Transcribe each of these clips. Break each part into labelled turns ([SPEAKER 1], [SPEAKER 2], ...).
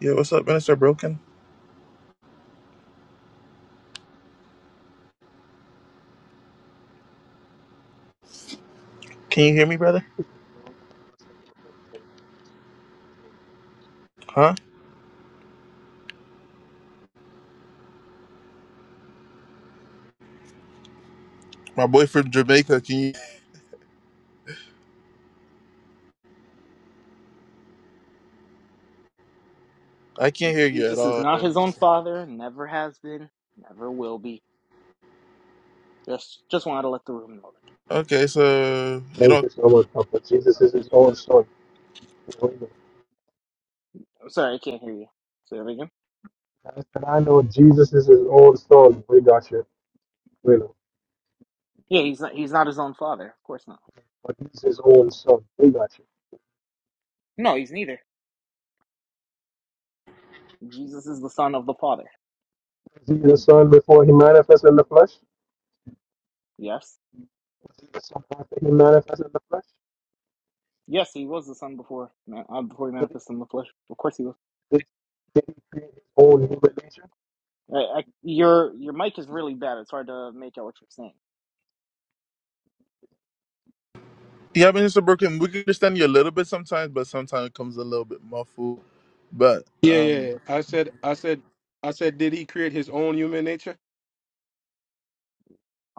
[SPEAKER 1] Yeah, what's up, Minister Broken? Can you hear me, brother? Huh? My boy from Jamaica. Can you? I can't hear you at
[SPEAKER 2] Jesus is
[SPEAKER 1] all.
[SPEAKER 2] not his own father, never has been, never will be. Just just wanted to let the room know that.
[SPEAKER 1] Okay, so you
[SPEAKER 3] Thank
[SPEAKER 1] don't.
[SPEAKER 3] you so much, Papa. Jesus is his own son. We know.
[SPEAKER 2] I'm sorry, I can't hear you. Say that again.
[SPEAKER 3] And I know Jesus is his own son. We got you. We know.
[SPEAKER 2] Yeah, he's not he's not his own father. Of course not.
[SPEAKER 3] But he's his own son. We got you.
[SPEAKER 2] No, he's neither. Jesus is the son of the Father.
[SPEAKER 3] Is he the son before he manifests in the flesh?
[SPEAKER 2] Yes.
[SPEAKER 3] Is he the son after he manifests in the flesh?
[SPEAKER 2] Yes, he was the son before ma- uh, before he
[SPEAKER 3] Did he,
[SPEAKER 2] manifested in the flesh. Of course he was.
[SPEAKER 3] did, did he create his own human nature?
[SPEAKER 2] I, I, your your mic is really bad. It's hard to make out what you're saying.
[SPEAKER 1] Yeah, Minister Broken. We can understand you a little bit sometimes, but sometimes it comes a little bit muffled. But
[SPEAKER 3] Yeah, yeah.
[SPEAKER 1] um,
[SPEAKER 3] yeah. I said, I said, I said, did he create his own human nature?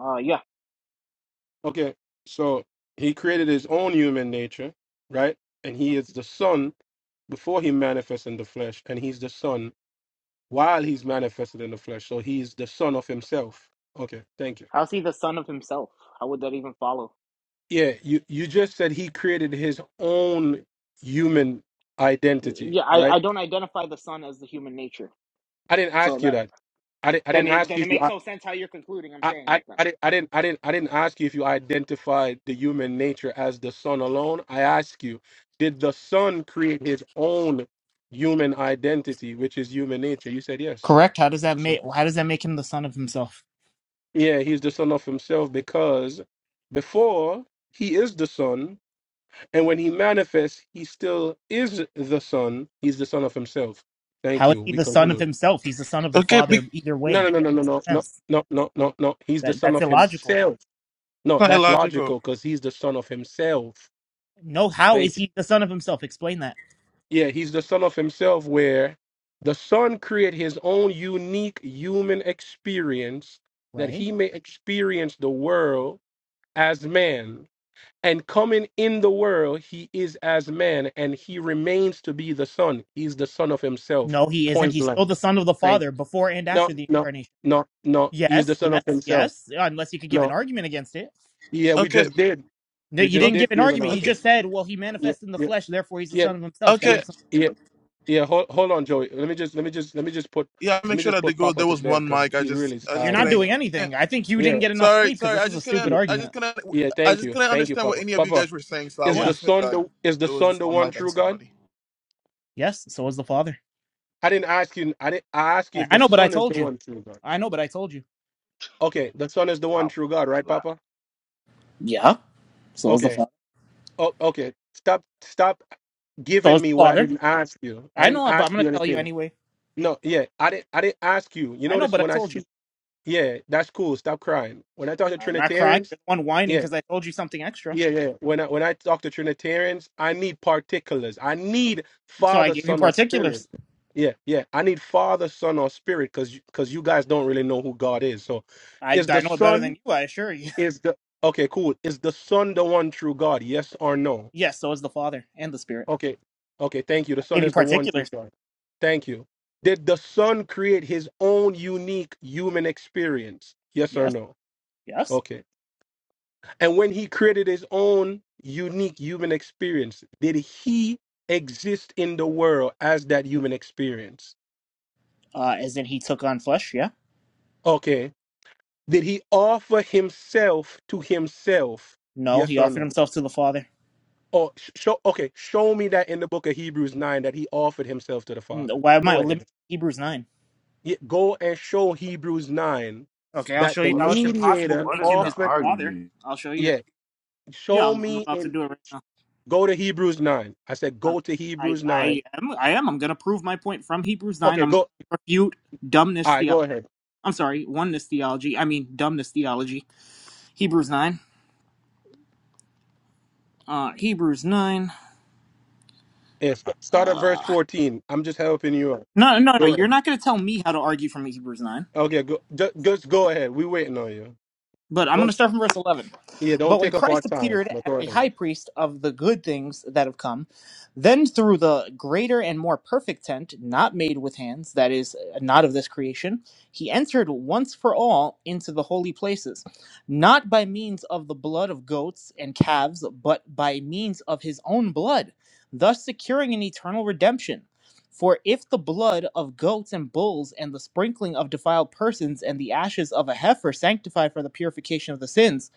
[SPEAKER 2] Uh yeah.
[SPEAKER 3] Okay, so he created his own human nature, right? And he is the son before he manifests in the flesh, and he's the son while he's manifested in the flesh. So he's the son of himself. Okay, thank you.
[SPEAKER 2] How's he the son of himself? How would that even follow?
[SPEAKER 3] Yeah, you, you just said he created his own human identity,
[SPEAKER 2] Yeah, I,
[SPEAKER 3] right?
[SPEAKER 2] I don't identify the son as the human nature.
[SPEAKER 3] I didn't
[SPEAKER 2] So
[SPEAKER 3] ask you
[SPEAKER 2] that
[SPEAKER 3] that. I didn't I
[SPEAKER 2] Then
[SPEAKER 3] didn't
[SPEAKER 2] it
[SPEAKER 3] ask you
[SPEAKER 2] then it
[SPEAKER 3] if you
[SPEAKER 2] makes
[SPEAKER 3] I,
[SPEAKER 2] no sense how you're concluding I'm
[SPEAKER 3] I,
[SPEAKER 2] saying
[SPEAKER 3] I,
[SPEAKER 2] that then.
[SPEAKER 3] I didn't I didn't I didn't I didn't ask you if you identified the human nature as the son alone. I ask you, did the son create his own human identity, which is human nature? You said yes.
[SPEAKER 2] Correct. How does that
[SPEAKER 3] So
[SPEAKER 2] make how does that make him the son of himself?
[SPEAKER 3] yeah, he's the son of himself because before he is the son And when he manifests, he still is the son. He's the son of himself. Thank
[SPEAKER 2] How is
[SPEAKER 3] you.
[SPEAKER 2] he
[SPEAKER 3] We
[SPEAKER 2] the son of
[SPEAKER 3] conclude.
[SPEAKER 2] himself? He's the son of the
[SPEAKER 1] okay, be-
[SPEAKER 2] father
[SPEAKER 1] it's
[SPEAKER 2] either
[SPEAKER 3] No,
[SPEAKER 2] way.
[SPEAKER 3] no,
[SPEAKER 2] That
[SPEAKER 3] no, no, no,
[SPEAKER 2] makes
[SPEAKER 3] no,
[SPEAKER 2] no
[SPEAKER 3] no,
[SPEAKER 2] sense.
[SPEAKER 3] no, no, no, no. He's the
[SPEAKER 2] That
[SPEAKER 3] son
[SPEAKER 2] that's
[SPEAKER 3] of
[SPEAKER 2] illogical.
[SPEAKER 3] himself. No,
[SPEAKER 1] not
[SPEAKER 3] that's
[SPEAKER 1] illogical.
[SPEAKER 3] logical because he's the son of himself.
[SPEAKER 2] No, how is
[SPEAKER 3] Thank you.
[SPEAKER 2] he the son of himself? Explain that.
[SPEAKER 3] Yeah, he's the son of himself where the son create his own unique human experience that
[SPEAKER 2] Right?
[SPEAKER 3] he may experience the world as man And coming in the world, he is as man, and he remains to be the son. He is the son of himself.
[SPEAKER 2] No, he isn't.
[SPEAKER 3] Point
[SPEAKER 2] He's
[SPEAKER 3] blank.
[SPEAKER 2] still the son of the
[SPEAKER 3] Thank
[SPEAKER 2] father before and
[SPEAKER 3] No,
[SPEAKER 2] after the
[SPEAKER 3] no,
[SPEAKER 2] incarnation.
[SPEAKER 3] no, no. He is the
[SPEAKER 2] Yes,
[SPEAKER 3] son of
[SPEAKER 2] yes,
[SPEAKER 3] himself.
[SPEAKER 2] yes. Unless you could give an
[SPEAKER 3] No.
[SPEAKER 2] argument against it.
[SPEAKER 3] Yeah, we
[SPEAKER 1] Okay,
[SPEAKER 3] just did.
[SPEAKER 2] No,
[SPEAKER 3] We
[SPEAKER 2] you
[SPEAKER 3] just
[SPEAKER 1] o-
[SPEAKER 2] didn't
[SPEAKER 3] did
[SPEAKER 2] give an
[SPEAKER 3] give an
[SPEAKER 2] argument. You
[SPEAKER 1] okay,
[SPEAKER 2] just
[SPEAKER 3] audience.
[SPEAKER 2] said, well, he
[SPEAKER 3] Yeah,
[SPEAKER 2] manifested in the
[SPEAKER 3] yeah,
[SPEAKER 2] flesh, therefore he's the
[SPEAKER 3] yeah,
[SPEAKER 2] son of himself. That
[SPEAKER 3] yeah,
[SPEAKER 1] okay.
[SPEAKER 2] makes
[SPEAKER 3] yeah. Yeah, hold, hold on, Joey. Let me just let me just let me just put
[SPEAKER 1] Yeah, I
[SPEAKER 3] let
[SPEAKER 1] make
[SPEAKER 3] me
[SPEAKER 1] sure
[SPEAKER 3] just
[SPEAKER 1] that they
[SPEAKER 3] put
[SPEAKER 1] go.
[SPEAKER 3] Papa
[SPEAKER 1] There
[SPEAKER 3] to
[SPEAKER 1] was
[SPEAKER 3] bed
[SPEAKER 1] one
[SPEAKER 3] because
[SPEAKER 1] mic. I
[SPEAKER 3] he really
[SPEAKER 1] just,
[SPEAKER 3] is
[SPEAKER 2] no-
[SPEAKER 1] I
[SPEAKER 2] you're
[SPEAKER 1] just
[SPEAKER 3] tired
[SPEAKER 2] not
[SPEAKER 3] right
[SPEAKER 1] couldn't.
[SPEAKER 2] doing
[SPEAKER 3] now.
[SPEAKER 1] eh,
[SPEAKER 2] anything. I think you didn't
[SPEAKER 3] Yeah,
[SPEAKER 2] get enough
[SPEAKER 1] Sorry,
[SPEAKER 2] sleep because
[SPEAKER 1] sorry.
[SPEAKER 2] this
[SPEAKER 1] I
[SPEAKER 2] is
[SPEAKER 1] just
[SPEAKER 2] a
[SPEAKER 1] couldn't.
[SPEAKER 2] stupid
[SPEAKER 3] yeah,
[SPEAKER 1] I just
[SPEAKER 2] argument.
[SPEAKER 1] couldn't.
[SPEAKER 3] yeah.
[SPEAKER 1] I
[SPEAKER 3] Thank
[SPEAKER 1] just
[SPEAKER 3] you,
[SPEAKER 1] couldn't
[SPEAKER 3] thank you,
[SPEAKER 1] understand what
[SPEAKER 3] Papa.
[SPEAKER 1] any of you
[SPEAKER 3] Papa,
[SPEAKER 1] guys were saying. So I
[SPEAKER 3] is
[SPEAKER 1] was
[SPEAKER 2] Yeah.
[SPEAKER 3] the
[SPEAKER 1] just make
[SPEAKER 3] son
[SPEAKER 1] like
[SPEAKER 3] the is the
[SPEAKER 1] it was
[SPEAKER 3] son
[SPEAKER 1] just
[SPEAKER 3] the
[SPEAKER 1] one
[SPEAKER 3] one
[SPEAKER 1] mic on
[SPEAKER 3] true God?
[SPEAKER 1] somebody.
[SPEAKER 2] Yes, so was the Father.
[SPEAKER 3] I didn't ask you. I didn't. I asked you
[SPEAKER 2] I
[SPEAKER 3] if
[SPEAKER 2] I
[SPEAKER 3] the
[SPEAKER 2] know, but I
[SPEAKER 3] Son is the
[SPEAKER 2] told you.
[SPEAKER 3] one true God.
[SPEAKER 2] I know, but I told you.
[SPEAKER 3] Okay, the Son is the one
[SPEAKER 4] Pops,
[SPEAKER 3] true God, right,
[SPEAKER 4] like,
[SPEAKER 3] Papa?
[SPEAKER 2] Yeah. So was the
[SPEAKER 3] Okay.
[SPEAKER 2] Father.
[SPEAKER 3] Oh, okay. Stop. Stop
[SPEAKER 2] So
[SPEAKER 3] giving
[SPEAKER 2] was the
[SPEAKER 3] me what I
[SPEAKER 2] Father.
[SPEAKER 3] didn't ask you. I
[SPEAKER 2] I
[SPEAKER 3] didn't
[SPEAKER 2] know, but I'm
[SPEAKER 3] ask
[SPEAKER 2] going
[SPEAKER 3] you
[SPEAKER 2] to tell you
[SPEAKER 3] anything.
[SPEAKER 2] anyway.
[SPEAKER 3] No. Yeah. I didn't. I didn't ask you. You
[SPEAKER 2] I know,
[SPEAKER 3] notice
[SPEAKER 2] but I
[SPEAKER 3] when I
[SPEAKER 2] told you.
[SPEAKER 3] speak. Yeah, that's cool. Stop crying. When I talk to
[SPEAKER 2] I'm not crying.
[SPEAKER 3] Trinitarians.
[SPEAKER 2] You're the one whining
[SPEAKER 3] Yeah.
[SPEAKER 2] because I told you something extra.
[SPEAKER 3] Yeah, yeah. When I when I talk to Trinitarians, I need particulars. I need
[SPEAKER 2] So I
[SPEAKER 3] Father,
[SPEAKER 2] gave you
[SPEAKER 3] Son, or Spirit.
[SPEAKER 2] particulars.
[SPEAKER 3] Yeah, yeah. I need Father, Son, or Spirit because because you 'cause you guys don't really know who God is. So,
[SPEAKER 2] I,
[SPEAKER 3] is
[SPEAKER 2] I
[SPEAKER 3] the
[SPEAKER 2] know it better than
[SPEAKER 3] Son
[SPEAKER 2] you, I assure you.
[SPEAKER 3] is the okay? Cool. Is the Son the one true God? Yes or no?
[SPEAKER 2] Yes, so is the Father and the Spirit.
[SPEAKER 3] Okay, okay. Thank you. The
[SPEAKER 2] I
[SPEAKER 3] Son
[SPEAKER 2] gave you
[SPEAKER 3] is the one true
[SPEAKER 2] particulars.
[SPEAKER 3] God. Thank you. Did the Son create His own unique human experience? Yes or
[SPEAKER 2] Yes,
[SPEAKER 3] no?
[SPEAKER 2] yes.
[SPEAKER 3] Okay. And when he created his own unique human experience, did he exist in the world as that human experience?
[SPEAKER 2] Uh, as in, he took on flesh, yeah?
[SPEAKER 3] Okay. Did he offer himself to himself?
[SPEAKER 2] No,
[SPEAKER 3] Yes
[SPEAKER 2] he
[SPEAKER 3] or
[SPEAKER 2] offered
[SPEAKER 3] no?
[SPEAKER 2] himself to the Father.
[SPEAKER 3] Or sh- show okay, show me that in the book of Hebrews 9 that he offered himself to the
[SPEAKER 2] And
[SPEAKER 3] Father.
[SPEAKER 2] why am I
[SPEAKER 3] Go ahead.
[SPEAKER 2] limiting Hebrews 9?
[SPEAKER 3] Yeah, go and show Hebrews 9
[SPEAKER 2] Okay, I'll
[SPEAKER 3] that
[SPEAKER 2] show
[SPEAKER 3] the
[SPEAKER 2] you
[SPEAKER 4] what
[SPEAKER 2] how
[SPEAKER 4] is
[SPEAKER 2] it's
[SPEAKER 4] the
[SPEAKER 2] impossible
[SPEAKER 3] mediator
[SPEAKER 2] to
[SPEAKER 4] what
[SPEAKER 2] make
[SPEAKER 4] is
[SPEAKER 2] him
[SPEAKER 4] the
[SPEAKER 2] his
[SPEAKER 3] offered
[SPEAKER 2] father.
[SPEAKER 4] argument?
[SPEAKER 2] I'll show you.
[SPEAKER 3] yeah,
[SPEAKER 2] Yeah,
[SPEAKER 3] show
[SPEAKER 2] I'm, I'm
[SPEAKER 3] me
[SPEAKER 2] about to
[SPEAKER 3] and
[SPEAKER 2] do it right now.
[SPEAKER 3] go to Hebrews 9. I said
[SPEAKER 2] I'm,
[SPEAKER 3] go to
[SPEAKER 2] I
[SPEAKER 3] Hebrews
[SPEAKER 2] I
[SPEAKER 3] 9.
[SPEAKER 2] am I am. I'm gonna prove my point from Hebrews nine.
[SPEAKER 3] Okay,
[SPEAKER 2] I'm gonna
[SPEAKER 3] go
[SPEAKER 2] refute dumbness
[SPEAKER 3] all right,
[SPEAKER 2] theology.
[SPEAKER 3] go ahead.
[SPEAKER 2] I'm sorry, oneness theology. I mean dumbness theology. Hebrews nine. Uh, Hebrews nine.
[SPEAKER 3] If start at verse
[SPEAKER 2] Uh,
[SPEAKER 3] fourteen, I'm just helping you out.
[SPEAKER 2] no, no, no.
[SPEAKER 3] Go
[SPEAKER 2] You're
[SPEAKER 3] ahead.
[SPEAKER 2] not gonna tell me how to argue from Hebrews nine.
[SPEAKER 3] Okay, go just, just go ahead. We waiting on you.
[SPEAKER 2] But I'm going to
[SPEAKER 3] Don't
[SPEAKER 2] start from verse 11.
[SPEAKER 3] yeah,
[SPEAKER 2] But
[SPEAKER 3] don't
[SPEAKER 2] when
[SPEAKER 3] take up our
[SPEAKER 2] Christ
[SPEAKER 3] time.
[SPEAKER 2] appeared
[SPEAKER 3] But
[SPEAKER 2] as
[SPEAKER 3] go
[SPEAKER 2] a
[SPEAKER 3] ahead.
[SPEAKER 2] high priest of the good things that have come, then through the greater and more perfect tent, not made with hands, that is, not of this creation, he entered once for all into the holy places, not by means of the blood of goats and calves, but by means of his own blood, thus securing an eternal redemption. For if the blood of goats and bulls and the sprinkling of defiled persons and the ashes of a heifer sanctify for the purification of the sins,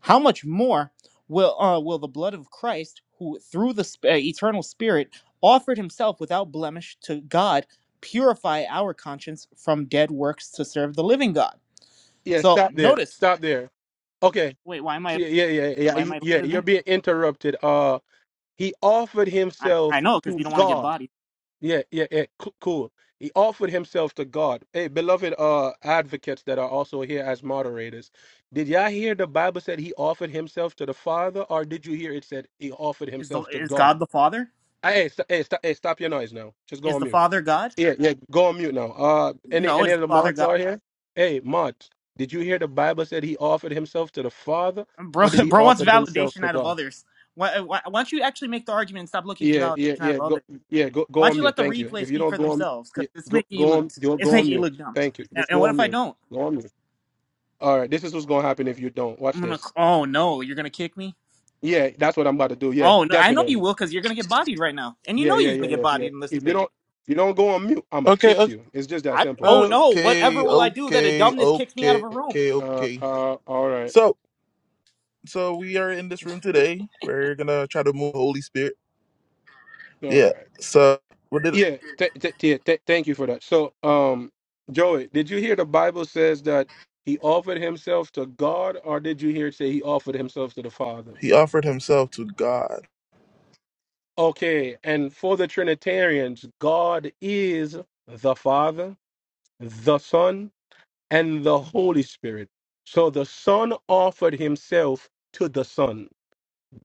[SPEAKER 2] how much more will uh, will the blood of Christ, who through the sp- uh, eternal Spirit offered himself without blemish to God, purify our conscience from dead works to serve the living God?
[SPEAKER 3] Yeah,
[SPEAKER 2] So
[SPEAKER 3] stop there.
[SPEAKER 2] notice.
[SPEAKER 3] Stop there. Okay.
[SPEAKER 2] Wait, why am I
[SPEAKER 3] So yeah, yeah, yeah, yeah,
[SPEAKER 2] why am
[SPEAKER 3] you-
[SPEAKER 2] I
[SPEAKER 3] yeah.
[SPEAKER 2] lighter
[SPEAKER 3] You're
[SPEAKER 2] there?
[SPEAKER 3] being interrupted. Uh, he offered
[SPEAKER 2] I, I
[SPEAKER 3] himself
[SPEAKER 2] know because
[SPEAKER 3] to
[SPEAKER 2] you don't want to get
[SPEAKER 3] God.
[SPEAKER 2] bodied.
[SPEAKER 3] Yeah, yeah, yeah. co- Cool. He offered himself to God. Hey, beloved, uh, advocates that are also here as moderators. Did y'all hear the Bible said he offered himself to the Father, or did you hear it said he offered
[SPEAKER 2] Is the
[SPEAKER 3] himself to
[SPEAKER 2] is
[SPEAKER 3] God?
[SPEAKER 2] God the Father?
[SPEAKER 3] hey, hey, st- hey, st- hey, stop your noise now. Just go
[SPEAKER 2] Is
[SPEAKER 3] on
[SPEAKER 2] the
[SPEAKER 3] mute.
[SPEAKER 2] Father God?
[SPEAKER 3] Yeah, yeah, go on mute now. Uh, any
[SPEAKER 2] No,
[SPEAKER 3] any
[SPEAKER 2] is
[SPEAKER 3] of
[SPEAKER 2] the
[SPEAKER 3] the
[SPEAKER 2] Father
[SPEAKER 3] mods
[SPEAKER 2] God?
[SPEAKER 3] are here? Hey, mod. did you hear the Bible said he offered himself to the Father,
[SPEAKER 2] bro
[SPEAKER 3] or did he
[SPEAKER 2] bro wants
[SPEAKER 3] offer himself
[SPEAKER 2] validation
[SPEAKER 3] to
[SPEAKER 2] out of
[SPEAKER 3] God?
[SPEAKER 2] others why, why, why don't you actually make the argument and stop looking for
[SPEAKER 3] Yeah, yeah,
[SPEAKER 2] validation out
[SPEAKER 3] yeah.
[SPEAKER 2] of
[SPEAKER 3] Go,
[SPEAKER 2] others
[SPEAKER 3] yeah, go,
[SPEAKER 2] why
[SPEAKER 3] go
[SPEAKER 2] don't
[SPEAKER 3] on
[SPEAKER 2] you let
[SPEAKER 3] mute.
[SPEAKER 2] the
[SPEAKER 3] Thank you.
[SPEAKER 2] replay
[SPEAKER 3] If you
[SPEAKER 2] speak
[SPEAKER 3] don't
[SPEAKER 2] for
[SPEAKER 3] go on,
[SPEAKER 2] themselves because
[SPEAKER 3] yeah,
[SPEAKER 2] it's
[SPEAKER 3] go,
[SPEAKER 2] making you
[SPEAKER 3] go
[SPEAKER 2] look
[SPEAKER 3] on, go,
[SPEAKER 2] it's
[SPEAKER 3] go on
[SPEAKER 2] making you
[SPEAKER 3] mute.
[SPEAKER 2] look dumb
[SPEAKER 3] Thank you.
[SPEAKER 2] and,
[SPEAKER 3] Just
[SPEAKER 2] and
[SPEAKER 3] go
[SPEAKER 2] what
[SPEAKER 3] on
[SPEAKER 2] if i
[SPEAKER 3] mute.
[SPEAKER 2] don't
[SPEAKER 3] Go on mute. All right, this is what's gonna happen if you don't
[SPEAKER 2] i'm
[SPEAKER 3] watch
[SPEAKER 2] gonna
[SPEAKER 3] this.
[SPEAKER 2] oh no you're gonna kick me
[SPEAKER 3] Yeah, that's what I'm about to do. Yeah,
[SPEAKER 2] oh no i know you
[SPEAKER 3] definitely.
[SPEAKER 2] will because you're gonna get bodied right now and you
[SPEAKER 3] Yeah,
[SPEAKER 2] know
[SPEAKER 3] yeah,
[SPEAKER 2] you're gonna
[SPEAKER 3] yeah,
[SPEAKER 2] get
[SPEAKER 3] yeah, yeah.
[SPEAKER 2] bodied in this
[SPEAKER 3] If you
[SPEAKER 2] debate
[SPEAKER 3] don't, if you don't go on mute, I'ma
[SPEAKER 1] Okay.
[SPEAKER 3] kick you. It's just that
[SPEAKER 2] I,
[SPEAKER 3] simple,
[SPEAKER 2] oh
[SPEAKER 3] bro.
[SPEAKER 2] no whatever
[SPEAKER 1] Okay,
[SPEAKER 2] will i do that a
[SPEAKER 1] okay,
[SPEAKER 2] dumbness kicks me out of
[SPEAKER 1] okay,
[SPEAKER 2] a room
[SPEAKER 1] okay,
[SPEAKER 3] Uh,
[SPEAKER 1] okay.
[SPEAKER 3] uh, all right,
[SPEAKER 1] So, so we are in this room today. We're gonna try to move the Holy Spirit.
[SPEAKER 3] all
[SPEAKER 1] Yeah.
[SPEAKER 3] right.
[SPEAKER 1] So, what did
[SPEAKER 3] Yeah, th- th- yeah. Th- thank you for that. So, um, Joey, did you hear the Bible says that he offered himself to God, or did you hear it say he offered himself to the Father?
[SPEAKER 1] he offered himself to God?
[SPEAKER 3] Okay, and for the Trinitarians, God is the Father, the Son, and the Holy Spirit. So the Son offered himself to the Son.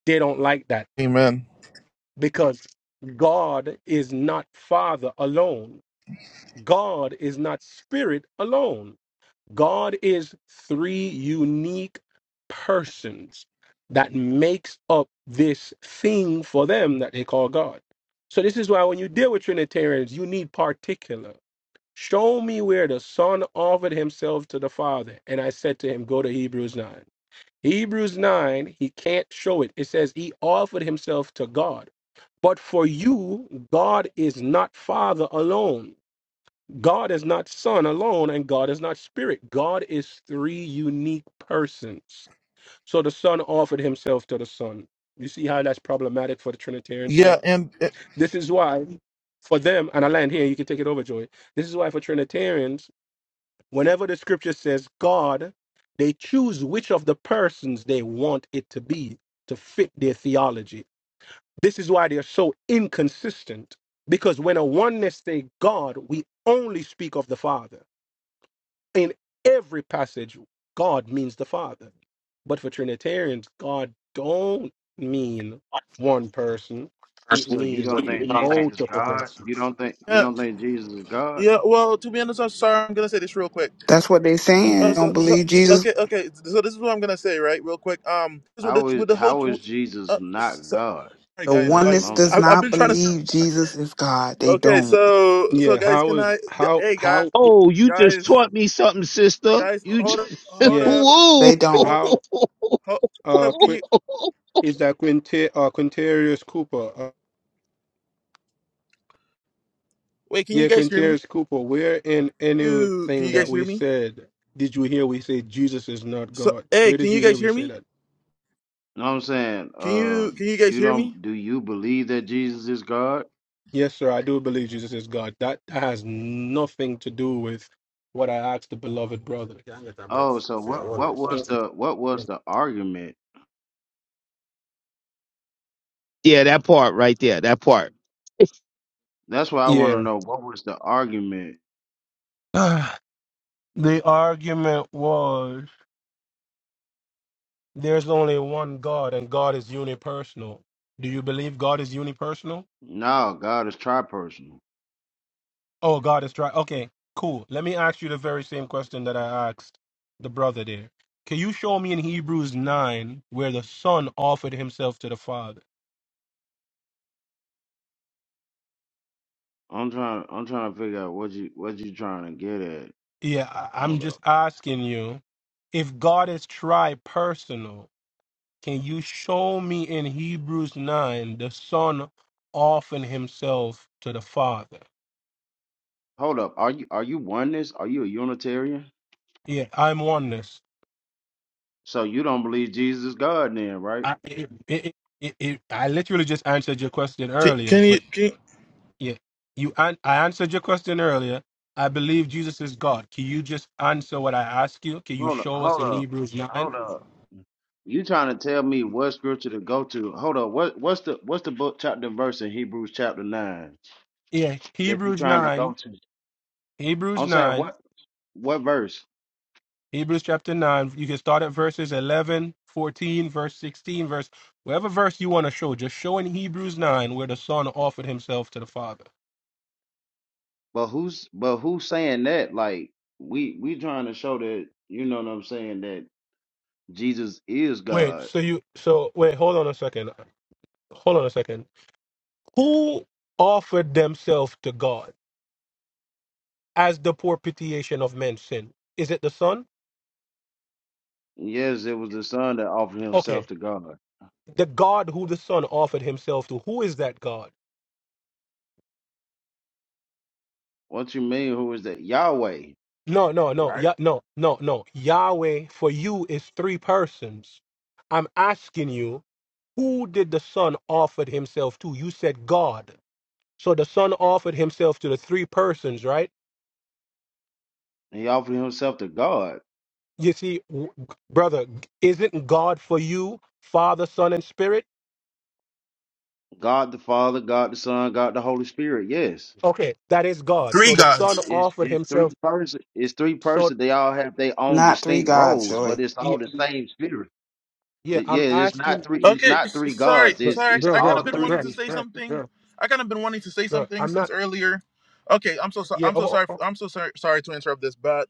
[SPEAKER 3] They don't like that
[SPEAKER 1] Amen.
[SPEAKER 3] because God is not Father alone. God is not spirit alone. God is three unique persons that makes up this thing for them that they call God. So this is why when you deal with Trinitarians, you need particular. Show me where the Son offered himself to the Father. And I said to him, go to Hebrews 9. Hebrews 9, he can't show it. It says he offered himself to God. But for you, God is not Father alone. God is not Son alone, and God is not Spirit. God is three unique persons. So the Son offered himself to the Son. You see how that's problematic for the Trinitarians
[SPEAKER 1] Yeah,
[SPEAKER 3] now?
[SPEAKER 1] and and-
[SPEAKER 3] This is why, for them, and I land here, you can take it over, Joy. This is why, for Trinitarians, whenever the scripture says God, they choose which of the persons they want it to be to fit their theology. This is why they're so inconsistent, because when a oneness say God, we only speak of the Father in every passage, God means the Father. But for Trinitarians, God don't mean one person. It
[SPEAKER 4] So you
[SPEAKER 3] means
[SPEAKER 4] don't think Jesus is
[SPEAKER 3] multiple
[SPEAKER 4] God? You
[SPEAKER 3] persons.
[SPEAKER 4] don't think you
[SPEAKER 1] yeah,
[SPEAKER 4] don't think Jesus is God?
[SPEAKER 1] yeah. Well, to be honest, I'm sorry. I'm gonna say this real quick.
[SPEAKER 5] That's what they
[SPEAKER 1] I'm, I'm
[SPEAKER 5] saying.
[SPEAKER 1] so,
[SPEAKER 5] Don't
[SPEAKER 1] so,
[SPEAKER 5] believe Jesus.
[SPEAKER 1] okay, okay. So this is what I'm gonna say, right? Real quick. Um, this with the
[SPEAKER 4] How is
[SPEAKER 1] with the whole.
[SPEAKER 4] how is Jesus
[SPEAKER 1] Uh,
[SPEAKER 4] not
[SPEAKER 1] so,
[SPEAKER 4] God?
[SPEAKER 1] sorry,
[SPEAKER 5] The
[SPEAKER 1] guys.
[SPEAKER 4] That's
[SPEAKER 1] Like,
[SPEAKER 4] what
[SPEAKER 5] oneness
[SPEAKER 4] I'm
[SPEAKER 5] does
[SPEAKER 4] trying.
[SPEAKER 1] I've, I've
[SPEAKER 5] not
[SPEAKER 1] been trying to.
[SPEAKER 5] believe Jesus is God. They
[SPEAKER 1] Okay,
[SPEAKER 5] don't.
[SPEAKER 1] so so
[SPEAKER 3] Yeah,
[SPEAKER 1] guys,
[SPEAKER 3] how
[SPEAKER 1] can I?
[SPEAKER 3] is how
[SPEAKER 1] Hey, guys,
[SPEAKER 3] how
[SPEAKER 6] Oh, you just
[SPEAKER 1] guys.
[SPEAKER 6] taught me something, sister.
[SPEAKER 1] Guys,
[SPEAKER 6] You
[SPEAKER 1] hold up,
[SPEAKER 6] just
[SPEAKER 1] hold
[SPEAKER 3] yeah,
[SPEAKER 1] up,
[SPEAKER 6] woo.
[SPEAKER 5] They don't.
[SPEAKER 1] hold,
[SPEAKER 3] how
[SPEAKER 1] hold, hold
[SPEAKER 3] uh
[SPEAKER 1] up. Can
[SPEAKER 3] Quin-
[SPEAKER 1] you
[SPEAKER 3] is that Quinter uh Quintarius Cooper? Uh,
[SPEAKER 1] wait? Can you
[SPEAKER 3] yeah,
[SPEAKER 1] guys hear me?
[SPEAKER 3] Quintarius Cooper, where in
[SPEAKER 1] You can
[SPEAKER 3] anything
[SPEAKER 1] you guys
[SPEAKER 4] You
[SPEAKER 3] that
[SPEAKER 1] hear
[SPEAKER 3] we
[SPEAKER 1] me?
[SPEAKER 3] said did you hear we say Jesus is not
[SPEAKER 1] So,
[SPEAKER 3] God?
[SPEAKER 1] hey,
[SPEAKER 3] Where
[SPEAKER 1] can
[SPEAKER 3] did
[SPEAKER 1] you
[SPEAKER 3] you
[SPEAKER 1] guys
[SPEAKER 3] hear we
[SPEAKER 1] hear
[SPEAKER 3] say
[SPEAKER 1] me?
[SPEAKER 3] that?
[SPEAKER 4] know what I'm saying?
[SPEAKER 1] Can
[SPEAKER 4] Uh,
[SPEAKER 1] you can you guys
[SPEAKER 4] you
[SPEAKER 1] hear me?
[SPEAKER 4] don't do you believe that Jesus is God?
[SPEAKER 3] Yes, sir. I do believe Jesus is God. That that has nothing to do with what I asked the beloved brother. Mm,
[SPEAKER 4] Oh, so what what was the what was the argument?
[SPEAKER 6] yeah, that part right there. That part.
[SPEAKER 4] That's why I want to
[SPEAKER 3] Yeah.
[SPEAKER 4] know what was the argument.
[SPEAKER 3] Ah, the argument was there's only one God and God is unipersonal. Do you believe God is unipersonal?
[SPEAKER 4] No, God is tripersonal.
[SPEAKER 3] Oh, God is tri. Okay, cool. Let me ask you the very same question that I asked the brother there. Can you show me in Hebrews 9 where the Son offered himself to the Father?
[SPEAKER 4] I'm trying I'm trying to figure out what you what you trying to get at.
[SPEAKER 3] Yeah, I- I'm
[SPEAKER 4] Hold up.
[SPEAKER 3] just asking you if God is tri-personal, can you show me in Hebrews 9 the Son offering himself to the Father?
[SPEAKER 4] Hold up. Are you are you oneness? Are you a Unitarian?
[SPEAKER 3] Yeah, I'm oneness.
[SPEAKER 4] So you don't believe Jesus is God then, right?
[SPEAKER 3] I, it, it, it, it, I literally just answered your question
[SPEAKER 1] Can,
[SPEAKER 3] earlier,
[SPEAKER 1] can you
[SPEAKER 3] but
[SPEAKER 1] can?
[SPEAKER 3] yeah, you an- I answered your question earlier. I believe Jesus is God. Can you just answer what I ask you? Can you
[SPEAKER 4] Hold up.
[SPEAKER 3] show us
[SPEAKER 4] Hold
[SPEAKER 3] in
[SPEAKER 4] up.
[SPEAKER 3] Hebrews 9?
[SPEAKER 4] Hold up. You trying to tell me what scripture to go to? Hold up. What what's the what's the book chapter and verse in Hebrews chapter nine
[SPEAKER 3] Yeah,
[SPEAKER 4] that you
[SPEAKER 3] Hebrews
[SPEAKER 4] trying to go
[SPEAKER 3] 9,
[SPEAKER 4] to?
[SPEAKER 3] Hebrews
[SPEAKER 4] I'm saying
[SPEAKER 3] 9.
[SPEAKER 4] what what verse?
[SPEAKER 3] Hebrews chapter 9. You can start at verses 11, 14, verse 16, verse whatever verse you want to show. Just show in Hebrews 9 where the son offered himself to the father.
[SPEAKER 4] But who's but who's saying that? Like we we trying to show that you know what I'm saying that Jesus is
[SPEAKER 3] Wait,
[SPEAKER 4] God.
[SPEAKER 3] so you so wait, hold on a second. Hold on a second. Who offered themselves to God as the propitiation of men's sin? Is it the son?
[SPEAKER 4] Yes, it was the Son that offered
[SPEAKER 3] Okay.
[SPEAKER 4] Himself to God.
[SPEAKER 3] The God who the son offered himself to. Who is that God?
[SPEAKER 4] What you mean? Who is that? Yahweh.
[SPEAKER 3] No, no, no.
[SPEAKER 4] right?
[SPEAKER 3] Yeah, no, no, no. Yahweh for you is three persons. I'm asking you Who did the Son offer himself to? You said God. So the Son offered himself to the three persons, right?
[SPEAKER 4] He offered himself to God,
[SPEAKER 3] You see, w- brother, isn't God for you Father, Son, and Spirit?
[SPEAKER 4] God the Father, God the Son, God the Holy Spirit. Yes,
[SPEAKER 3] Okay, that is God.
[SPEAKER 1] Three
[SPEAKER 3] So
[SPEAKER 4] it's
[SPEAKER 3] the Son
[SPEAKER 1] gods.
[SPEAKER 4] it's
[SPEAKER 3] offered
[SPEAKER 4] it's
[SPEAKER 3] himself.
[SPEAKER 4] three person. It's three
[SPEAKER 3] So
[SPEAKER 4] person. They all have their own
[SPEAKER 5] Not three
[SPEAKER 4] distinct
[SPEAKER 5] gods,
[SPEAKER 4] roles,
[SPEAKER 5] Joy.
[SPEAKER 4] but it's
[SPEAKER 3] yeah,
[SPEAKER 4] all the same spirit.
[SPEAKER 3] yeah
[SPEAKER 4] It, yeah,
[SPEAKER 3] I'm
[SPEAKER 4] it's not
[SPEAKER 3] asking,
[SPEAKER 4] three. It's
[SPEAKER 1] Okay,
[SPEAKER 4] not
[SPEAKER 1] s-
[SPEAKER 4] three
[SPEAKER 1] sorry,
[SPEAKER 4] gods.
[SPEAKER 3] bro,
[SPEAKER 4] It's
[SPEAKER 1] sorry.
[SPEAKER 4] it's
[SPEAKER 3] bro,
[SPEAKER 1] I, kind
[SPEAKER 3] bro,
[SPEAKER 1] of
[SPEAKER 4] all
[SPEAKER 1] been
[SPEAKER 3] bro,
[SPEAKER 4] three.
[SPEAKER 1] wanting
[SPEAKER 3] bro,
[SPEAKER 1] to
[SPEAKER 4] It's,
[SPEAKER 1] say
[SPEAKER 3] bro,
[SPEAKER 1] something.
[SPEAKER 3] bro.
[SPEAKER 1] I kind of been wanting to say
[SPEAKER 3] bro,
[SPEAKER 1] something
[SPEAKER 3] I'm not.
[SPEAKER 1] since earlier. Okay, I'm so sorry.
[SPEAKER 3] Yeah,
[SPEAKER 1] I'm so
[SPEAKER 3] oh,
[SPEAKER 1] sorry. I'm so sorry. Sorry to interrupt this, but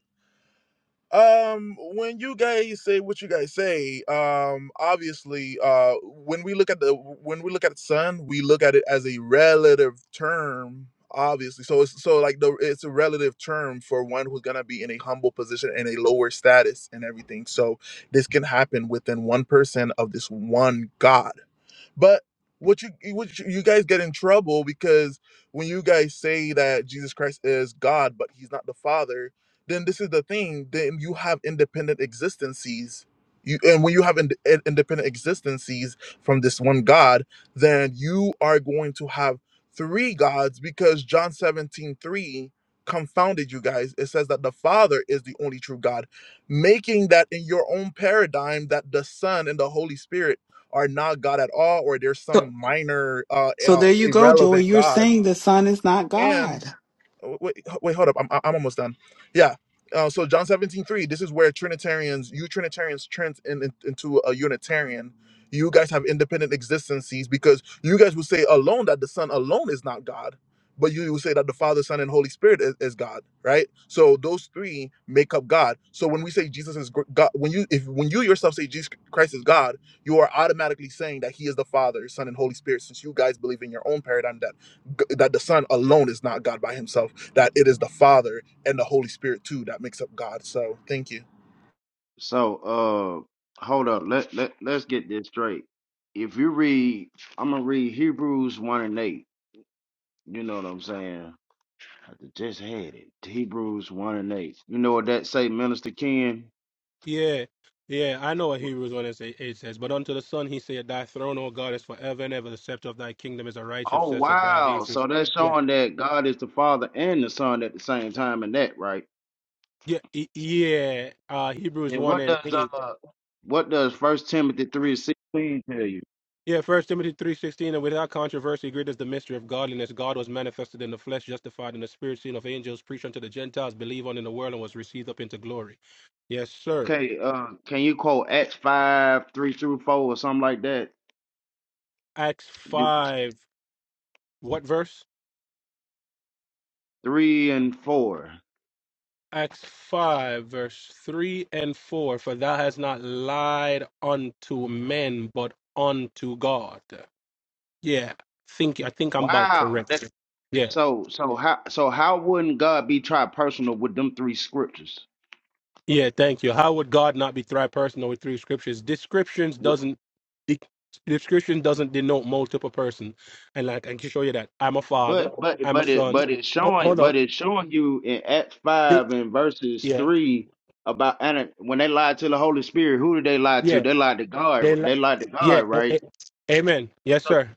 [SPEAKER 1] Um, when you guys say what you guys say, um, obviously, uh, when we look at the when we look at sun, we look at it as a relative term. Obviously, so it's so like the it's a relative term for one who's gonna be in a humble position and a lower status and everything. So this can happen within one person of this one God but what you what you, you guys get in trouble because when you guys say that Jesus Christ is God but he's not the Father, then this is the thing. Then you have independent existences. You, and when you have ind- in- independent existences from this one God, then you are going to have three gods because John 17 3 confounded you guys. It says that the Father is the only true God, making that in your own paradigm that the Son and the Holy Spirit are not God at all, or there's
[SPEAKER 5] So,
[SPEAKER 1] some minor, uh,
[SPEAKER 5] so
[SPEAKER 1] uh,
[SPEAKER 5] there you go, Joy.
[SPEAKER 1] irrelevant
[SPEAKER 5] You're
[SPEAKER 1] gods.
[SPEAKER 5] saying the Son is not God.
[SPEAKER 1] And Oh, wait, h- wait, hold up. I'm, I'm almost done. Yeah. Uh, so John 17 3. this is where Trinitarians, you Trinitarians turns in, in- into a Unitarian. You guys have independent existences because you guys will say alone that the Son alone is not God, but you will say that the Father, Son, and Holy Spirit is, is God, right? So those three make up God. So when we say Jesus is gr- God, when you if when you yourself say Jesus Christ is God, you are automatically saying that He is the Father, Son, and Holy Spirit, since you guys believe in your own paradigm that g- that the Son alone is not God by Himself that it is the Father and the Holy Spirit too that makes up God. So thank you.
[SPEAKER 4] so uh, hold up. Let let let's get this straight. If you read, I'm gonna read Hebrews one and eight. You know what I'm saying? I just had it. Hebrews one and eight. You know what that say, Minister Ken?
[SPEAKER 3] yeah, yeah. I know what Hebrews one and say- eight says. But unto the Son he said, Thy throne, O God, is forever and ever. The scepter of Thy kingdom is a righteous
[SPEAKER 4] Oh
[SPEAKER 3] scepter. Thou
[SPEAKER 4] wow!
[SPEAKER 3] hast.
[SPEAKER 4] So that's showing that God is the Father and the Son at the same time, and that right?
[SPEAKER 3] Yeah, e- yeah. Uh, Hebrews
[SPEAKER 4] And
[SPEAKER 3] one
[SPEAKER 4] what
[SPEAKER 3] and
[SPEAKER 4] does
[SPEAKER 3] eight.
[SPEAKER 4] uh, what does First Timothy three sixteen tell you?
[SPEAKER 3] Yeah, First Timothy three sixteen. And without controversy, great is the mystery of godliness. God was manifested in the flesh, justified in the spirit, seen of angels, preached unto the Gentiles, believed on in the world, and was received up into glory. Yes, sir.
[SPEAKER 4] Okay, uh, can you quote Acts five three through four or something like that?
[SPEAKER 3] Acts
[SPEAKER 4] Do-
[SPEAKER 3] five. What verse?
[SPEAKER 4] Three and four.
[SPEAKER 3] Acts five, verse three and four. For thou hast not lied unto men, but unto God. Yeah, think I think I'm about
[SPEAKER 4] Wow. That
[SPEAKER 3] correct. Yeah.
[SPEAKER 4] so so how so how wouldn't God be tripersonal with them three scriptures?
[SPEAKER 3] Yeah, thank you. How would God not be three personal with three scriptures? Descriptions doesn't de- description doesn't denote multiple person. And like I can show you that I'm a father,
[SPEAKER 4] But but
[SPEAKER 3] I'm a
[SPEAKER 4] but it
[SPEAKER 3] son.
[SPEAKER 4] but it's
[SPEAKER 3] Ho-
[SPEAKER 4] showing
[SPEAKER 3] hold
[SPEAKER 4] but
[SPEAKER 3] on.
[SPEAKER 4] it's showing you in Acts
[SPEAKER 3] Di-
[SPEAKER 4] five and verses
[SPEAKER 3] yeah,
[SPEAKER 4] three about and when they lied to the Holy Spirit, who did they lie to?
[SPEAKER 3] yeah,
[SPEAKER 4] They lied to God.
[SPEAKER 3] they li-
[SPEAKER 4] They lied to
[SPEAKER 3] yeah.
[SPEAKER 4] God,
[SPEAKER 3] a-
[SPEAKER 4] right?
[SPEAKER 3] a- amen. Yes,
[SPEAKER 4] So
[SPEAKER 3] sir.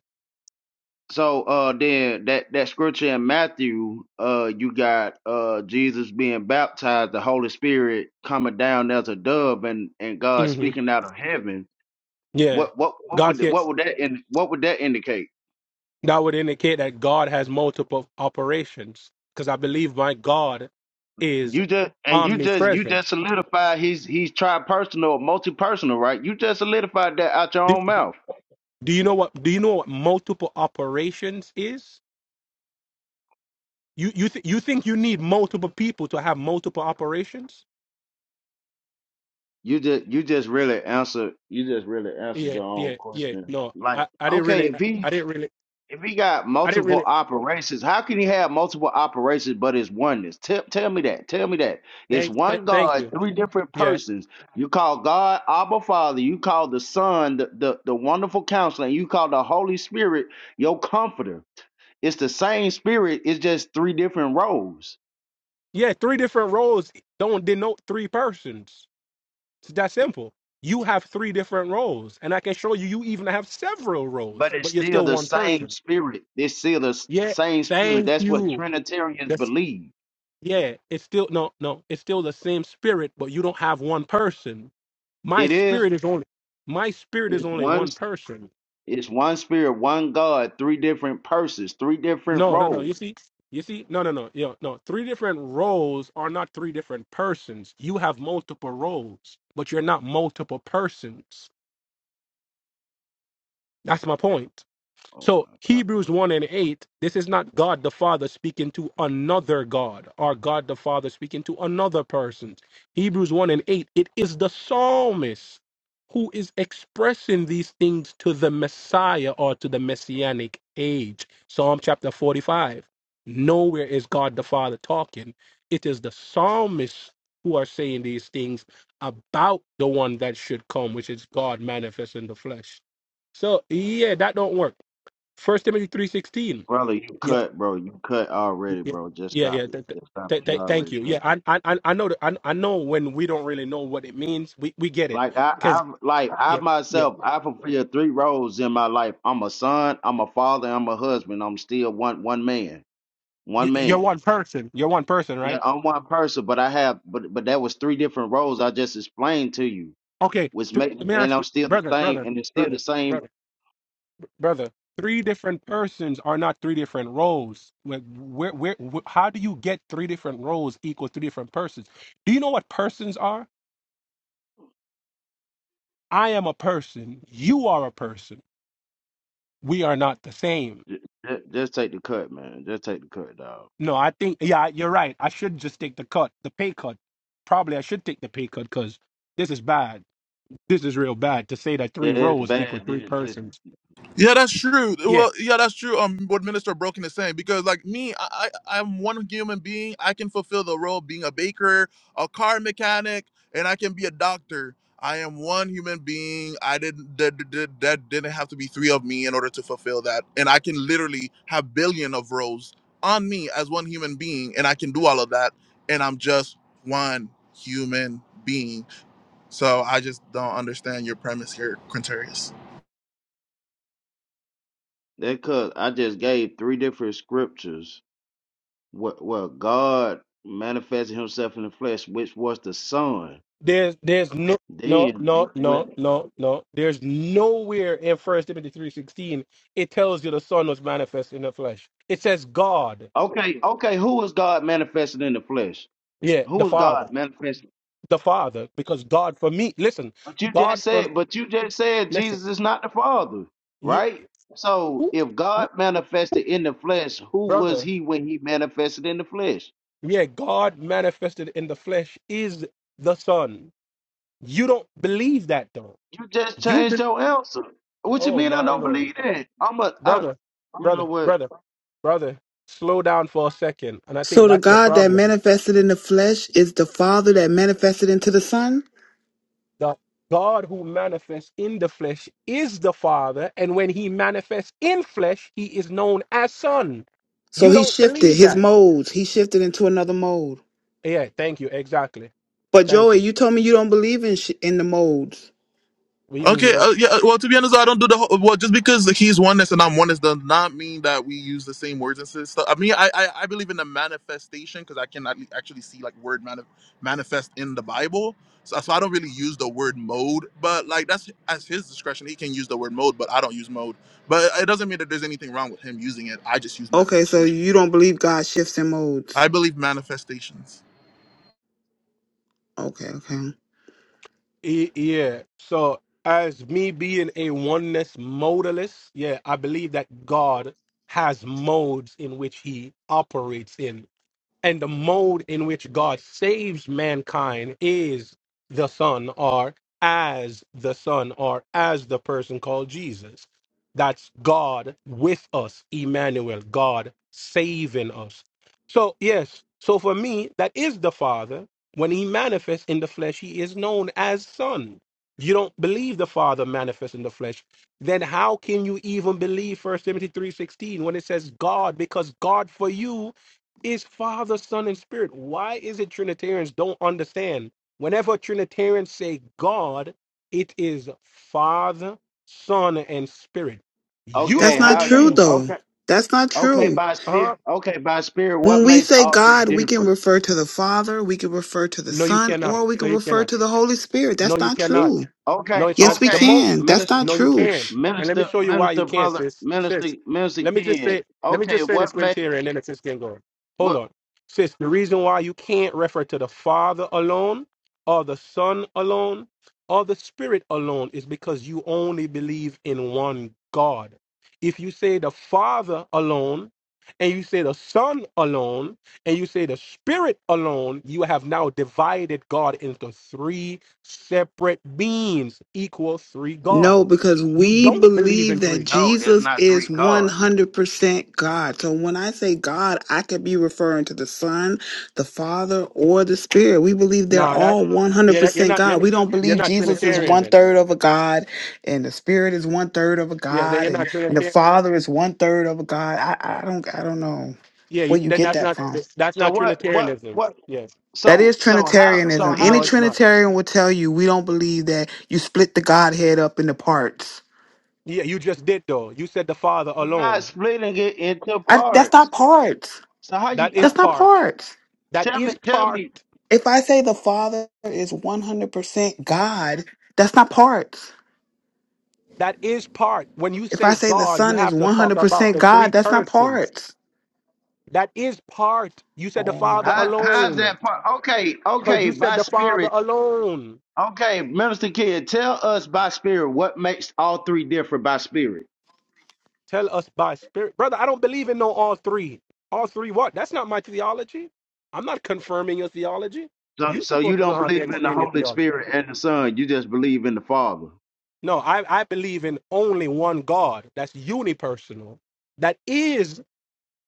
[SPEAKER 4] so uh then that that scripture in Matthew, uh you got uh Jesus being baptized, the Holy Spirit coming down as a dove, and and God
[SPEAKER 3] hmm
[SPEAKER 4] speaking out of heaven.
[SPEAKER 3] Yeah,
[SPEAKER 4] What what what
[SPEAKER 3] God
[SPEAKER 4] would
[SPEAKER 3] can
[SPEAKER 4] what would that in what would that indicate?
[SPEAKER 3] that would indicate that God has multiple operations because I believe my God is
[SPEAKER 4] You just and you just you just
[SPEAKER 3] omnipresent.
[SPEAKER 4] solidified he's he's tri-personal or multi-personal, right? You just solidified that out your
[SPEAKER 3] Do,
[SPEAKER 4] own mouth.
[SPEAKER 3] do you know what? Do you know what multiple operations is? You you th- you think you need multiple people to have multiple operations?
[SPEAKER 4] You just you just really answered you just really answered
[SPEAKER 3] Yeah,
[SPEAKER 4] your own
[SPEAKER 3] yeah, yeah.
[SPEAKER 4] question.
[SPEAKER 3] No,
[SPEAKER 4] Like,
[SPEAKER 3] I, I didn't
[SPEAKER 4] okay,
[SPEAKER 3] really,
[SPEAKER 4] if he
[SPEAKER 3] I didn't really,
[SPEAKER 4] if he got
[SPEAKER 3] I didn't
[SPEAKER 4] multiple
[SPEAKER 3] really.
[SPEAKER 4] operations, how can he have multiple operations but it's oneness? Tell tell me that. Tell me that. It's
[SPEAKER 3] Thank, th-
[SPEAKER 4] one
[SPEAKER 3] thank
[SPEAKER 4] God,
[SPEAKER 3] you.
[SPEAKER 4] three different
[SPEAKER 3] Yeah,
[SPEAKER 4] persons. You call God Abba Father, you call the Son the, the, the wonderful counselor, and you call the Holy Spirit your comforter. It's the same spirit. It's just three different roles,
[SPEAKER 3] yeah. Three different roles don't denote three persons. It's that simple. You have three different roles, and I can show you. You even have several
[SPEAKER 4] but
[SPEAKER 3] roles,
[SPEAKER 4] it's
[SPEAKER 3] but you're
[SPEAKER 4] still
[SPEAKER 3] still
[SPEAKER 4] the
[SPEAKER 3] one
[SPEAKER 4] same
[SPEAKER 3] person.
[SPEAKER 4] spirit. It's still the s-
[SPEAKER 3] Yeah.
[SPEAKER 4] same spirit.
[SPEAKER 3] Thank
[SPEAKER 4] That's what
[SPEAKER 3] you.
[SPEAKER 4] Trinitarians
[SPEAKER 3] That's
[SPEAKER 4] believe.
[SPEAKER 3] yeah. It's still no, no. It's still the same spirit, but you don't have one person. My
[SPEAKER 4] It is.
[SPEAKER 3] spirit is only my spirit is
[SPEAKER 4] It's
[SPEAKER 3] only
[SPEAKER 4] one.
[SPEAKER 3] one
[SPEAKER 4] s-
[SPEAKER 3] person.
[SPEAKER 4] It's one spirit, one God, three different persons, three different
[SPEAKER 3] No, no, no. You
[SPEAKER 4] roles.
[SPEAKER 3] see, you see, no, no, no. Yo, no. Three different roles are not three different persons. You have multiple roles, but you're not multiple persons. That's my point.
[SPEAKER 4] Oh
[SPEAKER 3] So
[SPEAKER 4] my God,
[SPEAKER 3] Hebrews 1 and 8, this is not God the Father speaking to another God or God the Father speaking to another person. Hebrews 1 and 8, it is the psalmist who is expressing these things to the Messiah or to the messianic age. Psalm chapter 45. Nowhere is God the Father talking. It is the psalmists who are saying these things about the one that should come, which is God manifest in the flesh. So yeah, that don't work First Timothy three sixteen.
[SPEAKER 4] brother, you
[SPEAKER 3] Yep.
[SPEAKER 4] cut, bro. You cut already,
[SPEAKER 3] Yeah.
[SPEAKER 4] bro. Just
[SPEAKER 3] Yeah.
[SPEAKER 4] stop
[SPEAKER 3] Yeah.
[SPEAKER 4] it.
[SPEAKER 3] Th- th-
[SPEAKER 4] Just stop
[SPEAKER 3] th-
[SPEAKER 4] it. You
[SPEAKER 3] th- thank
[SPEAKER 4] already
[SPEAKER 3] you. Yeah.
[SPEAKER 4] cut. Man.
[SPEAKER 3] I I I I know that. I, I know when we don't really know what it means, we we get it.
[SPEAKER 4] Like I,
[SPEAKER 3] Cause
[SPEAKER 4] I'm like I
[SPEAKER 3] yeah yeah
[SPEAKER 4] myself, I fulfill three roles in my life. I'm a son, I'm a father, I'm a husband. I'm still one one man.
[SPEAKER 3] you,
[SPEAKER 4] one
[SPEAKER 3] you're
[SPEAKER 4] man.
[SPEAKER 3] one person. You're one person,
[SPEAKER 4] Yeah.
[SPEAKER 3] right?
[SPEAKER 4] I'm one person, but I have but but that was three different roles I just explained to you,
[SPEAKER 3] Okay.
[SPEAKER 4] which
[SPEAKER 3] Th-
[SPEAKER 4] make
[SPEAKER 3] let me
[SPEAKER 4] and
[SPEAKER 3] ask
[SPEAKER 4] I'm
[SPEAKER 3] you,
[SPEAKER 4] still the
[SPEAKER 3] brother,
[SPEAKER 4] same
[SPEAKER 3] brother,
[SPEAKER 4] and it's still the
[SPEAKER 3] brother,
[SPEAKER 4] same.
[SPEAKER 3] brother, brother. Three different persons are not three different roles. Where, where, where, wh- how do you get three different roles equal three different persons? Do you know what persons are? I am a person. You are a person. We are not the same
[SPEAKER 4] Ju- ju- Just take the cut, man. Just take the cut, dog.
[SPEAKER 3] No, I think yeah, you're right. I should just take the cut, the pay cut. Probably I should take the pay cut because this is bad. This is real bad to say that
[SPEAKER 4] Yeah,
[SPEAKER 3] three
[SPEAKER 4] it's
[SPEAKER 3] rows equal
[SPEAKER 4] bad,
[SPEAKER 3] three
[SPEAKER 4] dude. This
[SPEAKER 3] persons.
[SPEAKER 1] Yeah, that's true.
[SPEAKER 3] Yeah,
[SPEAKER 1] Well, yeah, that's true. Um, what Minister Broken is saying because, like me, I, I I'm one human being. I can fulfill the role of being a baker, a car mechanic, and I can be a doctor. I am one human being. I didn't that, that, that that didn't have to be three of me in order to fulfill that, and I can literally have billion of roles on me as one human being, and I can do all of that, and I'm just one human being. So I just don't understand your premise here, Quintarius.
[SPEAKER 4] that cut. I just gave three different scriptures. What well God manifested Himself in the flesh, which was the Son.
[SPEAKER 3] there's there's no no
[SPEAKER 4] Then
[SPEAKER 3] no
[SPEAKER 4] when,
[SPEAKER 3] no
[SPEAKER 4] when
[SPEAKER 3] no no. There's nowhere in First Timothy three sixteen it tells you the Son was manifest in the flesh. It says God,
[SPEAKER 4] okay, okay, who was God manifested in the flesh?
[SPEAKER 3] yeah,
[SPEAKER 4] Who
[SPEAKER 3] the
[SPEAKER 4] was
[SPEAKER 3] Father,
[SPEAKER 4] God manifested?
[SPEAKER 3] the Father, because God for me. Listen,
[SPEAKER 4] But you just
[SPEAKER 3] God for
[SPEAKER 4] said, but you just said
[SPEAKER 3] listen,
[SPEAKER 4] Jesus is not the Father,
[SPEAKER 3] yeah,
[SPEAKER 4] right? So
[SPEAKER 3] who,
[SPEAKER 4] if
[SPEAKER 3] who-
[SPEAKER 4] God manifested in the flesh, who was
[SPEAKER 3] brother.
[SPEAKER 4] he when he manifested in the flesh?
[SPEAKER 3] Yeah, God manifested in the flesh is the Son. You don't believe that though.
[SPEAKER 4] You just
[SPEAKER 3] You
[SPEAKER 4] changed
[SPEAKER 3] be-
[SPEAKER 4] your answer. What you
[SPEAKER 3] oh
[SPEAKER 4] mean I
[SPEAKER 3] my
[SPEAKER 4] don't
[SPEAKER 3] lord,
[SPEAKER 4] believe that? I'm a I
[SPEAKER 3] brother,
[SPEAKER 4] you know
[SPEAKER 3] brother,
[SPEAKER 4] what?
[SPEAKER 3] brother, brother. Slow down for a second, and I think
[SPEAKER 5] So the
[SPEAKER 3] that's the
[SPEAKER 5] God that
[SPEAKER 3] problem.
[SPEAKER 5] manifested in the flesh is the Father that manifested into the Son.
[SPEAKER 3] The God who manifests in the flesh is the Father, and when He manifests in flesh, He is known as Son.
[SPEAKER 5] So
[SPEAKER 3] You
[SPEAKER 5] he
[SPEAKER 3] don't
[SPEAKER 5] shifted
[SPEAKER 3] believe
[SPEAKER 5] his
[SPEAKER 3] that.
[SPEAKER 5] modes. He shifted into another mode.
[SPEAKER 3] Yeah, thank you. Exactly.
[SPEAKER 5] But
[SPEAKER 3] Thank
[SPEAKER 5] Joey,
[SPEAKER 3] you.
[SPEAKER 5] you told me you don't believe in sh- in the modes.
[SPEAKER 3] What do you mean He
[SPEAKER 1] Okay,
[SPEAKER 3] don't?
[SPEAKER 1] uh, yeah. uh, Well, to be honest, I don't do the whole. Well, just because he's oneness and I'm oneness does not mean that we use the same words and stuff. So, I mean, I I, I believe in the manifestation because I can at actually see like word manif- manifest in the Bible. So, so I don't really use the word mode, but like that's as his discretion. He can use the word mode, but I don't use mode. But it doesn't mean that there's anything wrong with him using it. I just use
[SPEAKER 5] Okay, so
[SPEAKER 1] manifestation.
[SPEAKER 5] you don't believe God shifts in modes.
[SPEAKER 1] I believe manifestations.
[SPEAKER 5] Okay, okay.
[SPEAKER 3] Y- Yeah. So as me being a oneness modalist, yeah, I believe that God has modes in which he operates in and the mode in which God saves mankind is the Son or as the Son or as the person called Jesus. That's God with us, Emmanuel, God saving us. So, yes, so for me, that is the Father. When he manifests in the flesh, he is known as Son. You don't believe the Father manifests in the flesh, then how can you even believe First Timothy 3:16 when it says God because God for you is Father, Son, and Spirit. Why is it Trinitarians don't understand? Whenever Trinitarians say God, it is Father, Son, and Spirit. You
[SPEAKER 4] Okay,
[SPEAKER 5] That's
[SPEAKER 3] don't
[SPEAKER 5] not
[SPEAKER 4] how
[SPEAKER 5] true,
[SPEAKER 4] they
[SPEAKER 3] believe,
[SPEAKER 5] though.
[SPEAKER 4] okay.
[SPEAKER 5] That's not
[SPEAKER 4] Okay,
[SPEAKER 5] true.
[SPEAKER 4] by spirit
[SPEAKER 3] huh?
[SPEAKER 4] okay, by spirit, what
[SPEAKER 5] When we
[SPEAKER 4] makes
[SPEAKER 5] say
[SPEAKER 4] all three
[SPEAKER 5] God, we can
[SPEAKER 4] different?
[SPEAKER 5] refer to the Father, we can refer to the
[SPEAKER 3] No, you
[SPEAKER 5] Son,
[SPEAKER 3] cannot.
[SPEAKER 5] or we can
[SPEAKER 3] No, you
[SPEAKER 5] refer
[SPEAKER 3] cannot.
[SPEAKER 5] to the Holy Spirit. That's
[SPEAKER 3] No, you
[SPEAKER 5] not
[SPEAKER 3] cannot.
[SPEAKER 5] true.
[SPEAKER 3] No,
[SPEAKER 4] Okay,
[SPEAKER 3] it's not.
[SPEAKER 5] Yes, we
[SPEAKER 3] The mo
[SPEAKER 4] okay,
[SPEAKER 5] can. That's
[SPEAKER 4] minister
[SPEAKER 5] not
[SPEAKER 3] No, you
[SPEAKER 5] true.
[SPEAKER 3] can. And let me
[SPEAKER 4] minister
[SPEAKER 3] show you why you
[SPEAKER 4] minister
[SPEAKER 3] can't,
[SPEAKER 4] brother
[SPEAKER 3] sis.
[SPEAKER 4] minister
[SPEAKER 3] Sis,
[SPEAKER 4] minister
[SPEAKER 3] let me just
[SPEAKER 4] Ken.
[SPEAKER 3] say, let me
[SPEAKER 4] Okay,
[SPEAKER 3] just say this,
[SPEAKER 4] what makes
[SPEAKER 3] Quinteria, and then it's just getting going. Hold
[SPEAKER 4] what
[SPEAKER 3] on. Sis, the reason why you can't refer to the Father alone or the Son alone or the Spirit alone is because you only believe in one God. If you say the Father alone, and you say the Son alone, and you say the Spirit alone, you have now divided God into three Separate beings equals three
[SPEAKER 5] No,
[SPEAKER 3] gods.
[SPEAKER 5] because
[SPEAKER 3] You
[SPEAKER 5] we
[SPEAKER 3] don't believe
[SPEAKER 5] believe
[SPEAKER 3] in
[SPEAKER 5] that
[SPEAKER 3] three.
[SPEAKER 4] no, there's
[SPEAKER 5] Jesus
[SPEAKER 4] not
[SPEAKER 5] is
[SPEAKER 4] three gods.
[SPEAKER 5] 100% God. So when I say God, I could be referring to the Son, the Father, or the Spirit. We believe they're
[SPEAKER 3] Nah, that
[SPEAKER 5] all
[SPEAKER 3] yeah, that, you're
[SPEAKER 5] 100%
[SPEAKER 3] not you're,
[SPEAKER 5] God.
[SPEAKER 3] not-
[SPEAKER 5] We don't
[SPEAKER 4] Okay,
[SPEAKER 3] you're
[SPEAKER 5] believe
[SPEAKER 4] okay.
[SPEAKER 3] not
[SPEAKER 5] Jesus is
[SPEAKER 3] Trinitarian
[SPEAKER 5] one
[SPEAKER 3] then.
[SPEAKER 5] third of a God, and the Spirit is one third of a
[SPEAKER 3] Yeah, then
[SPEAKER 5] God,
[SPEAKER 3] you're
[SPEAKER 5] and,
[SPEAKER 3] not
[SPEAKER 5] and the
[SPEAKER 3] Trinitarian.
[SPEAKER 5] Father is one third of a God. I, I don't I don't know
[SPEAKER 3] Yeah,
[SPEAKER 5] where
[SPEAKER 3] you,
[SPEAKER 5] you
[SPEAKER 3] then
[SPEAKER 5] get
[SPEAKER 3] that's
[SPEAKER 5] that
[SPEAKER 3] not
[SPEAKER 5] from.
[SPEAKER 3] that's
[SPEAKER 4] So
[SPEAKER 3] not
[SPEAKER 4] what what
[SPEAKER 3] Trinitarianism.
[SPEAKER 4] what
[SPEAKER 3] Yes,
[SPEAKER 5] That
[SPEAKER 4] so
[SPEAKER 5] is
[SPEAKER 4] so how so
[SPEAKER 5] Trinitarianism.
[SPEAKER 4] how
[SPEAKER 5] Any
[SPEAKER 3] no,
[SPEAKER 4] you
[SPEAKER 3] it's not.
[SPEAKER 5] Trinitarian will tell you we don't believe that you split the Godhead up into parts.
[SPEAKER 3] Yeah, you just did though. You said the Father
[SPEAKER 4] you're not
[SPEAKER 3] alone.
[SPEAKER 4] splitting it into
[SPEAKER 5] I, that's
[SPEAKER 4] parts.
[SPEAKER 5] not parts.
[SPEAKER 4] So how you
[SPEAKER 3] That is
[SPEAKER 4] how,
[SPEAKER 5] That's not
[SPEAKER 3] part.
[SPEAKER 5] parts.
[SPEAKER 3] That
[SPEAKER 4] tell me
[SPEAKER 3] is
[SPEAKER 4] tell
[SPEAKER 3] part.
[SPEAKER 4] me
[SPEAKER 5] If I say the Father is 100% God, that's not parts.
[SPEAKER 3] That is part. When you
[SPEAKER 5] If I
[SPEAKER 3] say
[SPEAKER 5] say the
[SPEAKER 3] God, you
[SPEAKER 5] Son is
[SPEAKER 3] have to talk about
[SPEAKER 5] 100%
[SPEAKER 3] the three
[SPEAKER 5] God, that's not
[SPEAKER 3] persons.
[SPEAKER 5] parts.
[SPEAKER 3] That is part. You said the
[SPEAKER 5] Oh my
[SPEAKER 3] Father
[SPEAKER 4] how
[SPEAKER 5] gosh.
[SPEAKER 4] how's
[SPEAKER 3] alone.
[SPEAKER 4] that part okay,
[SPEAKER 3] Because
[SPEAKER 4] okay,
[SPEAKER 3] you said
[SPEAKER 4] by
[SPEAKER 3] the Father
[SPEAKER 4] spirit.
[SPEAKER 3] alone.
[SPEAKER 4] Okay, Minister Kid, tell us by spirit what makes all three different by spirit.
[SPEAKER 3] Tell us by spirit. Brother, I don't believe in no all three. All three what? That's not my theology. I'm not confirming your theology.
[SPEAKER 4] So
[SPEAKER 3] you
[SPEAKER 4] so you
[SPEAKER 3] supposed to know
[SPEAKER 4] don't
[SPEAKER 3] how to
[SPEAKER 4] believe in the
[SPEAKER 3] explain your
[SPEAKER 4] Holy
[SPEAKER 3] theology.
[SPEAKER 4] Spirit and the Son, you just believe in the Father.
[SPEAKER 3] No, I, I believe in only one God that's unipersonal, that is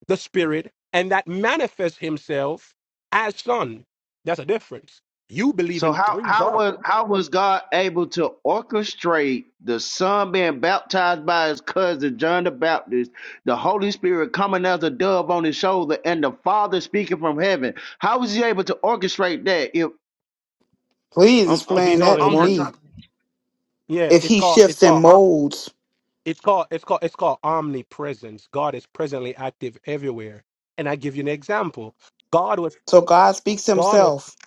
[SPEAKER 3] the spirit, and that manifests himself as son. That's a difference. You believe
[SPEAKER 4] So
[SPEAKER 3] in
[SPEAKER 4] how
[SPEAKER 3] three
[SPEAKER 4] how
[SPEAKER 3] gods.
[SPEAKER 4] was how was God able to orchestrate the son being baptized by his cousin John the Baptist, the Holy Spirit coming as a dove on his shoulder, and the Father speaking from heaven? How was he able to orchestrate that? If
[SPEAKER 5] Please
[SPEAKER 4] I'm I'm,
[SPEAKER 3] If
[SPEAKER 5] explain
[SPEAKER 3] he's
[SPEAKER 5] that
[SPEAKER 3] only
[SPEAKER 5] to
[SPEAKER 4] I'm just
[SPEAKER 3] one,
[SPEAKER 4] trying,
[SPEAKER 5] me.
[SPEAKER 3] yeah,
[SPEAKER 5] If
[SPEAKER 3] it's
[SPEAKER 5] he
[SPEAKER 3] called it's
[SPEAKER 5] shifts and
[SPEAKER 3] called
[SPEAKER 5] molds,
[SPEAKER 3] It's called it's called it's called omnipresence. God is presently active everywhere. And I give you an example. God was
[SPEAKER 5] so God speaks
[SPEAKER 3] God was
[SPEAKER 5] himself.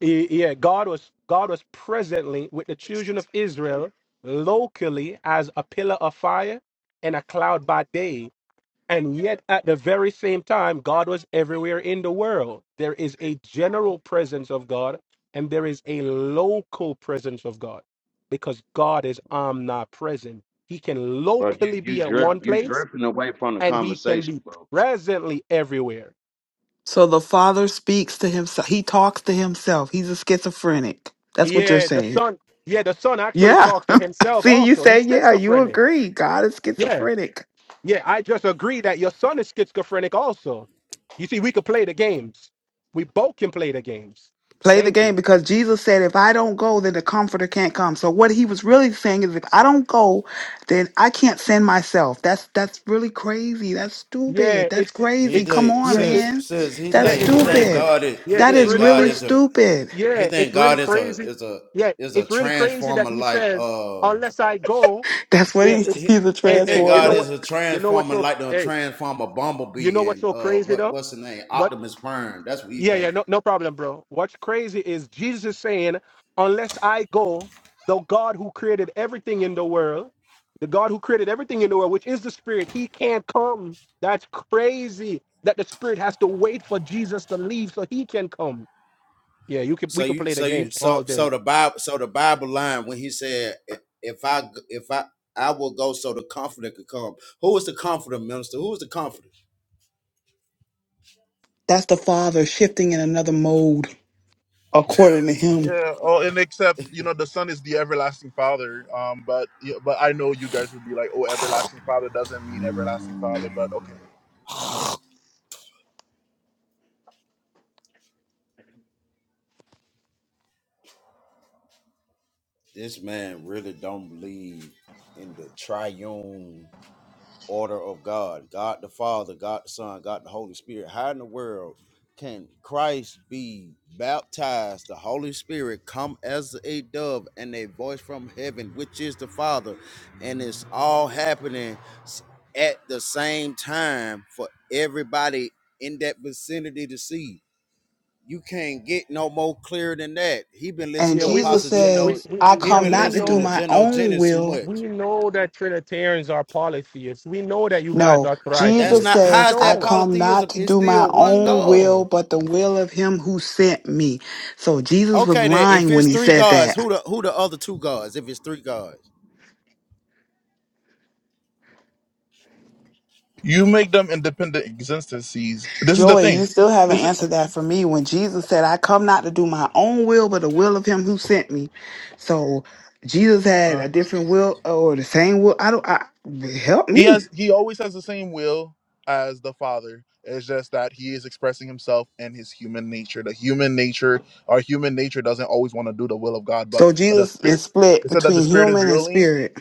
[SPEAKER 3] eh, yeah, God was God was presently with the children of Israel locally as a pillar of fire and a cloud by day and yet, at the very same time, God was everywhere in the world. There is a general presence of God, and there is a local presence of God because God is omnipresent. He can
[SPEAKER 4] bro, you
[SPEAKER 3] locally
[SPEAKER 4] you
[SPEAKER 3] be at
[SPEAKER 4] drift
[SPEAKER 3] one
[SPEAKER 4] you
[SPEAKER 3] place,
[SPEAKER 4] drifting away from the
[SPEAKER 3] and he can
[SPEAKER 4] conversation,
[SPEAKER 3] be
[SPEAKER 4] bro.
[SPEAKER 3] presently everywhere.
[SPEAKER 5] So the Father speaks to himself. He talks to himself. He's a schizophrenic. That's what you're
[SPEAKER 3] Yeah, the
[SPEAKER 5] saying.
[SPEAKER 3] son. Yeah, the son actually
[SPEAKER 5] Yeah.
[SPEAKER 3] talks to himself
[SPEAKER 5] See, you
[SPEAKER 3] also.
[SPEAKER 5] say,
[SPEAKER 3] He's
[SPEAKER 5] yeah, you
[SPEAKER 3] schizophrenic.
[SPEAKER 5] agree. God is
[SPEAKER 3] Yeah,
[SPEAKER 5] schizophrenic.
[SPEAKER 3] yeah. I just agree that your son is schizophrenic also. You see, we could play the games. We both can play the games.
[SPEAKER 5] Play the
[SPEAKER 3] Thank you.
[SPEAKER 5] game because Jesus said, if I don't go, then the comforter can't come. So what he was really saying is if I don't go, then I can't send myself. That's that's really crazy. That's stupid.
[SPEAKER 3] Yeah,
[SPEAKER 5] That's
[SPEAKER 3] it's
[SPEAKER 4] He
[SPEAKER 5] crazy.
[SPEAKER 3] it's
[SPEAKER 5] Come
[SPEAKER 4] think
[SPEAKER 5] on,
[SPEAKER 3] yeah, it's
[SPEAKER 4] says
[SPEAKER 5] man.
[SPEAKER 4] says he
[SPEAKER 5] That's
[SPEAKER 3] yeah,
[SPEAKER 4] think he
[SPEAKER 3] it's really
[SPEAKER 4] think
[SPEAKER 3] cr-
[SPEAKER 5] stupid.
[SPEAKER 4] God is
[SPEAKER 3] yeah,
[SPEAKER 4] he
[SPEAKER 5] That
[SPEAKER 3] it's
[SPEAKER 5] is
[SPEAKER 4] think
[SPEAKER 3] really
[SPEAKER 4] God
[SPEAKER 5] really
[SPEAKER 3] crazy.
[SPEAKER 4] is a
[SPEAKER 5] stupid.
[SPEAKER 4] he
[SPEAKER 3] Yeah, it's
[SPEAKER 4] think
[SPEAKER 3] really
[SPEAKER 4] God is a
[SPEAKER 3] crazy.
[SPEAKER 4] is a
[SPEAKER 3] Yeah,
[SPEAKER 4] is a
[SPEAKER 3] it's really crazy
[SPEAKER 4] transformer
[SPEAKER 3] that he
[SPEAKER 4] like
[SPEAKER 3] says
[SPEAKER 4] uh.
[SPEAKER 3] unless I go.
[SPEAKER 5] That's what
[SPEAKER 4] He,
[SPEAKER 3] Yeah,
[SPEAKER 5] he,
[SPEAKER 4] th-
[SPEAKER 3] it's
[SPEAKER 4] he
[SPEAKER 5] he's a
[SPEAKER 4] he
[SPEAKER 3] hey
[SPEAKER 4] think
[SPEAKER 3] hey, you
[SPEAKER 4] God
[SPEAKER 3] know
[SPEAKER 5] transformer.
[SPEAKER 4] is
[SPEAKER 3] what?
[SPEAKER 4] a
[SPEAKER 3] You know what's
[SPEAKER 4] transformer
[SPEAKER 3] so
[SPEAKER 4] like the
[SPEAKER 3] hey,
[SPEAKER 4] transformer
[SPEAKER 3] you
[SPEAKER 4] bumblebee
[SPEAKER 3] know what's
[SPEAKER 4] and
[SPEAKER 3] so
[SPEAKER 4] uh
[SPEAKER 3] crazy
[SPEAKER 4] what
[SPEAKER 3] though?
[SPEAKER 4] what's the name Optimus Prime. That's what he
[SPEAKER 3] Yeah, yeah,
[SPEAKER 4] thinking.
[SPEAKER 3] no, no problem, bro. What's crazy is Jesus is saying, unless I go, the God who created everything in the world, the God who created everything in the world, which is the Spirit, he can't come. That's crazy that the Spirit has to wait for Jesus to leave so he can come. Yeah, you could
[SPEAKER 4] So
[SPEAKER 3] we could
[SPEAKER 4] you
[SPEAKER 3] play the
[SPEAKER 4] so you
[SPEAKER 3] game
[SPEAKER 4] so
[SPEAKER 3] all
[SPEAKER 4] so
[SPEAKER 3] day.
[SPEAKER 4] the Bible so the Bible line when he said "I- if I g- if I I will go so the comforter could come. Who is the comforter, minister? Who is the comforter?
[SPEAKER 5] That's the father shifting in another mode according to him.
[SPEAKER 1] Yeah. Oh, and except you know the Son is the everlasting Father. Um, but yeah, but I know you guys will be like, oh, everlasting Father doesn't mean everlasting Father. But okay,
[SPEAKER 4] This man really don't believe in the triune. order of God, God the Father, God the Son, God the Holy Spirit. How in the world can Christ be baptized, the Holy Spirit come as a dove and a voice from heaven, which is the Father, and it's all happening s- at the same time for everybody in that vicinity to see? You can't get no more clear than that. He been listening
[SPEAKER 5] And
[SPEAKER 3] Yeah,
[SPEAKER 4] to
[SPEAKER 3] we
[SPEAKER 5] Jesus
[SPEAKER 3] we
[SPEAKER 4] Apostle
[SPEAKER 3] yeah, we,
[SPEAKER 4] Geno.
[SPEAKER 5] says, I
[SPEAKER 3] we
[SPEAKER 4] He
[SPEAKER 3] yeah,
[SPEAKER 5] come
[SPEAKER 4] been
[SPEAKER 3] we
[SPEAKER 5] not to do
[SPEAKER 4] listening to
[SPEAKER 3] know
[SPEAKER 5] my
[SPEAKER 4] Geno
[SPEAKER 5] own
[SPEAKER 4] Jennings too
[SPEAKER 5] will,
[SPEAKER 4] much.
[SPEAKER 3] we know that Trinitarians are polytheists. We know that you guys
[SPEAKER 5] No,
[SPEAKER 3] are
[SPEAKER 4] That's
[SPEAKER 5] Jesus
[SPEAKER 3] tritheists.
[SPEAKER 4] not
[SPEAKER 3] We
[SPEAKER 4] how
[SPEAKER 5] says,
[SPEAKER 4] is
[SPEAKER 5] I
[SPEAKER 4] that
[SPEAKER 3] know it.
[SPEAKER 5] come not
[SPEAKER 4] polytheism?
[SPEAKER 5] to
[SPEAKER 4] It's
[SPEAKER 5] do my
[SPEAKER 4] still
[SPEAKER 3] We
[SPEAKER 4] one
[SPEAKER 5] own
[SPEAKER 4] God.
[SPEAKER 3] know.
[SPEAKER 5] will, but the will of him who sent me. So Jesus was
[SPEAKER 4] Okay, then if
[SPEAKER 5] lying when
[SPEAKER 4] it's
[SPEAKER 5] he
[SPEAKER 4] three
[SPEAKER 5] said
[SPEAKER 4] gods,
[SPEAKER 5] that.
[SPEAKER 4] who the who the other two gods? If it's three gods,
[SPEAKER 1] you make them independent existences. This is the
[SPEAKER 5] Joey,
[SPEAKER 1] thing.
[SPEAKER 5] you still haven't
[SPEAKER 1] This is
[SPEAKER 5] answered that for me when Jesus said, I come not to do my own will, but the will of him who sent me. So Jesus had
[SPEAKER 1] uh,
[SPEAKER 5] a different will or the same will. I don't, I, help
[SPEAKER 1] he
[SPEAKER 5] me.
[SPEAKER 1] has he always has the same will as the Father. It's just that he is expressing himself in his human nature. The human nature, our human nature, doesn't always want to do the will of God, but
[SPEAKER 5] So
[SPEAKER 1] the
[SPEAKER 5] Jesus
[SPEAKER 1] spirit.
[SPEAKER 5] is split
[SPEAKER 1] It said that the
[SPEAKER 5] between
[SPEAKER 1] spirit is
[SPEAKER 5] human and
[SPEAKER 1] willing,
[SPEAKER 5] spirit.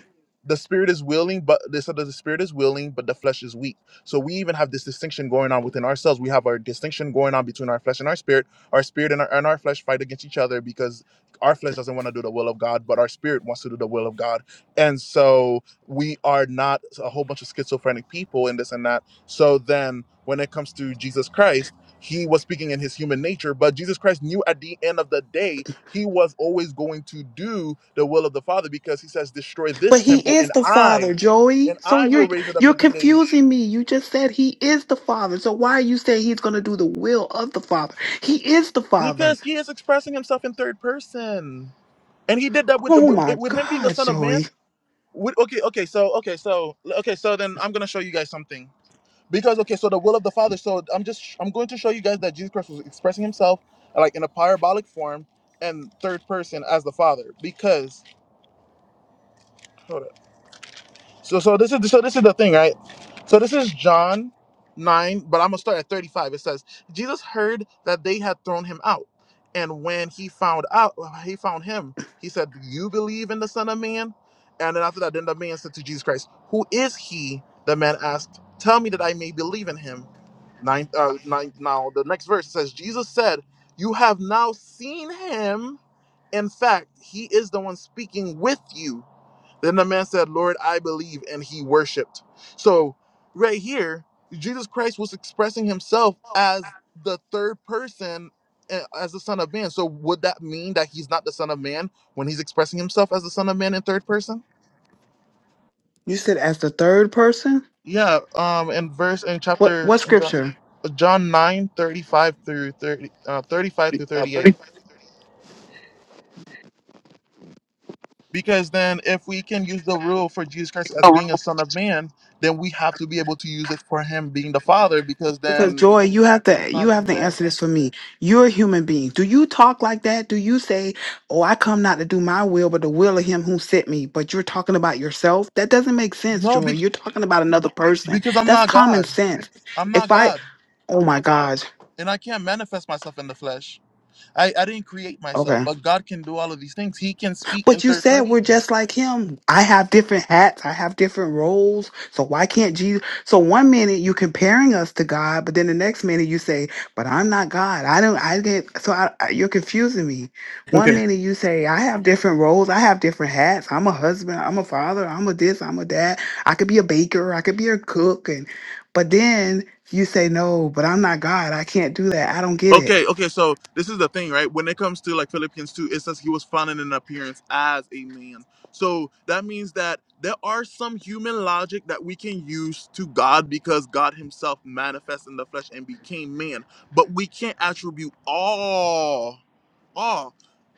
[SPEAKER 1] the spirit is willing, but this said the spirit is willing, but the flesh is weak. So we even have this distinction going on within ourselves. We have our distinction going on between our flesh and our spirit. Our spirit and our, and our flesh fight against each other because our flesh doesn't want to do the will of God, but our spirit wants to do the will of God. And so we are not a whole bunch of schizophrenic people and this and that. So then when it comes to Jesus Christ he was speaking in his human nature, but Jesus Christ knew at the end of the day he was always going to do the will of the Father because he says, "Destroy this
[SPEAKER 5] But he
[SPEAKER 1] temple,
[SPEAKER 5] is
[SPEAKER 1] and
[SPEAKER 5] the father,
[SPEAKER 1] I,
[SPEAKER 5] Joey.
[SPEAKER 1] and
[SPEAKER 5] So
[SPEAKER 1] I will
[SPEAKER 5] you're
[SPEAKER 1] raise it up
[SPEAKER 5] you're
[SPEAKER 1] in three days."
[SPEAKER 5] confusing me. You just said he is the father. So why are you saying he's gonna do the will of the father? He is the father.
[SPEAKER 1] Because he is expressing himself in third person, and he did that with
[SPEAKER 5] Oh
[SPEAKER 1] with,
[SPEAKER 5] my
[SPEAKER 1] with him being the
[SPEAKER 5] God,
[SPEAKER 1] Son of Man.
[SPEAKER 5] Joey.
[SPEAKER 1] With, okay, okay, so okay, so okay, so then I'm gonna show you guys something because okay, so the will of the Father. So I'm just I'm going to show you guys that Jesus Christ was expressing himself like in a parabolic form and third person as the Father because Hold up. So so this is so this is the thing, right? So this is John nine, but I'm gonna start at 35. It says Jesus heard that they had thrown him out, and when he found out, he found him. He said, "Do you believe in the Son of Man?" And then after that, then the man said to Jesus Christ, "Who is he?" The man asked, "Tell me that I may believe in him." Nine, uh, nine. Now the next verse says, Jesus said, "You have now seen him." In fact, he is the one speaking with you. Then the man said, Lord, I believe, and he worshiped. So, right here, Jesus Christ was expressing himself as the third person eh, as the Son of Man. So, would that mean that he's not the Son of Man when he's expressing himself as the Son of Man in third person?
[SPEAKER 5] You said as the third person?
[SPEAKER 1] Yeah, um, in verse in
[SPEAKER 5] What
[SPEAKER 1] chapter
[SPEAKER 5] what
[SPEAKER 1] in John,
[SPEAKER 5] scripture?
[SPEAKER 1] John 9 thirty-five through 30, uh, 35 through 38. Because then, if we can use the rule for Jesus Christ as being a Son of Man, then we have to be able to use it for Him being the Father. Because
[SPEAKER 5] Because
[SPEAKER 1] then,
[SPEAKER 5] Joy, you have to
[SPEAKER 1] it's not
[SPEAKER 5] you
[SPEAKER 1] being
[SPEAKER 5] have to
[SPEAKER 1] fair.
[SPEAKER 5] answer this for me. You're a human being. Do you talk like that? Do you say, Oh, I come not to do my will, but the will of him who sent me? But you're talking about yourself? That doesn't make sense,
[SPEAKER 1] No,
[SPEAKER 5] Joy.
[SPEAKER 1] be-
[SPEAKER 5] You're talking about another person.
[SPEAKER 1] because I'm
[SPEAKER 5] That's
[SPEAKER 1] not
[SPEAKER 5] common
[SPEAKER 1] God.
[SPEAKER 5] sense
[SPEAKER 1] I'm
[SPEAKER 5] if
[SPEAKER 1] not
[SPEAKER 5] I
[SPEAKER 1] God,
[SPEAKER 5] Oh my God.
[SPEAKER 1] and I can't manifest myself in the flesh. I I didn't create myself,
[SPEAKER 5] Okay.
[SPEAKER 1] but God can do all of these things. He can speak in
[SPEAKER 5] But you
[SPEAKER 1] third
[SPEAKER 5] said we're
[SPEAKER 1] person.
[SPEAKER 5] just like him. I have different hats. I have different roles. So why can't Jesus? So one minute you comparing us to God, but then the next minute you say, but I'm not God. I don't, I didn't. So I, I- you're confusing me. One minute you say, I have different roles. I have different hats. I'm a husband. I'm a father. I'm a this. I'm a dad. I could be a baker. I could be a cook. And, but then you say, no, but I'm not God. I can't do that. I don't get it.
[SPEAKER 1] Okay, okay, so this is the thing, right? When it comes to like Philippians 2, it says he was found in an appearance as a man. So that means that there are some human logic that we can use to God because God himself manifests in the flesh and became man. But we can't attribute all, all,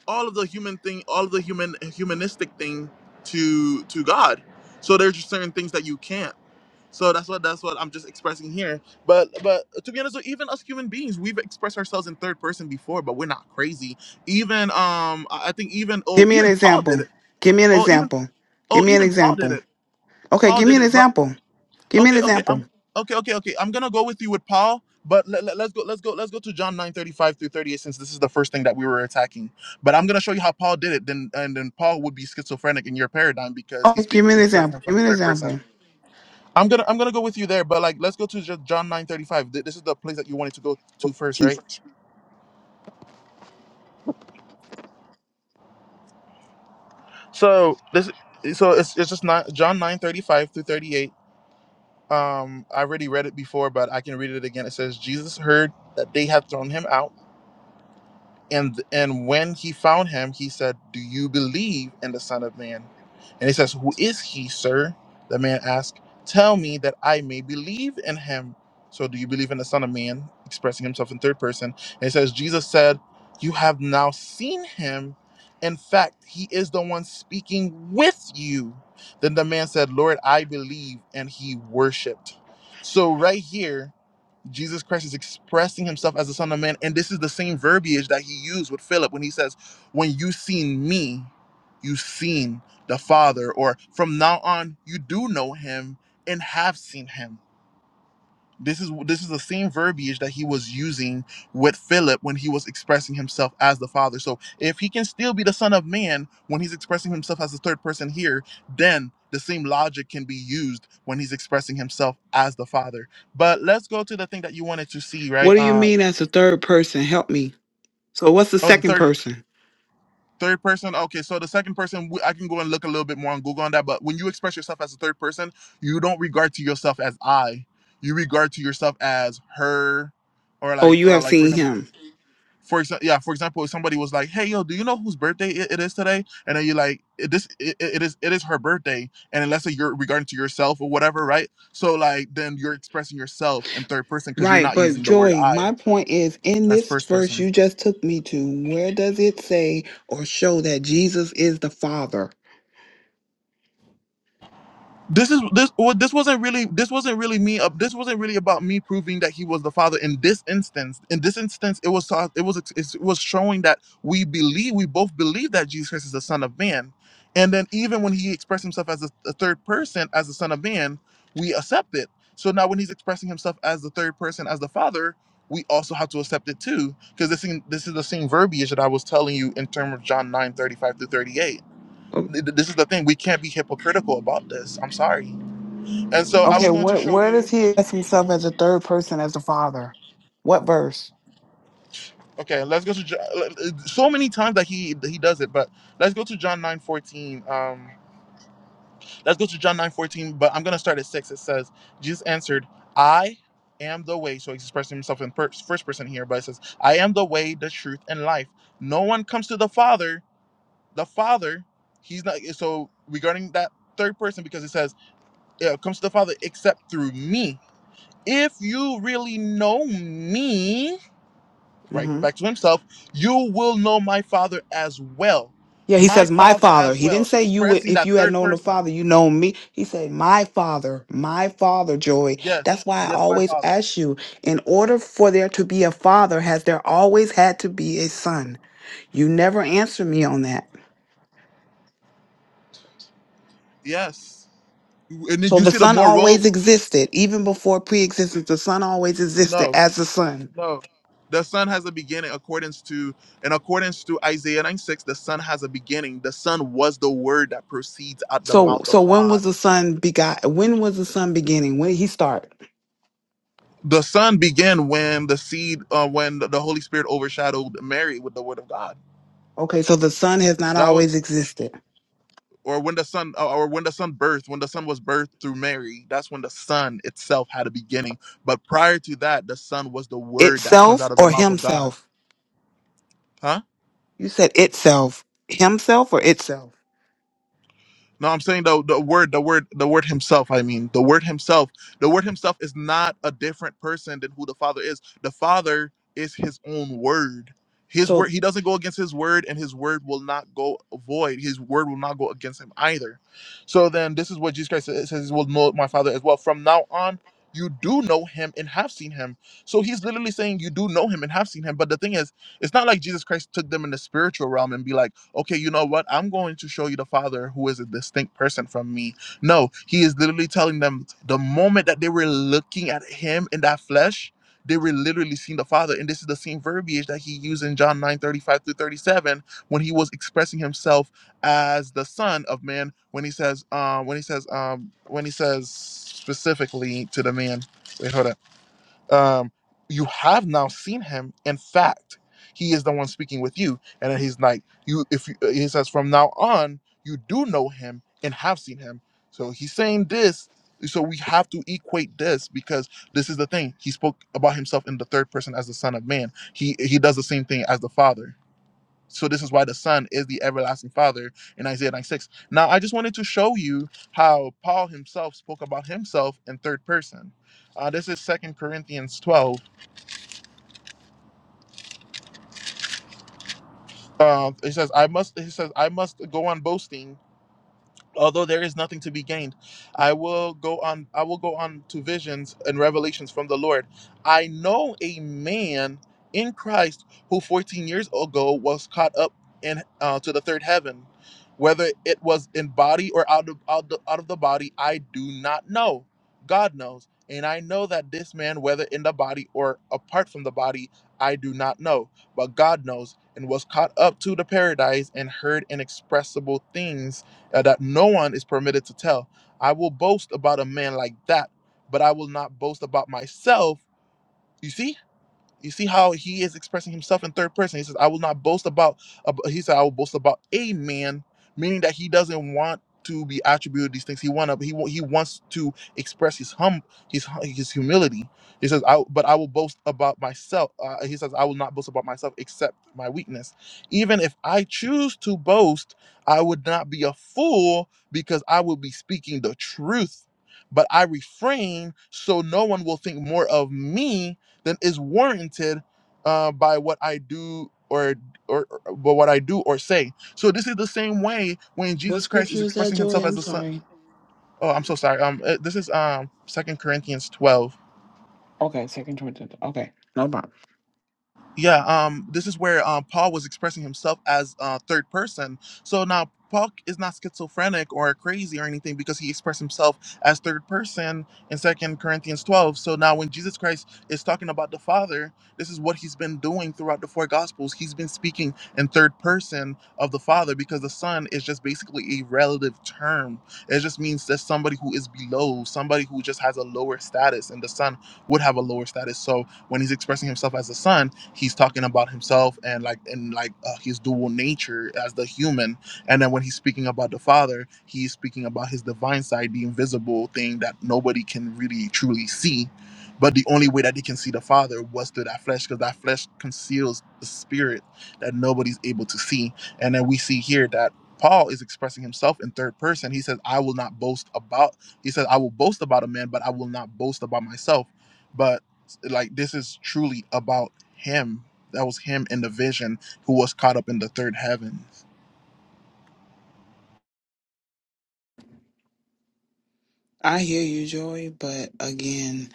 [SPEAKER 1] all of the human thing, all of the human humanistic thing to to God. So there's just certain things that you can't. So that's what that's what I'm just expressing here. But but to be honest, though, even us human beings, we've expressed ourselves in third person before, but we're not crazy. Even um, I I think even oh,
[SPEAKER 5] Give me an
[SPEAKER 1] even Paul did
[SPEAKER 5] example.
[SPEAKER 1] it.
[SPEAKER 5] Give me an
[SPEAKER 1] Oh, even
[SPEAKER 5] example. Give
[SPEAKER 1] oh,
[SPEAKER 5] me an
[SPEAKER 1] even Paul did
[SPEAKER 5] example.
[SPEAKER 1] it.
[SPEAKER 5] Okay,
[SPEAKER 1] Paul
[SPEAKER 5] give me
[SPEAKER 1] did
[SPEAKER 5] an
[SPEAKER 1] it. But
[SPEAKER 5] example. Give me an
[SPEAKER 1] okay, okay, I'm
[SPEAKER 5] example.
[SPEAKER 1] okay, okay, okay. I'm gonna go with you with Paul. But let, let, us go, let's go, let's go to John 9 35 through 38, since this is the first thing that we were attacking. But I'm gonna show you how Paul did it, then and then Paul would be schizophrenic in your paradigm because he's
[SPEAKER 5] Okay, give
[SPEAKER 1] spe-
[SPEAKER 5] me an
[SPEAKER 1] expressing
[SPEAKER 5] example. Give
[SPEAKER 1] himself in
[SPEAKER 5] me an
[SPEAKER 1] third person.
[SPEAKER 5] example.
[SPEAKER 1] I'm gonna I'm gonna go with you there, but like let's go to Ju- John nine thirty five. This is the place that you wanted to go to first, right? So this so it's it's just not John nine thirty five through thirty eight. Um, I already read it before, but I can read it again. It says Jesus heard that they had thrown him out. And and when he found him, he said, "Do you believe in the Son of Man?" And he says, "Who is he, sir?" The man asked, "Tell me that I may believe in him." So, do you believe in the Son of Man? Expressing himself in third person. And he says, Jesus said, "You have now seen him. In fact, he is the one speaking with you." Then the man said, "Lord, I believe," and he worshipped. So, right here. Jesus Christ is expressing himself as the Son of Man. And this is the same verbiage that he used with Philip when he says, When you seen me, you've seen the Father, or from now on, you do know him and have seen him this is this is the same verbiage that he was using with Philip when he was expressing himself as the Father. So if he can still be the Son of Man when he's expressing himself as the third person here, then the same logic can be used when he's expressing himself as the Father. But let's go to the thing that you wanted to see, right?
[SPEAKER 5] What do you
[SPEAKER 1] Uh,
[SPEAKER 5] mean as a third person? Help me. So what's the
[SPEAKER 1] oh, the
[SPEAKER 5] second
[SPEAKER 1] third
[SPEAKER 5] person?
[SPEAKER 1] third person. Okay, so the second person, we- I can go and look a little bit more on Google on that. But when you express yourself as a third person, you don't regard to yourself as I. You regard to yourself as her, or
[SPEAKER 5] Oh,
[SPEAKER 1] like
[SPEAKER 5] you
[SPEAKER 1] uh,
[SPEAKER 5] have
[SPEAKER 1] like for
[SPEAKER 5] seen
[SPEAKER 1] example
[SPEAKER 5] him.
[SPEAKER 1] for example, yeah, for example, if somebody was like, "Hey, yo, do you know whose birthday it, it is today?" and then you're like, "It- "This, it, it it is, it is her birthday," and unless you're regarding to yourself or whatever, right? So like, then you're expressing yourself in third person because you're
[SPEAKER 5] Right,
[SPEAKER 1] not
[SPEAKER 5] but
[SPEAKER 1] using the word
[SPEAKER 5] Joy,
[SPEAKER 1] "I"
[SPEAKER 5] my point is in
[SPEAKER 1] as
[SPEAKER 5] this
[SPEAKER 1] first
[SPEAKER 5] verse
[SPEAKER 1] person.
[SPEAKER 5] you just took me to, where does it say or show that Jesus is the Father?
[SPEAKER 1] this is this well, this wasn't really this wasn't really me up this wasn't really about me proving that he was the father in this instance in this instance it was so, it was it was showing that we believe we both believe that jesus christ is the son of man and then even when he expressed himself as a, a third person as the son of man we accept it so now when he's expressing himself as the third person as the father we also have to accept it too because this thing, this is the same verbiage that i was telling you in terms of john nine thirty five 35 through 38 Th- th- this is the thing we can't be hypocritical about this i'm sorry and so I
[SPEAKER 5] Okay,
[SPEAKER 1] was going to
[SPEAKER 5] what
[SPEAKER 1] show
[SPEAKER 5] where does
[SPEAKER 1] you.
[SPEAKER 5] he address himself as a third person as the Father? What verse?
[SPEAKER 1] Okay, let's go to Jo- so many times that he he does it, but let's go to John nine fourteen. Um, let's go to John nine fourteen. But I'm gonna start at six. It says Jesus answered, "I am the way." So he's expressing himself in per- first person here, but it says, "I am the way, the truth, and life. No one comes to the Father. The Father, he's not." So regarding that third person, because it says, "It comes to the Father except through me." If you really know me, right
[SPEAKER 5] Mm-hmm.
[SPEAKER 1] back to himself you will know my father as well
[SPEAKER 5] Yeah, he
[SPEAKER 1] my
[SPEAKER 5] says, my
[SPEAKER 1] father
[SPEAKER 5] father.
[SPEAKER 1] as
[SPEAKER 5] He
[SPEAKER 1] well
[SPEAKER 5] didn't say you would,
[SPEAKER 1] expressing
[SPEAKER 5] if
[SPEAKER 1] that
[SPEAKER 5] you had
[SPEAKER 1] third
[SPEAKER 5] known the
[SPEAKER 1] person
[SPEAKER 5] father, you know me. He said, my father, my father, Joey.
[SPEAKER 1] yes
[SPEAKER 5] That's why I
[SPEAKER 1] yes my
[SPEAKER 5] always
[SPEAKER 1] father
[SPEAKER 5] ask you, in order for there to be a father, has there always had to be a son? You never answer me on that.
[SPEAKER 1] yes and then
[SPEAKER 5] So
[SPEAKER 1] you
[SPEAKER 5] the
[SPEAKER 1] see the
[SPEAKER 5] son
[SPEAKER 1] more moral
[SPEAKER 5] always existed, even before pre-existence, the son always existed
[SPEAKER 1] no
[SPEAKER 5] as the son.
[SPEAKER 1] no the son has a beginning accordance to in accordance to isaiah 9 6 the son has a beginning the son was the word that proceeds out the
[SPEAKER 5] So,
[SPEAKER 1] mouth
[SPEAKER 5] so
[SPEAKER 1] of
[SPEAKER 5] when
[SPEAKER 1] god
[SPEAKER 5] was the son begot? When was the son beginning? When did he start?
[SPEAKER 1] the son began when the seed uh, when the holy spirit overshadowed mary with the word of god
[SPEAKER 5] Okay, so the son has not
[SPEAKER 1] That was.
[SPEAKER 5] always existed.
[SPEAKER 1] or when the sun uh, or when the sun birthed when the sun was birthed through mary that's when the sun itself had a beginning but prior to that the sun was the word that comes
[SPEAKER 5] Itself
[SPEAKER 1] out of the
[SPEAKER 5] or
[SPEAKER 1] mouth of god
[SPEAKER 5] himself?
[SPEAKER 1] huh
[SPEAKER 5] You said itself, himself or itself?
[SPEAKER 1] No, I'm saying the the word, the word, the word himself. I mean, the word himself. The word himself is not a different person than who the Father is. The Father is His own word. His word.
[SPEAKER 5] So,
[SPEAKER 1] He doesn't go against His word, and His word will not go void. His word will not go against Him either. So then, this is what Jesus Christ says: says, "Will know my Father as well." From now on, you do know Him and have seen Him. So He's literally saying, "You do know Him and have seen Him." But the thing is, it's not like Jesus Christ took them in the spiritual realm and be like okay, you know what? I'm going to show you the Father who is a distinct person from me. No, he is literally telling them the moment that they were looking at him in that flesh, they were literally seeing the Father. And this is the same verbiage that he used in John 9 35 through 37 when he was expressing himself as the Son of Man, when he says, um, when he says, um, when he says specifically to the man. Wait, hold up um, you have now seen him. In fact, he is the one speaking with you. And then he's like, you, if you, uh, he says, from now on, you do know him and have seen him. So he's saying this. So we have to equate this because this is the thing. He spoke about himself in the third person as the Son of Man. He he does the same thing as the Father. So this is why the Son is the everlasting Father in Isaiah 96. Now I just wanted to show you how Paul himself spoke about himself in third person. Uh, this is Second Corinthians 12. Uh, it says, "I must." He says, "I must go on boasting." although there is nothing to be gained i will go on i will go on to visions and revelations from the lord i know a man in christ who 14 years ago was caught up in uh, to the third heaven whether it was in body or out of out, the, out of the body i do not know god knows and i know that this man whether in the body or apart from the body i do not know but god knows and was caught up to the paradise and heard inexpressible things uh, that no one is permitted to tell. I will boast about a man like that, but I will not boast about myself. You see? You see how he is expressing himself in third person. He says, "I will not boast about." ab- he said, "I will boast about a man," meaning that he doesn't want to be attributed these things. He want to. He wa- he wants to express his hum his hu- his humility. He says, "I but I will boast about myself." Uh, he says, "I will not boast about myself except my weakness. Even if I choose to boast, I would not be a fool because I would be speaking the truth." But I refrain so no one will think more of me than is warranted uh, by what I do or or or by what I do or say. So this is the same way when
[SPEAKER 5] what
[SPEAKER 1] Jesus Christ
[SPEAKER 5] scripture
[SPEAKER 1] is
[SPEAKER 5] is that,
[SPEAKER 1] expressing
[SPEAKER 5] Joy?
[SPEAKER 1] himself as
[SPEAKER 5] I'm
[SPEAKER 1] the son.
[SPEAKER 5] sorry.
[SPEAKER 1] Oh, I'm so sorry. Um, uh, this is um Second Corinthians 12. Yeah, um, this is where um, Paul was expressing himself as uh, third person. So now Paul is not schizophrenic or crazy or anything because he expressed himself as third person in Second Corinthians 12. So now when Jesus Christ is talking about the Father, this is what he's been doing throughout the four Gospels. He's been speaking in third person of the Father because the Son is just basically a relative term. It just means that somebody who is below, somebody who just has a lower status, and the Son would have a lower status. So when he's expressing himself as the son, he's talking about himself and like and like uh, his dual nature as the human. And then when he's speaking about the father, he's speaking about his divine side, the invisible thing that nobody can really truly see. But the only way that they can see the father was through that flesh, because that flesh conceals the spirit that nobody's able to see. And then we see here that Paul is expressing himself in third person. He says, I will not boast about, he says, I will boast about a man, but I will not boast about myself. But like this is truly about him. That was him in the vision who was caught up in the third heavens.
[SPEAKER 5] I hear you, Joy, but again,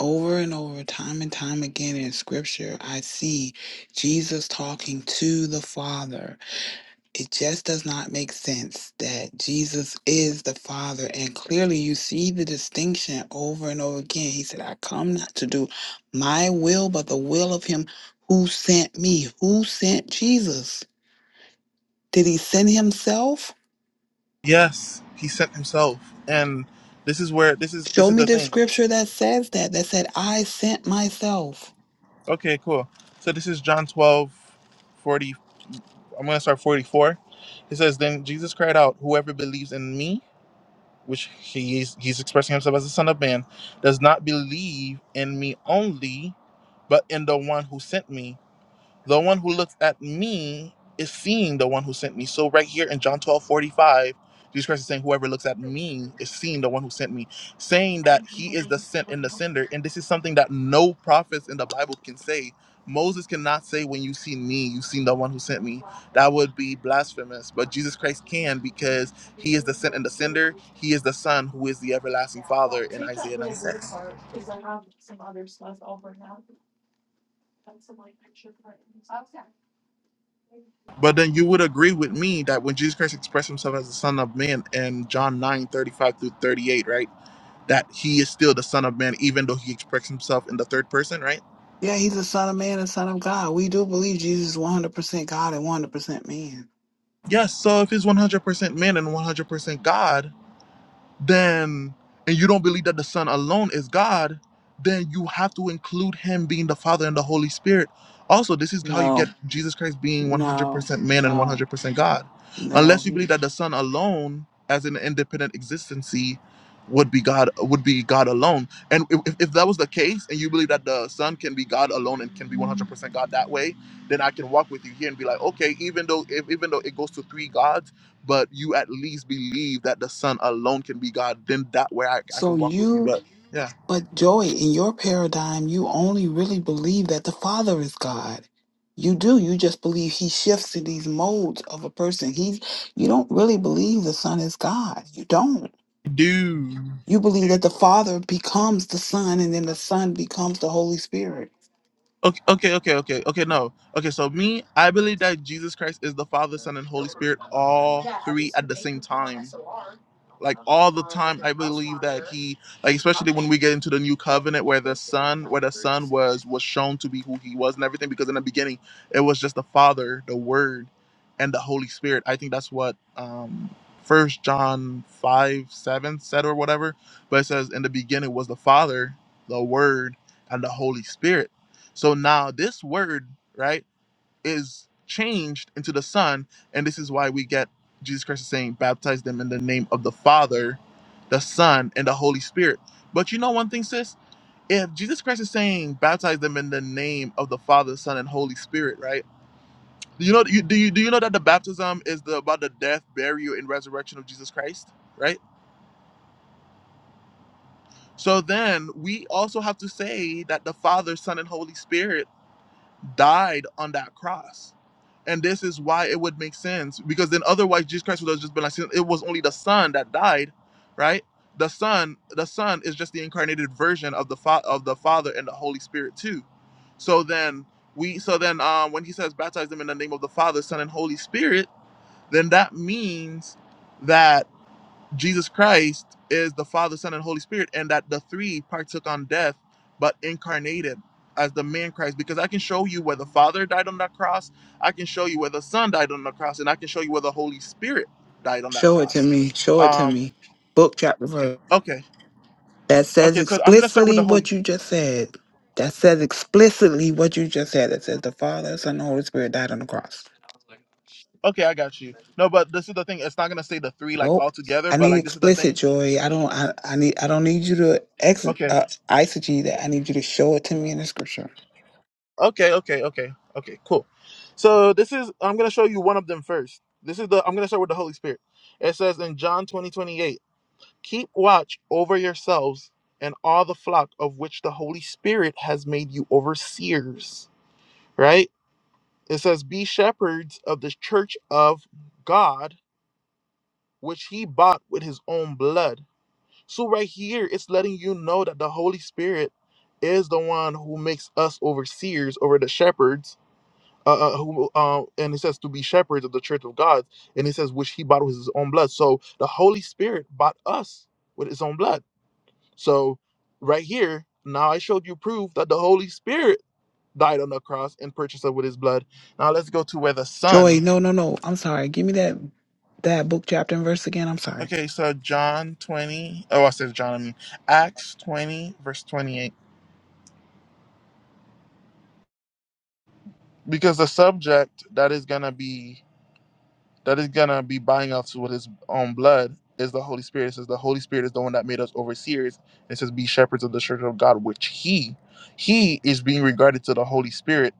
[SPEAKER 5] over and over, time and time again in scripture, I see Jesus talking to the Father. It just does not make sense that Jesus is the Father. And clearly, you see the distinction over and over again. He said, I come not to do my will, but the will of Him who sent me. Who sent Jesus? Did he send himself?
[SPEAKER 1] Yes, he sent himself. And this is where this is this
[SPEAKER 5] Show
[SPEAKER 1] is
[SPEAKER 5] me
[SPEAKER 1] the
[SPEAKER 5] the
[SPEAKER 1] thing.
[SPEAKER 5] scripture that says that, that said, I sent myself.
[SPEAKER 1] Okay, cool. So this is John 1240 I'm gonna start 44. It says, Then Jesus cried out, Whoever believes in me, which he is he's expressing himself as the Son of Man, does not believe in me only, but in the one who sent me. The one who looks at me is seeing the one who sent me. So right here in John 12 45, Jesus Christ is saying, Whoever looks at me is seeing the one who sent me, saying that he is the sent and the sender. And this is something that no prophets in the Bible can say. Moses cannot say, When you see me, you've seen the one who sent me. That would be blasphemous. But Jesus Christ can because he is the sent and the sender. He is the Son who is the everlasting Father in Isaiah nine six. But then you would agree with me that when Jesus Christ expressed himself as the Son of Man in John 9 35 through 38, right? That he is still the Son of Man, even though he expressed himself in the third person, right?
[SPEAKER 5] Yeah, he's the Son of Man and Son of God. We do believe Jesus is 100% God and 100% man.
[SPEAKER 1] Yes. So if he's 100% man and 100% God, then and you don't believe that the son alone is god then you have to include him being the father and the holy spirit also this is how you get
[SPEAKER 5] No,
[SPEAKER 1] jesus christ being
[SPEAKER 5] no,
[SPEAKER 1] 100% man and
[SPEAKER 5] no,
[SPEAKER 1] 100% god
[SPEAKER 5] no.
[SPEAKER 1] unless you believe
[SPEAKER 5] He-
[SPEAKER 1] that the son alone as an independent existency would be god would be god alone and if, if if that was the case and you believe that the son can be god alone and can be 100% god that way then i can walk with you here and be like okay even though if, even though it goes to three gods but you at least believe that the Son alone can be God, then that way I, I
[SPEAKER 5] So
[SPEAKER 1] can walk with you.
[SPEAKER 5] you,
[SPEAKER 1] But yeah,
[SPEAKER 5] but Joy, in your paradigm, you only really believe that the Father is God. You do. You just believe he shifts to these modes of a person. He's you don't really believe the Son is God. You don't.
[SPEAKER 1] dude.
[SPEAKER 5] You believe that the Father becomes the Son and then the Son becomes the Holy Spirit.
[SPEAKER 1] Okay, okay, okay, okay, okay. No, okay. So me, I believe that Jesus Christ is the Father, Son, and Holy Spirit, all three at the same time. like all the time i believe that he like especially when we get into the new covenant where the son where the son was was shown to be who he was and everything because in the beginning it was just the father the word and the holy spirit i think that's what um first john 5 7 said or whatever but it says in the beginning was the father the word and the holy spirit so now this word right is changed into the Son, and this is why we get Jesus Christ is saying, baptize them in the name of the Father, the Son, and the Holy Spirit. But you know one thing, sis? If Jesus Christ is saying, baptize them in the name of the Father, Son, and Holy Spirit, right? Do you know you, do you do you know that the baptism is the about the death, burial, and resurrection of Jesus Christ, right? So then we also have to say that the Father, Son, and Holy Spirit died on that cross And this is why it would make sense because then otherwise Jesus Christ would have just been like, it was only the Son that died, right? The Son, the Son is just the incarnated version of the fa- of the Father and the Holy Spirit too. So then we, so then um, when he says baptize them in the name of the Father, Son, and Holy Spirit, then that means that Jesus Christ is the Father, Son, and Holy Spirit, and that the three partook on death, but incarnated as the man Christ. Because I can show you where the Father died on that cross, I can show you where the Son died on the cross, and I can show you where the Holy Spirit died on that
[SPEAKER 5] Show it to
[SPEAKER 1] cross.
[SPEAKER 5] me. Show it to
[SPEAKER 1] Um,
[SPEAKER 5] me. Book, chapter, verse.
[SPEAKER 1] okay,
[SPEAKER 5] That says
[SPEAKER 1] okay, so I'm gonna start with
[SPEAKER 5] explicitly
[SPEAKER 1] the Holy.
[SPEAKER 5] what you just said. That says explicitly what you just said. That says the Father, Son, and Holy Spirit died on the cross.
[SPEAKER 1] Okay, I got you. No, but this is the thing. It's not gonna say the three like
[SPEAKER 5] Nope.
[SPEAKER 1] all together,
[SPEAKER 5] I
[SPEAKER 1] but
[SPEAKER 5] need
[SPEAKER 1] like this is the thing.
[SPEAKER 5] explicit joy. I don't. I, I need. I don't need you to ex
[SPEAKER 1] Okay.
[SPEAKER 5] uh, eisegete that. I need you to show it to me in the scripture.
[SPEAKER 1] Okay, okay, okay, okay, cool. So this is I'm gonna show you one of them first. This is the I'm gonna start with the Holy Spirit. It says in John 20 28, keep watch over yourselves and all the flock of which the Holy Spirit has made you overseers. Right? It says, Be shepherds of the church of God, which he bought with his own blood. So right here it's letting you know that the Holy Spirit is the one who makes us overseers over the shepherds uh, uh, who, uh, and it says to be shepherds of the church of God, and it says which he bought with his own blood. So the Holy Spirit bought us with his own blood. So right here, now I showed you proof that the Holy Spirit died on the cross and purchased us with his blood. Now let's go to where the
[SPEAKER 5] Joy.
[SPEAKER 1] Son.
[SPEAKER 5] No. No. No. I'm sorry. Give me that that book chapter and verse again. I'm sorry.
[SPEAKER 1] Okay, so John 20. Oh, I said John. I mean Acts 20, verse 28. Because the subject that is gonna be that is gonna be buying us with his own blood is the Holy Spirit. It says the Holy Spirit is the one that made us overseers. It says be shepherds of the church of God, which he he is being regarded to the Holy Spirit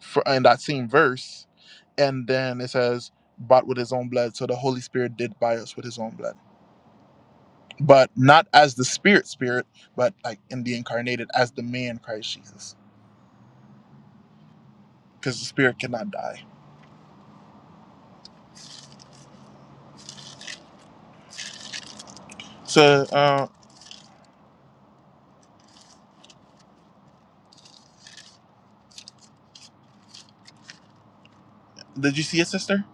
[SPEAKER 1] for in that same verse. And then it says bought with his own blood. So the Holy Spirit did buy us with his own blood. But not as the spirit spirit, but like in the incarnated as the man Christ Jesus. Because the spirit cannot die. So uh did you see it, sister?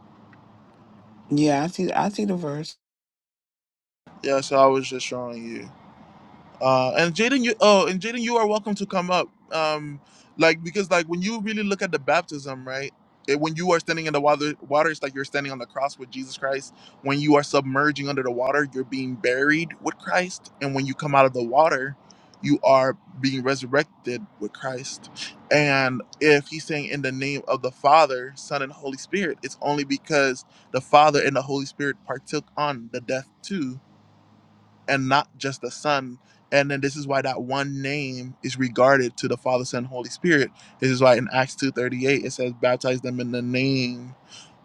[SPEAKER 5] Yeah. I see. I see the verse.
[SPEAKER 1] Yeah, so I was just showing you. Uh, and Jaden, you oh, and Jaden, you are welcome to come up. Um, like because like when you really look at the baptism, right? It, when you are standing in the water, water, it's like you're standing on the cross with Jesus Christ. When you are submerging under the water, you're being buried with Christ, and when you come out of the water, you are being resurrected with Christ. And if he's saying in the name of the Father, Son, and Holy Spirit, it's only because the Father and the Holy Spirit partook on the death too and not just the Son. And then this is why that one name is regarded to the Father, Son, Holy Spirit. This is why in Acts 2.38 it says, baptize them in the name,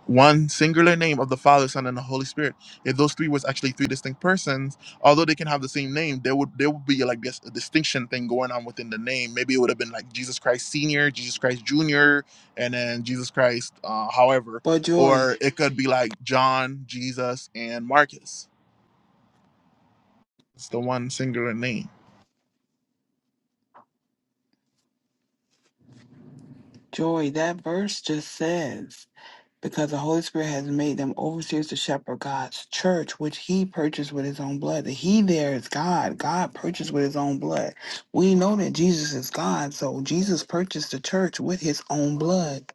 [SPEAKER 1] one singular name of the Father, Son, and the Holy Spirit. If those three was actually three distinct persons, although they can have the same name, there would there would be like this a distinction thing going on within the name. Maybe it would have been like Jesus Christ Senior, Jesus Christ Junior, and then Jesus Christ, uh, however.
[SPEAKER 5] But joy.
[SPEAKER 1] Or it could be like John, Jesus, and Marcus. It's the one singular name.
[SPEAKER 5] Joy. That verse just says. because the Holy Spirit has made them overseers to shepherd God's church, which he purchased with his own blood. The he there is God. God purchased with his own blood. We know that Jesus is God, so Jesus purchased the church with his own blood.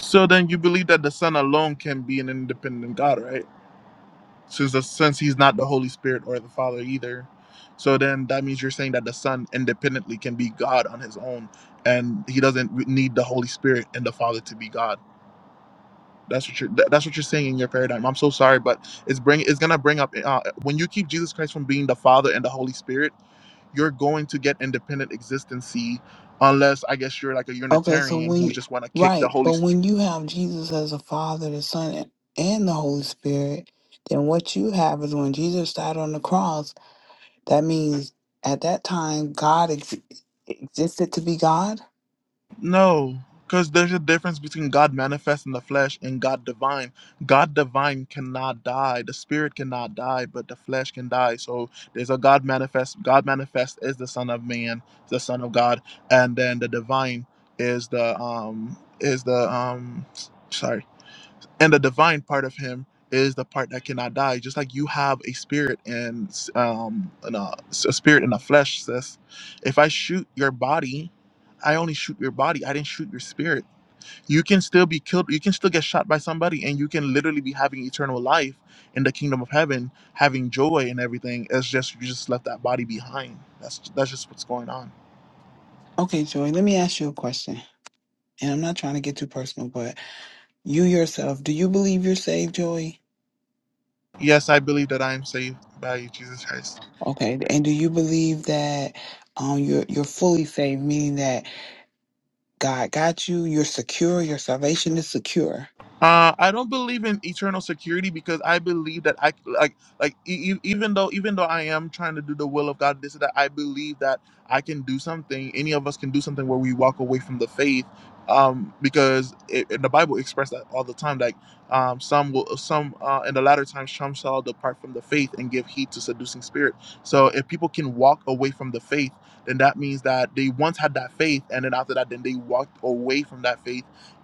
[SPEAKER 1] So then you believe that the Son alone can be an independent God, right? Since the, since he's not the Holy Spirit or the Father either. So then that means you're saying that the Son independently can be God on his own, and he doesn't need the Holy Spirit and the Father to be God. That's what you're. That's what you're saying in your paradigm. I'm so sorry, but it's bring. It's gonna bring up uh, when you keep Jesus Christ from being the Father and the Holy Spirit you're going to get independent existency unless I guess you're like a
[SPEAKER 5] Okay, so
[SPEAKER 1] Unitarian who
[SPEAKER 5] we
[SPEAKER 1] just want to kick the
[SPEAKER 5] right,
[SPEAKER 1] Holy
[SPEAKER 5] but
[SPEAKER 1] Spirit.
[SPEAKER 5] when you have Jesus as the Father, the Son, and the Holy Spirit, then what you have is when Jesus died on the cross. That means at that time, God ex- existed to be God.
[SPEAKER 1] No, because there's a difference between God manifest in the flesh and God divine. God divine cannot die. The spirit cannot die, but the flesh can die. So there's a God manifest. God manifest is the Son of Man, the Son of God, and then the divine is the um is the um sorry and the divine part of him is the part that cannot die just like you have a spirit and um and a, a spirit and a flesh sis. if i shoot your body i only shoot your body i didn't shoot your spirit you can still be killed you can still get shot by somebody and you can literally be having eternal life in the kingdom of heaven having joy and everything it's just you just left that body behind that's that's just what's going on
[SPEAKER 5] Okay, Joy, let me ask you a question. And I'm not trying to get too personal, but you yourself, do you believe you're saved, Joy?
[SPEAKER 1] yes i believe that i am saved by jesus christ
[SPEAKER 5] Okay, and do you believe that um, you're you're fully saved, meaning that God got you. You're secure. Your salvation is secure.
[SPEAKER 1] Uh, I don't believe in eternal security because I believe that I like like e- e- even though even though I am trying to do the will of God, this and that I believe that I can do something. Any of us can do something where we walk away from the faith, um, because it, and the Bible expressed that all the time. Like um, some will some uh, in the latter times some shall depart from the faith and give heed to seducing spirit. So if people can walk away from the faith, then that means that they once had that faith, and then after that, then they walked away from that faith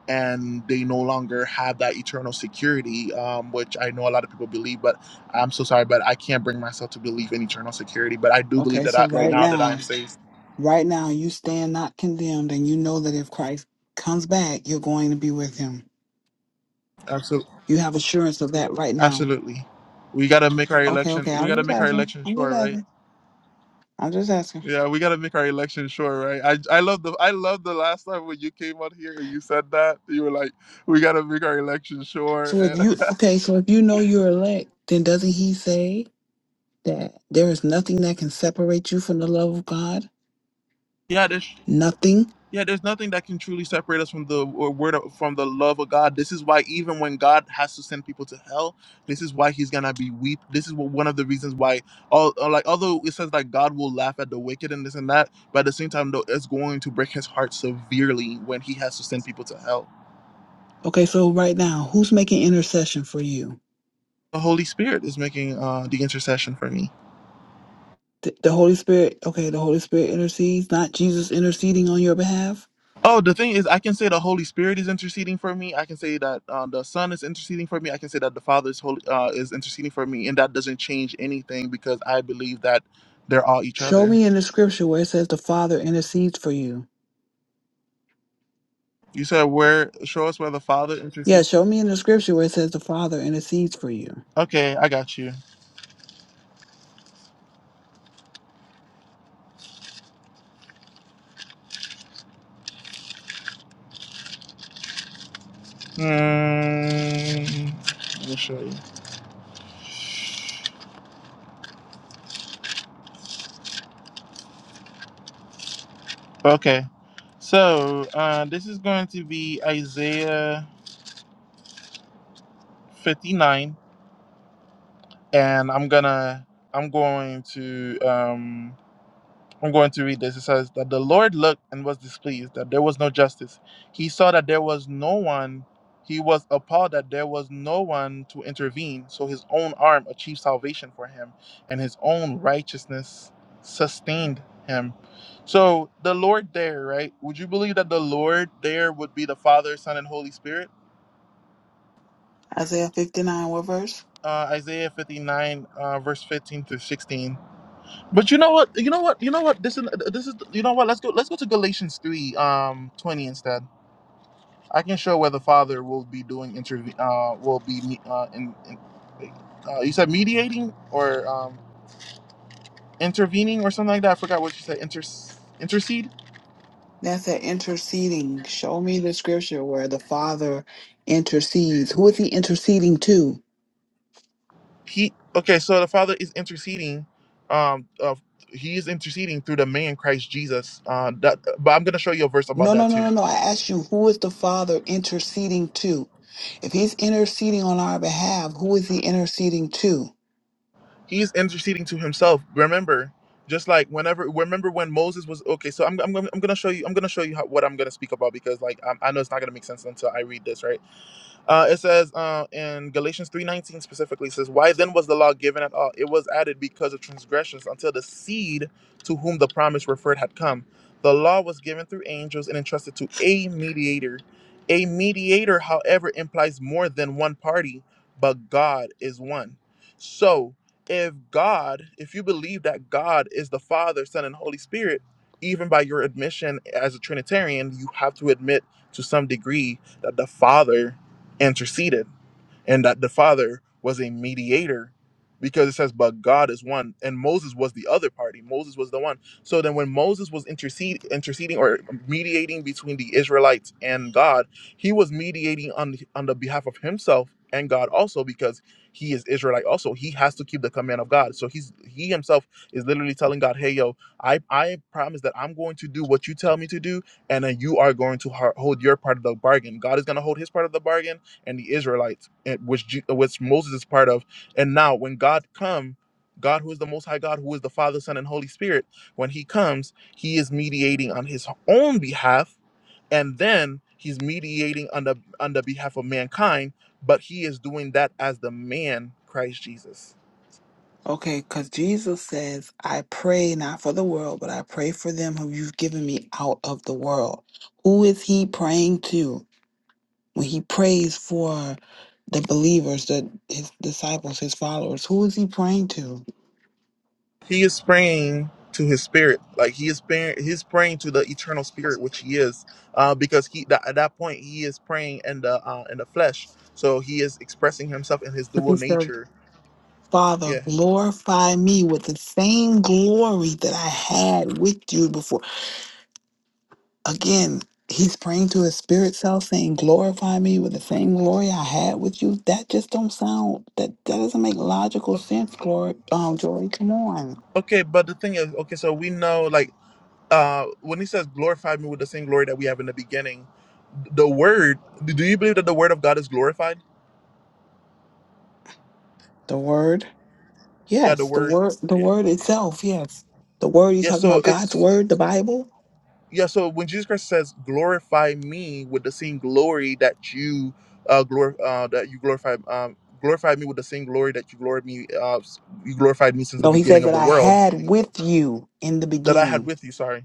[SPEAKER 1] and they no longer have that eternal security, um, which I know a lot of people believe, but I'm so sorry, but I can't bring myself to believe in eternal security. But I do believe
[SPEAKER 5] Okay,
[SPEAKER 1] that
[SPEAKER 5] so
[SPEAKER 1] I, right
[SPEAKER 5] right
[SPEAKER 1] now that I am
[SPEAKER 5] now,
[SPEAKER 1] saved.
[SPEAKER 5] right now, you stand not condemned, and you know that if Christ comes back, you're going to be with him.
[SPEAKER 1] Absolutely,
[SPEAKER 5] You have assurance of that right now.
[SPEAKER 1] absolutely. We gotta make our
[SPEAKER 5] Okay,
[SPEAKER 1] election.
[SPEAKER 5] okay,
[SPEAKER 1] We
[SPEAKER 5] I'm
[SPEAKER 1] gotta
[SPEAKER 5] just
[SPEAKER 1] make our
[SPEAKER 5] asking.
[SPEAKER 1] election
[SPEAKER 5] I'm just
[SPEAKER 1] sure, right?
[SPEAKER 5] asking. I'm just asking.
[SPEAKER 1] Yeah, we gotta make our election sure, right? I I love the I love the last time when you came on here and you said that you were like, we gotta make our election sure.
[SPEAKER 5] So if
[SPEAKER 1] And
[SPEAKER 5] you, okay, so if you know you're elect, then doesn't he say that there is nothing that can separate you from the love of God?
[SPEAKER 1] yeah, this.
[SPEAKER 5] Nothing.
[SPEAKER 1] Yeah, there's nothing that can truly separate us from the or word of, from the love of God. This is why even when God has to send people to hell, this is why He's gonna be weep. This is what, one of the reasons why, all uh, like although it says like God will laugh at the wicked and this and that, but at the same time, though, it's going to break His heart severely when He has to send people to hell.
[SPEAKER 5] Okay, so right now, who's making intercession for you?
[SPEAKER 1] The Holy Spirit is making uh, the intercession for me.
[SPEAKER 5] The, the Holy Spirit, okay, the Holy Spirit intercedes, not Jesus interceding on your behalf.
[SPEAKER 1] Oh, the thing is, I can say the Holy Spirit is interceding for me. I can say that uh, the Son is interceding for me. I can say that the Father is holy, uh, is interceding for me, and that doesn't change anything because I believe that they're all each
[SPEAKER 5] Show
[SPEAKER 1] other.
[SPEAKER 5] me in the scripture where it says the Father intercedes for you.
[SPEAKER 1] You said where? Show us where the Father
[SPEAKER 5] Yeah,
[SPEAKER 1] intercedes.
[SPEAKER 5] show me in the scripture where it says the Father intercedes for you.
[SPEAKER 1] Okay, I got you. Mm, let me show you. Okay, so uh, this is going to be Isaiah fifty nine, and I'm gonna I'm going to. um. I'm going to read this. It says that the Lord looked and was displeased that there was no justice. He saw that there was no one. He was appalled that there was no one to intervene. So his own arm achieved salvation for him, and his own righteousness sustained him. So the Lord there, right? Would you believe that the Lord there would be the Father, Son, and Holy Spirit?
[SPEAKER 5] Isaiah 59, what verse?
[SPEAKER 1] Uh, Isaiah 59, uh, verse 15 through 16. But you know what? You know what? You know what? This is this is you know what? Let's go. Let's go to Galatians three um twenty instead. I can show where the Father will be doing interve uh will be me- uh in, in uh, you said mediating or um intervening or something like that. I forgot what you said. Inter intercede.
[SPEAKER 5] That's that interceding. Show me the scripture where the Father intercedes. Who is he interceding to?
[SPEAKER 1] He okay. So the Father is interceding. Um, uh, he is interceding through the man Christ Jesus. Uh, that, but I'm gonna show you a verse about
[SPEAKER 5] No,
[SPEAKER 1] that
[SPEAKER 5] no, no,
[SPEAKER 1] too.
[SPEAKER 5] no, no. I asked you, who is the Father interceding to? If he's interceding on our behalf, who is he interceding to?
[SPEAKER 1] He's interceding to himself. Remember, just like whenever, remember when Moses was okay. So I'm, I'm, gonna- I'm gonna show you. I'm gonna show you how, what I'm gonna speak about because like i I know it's not gonna make sense until I read this, right? Uh, it says uh, in Galatians 3.19 specifically, it says, Why then was the law given at all? It was added because of transgressions until the seed to whom the promise referred had come. The law was given through angels and entrusted to a mediator. A mediator, however, implies more than one party, but God is one. So if God, if you believe that God is the Father, Son, and Holy Spirit, even by your admission as a Trinitarian, you have to admit to some degree that the Father interceded and that the father was a mediator because it says but god is one and moses was the other party moses was the one so then when moses was intercede, interceding or mediating between the israelites and god he was mediating on on the behalf of himself and god also because he is israelite also he has to keep the command of god so he's he himself is literally telling god hey yo i i promise that i'm going to do what you tell me to do and then you are going to har- hold your part of the bargain god is going to hold his part of the bargain and the Israelites, and which Je- which Moses is part of. And now, when God come, God who is the Most High God, who is the Father, Son, and Holy Spirit, when He comes, He is mediating on His own behalf, and then He's mediating on the on the behalf of mankind. But He is doing that as the man Christ Jesus.
[SPEAKER 5] Okay, because Jesus says, I pray not for the world, but I pray for them who you've given me out of the world. Who is he praying to when he prays for the believers, the, his disciples, his followers? Who is he praying to?
[SPEAKER 1] He is praying to his spirit, like he is praying. He's praying to the eternal spirit, which he is, uh, because he that, at that point he is praying in the uh, in the flesh. So he is expressing himself in his dual nature.
[SPEAKER 5] Father,
[SPEAKER 1] Yeah.
[SPEAKER 5] glorify me with the same glory that I had with you before. Again, he's praying to his spirit self saying, glorify me with the same glory I had with you. That just don't sound that that doesn't make logical sense, Glory um Joy. Come on.
[SPEAKER 1] Okay, but the thing is, okay, so we know like uh, when he says glorify me with the same glory that we have in the beginning, the word. Do you believe that the word of God is glorified?
[SPEAKER 5] The word.
[SPEAKER 1] Yeah, the
[SPEAKER 5] Yes, the
[SPEAKER 1] word.
[SPEAKER 5] word the
[SPEAKER 1] Yeah.
[SPEAKER 5] word itself, yes. The word you
[SPEAKER 1] Yeah.
[SPEAKER 5] talking
[SPEAKER 1] So
[SPEAKER 5] about
[SPEAKER 1] if
[SPEAKER 5] God's word, the Bible?
[SPEAKER 1] yeah so when jesus christ says glorify me with the same glory that you uh, glor- uh that you glorify um glorify me with the same glory that you glorified me uh you glorified me since the
[SPEAKER 5] No, he
[SPEAKER 1] beginning
[SPEAKER 5] says
[SPEAKER 1] of
[SPEAKER 5] that
[SPEAKER 1] the
[SPEAKER 5] I
[SPEAKER 1] world
[SPEAKER 5] had with you in the
[SPEAKER 1] that i had
[SPEAKER 5] beginning.
[SPEAKER 1] with you sorry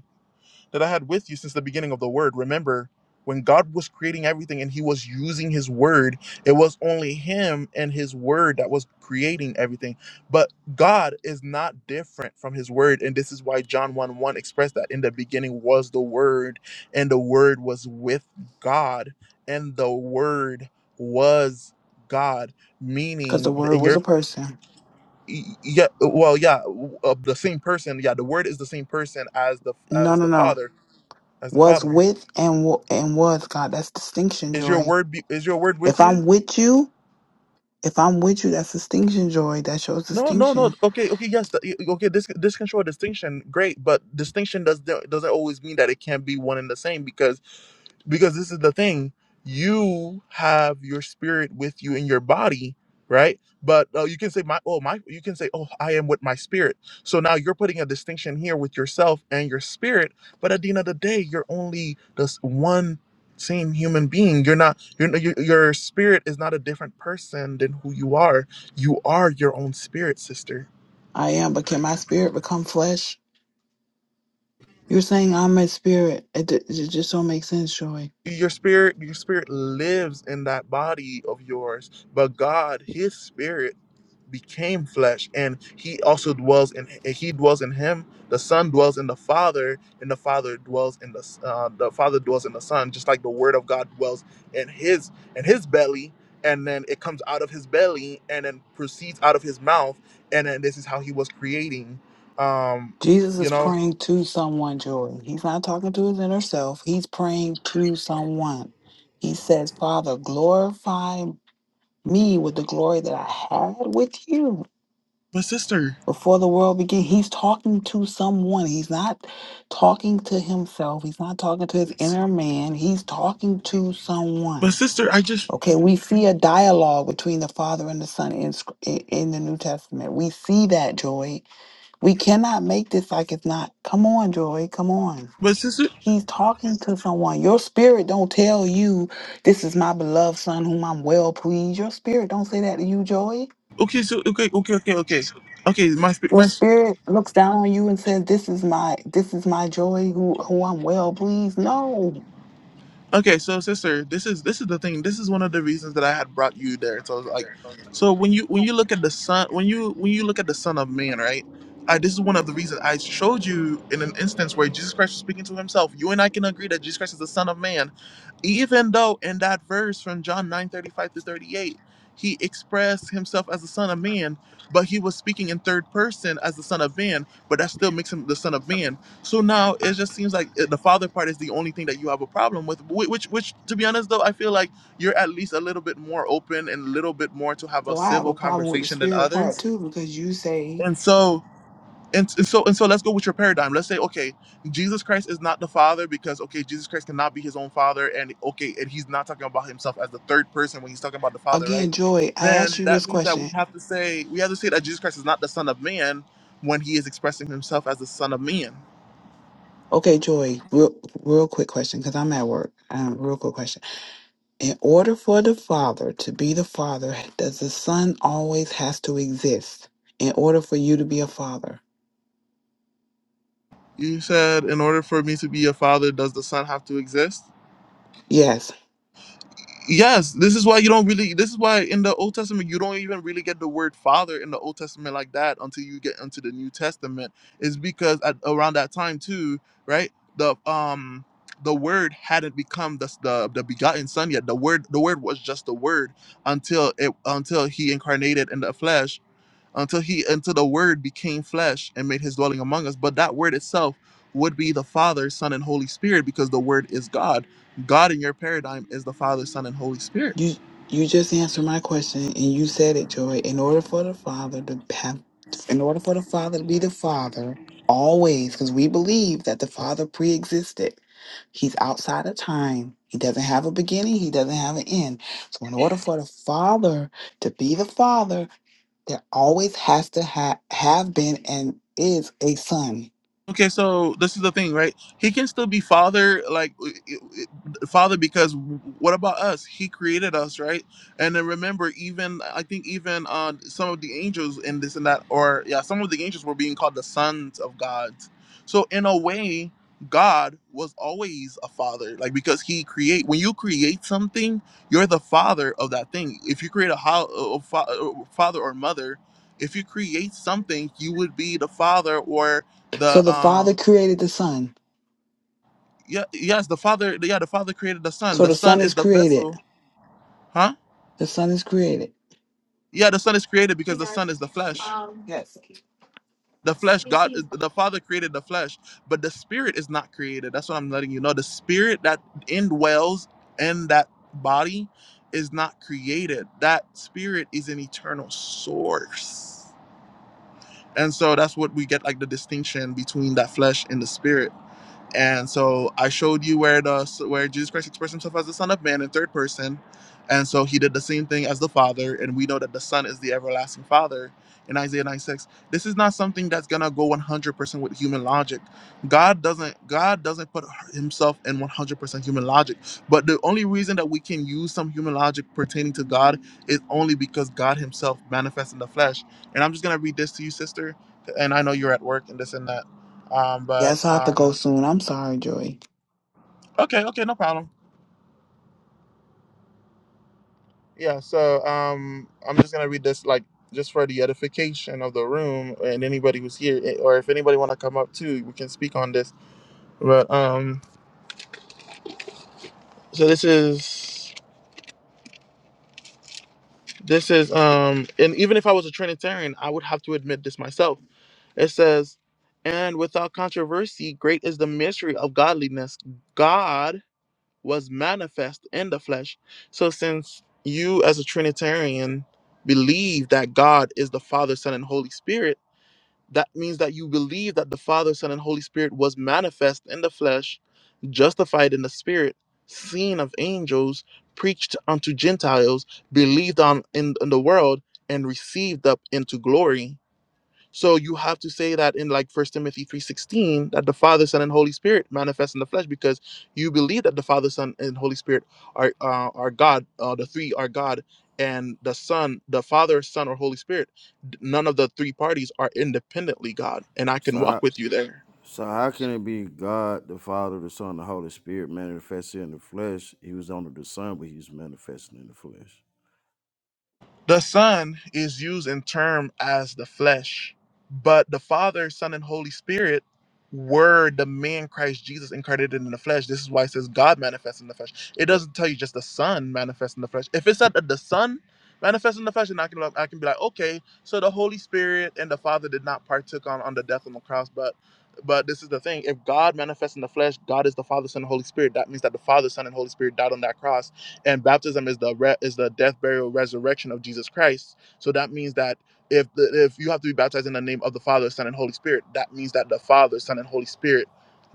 [SPEAKER 1] that I had with you since the beginning of the word. Remember, when God was creating everything and he was using his word, it was only him and his word that was creating everything. But God is not different from his word. And this is why John 1 1 expressed that in the beginning was the word, and the word was with God, and the word was God,
[SPEAKER 5] Because the
[SPEAKER 1] meaning
[SPEAKER 5] word
[SPEAKER 1] in
[SPEAKER 5] was
[SPEAKER 1] your
[SPEAKER 5] a person.
[SPEAKER 1] yeah well yeah uh, the same person yeah the word is the same person as the
[SPEAKER 5] No,
[SPEAKER 1] as
[SPEAKER 5] no,
[SPEAKER 1] the
[SPEAKER 5] no.
[SPEAKER 1] father as the
[SPEAKER 5] was
[SPEAKER 1] Father.
[SPEAKER 5] with and wa- and was God. That's distinction
[SPEAKER 1] Is your
[SPEAKER 5] joy.
[SPEAKER 1] word be, is your word with
[SPEAKER 5] If
[SPEAKER 1] you?
[SPEAKER 5] I'm with you, if I'm with you, that's distinction joy. That shows
[SPEAKER 1] No, no, no.
[SPEAKER 5] distinction.
[SPEAKER 1] Okay, okay, yes. The, okay, this this can show a distinction. Great, but distinction does doesn't always mean that it can't be one and the same because because this is the thing you have your spirit with you in your body right but uh, you can say my oh my you can say oh i am with my spirit so now you're putting a distinction here with yourself and your spirit but at the end of the day you're only this one same human being you're not you're, your your spirit is not a different person than who you are you are your own spirit sister
[SPEAKER 5] I am, but can my spirit become flesh? You're saying I'm a spirit. It, d- it just don't make sense, Joy.
[SPEAKER 1] your spirit your spirit lives in that body of yours but god his spirit became flesh and he also dwells in and he dwells in him the son dwells in the father and the father dwells in the uh, the father dwells in the son just like the word of god dwells in his in his belly and then it comes out of his belly and then proceeds out of his mouth and then this is how he was creating um
[SPEAKER 5] Jesus
[SPEAKER 1] you
[SPEAKER 5] is
[SPEAKER 1] know
[SPEAKER 5] praying to someone, Joy. He's not talking to his inner self. He's praying to someone. He says, Father, glorify me with the glory that I had with you.
[SPEAKER 1] but sister
[SPEAKER 5] before the world began he's talking to someone he's not talking to himself he's not talking to his
[SPEAKER 1] it's-
[SPEAKER 5] inner man he's talking to
[SPEAKER 1] but
[SPEAKER 5] someone okay we see a dialogue between the father and the son in Sc- in in the new testament we see that joy we cannot make this like it's not come on joy come on he's talking to someone your spirit don't tell you this is my beloved son whom i'm well pleased your spirit don't say that to you joy
[SPEAKER 1] okay okay
[SPEAKER 5] Your spirit looks down on you and says, "This is my, this is my joy, who, who I'm well pleased." No,
[SPEAKER 1] Okay, so sister, this is this is the thing. This is one of the reasons that I had brought you there. So I was like, so when you when you look at the son when you when you look at the Son of Man, right? I, this is one of the reasons I showed you in an instance where Jesus Christ was speaking to himself. You and I can agree that Jesus Christ is the Son of Man, even though in that verse from John nine thirty five through thirty eight, he expressed himself as the Son of Man, but he was speaking in third person as the Son of Man. But that still makes him the Son of Man so now it just seems like eh, the father part is the only thing that you have a problem with. whi- Which, which, to be honest, though, I feel like you're at least a little bit more open and a little bit more to have a
[SPEAKER 5] so I have
[SPEAKER 1] civil
[SPEAKER 5] a problem with the
[SPEAKER 1] conversation than
[SPEAKER 5] spirit part
[SPEAKER 1] others.
[SPEAKER 5] too because you say
[SPEAKER 1] And so, and s- so, and so, let's go with your paradigm. Let's say, okay, Jesus Christ is not the father because okay, Jesus Christ cannot be his own father, and okay, and he's not talking about himself as the third person when he's talking about the father, right?
[SPEAKER 5] again, joy. I asked
[SPEAKER 1] Then
[SPEAKER 5] you
[SPEAKER 1] that
[SPEAKER 5] this
[SPEAKER 1] means that we
[SPEAKER 5] question.
[SPEAKER 1] have to say we have to say that Jesus Christ is not the son of man when he is expressing himself as the Son of Man.
[SPEAKER 5] Okay, Joy, real, real quick question because I'm at work. Um, real quick question. In order for the father to be the father, does the son always has to exist in order for you to be a father?
[SPEAKER 1] You said, in order for me to be a father, does the Son have to exist?
[SPEAKER 5] Yes.
[SPEAKER 1] Yes, this is why you don't really. This is why in the Old Testament you don't even really get the word father in the Old Testament like that until you get into the New Testament. Is because at around that time too, right? The um the word hadn't become the, the the begotten son yet. The word the word was just the word until it until he incarnated in the flesh until he until the word became flesh and made his dwelling among us but that word itself would be the father son and holy spirit because the word is god god in your paradigm is the father son and holy spirit
[SPEAKER 5] You you just answered my question and you said it, Joy. In order for the father to have in order for the father to be the father always, because we believe that the father pre-existed. He's outside of time. He doesn't have a beginning, he doesn't have an end. So in order for the father to be the father, there always has to ha- have been and is a son.
[SPEAKER 1] Okay, so this is the thing, right? He can still be father, like it- it- father, because what about us? He created us, right? And then remember, even I think even uh, some of the angels in this and that, or yeah, some of the angels were being called the sons of God. So in a way, God was always a father, like because he create. When you create something, you're the father of that thing. If you create a, ho- a fa- a father or mother, if you create something, you would be the father or
[SPEAKER 5] So
[SPEAKER 1] the
[SPEAKER 5] the father
[SPEAKER 1] um
[SPEAKER 5] created the son.
[SPEAKER 1] yeah yes the father yeah the father created the son.
[SPEAKER 5] So
[SPEAKER 1] The
[SPEAKER 5] the
[SPEAKER 1] son
[SPEAKER 5] son
[SPEAKER 1] is
[SPEAKER 5] is
[SPEAKER 1] the
[SPEAKER 5] created.
[SPEAKER 1] vessel, huh?
[SPEAKER 5] The son is created.
[SPEAKER 1] Yeah, the son is created because the son is the flesh. The flesh, God, the Father created the flesh, but the spirit is not created. That's what I'm letting you know. The spirit that indwells in that body is not created. That spirit is an eternal source. And so that's what we get like the distinction between that flesh and the spirit And so I showed you where the where Jesus Christ expressed himself as the Son of Man in third person. And so he did the same thing as the Father, and we know that the Son is the everlasting Father in Isaiah 96. This is not something that's gonna go 100% with human logic. God doesn't God doesn't put himself in 100% human logic. But the only reason that we can use some human logic pertaining to God is only because God Himself manifests in the flesh. And I'm just gonna read this to you, sister. And I know you're at work and this and that, um, but.
[SPEAKER 5] Yes, I have to
[SPEAKER 1] Um,
[SPEAKER 5] go soon. I'm sorry, Joy.
[SPEAKER 1] Okay, okay, no problem. Yeah, so um, I'm just gonna read this like just for the edification of the room and anybody who's here, eh, or if anybody want to come up too, we can speak on this. But um, so this is this is um, and even if I was a Trinitarian, I would have to admit this myself. It says, and without controversy, great is the mystery of godliness. God was manifest in the flesh. So since you as a Trinitarian believe that God is the Father, Son, and Holy Spirit, that means that you believe that the Father, Son, and Holy Spirit was manifest in the flesh, justified in the spirit, seen of angels, preached unto Gentiles, believed on in, in the world, and received up into glory. So you have to say that in like First Timothy three sixteen that the Father, Son, and Holy Spirit manifest in the flesh because you believe that the Father, Son, and Holy Spirit are uh, are God. Uh, the three are God, and the Son, the Father, Son, or Holy Spirit. d- None of the three parties are independently God, and I can
[SPEAKER 4] So
[SPEAKER 1] walk
[SPEAKER 4] how
[SPEAKER 1] with you there.
[SPEAKER 4] so how can it be God the Father, the Son, the Holy Spirit manifested in the flesh? He was under the Son, but he was manifesting in the flesh.
[SPEAKER 1] The Son is used in term as the flesh, but the Father, Son, and Holy Spirit were the man Christ Jesus incarnated in the flesh. This is why it says God manifests in the flesh. It
[SPEAKER 4] But
[SPEAKER 1] doesn't tell you just the Son manifests in the flesh. If it said that the Son manifests in the flesh, then I can I can be like, okay, so the Holy Spirit and the Father did not partook on on the death on the cross, but but this is the thing: if God manifests in the flesh, God is the Father, Son, and Holy Spirit. That means that the Father, Son, and Holy Spirit died on that cross and baptism is the re- is the death burial resurrection of jesus christ so that means that if the, if you have to be baptized in the name of the father son and holy spirit that means that the father son and holy spirit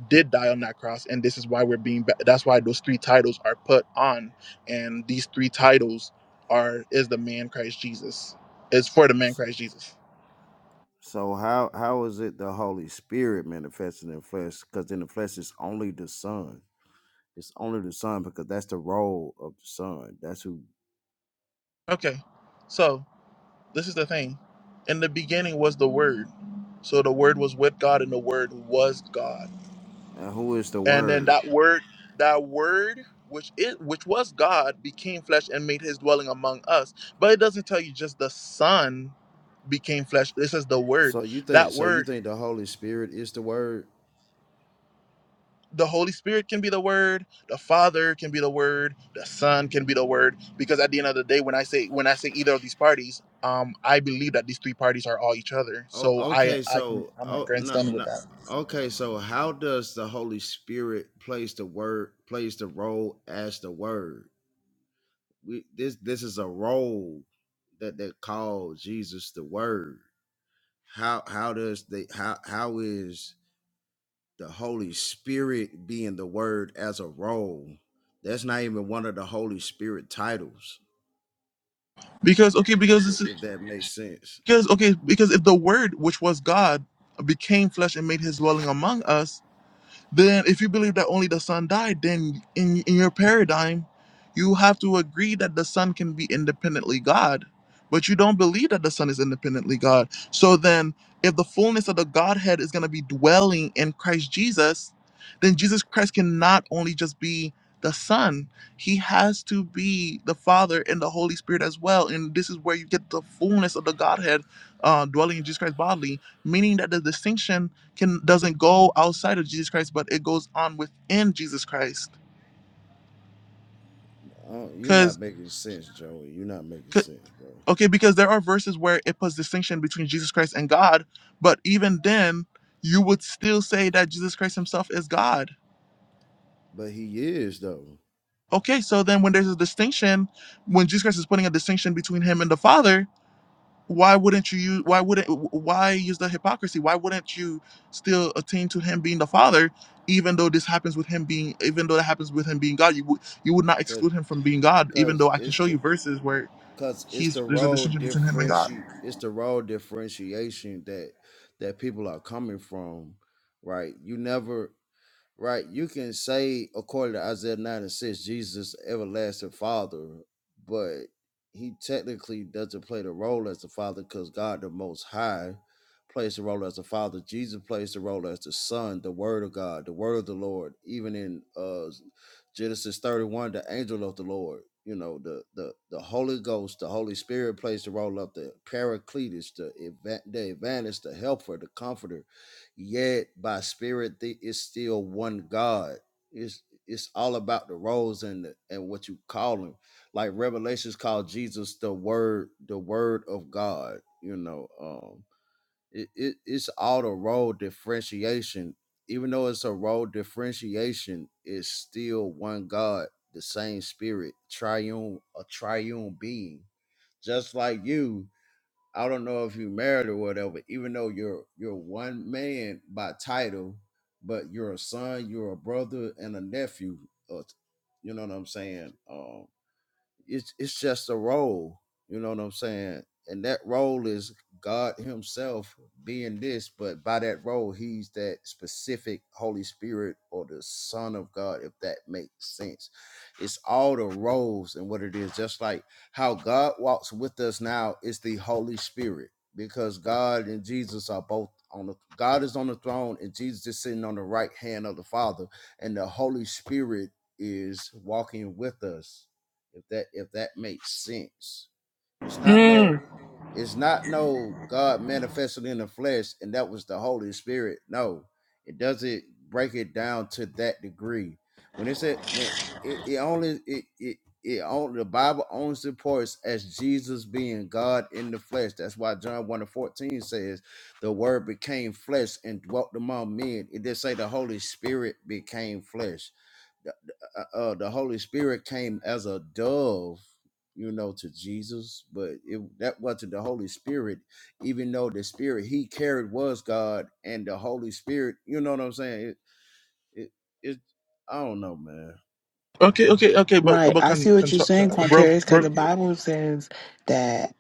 [SPEAKER 1] did die on that cross and this is why we're being ba- that's why those three titles are put on and these three titles are is the man christ jesus it's for the man christ jesus
[SPEAKER 4] so how how is it the Holy Spirit manifesting in the flesh? Because in the flesh it's only the Son. It's only the Son because that's the role of the Son. That's who
[SPEAKER 1] okay so this is the thing in the beginning was the word so the word was with god and the word was god
[SPEAKER 4] and who is the
[SPEAKER 1] and then
[SPEAKER 4] Word.
[SPEAKER 1] that word that word which it which was god became flesh and made his dwelling among us but it doesn't tell you just the son became flesh this is the word
[SPEAKER 4] So you think
[SPEAKER 1] that
[SPEAKER 4] so you
[SPEAKER 1] word
[SPEAKER 4] think the Holy Spirit is the word?
[SPEAKER 1] the holy spirit can be the word the father can be the word the son can be the word because at the end of the day when i say when i say either of these parties um i believe that these three parties are all each other
[SPEAKER 4] Oh,
[SPEAKER 1] so i
[SPEAKER 4] okay.
[SPEAKER 1] i can
[SPEAKER 4] So
[SPEAKER 1] i'm not
[SPEAKER 4] oh no
[SPEAKER 1] grandstanding with
[SPEAKER 4] no.
[SPEAKER 1] that
[SPEAKER 4] Okay, so how does the Holy Spirit plays the word plays the role as the word? We this this is a role that they call Jesus the Word. How how does the how how is the Holy Spirit being the Word as a role? That's not even one of the Holy Spirit titles,
[SPEAKER 1] Because okay, because
[SPEAKER 4] i-
[SPEAKER 1] this is
[SPEAKER 4] if that makes sense.
[SPEAKER 1] because okay, because if the word which was God became flesh and made his dwelling among us, then if you believe that only the son died then in, in your paradigm you have to agree that the son can be independently god but you don't believe that the son is independently god so then if the fullness of the godhead is going to be dwelling in christ jesus then jesus christ cannot only just be the son he has to be the father and the holy spirit as well and this is where you get the fullness of the godhead uh, dwelling in jesus christ bodily meaning that the distinction can doesn't go outside of Jesus Christ, but it goes on within Jesus Christ.
[SPEAKER 4] Oh, you're
[SPEAKER 1] Because
[SPEAKER 4] not making sense, Joey. You're not making sense, bro.
[SPEAKER 1] okay, because there are verses where it puts distinction between Jesus Christ and God, but even then, you would still say that Jesus Christ Himself is God.
[SPEAKER 4] But he is though,
[SPEAKER 1] Okay, so then when there's a distinction, when Jesus Christ is putting a distinction between Him and the Father, why wouldn't you use why wouldn't why use the hypocrisy why wouldn't you still attain to him being the father even though this happens with him being even though that happens with him being god you would you would not
[SPEAKER 4] cause
[SPEAKER 1] exclude him from being god even though
[SPEAKER 4] cause
[SPEAKER 1] i can
[SPEAKER 4] it's
[SPEAKER 1] show you
[SPEAKER 4] the
[SPEAKER 1] verses where
[SPEAKER 4] cause it's
[SPEAKER 1] he's
[SPEAKER 4] the
[SPEAKER 1] there's a
[SPEAKER 4] role
[SPEAKER 1] distinction between him and god
[SPEAKER 4] differenti it's the role differentiation that that people are coming from, right? You never right? You can say, according to Isaiah 9 and 6, Jesus, everlasting Father, but he technically doesn't play the role as the Father because God, the Most High, plays the role as the Father. Jesus plays the role as the Son, the Word of God, the Word of the Lord. Even in uh, Genesis 31, the angel of the Lord. You know the the the Holy Ghost, the Holy Spirit plays the role of the Paracletus, the eva- the advantage, the helper, the comforter yet by spirit th- it's still one god it's it's all about the roles and the, and what you call him like revelations called jesus the word the word of god you know um it, it it's all the role differentiation even though it's a role differentiation it's still one god the same spirit triune a triune being just like you I don't know if you married or whatever, even though you're you're one man by title, but you're a son, you're a brother, and a nephew. uh, You know what I'm saying? Um, it's it's just a role you know what i'm saying and that role is god himself being this but by that role he's that specific holy spirit or the son of god if that makes sense it's all the roles and what it is just like how god walks with us now is the holy spirit because god and jesus are both on the god is on the throne and jesus is sitting on the right hand of the father and the holy spirit is walking with us if that if that makes sense. It's not no it's not no God manifested in the flesh and that was the Holy Spirit. No, it doesn't break it down to that degree. When it said when it, it only it it it only the Bible only supports as Jesus being God in the flesh. That's why John 1 and 14 says the word became flesh and dwelt among men. It did say the Holy Spirit became flesh the- uh, uh, uh, the Holy Spirit came as a dove, you know, to Jesus, but it, that wasn't the Holy Spirit, even though the Spirit he carried was God, and the Holy Spirit, you know what I'm saying? It, it, it I don't know, man.
[SPEAKER 1] Okay, okay, okay, but
[SPEAKER 5] Right.
[SPEAKER 1] but
[SPEAKER 5] I
[SPEAKER 1] can
[SPEAKER 5] see what
[SPEAKER 1] can
[SPEAKER 5] you're
[SPEAKER 1] talk,
[SPEAKER 5] saying,
[SPEAKER 1] can, bro,
[SPEAKER 5] Quantarius, because
[SPEAKER 1] bro.
[SPEAKER 5] the Bible says that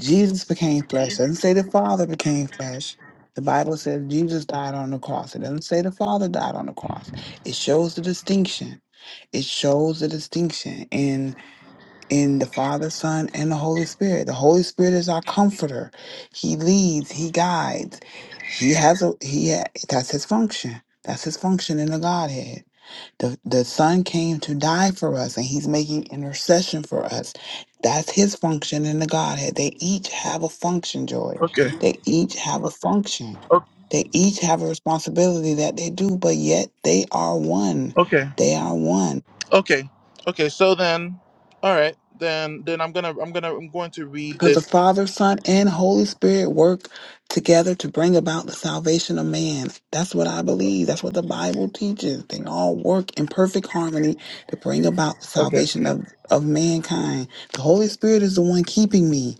[SPEAKER 5] Jesus became flesh. doesn't say the Father became flesh. The Bible says Jesus died on the cross. It doesn't say the Father died on the cross. It shows the distinction. It shows the distinction in in the Father, Son, and the Holy Spirit. The Holy Spirit is our comforter. He leads, he guides. He has a he ha- that's his function. That's his function in the Godhead. The, the Son came to die for us, and He's making intercession for us. That's His function in the Godhead. They each have a function, Joy.
[SPEAKER 1] Okay,
[SPEAKER 5] They each have a function.
[SPEAKER 1] o-
[SPEAKER 5] They each have a responsibility that they do, but yet they are one.
[SPEAKER 1] okay,
[SPEAKER 5] They are one.
[SPEAKER 1] okay, okay. So then, all right, then then I'm gonna I'm gonna I'm going to read
[SPEAKER 5] Because the
[SPEAKER 1] this.
[SPEAKER 5] Father, Son, and Holy Spirit work together to bring about the salvation of man. That's what I believe. That's what the Bible teaches. They all work in perfect harmony to bring about the
[SPEAKER 1] Okay,
[SPEAKER 5] salvation of, of mankind. The Holy Spirit is the one keeping me,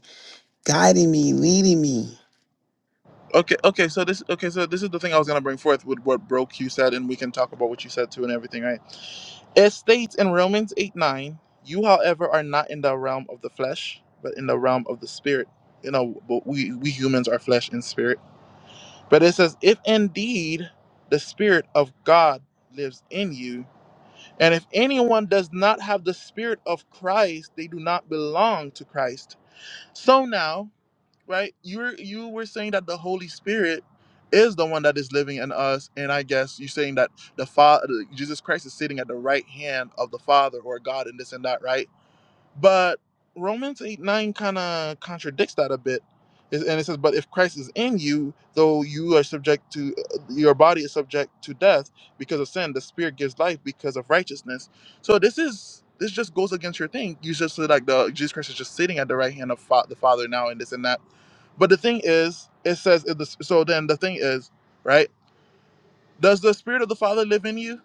[SPEAKER 5] guiding me, leading me.
[SPEAKER 1] okay, okay. So this okay, so this is the thing I was gonna bring forth with what broke you said, and we can talk about what you said too and everything, right? It states in Romans eight nine, you however are not in the realm of the flesh, but in the realm of the spirit. You know, but we we humans are flesh and spirit But it says, if indeed the Spirit of God lives in you, and if anyone does not have the Spirit of Christ, they do not belong to Christ. So now, right, you were you were saying that the Holy Spirit is the one that is living in us, and I guess you're saying that the Father, Jesus Christ, is sitting at the right hand of the Father or God, and this and that, right? But Romans 8 9 kind of contradicts that a bit. It- And it says, But if Christ is in you, though you are subject to, uh, your body is subject to death because of sin, the spirit gives life because of righteousness. So this is, this just goes against your thing. You just say, like, the Jesus Christ is just sitting at the right hand of fa- the Father now and this and that. But the thing is, it says, if the, so then the thing is, right? Does the spirit of the Father live in you?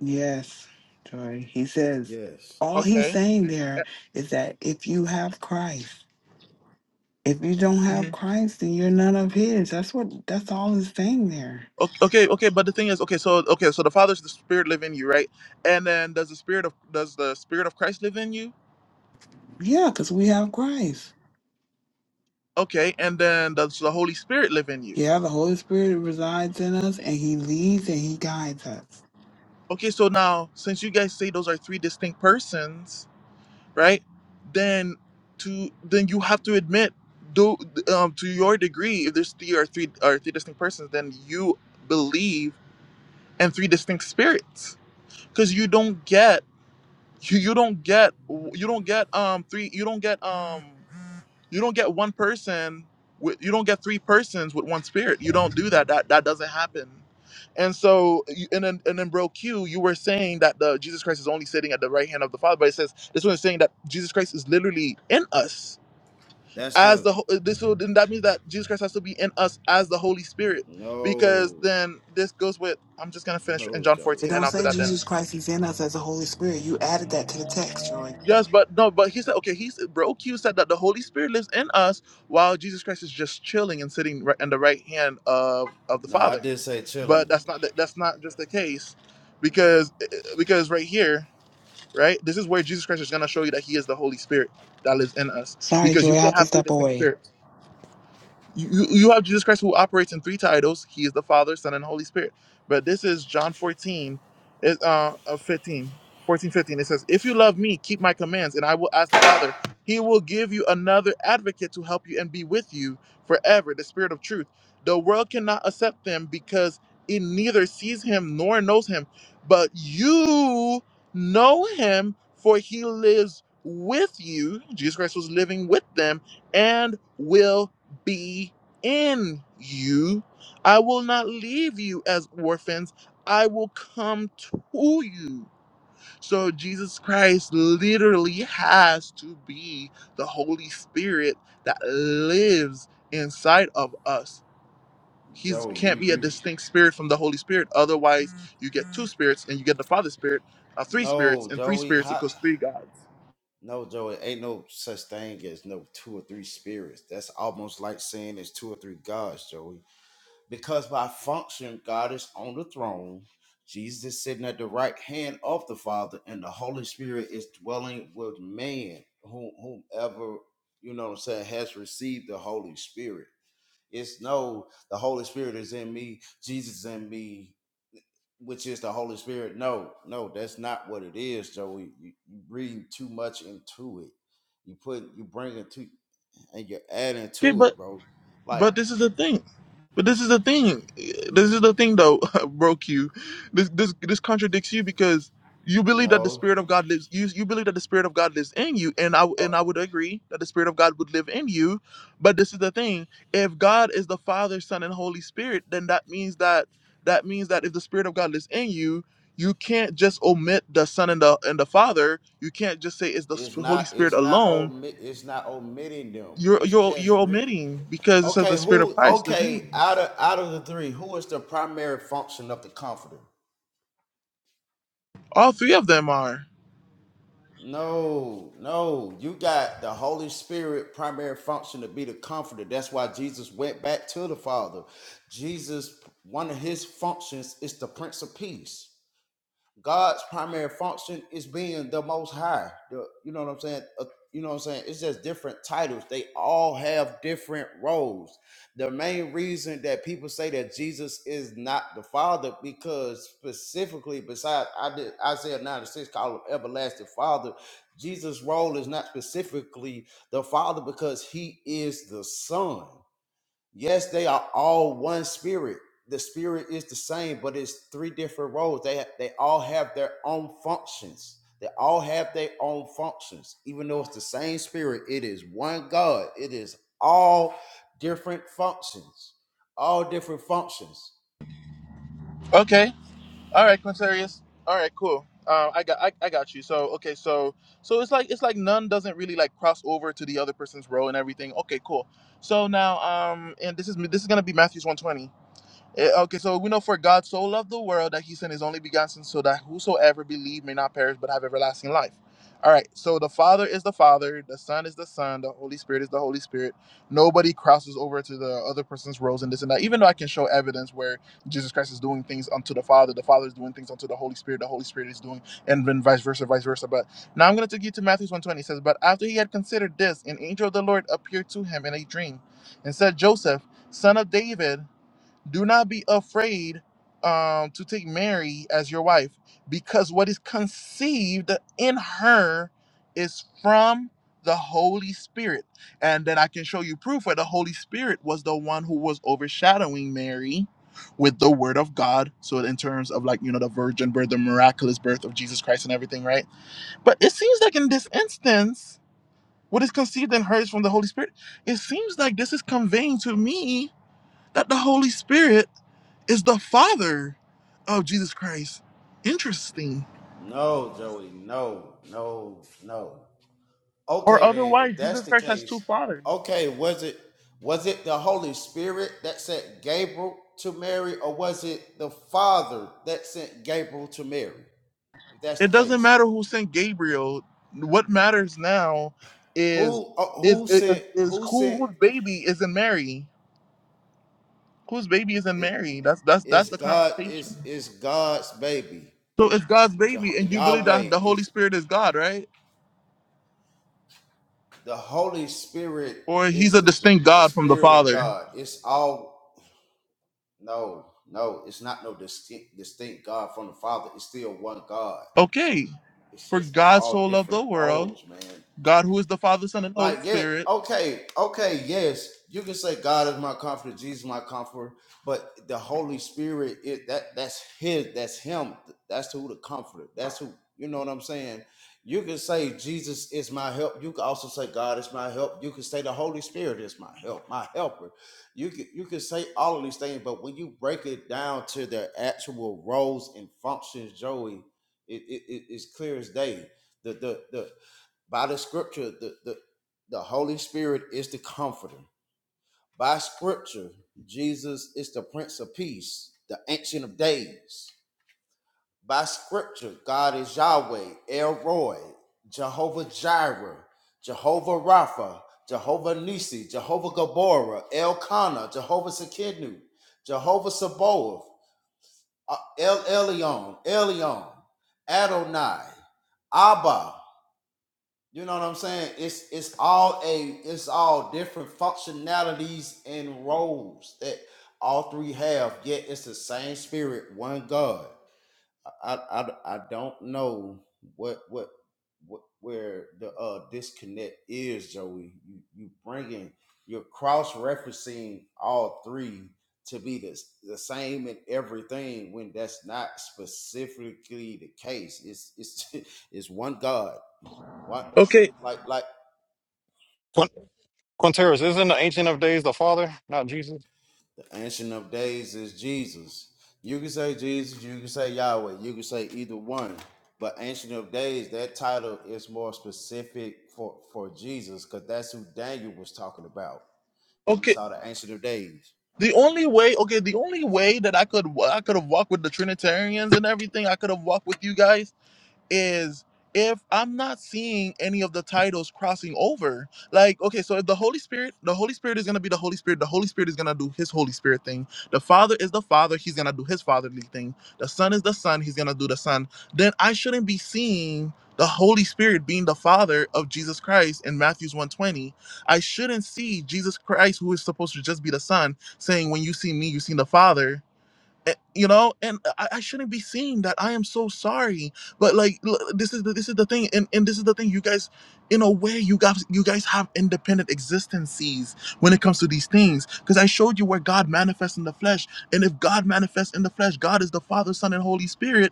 [SPEAKER 5] Yes, Joy. He says,
[SPEAKER 4] Yes,
[SPEAKER 5] all he's
[SPEAKER 1] Okay.
[SPEAKER 5] saying
[SPEAKER 1] Eh,
[SPEAKER 5] there is that if you have Christ, if you don't
[SPEAKER 1] mm-hmm.
[SPEAKER 5] have Christ, then you're none of his. That's what that's all he's saying there.
[SPEAKER 1] O- Okay, okay, but the thing is, okay, so okay, so the Father's the Spirit live in you, right? And then does the Spirit of does the Spirit of Christ live in you?
[SPEAKER 5] Yeah, because we have Christ.
[SPEAKER 1] Okay, and then does the Holy Spirit live in you?
[SPEAKER 5] Yeah, the Holy Spirit resides in us and he leads and he guides us.
[SPEAKER 1] Okay, so now since you guys say those are three distinct persons, right? Then to then you have to admit do um, to your degree if there's three or three or three distinct persons, then you believe in three distinct spirits because you don't get you, you don't get you don't get um three you don't get um you don't get one person with you don't get three persons with one spirit you don't do that that that doesn't happen and so you- and then and then bro q you were saying that the jesus christ is only sitting at the right hand of the father but it says this one is saying that jesus christ is literally in us
[SPEAKER 4] that's
[SPEAKER 1] as
[SPEAKER 4] the
[SPEAKER 1] the ho- uh, this would then that means that jesus christ has to be in us as the holy spirit because
[SPEAKER 4] no,
[SPEAKER 1] then this goes with i'm just gonna finish in
[SPEAKER 4] no,
[SPEAKER 1] john
[SPEAKER 5] It
[SPEAKER 4] Joey.
[SPEAKER 1] 14 and
[SPEAKER 5] don't
[SPEAKER 1] after
[SPEAKER 5] say
[SPEAKER 1] that then
[SPEAKER 5] Jesus Christ is in us as the Holy Spirit. You added that to the text, Joy.
[SPEAKER 1] Yes, but no, but he said, okay, he's bro Q said that the Holy Spirit lives in us while Jesus Christ is just chilling and sitting right in the right hand of of the
[SPEAKER 4] No, I
[SPEAKER 1] Father.
[SPEAKER 4] did say
[SPEAKER 1] But
[SPEAKER 4] chilling,
[SPEAKER 1] that's not the, that's not just the case because eh, eh, because right here, right? This is where Jesus Christ is going to show you that he is the Holy Spirit that lives in us
[SPEAKER 5] Sorry,
[SPEAKER 1] because
[SPEAKER 5] Joy,
[SPEAKER 1] you
[SPEAKER 5] I
[SPEAKER 1] can't
[SPEAKER 5] have to
[SPEAKER 1] have three
[SPEAKER 5] step
[SPEAKER 1] distinct
[SPEAKER 5] away.
[SPEAKER 1] spirits you, you you have Jesus Christ who operates in three titles. He is the Father, Son, and Holy Spirit. But this is John 14, it, uh, uh, 15, fourteen, fifteen. It says, If you love me, keep my commands, and I will ask the Father. He will give you another advocate to help you and be with you forever, the Spirit of truth. The world cannot accept him because it neither sees him nor knows him. But you know him, for he lives with you. Jesus Christ was living with them and will be in you. I will not leave you as orphans. I will come to you. So Jesus Christ literally has to be the Holy Spirit that lives inside of us. He
[SPEAKER 4] Joey. You,
[SPEAKER 1] can't be a
[SPEAKER 4] you,
[SPEAKER 1] distinct spirit from the Holy Spirit. Otherwise, you get two spirits and you get the Father Spirit, uh, three spirits,
[SPEAKER 4] no,
[SPEAKER 1] and three
[SPEAKER 4] Joey.
[SPEAKER 1] spirits
[SPEAKER 4] How?
[SPEAKER 1] equals three gods.
[SPEAKER 4] No, Joe, it ain't no such thing as no two or three spirits. That's almost like saying there's two or three gods, Joey. Because by function, God is on the throne. Jesus is sitting at the right hand of the Father, and the Holy Spirit is dwelling with man, whom, whomever, you know what I'm saying, has received the Holy Spirit. It's no, the Holy Spirit is in me, Jesus is in me, which is the Holy Spirit. No, no, that's not what it is, Joey. You you reading too much into it. You put you bring it to and you're adding
[SPEAKER 1] Okay,
[SPEAKER 4] to
[SPEAKER 1] but
[SPEAKER 4] it, bro. Like,
[SPEAKER 1] But this is the thing. But this is the thing. This is the thing, though, bro. Q. This this this contradicts you because you believe that the
[SPEAKER 4] no.
[SPEAKER 1] spirit of God lives. You you believe that the spirit of God lives in you, and I and
[SPEAKER 4] Oh,
[SPEAKER 1] I would agree that the spirit of God would live in you. But this is the thing. If God is the Father, Son, and Holy Spirit, then that means that that means that if the spirit of God lives in you. You can't just omit the Son and the and the Father. You can't just say it's the
[SPEAKER 4] it's
[SPEAKER 1] Holy
[SPEAKER 4] not
[SPEAKER 1] Spirit
[SPEAKER 4] it's not
[SPEAKER 1] alone.
[SPEAKER 4] omit it's not omitting them.
[SPEAKER 1] You're
[SPEAKER 4] It's
[SPEAKER 1] you're
[SPEAKER 4] just
[SPEAKER 1] you're
[SPEAKER 4] written.
[SPEAKER 1] omitting because it says the
[SPEAKER 4] Okay,
[SPEAKER 1] Spirit of
[SPEAKER 4] who
[SPEAKER 1] Christ lives in
[SPEAKER 4] okay,
[SPEAKER 1] you.
[SPEAKER 4] out of out of the three, who is the primary function of the comforter?
[SPEAKER 1] All three of them are.
[SPEAKER 4] No, no. You got the Holy Spirit primary function to be the comforter. That's why Jesus went back to the Father. Jesus, one of his functions is the Prince of Peace. God's primary function is being the most high. The, you know what I'm saying? Uh, you know what I'm saying? It's just different titles. They all have different roles. The main reason that people say that Jesus is not the Father, because specifically, besides I did Isaiah 9 to 6 call him everlasting Father, Jesus' role is not specifically the Father because he is the Son. Yes, they are all one spirit. The spirit is the same, but it's three different roles. They ha- they all have their own functions. They all have their own functions. Even though it's the same spirit, it is one God. It is all different functions. All different functions.
[SPEAKER 1] Okay. All right, Quintarius. All right, cool. Um, I got I, I got you. So okay, so so it's like it's like none doesn't really like cross over to the other person's role and everything. Okay, cool. So now um and this is this is gonna be Matthew's 120. Eh, Okay, so we know for God so loved the world that he sent his only begotten son so that whosoever believe may not perish but have everlasting life. All right, so the Father is the Father, the Son is the Son, the Holy Spirit is the Holy Spirit. Nobody crosses over to the other person's roles and this and that. Even though I can show evidence where Jesus Christ is doing things unto the Father, the Father is doing things unto the Holy Spirit, the Holy Spirit is doing, and then vice versa, vice versa. But now I'm going to take you to Matthew 120. It says, But after he had considered this, an angel of the Lord appeared to him in a dream and said, Joseph, son of David, do not be afraid um, to take Mary as your wife, because what is conceived in her is from the Holy Spirit. And then I can show you proof where the Holy Spirit was the one who was overshadowing Mary with the Word of God. So, in terms of like, you know, the virgin birth, the miraculous birth of Jesus Christ and everything, right? But it seems like in this instance, what is conceived in her is from the Holy Spirit. It seems like this is conveying to me that the Holy Spirit is the father of Jesus Christ. Interesting.
[SPEAKER 4] No, Joey. No, no, no.
[SPEAKER 1] Or
[SPEAKER 4] Okay, then,
[SPEAKER 1] otherwise,
[SPEAKER 4] if that's
[SPEAKER 1] Jesus
[SPEAKER 4] the
[SPEAKER 1] Christ has two
[SPEAKER 4] case,
[SPEAKER 1] fathers.
[SPEAKER 4] okay, was it was it the Holy Spirit that sent Gabriel to Mary, or was it the Father that sent Gabriel to Mary? If that's the
[SPEAKER 1] It doesn't
[SPEAKER 4] case,
[SPEAKER 1] matter who sent Gabriel. What matters now is
[SPEAKER 4] who uh,
[SPEAKER 1] is
[SPEAKER 4] who
[SPEAKER 1] is,
[SPEAKER 4] sent
[SPEAKER 1] is
[SPEAKER 4] who
[SPEAKER 1] who
[SPEAKER 4] sent
[SPEAKER 1] whose baby is in Mary. Whose baby is in
[SPEAKER 4] i-
[SPEAKER 1] Mary? That's that's that's
[SPEAKER 4] is
[SPEAKER 1] the
[SPEAKER 4] God
[SPEAKER 1] conversation.
[SPEAKER 4] is is God's baby
[SPEAKER 1] So it's God's
[SPEAKER 4] Jeho-
[SPEAKER 1] baby, and you believe that
[SPEAKER 4] Yahweh
[SPEAKER 1] the Holy
[SPEAKER 4] is
[SPEAKER 1] Spirit is God, right?
[SPEAKER 4] the Holy Spirit
[SPEAKER 1] Or he's
[SPEAKER 4] is
[SPEAKER 1] a
[SPEAKER 4] the, the
[SPEAKER 1] distinct
[SPEAKER 4] the
[SPEAKER 1] God from the
[SPEAKER 4] Spirit of
[SPEAKER 1] Father.
[SPEAKER 4] God. It's all no no. It's not no distinct distinct God from the Father. It's still one God
[SPEAKER 1] Okay.
[SPEAKER 4] it's
[SPEAKER 1] For
[SPEAKER 4] just
[SPEAKER 1] God so
[SPEAKER 4] all
[SPEAKER 1] loved
[SPEAKER 4] different
[SPEAKER 1] the world,
[SPEAKER 4] roles, man.
[SPEAKER 1] God who is the Father, Son, and Holy
[SPEAKER 4] Like, yeah,
[SPEAKER 1] Spirit.
[SPEAKER 4] okay, okay, yes. You can say God is my comforter, Jesus is my comforter, but the Holy Spirit it that that's his, that's him, that's who the comforter, that's who you know what I'm saying. You can say Jesus is my help. You can also say God is my help. You can say the Holy Spirit is my help, my helper. You can you can say all of these things, but when you break it down to their actual roles and functions, Joey, it, it, it- it's clear as day The the the. By the scripture, the, the, the Holy Spirit is the comforter. By scripture, Jesus is the Prince of Peace, the Ancient of Days. By scripture, God is Yahweh, El Roy, Jehovah Jireh, Jehovah Rapha, Jehovah Nisi, Jehovah Gaborah, Elkanah, Jehovah Sekinu, Jehovah Sabaoth, uh, El Elyon, Elyon, Adonai, Abba, You know what I'm saying? It's it's all a it's all different functionalities and roles that all three have. Yet it's the same spirit, one God. I I, I don't know what what what where the uh disconnect is, Joey. You you bringing you're cross referencing all three to be the, the same in everything when that's not specifically the case. It's it's it's one God what
[SPEAKER 1] Okay,
[SPEAKER 4] like like
[SPEAKER 7] Quin- Quinteros, isn't the Ancient of Days the Father, not Jesus?
[SPEAKER 4] the ancient of days is Jesus. You can say Jesus, you can say Yahweh, you can say either one. But ancient of days, that title is more specific for for Jesus because that's who Daniel was talking about when he
[SPEAKER 1] okay.
[SPEAKER 4] saw the ancient of days.
[SPEAKER 1] The only way, okay, the only way that I could I could have walked with the Trinitarians and everything, I could have walked with you guys is if I'm not seeing any of the titles crossing over, like, okay, so if the Holy Spirit, the Holy Spirit is going to be the Holy Spirit, the Holy Spirit is going to do his Holy Spirit thing. The Father is the Father, he's going to do his fatherly thing. The Son is the Son, he's going to do the Son. Then I shouldn't be seeing the Holy Spirit being the Father of Jesus Christ in Matthew's 120. I shouldn't see Jesus Christ, who is supposed to just be the Son, saying, when you see me, you see the Father Eh, you know and I, I shouldn't be seeing that i am so sorry but like l- this is the, this is the thing and, and this is the thing you guys in a way you guys you guys have independent existences when it comes to these things because i showed you where god manifests in the flesh and if god manifests in the flesh god is the father son and holy spirit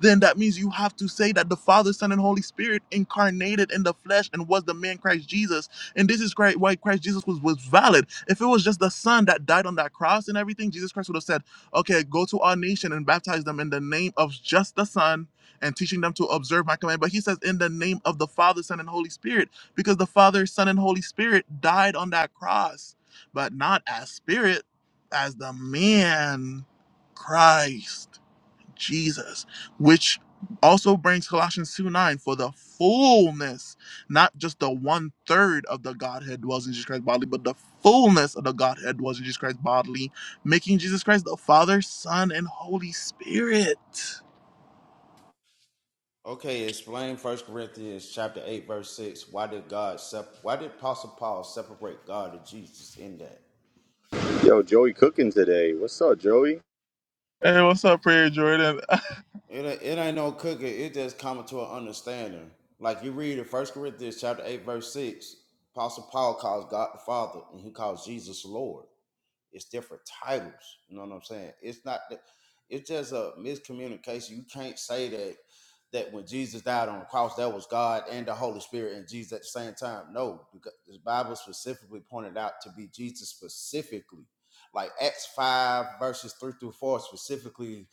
[SPEAKER 1] then that means you have to say that the father son and holy spirit incarnated in the flesh and was the man christ jesus and this is great why christ jesus was was valid if it was just the son that died on that cross and everything jesus christ would have said Okay, go to all nation and baptize them in the name of just the Son and teaching them to observe my command. But he says, in the name of the Father, Son, and Holy Spirit, because the Father, Son, and Holy Spirit died on that cross, but not as spirit, as the man Christ. Jesus, which also brings Colossians 2 9 for the fullness, not just the one third of the Godhead dwells in Jesus Christ bodily, but the fullness of the Godhead dwells in Jesus Christ bodily, making Jesus Christ the Father, Son, and Holy Spirit.
[SPEAKER 4] Okay, explain First Corinthians chapter eight verse six. Why did God sep- Why did Apostle Paul separate God and Jesus in that?
[SPEAKER 8] Yo, Joey cooking today. What's up, Joey?
[SPEAKER 1] Hey, what's up, Prayer Jordan?
[SPEAKER 4] It a- it ain't no cooking. It just coming to an understanding. Like you read in First Corinthians chapter eight verse six, Apostle Paul calls God the Father, and he calls Jesus Lord. It's different titles. You know what I'm saying? It's not. that It's just a miscommunication. You can't say that that when Jesus died on the cross, that was God and the Holy Spirit and Jesus at the same time. No, because the Bible specifically pointed out to be Jesus specifically. Like Acts five verses three through four specifically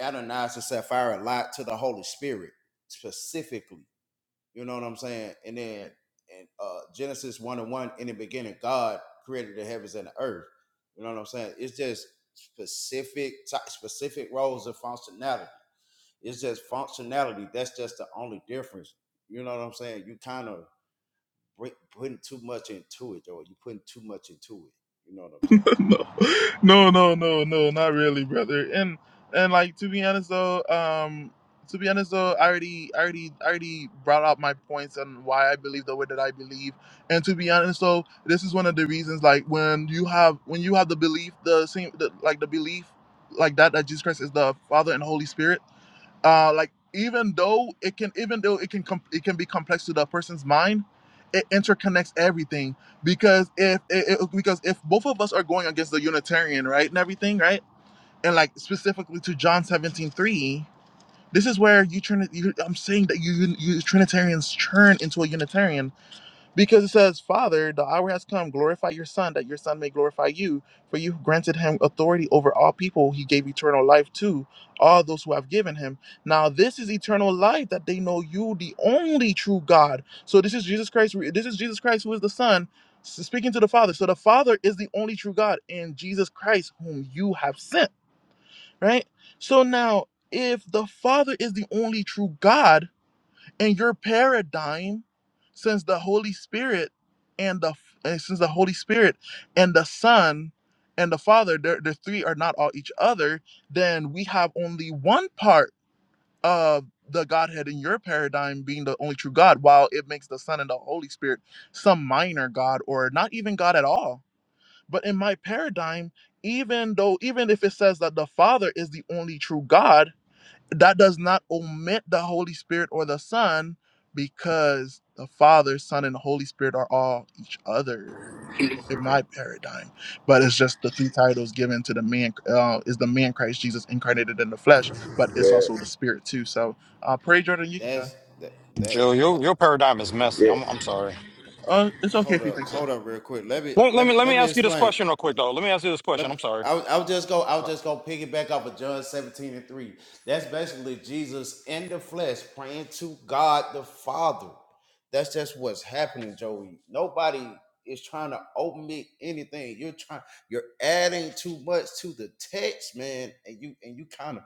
[SPEAKER 4] Adonias and Sapphira lied to the Holy Spirit specifically. You know what I'm saying? And then in uh, Genesis 1 and 1, in the beginning, God created the heavens and the earth. You know what I'm saying? It's just specific ty- specific roles of functionality. It's just functionality. That's just the only difference. You know what I'm saying? You kind of bring, putting too much into it, or you putting too much into it. You know what I'm saying?
[SPEAKER 1] no, no, no, no, no, not really, brother. And and like to be honest though, um, to be honest though, I already, I already, I already brought out my points and why I believe the way that I believe. And to be honest though, this is one of the reasons. Like when you have when you have the belief, the same, the, like the belief, like that that Jesus Christ is the Father and Holy Spirit uh like even though it can even though it can com- it can be complex to the person's mind it interconnects everything because if it, it- because if both of us are going against the unitarian right and everything right and like specifically to john 17 3, this is where you turn you, i'm saying that you you you trinitarians turn into a unitarian because it says, Father, the hour has come, glorify your Son, that your Son may glorify you. For you granted him authority over all people. He gave eternal life to all those who have given him. Now, this is eternal life, that they know you, the only true God. So, this is Jesus Christ. This is Jesus Christ, who is the Son, s- speaking to the Father. So, the Father is the only true God, and Jesus Christ, whom you have sent, right? So, now, if the Father is the only true God, and your paradigm, since the Holy Spirit and the and since the Holy Spirit and the Son and the Father, the the three are not all each other, then we have only one part of the Godhead in your paradigm being the only true God, while it makes the Son and the Holy Spirit some minor God or not even God at all. But in my paradigm, even though even if it says that the Father is the only true God, that does not omit the Holy Spirit or the Son because the Father, Son, and Holy Spirit are all each other in my paradigm. But it's just the three titles given to the man uh, is the man Christ Jesus incarnated in the flesh, but it's
[SPEAKER 8] Yeah,
[SPEAKER 1] also the Spirit too. So uh, pray, Jordan, you can go.
[SPEAKER 4] That's that that.
[SPEAKER 7] Joe,
[SPEAKER 4] Uh,
[SPEAKER 7] your your paradigm is messy.
[SPEAKER 8] yeah.
[SPEAKER 7] I'm I'm sorry.
[SPEAKER 1] Uh, it's okay
[SPEAKER 4] hold
[SPEAKER 1] if you
[SPEAKER 4] up,
[SPEAKER 1] think so.
[SPEAKER 4] hold up, real quick. Let me
[SPEAKER 7] Let, let
[SPEAKER 4] let me
[SPEAKER 7] me let
[SPEAKER 4] let
[SPEAKER 7] me
[SPEAKER 4] me
[SPEAKER 7] ask you this
[SPEAKER 4] explain.
[SPEAKER 7] question real quick though. Let me ask you this
[SPEAKER 4] Let
[SPEAKER 7] question.
[SPEAKER 4] me,
[SPEAKER 7] I'm sorry.
[SPEAKER 4] I'll, I'll just go. I'll just go piggyback off of John seventeen and three. That's basically Jesus in the flesh praying to God the Father. That's just what's happening, Joey. Nobody is trying to omit anything. You're trying. You're adding too much to the text, man, and you and you kind of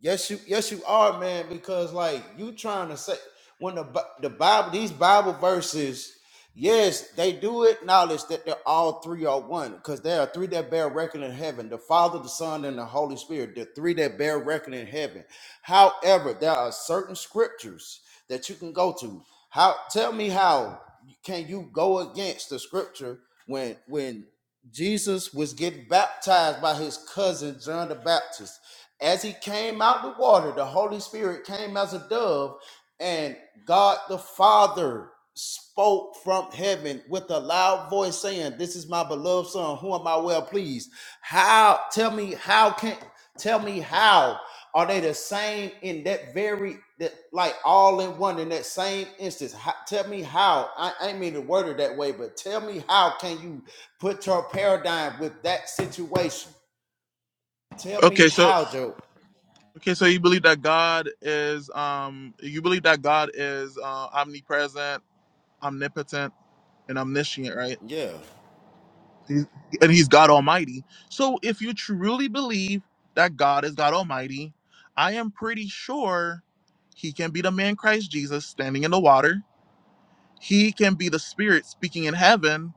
[SPEAKER 4] Yes, you yes you are, man. Because like you trying to say when the Bi- the Bible these Bible verses, yes, they do acknowledge that they're all three are one because there are three that bear record in heaven: the Father, the Son, and the Holy Spirit. The three that bear record in heaven. However, there are certain scriptures that you can go to. How tell me how can you go against the scripture when when Jesus was getting baptized by his cousin John the Baptist? as he came out the water, the Holy Spirit came as a dove, and God the Father spoke from heaven with a loud voice saying, This is my beloved son, who am I well pleased? How tell me how can tell me how are they the same in that very that like all in one in that same instance? How, tell me how. I, I ain't mean to word it that way, but tell me how can you put your paradigm with that situation? Tell
[SPEAKER 1] Okay,
[SPEAKER 4] me
[SPEAKER 1] so
[SPEAKER 4] how, Joe.
[SPEAKER 1] okay, so you believe that God is um you believe that God is uh, omnipresent, omnipotent, and omniscient, right?
[SPEAKER 4] Yeah,
[SPEAKER 1] He's- and he's God Almighty. So if you truly believe that God is God Almighty, I am pretty sure he can be the man Christ Jesus standing in the water. He can be the spirit speaking in heaven,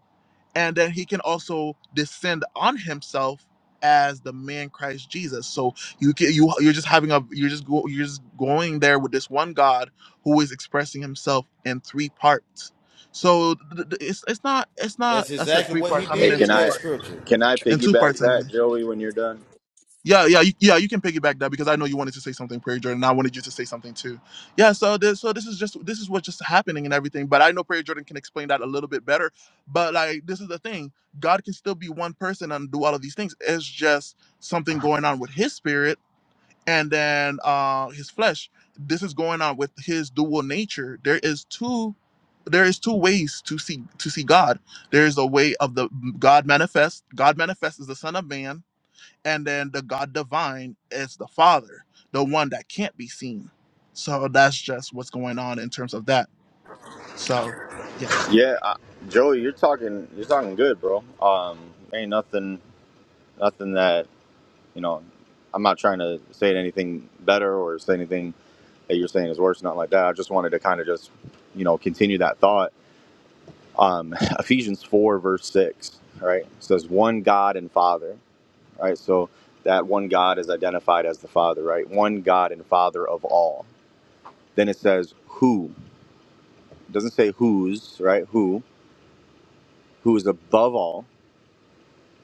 [SPEAKER 1] and then he can also descend on himself as the man Christ Jesus. So you can, you you're just having a you're just go, you're just going there with this one God who is expressing himself in three parts. So th- th- it's it's not it's not
[SPEAKER 4] that's
[SPEAKER 1] I said
[SPEAKER 4] exactly
[SPEAKER 1] three
[SPEAKER 4] what he
[SPEAKER 1] parts. I mean
[SPEAKER 8] Hey,
[SPEAKER 1] in
[SPEAKER 4] did in
[SPEAKER 8] can
[SPEAKER 1] two
[SPEAKER 4] that
[SPEAKER 8] I
[SPEAKER 1] parts
[SPEAKER 4] scripture.
[SPEAKER 8] can I
[SPEAKER 1] and two
[SPEAKER 8] piggyback
[SPEAKER 1] parts of me.
[SPEAKER 8] that, Joey, when you're done?
[SPEAKER 1] Yeah, yeah, you, yeah. You can piggyback that because I know you wanted to say something, Prayer Jordan. and I wanted you to say something too. Yeah. So this, so this is just this is what's just happening and everything. But I know Prayer Jordan can explain that a little bit better. But like, this is the thing: God can still be one person and do all of these things. It's just something going on with His spirit and then uh His flesh. This is going on with His dual nature. There is two. There is two ways to see to see God. There is a way of the God manifest. God manifest is the Son of Man and then the God divine is the Father, the one that can't be seen. So that's just what's going on in terms of that. So yeah.
[SPEAKER 8] Yeah, I, Joey, you're talking you're talking good, bro. Um, ain't nothing nothing that you know. I'm not trying to say anything better or say anything that you're saying is worse, nothing like that. I just wanted to kind of just you know continue that thought. Um, Ephesians four verse six, right? It says one God and Father. right? So that one God is identified as the Father, right? One God and Father of all. Then it says who. It doesn't say whose, right? Who. Who is above all,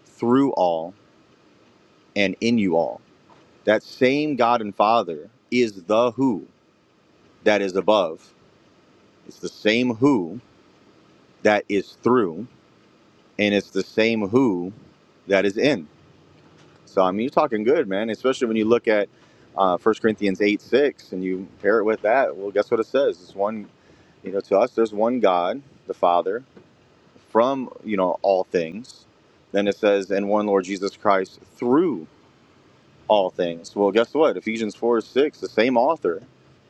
[SPEAKER 8] through all, and in you all. That same God and Father is the who that is above. It's the same who that is through, and it's the same who that is in. So I mean, you're talking good, man. Especially when you look at uh, 1 Corinthians eight six, and you pair it with that. Well, guess what it says? It's one, you know, to us, there's one God, the Father, from you know all things. Then it says, and one Lord Jesus Christ through all things. Well, guess what? Ephesians four six, the same author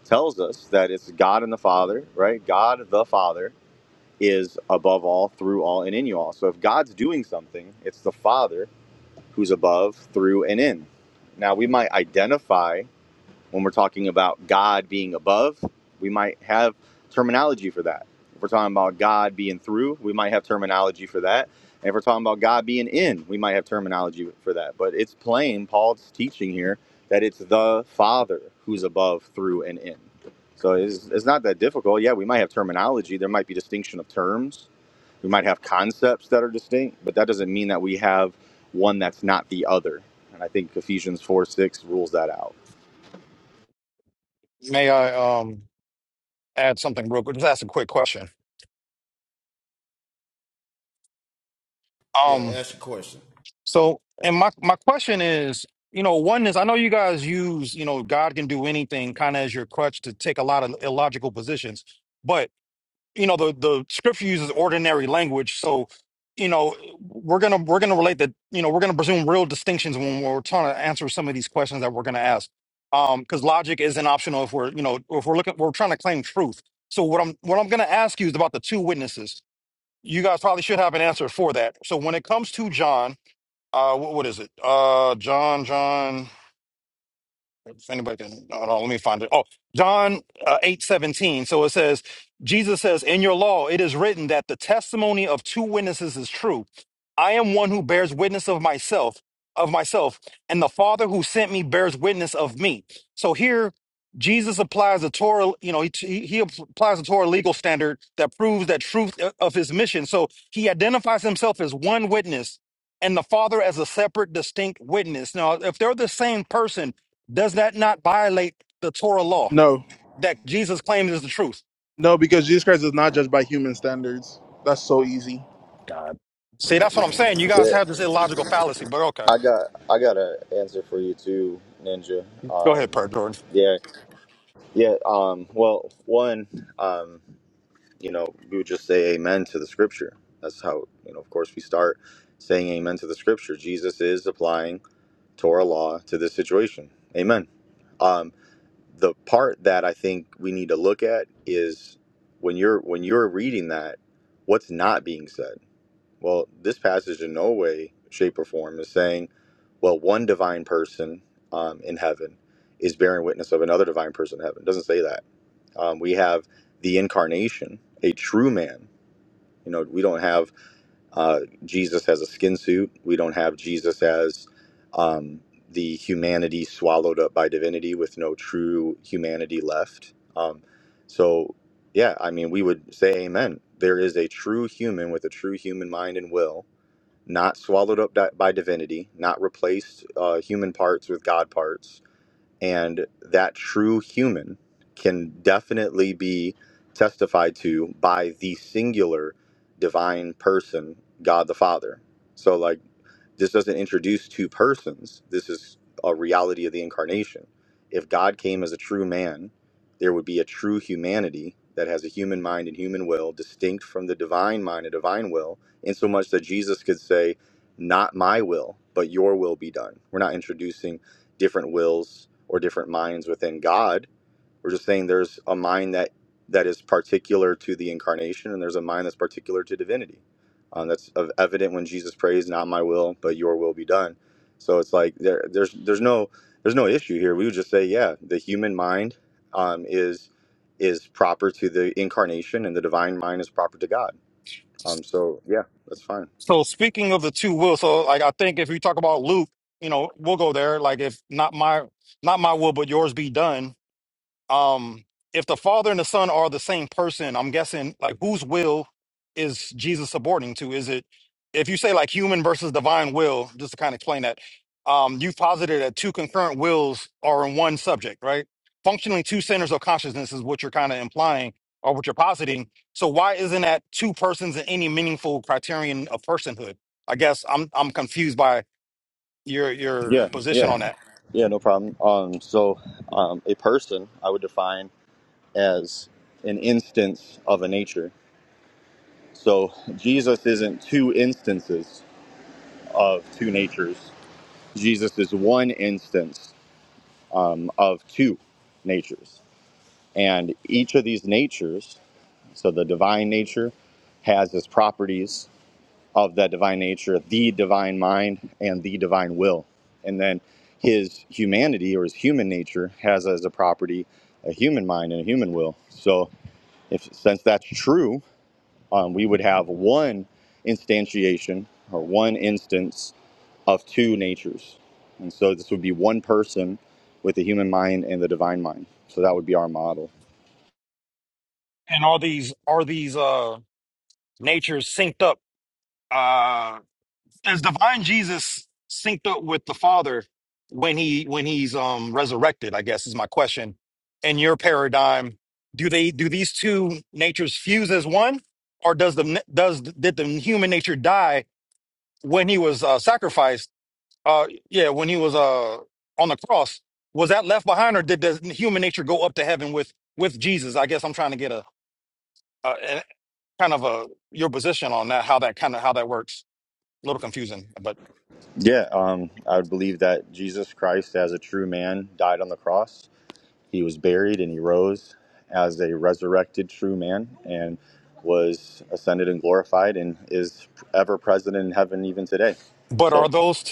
[SPEAKER 8] tells us that it's God and the Father, right? God the Father is above all, through all, and in you all. So if God's doing something, it's the Father who's above, through, and in. Now, we might identify when we're talking about God being above, we might have terminology for that. If we're talking about God being through, we might have terminology for that. And if we're talking about God being in, we might have terminology for that. But it's plain, Paul's teaching here that it's the Father who's above, through, and in. So it's, it's not that difficult. Yeah, we might have terminology, there might be distinction of terms, we might have concepts that are distinct, but that doesn't mean that we have one that's not the other. And I think Ephesians 4 6 rules that out.
[SPEAKER 7] May I um add something real quick? Just ask a quick question.
[SPEAKER 4] Yeah,
[SPEAKER 7] Um,
[SPEAKER 4] ask a question.
[SPEAKER 7] so and my my question is, you know, one is I know you guys use, you know, God can do anything kind of as your crutch to take a lot of illogical positions, but you know the the scripture uses ordinary language so you know we're gonna we're gonna relate that you know we're gonna presume real distinctions when we're trying to answer some of these questions that we're gonna ask um because logic isn't optional if we're you know if we're looking we're trying to claim truth so what i'm what i'm gonna ask you is about the two witnesses you guys probably should have an answer for that so when it comes to john uh what, what is it uh john john if anybody can, no, no, let me find it. Oh, John uh, eight seventeen. So it says, Jesus says, "In your law it is written that the testimony of two witnesses is true. I am one who bears witness of myself, of myself, and the Father who sent me bears witness of me." So here, Jesus applies the Torah. You know, he he he applies the Torah legal standard that proves that truth uh, of his mission. So he identifies himself as one witness and the Father as a separate, distinct witness. Now, if they're the same person does that not violate the Torah law
[SPEAKER 1] No,
[SPEAKER 7] that Jesus claims is the truth?
[SPEAKER 1] no, because Jesus Christ is not judged by human standards. That's so easy.
[SPEAKER 7] See, that's what I'm saying. You guys
[SPEAKER 8] Yeah.
[SPEAKER 7] have this illogical fallacy, but okay.
[SPEAKER 8] I got I got an answer for you too, Ninja.
[SPEAKER 7] Go
[SPEAKER 8] Um,
[SPEAKER 7] ahead, Per Jordan.
[SPEAKER 8] yeah, yeah. Um, well, one, um, you know, we would just say Amen to the Scripture. That's how you know. Of course, we start saying Amen to the Scripture. Jesus is applying Torah law to this situation. Amen. Um, the part that I think we need to look at is when you're when you're reading that, what's not being said well, this passage in no way, shape, or form is saying, well, one divine person um, in heaven is bearing witness of another divine person in heaven. It doesn't say that. Um, we have the incarnation, a true man. You know, we don't have uh, Jesus as a skin suit. We don't have Jesus as um, the humanity swallowed up by divinity with no true humanity left. Um, so, yeah, I mean, we would say amen. There is a true human with a true human mind and will not swallowed up by divinity, not replaced uh, human parts with God parts. And that true human can definitely be testified to by the singular divine person, God the Father. So, like, this doesn't introduce two persons. This is a reality of the incarnation. If God came as a true man, there would be a true humanity that has a human mind and human will, distinct from the divine mind and divine will, insomuch that Jesus could say, Not my will, but your will be done. We're not introducing different wills or different minds within God we're just saying there's a mind that that is particular to the incarnation, and there's a mind that's particular to divinity. Um, that's of- evident when Jesus prays, "Not my will, but Your will be done." So it's like there, there's there's no there's no issue here. We would just say, yeah, the human mind um, is is proper to the incarnation, and the divine mind is proper to God. Um, so yeah, that's fine.
[SPEAKER 7] So speaking of the two wills, so like I think if we talk about Luke, you know, we'll go there. Like if not my not my will, but yours be done. Um, if the Father and the Son are the same person, I'm guessing like whose will is Jesus subordinating to? Is it if you say like human versus divine will, just to kind of explain that, um, you've posited that two concurrent wills are in one subject, right? Functionally two centers of consciousness is what you're kind of implying or what you're positing. So why isn't that two persons in any meaningful criterion of personhood? I guess I'm I'm confused by your your
[SPEAKER 8] Yeah,
[SPEAKER 7] position
[SPEAKER 8] yeah,
[SPEAKER 7] on that.
[SPEAKER 8] yeah, no problem. Um, so um, a person I would define as an instance of a nature. So Jesus isn't two instances of two natures. Jesus is one instance um, of two natures. And each of these natures, so the divine nature, has its properties of that divine nature, the divine mind, and the divine will. And then his humanity or his human nature has as a property a human mind and a human will. So, if since that's true, um, we would have one instantiation or one instance of two natures. And so this would be one person with the human mind and the divine mind. So that would be our model.
[SPEAKER 7] And are these are these uh natures synced up? uh is divine jesus synced up with the father when he when he's um resurrected i guess is my question in your paradigm do they do these two natures fuse as one or does the does did the human nature die when he was uh sacrificed uh yeah when he was uh on the cross was that left behind or did the human nature go up to heaven with with jesus i guess i'm trying to get a, a, a kind of a your position on that how that kind of how that works a little confusing
[SPEAKER 8] Yeah, um, I would believe that Jesus Christ, as a true man, died on the cross. He was buried and he rose as a resurrected true man and was ascended and glorified and is ever present in heaven even today.
[SPEAKER 7] But are
[SPEAKER 8] So,
[SPEAKER 7] those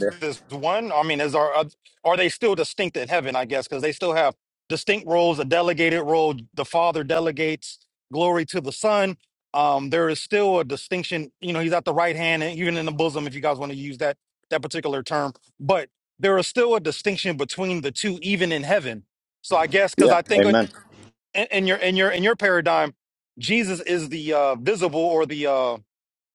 [SPEAKER 8] yeah,
[SPEAKER 7] two as one? I mean, is are are are they still distinct in heaven? I guess because they still have distinct roles, a delegated role. The Father delegates glory to the Son. Um, there is still a distinction. You know, he's at the right hand and even in the bosom, if you guys want to use that that particular term. But there is still a distinction between the two, even in heaven. So I guess because
[SPEAKER 8] yeah,
[SPEAKER 7] I think in,
[SPEAKER 8] amen.
[SPEAKER 7] in your in your in your paradigm, Jesus is the uh, visible or the uh,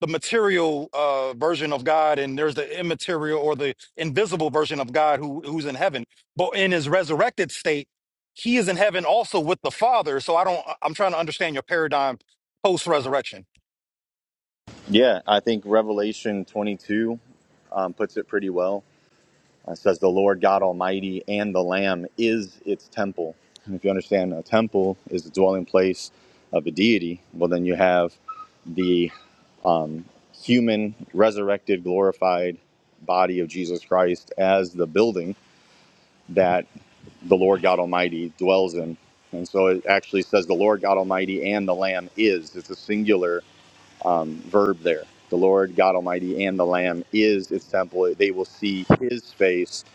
[SPEAKER 7] the material uh, version of God, and there's the immaterial or the invisible version of God who who's in heaven. But in his resurrected state, he is in heaven also with the Father. So I don't. I'm trying to understand your paradigm post resurrection,
[SPEAKER 8] Yeah, I think Revelation 22 um, puts it pretty well. It says, The Lord God Almighty and the Lamb is its temple. And if you understand, a temple is the dwelling place of a deity. Well, then you have the um, human, resurrected, glorified body of Jesus Christ as the building that the Lord God Almighty dwells in. And so it actually says, The Lord God Almighty and the Lamb is. It's a singular um, verb there. The Lord God Almighty and the Lamb is His temple. They will see His face.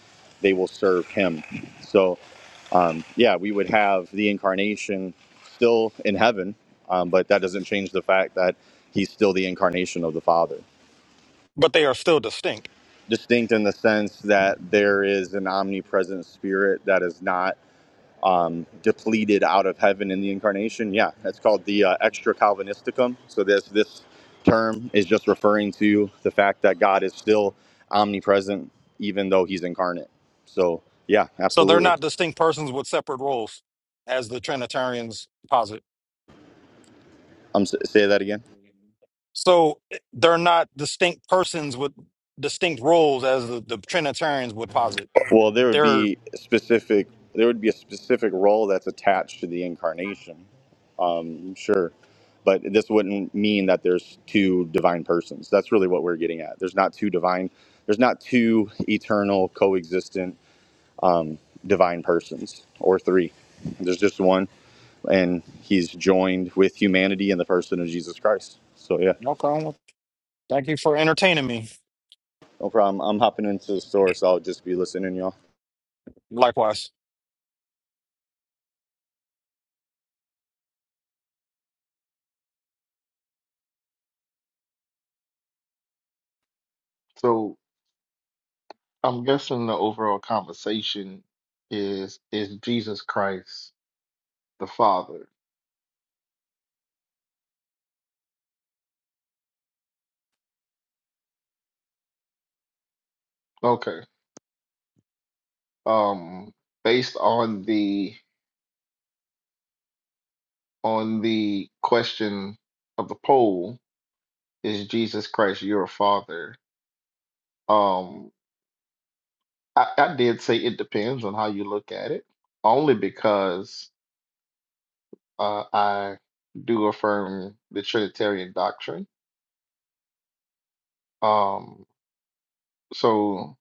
[SPEAKER 8] They will serve Him. So, um, yeah, we would have the incarnation still in heaven, um, but that doesn't change the fact that He's still the incarnation of the Father.
[SPEAKER 7] but they are still distinct.
[SPEAKER 8] Distinct in the sense that there is an omnipresent Spirit that is not. depleted out of heaven in the incarnation. Yeah, that's called the uh, extra Calvinisticum. So this this term is just referring to the fact that God is still omnipresent even though He's incarnate. So yeah,
[SPEAKER 7] So they're
[SPEAKER 8] absolutely.
[SPEAKER 7] not distinct persons with separate roles, as the Trinitarians posit.
[SPEAKER 8] Um, s- say that again.
[SPEAKER 7] So eh, they're not distinct persons with distinct roles, as the, the Trinitarians would posit.
[SPEAKER 8] Well, there would
[SPEAKER 7] They're
[SPEAKER 8] be specific. There would be a specific role that's attached to the incarnation. Mm, Sure. But this wouldn't mean that there's two divine persons. That's really what we're getting at. There's not two divine. There's not two eternal, coexistent divine persons or three. There's just one, and he's joined with humanity in the person of Jesus Christ. So, yeah,
[SPEAKER 7] okay. well, Thank you for entertaining me.
[SPEAKER 8] no problem. I'm hopping into the store, so I'll just be listening, y'all.
[SPEAKER 7] Likewise.
[SPEAKER 9] So I'm guessing the overall conversation is is Jesus Christ the Father. Okay. Um based on the on the question of the poll, is Jesus Christ your father? Um I, I did say it depends on how you look at it, only because uh I do affirm the Trinitarian doctrine. Um so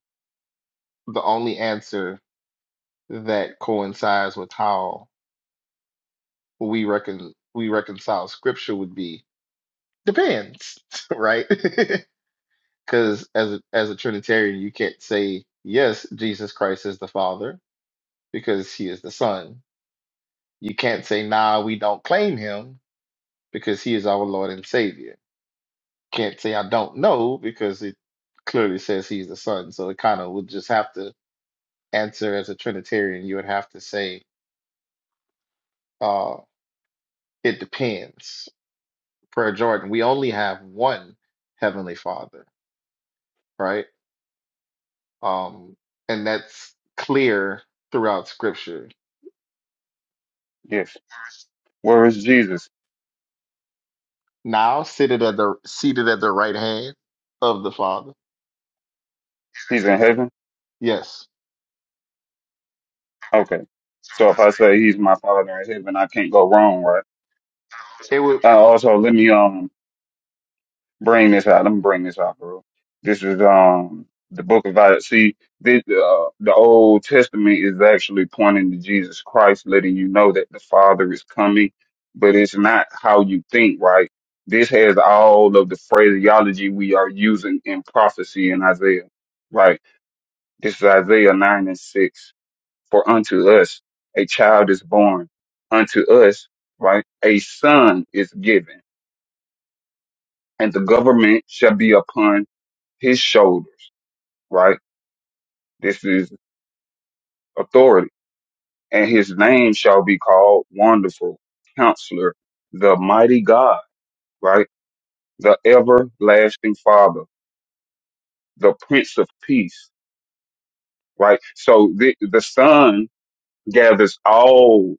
[SPEAKER 9] the only answer that coincides with how we reckon we reconcile scripture would be depends, right? Because as a, as a Trinitarian, you can't say yes, Jesus Christ is the Father because He is the Son. You can't say nah, we don't claim Him because He is our Lord and Savior. Can't say I don't know because it clearly says He's the Son. So it kind of would just have to answer as a Trinitarian. You would have to say uh, it depends prayer jordan we only have one heavenly father right um and that's clear throughout scripture
[SPEAKER 10] Yes. Where is Jesus?
[SPEAKER 9] now seated at the seated at the right hand of the father
[SPEAKER 10] He's in heaven?
[SPEAKER 9] yes
[SPEAKER 10] Okay. So if I say he's my father in heaven, I can't go wrong, right?
[SPEAKER 9] it would.
[SPEAKER 10] Uh, also, let me um bring this out. Let me bring this out, bro. This is um the book of Isaiah. See, this, uh, the Old Testament is actually pointing to Jesus Christ, letting you know that the Father is coming, but it's not how you think, right? This has all of the phraseology we are using in prophecy in Isaiah, right? This is Isaiah 9 and 6 For unto us a child is born, unto us, right, a son is given, and the government shall be upon his shoulders, right? This is authority. And his name shall be called Wonderful Counselor, the Mighty God, right? The Everlasting Father, the Prince of Peace, right? So the, the Son gathers all,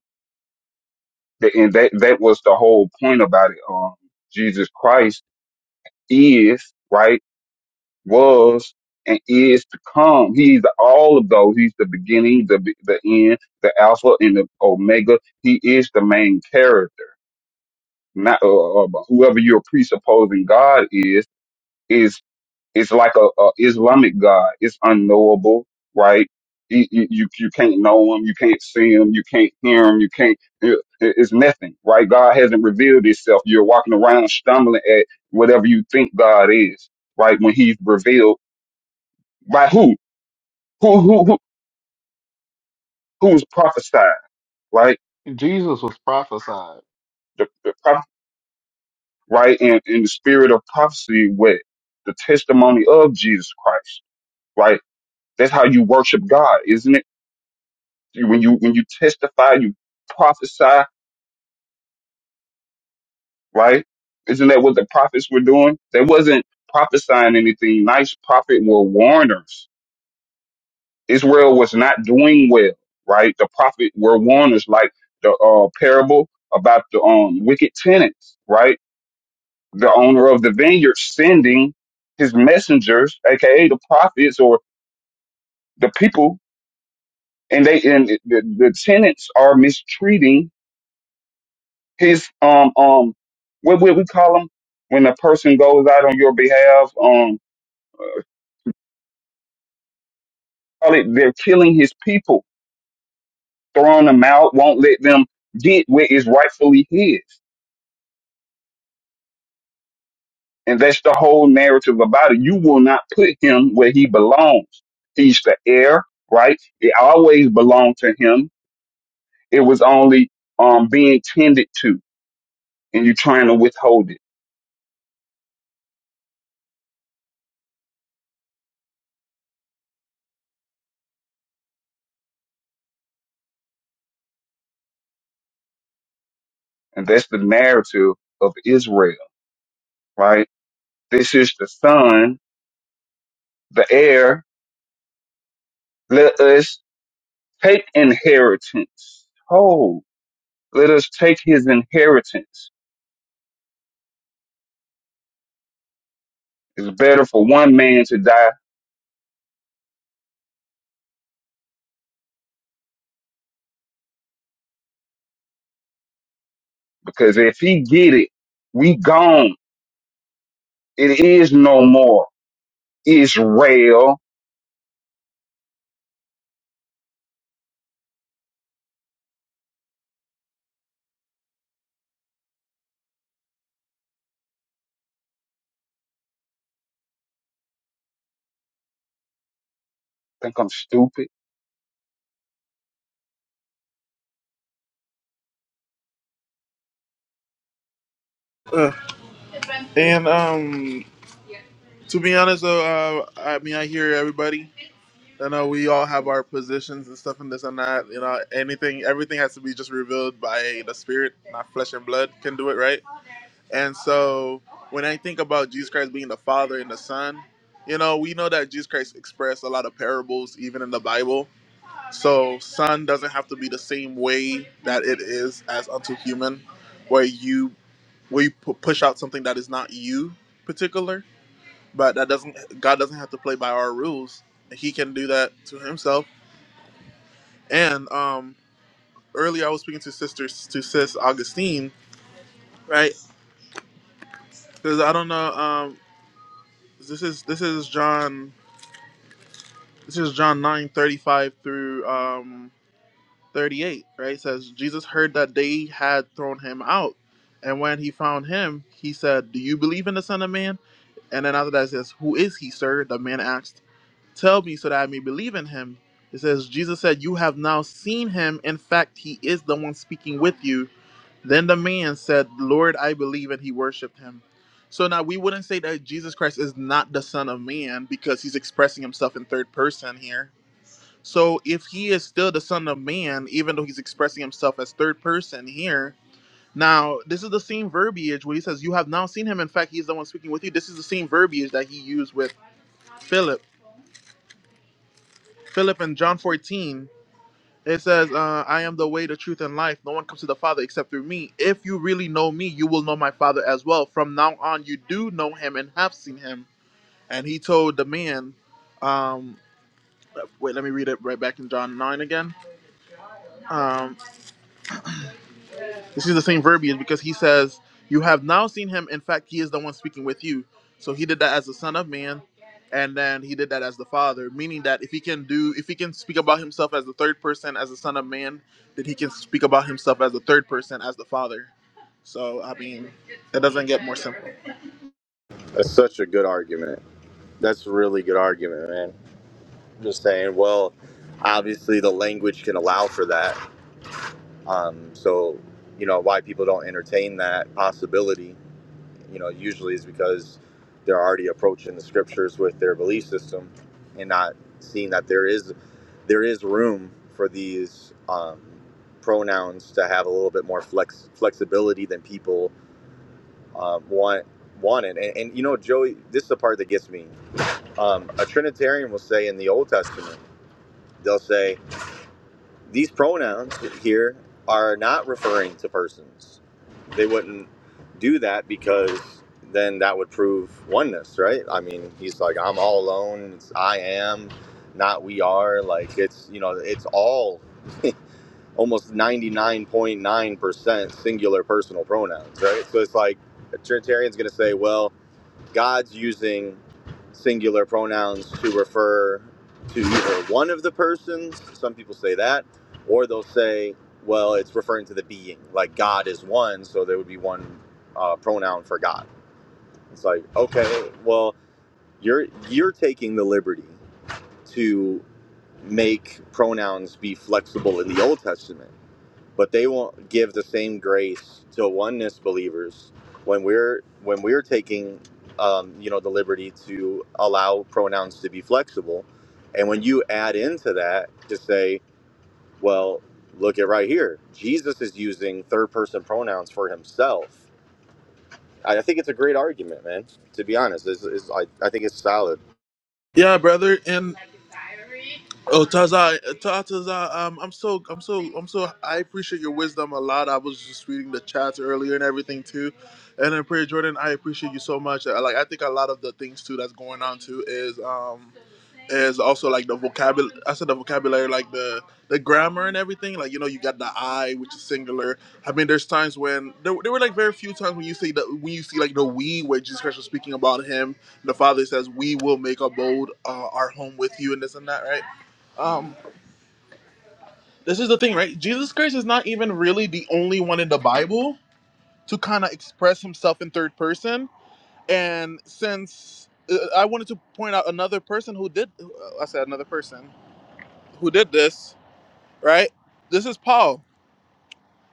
[SPEAKER 10] the, and that, that was the whole point about it. Um, Jesus Christ is, right, was, and is to come. He's all of those. He's the beginning, the be- the end, the Alpha and the Omega. He is the main character. Not uh, uh, whoever you're presupposing God is is it's like a, a Islamic God. It's unknowable, right? You, you you you can't know him, you can't see him, you can't hear him, you can't. It, it's nothing, right? God hasn't revealed Himself. You're walking around stumbling at whatever you think God is, right? When He's revealed by who? Who who who who's prophesied, right?
[SPEAKER 9] jesus was prophesied
[SPEAKER 10] The, the prophet, right? And in the spirit of prophecy, with the testimony of Jesus Christ, right? That's how you worship God, isn't it? You- When you when you testify, you prophesy, right? Isn't that what the prophets were doing? They wasn't prophesying anything nice. Prophet were warners. Israel was not doing well, right? The prophet were warners, like the uh, parable about the um, wicked tenants, right? The owner of the vineyard sending his messengers, aka the prophets or the people, and they and the, the tenants are mistreating his um um what would we call him when a person goes out on your behalf um call it they're killing his people throwing them out won't let them get where is rightfully his and that's the whole narrative about it you will not put him where he belongs he's the heir right it always belonged to him it was only um being tended to and you're trying to withhold it and that's the narrative of Israel right this is the son the heir Let us take inheritance. Oh, let us take his inheritance. It's better for one man to die because if he get it, we gone. It is no more Israel. Think I'm stupid?
[SPEAKER 1] Ugh. And um, to be honest, though, uh, I mean, I hear everybody. I know we all have our positions and stuff and this and that. You know, anything, everything has to be just revealed by the Spirit, not flesh and blood can do it, right? And so when I think about Jesus Christ being the Father and the Son, you know, we know that Jesus Christ expressed a lot of parables even in the Bible. So son doesn't have to be the same way that it is as unto human, where you where you pu- push out something that is not you particular, but that doesn't God doesn't have to play by our rules. He can do that to himself. And um earlier I was speaking to sisters to sis Augustine, right? Because I don't know, um this is this is John This is John 9 35 through um, 38, right? It says, Jesus heard that they had thrown him out. And when he found him, he said, Do you believe in the Son of Man? And then after that, it says, Who is he, sir? The man asked, Tell me so that I may believe in him. It says, Jesus said, You have now seen him. In fact, he is the one speaking with you. Then the man said, Lord, I believe. And he worshiped him. So now we wouldn't say that Jesus Christ is not the Son of Man because he's expressing himself in third person here so if he is still the Son of Man, even though he's expressing himself as third person here, now this is the same verbiage where he says, You have now seen him. In fact, he is the one speaking with you. This is the same verbiage that he used with Philip. Philip in John 14, it says, uh, I am the way, the truth, and life. No one comes to the Father except through me. If you really know me, you will know my Father as well. From now on, you do know him and have seen him. And he told the man, um, wait, let me read it right back in John 9 again. Um, This is the same verbiage because he says, You have now seen him. In fact, he is the one speaking with you. So he did that as the Son of Man, and then he did that as the Father, meaning that if he can do, if he can speak about himself as the third person, as the Son of Man, then he can speak about himself as the third person, as the Father. So, I mean, that doesn't get more simple.
[SPEAKER 8] That's such a good argument. That's a really good argument, man. Just saying, well, obviously the language can allow for that. Um, so, you know, why people don't entertain that possibility, you know, usually is because they're already approaching the scriptures with their belief system and not seeing that there is there is room for these um, pronouns to have a little bit more flex flexibility than people uh, want wanted. And, and you know, Joey, this is the part that gets me. Um, a Trinitarian will say in the Old Testament, they'll say these pronouns here are not referring to persons. They wouldn't do that because then that would prove oneness, right? I mean, he's like, I'm all alone. It's I am, not we are. Like it's you know, it's all almost 99.9% singular personal pronouns, right? So it's like a Trinitarian's going to say, well, God's using singular pronouns to refer to either one of the persons. Some people say that, or they'll say, well, it's referring to the being, like God is one, so there would be one uh, pronoun for God. It's like, okay, well, you're you're taking the liberty to make pronouns be flexible in the Old Testament but they won't give the same grace to oneness believers when we're when we're taking um, you know the liberty to allow pronouns to be flexible and when you add into that to say well look at right here jesus is using third person pronouns for himself i, I think it's a great argument man to be honest is is I, I think it's solid
[SPEAKER 1] Yeah, brother. And Oh, Taza, Taza, um, I'm so, I'm so, I'm so. I appreciate your wisdom a lot. I was just reading the chats earlier and everything too, and then Prayer Jordan, I appreciate you so much. Uh, Like, I think a lot of the things too that's going on too is, um, is also like the vocabulary. I said the vocabulary, like the the grammar and everything. Like you know, you got the I, which is singular. I mean, there's times when there, there were like very few times when you see that when you see like the we, where Jesus Christ was speaking about him. The Father says, "We will make abode uh, our home with you," and this and that, right? Um, this is the thing, right? Jesus Christ is not even really the only one in the Bible to kind of express himself in third person. And since uh, I wanted to point out another person who did, I said another person who did this, right? This is Paul.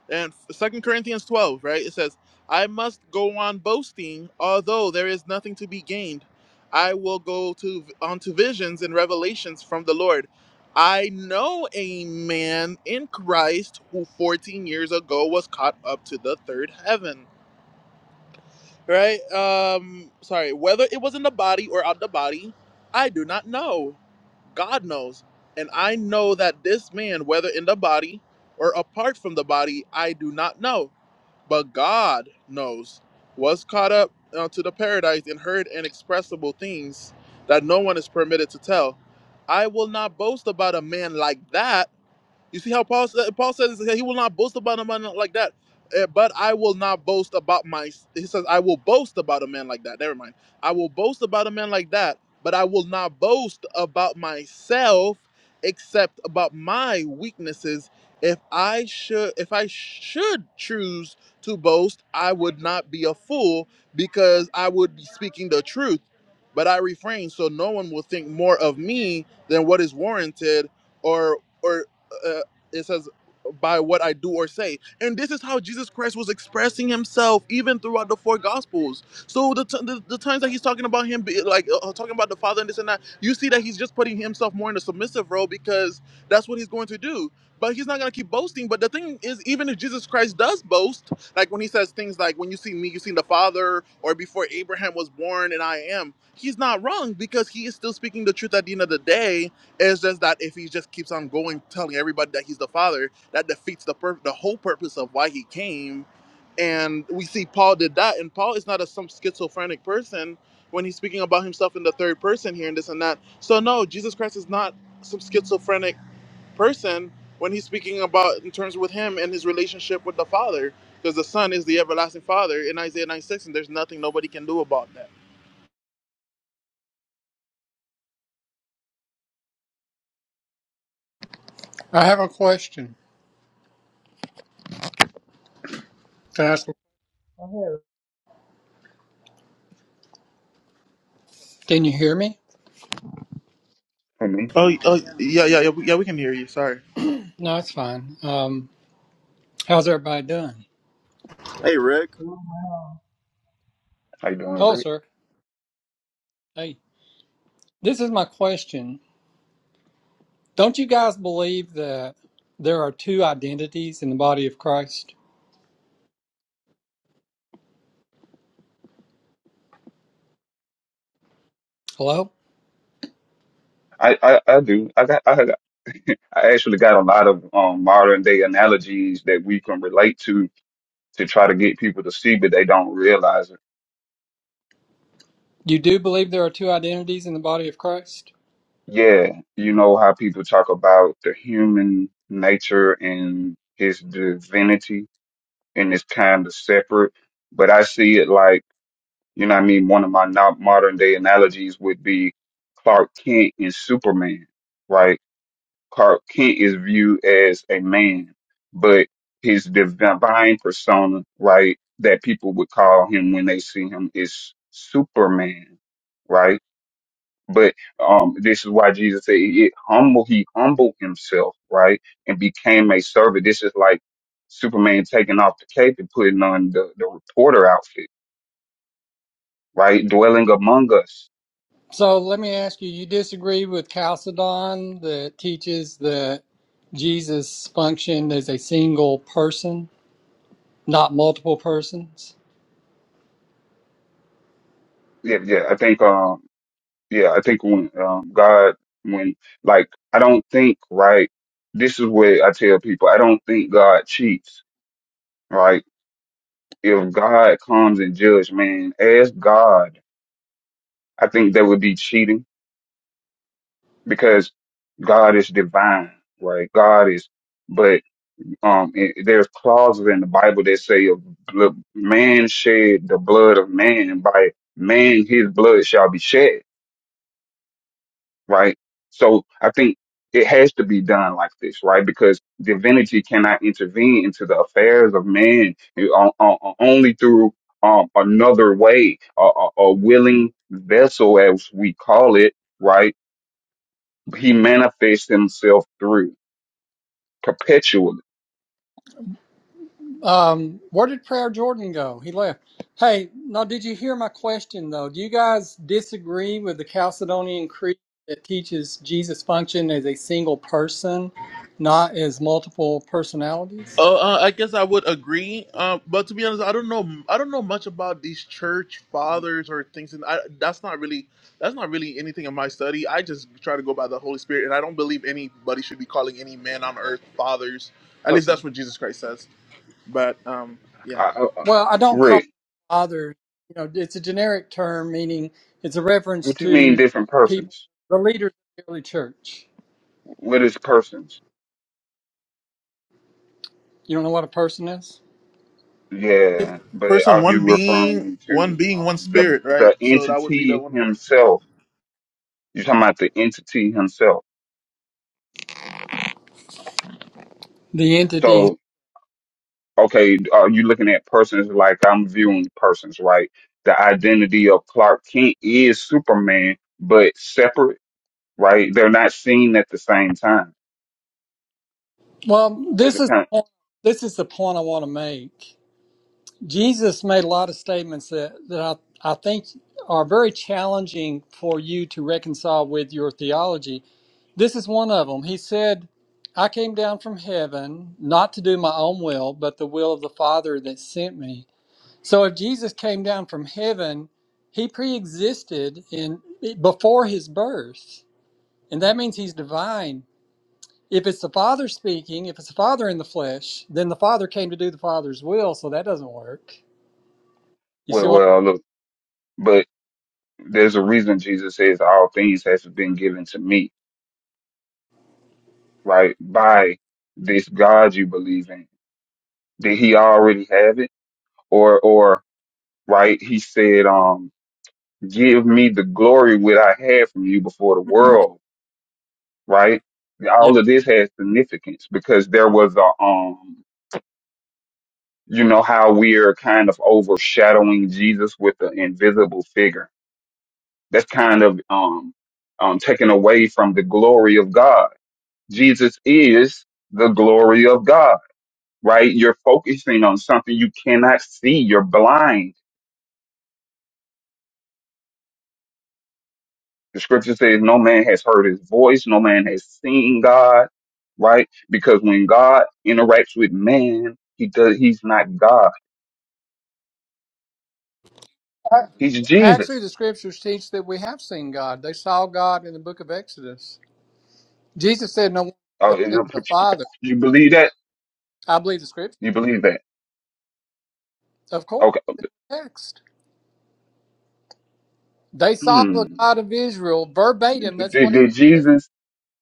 [SPEAKER 1] And Second Corinthians 12, right? It says, I must go on boasting, although there is nothing to be gained. I will go to onto visions and revelations from the Lord. I know a man in Christ who 14 years ago was caught up to the third heaven. Right? Um, sorry, whether it was in the body or out the body, I do not know God knows. And I know that this man, whether in the body or apart from the body, I do not know, but God knows, was caught up uh, to the paradise and heard inexpressible things that no one is permitted to tell. I will not boast about a man like that you see how Paul said, Paul says he will not boast about a man like that. Eh, But I will not boast about my. He says I will boast about a man like that. Never mind. I will boast about a man like that, but I will not boast about myself, except about my weaknesses. If I should, if I should choose to boast, I would not be a fool because I would be speaking the truth. But I refrain, so no one will think more of me than what is warranted, or or uh, it says by what I do or say. And this is how Jesus Christ was expressing himself even throughout the four gospels. So the, t- the, the times that he's talking about him be, like uh, uh, talking about the father and this and that, you see that he's just putting himself more in a submissive role because that's what he's going to do. But he's not going to keep boasting. But the thing is even if Jesus Christ does boast, like when he says things like when you see me you see the father or before Abraham was born and I am, he's not wrong because he is still speaking the truth at the end of the day it's just that if he just keeps on going, telling everybody that he's the father, that defeats the pur- the whole purpose of why he came. And we see Paul did that, and Paul is not a some schizophrenic person when he's speaking about himself in the third person here and this and that. So no, Jesus Christ is not some schizophrenic person when he's speaking about in terms with him and his relationship with the Father, because the Son is the everlasting Father in Isaiah 96, and there's nothing nobody can do about that.
[SPEAKER 11] I have a question. Can, I ask, can you hear me?
[SPEAKER 10] I mean,
[SPEAKER 1] Oh, oh yeah, yeah, yeah, we- yeah. We can hear you. Sorry.
[SPEAKER 11] No, it's fine. Um, how's everybody doing?
[SPEAKER 8] hey rick
[SPEAKER 10] how you doing,
[SPEAKER 11] Hello,
[SPEAKER 10] Rick?
[SPEAKER 11] sir. Hey, this is my question. Don't you guys believe that there are two identities in the body of Christ? Hello?
[SPEAKER 10] I, I, I do. I got, I got, I actually got a lot of um, modern day analogies that we can relate to to try to get people to see, but they don't realize it.
[SPEAKER 11] You do believe there are two identities in the body of Christ?
[SPEAKER 10] Yeah, you know how people talk about the human nature and his divinity, and it's kind of separate. But I see it like, you know what I mean? One of my no- modern day analogies would be Clark Kent and Superman, right? Clark Kent is viewed as a man, but his divine persona, right, that people would call him when they see him is Superman, right? But um, this is why Jesus said it humble. He humbled himself, right, and became a servant. This is like Superman taking off the cape and putting on the, the reporter outfit, right, dwelling among us.
[SPEAKER 11] So let me ask you, you disagree with Chalcedon that teaches that Jesus functioned as a single person, not multiple persons?
[SPEAKER 10] Yeah, yeah. I think, um, yeah, I think when um, God, when like, I don't think, right. This is what I tell people. I don't think God cheats, right. If God comes and judge, man, as God, I think that would be cheating because God is divine, right? God is, but um, it, there's clauses in the Bible that say, "Look, "Man shed the blood of man, and by man his blood shall be shed," right? So I think it has to be done like this, right? Because divinity cannot intervene into the affairs of man you know, o- o- only through um, another way, a, a, a willing vessel, as we call it, right? He manifests himself through. perpetually.
[SPEAKER 11] Um, where did Prayer Jordan go? He left. Hey, now did you hear my question though? Do you guys disagree with the Chalcedonian Creed that teaches Jesus functioned as a single person, not as multiple personalities?
[SPEAKER 1] Uh, uh, I guess I would agree. Uh, but to be honest, I don't know. I don't know much about these church fathers or things, and I, that's not really that's not really anything in my study. I just try to go by the Holy Spirit, and I don't believe anybody should be calling any man on earth fathers. At least
[SPEAKER 10] Okay.
[SPEAKER 1] that's what Jesus Christ says. But um, yeah,
[SPEAKER 10] I, I,
[SPEAKER 11] Well, I don't call it
[SPEAKER 10] Rick,
[SPEAKER 11] father. You know, it's a generic term meaning it's a reference
[SPEAKER 10] what you mean
[SPEAKER 11] to
[SPEAKER 10] different
[SPEAKER 11] people,
[SPEAKER 10] persons?
[SPEAKER 11] the leaders of the early church.
[SPEAKER 10] What is persons?
[SPEAKER 11] You don't know what a person is?
[SPEAKER 10] Yeah, but
[SPEAKER 1] person,
[SPEAKER 10] are you
[SPEAKER 1] one being,
[SPEAKER 10] referring
[SPEAKER 1] one
[SPEAKER 10] to
[SPEAKER 1] being,
[SPEAKER 10] um,
[SPEAKER 1] one
[SPEAKER 10] the
[SPEAKER 1] spirit, right?
[SPEAKER 10] the
[SPEAKER 1] So that would be the
[SPEAKER 10] entity
[SPEAKER 1] one person.
[SPEAKER 10] himself? You're talking about the entity himself.
[SPEAKER 11] The entity.
[SPEAKER 10] So, okay, are you looking at persons like I'm viewing persons, right? The identity of Clark Kent is Superman, but separate, right? They're not seen at the same time.
[SPEAKER 11] Well,
[SPEAKER 10] There's
[SPEAKER 11] this
[SPEAKER 10] a
[SPEAKER 11] is the
[SPEAKER 10] kind
[SPEAKER 11] point. This is the point I want to make. Jesus made a lot of statements that, that I, I think are very challenging for you to reconcile with your theology. This is one of them. He said, I came down from heaven not to do my own will, but the will of the Father that sent me. So if Jesus came down from heaven, he pre existed in before his birth. And that means he's divine. If it's the Father speaking, if it's the Father in the flesh, then the Father came to do the Father's will, so that doesn't work. You see
[SPEAKER 10] well,
[SPEAKER 11] what?
[SPEAKER 10] well, look. but. there's a reason Jesus says all things has been given to me, right? By this God you believe in. Did he already have it? Or, or, right? He said, um, give me the glory which I had from you before the world, right?
[SPEAKER 11] yeah.
[SPEAKER 10] All of this has significance because there was a, um, you know, how we're kind of overshadowing Jesus with an invisible figure. That's kind of, um, um, taken away from the glory of God Jesus is the glory of God, right? You're focusing on something you cannot see. You're blind. The scripture says no man has heard his voice. No man has seen God, right? Because when God interacts with man, he does, he's not God. He's
[SPEAKER 11] Actually,
[SPEAKER 10] Jesus.
[SPEAKER 11] the scriptures teach that we have seen God. They saw God in the book of Exodus. Jesus said, No one has
[SPEAKER 10] Oh,
[SPEAKER 11] seen
[SPEAKER 10] you
[SPEAKER 11] the Father.
[SPEAKER 10] you believe that?
[SPEAKER 11] I believe the scripture.
[SPEAKER 10] You believe that?
[SPEAKER 11] Of course,
[SPEAKER 10] Okay.
[SPEAKER 11] the text. They saw the
[SPEAKER 10] Hmm.
[SPEAKER 11] God of Israel verbatim. That's
[SPEAKER 10] Did,
[SPEAKER 11] what it
[SPEAKER 10] did
[SPEAKER 11] said.
[SPEAKER 10] Jesus,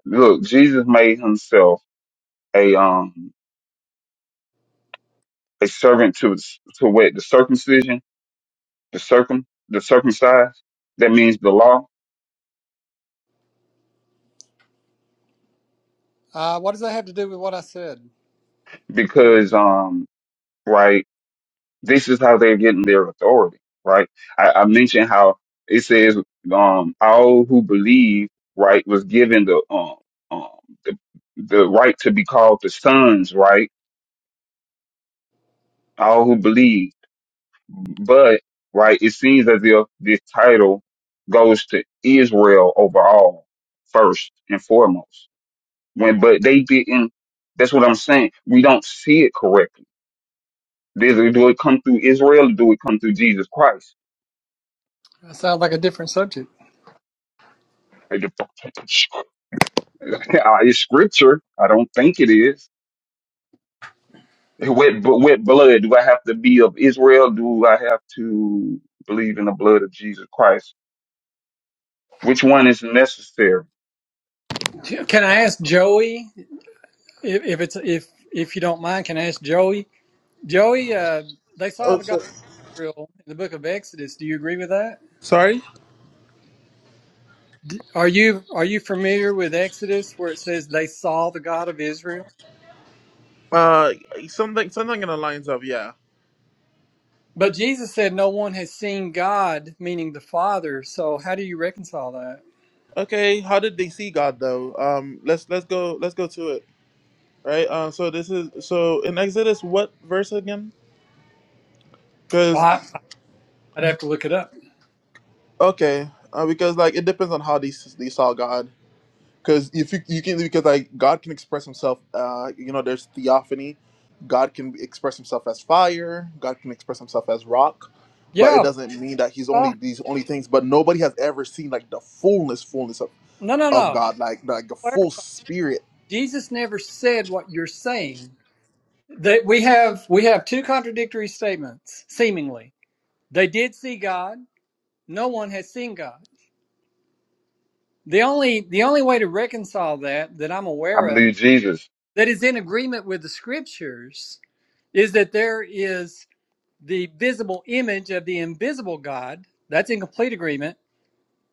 [SPEAKER 10] look, Jesus made himself a, um, a servant to, to what? The circumcision? the circum the circumcised that means the law
[SPEAKER 11] Uh, what does that have to do with what I said?
[SPEAKER 10] because um right this is how they're getting their authority right i, I mentioned how it says um all who believe right was given the um, um the, the right to be called the sons right all who believe but right it seems as if this title goes to israel overall first and foremost When but they didn't. That's what I'm saying. We don't see it correctly. Does it, do it come through Israel or do it come through Jesus Christ?
[SPEAKER 11] That sounds like a different subject.
[SPEAKER 10] Like the- Uh, It's scripture. I don't think it is. With, but with blood, do I have to be of Israel? Do I have to believe in the blood of Jesus Christ? Which one is necessary?
[SPEAKER 11] Can I ask Joey if, if it's if if you don't mind? Can I ask Joey? Joey, uh, they saw
[SPEAKER 1] Oh,
[SPEAKER 11] the God
[SPEAKER 1] so,
[SPEAKER 11] of Israel in the book of Exodus. Do you agree with that?
[SPEAKER 1] sorry.
[SPEAKER 11] Are you are you familiar with Exodus where it says they saw the God of Israel?
[SPEAKER 1] Uh, something something in the lines of yeah.
[SPEAKER 11] But Jesus said no one has seen God, meaning the Father. So how do you reconcile that?
[SPEAKER 1] Okay, how did they see God though? Um, let's let's go let's go to it. right? Uh, so this is so in Exodus, what verse again?
[SPEAKER 11] Well,
[SPEAKER 1] Because
[SPEAKER 11] I, I'd have to look it up.
[SPEAKER 1] okay, uh, because like it depends on how they s- they saw God. Because if you you can because like God can express Himself, uh, you know, there's theophany. God can express Himself as fire. God can express Himself as rock, but it
[SPEAKER 11] Yeah.
[SPEAKER 1] doesn't mean that He's only
[SPEAKER 11] uh,
[SPEAKER 1] these only things. But nobody has ever seen like the fullness, fullness of
[SPEAKER 11] No, no,
[SPEAKER 1] of
[SPEAKER 11] no.
[SPEAKER 1] God, like like the full spirit.
[SPEAKER 11] Jesus never said what you're saying. That we have we have two contradictory statements seemingly. They did see God. No one has seen God. The only the only way to reconcile that that I'm
[SPEAKER 10] I
[SPEAKER 11] aware
[SPEAKER 10] believe Jesus,
[SPEAKER 11] that is in agreement with the scriptures is that there is the visible image of the invisible God. That's in complete agreement.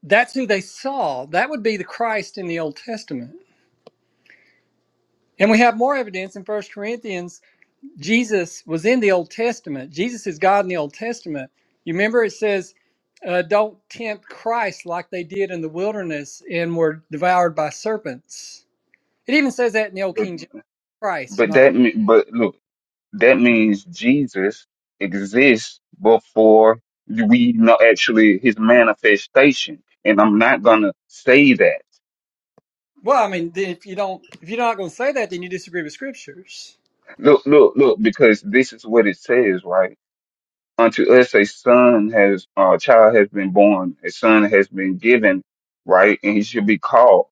[SPEAKER 11] That's who they saw. That would be the Christ in the Old Testament. And we have more evidence in First Corinthians. Jesus was in the Old Testament. Jesus is God in the Old Testament. You remember it says, uh, don't tempt Christ like they did in the wilderness and were devoured by serpents. It even says that in the Old
[SPEAKER 10] but
[SPEAKER 11] King James Christ,
[SPEAKER 10] but
[SPEAKER 11] not
[SPEAKER 10] that me- but look. that means Jesus exists before we know actually his manifestation. And I'm not gonna say that.
[SPEAKER 11] Well, I mean, if you don't, if you're not going to say that, then you disagree with scriptures.
[SPEAKER 10] Look, look, look, because this is what it says, right? Unto us a son has uh, a child has been born, a son has been given, right? And he should be called.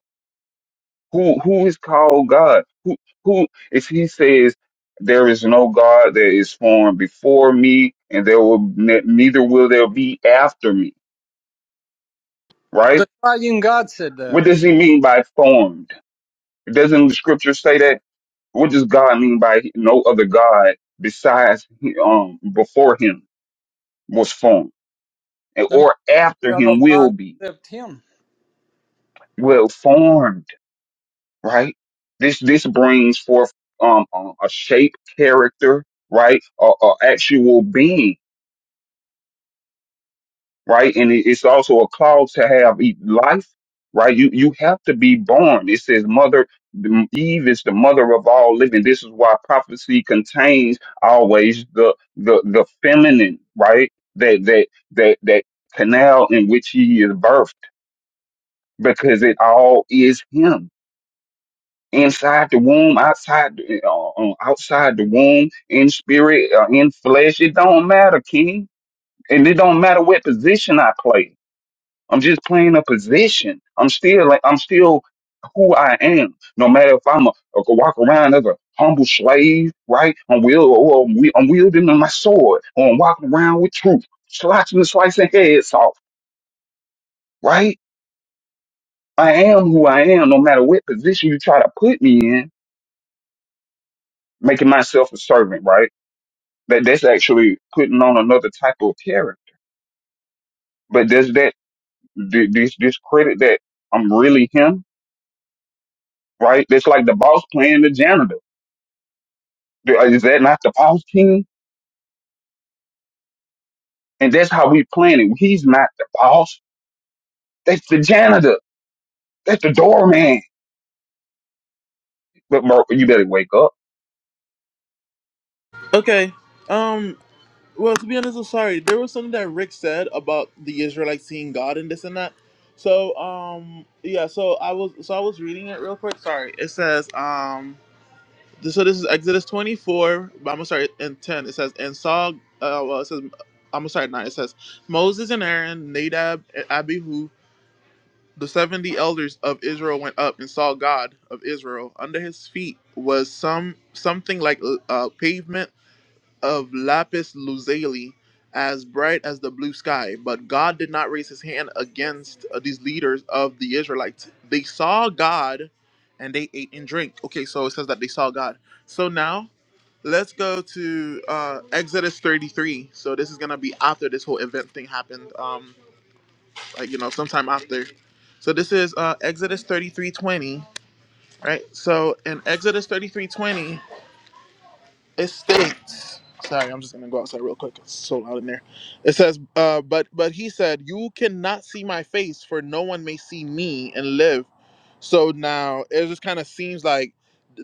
[SPEAKER 10] Who who is called God? Who who if he says there is no God that is formed before me, and there will ne- neither will there be after me, right?
[SPEAKER 11] The triune God said that.
[SPEAKER 10] What does he mean by formed? Doesn't the scripture say that? What does God mean by no other God besides um before him was formed and-
[SPEAKER 11] That means
[SPEAKER 10] or after
[SPEAKER 11] there are no
[SPEAKER 10] him
[SPEAKER 11] God
[SPEAKER 10] will be?
[SPEAKER 11] except Him.
[SPEAKER 10] Well, formed, right? This this brings forth um a a shape, character, right? A, a actual being right? And it- it's also a clause to have e- life, right? You you have to be born. It says mother Eve is the mother of all living. This is why prophecy contains always the the the feminine, right? That that that that canal in which he is birthed, because it all is him. Inside the womb, outside, the- uh, uh, outside the womb, in spirit, uh, in flesh, it don't matter, King, and it don't matter what position I play I'm just playing a position. I'm still like I'm still who I am. No matter if I'm a, a walk around as a humble slave, right? I'm wield or I'm, wi- I'm wielding my sword, or I'm walking around with truth, slashing and slicing heads off, right? I am who I am, no matter what position you try to put me in, making myself a servant, right? That that's actually putting on another type of character. But there's that th- this this credit that I'm really him, right? That's like the boss playing the janitor Is that not the boss king? And that's how we plan it. He's not the boss. That's the janitor. That's the doorman. But bro, you better wake up.
[SPEAKER 1] Okay. Um. Well, to be honest, I'm sorry. There was something that Rick said about the Israelites seeing God and this and that. So, um, yeah. So I was, so I was reading it real quick. Sorry. It says, um, this, so this is Exodus 24. but I'm sorry, and 10. It says, and Saul. Uh, well, it says, I'm sorry, nine. It says, Moses and Aaron, Nadab and Abihu, the seventy elders of Israel went up and saw God of Israel. Under his feet was some something like uh, pavement of lapis lazuli as bright as the blue sky. But God did not raise his hand against uh, these leaders of the Israelites. They saw God and they ate and drank. Okay, so it says that they saw God. So now let's go to uh, Exodus 33. So this is going to be after this whole event thing happened, um, like, you know, sometime after. So this is uh, Exodus 33:20, right? So in Exodus 33:20. It states. Sorry, I'm just gonna go outside real quick. It's so loud in there. It says, uh, but but he said, You cannot see my face, for no one may see me and live. So now it just kind of seems like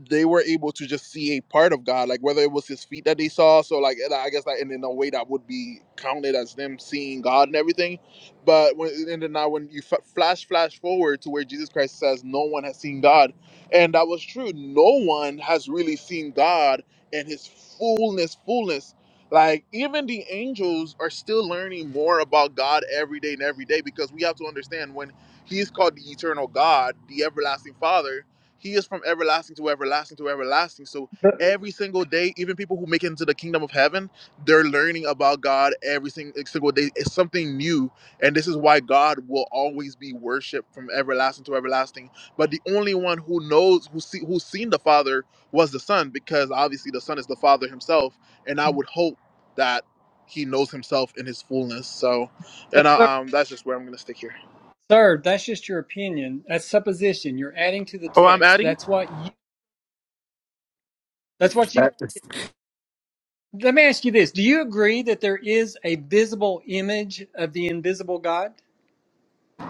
[SPEAKER 1] they were able to just see a part of God, like whether it was his feet that they saw. So like and I guess like in, in a way that would be counted as them seeing God and everything. But when and then now when you f- flash flash forward to where Jesus Christ says, No one has seen God, and that was true. No one has really seen God and his fullness, fullness. Like even the angels are still learning more about God every day and every day because we have to understand when he is called the eternal God, the everlasting Father, he is from everlasting to everlasting to everlasting. So
[SPEAKER 11] But,
[SPEAKER 1] every single day, even people who make it into the kingdom of heaven, they're learning about God every sing- like, single day. It's something new. And this is why God will always be worshiped from everlasting to everlasting. But the only one who knows, who see, who's seen the Father was the son because obviously the son is the father himself and i would hope that he knows himself in his fullness so
[SPEAKER 11] but
[SPEAKER 1] and
[SPEAKER 11] sir,
[SPEAKER 1] I, um that's just where i'm gonna stick here
[SPEAKER 11] sir, that's just your opinion. That's supposition. You're adding to the
[SPEAKER 1] oh i'm
[SPEAKER 11] text.
[SPEAKER 1] adding
[SPEAKER 11] That's what you. That's what you.
[SPEAKER 12] That-
[SPEAKER 11] Let me ask you this: Do you agree that there is a visible image of the invisible God?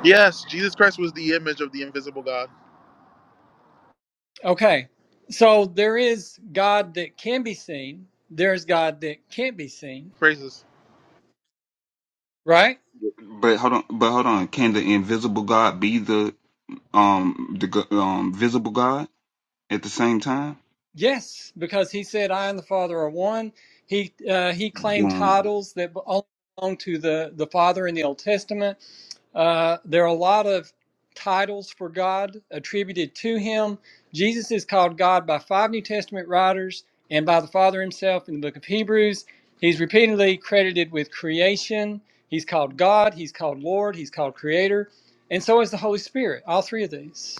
[SPEAKER 1] yes jesus christ was the image of the invisible god
[SPEAKER 11] Okay, so there is God that can be seen. There's God that can't be seen,
[SPEAKER 1] praises
[SPEAKER 11] right?
[SPEAKER 10] But hold on, but hold on. Can the invisible God be the um the go- um visible God at the same time?
[SPEAKER 11] Yes, because he said, "I and the Father are one." He uh, he claimed
[SPEAKER 10] Boom.
[SPEAKER 11] titles that only belong to the the Father in the Old Testament. Uh, there are a lot of titles for God attributed to him. Jesus is called God by five New Testament writers and by the Father himself in the Book of Hebrews. He's repeatedly credited with creation. He's called God. He's called Lord. He's called Creator, and so is the Holy Spirit. All three of these.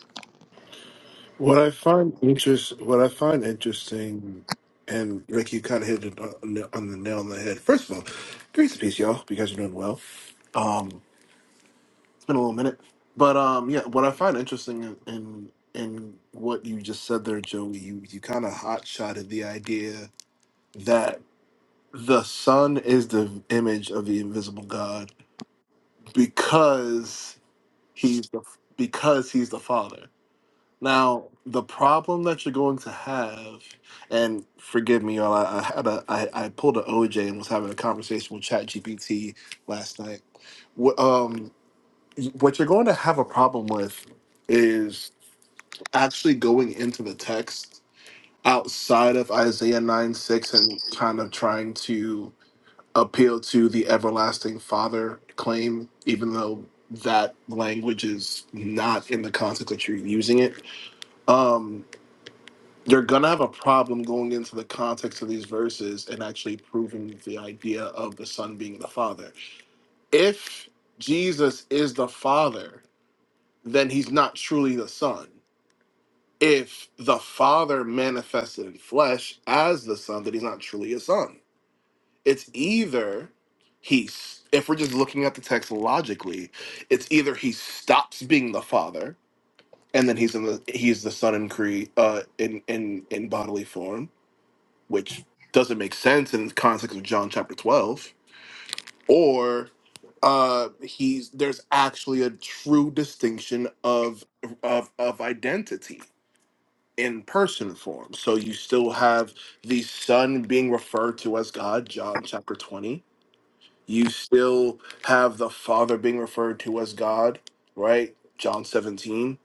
[SPEAKER 12] what I find interest, what I find interesting, and Rick, you kind of hit it on the, on the nail on the head. First of all, grace and peace, y'all. Hope You guys are doing well. Um, it's been a little minute, but um, yeah, what I find interesting in in, in what you just said there, Joey, you you kind of hot shotted the idea that the sun is the image of the invisible God because he's the because he's the father Now, the problem that you're going to have, and forgive me, y'all, I, I had a I, I pulled an OJ and was having a conversation with ChatGPT last night. What um what you're going to have a problem with is actually going into the text outside of Isaiah 9 6 and kind of trying to appeal to the everlasting father claim, even though that language is not in the context that you're using it. Um you're gonna have a problem going into the context of these verses and actually proving the idea of the son being the father if jesus is the father then he's not truly the son if the father manifested in flesh as the son then he's not truly a son it's either he's if we're just looking at the text logically it's either he stops being the father and then he's in the he's the son in cre uh in in in bodily form which doesn't make sense in the context of John chapter 12, or uh he's there's actually a true distinction of of of identity in person form. So you still have the son being referred to as God, John chapter 20. You still have the father being referred to as God, right? John 17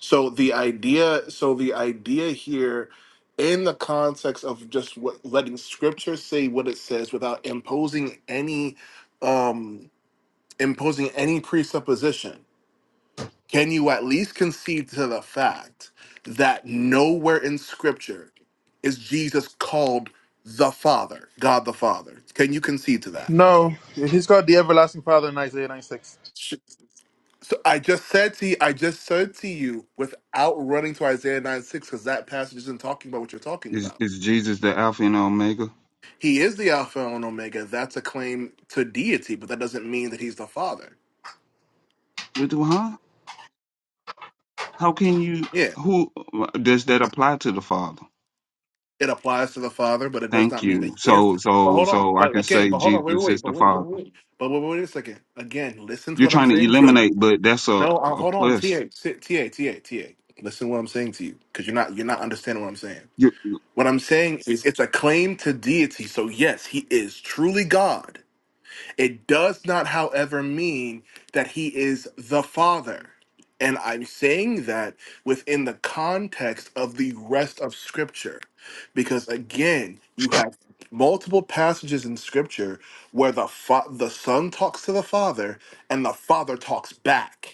[SPEAKER 12] so the idea, so the idea here, in the context of just what, letting Scripture say what it says without imposing any, um, imposing any presupposition, can you at least concede to the fact that nowhere in Scripture is Jesus called the Father, God the Father? Can you concede to that?
[SPEAKER 1] no he's called the everlasting father in isaiah 96
[SPEAKER 12] Sh- So I just said to you, I just said to you without running to Isaiah 9 6, because that passage isn't talking about what you're talking
[SPEAKER 10] Is
[SPEAKER 12] about
[SPEAKER 10] is Jesus the Alpha and Omega?
[SPEAKER 12] He is the Alpha and Omega. That's a claim to deity, but that doesn't mean that he's the Father.
[SPEAKER 10] We do, huh? How can you?
[SPEAKER 12] Yeah,
[SPEAKER 10] Who does that apply to the Father?
[SPEAKER 12] it applies to the Father, but it does
[SPEAKER 10] Thank
[SPEAKER 12] not mean that
[SPEAKER 10] you.
[SPEAKER 12] he is.
[SPEAKER 10] So
[SPEAKER 12] The, but
[SPEAKER 10] so
[SPEAKER 12] hold on.
[SPEAKER 10] so I
[SPEAKER 12] But
[SPEAKER 10] can
[SPEAKER 12] again,
[SPEAKER 10] say
[SPEAKER 12] but hold on. Wait, wait,
[SPEAKER 10] Jesus
[SPEAKER 12] wait.
[SPEAKER 10] is
[SPEAKER 12] But
[SPEAKER 10] the
[SPEAKER 12] wait, but
[SPEAKER 10] Father.
[SPEAKER 12] wait. But wait, wait a second. Again, listen to
[SPEAKER 10] You're
[SPEAKER 12] what I'm
[SPEAKER 10] trying to
[SPEAKER 12] saying to you.
[SPEAKER 10] eliminate, but that's a
[SPEAKER 12] No, uh,
[SPEAKER 10] a
[SPEAKER 12] hold on.
[SPEAKER 10] plus.
[SPEAKER 12] Ta, sit- ta, ta, ta. Listen to what I'm saying to you, because you're not you're not understanding what I'm saying.
[SPEAKER 10] You-
[SPEAKER 12] What I'm saying is it's a claim to deity. So yes, he is truly God It does not, however, mean that he is the Father. And I'm saying that within the context of the rest of Scripture, because again, you have multiple passages in Scripture where the fa- the Son talks to the Father and the Father talks back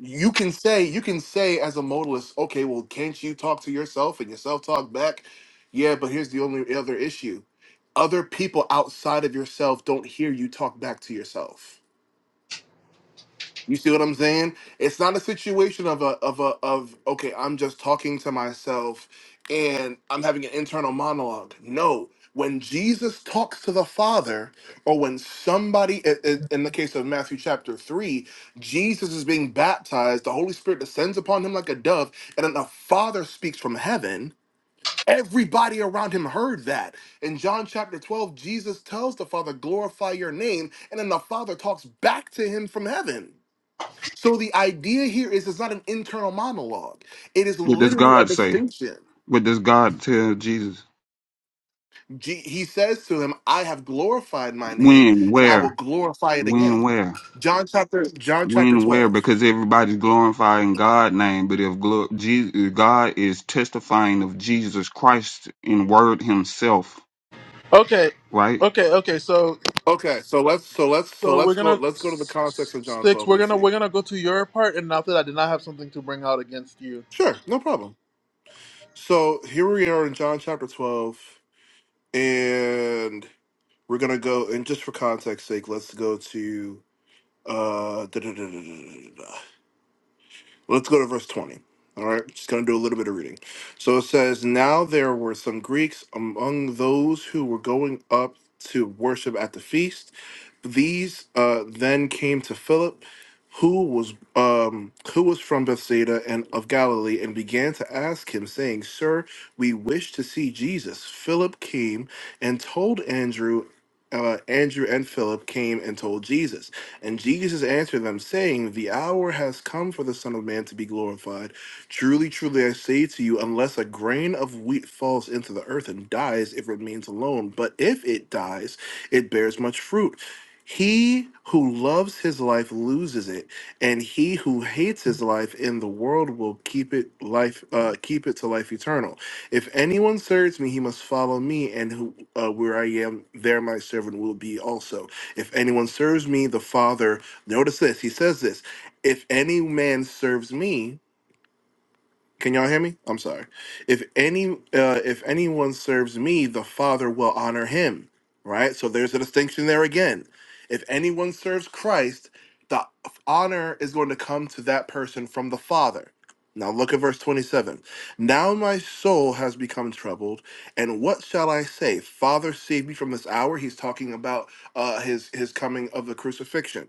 [SPEAKER 12] you can say you can say as a modalist okay well can't you talk to yourself and yourself talk back yeah but here's the only other issue other people outside of yourself don't hear you talk back to yourself you see what I'm saying? It's not a situation of a of a of okay, I'm just talking to myself and I'm having an internal monologue. No, when Jesus talks to the Father, or when somebody, i- i- in the case of Matthew chapter three, Jesus is being baptized, the Holy Spirit descends upon him like a dove, and then the Father speaks from heaven. Everybody around him heard that. In John chapter 12, Jesus tells the Father, Glorify your name. And then the Father talks back to him from heaven. So the idea here is it's not an internal monologue. It is
[SPEAKER 10] What does
[SPEAKER 12] literally a
[SPEAKER 10] God say?
[SPEAKER 12] distinction.
[SPEAKER 10] What does God tell Jesus?
[SPEAKER 12] Je- He says to him, "I have glorified my name,
[SPEAKER 10] When,
[SPEAKER 12] and I will
[SPEAKER 10] where,
[SPEAKER 12] glorify it
[SPEAKER 10] when,
[SPEAKER 12] again."
[SPEAKER 10] where,
[SPEAKER 12] John chapter John chapter
[SPEAKER 10] when, where?
[SPEAKER 12] twelve.
[SPEAKER 10] Because everybody's glorifying God's name, but if glo- Jesus, God is testifying of Jesus Christ in Word Himself,
[SPEAKER 1] okay
[SPEAKER 10] right?
[SPEAKER 1] okay okay so
[SPEAKER 12] Okay, so let's so let's so
[SPEAKER 1] So we're
[SPEAKER 12] let's go
[SPEAKER 1] gonna
[SPEAKER 12] let's go to the
[SPEAKER 1] s-
[SPEAKER 12] context of John
[SPEAKER 1] sticks.
[SPEAKER 12] twelve
[SPEAKER 1] We're
[SPEAKER 12] and
[SPEAKER 1] gonna
[SPEAKER 12] see.
[SPEAKER 1] we're gonna go to your part, and after that, I did not have something to bring out against you.
[SPEAKER 12] Sure, no problem. So here we are in John chapter twelve, and we're gonna go and just for context sake, let's go to uh da-da-da-da-da-da-da. Let's go to verse 20. All right, just going to do a little bit of reading. So it says, Now there were some Greeks among those who were going up to worship at the feast. These uh, then came to Philip, who was um, who was from Bethsaida and of Galilee, and began to ask him, saying, 'Sir, we wish to see Jesus." Philip came and told Andrew. Uh, Andrew and Philip came and told Jesus. And Jesus answered them, saying, The hour has come for the Son of Man to be glorified. Truly, truly, I say to you, unless a grain of wheat falls into the earth and dies, it remains alone. But if it dies, it bears much fruit. He who loves his life loses it, and he who hates his life in the world will keep it life uh, keep it to life eternal. If anyone serves me, he must follow me, and who, uh, where I am, there my servant will be also. If anyone serves me, the Father, notice this, he says this, if any man serves me, can y'all hear me? I'm sorry. If any uh, if anyone serves me, the Father will honor him. Right? So there's a distinction there again. If anyone serves Christ, the honor is going to come to that person from the Father. Now look at verse 27. Now my soul has become troubled, and what shall I say? Father, save me from this hour. He's talking about uh, his his coming of the crucifixion.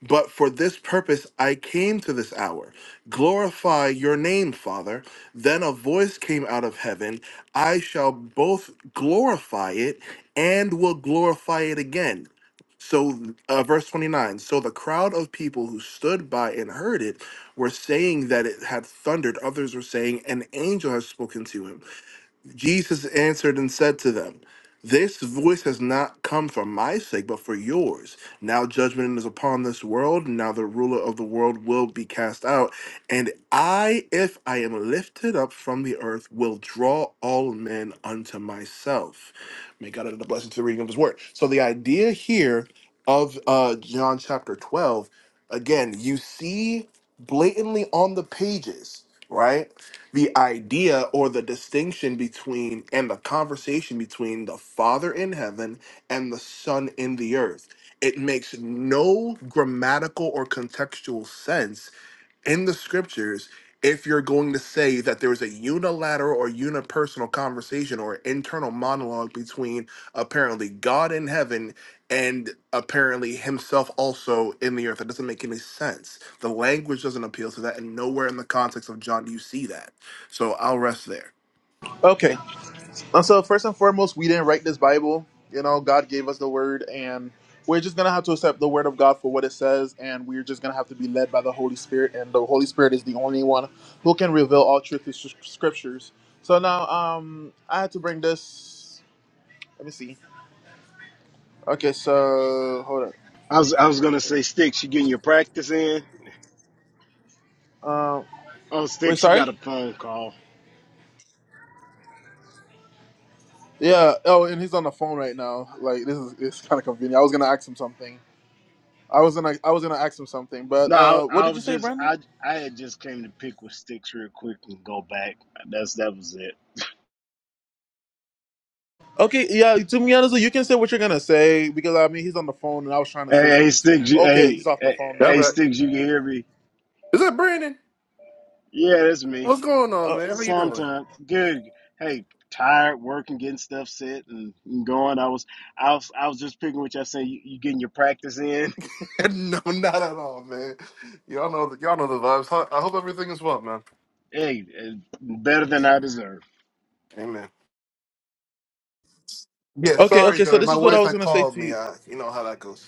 [SPEAKER 12] But for this purpose I came to this hour. Glorify your name, Father. Then a voice came out of heaven I shall both glorify it and will glorify it again. So, uh, verse 29 So the crowd of people who stood by and heard it were saying that it had thundered. Others were saying, An angel has spoken to him. Jesus answered and said to them, This voice has not come for my sake, but for yours. Now judgment is upon this world, now the ruler of the world will be cast out. And I, if I am lifted up from the earth, will draw all men unto myself. May God add a blessing to the reading of his word. So the idea here of uh, John chapter 12, again, you see blatantly on the pages, right? the idea or the distinction between and the conversation between the Father in heaven and the Son in the earth. It makes no grammatical or contextual sense in the scriptures if you're going to say that there is a unilateral or unipersonal conversation or internal monologue between apparently God in heaven and apparently himself also in the earth. That doesn't make any sense. The language doesn't appeal to that, and nowhere in the context of John do you see that. So I'll rest there.
[SPEAKER 1] Okay. And so first and foremost, we didn't write this Bible. You know, God gave us the Word, and we're just gonna have to accept the Word of God for what it says, and we're just gonna have to be led by the Holy Spirit, and the Holy Spirit is the only one who can reveal all truth to s- scriptures. So now, um, I had to bring this. Let me see. Okay, so hold up.
[SPEAKER 13] I was I was gonna say, Sticks, you getting your practice in?
[SPEAKER 1] Um,
[SPEAKER 13] Oh,
[SPEAKER 1] wait,
[SPEAKER 13] Sticks, you
[SPEAKER 1] sorry.
[SPEAKER 13] got a phone call.
[SPEAKER 1] Yeah. Oh, and he's on the phone right now. Like this is it's kind of convenient. I was gonna ask him something. I was gonna I was gonna ask him something, but
[SPEAKER 13] No, I,
[SPEAKER 1] uh, what
[SPEAKER 13] I
[SPEAKER 1] did you
[SPEAKER 13] was
[SPEAKER 1] say,
[SPEAKER 13] just
[SPEAKER 1] Brandon?
[SPEAKER 13] I I had just came to pick with Sticks real quick and go back. That's that was it.
[SPEAKER 1] Okay. Yeah. To be honest, you can say what you're gonna say because I mean he's on the phone, and I was trying to say
[SPEAKER 13] Hey, hey
[SPEAKER 1] something to
[SPEAKER 13] Sticks,
[SPEAKER 1] him.
[SPEAKER 13] you,
[SPEAKER 1] Okay, he's
[SPEAKER 13] hey,
[SPEAKER 1] off the
[SPEAKER 13] hey
[SPEAKER 1] phone
[SPEAKER 12] Yeah, i
[SPEAKER 1] now.
[SPEAKER 13] hey, Sticks, you can hear me?
[SPEAKER 12] Is that Brandon?
[SPEAKER 13] Yeah, that's me.
[SPEAKER 12] What's going on,
[SPEAKER 1] Uh,
[SPEAKER 12] man? How you doing?
[SPEAKER 13] Sometime good. Hey, tired working, getting stuff set and, and going. I was I was I was just picking with y'all saying you, you getting your practice in.
[SPEAKER 12] no, not at all, man. Y'all know the y'all know the vibes. Ho- I hope everything is well, man.
[SPEAKER 13] Hey, eh, better than I deserve.
[SPEAKER 12] Amen. Yeah,
[SPEAKER 1] okay.
[SPEAKER 12] sorry,
[SPEAKER 1] Okay. So
[SPEAKER 12] Joey.
[SPEAKER 1] this
[SPEAKER 12] My
[SPEAKER 1] is what I
[SPEAKER 12] wife
[SPEAKER 1] was
[SPEAKER 12] had
[SPEAKER 1] gonna say
[SPEAKER 12] called
[SPEAKER 1] to
[SPEAKER 12] me.
[SPEAKER 1] you.
[SPEAKER 12] Uh, you know how that goes.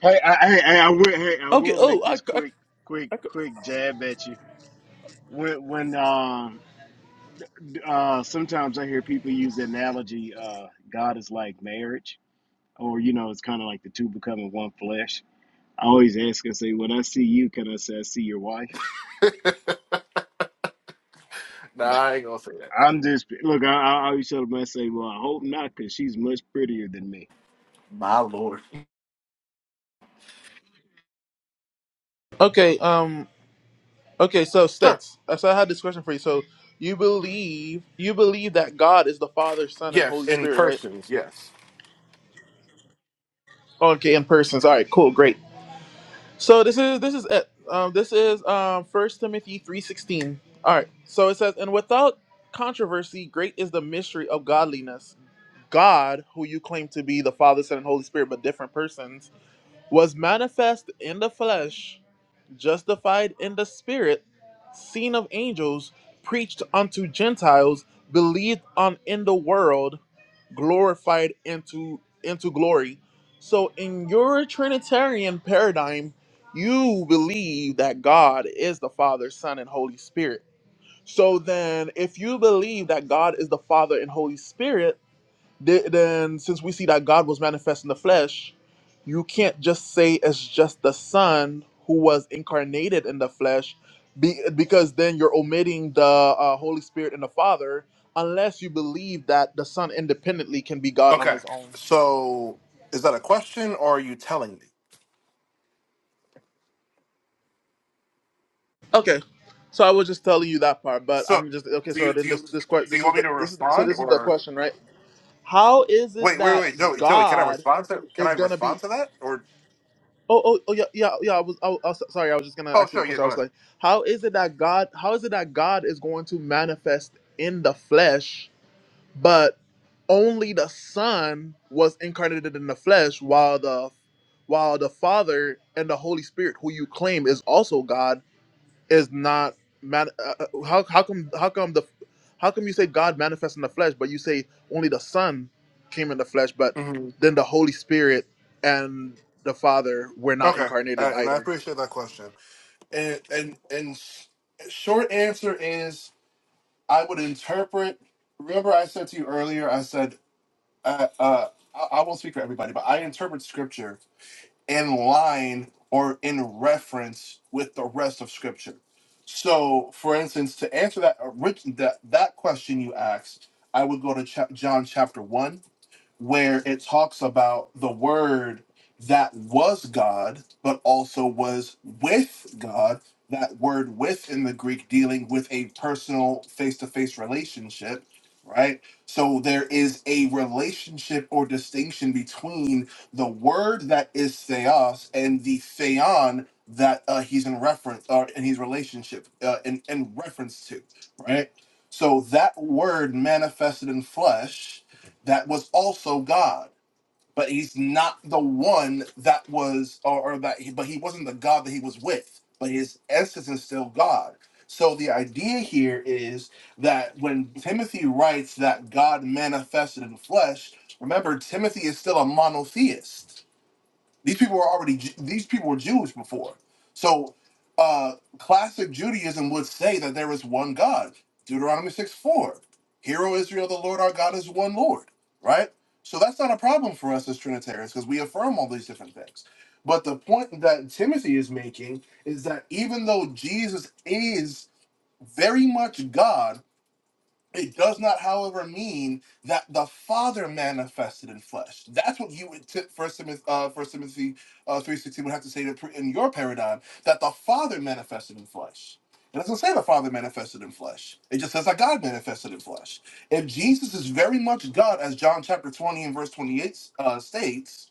[SPEAKER 13] Hey, I, hey, hey, I will. Hey, I
[SPEAKER 1] Okay.
[SPEAKER 13] will
[SPEAKER 1] Oh,
[SPEAKER 13] make
[SPEAKER 1] I,
[SPEAKER 13] this
[SPEAKER 1] I,
[SPEAKER 13] quick, quick,
[SPEAKER 1] I
[SPEAKER 13] quick jab at you. When, when, um, uh, sometimes I hear people use the analogy, uh, God is like marriage, or you know, it's kind of like the two becoming one flesh. I always ask and say, when I see you, can I say I see your wife?
[SPEAKER 12] Nah, I ain't gonna say that.
[SPEAKER 13] I'm just look. I, I always tell them, I say, well, I hope not, because she's much prettier than me.
[SPEAKER 12] My lord.
[SPEAKER 1] Okay. Um. Okay. So
[SPEAKER 12] Sure.
[SPEAKER 1] sticks. So I had this question for you. So you believe you believe that God is the Father, Son, and
[SPEAKER 12] Yes,
[SPEAKER 1] Holy
[SPEAKER 12] in
[SPEAKER 1] Spirit, right?
[SPEAKER 12] persons. Yes.
[SPEAKER 1] Okay, in persons. All right. Cool. Great. So this is this is it. Um, this is um First Timothy three sixteen. All right. So it says, and without controversy, great is the mystery of godliness. God, who you claim to be the Father, Son, and Holy Spirit, but different persons, was manifest in the flesh justified in the spirit, seen of angels, preached unto Gentiles, believed on in the world, glorified into into glory. So in your Trinitarian paradigm, you believe that God is the Father, Son, and Holy Spirit. So then if you believe that God is the Father and Holy Spirit, th- then since we see that God was manifest in the flesh, you can't just say it's just the Son who was incarnated in the flesh, be, because then you're omitting the uh, Holy Spirit and the Father, unless you believe that the Son independently can be God on
[SPEAKER 12] Okay.
[SPEAKER 1] His own.
[SPEAKER 12] So, is that a question, or are you telling me?
[SPEAKER 1] Okay, so I was just telling you that part, but
[SPEAKER 12] So,
[SPEAKER 1] I'm just okay.
[SPEAKER 12] do
[SPEAKER 1] So
[SPEAKER 12] you do
[SPEAKER 1] then this
[SPEAKER 12] you
[SPEAKER 1] this question
[SPEAKER 12] do
[SPEAKER 1] this
[SPEAKER 12] you
[SPEAKER 1] is
[SPEAKER 12] want me
[SPEAKER 1] the
[SPEAKER 12] to
[SPEAKER 1] this is so
[SPEAKER 12] respond,
[SPEAKER 1] this is the
[SPEAKER 12] or
[SPEAKER 1] question, right? How is it
[SPEAKER 12] wait, wait,
[SPEAKER 1] that
[SPEAKER 12] wait, Joey, Joey, can I
[SPEAKER 1] God
[SPEAKER 12] respond to can I
[SPEAKER 1] is gonna be
[SPEAKER 12] respond to that, or
[SPEAKER 1] Oh, oh, oh, yeah, yeah, yeah. I was, I I was- sorry. I was just gonna
[SPEAKER 12] oh,
[SPEAKER 1] ask you the
[SPEAKER 12] sure, yeah,
[SPEAKER 1] question. I
[SPEAKER 12] go
[SPEAKER 1] was
[SPEAKER 12] ahead.
[SPEAKER 1] like, how is it that God, how is it that God is going to manifest in the flesh, but only the Son was incarnated in the flesh, while the, while the Father and the Holy Spirit, who you claim is also God, is not man. Uh, uh, how how come how come the how come you say God manifests in the flesh, but you say only the Son came in the flesh, but
[SPEAKER 12] hmm
[SPEAKER 1] then the Holy Spirit and the Father were not
[SPEAKER 12] Okay,
[SPEAKER 1] incarnated
[SPEAKER 12] uh, and I
[SPEAKER 1] either.
[SPEAKER 12] appreciate that question. And and and s- short answer is I would interpret. Remember, I said to you earlier. I said uh, uh, I, I won't speak for everybody, but I interpret scripture in line or in reference with the rest of scripture. So, for instance, to answer that orig- that that question you asked, I would go to chap John chapter one where it talks about the word that was God, but also was with God. That word with in the Greek dealing with a personal face to face relationship, right? So there is a relationship or distinction between the word that is theos and the theon that uh, he's in reference or in his relationship uh, in, in reference to, right? So that word manifested in flesh that was also God, but he's not the one that was, or, or that, he, but he wasn't the God that he was with, but his essence is still God. So the idea here is that when Timothy writes that God manifested in flesh, remember Timothy is still a monotheist these people were already Ju- these people were Jewish before. So uh, classic Judaism would say that there is one God. Deuteronomy 6 4. Hear, O Israel, the Lord our God is one Lord, right? So that's not a problem for us as Trinitarians because we affirm all these different things. But the point that Timothy is making is that even though Jesus is very much God, it does not, however, mean that the Father manifested in flesh. That's what you would t- First Timothy, uh, First Timothy uh, three sixteen would have to say to pre- in your paradigm that the Father manifested in flesh. It doesn't say the Father manifested in flesh. It just says that God manifested in flesh. If Jesus is very much God, as John chapter twenty and verse twenty eight uh, states,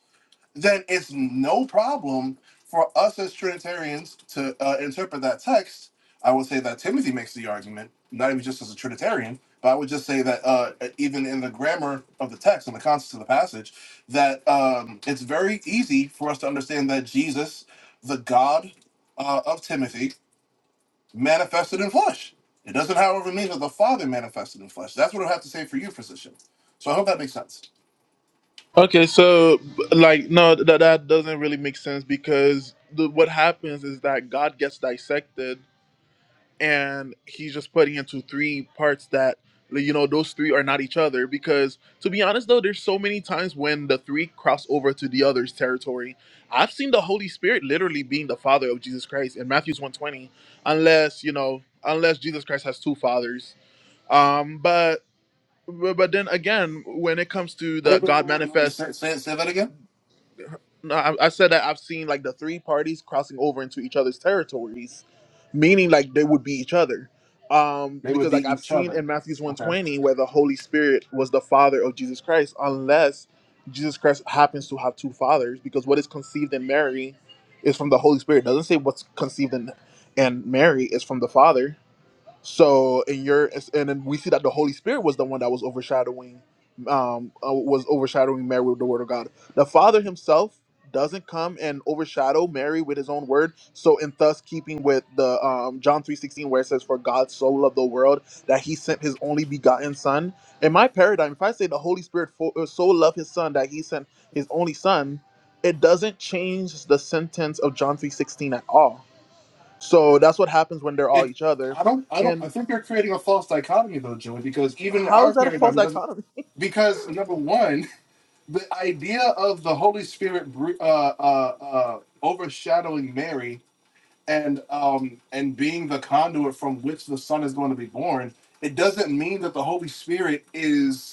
[SPEAKER 12] then it's no problem for us as Trinitarians to uh, interpret that text. I would say that Timothy makes the argument, not even just as a Trinitarian, but I would just say that uh, even in the grammar of the text and the context of the passage, that um, it's very easy for us to understand that Jesus, the God uh, of Timothy, manifested in flesh. It doesn't, however, mean that the Father manifested in flesh. That's what I have to say for you, physician. So I hope that makes sense.
[SPEAKER 1] Okay, so like no, that that doesn't really make sense because the, what happens is that God gets dissected and he's just putting into three parts that like, you know those three are not each other because to be honest though there's so many times when the three cross over to the other's territory i've seen the holy spirit literally being the father of jesus christ in matthew's 120 unless you know unless jesus christ has two fathers um but but but then again when it comes to the
[SPEAKER 12] Wait, wait,
[SPEAKER 1] god
[SPEAKER 12] wait, wait. wait.
[SPEAKER 1] manifest
[SPEAKER 12] Say, say, say that again.
[SPEAKER 1] no, I, I said that I've seen like the three parties crossing over into each other's territories, meaning like they would be each other. Um,
[SPEAKER 12] They would
[SPEAKER 1] because like
[SPEAKER 12] be
[SPEAKER 1] I've
[SPEAKER 12] each
[SPEAKER 1] seen in
[SPEAKER 12] other.
[SPEAKER 1] Matthew's one
[SPEAKER 12] Okay.
[SPEAKER 1] twenty where the Holy Spirit was the father of Jesus Christ, unless Jesus Christ happens to have two fathers, because what is conceived in Mary is from the Holy Spirit. It doesn't say what's conceived in and Mary is from the Father. So in your and then we see that the Holy Spirit was the one that was overshadowing, um, uh, was overshadowing Mary with the Word of God. The Father Himself doesn't come and overshadow Mary with His own Word. So in thus keeping with the um, John three sixteen, where it says, "For God so loved the world that He sent His only begotten Son." In my paradigm, if I say the Holy Spirit fo- uh, so loved His Son that He sent His only Son, it doesn't change the sentence of John three sixteen at all. So that's what happens when they're all
[SPEAKER 12] It.
[SPEAKER 1] each other.
[SPEAKER 12] I don't. I don't. I think you're creating a false dichotomy though, Joey, because even in
[SPEAKER 1] How
[SPEAKER 12] our
[SPEAKER 1] is that a false
[SPEAKER 12] paradigm, it doesn't.
[SPEAKER 1] dichotomy?
[SPEAKER 12] Because number one, the idea of the Holy Spirit br- uh, uh, uh, overshadowing Mary and um and being the conduit from which the Son is going to be born, it doesn't mean that the Holy Spirit is.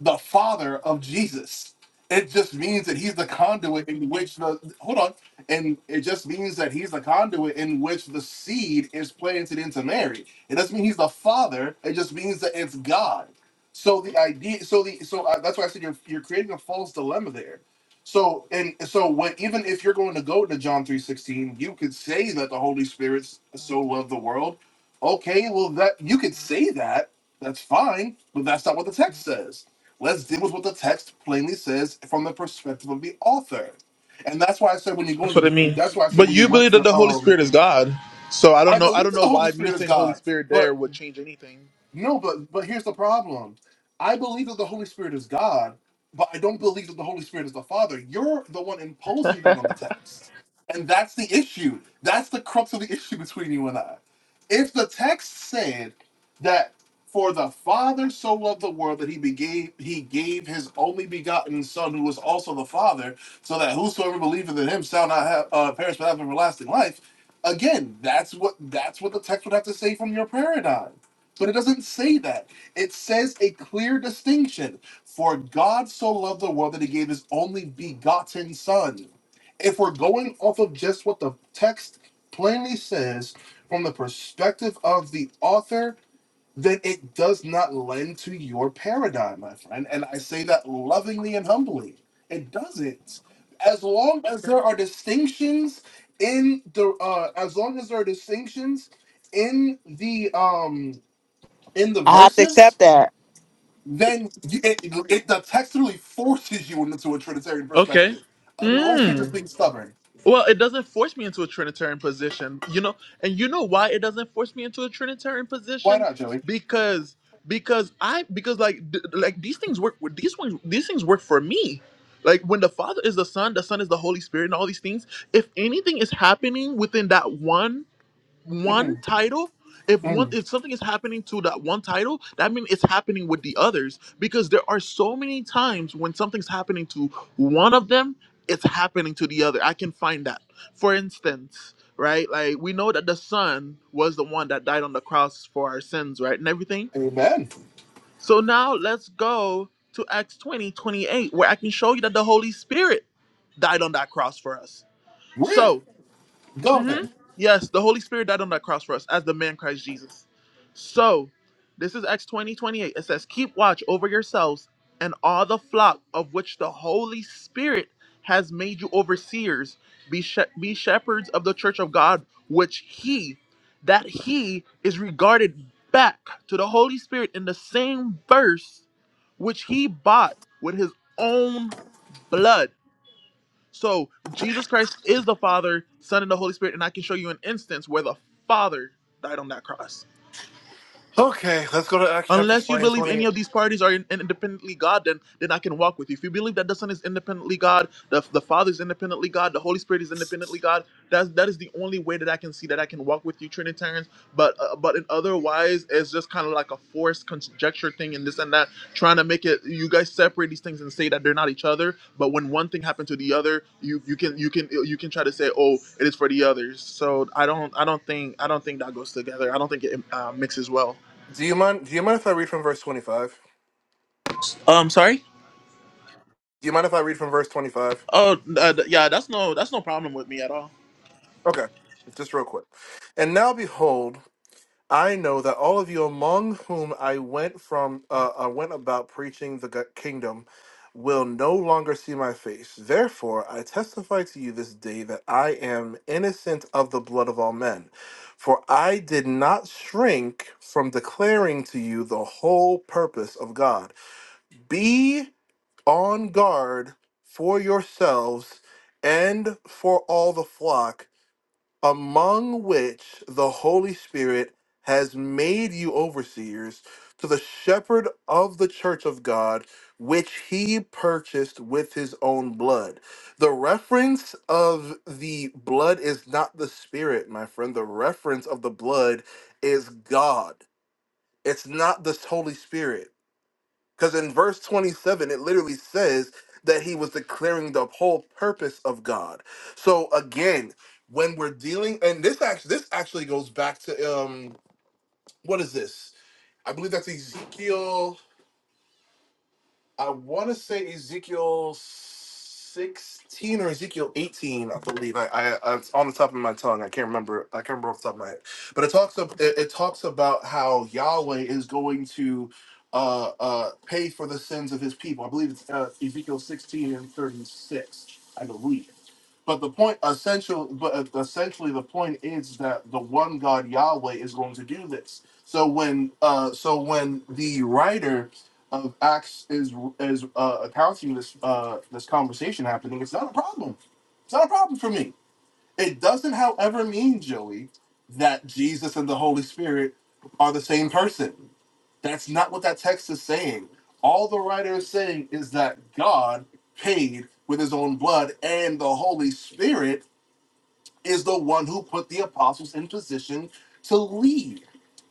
[SPEAKER 12] the father of Jesus. It just means that he's the conduit in which the hold on, and it just means that he's the conduit in which the seed is planted into Mary. It doesn't mean he's the father. It just means that it's God. So the idea, so the so uh, that's why I said you're you're creating a false dilemma there. So and so what even if you're going to go to John three sixteen, you could say that the Holy Spirit so loved the world. Okay, well that you could say that. That's fine, but that's not what the text says Let's deal with what the text plainly says from the perspective of the author. And that's why I said when you go
[SPEAKER 1] That's what it
[SPEAKER 12] into
[SPEAKER 1] means.
[SPEAKER 12] that's why I said
[SPEAKER 1] But
[SPEAKER 12] when you
[SPEAKER 1] you
[SPEAKER 12] went
[SPEAKER 1] believe that
[SPEAKER 12] to
[SPEAKER 1] the Holy
[SPEAKER 12] um
[SPEAKER 1] Spirit is God. So I don't
[SPEAKER 12] I
[SPEAKER 1] know. I
[SPEAKER 12] believe
[SPEAKER 1] don't
[SPEAKER 12] that
[SPEAKER 1] know
[SPEAKER 12] the Holy
[SPEAKER 1] why me
[SPEAKER 12] Spirit is
[SPEAKER 1] saying Holy
[SPEAKER 12] God.
[SPEAKER 1] Spirit
[SPEAKER 12] but.
[SPEAKER 1] there would change anything.
[SPEAKER 12] No, but but here's the problem. I believe that the Holy Spirit is God, but I don't believe that the Holy Spirit is the Father. You're the one imposing that on the text. And that's the issue. That's the crux of the issue between you and I. If the text said that for the Father so loved the world that he gave he gave his only begotten son who was also the Father, so that whosoever believeth in him shall not have uh, perish but have everlasting life. Again, that's what that's what the text would have to say from your paradigm but it doesn't say that. It says a clear distinction. For God so loved the world that he gave his only begotten Son. If we're going off of just what the text plainly says from the perspective of the author, then it does not lend to your paradigm, my friend. And I say that lovingly and humbly. It doesn't. As long as there are distinctions in the, uh, as long as there are distinctions in the, um in the verses, then you, it, it the text really forces you into a Trinitarian
[SPEAKER 1] Okay.
[SPEAKER 12] perspective, unless you're just
[SPEAKER 1] Mm.
[SPEAKER 12] being stubborn.
[SPEAKER 1] Well, it doesn't force me into a Trinitarian position, you know. And you know why it doesn't force me into a Trinitarian
[SPEAKER 12] Why
[SPEAKER 1] position?
[SPEAKER 12] not, Joey?
[SPEAKER 1] Because because I because like d- like these things work. These ones these things work for me. Like when the Father is the Son, the Son is the Holy Spirit, and all these things. If anything is happening within that one. one title if one if something is happening to that one title that means it's happening with the others because there are so many times when something's happening to one of them it's happening to the other i can find that for instance right like we know that the son was the one that died on the cross for our sins right and everything
[SPEAKER 12] Amen.
[SPEAKER 1] so now let's go to acts 20 28, where i can show you that the holy spirit died on that cross for us
[SPEAKER 12] Really?
[SPEAKER 1] so
[SPEAKER 12] Go
[SPEAKER 1] hmm
[SPEAKER 12] then.
[SPEAKER 1] Yes, the Holy Spirit died on that cross for us as the man Christ Jesus. So, this is Acts 20 28. It says, Keep watch over yourselves and all the flock of which the Holy Spirit has made you overseers. Be, she- be shepherds of the church of God, which He, that He is regarded back to the Holy Spirit in the same verse which He bought with His own blood. So Jesus Christ is the Father, Son, and the Holy Spirit, and I can show you an instance where the Father died on that cross.
[SPEAKER 12] Okay, let's go to Acts chapter
[SPEAKER 1] Unless you
[SPEAKER 12] 20 and
[SPEAKER 1] believe
[SPEAKER 12] 20.
[SPEAKER 1] any of these parties are in, in- independently God, then then I can walk with you. If you believe that the Son is independently God, the, the Father is independently God, the Holy Spirit is independently God, that's that is the only way that I can see that I can walk with you, Trinitarians. But uh, but in otherwise, it's just kind of like a forced conjecture thing and this and that, trying to make it you guys separate these things and say that they're not each other. But when one thing happened to the other, you you can you can you can try to say, oh, it is for the others. So I don't I don't think I don't think that goes together. I don't think it uh, mixes well.
[SPEAKER 12] Do you mind do you mind if I read from verse 25?
[SPEAKER 1] Um, sorry.
[SPEAKER 12] Do you mind if I read from verse 25?
[SPEAKER 1] Oh, uh, th- yeah, that's no that's no problem with me at all.
[SPEAKER 12] Okay. Just real quick. And now behold, I know that all of you among whom I went from uh, I went about preaching the go- kingdom will no longer see my face. Therefore, I testify to you this day that I am innocent of the blood of all men. For I did not shrink from declaring to you the whole purpose of God. Be on guard for yourselves and for all the flock among which the Holy Spirit has made you overseers to the shepherd of the church of God, which he purchased with his own blood. The reference of the blood is not the Spirit, my friend. The reference of the blood is God, it's not the Holy Spirit. Because in verse 27, it literally says that he was declaring the whole purpose of God. So again, when we're dealing, and this actually this actually goes back to um, what is this? I believe that's Ezekiel. I want to say Ezekiel 16 or Ezekiel 18, I believe. I, I, I it's on the top of my tongue. I can't remember. I can't remember off the top of my head. But it talks up. It, it talks about how Yahweh is going to uh, uh, pay for the sins of His people. I believe it's uh, Ezekiel 16 and 36. I believe. But the point, essential, but uh, essentially, the point is that the one God Yahweh is going to do this. So when, uh, so when the writer of acts is is uh, accounting this uh, this conversation happening, it's not a problem. It's not a problem for me. It doesn't, however, mean Joey that Jesus and the Holy Spirit are the same person. That's not what that text is saying. All the writer is saying is that God paid with His own blood, and the Holy Spirit is the one who put the apostles in position to lead.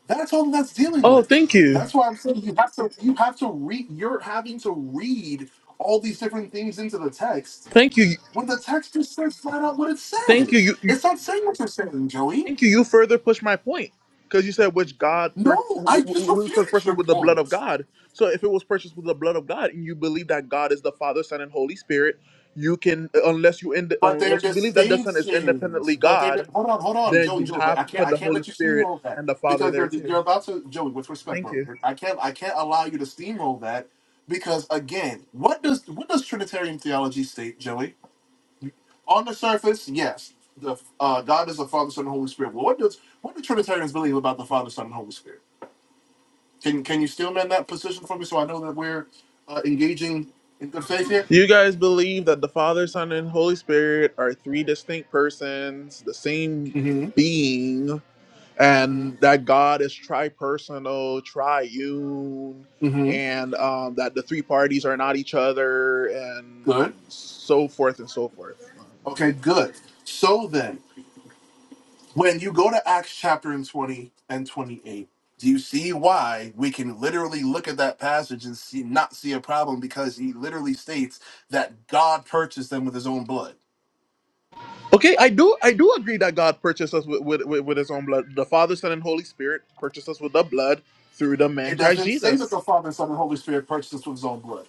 [SPEAKER 12] That's all that's dealing
[SPEAKER 1] Oh,
[SPEAKER 12] with.
[SPEAKER 1] thank you,
[SPEAKER 12] That's why I'm saying you have to you have to read you're having to read all these different things into the text
[SPEAKER 1] thank you,
[SPEAKER 12] when the text just says flat out what it
[SPEAKER 1] thank you,
[SPEAKER 12] says.
[SPEAKER 1] you, you-
[SPEAKER 12] It's not saying what you're saying, Joey.
[SPEAKER 1] thank you. You further push my point because you said which God, per-
[SPEAKER 12] No,
[SPEAKER 1] w-
[SPEAKER 12] I
[SPEAKER 1] w-
[SPEAKER 12] just
[SPEAKER 1] w- which was
[SPEAKER 12] refuted
[SPEAKER 1] purchased
[SPEAKER 12] your
[SPEAKER 1] with the blood
[SPEAKER 12] point.
[SPEAKER 1] of God. So if it was purchased with the blood of God, and you believe that God is the Father, Son, and Holy Spirit, you can uh, unless you ind-
[SPEAKER 12] But they're
[SPEAKER 1] unless you believe that the Son is
[SPEAKER 12] distinctions.
[SPEAKER 1] independently
[SPEAKER 12] But they're
[SPEAKER 1] God,
[SPEAKER 12] hold on, hold on,
[SPEAKER 1] then
[SPEAKER 12] Joey,
[SPEAKER 1] you
[SPEAKER 12] Joey. But
[SPEAKER 1] have
[SPEAKER 12] I
[SPEAKER 1] to
[SPEAKER 12] can't,
[SPEAKER 1] put
[SPEAKER 12] I
[SPEAKER 1] the
[SPEAKER 12] can't
[SPEAKER 1] Holy
[SPEAKER 12] let you
[SPEAKER 1] Spirit
[SPEAKER 12] steamroll that
[SPEAKER 1] and the Father
[SPEAKER 12] because
[SPEAKER 1] there
[SPEAKER 12] you're
[SPEAKER 1] too.
[SPEAKER 12] you're about to, Joey. With respect,
[SPEAKER 1] Thank
[SPEAKER 12] bro,
[SPEAKER 1] you.
[SPEAKER 12] I can't, I can't allow you to steamroll that because again, what does what does Trinitarian theology state, Joey? On the surface, yes, the uh, God is the Father, Son, and Holy Spirit. Well, what does what do Trinitarians believe about the Father, Son, and Holy Spirit? Can can you still man that position for me so I know that we're uh, engaging in good faith here?
[SPEAKER 1] Do you guys believe that the Father, Son, and Holy Spirit are three distinct persons, the same
[SPEAKER 12] Mm-hmm.
[SPEAKER 1] being,
[SPEAKER 12] Mm-hmm.
[SPEAKER 1] and that God is tri-personal, triune,
[SPEAKER 12] Mm-hmm.
[SPEAKER 1] and um, that the three parties are not each other, and
[SPEAKER 12] Good.
[SPEAKER 1] so forth and so forth?
[SPEAKER 12] Okay, good. So then, when you go to Acts chapter and 20 and 28, do you see why we can literally look at that passage and see not see a problem because he literally states that God purchased them with his own blood.
[SPEAKER 1] Okay, I do, I do agree that God purchased us with, with, with with His own blood. The Father, Son, and Holy Spirit purchased us with the blood through the man
[SPEAKER 12] It
[SPEAKER 1] Christ
[SPEAKER 12] doesn't say that
[SPEAKER 1] Jesus.
[SPEAKER 12] the Father, Son, and Holy Spirit purchased us with his own blood.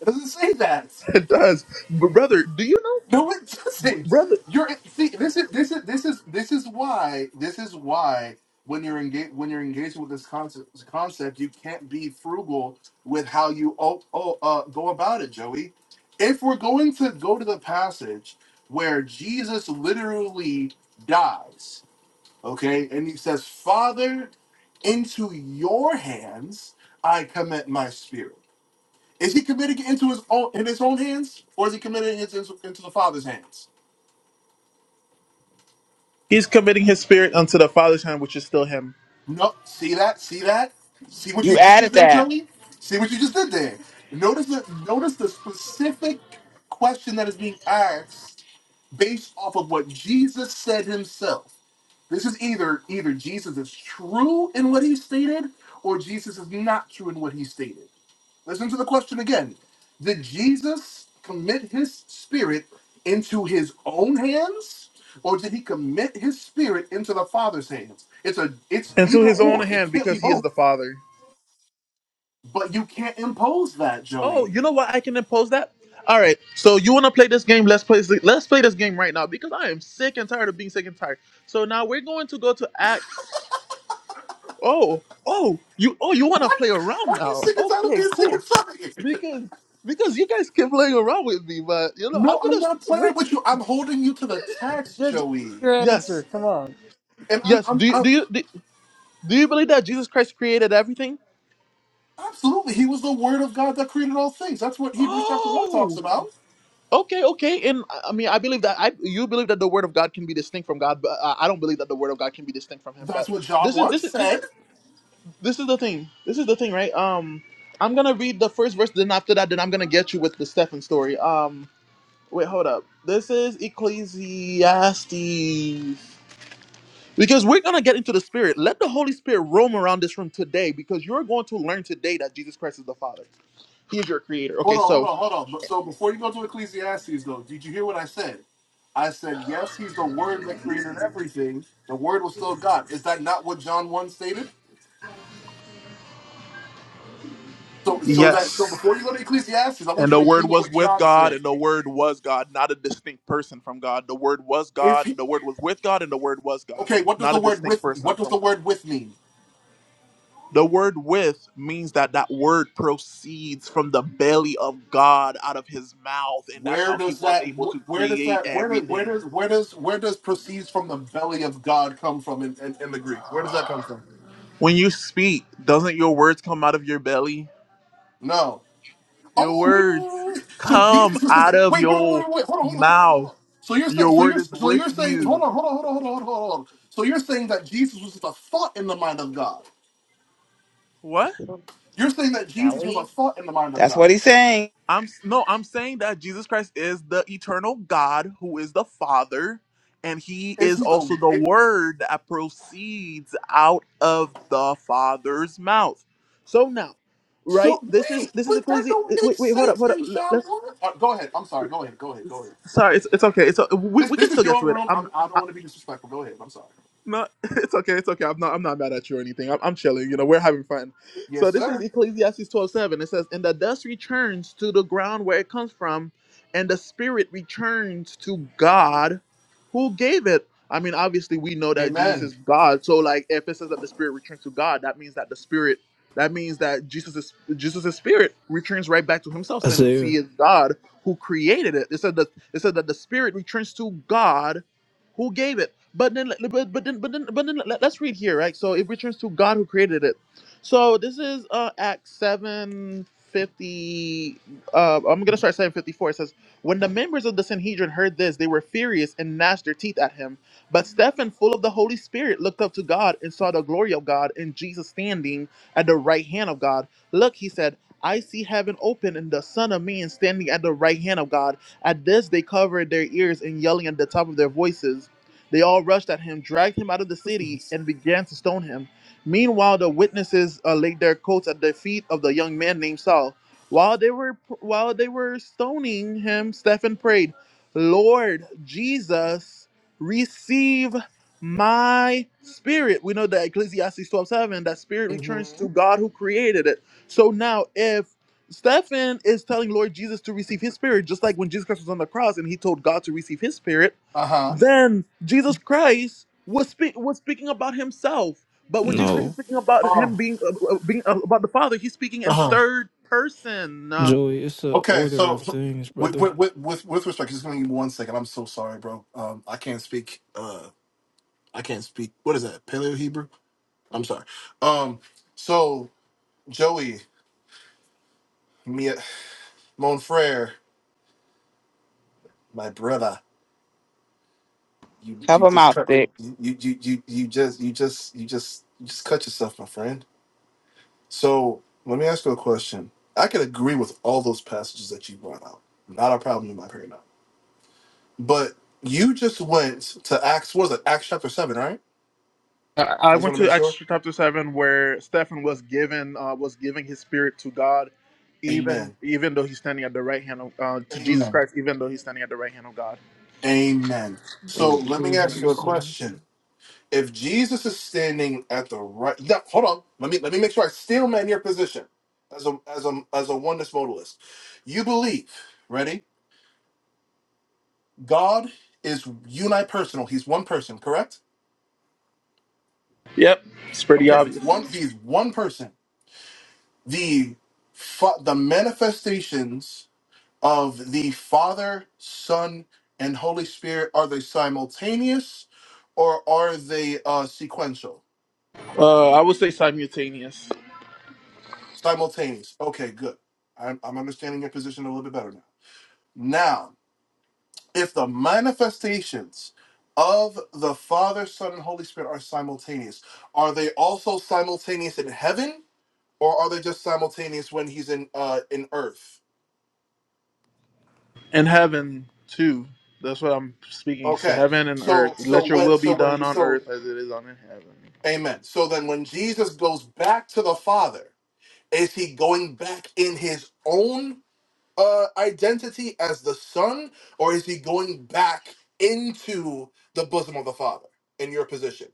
[SPEAKER 12] It doesn't say that.
[SPEAKER 1] It does, but brother, do you know,
[SPEAKER 12] No, it doesn't.
[SPEAKER 1] brother?
[SPEAKER 12] You're see. This is this is this is this is why this is why when you're engaged when you're engaged with this concept concept, you can't be frugal with how you oh, oh uh, go about it, Joey. If we're going to go to the passage where Jesus literally dies, okay, and he says, "Father, into your hands I commit my spirit." Is he committing it into his own in his own hands, or is he committing it into, into the Father's hands?
[SPEAKER 1] He is committing his spirit unto the Father's hand, which is still him,
[SPEAKER 12] No, see that? See that? See what you just did there, Tony? See what you just did there. Notice the notice the specific question that is being asked based off of what Jesus said himself. This is either either Jesus is true in what he stated or Jesus is not true in what he stated. Listen to the question again. Did Jesus commit his spirit into his own hands? Or did he commit his spirit into the Father's hands? It's a it's
[SPEAKER 1] and to
[SPEAKER 12] either
[SPEAKER 1] his own
[SPEAKER 12] or. It
[SPEAKER 1] hand,
[SPEAKER 12] can't be
[SPEAKER 1] because he is
[SPEAKER 12] both.
[SPEAKER 1] the Father.
[SPEAKER 12] But you can't impose that,
[SPEAKER 1] Oh,
[SPEAKER 12] Joey.
[SPEAKER 1] you know what? I can impose that. All right. So you want to play this game? Let's play. Let's play this game right now because I am sick and tired of being sick and tired. So now we're going to go to Acts. Oh, oh, you, oh, you want to
[SPEAKER 12] What?
[SPEAKER 1] play around
[SPEAKER 12] Why are you
[SPEAKER 1] now?
[SPEAKER 12] singing out of
[SPEAKER 1] Okay,
[SPEAKER 12] being singing
[SPEAKER 1] cool.
[SPEAKER 12] tired?
[SPEAKER 1] Because because you guys keep playing around with me, but you know I'm
[SPEAKER 12] No, I'm
[SPEAKER 1] gonna.
[SPEAKER 12] not
[SPEAKER 1] Wait.
[SPEAKER 12] playing with you. I'm holding you to the text,
[SPEAKER 11] Just
[SPEAKER 12] Joey.
[SPEAKER 11] your answer.
[SPEAKER 1] Yes,
[SPEAKER 11] Come on.
[SPEAKER 12] And I'm
[SPEAKER 1] yes.
[SPEAKER 12] I'm,
[SPEAKER 1] Do you
[SPEAKER 12] I'm
[SPEAKER 1] do you do, do you believe that Jesus Christ created everything?
[SPEAKER 12] absolutely he was the word of God that created all things. That's what Hebrews chapter one
[SPEAKER 1] Oh.
[SPEAKER 12] talks about.
[SPEAKER 1] Okay, okay, and I I mean, I believe that I you believe that the word of God can be distinct from God, but uh, I don't believe that the word of God can be distinct from Him.
[SPEAKER 12] That's
[SPEAKER 1] But
[SPEAKER 12] what John
[SPEAKER 1] this is
[SPEAKER 12] 1
[SPEAKER 1] this is
[SPEAKER 12] said.
[SPEAKER 1] this this is the thing. This is the thing, right? Um, I'm gonna read the first verse, then after that, then I'm gonna get you with the Stephen story. Um, wait, hold up. This is Ecclesiastes because we're gonna get into the Spirit. Let the Holy Spirit roam around this room today because you're going to learn today that Jesus Christ is the Father. He is your Creator.
[SPEAKER 12] Hold
[SPEAKER 1] Okay,
[SPEAKER 12] on, hold
[SPEAKER 1] so
[SPEAKER 12] on, hold on. But- So before you go to Ecclesiastes, though, did you hear what I said? I said, yes, he's the Word that created everything. The Word was still God. Is that not what John one stated? So, so that so
[SPEAKER 1] yes.
[SPEAKER 12] before you go to Ecclesiastes, I want
[SPEAKER 1] And
[SPEAKER 12] you
[SPEAKER 1] the
[SPEAKER 12] to agree
[SPEAKER 1] word
[SPEAKER 12] with
[SPEAKER 1] was
[SPEAKER 12] what
[SPEAKER 1] with
[SPEAKER 12] John
[SPEAKER 1] God,
[SPEAKER 12] said.
[SPEAKER 1] and the word was God, not a distinct person from God. The word was
[SPEAKER 12] If
[SPEAKER 1] God,
[SPEAKER 12] he
[SPEAKER 1] the word was with God, and the word was God,
[SPEAKER 12] okay, what does
[SPEAKER 1] not
[SPEAKER 12] the
[SPEAKER 1] a
[SPEAKER 12] word
[SPEAKER 1] distinct
[SPEAKER 12] with
[SPEAKER 1] person
[SPEAKER 12] what does the
[SPEAKER 1] from
[SPEAKER 12] word with mean?
[SPEAKER 1] the word with means that that word proceeds from the belly of God out of his mouth, and that's
[SPEAKER 12] Where
[SPEAKER 1] how he
[SPEAKER 12] does
[SPEAKER 1] was
[SPEAKER 12] that
[SPEAKER 1] able to
[SPEAKER 12] wh- where does
[SPEAKER 1] create
[SPEAKER 12] that where does where
[SPEAKER 1] everything.
[SPEAKER 12] does where does where does proceeds from the belly of God come from in, in, in the Greek? Where does that come from?
[SPEAKER 1] When you speak, doesn't your words come out of your belly?
[SPEAKER 12] No.
[SPEAKER 1] Your
[SPEAKER 12] Oh, wait, wait, wait,
[SPEAKER 1] words
[SPEAKER 12] wait. wait. So
[SPEAKER 1] come
[SPEAKER 12] Jesus was just
[SPEAKER 1] out of
[SPEAKER 12] wait, wait, wait,
[SPEAKER 1] your
[SPEAKER 12] wait, wait. Hold on, hold on, hold on, hold
[SPEAKER 1] mouth.
[SPEAKER 12] on. So you're saying,
[SPEAKER 1] Your
[SPEAKER 12] so
[SPEAKER 1] word
[SPEAKER 12] you're,
[SPEAKER 1] is
[SPEAKER 12] so
[SPEAKER 1] with
[SPEAKER 12] you're saying, hold
[SPEAKER 1] you.
[SPEAKER 12] on, hold on, hold on, hold on, hold on. So you're saying that Jesus was just a thought in the mind of God.
[SPEAKER 1] What?
[SPEAKER 12] You're saying that Jesus was a thought in the mind of
[SPEAKER 5] That's
[SPEAKER 12] God.
[SPEAKER 5] what he's saying.
[SPEAKER 1] I'm no, I'm saying that Jesus Christ is the eternal God who is the Father, and He
[SPEAKER 12] Is
[SPEAKER 1] is
[SPEAKER 12] he
[SPEAKER 1] also
[SPEAKER 12] the?
[SPEAKER 1] the
[SPEAKER 12] It,
[SPEAKER 1] Word that proceeds out of the Father's mouth. So now, right?
[SPEAKER 12] so
[SPEAKER 1] This is
[SPEAKER 12] wait,
[SPEAKER 1] this is
[SPEAKER 12] but that
[SPEAKER 1] Ecclesi.
[SPEAKER 12] don't make
[SPEAKER 1] Wait, wait, hold up,
[SPEAKER 12] sense
[SPEAKER 1] hold up.
[SPEAKER 12] in
[SPEAKER 1] Let-
[SPEAKER 12] John
[SPEAKER 1] Let's.
[SPEAKER 12] one. Uh, go ahead. I'm sorry. Go ahead. Go ahead. Go ahead. Go.
[SPEAKER 1] Sorry, it's, it's okay. It's we,
[SPEAKER 12] This
[SPEAKER 1] we can
[SPEAKER 12] this is
[SPEAKER 1] still get
[SPEAKER 12] your
[SPEAKER 1] to it.
[SPEAKER 12] room.
[SPEAKER 1] I'm.
[SPEAKER 12] I'm, I don't want to be disrespectful. Go ahead. I'm sorry.
[SPEAKER 1] No, it's okay. It's okay. I'm not. I'm not mad at you or anything. I'm, I'm chilling. You know, we're having fun. So
[SPEAKER 12] Yes,
[SPEAKER 1] this is
[SPEAKER 12] sir.
[SPEAKER 1] Ecclesiastes 12:7. It says, "And the dust returns to the ground where it comes from, and the spirit returns to God, who gave it." I mean, obviously, we know that Jesus is
[SPEAKER 12] Amen.
[SPEAKER 1] God. So, like, if it says that the spirit returns to God, that means that the spirit, that means that Jesus is Jesus' spirit returns right back to Himself, since
[SPEAKER 14] Isaiah.
[SPEAKER 1] He is God who created it. It said that it said that the spirit returns to God, who gave it. But then, but, but then, but then, but then, let- let's read here, right? So it returns to God who created it. So this is uh, Acts seven fifty. Uh, I'm gonna start seven fifty four. It says, "When the members of the Sanhedrin heard this, they were furious and gnashed their teeth at him. But Stephen, full of the Holy Spirit, looked up to God and saw the glory of God and Jesus standing at the right hand of God. Look, he said." I see heaven open and the Son of Man standing at the right hand of God. At this, they covered their ears and yelling at the top of their voices. They all rushed at him, dragged him out of the city, and began to stone him. Meanwhile, the witnesses uh, laid their coats at the feet of the young man named Saul. While they were while they were stoning him, Stephen prayed, "Lord Jesus, receive my spirit." We know that Ecclesiastes 12:7 that spirit
[SPEAKER 12] hmm
[SPEAKER 1] returns to God who created it. So now if Stephen is telling Lord Jesus to receive his spirit, just like when Jesus Christ was on the cross and he told God to receive his spirit
[SPEAKER 12] Uh huh.
[SPEAKER 1] then Jesus Christ was speak was speaking about himself. But when Jesus Christ is
[SPEAKER 14] No.
[SPEAKER 1] speaking about
[SPEAKER 12] Oh.
[SPEAKER 1] him being uh, uh, being uh, about the Father, he's speaking
[SPEAKER 12] Uh
[SPEAKER 1] in
[SPEAKER 12] huh.
[SPEAKER 1] third person. Uh,
[SPEAKER 14] Joey, it's the
[SPEAKER 12] Okay,
[SPEAKER 14] order
[SPEAKER 12] so,
[SPEAKER 14] of
[SPEAKER 12] so
[SPEAKER 14] things,
[SPEAKER 12] with,
[SPEAKER 14] brother,
[SPEAKER 12] with with with with respect, just give me one second. I'm so sorry, bro. Um, I can't speak. Uh, I can't speak. What is that? Paleo Hebrew? I'm sorry. Um, so Joey, Mia, mon frere, my brother, you
[SPEAKER 5] Help
[SPEAKER 12] you
[SPEAKER 5] him
[SPEAKER 12] just
[SPEAKER 5] out.
[SPEAKER 12] cut. You you you you just you just you just you just cut yourself, my friend. So let me ask you a question. I can agree with all those passages that you brought out. Not a problem in my paradigm. But you just went to Acts. What is it? Acts chapter seven, right?
[SPEAKER 1] I I
[SPEAKER 12] I just
[SPEAKER 1] went
[SPEAKER 12] want to
[SPEAKER 1] to
[SPEAKER 12] make
[SPEAKER 1] Acts
[SPEAKER 12] sure.
[SPEAKER 1] chapter seven where Stephen was given uh, was giving his spirit to God, even
[SPEAKER 12] Amen.
[SPEAKER 1] even though he's standing at the right hand of uh, to Jesus
[SPEAKER 12] Amen.
[SPEAKER 1] Christ, even though he's standing at the right hand of God.
[SPEAKER 12] Amen.
[SPEAKER 14] that
[SPEAKER 12] So
[SPEAKER 14] would
[SPEAKER 12] let me
[SPEAKER 14] prove
[SPEAKER 12] ask
[SPEAKER 14] he's
[SPEAKER 12] you a
[SPEAKER 14] his son.
[SPEAKER 12] question. If Jesus is standing at the right, yeah, hold on. Let me let me make sure I still man your position as a as a as a oneness modalist. You believe, ready? God is unipersonal. He's one person, correct?
[SPEAKER 1] Yep, it's pretty
[SPEAKER 12] Okay, he's
[SPEAKER 1] obvious.
[SPEAKER 12] one. He's one person. The fa- the manifestations of the Father, Son, and Holy Spirit, are they simultaneous or are they uh, sequential?
[SPEAKER 1] Uh, I would say simultaneous.
[SPEAKER 12] Simultaneous. Okay, good. I'm, I'm understanding your position a little bit better now. Now, if the manifestations of the Father, Son, and Holy Spirit are simultaneous, are they also simultaneous in heaven or are they just simultaneous when he's in uh in earth?
[SPEAKER 1] and heaven too. That's what I'm speaking. So
[SPEAKER 12] Okay.
[SPEAKER 1] heaven and earth.
[SPEAKER 12] So so
[SPEAKER 1] Let your
[SPEAKER 12] when
[SPEAKER 1] will be
[SPEAKER 12] so
[SPEAKER 1] done
[SPEAKER 12] when
[SPEAKER 1] on
[SPEAKER 12] so
[SPEAKER 1] earth as it is on in heaven.
[SPEAKER 12] Amen. So then when Jesus goes back to the Father, is he going back in his own uh, identity as the Son, or is he going back into the bosom of the Father in your position?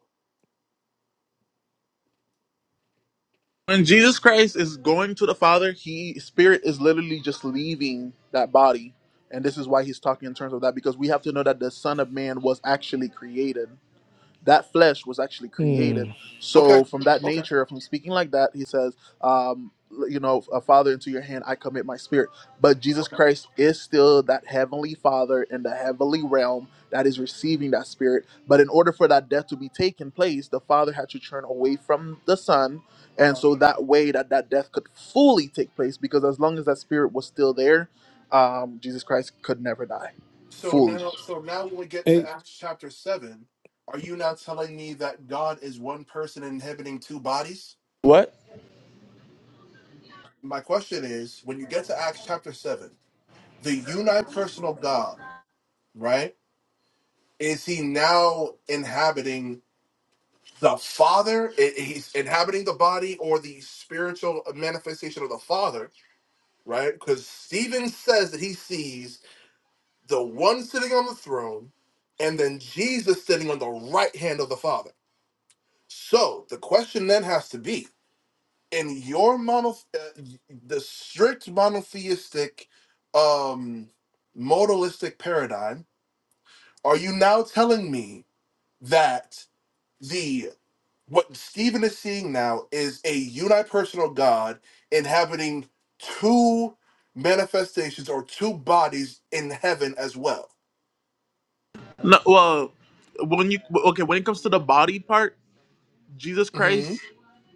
[SPEAKER 1] When Jesus Christ is going to the Father, he spirit is literally just leaving that body. And this is why he's talking in terms of that, because we have to know that the Son of Man was actually created. that flesh was actually created.
[SPEAKER 14] Hmm.
[SPEAKER 12] Okay.
[SPEAKER 1] So from that
[SPEAKER 12] Okay.
[SPEAKER 1] nature, from speaking like that, he says, um, you know, a father into your hand, I commit my spirit. But Jesus
[SPEAKER 12] Okay.
[SPEAKER 1] Christ is still that heavenly father in the heavenly realm that is receiving that spirit. But in order for that death to be taken place, the father had to turn away from the son. And
[SPEAKER 12] Uh-huh.
[SPEAKER 1] so that way that that death could fully take place, because as long as that spirit was still there, um, Jesus Christ could never die
[SPEAKER 12] So
[SPEAKER 1] fully.
[SPEAKER 12] now so now when we get to
[SPEAKER 14] Hey,
[SPEAKER 12] Acts chapter seven, are you now telling me that God is one person inhabiting two bodies?
[SPEAKER 1] What?
[SPEAKER 12] My question is when you get to Acts chapter seven, the unipersonal God, right? is he now inhabiting the father I- he's inhabiting the body or the spiritual manifestation of the father right because stephen says that he sees the one sitting on the throne and then jesus sitting on the right hand of the father so the question then has to be in your mono uh, the strict monotheistic um modalistic paradigm are you now telling me that the what Stephen is seeing now is a unipersonal God inhabiting two manifestations or two bodies in heaven as well.
[SPEAKER 1] No, well, when you okay, when it comes to the body part, Jesus Christ,
[SPEAKER 12] hmm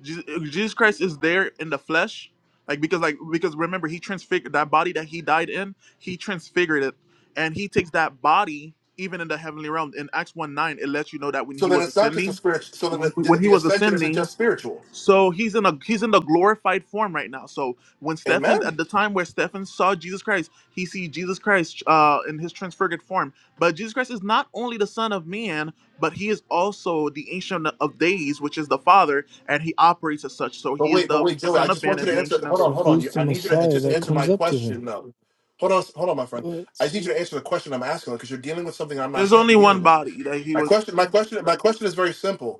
[SPEAKER 1] Jesus, Jesus Christ is there in the flesh, like because like because remember he transfigured that body that he died in, he transfigured it, and he takes that body even in the heavenly realm. In Acts one nine, it lets you know that when
[SPEAKER 12] So
[SPEAKER 1] he
[SPEAKER 12] then
[SPEAKER 1] was
[SPEAKER 12] it's not just a
[SPEAKER 1] ascending,
[SPEAKER 12] spirit. So then the, the,
[SPEAKER 1] when he
[SPEAKER 12] the
[SPEAKER 1] was
[SPEAKER 12] ascension isn't
[SPEAKER 1] ascending,
[SPEAKER 12] just spiritual.
[SPEAKER 1] so he's in a he's in the glorified form right now. So when Stephen at
[SPEAKER 12] Amen.
[SPEAKER 1] the time where Stephen saw Jesus Christ, he see Jesus Christ uh, in his transfigured form. But Jesus Christ is not only the Son of Man, but he is also the Ancient of Days, which is the Father, and he operates as such. So
[SPEAKER 12] But
[SPEAKER 1] he is
[SPEAKER 12] wait, but
[SPEAKER 1] the
[SPEAKER 12] wait, Joey, I
[SPEAKER 1] Son of
[SPEAKER 12] just
[SPEAKER 1] Man
[SPEAKER 12] want you
[SPEAKER 1] and
[SPEAKER 12] to
[SPEAKER 1] the
[SPEAKER 12] answer.
[SPEAKER 1] Ancient of
[SPEAKER 12] Hold on,
[SPEAKER 14] so
[SPEAKER 12] hold
[SPEAKER 1] Days.
[SPEAKER 12] on.
[SPEAKER 14] who's
[SPEAKER 12] You-
[SPEAKER 14] the
[SPEAKER 12] I need you to
[SPEAKER 14] Messiah
[SPEAKER 12] just
[SPEAKER 14] that
[SPEAKER 12] answer my
[SPEAKER 14] comes up to him?
[SPEAKER 12] question, though. Hold on, hold on, my friend.
[SPEAKER 14] What?
[SPEAKER 12] I just need you to answer the question I'm asking because you're dealing with something I'm not
[SPEAKER 1] There's
[SPEAKER 12] sa-
[SPEAKER 1] only one
[SPEAKER 12] dealing with.
[SPEAKER 1] body that he
[SPEAKER 12] My
[SPEAKER 1] was.
[SPEAKER 12] question, my question, my question is very simple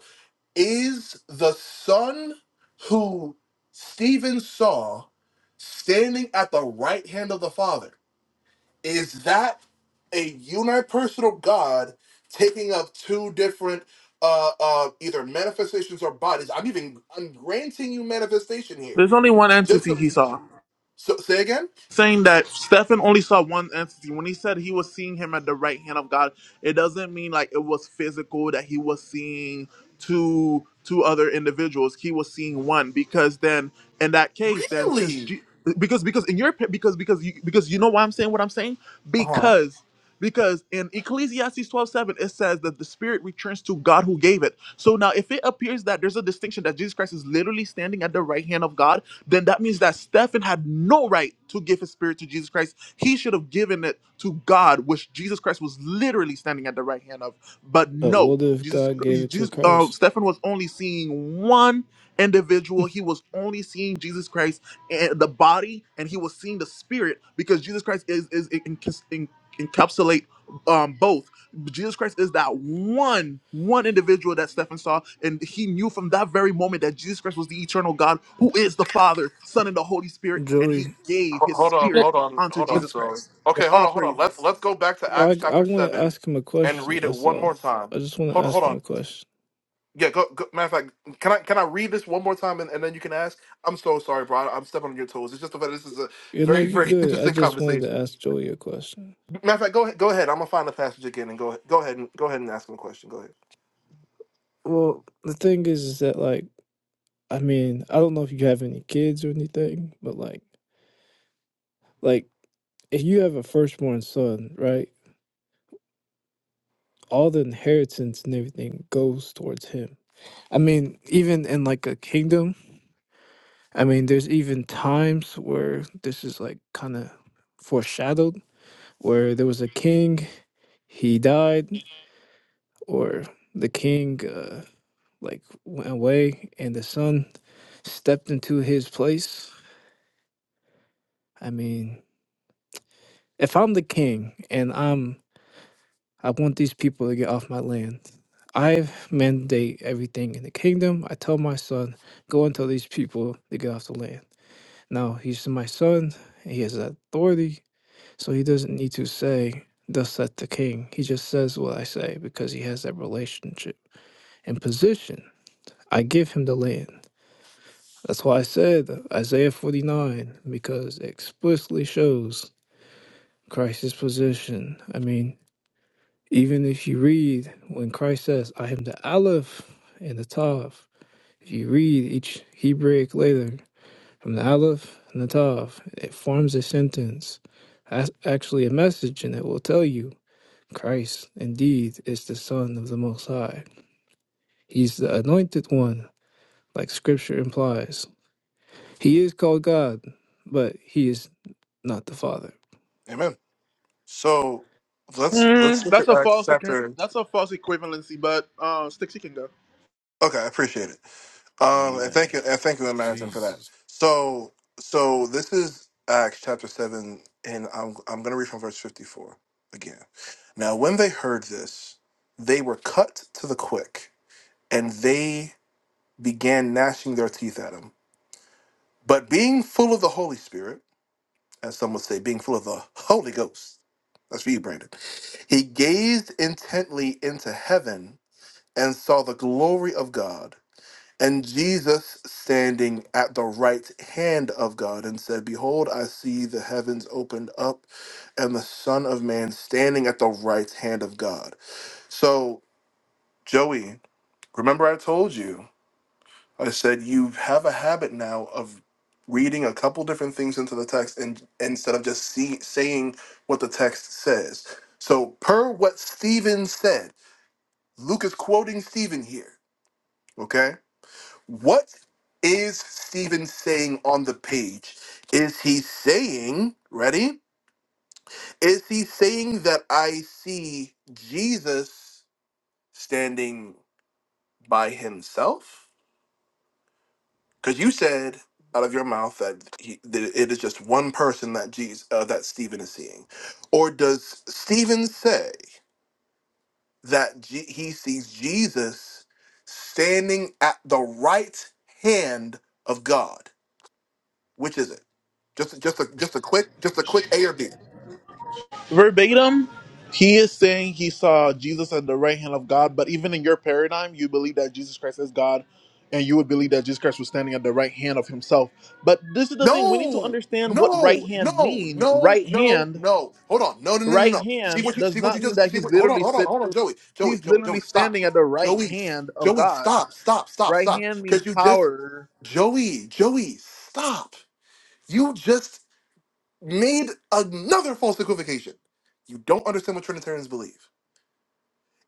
[SPEAKER 12] is the son who Stephen saw standing at the right hand of the Father. Is that a unipersonal God taking up two different uh, uh, either manifestations or bodies? I'm even I'm granting you manifestation here.
[SPEAKER 1] There's only one
[SPEAKER 12] Just
[SPEAKER 1] entity
[SPEAKER 12] so,
[SPEAKER 1] he saw.
[SPEAKER 12] so say again.
[SPEAKER 1] saying that Stefan only saw one entity. When he said he was seeing him at the right hand of God, it doesn't mean like it was physical that he was seeing two two other individuals. He was seeing one because then in that case, then since
[SPEAKER 12] Really?
[SPEAKER 1] G- because because in your opi- because because you, because you know why I'm saying what I'm saying
[SPEAKER 12] Uh huh.
[SPEAKER 1] because. Because in Ecclesiastes 12:7 it says that the spirit returns to God who gave it. So now, if it appears that there's a distinction that Jesus Christ is literally standing at the right hand of God, then that means that Stephen had no right to give his spirit to Jesus Christ. He should have given it to God, which Jesus Christ was literally standing at the right hand of. But
[SPEAKER 14] But
[SPEAKER 1] no,
[SPEAKER 14] what if
[SPEAKER 1] Jesus,
[SPEAKER 14] God gave it to
[SPEAKER 1] Jesus um,
[SPEAKER 14] Christ?
[SPEAKER 1] Stephen was only seeing one individual. He was only seeing Jesus Christ and the body, and he was seeing the spirit because Jesus Christ is is enc- encapsulate um, both. Jesus Christ is that one, one individual that Stephen saw, and he knew from that very moment that Jesus Christ was the eternal God, who is the Father, Son, and the Holy Spirit, and he
[SPEAKER 14] Joey.
[SPEAKER 1] gave his
[SPEAKER 12] Hold
[SPEAKER 11] You
[SPEAKER 12] on,
[SPEAKER 1] spirit
[SPEAKER 11] just
[SPEAKER 12] hold on,
[SPEAKER 1] unto
[SPEAKER 12] hold on.
[SPEAKER 1] Jesus
[SPEAKER 12] So
[SPEAKER 1] Christ.
[SPEAKER 12] okay, hold
[SPEAKER 1] All
[SPEAKER 12] on, hold on. Let's
[SPEAKER 1] praises.
[SPEAKER 12] let's go back to
[SPEAKER 14] Well,
[SPEAKER 12] Acts
[SPEAKER 14] I, I
[SPEAKER 12] chapter
[SPEAKER 14] want to
[SPEAKER 12] seven
[SPEAKER 14] ask him a
[SPEAKER 12] and
[SPEAKER 14] question,
[SPEAKER 12] read it
[SPEAKER 14] that's
[SPEAKER 12] one
[SPEAKER 14] all.
[SPEAKER 12] more time.
[SPEAKER 14] I just want to
[SPEAKER 12] Hold hold
[SPEAKER 14] ask him
[SPEAKER 12] on.
[SPEAKER 14] a question.
[SPEAKER 12] Yeah, go, go, matter of fact, can I can I read this one more time and, and then you can ask? I'm so sorry, bro. I, am stepping on your toes. It's just the fact that this is a
[SPEAKER 14] You know,
[SPEAKER 12] very
[SPEAKER 14] you're
[SPEAKER 12] very
[SPEAKER 14] good. I
[SPEAKER 12] interesting
[SPEAKER 14] just wanted to
[SPEAKER 12] conversation.
[SPEAKER 14] ask Joey a question.
[SPEAKER 12] Matter of fact, go ahead, go ahead. I'm gonna find the passage again and go go ahead and go ahead and ask him a question. Go ahead.
[SPEAKER 14] Well, the thing is, is that, like, I mean, I don't know if you have any kids or anything, but, like, Like, if you have a firstborn son, right? All the inheritance and everything goes towards him. I mean, even in like a kingdom, I mean, there's even times where this is like kind of foreshadowed, where there was a king, he died, or the king uh, like went away and the son stepped into his place. I mean, if I'm the king and I'm I want these people to get off my land. I mandate everything in the kingdom. I tell my son, go and tell these people to get off the land. Now, he's my son, and he has authority, so he doesn't need to say, thus saith the king. He just says what I say because he has that relationship and position. I give him the land. That's why I said Isaiah 49, because it explicitly shows Christ's position. I mean, Even if you read when Christ says, I am the Aleph and the Tav, if you read each Hebraic letter from the Aleph and the Tav, it forms a sentence, that's actually a message, and it will tell you Christ indeed is the Son of the Most High. He's the anointed one, like Scripture implies. He is called God, but he is not the Father.
[SPEAKER 12] Amen. So let's let's
[SPEAKER 1] Mm,
[SPEAKER 12] look
[SPEAKER 1] that's
[SPEAKER 12] at
[SPEAKER 1] a
[SPEAKER 12] Acts
[SPEAKER 1] false equi-
[SPEAKER 12] chapter.
[SPEAKER 1] that's a false equivalency, but uh Stixy can go.
[SPEAKER 12] Okay, I appreciate it. Um, and
[SPEAKER 4] Man,
[SPEAKER 12] thank you, and thank you, Imagine, for that.
[SPEAKER 4] Jesus.
[SPEAKER 12] So, so this is Acts chapter seven, and I'm I'm going to read from verse fifty-four again. Now, when they heard this, they were cut to the quick, and they began gnashing their teeth at him. But being full of the Holy Spirit, as some would say, being full of the Holy Ghost, that's for you, Brandon. He gazed intently into heaven and saw the glory of God And Jesus, standing at the right hand of God, and said, Behold, I see the heavens opened up, and the Son of Man standing at the right hand of God. So, Joey, remember I told you, I said, you have a habit now of reading a couple different things into the text and instead of just see, saying what the text says. So, per what Stephen said, Luke is quoting Stephen here, okay? what is Stephen saying on the page? Is he saying, ready? Is he saying that I see Jesus standing by himself? Because you said out of your mouth that, he, that it is just one person that Jesus uh, that Stephen is seeing, or does Stephen say that Je- he sees Jesus standing at the right hand of God? Which is it? Just just a just a quick just a quick A or B.
[SPEAKER 1] verbatim he is saying he saw jesus at the right hand of god but even in your paradigm you believe that jesus christ is god and you would believe that jesus christ was standing at the right hand of himself but this is the thing we need to
[SPEAKER 12] No,
[SPEAKER 1] understand what right
[SPEAKER 12] no,
[SPEAKER 1] hand
[SPEAKER 12] no,
[SPEAKER 1] mean
[SPEAKER 12] no,
[SPEAKER 1] right
[SPEAKER 12] no,
[SPEAKER 1] hand
[SPEAKER 12] no. Hold on. No, no, no, no,
[SPEAKER 1] right
[SPEAKER 12] no. See
[SPEAKER 1] hand
[SPEAKER 12] what you
[SPEAKER 1] does
[SPEAKER 12] see what you
[SPEAKER 1] not mean
[SPEAKER 12] just
[SPEAKER 1] that
[SPEAKER 12] see
[SPEAKER 1] he's
[SPEAKER 12] what hold on,
[SPEAKER 1] literally
[SPEAKER 12] hold on,
[SPEAKER 1] sit
[SPEAKER 12] hold on, Joey. Joey,
[SPEAKER 1] he's
[SPEAKER 12] Joey,
[SPEAKER 1] literally
[SPEAKER 12] Joey, stop.
[SPEAKER 1] standing at the right
[SPEAKER 12] Joey,
[SPEAKER 1] hand of
[SPEAKER 12] Joey,
[SPEAKER 1] god
[SPEAKER 12] stop, stop, stop,
[SPEAKER 1] right
[SPEAKER 12] stop.
[SPEAKER 1] hand means
[SPEAKER 12] Cause you just
[SPEAKER 1] power
[SPEAKER 12] Joey, Joey, stop. You just made another false equivocation. You don't understand what Trinitarians believe.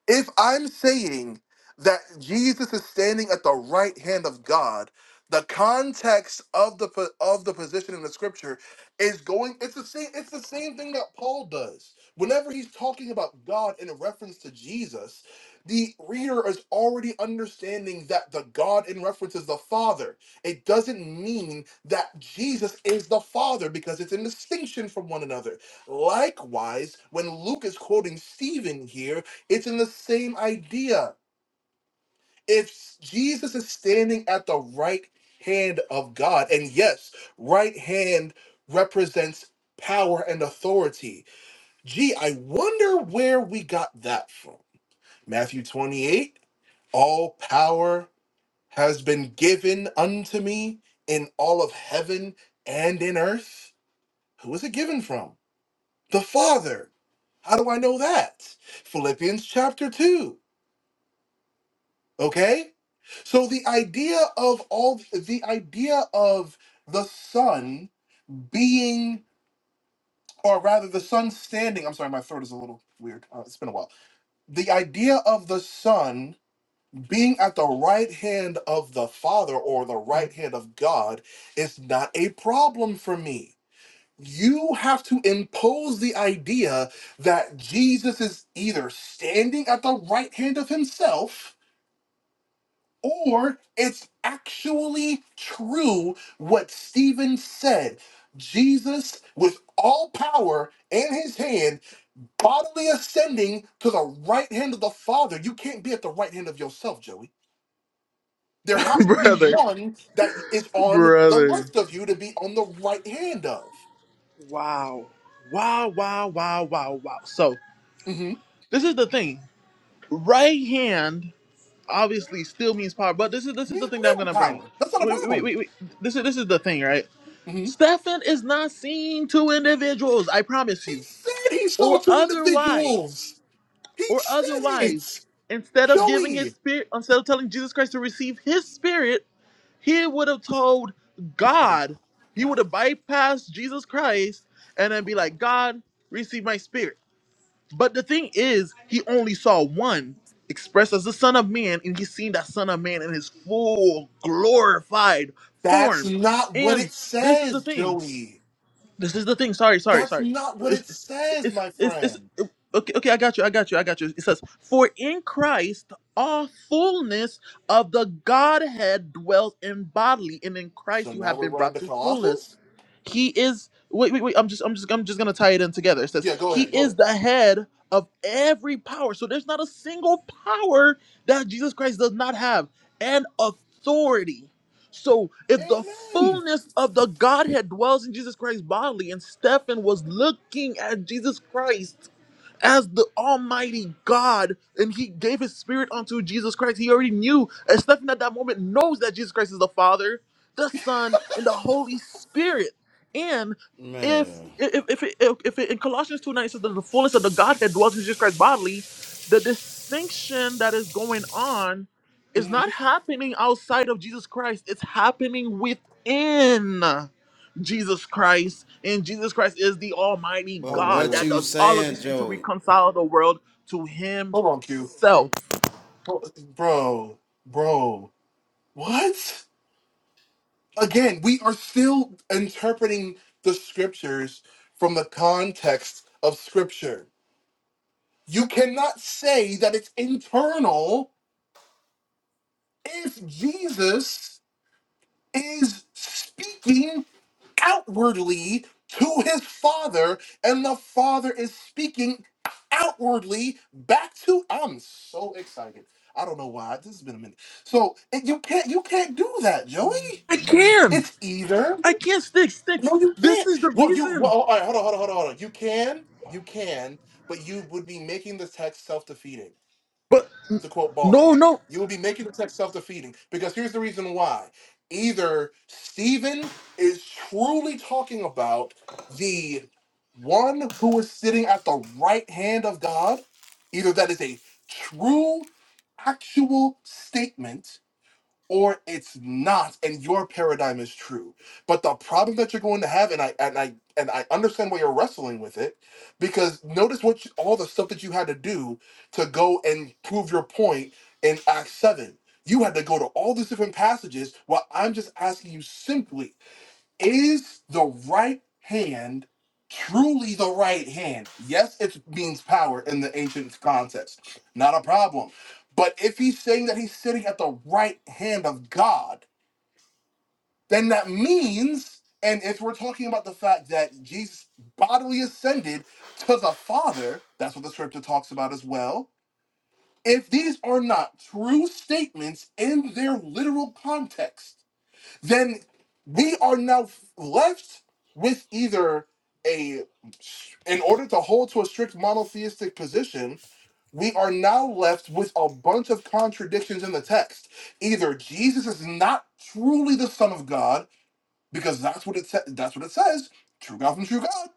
[SPEAKER 12] If I'm saying that Jesus is standing at the right hand of God, the context of the po- of the position in the scripture is going it's the same it's the same thing that Paul does. Whenever he's talking about God in reference to Jesus, the reader is already understanding that the God in reference is the Father. It doesn't mean that Jesus is the Father because it's in distinction from one another. Likewise, when Luke is quoting Stephen here, it's in the same idea. If Jesus is standing at the right hand of God, and yes, right hand represents power and authority. Gee, I wonder where we got that from. Matthew 28 All power has been given unto me in all of heaven and in earth. Who is it given from? The Father. How do I know that? Philippians chapter 2. Okay? So the idea of all the idea of the sun being or rather the sun standing, I'm sorry, my throat is a little weird. Uh, it's been a while. The idea of the sun being at the right hand of the Father or the right hand of God is not a problem for me. You have to impose the idea that Jesus is either standing at the right hand of himself or it's actually true what Stephen said. Jesus, with all power in his hand, bodily ascending to the right hand of the Father. You can't be at the right hand of yourself, Joey. There has to be
[SPEAKER 1] brother
[SPEAKER 12] one that is on the
[SPEAKER 1] brother
[SPEAKER 12] left of you to be on the right hand of.
[SPEAKER 1] wow wow wow wow wow wow so
[SPEAKER 12] hmm
[SPEAKER 1] this is the thing right hand obviously still means power. But this is this is
[SPEAKER 12] We
[SPEAKER 1] the thing that
[SPEAKER 12] agree
[SPEAKER 1] I'm
[SPEAKER 12] on
[SPEAKER 1] gonna bring.
[SPEAKER 12] power. That's not a
[SPEAKER 1] Wait, wait, wait,
[SPEAKER 12] problem.
[SPEAKER 1] wait. This is this is the thing, right?
[SPEAKER 12] hmm
[SPEAKER 1] Stefan is not seen to individuals, I promise
[SPEAKER 12] He
[SPEAKER 1] you,
[SPEAKER 12] said he saw
[SPEAKER 1] or
[SPEAKER 12] two
[SPEAKER 1] otherwise,
[SPEAKER 12] individuals. He
[SPEAKER 1] or
[SPEAKER 12] said it.
[SPEAKER 1] otherwise. Instead of giving his
[SPEAKER 12] Joey.
[SPEAKER 1] spirit, instead of telling Jesus Christ to receive his spirit, he would have told
[SPEAKER 12] Oh,
[SPEAKER 1] God. He
[SPEAKER 12] God.
[SPEAKER 1] would have bypassed Jesus Christ and then be like, God, receive my spirit but the thing is, he only saw one expressed as the Son of Man, and he seen that Son of Man in his full glorified
[SPEAKER 12] That's
[SPEAKER 1] form.
[SPEAKER 12] not what
[SPEAKER 1] And
[SPEAKER 12] it
[SPEAKER 1] this is the
[SPEAKER 12] says,
[SPEAKER 1] thing.
[SPEAKER 12] Joey.
[SPEAKER 1] This is the thing. Sorry, sorry,
[SPEAKER 12] That's
[SPEAKER 1] sorry.
[SPEAKER 12] not what
[SPEAKER 1] It's
[SPEAKER 12] it says,
[SPEAKER 1] it's
[SPEAKER 12] my
[SPEAKER 1] it's, it's
[SPEAKER 12] friend.
[SPEAKER 1] okay. Okay, I got you. I got you. I got you. It says, "For in Christ all fullness of the Godhead dwells in bodily, and in
[SPEAKER 12] So
[SPEAKER 1] Christ you
[SPEAKER 12] now
[SPEAKER 1] have
[SPEAKER 12] we're
[SPEAKER 1] been
[SPEAKER 12] running
[SPEAKER 1] brought
[SPEAKER 12] to
[SPEAKER 1] to fullness."
[SPEAKER 12] Colossians?
[SPEAKER 1] He is wait, wait, wait. I'm just I'm just I'm just gonna tie it in together. It says
[SPEAKER 12] Yeah, go
[SPEAKER 1] he
[SPEAKER 12] ahead.
[SPEAKER 1] is
[SPEAKER 12] Go
[SPEAKER 1] the head of every power. So there's not a single power that Jesus Christ does not have and authority. So if
[SPEAKER 12] ahead.
[SPEAKER 1] the
[SPEAKER 12] Amen.
[SPEAKER 1] fullness of the Godhead dwells in Jesus Christ bodily, and Stephen was looking at Jesus Christ as the Almighty God, and He gave His Spirit unto Jesus Christ. He already knew, and Stephen at that moment knows that Jesus Christ is the Father, the Son, and the Holy Spirit. And if
[SPEAKER 4] Man,
[SPEAKER 1] if if it, if, if it, in Colossians two nine it says that the fullness of the Godhead dwells in Jesus Christ bodily, the distinction that is going on is not
[SPEAKER 12] Mhm.
[SPEAKER 1] happening outside of Jesus Christ. It's happening within. Jesus Christ, and Jesus Christ is the Almighty
[SPEAKER 12] Oh,
[SPEAKER 4] but
[SPEAKER 1] God
[SPEAKER 4] what
[SPEAKER 12] Lord.
[SPEAKER 1] that
[SPEAKER 4] you
[SPEAKER 1] does all of
[SPEAKER 4] saying,
[SPEAKER 1] these things to
[SPEAKER 4] Joey?
[SPEAKER 1] reconcile the world to
[SPEAKER 12] Hold on, Q.
[SPEAKER 1] Himself.
[SPEAKER 12] Ho- Bro, bro. What? Again, we are still interpreting the scriptures from the context of scripture. You cannot say that it's internal if Jesus is speaking outwardly to his father, and the father is speaking outwardly back to. I'm so excited. I don't know why. This has been a minute. So and you can't you can't do that, Joey.
[SPEAKER 1] I can,
[SPEAKER 12] It's either
[SPEAKER 1] I can, sticks, sticks.
[SPEAKER 12] no, you
[SPEAKER 1] This
[SPEAKER 12] can't.
[SPEAKER 1] is the
[SPEAKER 12] Well, you well,
[SPEAKER 1] reason.
[SPEAKER 12] all right. Hold on, hold on, hold on, hold on. You can, you can, but you would be making the text self defeating
[SPEAKER 1] But
[SPEAKER 12] to quote Boss
[SPEAKER 1] no,
[SPEAKER 12] Mom.
[SPEAKER 1] no.
[SPEAKER 12] You will be making the text self defeating because here's the reason why. Either Stephen is truly talking about the one who is sitting at the right hand of God, either that is a true, actual statement, or it's not and your paradigm is true but the problem that you're going to have and i and i and i understand why you're wrestling with it because notice what you, all the stuff that you had to do to go and prove your point in act 7 you had to go to all these different passages while i'm just asking you simply is the right hand truly the right hand? Yes, it means power in the ancient context. Not a problem. But if he's saying that he's sitting at the right hand of God, then that means, and if we're talking about the fact that Jesus bodily ascended to the Father, that's what the scripture talks about as well. If these are not true statements in their literal context, then we are now left with either a in order to hold to a strict monotheistic position we are now left with a bunch of contradictions in the text either jesus is not truly the son of god because that's what it sa- that's what it says true god from true god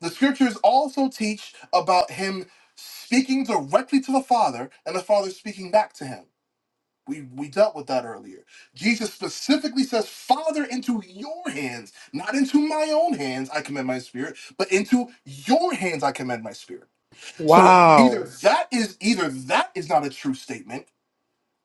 [SPEAKER 12] the scriptures also teach about him speaking directly to the father and the father speaking back to him we we dealt with that earlier. Jesus specifically says, "Father, into your hands, not into my own hands, I commend my spirit, but into your hands I commend my spirit." So either
[SPEAKER 1] Wow.
[SPEAKER 12] that is either that is not a true statement,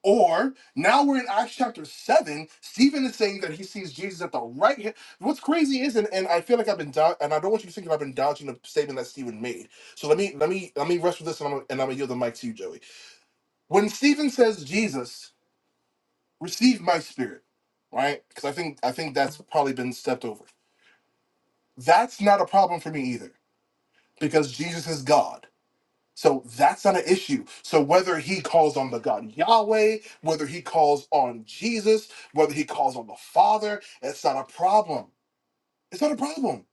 [SPEAKER 12] or now we're in Acts chapter seven. Stephen is saying that he sees Jesus at the right hand. What's crazy is, and, and I feel like I've been dou- and I don't want you to think that I've been dodging the statement that Stephen made. So let me let me let me rush with this, and I'm, gonna- and I'm gonna yield the mic to you, Joey. When Stephen says Jesus receive my spirit, right? Because I think I think that's probably been stepped over. That's not a problem for me either, because Jesus is God. So that's not an issue. So whether he calls on the God Yahweh, whether he calls on Jesus, whether he calls on the Father, it's not a problem. It's not a problem.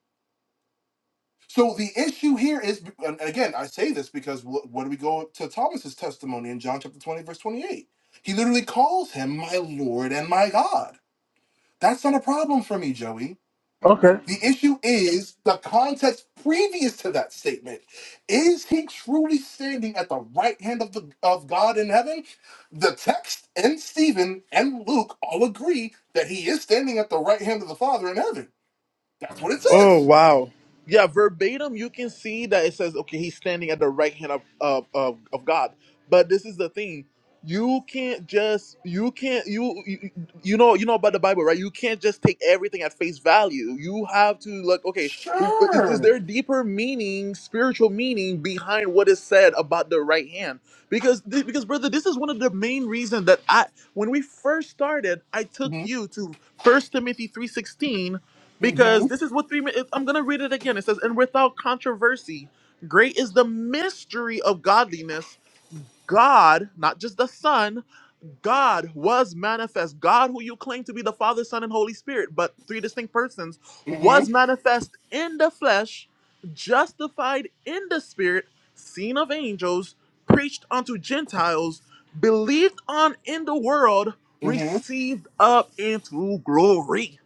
[SPEAKER 12] So the issue here is, and again, I say this because wh- when we go to Thomas's testimony in John chapter 20, verse 28, he literally calls him my Lord and my God. That's not a problem for me, Joey The issue is the context previous to that statement. Is he truly standing at the right hand of the of God in heaven? The text and Stephen and Luke all agree that he is standing at the right hand of the Father in heaven. That's what it
[SPEAKER 1] Oh
[SPEAKER 12] says.
[SPEAKER 1] wow. Yeah, verbatim you can see that it says okay, he's standing at the right hand of of of, of God. But this is the thing. You can't just you can't you, you you know you know about the Bible, right? You can't just take everything at face value. You have to look, okay, who- is, is
[SPEAKER 12] Sure.
[SPEAKER 1] there deeper meaning, spiritual meaning behind what is said about the right hand? Because thi- because brother, this is one of the main reasons that I when we first started, I took
[SPEAKER 12] hmm
[SPEAKER 1] you to First Timothy 3:16
[SPEAKER 12] hmm
[SPEAKER 1] because this is what three minutes i'm gonna read it again it says and without controversy great is the mystery of godliness god not just the son god was manifest god who you claim to be the father son and holy spirit but three distinct persons
[SPEAKER 12] hmm
[SPEAKER 1] was manifest in the flesh justified in the spirit seen of angels preached unto gentiles believed on in the world
[SPEAKER 12] hmm hmm
[SPEAKER 1] received up into glory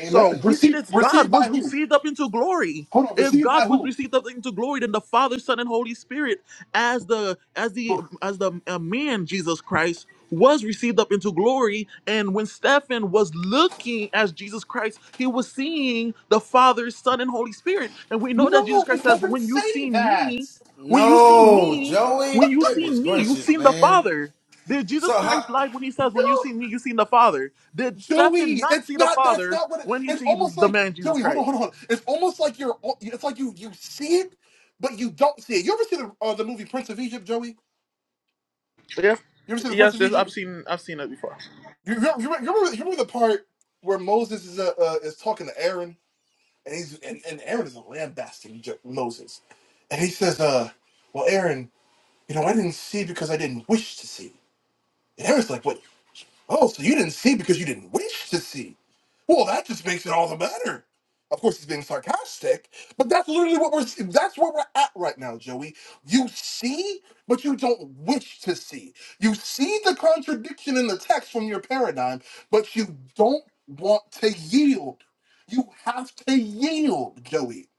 [SPEAKER 1] so we see
[SPEAKER 12] Received
[SPEAKER 1] that God
[SPEAKER 12] received by
[SPEAKER 1] was
[SPEAKER 12] who?
[SPEAKER 1] received up into glory.
[SPEAKER 12] Hold on,
[SPEAKER 1] If
[SPEAKER 12] received
[SPEAKER 1] God
[SPEAKER 12] by
[SPEAKER 1] was
[SPEAKER 12] who?
[SPEAKER 1] received up into glory, then the Father, Son, and Holy Spirit, as the as the as the uh, man Jesus Christ was received up into glory. And when Stephen was looking as Jesus Christ, he was seeing the Father, Son, and Holy Spirit. And we know that Jesus
[SPEAKER 12] No,
[SPEAKER 1] Christ
[SPEAKER 12] it
[SPEAKER 1] says,
[SPEAKER 12] doesn't
[SPEAKER 1] "When you
[SPEAKER 12] say
[SPEAKER 1] see
[SPEAKER 12] that.
[SPEAKER 1] me, when you see
[SPEAKER 4] No,
[SPEAKER 1] me, when
[SPEAKER 4] Joey.
[SPEAKER 1] you see
[SPEAKER 4] Goodness
[SPEAKER 1] me, you
[SPEAKER 4] gracious,
[SPEAKER 1] seen the
[SPEAKER 4] man.
[SPEAKER 1] Father." Did Jesus
[SPEAKER 4] So how?
[SPEAKER 1] Christ lie when he says, When you
[SPEAKER 12] No,
[SPEAKER 1] see me, you seen the Father? Did Stephen
[SPEAKER 12] Joey,
[SPEAKER 1] not
[SPEAKER 12] it's
[SPEAKER 1] see the
[SPEAKER 12] not. That's
[SPEAKER 1] Father
[SPEAKER 12] not what. It,
[SPEAKER 1] when he
[SPEAKER 12] it's
[SPEAKER 1] sees
[SPEAKER 12] almost
[SPEAKER 1] the
[SPEAKER 12] like
[SPEAKER 1] man Jesus
[SPEAKER 12] Joey. Hold on,
[SPEAKER 1] Christ?
[SPEAKER 12] hold on, hold on. It's almost like you're. It's like you you see it, but you don't see it. You ever see the uh, the movie Prince of Egypt, Joey?
[SPEAKER 1] Yes.
[SPEAKER 12] You ever see the Prince
[SPEAKER 1] Yes,
[SPEAKER 12] of
[SPEAKER 1] yes, I've
[SPEAKER 12] Egypt?
[SPEAKER 1] seen I've seen it before.
[SPEAKER 12] You, you, you, remember, you remember the part where Moses is uh, uh, is talking to Aaron, and he's and, and Aaron is lambasting Jo- Moses, and he says, "Uh, well, Aaron, you know, I didn't see because I didn't wish to see." And Aaron's like, "What? Oh, so you didn't see because you didn't wish to see. Well, that just makes it all the better. Of course, he's being sarcastic, but that's literally what we're that's where we're at right now, Joey. You see, but you don't wish to see. You see the contradiction in the text from your paradigm, but you don't want to yield. You have to yield, Joey.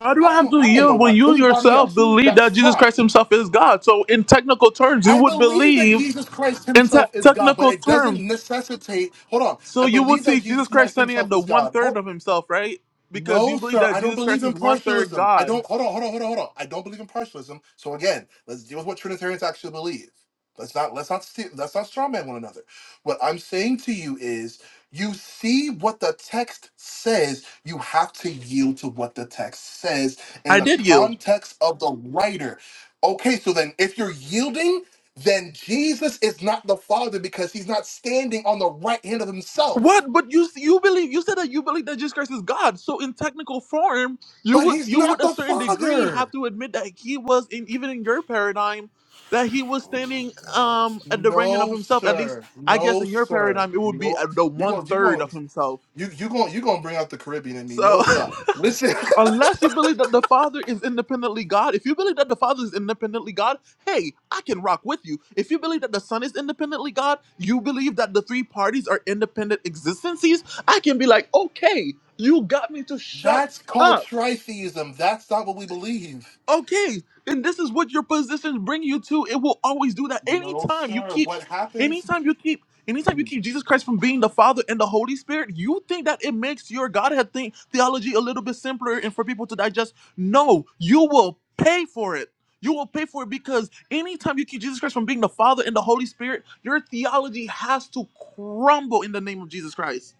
[SPEAKER 1] How do
[SPEAKER 12] I
[SPEAKER 1] I
[SPEAKER 12] don't
[SPEAKER 1] have
[SPEAKER 12] know.
[SPEAKER 1] to
[SPEAKER 12] I don't know
[SPEAKER 1] yield when
[SPEAKER 12] about
[SPEAKER 1] you
[SPEAKER 12] anybody
[SPEAKER 1] yourself
[SPEAKER 12] else.
[SPEAKER 1] believe that
[SPEAKER 12] That's
[SPEAKER 1] Jesus
[SPEAKER 12] fine.
[SPEAKER 1] Christ himself is God? So in technical terms, you
[SPEAKER 12] I
[SPEAKER 1] would
[SPEAKER 12] believe that
[SPEAKER 1] believe
[SPEAKER 12] Jesus Christ
[SPEAKER 1] in
[SPEAKER 12] himself
[SPEAKER 1] te-
[SPEAKER 12] is God, but
[SPEAKER 1] technical
[SPEAKER 12] it doesn't
[SPEAKER 1] terms.
[SPEAKER 12] necessitate. Hold on.
[SPEAKER 1] So
[SPEAKER 12] I
[SPEAKER 1] you would
[SPEAKER 12] believe
[SPEAKER 1] see
[SPEAKER 12] that
[SPEAKER 1] Jesus
[SPEAKER 12] Jesus
[SPEAKER 1] Christ
[SPEAKER 12] Christ
[SPEAKER 1] standing at
[SPEAKER 12] himself
[SPEAKER 1] the
[SPEAKER 12] is
[SPEAKER 1] one
[SPEAKER 12] God.
[SPEAKER 1] third
[SPEAKER 12] Hold,
[SPEAKER 1] of himself, right? Because you
[SPEAKER 12] no,
[SPEAKER 1] believe
[SPEAKER 12] sir.
[SPEAKER 1] that
[SPEAKER 12] I don't
[SPEAKER 1] Jesus Christ
[SPEAKER 12] believe
[SPEAKER 1] is
[SPEAKER 12] in
[SPEAKER 1] one third
[SPEAKER 12] partialism. I
[SPEAKER 1] God.
[SPEAKER 12] don't. Hold on. Hold on. Hold on. Hold on. I don't believe in partialism. So again, let's deal with what Trinitarians actually believe. Let's not. Let's not. st- Let's not strawman one another. What I'm saying to you is, you see what the text says. You have to yield to what the text says in
[SPEAKER 1] I
[SPEAKER 12] the
[SPEAKER 1] did yield.
[SPEAKER 12] context of the writer. Okay. So then, if you're yielding, then Jesus is not the Father because he's not standing on the right hand of himself.
[SPEAKER 1] What? But you you believe you said that you believe that Jesus Christ is God. So in technical form, you
[SPEAKER 12] But
[SPEAKER 1] would
[SPEAKER 12] he's
[SPEAKER 1] you would
[SPEAKER 12] not
[SPEAKER 1] a
[SPEAKER 12] the
[SPEAKER 1] certain degree
[SPEAKER 12] Father.
[SPEAKER 1] have to admit that he was in even in your paradigm that he was
[SPEAKER 4] Oh
[SPEAKER 1] standing
[SPEAKER 4] my gosh.
[SPEAKER 1] um at the right hand of
[SPEAKER 12] No,
[SPEAKER 1] himself. At least
[SPEAKER 12] sir.
[SPEAKER 1] I guess
[SPEAKER 12] No,
[SPEAKER 1] in your
[SPEAKER 12] sir.
[SPEAKER 1] paradigm it would be
[SPEAKER 12] No.
[SPEAKER 1] at the
[SPEAKER 12] You're
[SPEAKER 1] one
[SPEAKER 12] going to you are
[SPEAKER 1] third
[SPEAKER 12] gonna
[SPEAKER 1] of himself.
[SPEAKER 12] you you going to you gonna bring out the Caribbean in me.
[SPEAKER 1] So
[SPEAKER 12] No sir. Listen,
[SPEAKER 1] Unless you believe that the Father is independently God, if you believe that the Father is independently God, hey, I can rock with you. If you believe that the Son is independently God, you believe that the three parties are independent existences, I can be like, okay, you got me to shut
[SPEAKER 12] that's
[SPEAKER 1] up.
[SPEAKER 12] called tritheism. That's not what we believe.
[SPEAKER 1] Okay, and this is what your positions bring you to. It will always do that.
[SPEAKER 12] No,
[SPEAKER 1] Anytime you
[SPEAKER 12] sir.
[SPEAKER 1] keep,
[SPEAKER 12] What happens?
[SPEAKER 1] anytime you keep, anytime you keep Jesus Christ from being the Father and the Holy Spirit, you think that it makes your Godhead thing theology a little bit simpler and for people to digest. No, you will pay for it. You will pay for it because anytime you keep Jesus Christ from being the Father and the Holy Spirit, your theology has to crumble in the name of Jesus Christ.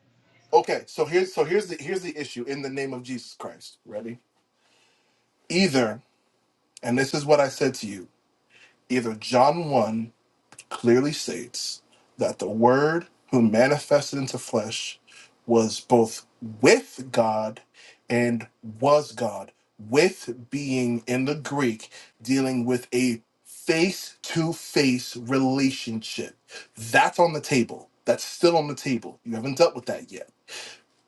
[SPEAKER 12] Okay, so here's so here's the here's the issue in the name of Jesus Christ. Ready? Either, and this is what I said to you, either John 1 clearly states that the Word who manifested into flesh was both with God and was God, with being in the Greek, dealing with a face to face relationship. That's on the table. That's still on the table. You haven't dealt with that yet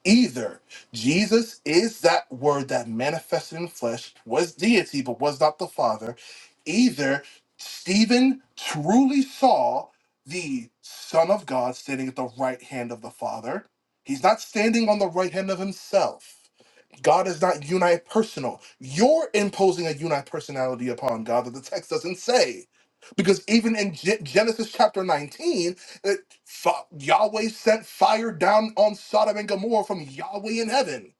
[SPEAKER 12] either. Jesus is that word that manifested in flesh, was deity, but was not the Father. Either Stephen truly saw the Son of God standing at the right hand of the Father. He's not standing on the right hand of himself. God is not unipersonal. You're imposing a unipersonality upon God that the text doesn't say. Because even in Ge- Genesis chapter 19, it, fi- Yahweh sent fire down on Sodom and Gomorrah from Yahweh in heaven.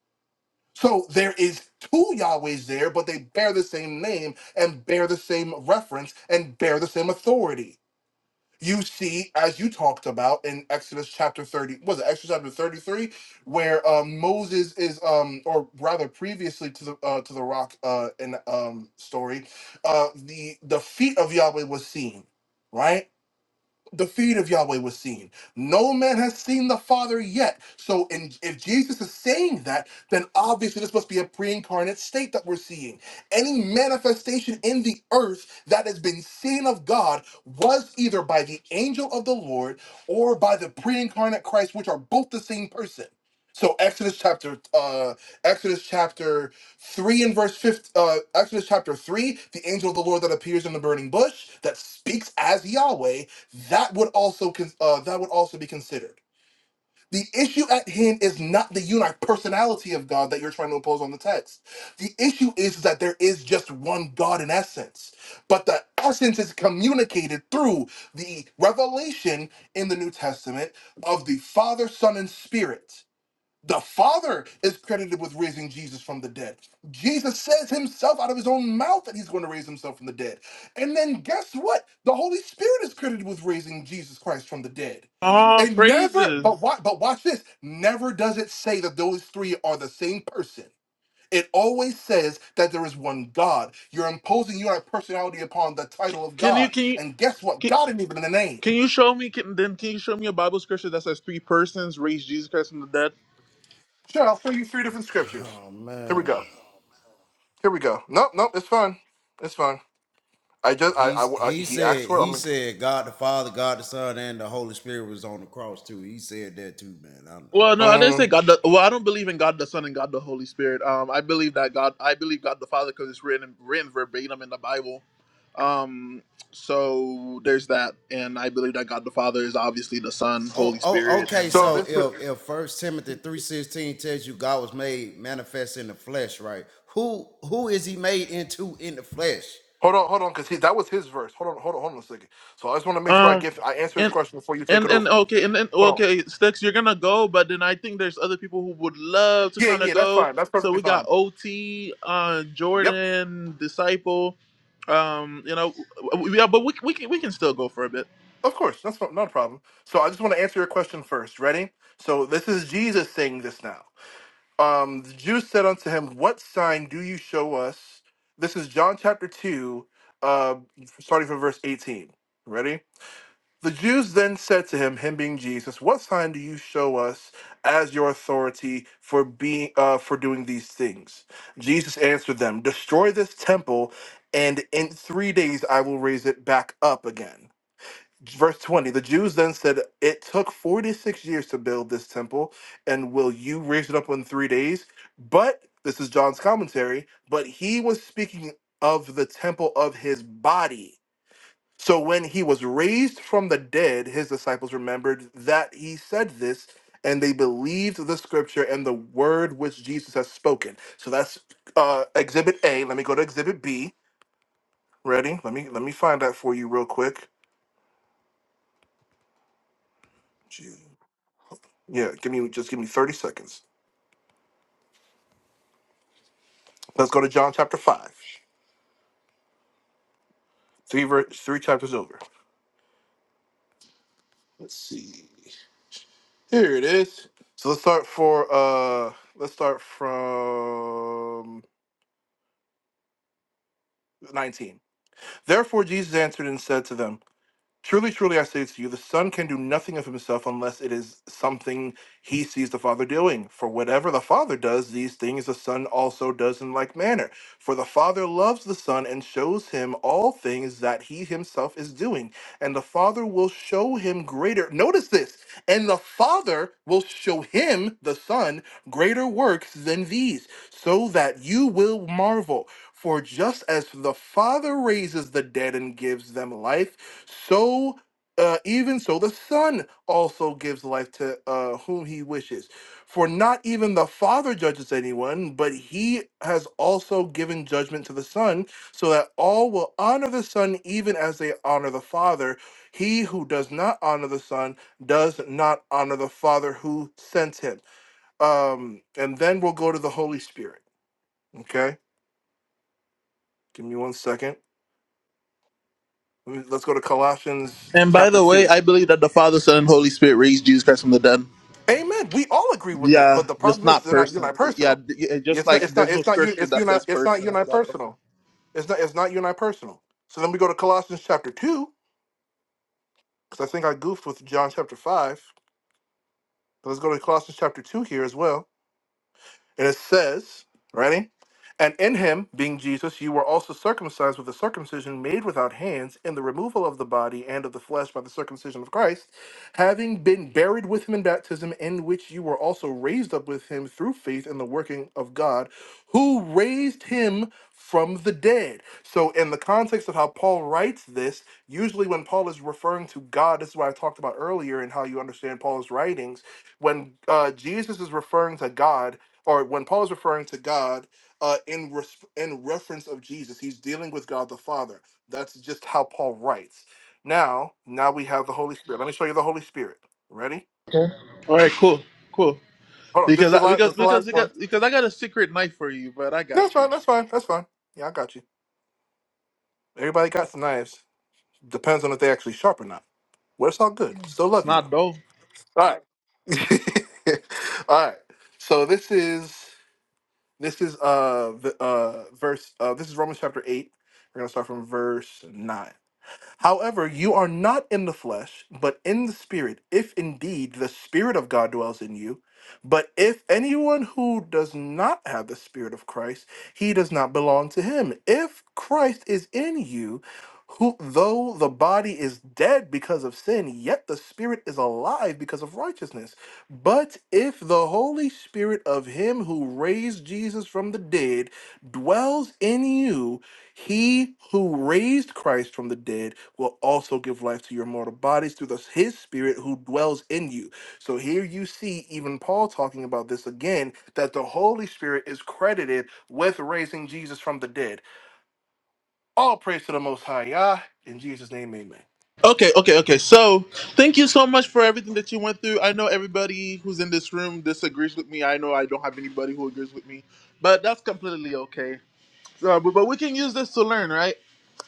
[SPEAKER 12] So there is two Yahwehs there, but they bear the same name and bear the same reference and bear the same authority you see, as you talked about in Exodus chapter 30, was it Exodus chapter 33, where um, Moses is, um, or rather previously to the uh, to the rock uh, in um, story, uh, the the feet of Yahweh was seen, right? the feet of Yahweh was seen. No man has seen the Father yet. So, in, if Jesus is saying that, then obviously this must be a pre incarnate state that we're seeing. Any manifestation in the earth that has been seen of God was either by the angel of the Lord or by the pre incarnate Christ, which are both the same person. So Exodus chapter uh Exodus chapter 3 and verse 5 uh Exodus chapter 3 the angel of the Lord that appears in the burning bush that speaks as Yahweh that would also con- uh, that would also be considered. The issue at hand is not the unique personality of God that you're trying to impose on the text. The issue is that there is just one God in essence, but the essence is communicated through the revelation in the New Testament of the Father, Son, and Spirit. The Father is credited with raising Jesus from the dead. Jesus says himself out of his own mouth that he's going to raise himself from the dead. And then guess what? The Holy Spirit is credited with raising Jesus Christ from the dead.
[SPEAKER 1] Ah,
[SPEAKER 12] It never,
[SPEAKER 1] praises.
[SPEAKER 12] but what but watch this. Never does it say that those three are the same person. It always says that there is one God. You're imposing your personality upon the
[SPEAKER 1] C-
[SPEAKER 12] title of
[SPEAKER 1] Can you
[SPEAKER 12] God.
[SPEAKER 1] can you?
[SPEAKER 12] And guess what?
[SPEAKER 1] can,
[SPEAKER 12] God isn't even in the name.
[SPEAKER 1] Can you show me? Can, then can you show me a Bible scripture that says three persons raised Jesus Christ from the dead?
[SPEAKER 12] Sure, I'll show you three different scriptures.
[SPEAKER 4] Oh
[SPEAKER 12] Here we
[SPEAKER 4] man.
[SPEAKER 12] go. Here we go. Nope, nope, it's fine. It's fine. I just I,
[SPEAKER 4] He
[SPEAKER 12] I, I-
[SPEAKER 4] he
[SPEAKER 12] he asked
[SPEAKER 4] said
[SPEAKER 12] for it. I'm
[SPEAKER 4] he
[SPEAKER 12] like,
[SPEAKER 4] said God the Father, God the Son, and the Holy Spirit was on the cross too. He said that too, man. I'm, I'm,
[SPEAKER 1] Well, no, I
[SPEAKER 4] I'm
[SPEAKER 1] didn't say
[SPEAKER 12] mm.
[SPEAKER 1] God. The, well, I don't believe in God the Son and God the Holy Spirit. Um, I believe that God. I believe God the Father because it's written written verbatim in the Bible. Um, so there's that, and I believe that God the Father is obviously the Son,
[SPEAKER 4] Oh,
[SPEAKER 1] Holy
[SPEAKER 4] oh,
[SPEAKER 1] Spirit, and
[SPEAKER 4] okay.
[SPEAKER 1] all
[SPEAKER 12] so
[SPEAKER 4] So
[SPEAKER 1] that.
[SPEAKER 12] this
[SPEAKER 4] if
[SPEAKER 12] is-
[SPEAKER 4] if First Timothy three sixteen tells you God was made manifest in the flesh, right? Who who is He made into in the flesh?
[SPEAKER 12] hold on hold on because that was his verse. Hold on hold on hold on a second. So I just want to make sure I
[SPEAKER 1] Um,
[SPEAKER 12] give I answer his
[SPEAKER 1] and
[SPEAKER 12] question before you take
[SPEAKER 1] and
[SPEAKER 12] it
[SPEAKER 1] and
[SPEAKER 12] over.
[SPEAKER 1] okay, and then
[SPEAKER 12] Hold on.
[SPEAKER 1] okay, Stux, you're gonna go, but then I think there's other people who would love to
[SPEAKER 12] Yeah
[SPEAKER 1] kind of
[SPEAKER 12] yeah that's
[SPEAKER 1] go.
[SPEAKER 12] fine that's
[SPEAKER 1] So
[SPEAKER 12] perfectly
[SPEAKER 1] we got
[SPEAKER 12] fine.
[SPEAKER 1] OT, uh,
[SPEAKER 12] Yep
[SPEAKER 1] Jordan, Disciple. Um, you know, w- w- yeah, but we we can we can still go for a bit.
[SPEAKER 12] of course that's not not a problem. So I just want to answer your question first. Ready? So this is Jesus saying this now. Um, the Jews said unto him, What sign do you show us? This is John chapter two, uh, starting from verse eighteen. Ready? The Jews then said to him, him being Jesus, "What sign do you show us as your authority for being uh, for doing these things?" Jesus answered them, "Destroy this temple, and in three days I will raise it back up again." Verse 20, the Jews then said, It took 46 years to build this temple, and will you raise it up in three days? But, this is John's commentary, but he was speaking of the temple of his body so when he was raised from the dead, his disciples remembered that he said this, and they believed the scripture and the word which Jesus has spoken. So that's uh, exhibit A. Let me go to exhibit B. Ready? Let me let me find that for you real quick. Gee. Yeah, give me just give me 30 seconds. Let's go to John chapter 5. Three ver- three chapters over. Let's see. Here it is. So let's start for uh let's start from 19. Therefore, Jesus answered and said to them, Truly, truly, I say to you, the Son can do nothing of himself unless it is something he sees the Father doing. For whatever the Father does, these things the Son also does in like manner. For the Father loves the Son and shows him all things that he himself is doing. And the Father will show him greater. Notice this. And the Father will show him, the Son, greater works than these, so that you will marvel. For just as the Father raises the dead and gives them life, so, uh, even so, the Son also gives life to uh, whom he wishes. For not even the Father judges anyone, but he has also given judgment to the Son, so that all will honor the Son even as they honor the Father. He who does not honor the Son does not honor the Father who sent him. Um, and then we'll go to the Holy Spirit. Okay? Give me one second. Let me- Let's go to Colossians
[SPEAKER 1] And by
[SPEAKER 12] chapter
[SPEAKER 1] the
[SPEAKER 12] 2.
[SPEAKER 1] way, I believe that the Father, Son, and Holy Spirit raised Jesus Christ from the dead.
[SPEAKER 12] Amen. We all agree with that, but
[SPEAKER 1] Yeah,
[SPEAKER 12] the
[SPEAKER 1] just
[SPEAKER 12] problem is
[SPEAKER 1] not
[SPEAKER 12] they're not
[SPEAKER 1] person. Yeah,
[SPEAKER 12] unipersonal.
[SPEAKER 1] d- yeah, just
[SPEAKER 12] It's not.
[SPEAKER 1] like
[SPEAKER 12] It's not.
[SPEAKER 1] there's no
[SPEAKER 12] It's not. you-
[SPEAKER 1] scripture
[SPEAKER 12] It's
[SPEAKER 1] that
[SPEAKER 12] uni.
[SPEAKER 1] says
[SPEAKER 12] It's not
[SPEAKER 1] persons, but
[SPEAKER 12] unipersonal.
[SPEAKER 1] okay.
[SPEAKER 12] It's not. It's not unipersonal. So then we go to Colossians chapter two because I think I goofed with John chapter five. But let's go to Colossians chapter two here as well. And it says, ready? And in him, being Jesus, you were also circumcised with a circumcision made without hands, in the removal of the body and of the flesh by the circumcision of Christ, having been buried with him in baptism, in which you were also raised up with him through faith in the working of God, who raised him from the dead. So, in the context of how Paul writes this, usually when Paul is referring to God, this is what I talked about earlier in how you understand Paul's writings, when uh, Jesus is referring to God, or when Paul is referring to God uh, in res- in reference of Jesus, he's dealing with God the Father. That's just how Paul writes. Now, now we have the Holy Spirit. Let me show you the Holy Spirit. Ready?
[SPEAKER 1] All right, cool, cool.
[SPEAKER 12] Hold on. This is
[SPEAKER 1] Because
[SPEAKER 12] the
[SPEAKER 1] I,
[SPEAKER 12] last. This
[SPEAKER 1] because
[SPEAKER 12] is the
[SPEAKER 1] because
[SPEAKER 12] last
[SPEAKER 1] because
[SPEAKER 12] one.
[SPEAKER 1] because I got a secret knife for you, but I
[SPEAKER 12] That's
[SPEAKER 1] got you.
[SPEAKER 12] fine. That's fine. That's fine. Yeah, I got you. Everybody got some knives. Depends on if they actually sharp or not. Well, it's all good. Still
[SPEAKER 1] It's
[SPEAKER 12] love you
[SPEAKER 1] not
[SPEAKER 12] though.
[SPEAKER 1] though.
[SPEAKER 12] All right. all right. So this is this is uh the uh verse uh this is Romans chapter eight. We're gonna start from verse nine. However, you are not in the flesh, but in the spirit, if indeed the spirit of God dwells in you. But if anyone who does not have the spirit of Christ, he does not belong to him. If Christ is in you, who though the body is dead because of sin, yet the spirit is alive because of righteousness. But if the Holy Spirit of him who raised Jesus from the dead dwells in you, he who raised Christ from the dead will also give life to your mortal bodies through the, his spirit who dwells in you. So here you see even Paul talking about this again that the Holy Spirit is credited with raising Jesus from the dead. All praise to the Most High, Yah. In Jesus' name, amen.
[SPEAKER 1] Okay, okay, okay. So, thank you so much for everything that you went through. I know everybody who's in this room disagrees with me. I know I don't have anybody who agrees with me, but that's completely okay. Uh, but, but we can use this to learn, right?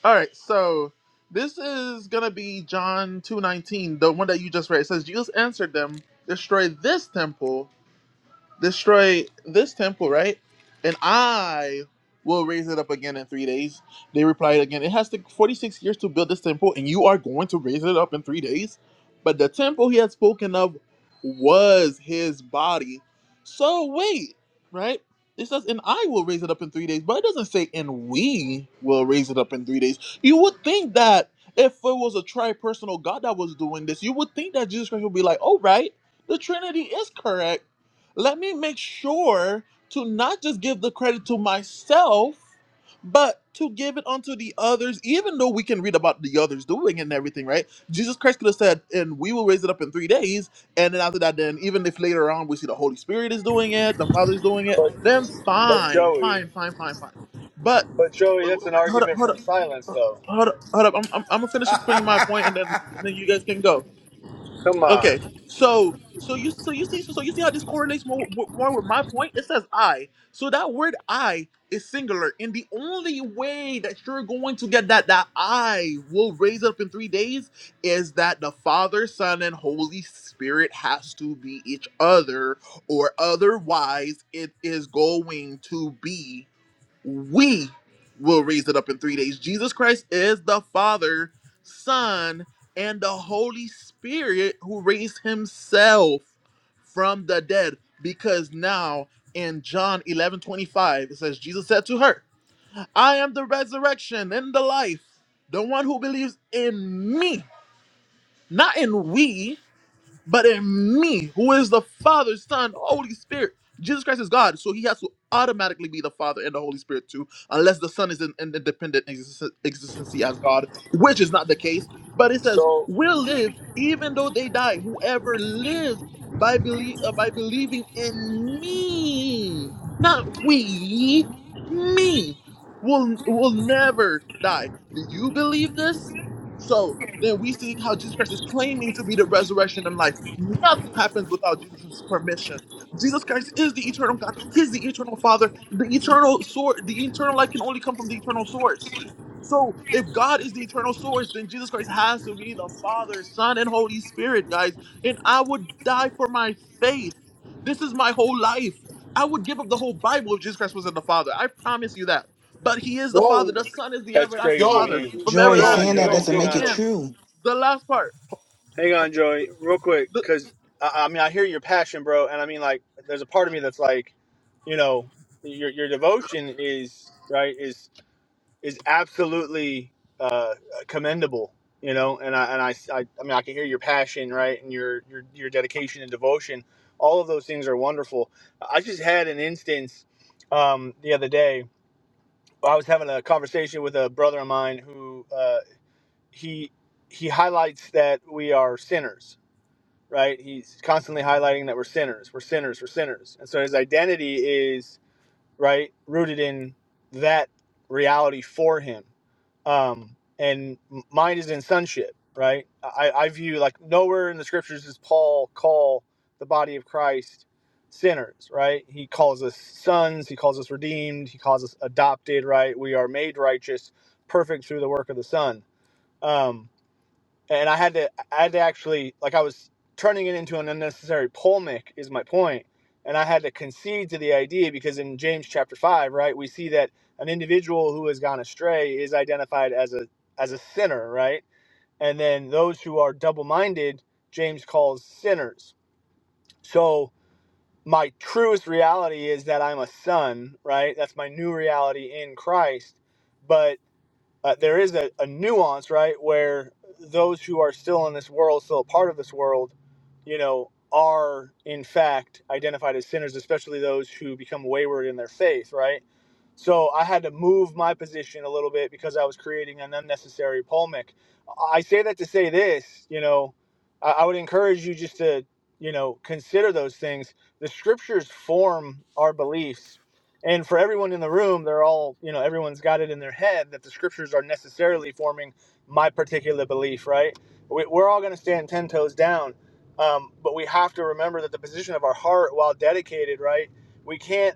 [SPEAKER 1] All right. So, this is gonna be John two nineteen, the one that you just read. It says Jesus answered them, "Destroy this temple." destroy this temple, right? And I will raise it up again in three days. They replied again, It has taken 46 years to build this temple, and you are going to raise it up in three days? But the temple he had spoken of was his body. So wait, right? It says, and I will raise it up in three days, but it doesn't say, and we will raise it up in three days. You would think that if it was a tri-personal God that was doing this, you would think that Jesus Christ would be like, all right, the Trinity is correct let me make sure to not just give the credit to myself, but to give it unto the others, even though we can read about the others doing it and everything, right? Jesus Christ could have said, and we will raise it up in three days. And then after that, then even if later on we see the Holy Spirit is doing it, the Father's doing it,
[SPEAKER 15] But
[SPEAKER 1] then
[SPEAKER 15] but
[SPEAKER 1] fine,
[SPEAKER 15] Joey,
[SPEAKER 1] fine, fine, fine, fine. But
[SPEAKER 15] but Joey,
[SPEAKER 1] wait, wait,
[SPEAKER 15] that's an
[SPEAKER 1] wait, hold up,
[SPEAKER 15] argument
[SPEAKER 1] hold
[SPEAKER 15] from
[SPEAKER 1] up.
[SPEAKER 15] silence, though.
[SPEAKER 1] Hold up, hold up. I'm, I'm, I'm gonna finish explaining my point, and then and then you guys can go.
[SPEAKER 15] Come
[SPEAKER 1] Okay,
[SPEAKER 15] on.
[SPEAKER 1] so so you so you see so so you see how this correlates more, with- more with my point. It says I, so that word I is singular, and the only way that you're going to get that that I will raise up in three days is that the Father, Son, and Holy Spirit has to be each other, or otherwise it is going to be we will raise it up in three days. Jesus Christ is the Father, Son, and the Holy Spirit who raised himself from the dead. Because now in John 11 25 it says, Jesus said to her, I am the resurrection and the life. The one who believes in me, not in we but in me, who is the Father, Son, Holy Spirit. Jesus Christ is God, so he has to automatically be the Father and the Holy Spirit too, unless the Son is an an independent existen- existency as God, which is not the case. But it says,
[SPEAKER 15] So
[SPEAKER 1] "Will live even though they die. Whoever lives by believe uh, by believing in me, not we, me, will will never die." Do you believe this? So then we see how Jesus Christ is claiming to be the resurrection and life. Nothing happens without Jesus' permission. Jesus Christ is the eternal God. He's the eternal Father. The eternal source, the eternal life can only come from the eternal source. So if God is the eternal source, then Jesus Christ has to be the Father, Son, and Holy Spirit, guys. And I would die for my faith. This is my whole life. I would give up the whole Bible if Jesus Christ wasn't the Father. I promise you that. But he is the Father. The Son is the
[SPEAKER 15] that's
[SPEAKER 1] everlasting
[SPEAKER 15] crazy,
[SPEAKER 1] Father
[SPEAKER 15] man.
[SPEAKER 1] from
[SPEAKER 15] H-
[SPEAKER 5] Joey.
[SPEAKER 15] Hang on,
[SPEAKER 5] saying
[SPEAKER 1] everlasting.
[SPEAKER 5] that
[SPEAKER 15] Joey.
[SPEAKER 12] Yo,
[SPEAKER 5] doesn't
[SPEAKER 15] Hang
[SPEAKER 12] yo,
[SPEAKER 5] make it
[SPEAKER 15] on.
[SPEAKER 12] yo.
[SPEAKER 1] And
[SPEAKER 5] true.
[SPEAKER 1] the last part,
[SPEAKER 15] Hang on, Joey. Real quick,
[SPEAKER 1] the,
[SPEAKER 15] because I, I mean, I hear your passion, bro, and I mean, like, there's a part of me that's like, you know, your your devotion is right. Is is absolutely uh, commendable. You know, and I and I, I I mean I can hear your passion, right, and your your your dedication and devotion. All of those things are wonderful. I just had an instance um, the other day. I was having a conversation with a brother of mine who uh, he he highlights that we are sinners, right? He's constantly highlighting that we're sinners, we're sinners, we're sinners, and so his identity is right rooted in that reality for him um, and mine is in sonship, right? I, I view like nowhere in the scriptures does Paul call the body of Christ sinners, right? He calls us sons, he calls us redeemed, he calls us adopted, right? We are made righteous, perfect through the work of the Son. Um, and I had to I had to actually like I was turning it into an unnecessary polemic is my point, point. and I had to concede to the idea because in James chapter five, right, we see that an individual who has gone astray is identified as a as a sinner, right, and then those who are double minded, James calls sinners. So my truest reality is that I'm a son, right? That's my new reality in Christ, but uh, there is a, a nuance, right, where those who are still in this world, still a part of this world, you know, are in fact identified as sinners, especially those who become wayward in their faith, right? So I had to move my position a little bit because I was creating an unnecessary polemic. I say that to say this, you know, I, I would encourage you just to, you know, consider those things. The scriptures form our beliefs. And for everyone in the room, they're all, you know, everyone's got it in their head that the scriptures are necessarily forming my particular belief, right? We, we're all going to stand 10 toes down. Um, but we have to remember that the position of our heart, while dedicated, right? We can't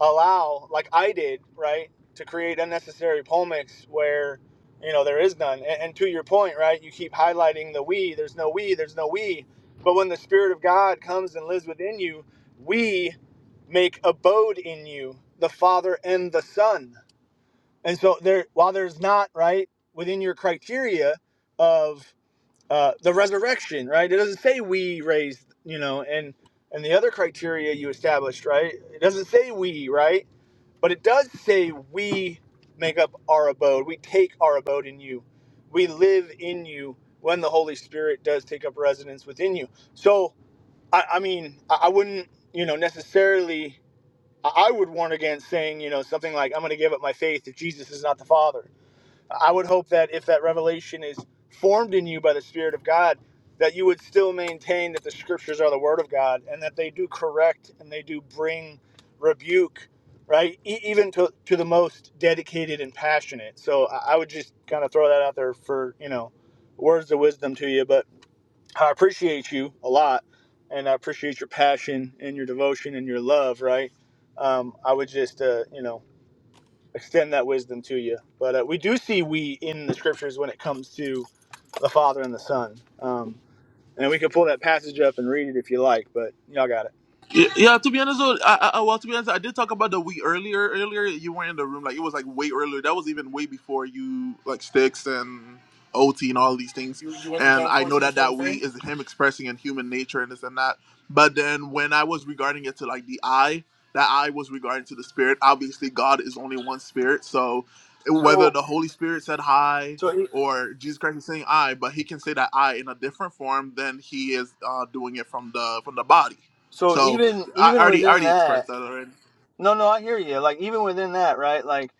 [SPEAKER 15] allow, like I did, right, to create unnecessary polemics where, you know, there is none. And, and to your point, right, you keep highlighting the we, there's no we, there's no we. But when the Spirit of God comes and lives within you, we make abode in you, the Father and the Son. And so there, while there's not, right, within your criteria of uh, the resurrection, right, it doesn't say we raised, you know, and and the other criteria you established, right? It doesn't say we, right? But it does say we make up our abode. We take our abode in you. We live in you when the Holy Spirit does take up residence within you. So, I, I mean, I, I wouldn't, you know, necessarily, I, I would warn against saying, you know, something like, I'm going to give up my faith if Jesus is not the Father. I would hope that if that revelation is formed in you by the Spirit of God, that you would still maintain that the scriptures are the Word of God and that they do correct and they do bring rebuke, right? E- even to, to the most dedicated and passionate. So I, I would just kind of throw that out there for, you know, words of wisdom to you. But I appreciate you a lot and I appreciate your passion and your devotion and your love, right? Um, I would just, uh, you know, extend that wisdom to you. But uh, we do see we in the scriptures when it comes to the Father and the Son. Um, and we could pull that passage up and read it if you like, but y'all got it.
[SPEAKER 1] Yeah, yeah, to be honest, though, I, I, well, to be honest, I did talk about the we earlier. Earlier, you were in the room, like it was like way earlier. That was even way before you like sticks and OT and all these things.
[SPEAKER 12] You, you went to
[SPEAKER 1] And
[SPEAKER 12] John
[SPEAKER 1] I know
[SPEAKER 12] 14
[SPEAKER 1] that that we
[SPEAKER 12] 23?
[SPEAKER 1] is him expressing in human nature and this and that. But then when I was regarding it to like the I, that I was regarding to the spirit. Obviously, God is only one spirit. So whether
[SPEAKER 15] So
[SPEAKER 1] the Holy Spirit said hi
[SPEAKER 15] so e-
[SPEAKER 1] or Jesus Christ is saying I, but he can say that I in a different form than he is uh, doing it from the from the body.
[SPEAKER 15] so
[SPEAKER 1] So
[SPEAKER 15] even
[SPEAKER 1] I
[SPEAKER 15] even
[SPEAKER 1] already I
[SPEAKER 15] within
[SPEAKER 1] already
[SPEAKER 15] that.
[SPEAKER 1] expressed that already.
[SPEAKER 15] No, no, I hear you. Like even within that, right? Like,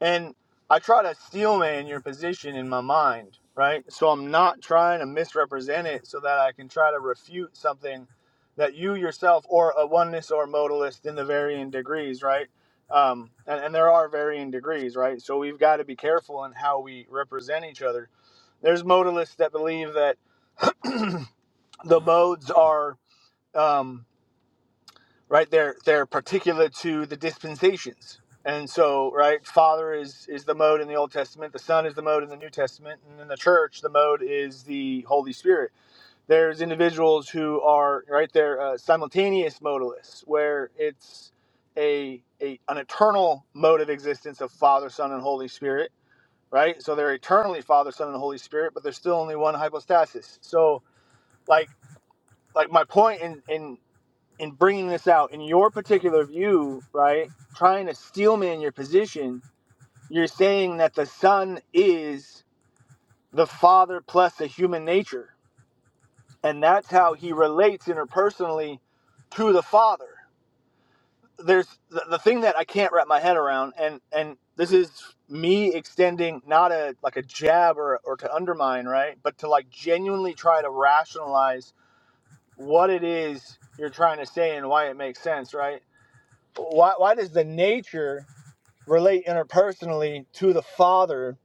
[SPEAKER 15] and I try to steelman your position in my mind, right? So I'm not trying to misrepresent it, so that I can try to refute something that you yourself or a oneness or modalist in the varying degrees, right? Um, and, and there are varying degrees, right? So we've got to be careful in how we represent each other. There's modalists that believe that the modes are. Um, right they're they're particular to the dispensations and so right father is is the mode in the old testament the son is the mode in the new testament and in the church the mode is the holy spirit there's individuals who are right they're uh, simultaneous modalists where it's a, a an eternal mode of existence of father son and holy spirit right so they're eternally father son and holy spirit but there's still only one hypostasis so like like my point in in and bringing this out in your particular view, right? Trying to steelman your position, you're saying that the Son is the Father plus the human nature, and that's how he relates interpersonally to the Father. There's the, the thing that I can't wrap my head around, and and this is me extending not a like a jab or or to undermine, right? But to like genuinely try to rationalize what it is you're trying to say and why it makes sense, right? why why does the nature relate interpersonally to the father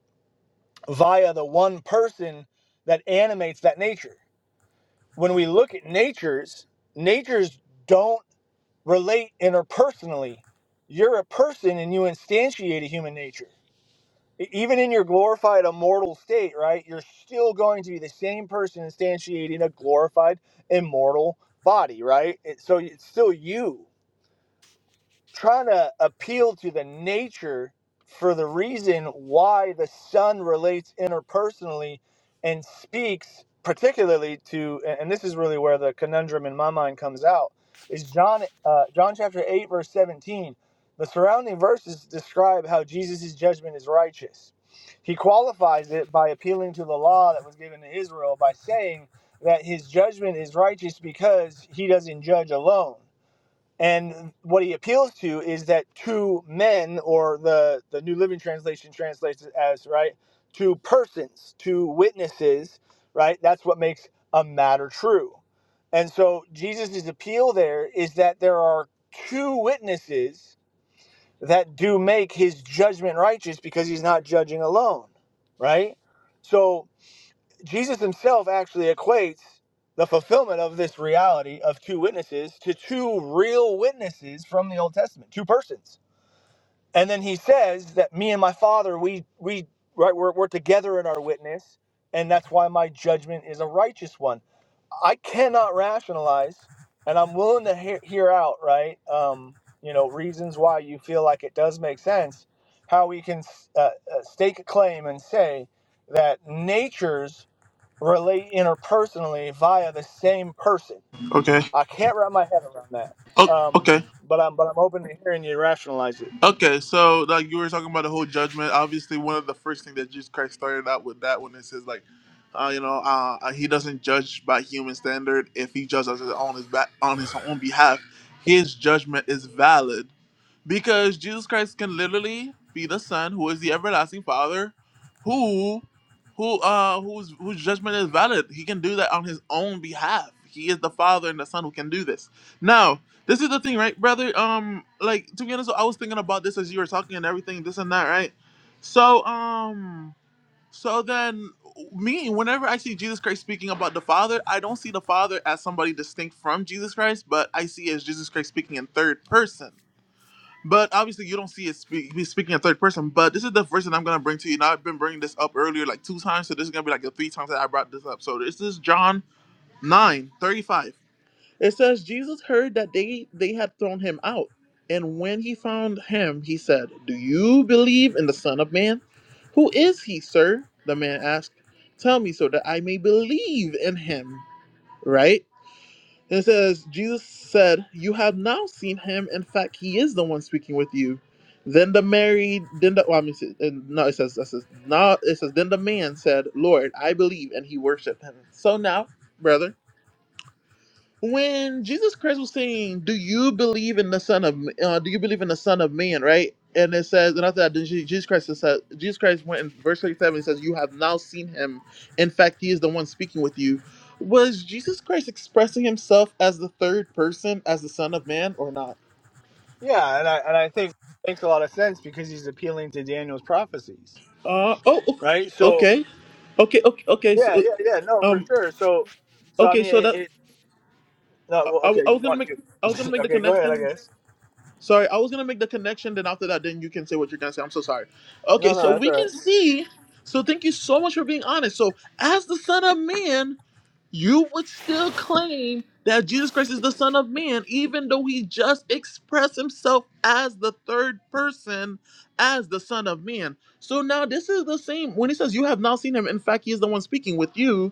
[SPEAKER 15] via the one person that animates that nature when we look at natures natures don't relate interpersonally you're a person and you instantiate a human nature E- even in your glorified immortal state right you're still going to be the same person instantiating a glorified immortal body right It- so it's still you trying to appeal to the nature for the reason why the son relates interpersonally and speaks particularly to and and this is really where the conundrum in my mind comes out is john uh, john chapter 8 verse 17 the surrounding verses describe how jesus' judgment is righteous he qualifies it by appealing to the law that was given to israel by saying that his judgment is righteous because he doesn't judge alone and what he appeals to is that two men, or the, the New Living Translation translates it as, right, two persons, two witnesses, right? That's what makes a matter true. And so Jesus' appeal there is that there are two witnesses that do make his judgment righteous because he's not judging alone, right? So. Jesus himself actually equates the fulfillment of this reality of two witnesses to two real witnesses from the Old Testament, two persons. And then he says that me and my father, we we right we're, we're together in our witness, and that's why my judgment is a righteous one. I cannot rationalize, and I'm willing to hear, hear out right, um, you know, reasons why you feel like it does make sense, how we can uh, uh, stake a claim and say that nature's relate interpersonally via the same person.
[SPEAKER 1] Okay.
[SPEAKER 15] I can't wrap my head around that.
[SPEAKER 1] Oh,
[SPEAKER 15] Um,
[SPEAKER 1] okay.
[SPEAKER 15] but I'm but I'm open to hearing you rationalize it.
[SPEAKER 1] Okay. So like you were talking about the whole judgment. Obviously, one of the first things that Jesus Christ started out with that when it says like, uh, you know, uh, he doesn't judge by human standard. If he judges on his back on his own behalf, his judgment is valid. Because Jesus Christ can literally be the Son, who is the everlasting Father, who, who, uh, whose whose judgment is valid. He can do that on his own behalf. He is the Father and the Son who can do this. Now, this is the thing, right, brother? Um, like to be honest, I was thinking about this as you were talking and everything, this and that, right? So, um, so then me, whenever I see Jesus Christ speaking about the Father, I don't see the Father as somebody distinct from Jesus Christ, but I see as Jesus Christ speaking in third person but obviously, you don't see it speak, he's speaking in third person. But this is the first thing I'm going to bring to you. Now, I've been bringing this up earlier like two times, so this is going to be like the three times that I brought this up. So this is John 9:35. It says, Jesus heard that they, they had thrown him out. And when he found him, he said, Do you believe in the Son of Man? Who is he, sir? The man asked. Tell me so that I may believe in him. Right? And it says, Jesus said, You have now seen him. In fact, he is the one speaking with you. Then the Mary, then the, well, I mean, it says- and no, it says, it says, now, it says, then the man said, Lord, I believe. And he worshiped him. So now, brother when Jesus Christ was saying, "Do you believe in the Son of uh, Do you believe in the Son of Man?" Right, and it says, and after that, then Je- Jesus Christ says, Jesus Christ went in verse thirty-seven. He says, "You have now seen him. In fact, he is the one speaking with you." Was Jesus Christ expressing himself as the third person, as the Son of Man, or not?
[SPEAKER 15] Yeah, and I and I think it makes a lot of sense because he's appealing to Daniel's prophecies,
[SPEAKER 1] Uh oh,
[SPEAKER 15] right? So
[SPEAKER 1] okay, okay, okay, okay. So
[SPEAKER 15] yeah, yeah, yeah. No, for
[SPEAKER 1] um,
[SPEAKER 15] sure. So so I
[SPEAKER 1] okay,
[SPEAKER 15] mean,
[SPEAKER 1] so
[SPEAKER 15] it.
[SPEAKER 1] that
[SPEAKER 15] it no, well,
[SPEAKER 1] I,
[SPEAKER 15] okay.
[SPEAKER 1] I
[SPEAKER 15] You
[SPEAKER 1] was gonna
[SPEAKER 15] want
[SPEAKER 1] make
[SPEAKER 15] you?
[SPEAKER 1] I was gonna make the
[SPEAKER 15] okay, go ahead. I
[SPEAKER 1] connection
[SPEAKER 15] guess.
[SPEAKER 1] Sorry, I was gonna make the connection. Then after that, then you can say what you're gonna say. I'm so sorry.
[SPEAKER 15] No,
[SPEAKER 1] Okay,
[SPEAKER 15] no,
[SPEAKER 1] so
[SPEAKER 15] that's
[SPEAKER 1] we
[SPEAKER 15] all
[SPEAKER 1] can
[SPEAKER 15] right.
[SPEAKER 1] see. So thank you so much for being honest. So as the Son of Man, you would still claim that Jesus Christ is the Son of Man, even though he just expressed himself as the third person, as the Son of Man. So now this is the same when he says you have now seen him. In fact, he is the one speaking with you.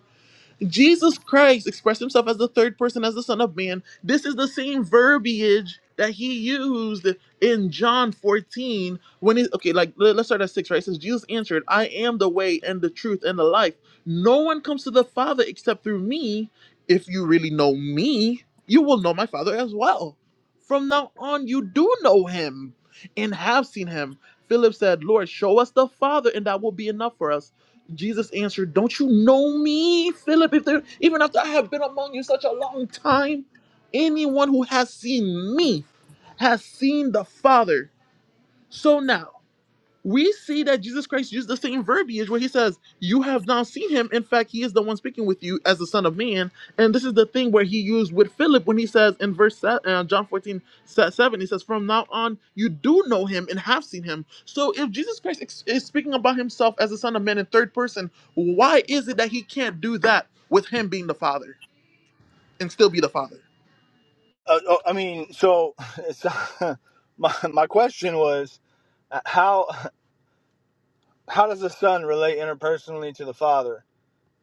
[SPEAKER 1] Jesus Christ expressed himself as the third person, as the Son of Man. This is the same verbiage that he used in John 14 when he, okay, like let- let's start at six, right? It says, Jesus answered, I am the way and the truth and the life. No one comes to the Father except through me. If you really know me, you will know my Father as well. From now on, you do know him and have seen him. Philip said, Lord, show us the Father, and that will be enough for us. Jesus answered, Don't you know me, Philip? If there even after I have been among you such a long time, anyone who has seen me has seen the Father. So now we see that Jesus Christ used the same verbiage where he says, You have now seen him. In fact, he is the one speaking with you as the Son of Man. And this is the thing where he used with Philip when he says in verse se- uh, John 14, se- 7, he says, From now on, you do know him and have seen him. So if Jesus Christ ex- is speaking about himself as the Son of Man in third person, why is it that he can't do that with him being the Father and still be the Father?
[SPEAKER 15] Uh, oh, I mean, so, so my my question was, uh, how how does the son relate interpersonally to the father?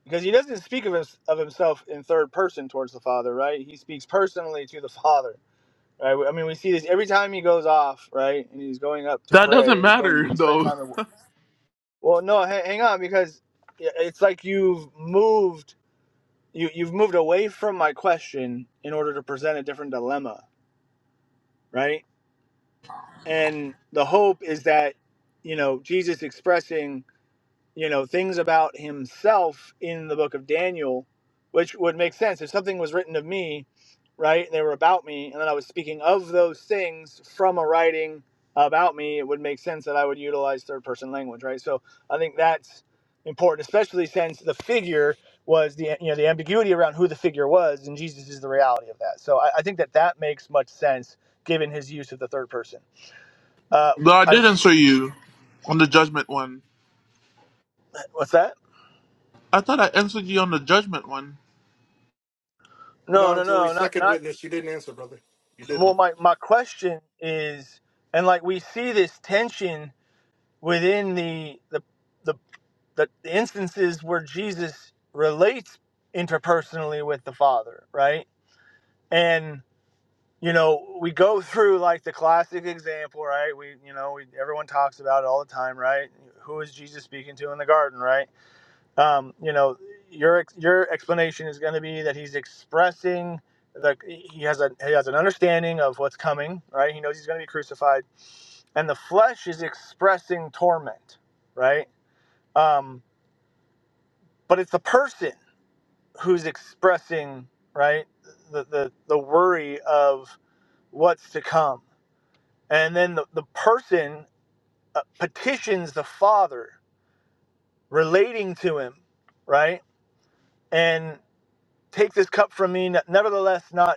[SPEAKER 15] because he doesn't speak of, his, of himself in third person towards the father right he speaks personally to the father right i mean we see this every time he goes off right and he's going up to
[SPEAKER 1] That doesn't
[SPEAKER 15] pray he's going
[SPEAKER 1] matter,
[SPEAKER 15] he's spending
[SPEAKER 1] though.
[SPEAKER 15] time at, well no hang, hang on because it's like you've moved you, you've moved away from my question in order to present a different dilemma right and the hope is that you know jesus expressing you know things about himself in the book of Daniel, which would make sense if something was written of me, right? And they were about me, and then I was speaking of those things from a writing about me. It would make sense that I would utilize third person language, right? So I think that's important, especially since the figure was the you know the ambiguity around who the figure was, and Jesus is the reality of that. So I, I think that that makes much sense given his use of the third person. Uh,
[SPEAKER 1] Though I
[SPEAKER 15] I
[SPEAKER 1] did answer you on the judgment one.
[SPEAKER 15] what's that?
[SPEAKER 1] I thought I answered you on the judgment one.
[SPEAKER 15] No,
[SPEAKER 12] No,
[SPEAKER 15] no,
[SPEAKER 12] Joey,
[SPEAKER 15] no, not
[SPEAKER 12] second
[SPEAKER 15] not.
[SPEAKER 12] witness. You didn't answer, brother. You
[SPEAKER 15] well
[SPEAKER 12] didn't.
[SPEAKER 15] my, my question is and like we see this tension within the the the, the the instances where jesus relates interpersonally with the father right and you know we go through like the classic example right we you know we, everyone talks about it all the time right who is jesus speaking to in the garden right um, you know, your your explanation is going to be that he's expressing the he has a he has an understanding of what's coming, right? He knows he's going to be crucified, and the flesh is expressing torment, right? Um, but it's the person who's expressing right the the the worry of what's to come, and then the the person uh, petitions the Father, relating to him, right? And take this cup from me, nevertheless not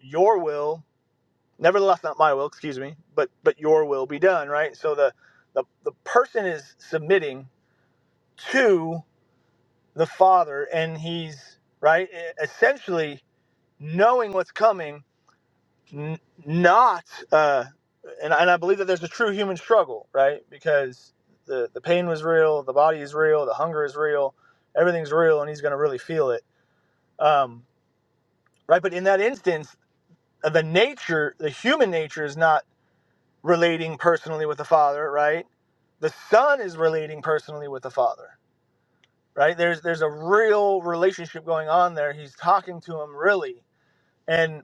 [SPEAKER 15] your will nevertheless not my will excuse me but but your will be done right so the the, the person is submitting to the father and he's right e- essentially knowing what's coming n- not uh and, and i believe that there's a true human struggle right because the the pain was real the body is real the hunger is real everything's real and he's going to really feel it um right but in that instance uh, the nature the human nature is not relating personally with the father right the son is relating personally with the father right there's there's a real relationship going on there he's talking to him really and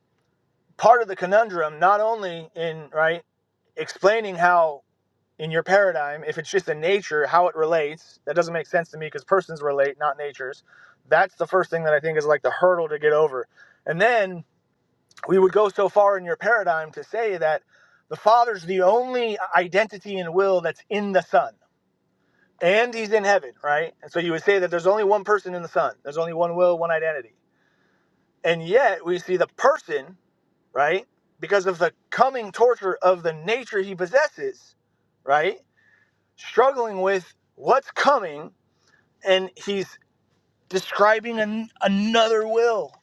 [SPEAKER 15] part of the conundrum not only in right explaining how in your paradigm if it's just a nature how it relates that doesn't make sense to me because persons relate not natures that's the first thing that i think is like the hurdle to get over and then we would go so far in your paradigm to say that the Father's the only identity and will that's in the Son, and He's in heaven, right? And so you would say that there's only one person in the Son, there's only one will, one identity. And yet we see the person, right? Because of the coming torture of the nature He possesses, right? Struggling with what's coming, and He's describing an, another will,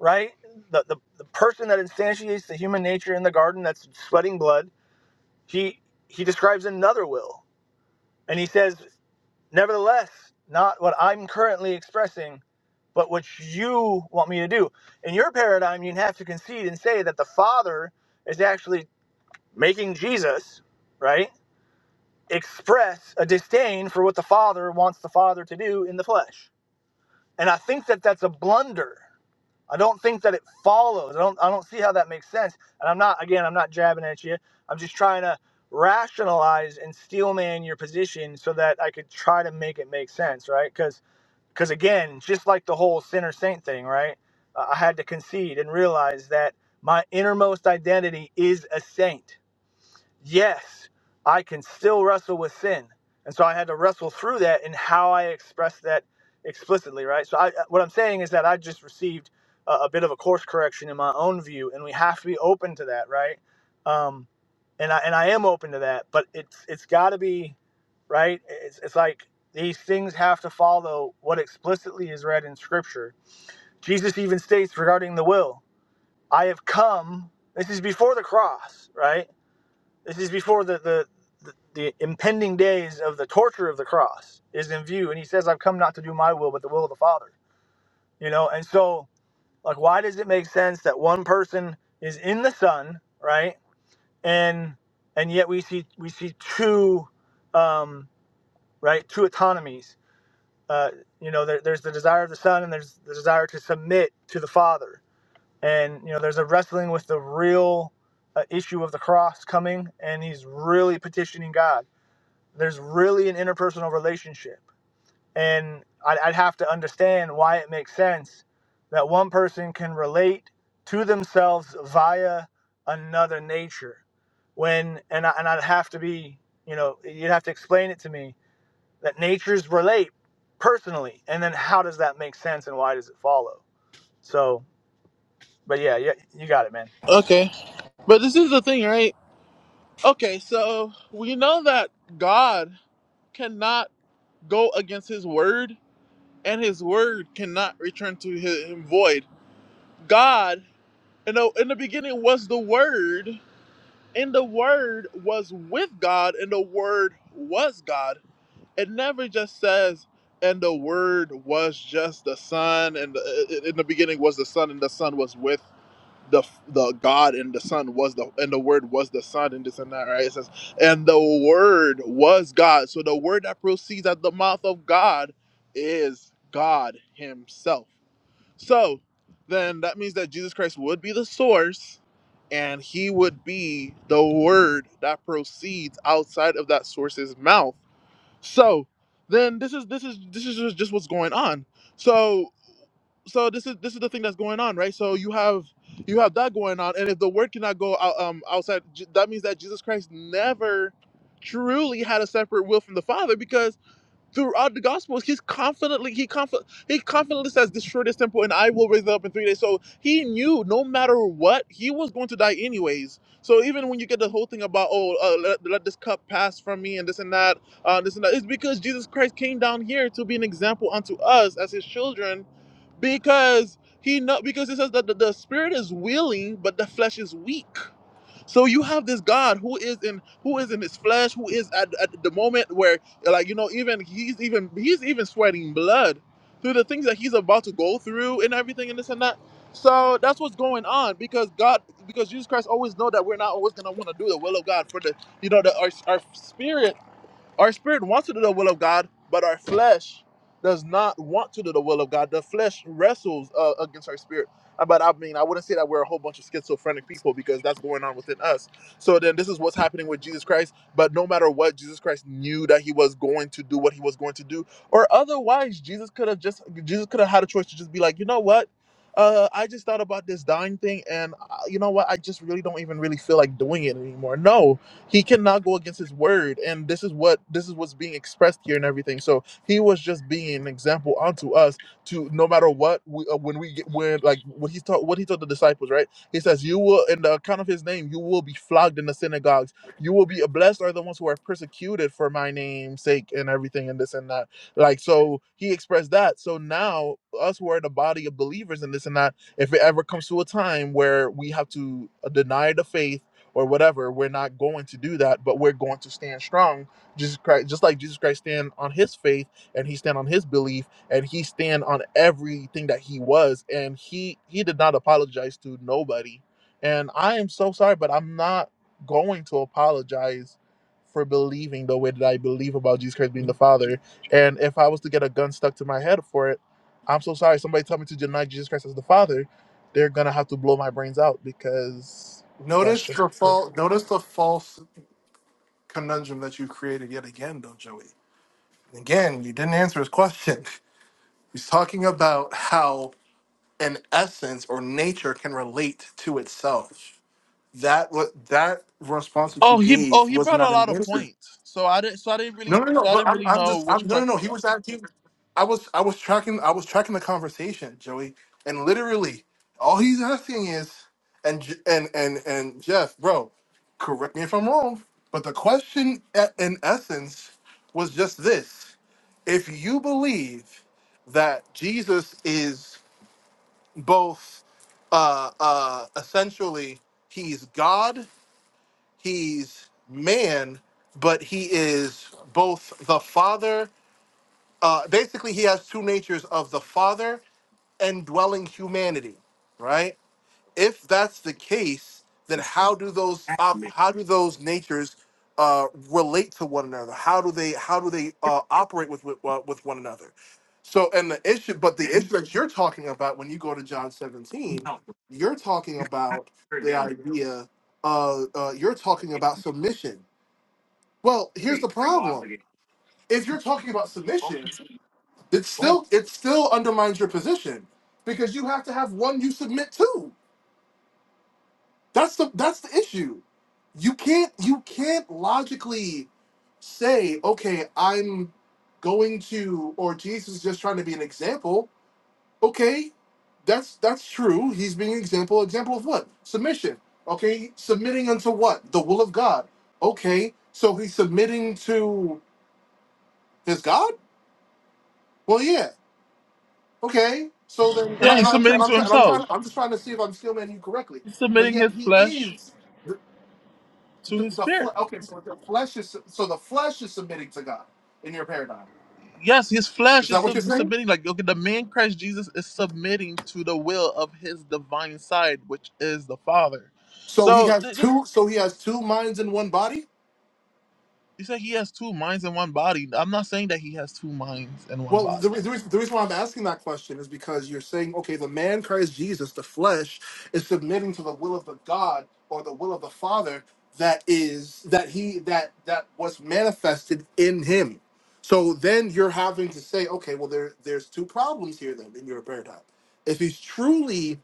[SPEAKER 15] right? The, the, the person that instantiates the human nature in the garden that's sweating blood he he describes another will and he says nevertheless not what i'm currently expressing but what you want me to do in your paradigm you'd have to concede and say that the father is actually making jesus right express a disdain for what the father wants the father to do in the flesh and i think that that's a blunder I don't think that it follows. I don't I don't see how that makes sense. And I'm not again, I'm not jabbing at you. I'm just trying to rationalize and steelman your position so that I could try to make it make sense, right? Cuz cuz again, just like the whole sinner saint thing, right? Uh, I had to concede and realize that my innermost identity is a saint yes, I can still wrestle with sin. And so I had to wrestle through that in how I expressed that explicitly, right? So I, what I'm saying is that I just received a, a bit of a course correction in my own view, and we have to be open to that, right? Um, and I and I am open to that, but it's it's got to be right? It's, it's like these things have to follow what explicitly is read in Scripture. Jesus even states regarding the will, I have come, this is before the cross, right? This is before the, the, the, the impending days of the torture of the cross is in view. And he says, I've come not to do my will, but the will of the Father. You know, and so, like, why does it make sense that one person is in the Son, right? And and yet we see we see two um, right two autonomies. Uh, you know, there, there's the desire of the Son, and there's the desire to submit to the Father. And you know, there's a wrestling with the real uh, issue of the cross coming, and he's really petitioning God There's really an interpersonal relationship. And I'd, I'd have to understand why it makes sense that one person can relate to themselves via another nature. When, and, I, and I'd have to be, you know, you'd have to explain it to me that natures relate personally. And then how does that make sense and why does it follow? So, but yeah, yeah you got it, man.
[SPEAKER 1] Okay. But this is the thing, right? Okay, so we know that God cannot go against his word and his word cannot return to him void. God, you know, in the beginning was the word, and the word was with God, and the word was God. It never just says and the word was just the son and the, in the beginning was the son and the son was with the the God and the Son was the and the Word was the Son and this and that, right? It says, and the Word was God. So the Word that proceeds at the mouth of God is God Himself. So then that means that Jesus Christ would be the source, and He would be the Word that proceeds outside of that source's mouth. So then this is this is this is just just what's going on. So so this is this is the thing that's going on right so you have you have that going on and if the word cannot go out, um, outside J- that means that jesus christ never truly had a separate will from the father because throughout the gospels he's confidently he conf- he confidently says destroy this temple and i will raise it up in three days so he knew no matter what he was going to die anyways so even when you get the whole thing about oh uh, let, let this cup pass from me and this and that uh, this and that it's because jesus christ came down here to be an example unto us as his children because he know because it says that the, the spirit is willing but the flesh is weak so you have this god who is in who is in his flesh who is at, at the moment where like you know even he's even he's even sweating blood through the things that he's about to go through and everything and this and that so that's what's going on because god because jesus christ always know that we're not always going to want to do the will of god for the you know the our, our spirit our spirit wants to do the will of God, but our flesh does not want to do the will of God. The flesh wrestles uh, against our spirit. Uh, But I mean, I wouldn't say that we're a whole bunch of schizophrenic people because that's going on within us. So then this is what's happening with Jesus Christ. But no matter what, Jesus Christ knew that he was going to do what he was going to do. Or otherwise, Jesus could have just Jesus could have had a choice to just be like, you know what? Uh, I just thought about this dying thing, and uh, you know what? I just really don't even really feel like doing it anymore. No, he cannot go against his word and this is what this is what's being expressed here and everything so he was just being an example unto us to no matter what we, uh, when we get when like what he taught what he taught the disciples right he says you will in the account of his name you will be flogged in the synagogues you will be uh, blessed are the ones who are persecuted for my name's sake and everything and this and that like so he expressed that so now us who are the body of believers and this and that if it ever comes to a time where we have to uh, deny the faith or whatever. We're not going to do that, but we're going to stand strong. Jesus Christ, just like Jesus Christ stand on his faith and he stand on his belief and he stand on everything that he was and he he did not apologize to nobody. And I am so sorry, but I'm not going to apologize for believing the way that I believe about Jesus Christ being the Father. And if I was to get a gun stuck to my head for it, I'm so sorry. Somebody tell me to deny Jesus Christ as the Father, they're gonna have to blow my brains out because that's
[SPEAKER 12] Notice
[SPEAKER 1] just
[SPEAKER 12] the
[SPEAKER 1] true.
[SPEAKER 12] false. Notice the false conundrum that you created yet again, though, Joey. Again, you didn't answer his question. He's talking about how an essence or nature can relate to itself. That what that response that you
[SPEAKER 1] Oh, he oh
[SPEAKER 12] gave
[SPEAKER 1] he
[SPEAKER 12] was
[SPEAKER 1] brought a
[SPEAKER 12] not an
[SPEAKER 1] lot of
[SPEAKER 12] answer.
[SPEAKER 1] points. So I didn't so I didn't
[SPEAKER 12] No,
[SPEAKER 1] really
[SPEAKER 12] no,
[SPEAKER 1] so
[SPEAKER 12] no.
[SPEAKER 1] I
[SPEAKER 12] But
[SPEAKER 1] didn't
[SPEAKER 12] I'm,
[SPEAKER 1] really
[SPEAKER 12] I'm
[SPEAKER 1] know
[SPEAKER 12] just
[SPEAKER 1] which
[SPEAKER 12] I'm, no, no,
[SPEAKER 1] question.
[SPEAKER 12] no. He was asking. I was I was tracking I was tracking the conversation, Joey, and literally all he's asking is and J- and and and Jeff, bro, correct me if I'm wrong, but the question e- in essence was just this if you believe that Jesus is both uh, uh, essentially he's God, he's man, but he is both the Father. Uh, basically, he has two natures of the Father and dwelling humanity, right? if that's the case, then
[SPEAKER 16] since
[SPEAKER 12] how do those
[SPEAKER 16] back in
[SPEAKER 12] op- how do those natures uh, relate to one another? How do they how do they uh, operate with with, uh, with one another? So and the issue, but the
[SPEAKER 16] then
[SPEAKER 12] issue that you're talking about when you go to John
[SPEAKER 16] you
[SPEAKER 12] 17,
[SPEAKER 16] help them.
[SPEAKER 12] you're talking
[SPEAKER 16] You cannot
[SPEAKER 12] about
[SPEAKER 16] turn
[SPEAKER 12] the
[SPEAKER 16] down
[SPEAKER 12] idea. Uh, uh, you're talking
[SPEAKER 16] a
[SPEAKER 12] about submission. Well, here's the
[SPEAKER 16] free, no
[SPEAKER 12] problem.
[SPEAKER 16] obligation.
[SPEAKER 12] If you're talking about
[SPEAKER 16] Call
[SPEAKER 12] submission, it still it still undermines your position because you have to have one you submit to That's the that's the issue. You can't you can't logically say, okay, I'm going to or Jesus is just trying to be an example. Okay, that's that's true. He's being an example. Example of what? Submission. Okay, submitting unto what? The will of God. Okay, so he's submitting to his God? Well, yeah. Okay. So then, and, I,
[SPEAKER 1] Yeah,
[SPEAKER 12] and
[SPEAKER 1] he's
[SPEAKER 12] I'm, and I'm,
[SPEAKER 1] submitting to
[SPEAKER 12] and I'm,
[SPEAKER 1] himself.
[SPEAKER 12] trying, I'm just trying to see if I'm still man you correctly.
[SPEAKER 1] He's
[SPEAKER 12] But
[SPEAKER 1] submitting
[SPEAKER 12] yet
[SPEAKER 1] his
[SPEAKER 12] he
[SPEAKER 1] flesh
[SPEAKER 12] is.
[SPEAKER 1] to
[SPEAKER 12] the,
[SPEAKER 1] his
[SPEAKER 12] the fle-
[SPEAKER 1] spirit.
[SPEAKER 12] okay, so the flesh is so the flesh is submitting to God in your paradigm.
[SPEAKER 1] Yes, his flesh
[SPEAKER 12] Is that
[SPEAKER 1] is
[SPEAKER 12] what you're
[SPEAKER 1] sub-
[SPEAKER 12] saying?
[SPEAKER 1] submitting. Like okay, the man Christ Jesus is submitting to the will of his divine side, which is the Father.
[SPEAKER 12] So he
[SPEAKER 1] So
[SPEAKER 12] has
[SPEAKER 1] th- this
[SPEAKER 12] two. So he has two minds in one body.
[SPEAKER 1] you said he has two minds in one body. I'm not saying that he has two minds in one
[SPEAKER 12] Well,
[SPEAKER 1] body.
[SPEAKER 12] the, re- the, reason, the reason why I'm asking that question is because you're saying, okay, the man Christ Jesus, the flesh, is submitting to the will of the God or the will of the Father that is that he that that was manifested in him. So then you're having to say, okay, well there there's two problems here then in your paradigm. If he's truly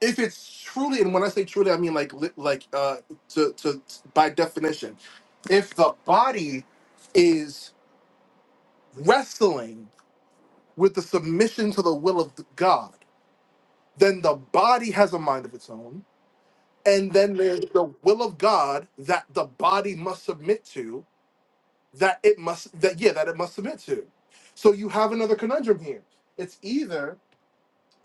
[SPEAKER 12] if it's truly, and when I say truly, I mean like li- like uh, to to by definition, if the body is wrestling with the submission to the will of God, then the body has a mind of its own, and then there's the will of God that the body must submit to, that it must that yeah that it must submit to. So you have another conundrum here. It's either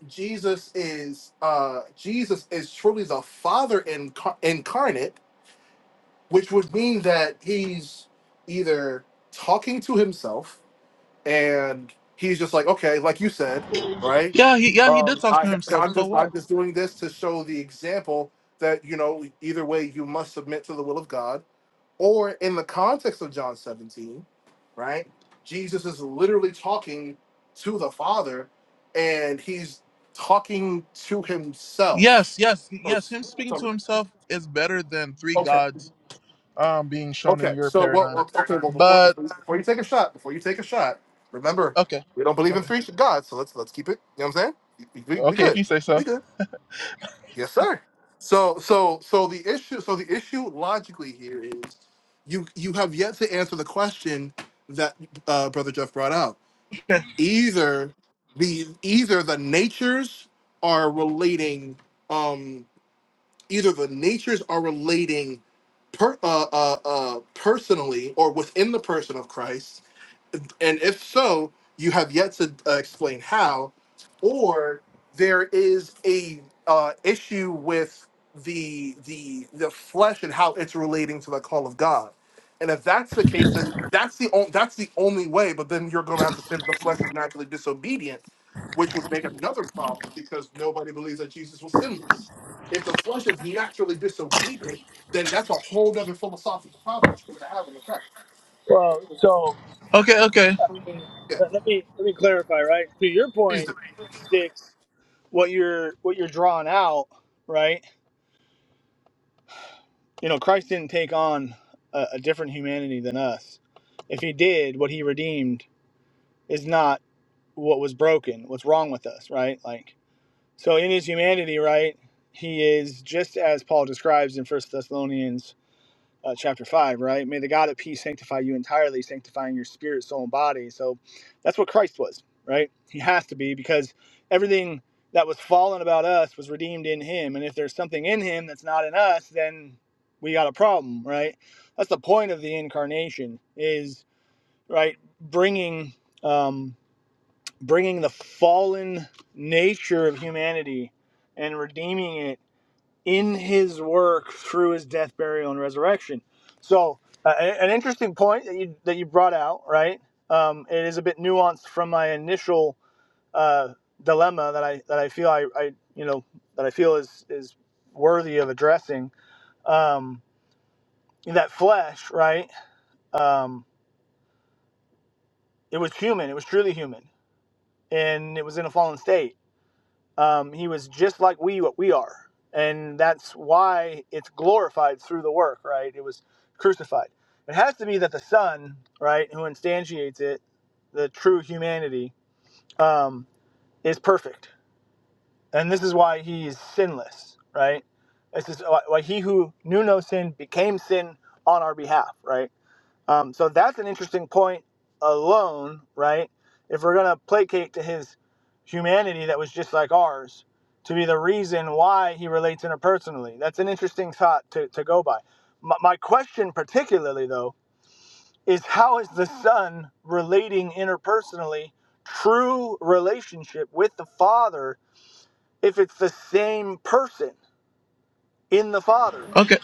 [SPEAKER 12] Jesus is uh Jesus is truly the Father incar- incarnate which would mean that he's either talking to himself and he's just like okay like you said right
[SPEAKER 1] Yeah, he yeah he
[SPEAKER 12] um
[SPEAKER 1] did talk to
[SPEAKER 12] i
[SPEAKER 1] himself.
[SPEAKER 12] i'm
[SPEAKER 1] So
[SPEAKER 12] just
[SPEAKER 1] what?
[SPEAKER 12] i'm just doing this to show the example that you know either way you must submit to the will of god or in the context of john 17 right jesus is literally talking to the father and he's talking to
[SPEAKER 1] Yes,
[SPEAKER 12] himself
[SPEAKER 1] yes,
[SPEAKER 12] or
[SPEAKER 1] yes.
[SPEAKER 12] s-
[SPEAKER 1] Him speaking to himself
[SPEAKER 12] something.
[SPEAKER 1] is better than three gods um, being shown in
[SPEAKER 12] Okay,
[SPEAKER 1] your
[SPEAKER 12] so well,
[SPEAKER 1] paradigm.
[SPEAKER 12] well, okay, well, before
[SPEAKER 1] But
[SPEAKER 12] before you before you take a shot, before you take a shot, remember
[SPEAKER 1] okay,
[SPEAKER 12] we don't believe in
[SPEAKER 1] okay,
[SPEAKER 12] three gods, so let's let's keep it. You know what I'm saying? We, we, we
[SPEAKER 1] okay. If
[SPEAKER 12] good,
[SPEAKER 1] you say so.
[SPEAKER 12] we good. Yes, sir. So so so the issue, so the issue logically here is you you have yet to answer the question that uh, brother Jeff brought out. Either the either the natures are relating. Um, either the natures are relating per, uh, uh, uh, personally or within the person of Christ and if so, you have yet to uh, explain how, or there is a uh, issue with the the the flesh and how it's relating to the call of God. And if that's the case, then that's the on, that's the only way. But then you're going to have to say that the flesh is naturally disobedient, which would make another problem because nobody believes that Jesus was sinless. If the flesh is naturally disobedient, then that's a whole other philosophical problem that you're going to have in effect.
[SPEAKER 15] Well, so
[SPEAKER 1] Okay, okay,
[SPEAKER 15] I mean,
[SPEAKER 12] Yeah,
[SPEAKER 15] let, let me let me clarify, right? To your
[SPEAKER 12] please
[SPEAKER 15] point,
[SPEAKER 12] do.
[SPEAKER 15] sticks. what you're what you're drawing out, right? You know, Christ didn't take on a, a different humanity than us. If he did, what he redeemed is not what was broken, what's wrong with us, right? Like so in his humanity, right? He is just as Paul describes in First Thessalonians uh, chapter 5, right? May the God of peace sanctify you entirely, sanctifying your spirit, soul, and body. So that's what Christ was, right? He has to be because everything that was fallen about us was redeemed in him. And if there's something in him that's not in us, then we got a problem, right? That's the point of the incarnation is, right, bringing um bringing the fallen nature of humanity and redeeming it in his work through his death, burial, and resurrection. So, uh, a- an interesting point that you that you brought out, right? Um, it is a bit nuanced from my initial uh, dilemma that I that I feel I, I you know that I feel is is worthy of addressing. Um, that flesh, right? Um, it was human. It was truly human, and it was in a fallen state Um, he was just like we what we are, and that's why it's glorified through the work. Right? It was crucified. It has to be that the Son, right, who instantiates it, the true humanity, um, is perfect, and this is why he is sinless. Right? This is why why he who knew no sin became sin on our behalf. Right? Um, so that's an interesting point alone, right? If we're going to placate to his humanity that was just like ours, to be the reason why he relates interpersonally, that's an interesting thought to, to go by. My, my question, particularly though, is how is the son relating interpersonally, true relationship with the father, if it's the same person in the father?
[SPEAKER 1] okay,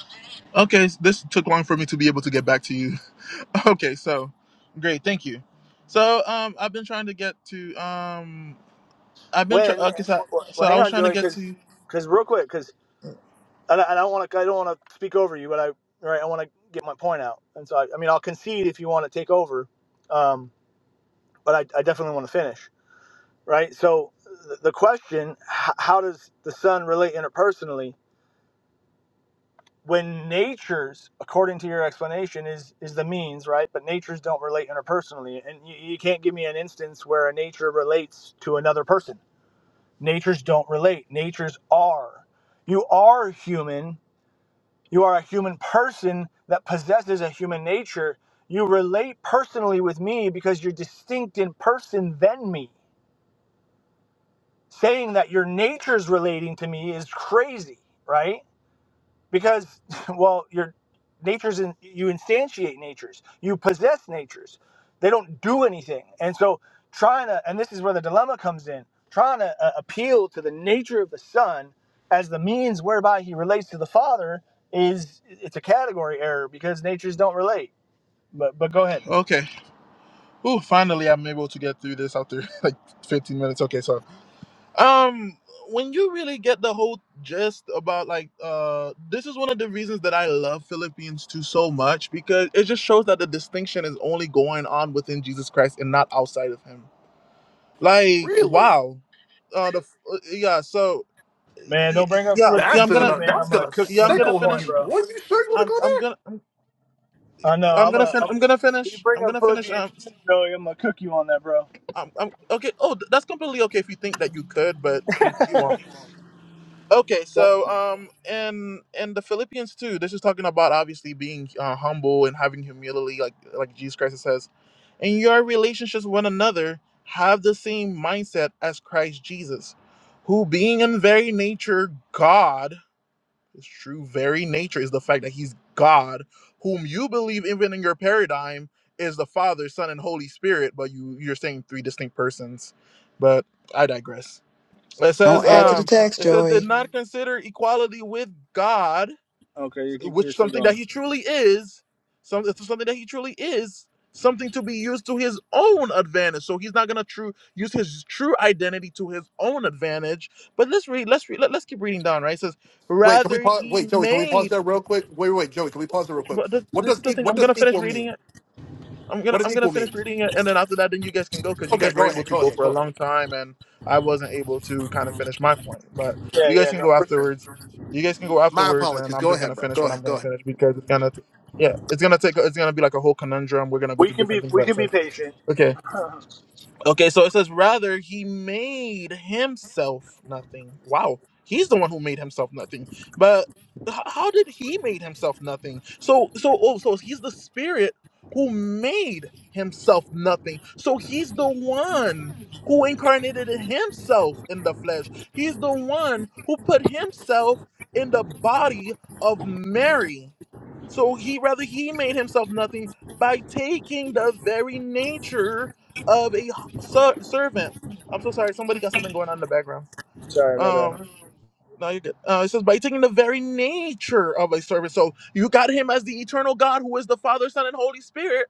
[SPEAKER 1] okay. This took long for me to be able to get back to you. Okay, so great, thank you. So um, I've been trying to get to um, I've been trying.
[SPEAKER 15] When,
[SPEAKER 1] Okay, so,
[SPEAKER 15] well,
[SPEAKER 1] so
[SPEAKER 15] well,
[SPEAKER 1] I
[SPEAKER 15] hang
[SPEAKER 1] was
[SPEAKER 15] on,
[SPEAKER 1] trying to
[SPEAKER 15] Joey,
[SPEAKER 1] get
[SPEAKER 15] because
[SPEAKER 1] to.
[SPEAKER 15] real quick, because and I, I don't want to I don't want to speak over you, but I right I want to get my point out, and so I, I mean I'll concede if you want to take over, um, but I, I definitely want to finish right. So the, the question: h- How does the sun relate interpersonally when nature's, according to your explanation, is is the means right, but nature's don't relate interpersonally, and you, you can't give me an instance where a nature relates to another person. Natures don't relate. Natures are. You are human You are a human person that possesses a human nature. You relate personally with me because you're distinct in person than me. Saying that your nature's relating to me is crazy, right? because well your natures in, you instantiate natures you possess natures they don't do anything and so trying to and this is where the dilemma comes in trying to uh, appeal to the nature of the son as the means whereby he relates to the father is it's a category error because natures don't relate but but go ahead
[SPEAKER 1] Okay, ooh, finally I'm able to get through this after like 15 minutes. Okay, so Um, when you really get the whole gist about like uh this is one of the reasons that I love Philippians 2 so much because it just shows that the distinction is only going on within Jesus Christ and not outside of him. Like
[SPEAKER 12] Really?
[SPEAKER 1] wow. Uh the f- uh, yeah, so
[SPEAKER 15] man
[SPEAKER 1] y-
[SPEAKER 15] don't
[SPEAKER 1] y-
[SPEAKER 15] bring up
[SPEAKER 1] yeah, um, yeah,
[SPEAKER 12] That's
[SPEAKER 1] I'm
[SPEAKER 15] philippians
[SPEAKER 1] going
[SPEAKER 15] 2
[SPEAKER 1] to
[SPEAKER 12] gonna
[SPEAKER 15] man
[SPEAKER 12] that's
[SPEAKER 15] i'm gonna
[SPEAKER 12] gonna
[SPEAKER 15] cook
[SPEAKER 1] yeah,
[SPEAKER 15] you
[SPEAKER 1] I'm
[SPEAKER 15] on
[SPEAKER 1] going to
[SPEAKER 15] that
[SPEAKER 12] sickle
[SPEAKER 15] point
[SPEAKER 12] you,
[SPEAKER 1] finish.
[SPEAKER 15] bro
[SPEAKER 12] boy. You sure you wanna
[SPEAKER 1] I'm
[SPEAKER 12] go
[SPEAKER 1] I'm
[SPEAKER 12] there?
[SPEAKER 1] going to
[SPEAKER 15] i know
[SPEAKER 1] I'm
[SPEAKER 15] i'm
[SPEAKER 1] going to
[SPEAKER 15] gonna
[SPEAKER 1] fin-
[SPEAKER 15] I'm,
[SPEAKER 1] I'm going to
[SPEAKER 15] you
[SPEAKER 1] finish.
[SPEAKER 15] bring
[SPEAKER 1] I'm going
[SPEAKER 15] up
[SPEAKER 1] to finish
[SPEAKER 15] philippians
[SPEAKER 1] um
[SPEAKER 15] 2 Joey, i'm gonna cook you on that bro
[SPEAKER 1] I'm, I'm okay. Oh, th- that's completely okay if you think that you could, but you you won't. Okay, so um, in in the Philippians too, this is talking about obviously being uh, humble and having humility, like like Jesus Christ says, in your relationships with one another, have the same mindset as Christ Jesus, who being in very nature God, his true very nature is the fact that he's God, whom you believe even in your paradigm is the Father, Son, and Holy Spirit, but you you're saying three distinct persons, but I digress. It says,
[SPEAKER 5] Don't add to
[SPEAKER 15] so
[SPEAKER 5] the
[SPEAKER 1] um,
[SPEAKER 5] text,
[SPEAKER 1] it says, did
[SPEAKER 5] Joey.
[SPEAKER 1] not consider equality with God,
[SPEAKER 15] okay you keep you're
[SPEAKER 1] which
[SPEAKER 15] still
[SPEAKER 1] something
[SPEAKER 15] going
[SPEAKER 1] that he truly is, some, something that he truly is, something to be used to his own advantage. So he's not gonna true use his true identity to his own advantage. But let's read, let's read, let, us keep reading down, right? It says,
[SPEAKER 12] Wait, can we
[SPEAKER 1] rather
[SPEAKER 12] pause?
[SPEAKER 1] he
[SPEAKER 12] Wait, Joey, can we pause
[SPEAKER 1] made
[SPEAKER 12] there real quick? Wait, wait, Joey, can we pause there real quick?
[SPEAKER 1] but th-
[SPEAKER 12] What
[SPEAKER 1] this
[SPEAKER 12] does
[SPEAKER 1] is the
[SPEAKER 12] e-
[SPEAKER 1] thing.
[SPEAKER 12] what
[SPEAKER 1] I'm
[SPEAKER 12] does
[SPEAKER 1] gonna finish
[SPEAKER 12] equal
[SPEAKER 1] reading it
[SPEAKER 12] mean?
[SPEAKER 1] I'm gonna
[SPEAKER 12] What
[SPEAKER 1] I'm
[SPEAKER 12] does
[SPEAKER 1] gonna
[SPEAKER 12] equal
[SPEAKER 1] finish
[SPEAKER 12] mean?
[SPEAKER 1] reading it, and then after that, then you guys can go because you
[SPEAKER 12] Okay,
[SPEAKER 1] guys were
[SPEAKER 12] go
[SPEAKER 1] able
[SPEAKER 12] ahead,
[SPEAKER 1] to
[SPEAKER 12] go
[SPEAKER 1] go
[SPEAKER 12] ahead,
[SPEAKER 1] for a
[SPEAKER 12] go ahead.
[SPEAKER 1] long time, and I wasn't able to kind of finish my point. But
[SPEAKER 15] Yeah,
[SPEAKER 1] you guys
[SPEAKER 15] yeah,
[SPEAKER 1] can
[SPEAKER 15] no,
[SPEAKER 1] go
[SPEAKER 15] for sure.
[SPEAKER 1] afterwards. You guys can go
[SPEAKER 12] My
[SPEAKER 1] afterwards, and
[SPEAKER 12] apologies.
[SPEAKER 1] I'm
[SPEAKER 12] Go
[SPEAKER 1] just
[SPEAKER 12] ahead,
[SPEAKER 1] gonna
[SPEAKER 12] bro.
[SPEAKER 1] finish
[SPEAKER 12] Go
[SPEAKER 1] what I'm
[SPEAKER 12] ahead, go
[SPEAKER 1] gonna
[SPEAKER 12] ahead.
[SPEAKER 1] finish because it's gonna, t- yeah, it's gonna take it's gonna be like a whole conundrum. We're gonna go
[SPEAKER 15] We
[SPEAKER 1] to
[SPEAKER 15] can be
[SPEAKER 1] different things,
[SPEAKER 15] we
[SPEAKER 1] but it
[SPEAKER 15] can be
[SPEAKER 1] says
[SPEAKER 15] patient.
[SPEAKER 1] okay. Okay, so it says, rather, he made himself nothing. Wow, he's the one who made himself nothing. But h- how did he made himself nothing? So, so, oh, so he's the spirit who made himself nothing. So he's the one who incarnated himself in the flesh. He's the one who put himself in the body of Mary. So he rather he made himself nothing by taking the very nature of a Ser- servant. I'm so sorry. Somebody got something going on in the background.
[SPEAKER 15] Sorry about
[SPEAKER 1] Um,
[SPEAKER 15] that.
[SPEAKER 1] no, you're good. Uh, it says by taking the very nature of a servant. So you got him as the eternal God, who is the Father, Son, and Holy Spirit.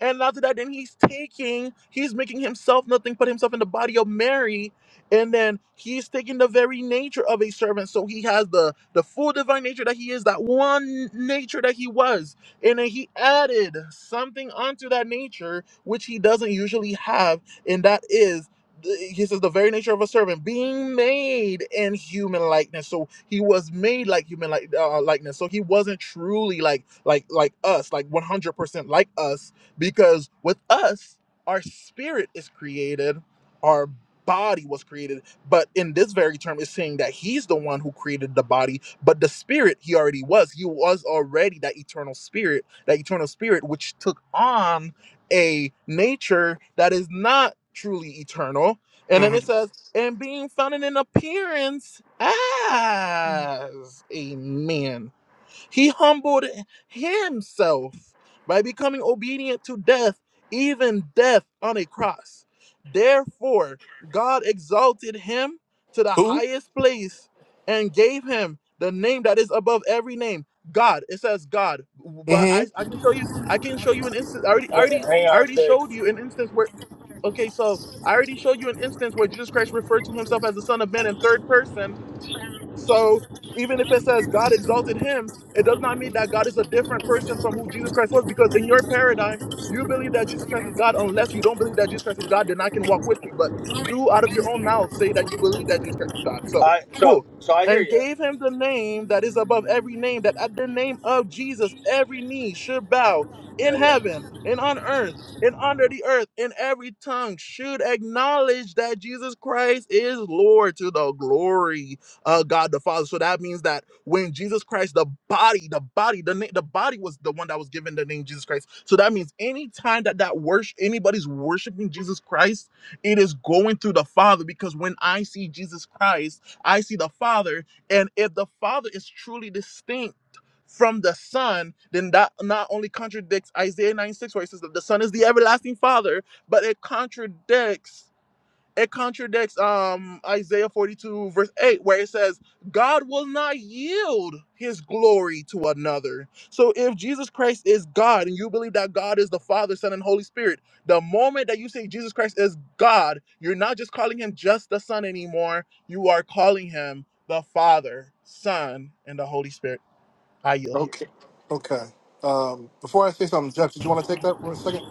[SPEAKER 1] And after that, then he's taking, he's making himself nothing but himself in the body of Mary. And then he's taking the very nature of a servant. So he has the the full divine nature that he is, that one nature that he was. And then he added something onto that nature, which he doesn't usually have, and that is the- he says the very nature of a servant being made in human likeness so he was made like human like uh, likeness so he wasn't truly like like like us like 100% like us because with us, our spirit is created, our body was created. But in this very term, it's saying that he's the one who created the body, but the spirit he already was. He was already that eternal spirit, that eternal spirit which took on a nature that is not truly eternal. And then it
[SPEAKER 12] Mm-hmm.
[SPEAKER 1] says, and being found in an appearance as a man he humbled himself by becoming obedient to death, even death on a cross. Therefore, God exalted him to the
[SPEAKER 12] Who?
[SPEAKER 1] highest place and gave him the name that is above every name. God, it says God, but I,
[SPEAKER 12] Mm-hmm.
[SPEAKER 1] I can show you I can show you an instance. I already I
[SPEAKER 15] H-
[SPEAKER 1] already
[SPEAKER 15] Hang
[SPEAKER 1] I
[SPEAKER 15] on a
[SPEAKER 1] already showed
[SPEAKER 15] sec.
[SPEAKER 1] you an instance where okay, so I already showed you an instance where Jesus Christ referred to himself as the Son of Man in third person so even if it says God exalted him, it does not mean that God is a different person from who Jesus Christ was, because in your paradigm, you believe that Jesus Christ is God. Unless you don't believe that Jesus Christ is God, then I can walk with you. But you, out of your own mouth, say that you believe that Jesus Christ is God. So
[SPEAKER 15] I so
[SPEAKER 1] cool.
[SPEAKER 15] so I hear
[SPEAKER 1] And
[SPEAKER 15] you.
[SPEAKER 1] gave him the name that is above every name, that at the name of Jesus, every knee should bow in
[SPEAKER 15] Yeah, yeah,
[SPEAKER 1] heaven and on earth and under the earth, and every tongue should acknowledge that Jesus Christ is Lord to the glory uh, God the Father. So that means that when Jesus Christ, the body, the body, the na- the body was the one that was given the name Jesus Christ. So that means anytime that that worship anybody's worshiping Jesus Christ, it is going through the Father because when I see Jesus Christ, I see the Father, and if the Father is truly distinct. From the Son, then that not only contradicts Isaiah 96, where it says that the Son is the everlasting Father, but it contradicts it contradicts um Isaiah 42 verse 8 where it says God will not yield his glory to another. So if Jesus Christ is God and you believe that God is the Father, Son and Holy Spirit, the moment that you say Jesus Christ is God, you're not just calling him just the Son anymore, you are calling him the Father, Son and the Holy Spirit. I yield here.
[SPEAKER 12] Okay. Okay. Um, before I say something, Jeff, did you want to take that for a second?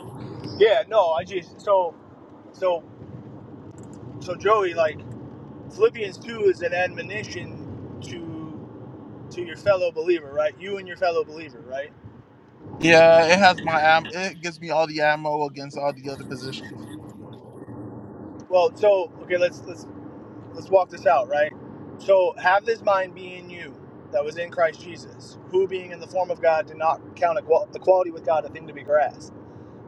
[SPEAKER 15] yeah. No, I just so so so Joey like Philippians two is an admonition to to your fellow believer, right? You and your fellow believer, right?
[SPEAKER 1] Yeah, it has my am it gives me all the ammo against all the other positions.
[SPEAKER 15] Well, so okay, let's let's let's walk this out, right? So have this mind be in you that was in Christ Jesus, who being in the form of God did not count equal- equality with God a thing to be grasped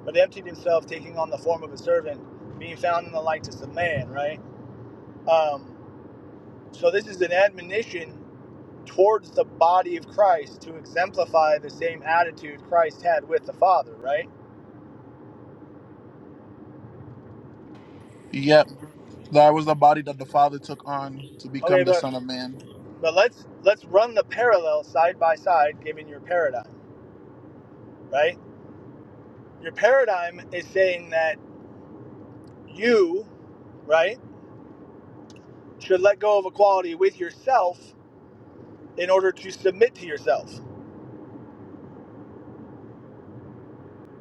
[SPEAKER 15] but emptied himself, taking on the form of a servant, being found in the likeness of man, right? Um, so this is an admonition towards the body of Christ to exemplify the same attitude Christ had with the Father, right?
[SPEAKER 1] Yep. That was the body that the Father took on to become
[SPEAKER 15] Okay,
[SPEAKER 1] the
[SPEAKER 15] but
[SPEAKER 1] Son of Man.
[SPEAKER 15] but let's let's run the parallel side by side given your paradigm, right? Your paradigm is saying that you, right, should let go of equality with yourself in order to submit to yourself.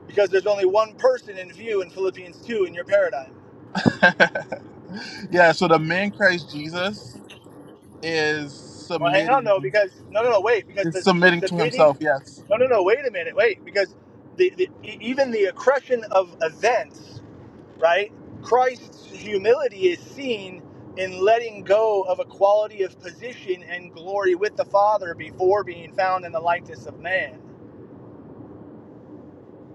[SPEAKER 15] Because there's only one person in view in Philippians 2 in your paradigm.
[SPEAKER 1] yeah, so the man Christ Jesus is
[SPEAKER 15] Well, hang on though,
[SPEAKER 1] submitting
[SPEAKER 15] because no, no, no, wait, because
[SPEAKER 1] is
[SPEAKER 15] the, the
[SPEAKER 1] submitting to
[SPEAKER 15] submitting,
[SPEAKER 1] himself, yes.
[SPEAKER 15] no, no, no, wait a minute, wait, because the, the e- even the accretion of events, right? Christ's humility is seen in letting go of a quality of position and glory with the Father before being found in the likeness of man.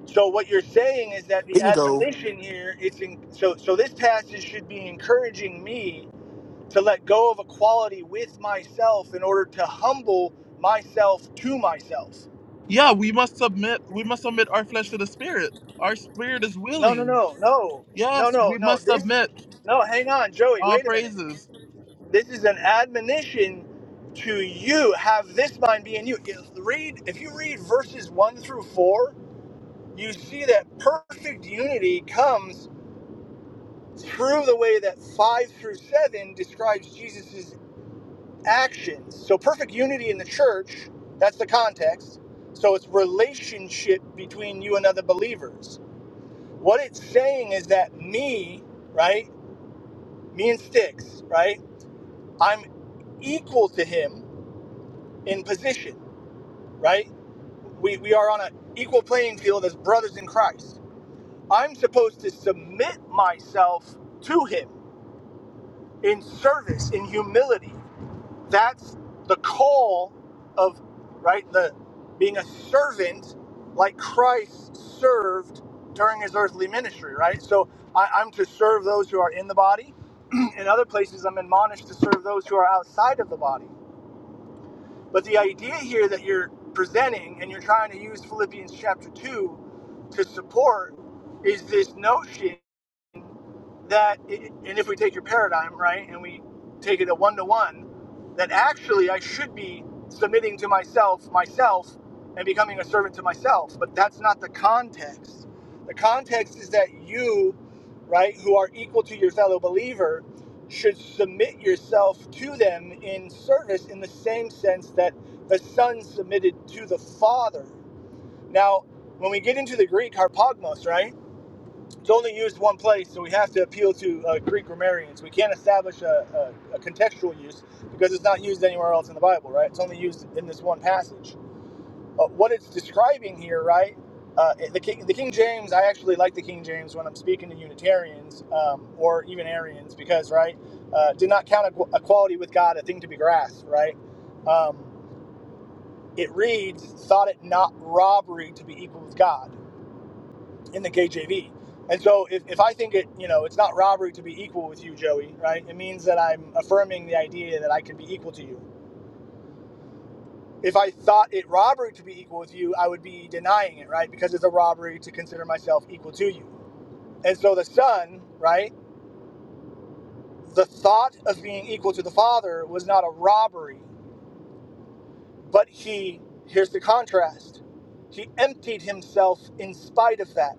[SPEAKER 15] So what you're saying is that the
[SPEAKER 12] Bingo.
[SPEAKER 15] admonition here, it's in, so so this passage should be encouraging me to let go of equality with myself in order to humble myself to myself.
[SPEAKER 1] Yeah, we must submit we must submit our flesh to the spirit. Our spirit is
[SPEAKER 15] No, no,
[SPEAKER 1] willing.
[SPEAKER 15] no, no, no,
[SPEAKER 1] Yes,
[SPEAKER 15] no,
[SPEAKER 1] we
[SPEAKER 15] no.
[SPEAKER 1] must
[SPEAKER 15] This,
[SPEAKER 1] submit
[SPEAKER 15] no, hang on, Joey,
[SPEAKER 1] all
[SPEAKER 15] wait a minute.
[SPEAKER 1] praises.
[SPEAKER 15] This is an admonition to you. Have this mind be in you. If, read, if you read verses one through four, you see that perfect unity comes through the way that five through seven describes Jesus' actions. So perfect unity in the church, that's the context. So it's relationship between you and other believers. What it's saying is that me, right? Me and Sticks, right? I'm equal to him in position, right? We, we are on an equal playing field as brothers in Christ. I'm supposed to submit myself to him in service, in humility. That's the call of right the being a servant like Christ served during his earthly ministry, right? So I, I'm to serve those who are in the body. in other places, I'm admonished to serve those who are outside of the body. But the idea here that you're presenting and you're trying to use Philippians chapter 2 to support is this notion that and if we take your paradigm right and we take it a one to one that actually i should be submitting to myself myself and becoming a servant to myself but that's not the context the context is that you right who are equal to your fellow believer should submit yourself to them in service in the same sense that the son submitted to the father now when we get into the greek harpagmos right it's only used one place, so we have to appeal to uh, Greek grammarians. We can't establish a, a, a contextual use because it's not used anywhere else in the Bible, right? It's only used in this one passage. Uh, what it's describing here, right? Uh, the King, the King James. I actually like the King James when I'm speaking to Unitarians um, or even Arians because, right, uh, did not count equality with God a thing to be grasped, right? Um, it reads, "Thought it not robbery to be equal with God." in the KJV. And so if, if I think it, you know, it's not robbery to be equal with you, Joey, right? It means that I'm affirming the idea that I can be equal to you. If I thought it robbery to be equal with you, I would be denying it, right? Because it's a robbery to consider myself equal to you. And so the son, right? The thought of being equal to the father was not a robbery, but he, here's the contrast, he emptied himself in spite of that.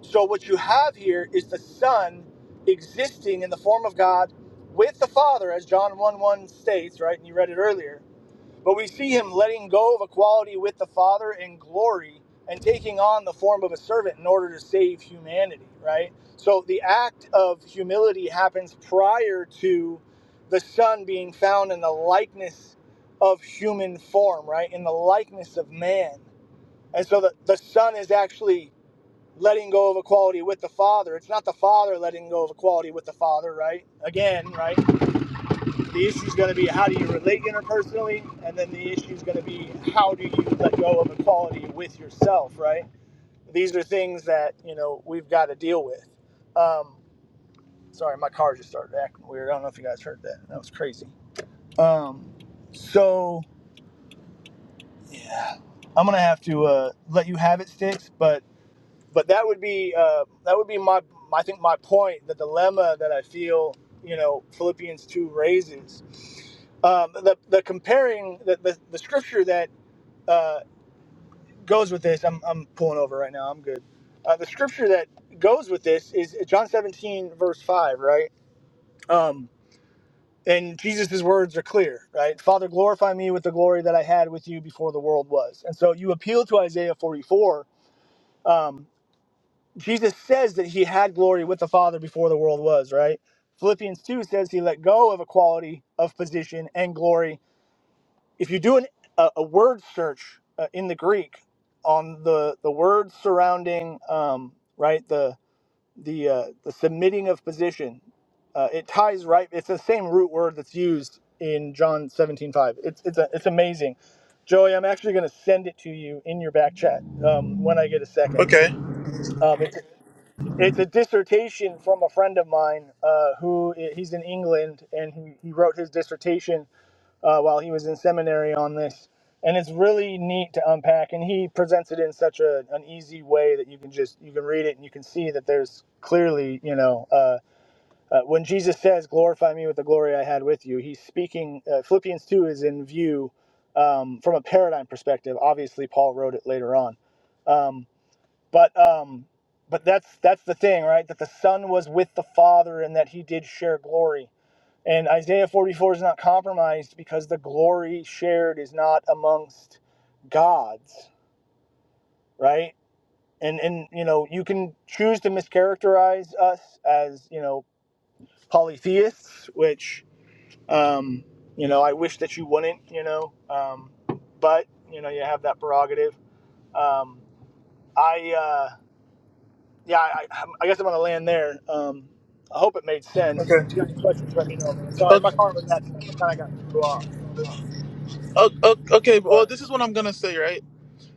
[SPEAKER 15] So what you have here is the Son existing in the form of God with the Father, as John 1 1 states, right? And you read it earlier. But we see him letting go of equality with the Father in glory and taking on the form of a servant in order to save humanity, right? So the act of humility happens prior to the Son being found in the likeness of human form, right? In the likeness of man. And so the, the Son is actually letting go of equality with the father. It's not the father letting go of equality with the father, right? Again, right? The issue is going to be how do you relate interpersonally, and then the issue is going to be how do you let go of equality with yourself, right? These are things that you know we've got to deal with. Um, sorry, my car just started acting weird. I don't know if you guys heard that. That was crazy. Um, so yeah, I'm gonna have to uh, let you have it, sticks, but but that would be uh, that would be my I think my point, the dilemma that I feel you know Philippians two raises. Um, the the comparing the the, the scripture that uh, goes with this. I'm I'm pulling over right now. I'm good. Uh, the scripture that goes with this is John 17 verse five, right? Um, and Jesus' words are clear, right? Father, glorify me with the glory that I had with you before the world was. And so you appeal to Isaiah 44, um, Jesus says that he had glory with the Father before the world was, right? Philippians 2 says he let go of equality of position and glory. If you do an, a, a word search uh, in the Greek on the, the words surrounding, um, right, the, the, uh, the submitting of position, uh, it ties right, it's the same root word that's used in John 17:5. It's, it's, a, it's amazing. Joey, I'm actually going to send it to you in your back chat um, when I get a second.
[SPEAKER 1] Okay.
[SPEAKER 15] Um, it's, it's a dissertation from a friend of mine uh, who eh, he's in England and he, he wrote his dissertation uh, while he was in seminary on this. And it's really neat to unpack. And he presents it in such a, an easy way that you can just you can read it and you can see that there's clearly you know uh, uh, when Jesus says glorify me with the glory I had with you, he's speaking. Uh, Philippians two is in view um, from a paradigm perspective. Obviously, Paul wrote it later on. Um, but um but that's that's the thing right that the son was with the father and that he did share glory and isaiah 44 is not compromised because the glory shared is not amongst gods right and and you know you can choose to mischaracterize us as you know polytheists which um you know i wish that you wouldn't you know um but you know you have that prerogative um i Uh, yeah, I, I guess I'm gonna land there. Um, I hope it made sense.
[SPEAKER 1] Okay.
[SPEAKER 15] If you got any questions, let me know, man. Sorry, my
[SPEAKER 1] Okay.
[SPEAKER 15] car was acting up. I kind of got threw off. thrown off.
[SPEAKER 1] Okay. okay.
[SPEAKER 15] Go
[SPEAKER 1] Well,
[SPEAKER 15] ahead.
[SPEAKER 1] this is what I'm gonna say, right?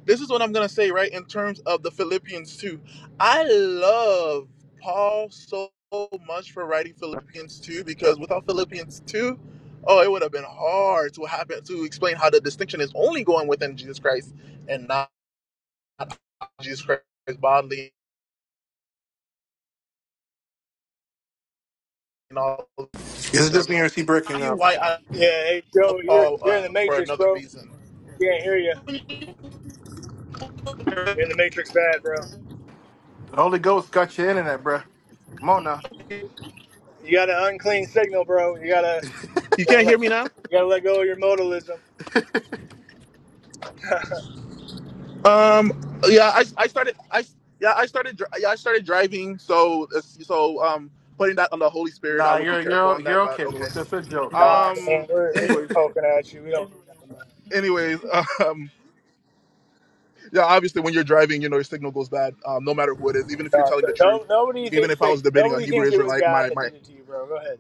[SPEAKER 1] this is what I'm gonna say, right? In terms of the Philippians 2. I love Paul so much for writing Philippians 2 because without Philippians 2, oh, it would have been hard to happen to explain how the distinction is only going within Jesus Christ and not Jesus Christ bodily and all these
[SPEAKER 12] Is
[SPEAKER 1] things
[SPEAKER 12] it
[SPEAKER 1] and
[SPEAKER 12] just me
[SPEAKER 1] everything.
[SPEAKER 12] or is he
[SPEAKER 1] I'll tell
[SPEAKER 12] breaking
[SPEAKER 1] you
[SPEAKER 12] up?
[SPEAKER 1] why I
[SPEAKER 15] Yeah, hey
[SPEAKER 1] love
[SPEAKER 15] Joe, you're
[SPEAKER 1] Paul
[SPEAKER 15] you're in
[SPEAKER 1] uh,
[SPEAKER 15] the
[SPEAKER 1] for
[SPEAKER 15] matrix,
[SPEAKER 1] another
[SPEAKER 15] bro.
[SPEAKER 1] reason.
[SPEAKER 15] Can't hear you. You're in the matrix, bad, bro.
[SPEAKER 12] The Holy Ghost got your internet, bruh. Come on now.
[SPEAKER 15] You got an unclean signal, bro. You gotta you
[SPEAKER 1] You
[SPEAKER 15] gotta
[SPEAKER 1] can't hear
[SPEAKER 15] let,
[SPEAKER 1] me
[SPEAKER 15] you
[SPEAKER 1] now?
[SPEAKER 15] gotta let go of your modalism.
[SPEAKER 1] Um. Yeah. I, I started. I yeah. I started. dri- Yeah. I started driving. So so um putting that on the Holy Spirit, I
[SPEAKER 12] Nah,
[SPEAKER 1] would be
[SPEAKER 12] you're
[SPEAKER 1] careful
[SPEAKER 12] you're
[SPEAKER 1] on
[SPEAKER 12] you're
[SPEAKER 1] that. But
[SPEAKER 12] okay, bro.
[SPEAKER 1] okay.
[SPEAKER 12] It's just a joke.
[SPEAKER 15] Nah,
[SPEAKER 12] Relax.
[SPEAKER 15] man,
[SPEAKER 1] Um.
[SPEAKER 15] we're, we're
[SPEAKER 1] Anyway.
[SPEAKER 15] just poking at you. We don't. do nothing, man.
[SPEAKER 1] Anyways. Um. Yeah. Obviously, when you're driving, you know your signal goes bad. Um. No matter who it is, even if you're
[SPEAKER 15] Nah,
[SPEAKER 1] telling the truth,
[SPEAKER 15] no, nobody
[SPEAKER 1] even
[SPEAKER 15] thinks
[SPEAKER 1] if I
[SPEAKER 15] that
[SPEAKER 1] was debating a
[SPEAKER 15] nobody
[SPEAKER 1] Hebrew
[SPEAKER 15] thinks it was
[SPEAKER 1] Israelite,
[SPEAKER 15] God
[SPEAKER 1] my
[SPEAKER 15] that
[SPEAKER 1] my.
[SPEAKER 15] did it to you, bro. Go ahead.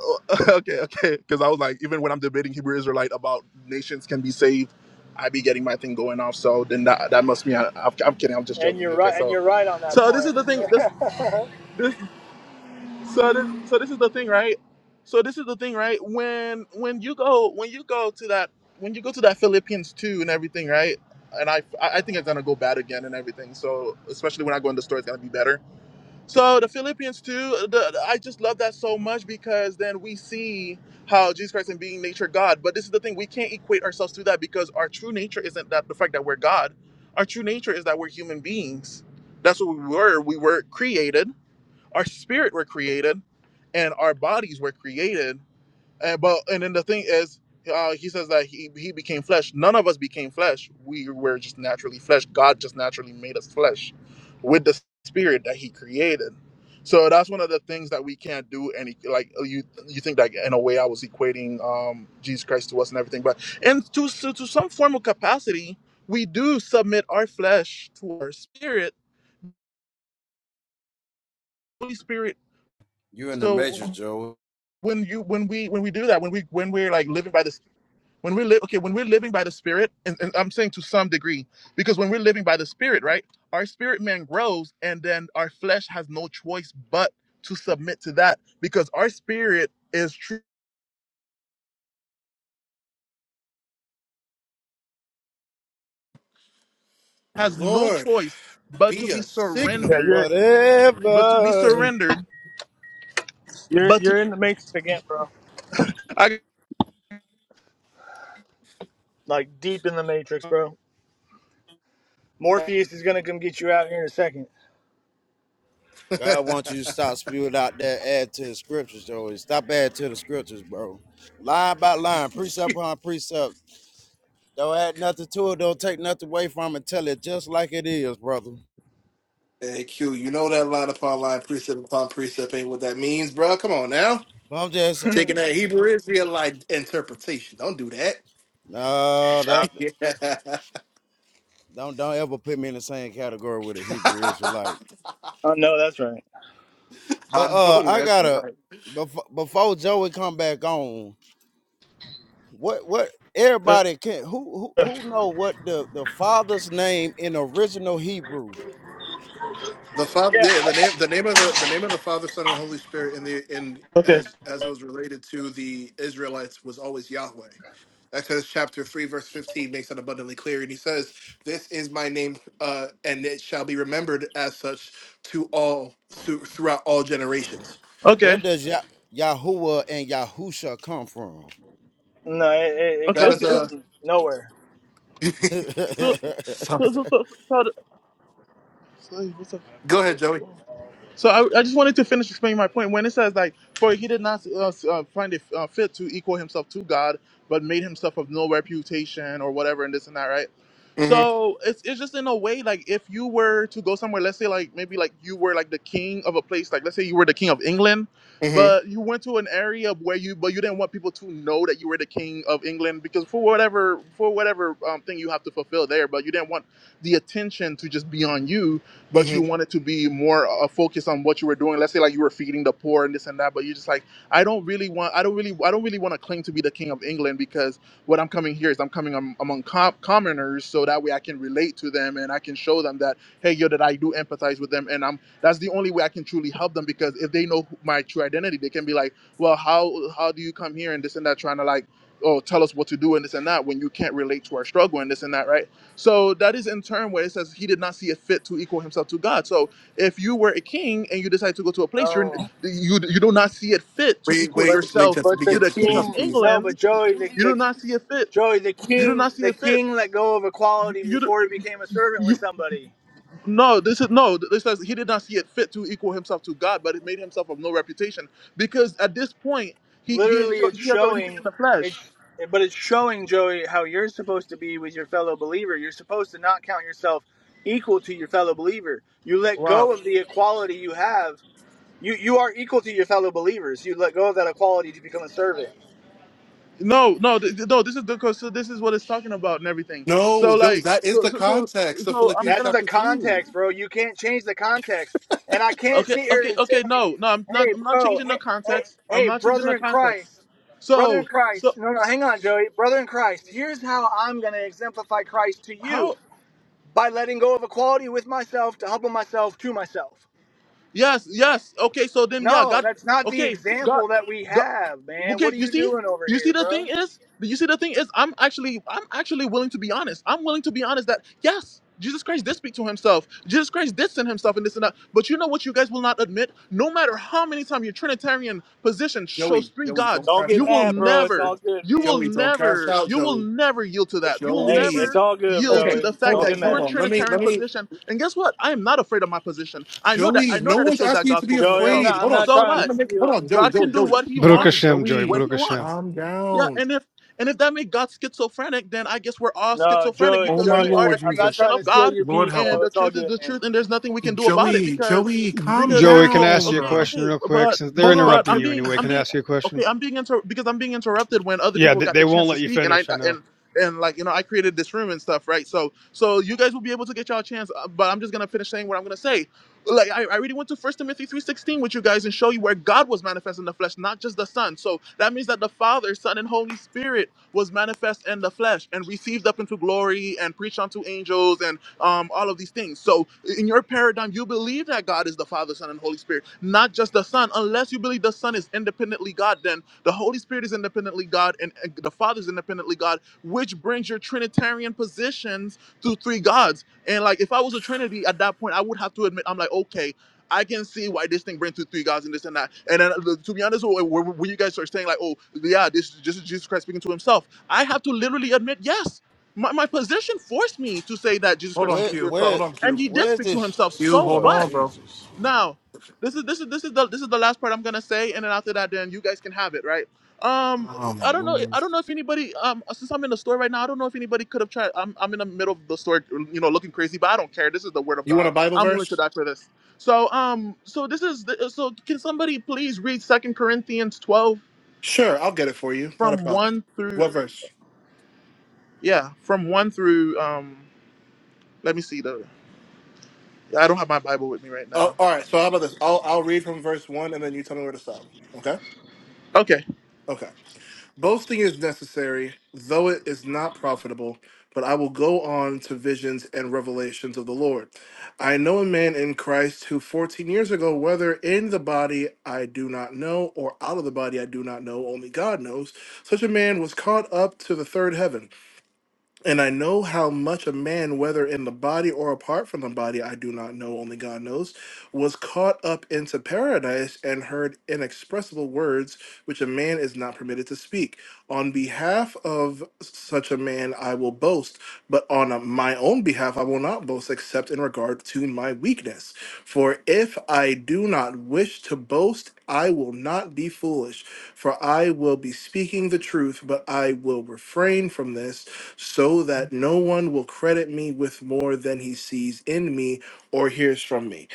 [SPEAKER 1] Oh, okay. Okay. Because I was like, even when I'm debating Hebrew Israelite about nations can be saved. I be getting my thing going off, so then that that must mean I, I'm I'm kidding. I'm just
[SPEAKER 15] And
[SPEAKER 1] joking.
[SPEAKER 15] you're
[SPEAKER 1] Okay,
[SPEAKER 15] right. And
[SPEAKER 1] so
[SPEAKER 15] you're right on that
[SPEAKER 1] so this is
[SPEAKER 15] point.
[SPEAKER 1] the thing. This So this, so this is the thing, right? So this is the thing, right? When when you go when you go to that when you go to that Philippians two and everything, right? And I I I think it's gonna go bad again and everything. So especially when I go in the store, it's gonna be better. So the Philippians two, the, I just love that so much because then we see how Jesus Christ and being nature God. But this is the thing, we can't equate ourselves to that because our true nature isn't that the fact that we're God. Our true nature is that we're human beings. That's what we were. We were created our spirit were created, and our bodies were created. And but and then the thing is, uh, he says that he he became flesh. None of us became flesh. We were just naturally flesh. God just naturally made us flesh with the spirit that He created. So that's one of the things that we can't do. Any like you you think that in a way I was equating um, Jesus Christ to us and everything, but and to, to to some form of capacity, we do submit our flesh to our spirit, Holy Spirit.
[SPEAKER 4] You're in the major,
[SPEAKER 1] So
[SPEAKER 4] Joe.
[SPEAKER 1] when you when we when we do that when we when we're like living by this when we live, okay when we're living by the spirit and, and i'm saying to some degree because when we're living by the spirit right our spirit man grows and then our flesh has no choice but to submit to that because our spirit is true has no
[SPEAKER 12] Lord,
[SPEAKER 1] choice but to
[SPEAKER 12] be
[SPEAKER 1] be
[SPEAKER 12] a signal.
[SPEAKER 15] Yeah,
[SPEAKER 1] surrendered
[SPEAKER 15] you're
[SPEAKER 1] but to be
[SPEAKER 4] Whatever.
[SPEAKER 1] surrendered
[SPEAKER 15] you're
[SPEAKER 1] but to
[SPEAKER 15] you're in the matrix again, bro.
[SPEAKER 1] I,
[SPEAKER 15] Like deep in the matrix, bro. Morpheus is gonna come get you out here in a second.
[SPEAKER 4] God wants you to stop spewing out there, add to the scriptures, Joey. Stop adding to the scriptures, bro. Line by line, precept upon precept. Don't add nothing to it. Don't take nothing away from it. Tell it just like it is, brother.
[SPEAKER 12] Hey, Q, you know that line upon line, precept upon precept ain't what that means, bro. Come on now.
[SPEAKER 4] But I'm just
[SPEAKER 12] Taking that Hebrew Israelite interpretation. Don't do that.
[SPEAKER 4] no. that.
[SPEAKER 12] Yeah.
[SPEAKER 4] Don't don't ever put me in the same category with a Hebrew Israelite.
[SPEAKER 15] Oh no, that's right.
[SPEAKER 4] But
[SPEAKER 12] I
[SPEAKER 4] uh,
[SPEAKER 12] know
[SPEAKER 4] I
[SPEAKER 12] that's
[SPEAKER 4] gotta
[SPEAKER 12] right.
[SPEAKER 4] before before Joey come back on. What what
[SPEAKER 1] uh,
[SPEAKER 4] everybody can who who who know what the the father's name in original Hebrew?
[SPEAKER 12] The father,
[SPEAKER 15] Yeah,
[SPEAKER 12] the,
[SPEAKER 15] I
[SPEAKER 12] the name, the name of the, the name of the Father, Son, and Holy Spirit, in the in
[SPEAKER 1] okay
[SPEAKER 12] as as it was related to the Israelites, was always Yahweh. Exodus chapter three, verse fifteen makes that abundantly clear, and he says, "This is my name, uh, and it shall be remembered as such to all to, throughout all generations."
[SPEAKER 4] Where
[SPEAKER 1] okay
[SPEAKER 4] does Yah Yahuwah and Yahusha come from?
[SPEAKER 15] no, it, it, it
[SPEAKER 1] okay
[SPEAKER 12] That
[SPEAKER 15] comes
[SPEAKER 12] is
[SPEAKER 1] okay
[SPEAKER 12] a.
[SPEAKER 15] from nowhere.
[SPEAKER 1] so
[SPEAKER 12] so,
[SPEAKER 1] so so so, so, so, so what's up
[SPEAKER 12] go ahead, Joey.
[SPEAKER 1] So I, I just wanted to finish explaining my point. When it says like, for he did not uh, uh, find it uh, fit to equal himself to God, but made himself of no reputation or whatever, and this and that, right?
[SPEAKER 12] Mm-hmm,
[SPEAKER 1] So it's it's just in a way like if you were to go somewhere, let's say like maybe like you were like the king of a place, like let's say you were the king of England,
[SPEAKER 12] mm-hmm,
[SPEAKER 1] but you went to an area where you but you didn't want people to know that you were the king of England because for whatever for whatever um, thing you have to fulfill there, but you didn't want the attention to just be on you but you
[SPEAKER 12] hmm
[SPEAKER 1] wanted to be more uh, focused on what you were doing. Let's say like you were feeding the poor and this and that, but you're just like, I don't really want, I don't really, I don't really want to claim to be the king of England because what I'm coming here is I'm coming am- among com- commoners, so that way I can relate to them and I can show them that hey, yo, that I do empathize with them, and I'm that's the only way I can truly help them because if they know who- my true identity, they can be like, well, how how do you come here and this and that, trying to like. Oh, tell us what to do and this and that when you can't relate to our struggle and this and that, right? So that is in turn where it says he did not see it fit to equal himself to God. So if you were a king and you decide to go to a place, you're,
[SPEAKER 15] No,
[SPEAKER 1] you you do not see it fit to
[SPEAKER 12] Wait,
[SPEAKER 1] equal
[SPEAKER 15] but
[SPEAKER 12] wait, wait,
[SPEAKER 1] yourself
[SPEAKER 12] Jesse,
[SPEAKER 15] but
[SPEAKER 12] we
[SPEAKER 15] the
[SPEAKER 1] to
[SPEAKER 12] get
[SPEAKER 1] the
[SPEAKER 12] this,
[SPEAKER 1] king of
[SPEAKER 12] please,
[SPEAKER 15] king.
[SPEAKER 12] please.
[SPEAKER 15] No,
[SPEAKER 1] England.
[SPEAKER 15] but Joey, the,
[SPEAKER 1] You do
[SPEAKER 15] the
[SPEAKER 1] not see it fit.
[SPEAKER 15] Joey, the
[SPEAKER 1] You do
[SPEAKER 15] king,
[SPEAKER 1] not see
[SPEAKER 15] the
[SPEAKER 1] it fit.
[SPEAKER 15] king let go of
[SPEAKER 1] You,
[SPEAKER 15] equality
[SPEAKER 1] you, do-
[SPEAKER 15] before he became a servant with
[SPEAKER 1] you
[SPEAKER 15] somebody.
[SPEAKER 1] no. This is no. This says he did not see it fit to equal himself to God, but it made himself of no reputation because at this point he he
[SPEAKER 15] literally
[SPEAKER 1] he,
[SPEAKER 15] it's
[SPEAKER 1] he has already taken
[SPEAKER 15] showing
[SPEAKER 1] the
[SPEAKER 15] it's
[SPEAKER 1] flesh.
[SPEAKER 15] but it's showing joey how you're supposed to be with your fellow believer you're supposed to not count yourself equal to your fellow believer you let
[SPEAKER 1] Wow.
[SPEAKER 15] go of the equality you have you you are equal to your fellow believers you let go of that equality to become a servant
[SPEAKER 1] No, no, th- th- no. This is because so this is what it's talking about and everything.
[SPEAKER 12] No,
[SPEAKER 1] So
[SPEAKER 12] Joey,
[SPEAKER 1] like,
[SPEAKER 12] that is
[SPEAKER 1] so
[SPEAKER 12] the
[SPEAKER 1] so so
[SPEAKER 12] context of
[SPEAKER 1] so I'm
[SPEAKER 12] Philippians
[SPEAKER 15] that's
[SPEAKER 1] gonna.
[SPEAKER 15] the
[SPEAKER 12] chapter two.
[SPEAKER 15] context bro you can't change the context and i can't
[SPEAKER 1] Okay,
[SPEAKER 15] sit here
[SPEAKER 1] okay,
[SPEAKER 15] and say
[SPEAKER 1] okay. No, no. I'm not.
[SPEAKER 15] hey
[SPEAKER 1] I'm not
[SPEAKER 15] bro
[SPEAKER 1] changing
[SPEAKER 15] hey
[SPEAKER 1] the
[SPEAKER 15] hey,
[SPEAKER 1] context. I'm
[SPEAKER 15] hey
[SPEAKER 1] not changing
[SPEAKER 15] brother
[SPEAKER 1] the
[SPEAKER 15] in
[SPEAKER 1] context.
[SPEAKER 15] christ brother in
[SPEAKER 1] So
[SPEAKER 15] Christ,
[SPEAKER 1] so
[SPEAKER 15] no, no, hang on, Joey. Brother in Christ, here's how I'm going to exemplify Christ to you
[SPEAKER 1] how?
[SPEAKER 15] by letting go of equality with myself to humble myself to myself.
[SPEAKER 1] Yes, yes. Okay. So then, yeah.
[SPEAKER 15] No,
[SPEAKER 1] God.
[SPEAKER 15] that's not the
[SPEAKER 1] Okay. God.
[SPEAKER 15] example that we
[SPEAKER 1] God.
[SPEAKER 15] have, man.
[SPEAKER 1] Okay,
[SPEAKER 15] What are
[SPEAKER 1] you
[SPEAKER 15] you
[SPEAKER 1] see,
[SPEAKER 15] doing over
[SPEAKER 1] you see
[SPEAKER 15] here,
[SPEAKER 1] the
[SPEAKER 15] bro?
[SPEAKER 1] thing is, you see the thing is, I'm actually, I'm actually willing to be honest. I'm willing to be honest that yes, Jesus Christ did speak to himself. Jesus Christ did send himself and this and that. But you know what? You guys will not admit. No matter how many times your Trinitarian position
[SPEAKER 12] Joey,
[SPEAKER 1] shows three
[SPEAKER 12] Joey,
[SPEAKER 1] gods,
[SPEAKER 12] don't
[SPEAKER 15] Don't
[SPEAKER 12] crash
[SPEAKER 15] get
[SPEAKER 1] you
[SPEAKER 12] out.
[SPEAKER 1] will
[SPEAKER 12] Please
[SPEAKER 15] mad,
[SPEAKER 12] don't
[SPEAKER 15] bro.
[SPEAKER 12] crash
[SPEAKER 15] It's
[SPEAKER 1] never,
[SPEAKER 15] all
[SPEAKER 12] out.
[SPEAKER 15] good,
[SPEAKER 1] you
[SPEAKER 15] man.
[SPEAKER 1] will
[SPEAKER 12] Joey, don't crash
[SPEAKER 1] never,
[SPEAKER 12] out,
[SPEAKER 1] you will
[SPEAKER 12] Joey.
[SPEAKER 1] never yield to that. You will
[SPEAKER 15] Hey,
[SPEAKER 12] Joey.
[SPEAKER 15] it's
[SPEAKER 1] never
[SPEAKER 15] all good,
[SPEAKER 1] yield
[SPEAKER 12] Okay,
[SPEAKER 1] to
[SPEAKER 15] Joey.
[SPEAKER 1] the fact
[SPEAKER 12] hold
[SPEAKER 15] Don't
[SPEAKER 12] on,
[SPEAKER 1] that
[SPEAKER 15] get
[SPEAKER 12] hold
[SPEAKER 1] your
[SPEAKER 15] mad.
[SPEAKER 12] on. Let me,
[SPEAKER 1] Trinitarian
[SPEAKER 12] let me.
[SPEAKER 1] position. And guess what? I am not afraid of my position. I know that. I
[SPEAKER 12] Joey,
[SPEAKER 1] know
[SPEAKER 12] no
[SPEAKER 1] that it
[SPEAKER 12] one's
[SPEAKER 1] shows that
[SPEAKER 12] asking you
[SPEAKER 1] God
[SPEAKER 12] to be
[SPEAKER 1] spoke to
[SPEAKER 15] Joey, I'm
[SPEAKER 1] himself.
[SPEAKER 12] afraid.
[SPEAKER 15] not I'm
[SPEAKER 12] Hold on,
[SPEAKER 15] not
[SPEAKER 1] So
[SPEAKER 12] stop.
[SPEAKER 15] trying
[SPEAKER 1] what?
[SPEAKER 15] to
[SPEAKER 12] Let me- Hold
[SPEAKER 15] steal
[SPEAKER 12] on, Joey,
[SPEAKER 1] God
[SPEAKER 12] Joey,
[SPEAKER 1] can do
[SPEAKER 12] Joey.
[SPEAKER 1] what He
[SPEAKER 17] Baruch
[SPEAKER 1] wants
[SPEAKER 12] Calm,
[SPEAKER 17] Hashem, Joey.
[SPEAKER 1] when
[SPEAKER 12] Joey,
[SPEAKER 17] Baruch
[SPEAKER 1] He
[SPEAKER 17] Hashem.
[SPEAKER 1] wants.
[SPEAKER 12] calm
[SPEAKER 1] Yeah,
[SPEAKER 12] down.
[SPEAKER 1] and if and if that makes God schizophrenic, then I guess we're all
[SPEAKER 15] no,
[SPEAKER 1] schizophrenic
[SPEAKER 15] Joey,
[SPEAKER 12] Oh
[SPEAKER 1] because
[SPEAKER 12] my
[SPEAKER 1] we
[SPEAKER 15] Joey,
[SPEAKER 1] are
[SPEAKER 12] Lord
[SPEAKER 1] the
[SPEAKER 15] I'm not
[SPEAKER 12] Jesus,
[SPEAKER 1] creation
[SPEAKER 15] trying to
[SPEAKER 1] of
[SPEAKER 15] steal
[SPEAKER 1] God,
[SPEAKER 15] your
[SPEAKER 12] Lord
[SPEAKER 15] piece,
[SPEAKER 12] help
[SPEAKER 1] and
[SPEAKER 12] him.
[SPEAKER 15] bro.
[SPEAKER 1] the
[SPEAKER 15] It's all
[SPEAKER 1] truth is
[SPEAKER 15] good,
[SPEAKER 1] the
[SPEAKER 15] man.
[SPEAKER 1] truth, and there's nothing we can do about it
[SPEAKER 12] Joey,
[SPEAKER 1] because
[SPEAKER 12] Joey, calm
[SPEAKER 1] because
[SPEAKER 17] Joey, can I
[SPEAKER 1] because
[SPEAKER 17] ask you a
[SPEAKER 1] okay
[SPEAKER 12] down.
[SPEAKER 17] question
[SPEAKER 1] okay,
[SPEAKER 17] real quick?
[SPEAKER 1] but
[SPEAKER 17] Since they're
[SPEAKER 12] Hold
[SPEAKER 1] but
[SPEAKER 12] on,
[SPEAKER 17] interrupting
[SPEAKER 1] I'm
[SPEAKER 12] Q-
[SPEAKER 17] you
[SPEAKER 1] being
[SPEAKER 17] anyway,
[SPEAKER 1] I'm
[SPEAKER 17] can I
[SPEAKER 1] being
[SPEAKER 17] ask you a
[SPEAKER 1] okay
[SPEAKER 17] question?
[SPEAKER 1] I'm being inter because I'm being interrupted when other
[SPEAKER 17] Yeah,
[SPEAKER 1] people
[SPEAKER 17] they,
[SPEAKER 1] got the
[SPEAKER 17] they won't
[SPEAKER 1] chance to
[SPEAKER 17] let you
[SPEAKER 1] speak, and I
[SPEAKER 17] finish. I know.
[SPEAKER 1] and and like you know I created this room and stuff, right? So so you guys will be able to get y'all a chance, uh, but I'm just gonna finish saying what I'm gonna say like I, I already went to First Timothy three sixteen with you guys and show you where God was manifest in the flesh, not just the Son. So that means that the Father, Son, and Holy Spirit was manifest in the flesh and received up into glory and preached unto angels and um all of these things. So in your paradigm, you believe that God is the Father, Son, and Holy Spirit, not just the Son. Unless you believe the Son is independently God, then the Holy Spirit is independently God and and the Father is independently God, which brings your Trinitarian positions to three gods. And like, if I was a Trinity at that point, I would have to admit, I'm like, okay, I can see why this thing brings to three gods and this and that. And then, uh, to be honest, when when- when you guys are saying like, oh, yeah, this, this is Jesus Christ speaking to himself, I have to literally admit, yes. My, my position forced me to say that Jesus
[SPEAKER 12] hold
[SPEAKER 1] Christ was
[SPEAKER 12] on,
[SPEAKER 4] where
[SPEAKER 1] speaking to
[SPEAKER 12] Q,
[SPEAKER 1] himself,
[SPEAKER 4] where
[SPEAKER 12] hold on,
[SPEAKER 1] and
[SPEAKER 12] Q,
[SPEAKER 1] he did
[SPEAKER 4] where's
[SPEAKER 1] speak to
[SPEAKER 4] this?
[SPEAKER 1] himself.
[SPEAKER 12] Q,
[SPEAKER 1] So
[SPEAKER 12] hold
[SPEAKER 4] Lord
[SPEAKER 1] what?
[SPEAKER 12] on, bro.
[SPEAKER 4] Jesus.
[SPEAKER 1] Now, this is this is this is the this is the last part I'm gonna say, and then after that, then you guys can have it, right? Um,
[SPEAKER 12] Oh my
[SPEAKER 1] I don't know. I
[SPEAKER 12] Lord.
[SPEAKER 1] don't know if anybody. Um, since I'm in the store right now, I don't know if anybody could have tried. I'm I'm in the middle of the store, you know, looking crazy, but I don't care. This is the word of
[SPEAKER 12] You want
[SPEAKER 1] God.
[SPEAKER 12] a Bible
[SPEAKER 1] I'm willing to
[SPEAKER 12] verse?
[SPEAKER 1] die for this. So um, so this is the, so. Can somebody please read Second Corinthians 12
[SPEAKER 12] Sure, I'll get it for you. Not a
[SPEAKER 1] from
[SPEAKER 12] problem.
[SPEAKER 1] one through
[SPEAKER 12] What verse?
[SPEAKER 1] yeah from one through um. Let me see the. I don't have my Bible with me right now.
[SPEAKER 12] Oh, all right. So how about this? I'll I'll read from verse one, and then you tell me where to stop. Okay.
[SPEAKER 1] Okay.
[SPEAKER 12] Okay. Boasting is necessary, though it is not profitable. But I will go on to visions and revelations of the Lord. I know a man in Christ who 14 years ago, whether in the body I do not know, or out of the body I do not know, only God knows, such a man was caught up to the third heaven. And I know how much a man, whether in the body or apart from the body, I do not know, only God knows, was caught up into paradise and heard inexpressible words which a man is not permitted to speak. On behalf of such a man, I will boast, but on uh, my own behalf, I will not boast except in regard to my weakness. For if I do not wish to boast, I will not be foolish, for I will be speaking the truth, but I will refrain from this so that no one will credit me with more than he sees in me or hears from me.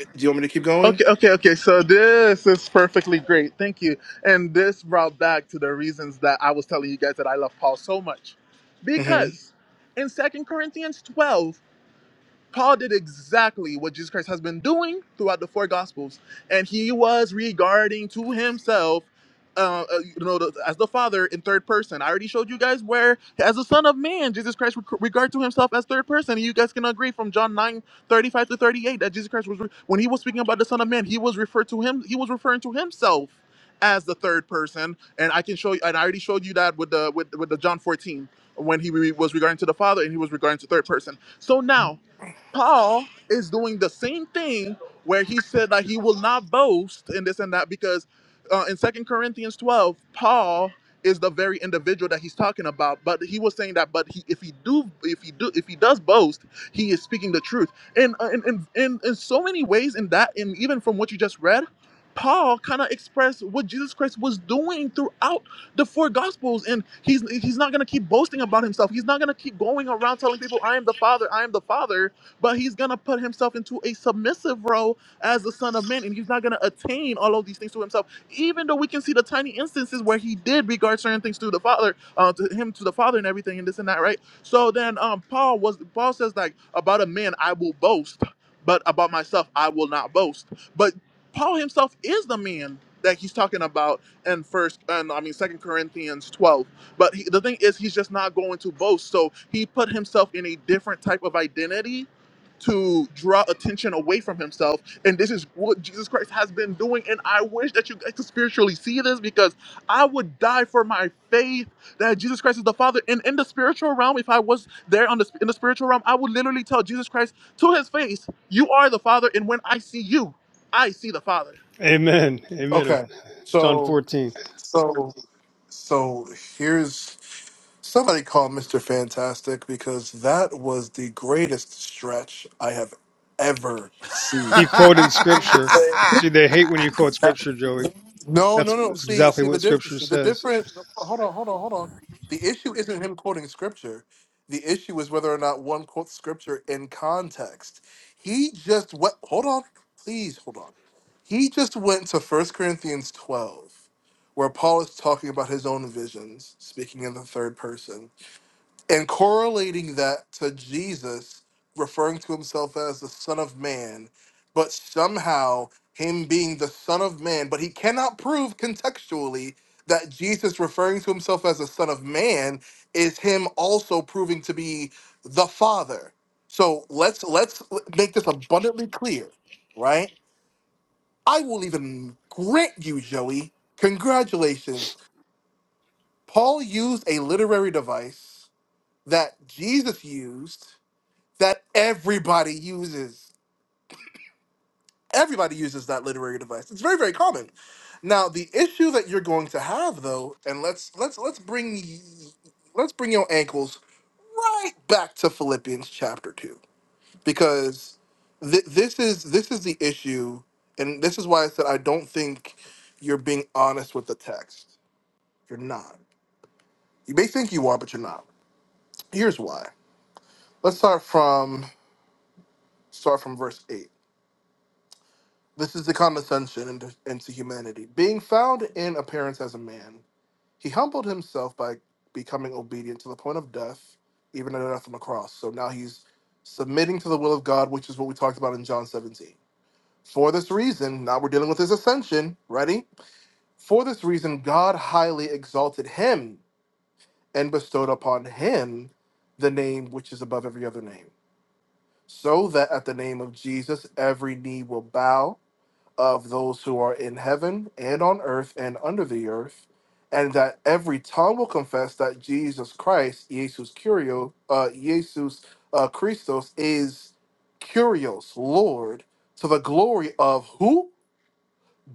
[SPEAKER 12] Do you want me to keep going?
[SPEAKER 1] Okay, okay, okay. So this is perfectly great. Thank you. And this brought back to the reasons that I was telling you guys that I love Paul so much.
[SPEAKER 12] hmm
[SPEAKER 1] Because in Second Corinthians 12, Paul did exactly what Jesus Christ has been doing throughout the four Gospels, and he was regarding to himself, uh, uh, you know, the, as the Father in third person. I already showed you guys where, as the Son of Man, Jesus Christ reg- regard to himself as third person. And You guys can agree from John 9 35 to 38 that Jesus Christ was re- when he was speaking about the Son of Man, he was referred to him, he was referring to himself as the third person, and I can show you, and I already showed you that with the with, with the John 14 when he re- was regarding to the Father and he was regarding to third person. So now Paul is doing the same thing where he said that he will not boast in this and that because uh, in Second Corinthians 12, Paul is the very individual that he's talking about. But he was saying that, but he, if he do, if he do, if he does boast, he is speaking the truth. And uh, in in, in, in so many ways, in that, and even from what you just read, Paul kind of expressed what Jesus Christ was doing throughout the four gospels and he's he's not going to keep boasting about himself he's not going to keep going around telling people i am the father i am the father but he's going to put himself into a submissive role as the Son of Man, and he's not going to attain all of these things to himself. Even though we can see the tiny instances where he did regard certain things to the Father, uh, to him to the Father, and everything, and this and that, right? So then, um, Paul was Paul says like about a man I will boast, but about myself I will not boast. But Paul himself is the man that he's talking about in first and I mean second Corinthians 12. But he, the thing is he's just not going to boast. So he put himself in a different type of identity to draw attention away from himself. And this is what Jesus Christ has been doing. And I wish that you guys could spiritually see this because I would die for my faith that Jesus Christ is the Father. And in the spiritual realm, if I was there on the in the spiritual realm, I would literally tell Jesus Christ to his face, "You are the Father, and when I see you, I see the Father."
[SPEAKER 17] Amen. Amen.
[SPEAKER 12] Okay.
[SPEAKER 17] John
[SPEAKER 12] So,
[SPEAKER 17] 14.
[SPEAKER 12] so, so here's somebody called Mr. Fantastic because that was the greatest stretch I have ever
[SPEAKER 17] He
[SPEAKER 12] seen.
[SPEAKER 17] quoted scripture.
[SPEAKER 15] Seriously.
[SPEAKER 17] See, they hate when you quote scripture, Joey.
[SPEAKER 12] No,
[SPEAKER 17] That's,
[SPEAKER 12] no, no.
[SPEAKER 17] that's
[SPEAKER 12] See,
[SPEAKER 17] exactly
[SPEAKER 12] see the
[SPEAKER 17] what
[SPEAKER 12] difference.
[SPEAKER 17] scripture
[SPEAKER 12] The
[SPEAKER 17] says.
[SPEAKER 12] difference. Hold on, hold on, hold on. The issue isn't him quoting scripture. The issue is whether or not one quotes scripture in context. He just went. Hold on, please hold on. He just went to First Corinthians twelve, where Paul is talking about his own visions, speaking in the third person and correlating that to Jesus referring to himself as the Son of Man, but somehow him being the Son of Man, but he cannot prove contextually that Jesus referring to himself as the Son of Man is him also proving to be the Father. So let's let's make this abundantly clear, right? I will even grant you, Joey. Congratulations. Paul used a literary device that Jesus used that everybody uses. Everybody uses that literary device. It's very, very common. Now, the issue that you're going to have, though, and let's let's let's bring y- let's bring your ankles right back to Philippians chapter two, because th- this is this is the issue, and this is why I said I don't think you're being honest with the text. You're not. You may think you are, but you're not. Here's why. Let's start from start from verse eight. This is the condescension into, into humanity. Being found in appearance as a man, he humbled himself by becoming obedient to the point of death, even at death on the cross. So now he's submitting to the will of God, which is what we talked about in John 17. For this reason, now we're dealing with his ascension. Ready? For this reason, God highly exalted him and bestowed upon him the name which is above every other name, so that at the name of Jesus, every knee will bow of those who are in heaven and on earth and under the earth, and that every tongue will confess that Jesus Christ, Jesus Curio, uh, Jesus uh, Christos, is Curios, Lord, to the glory of who?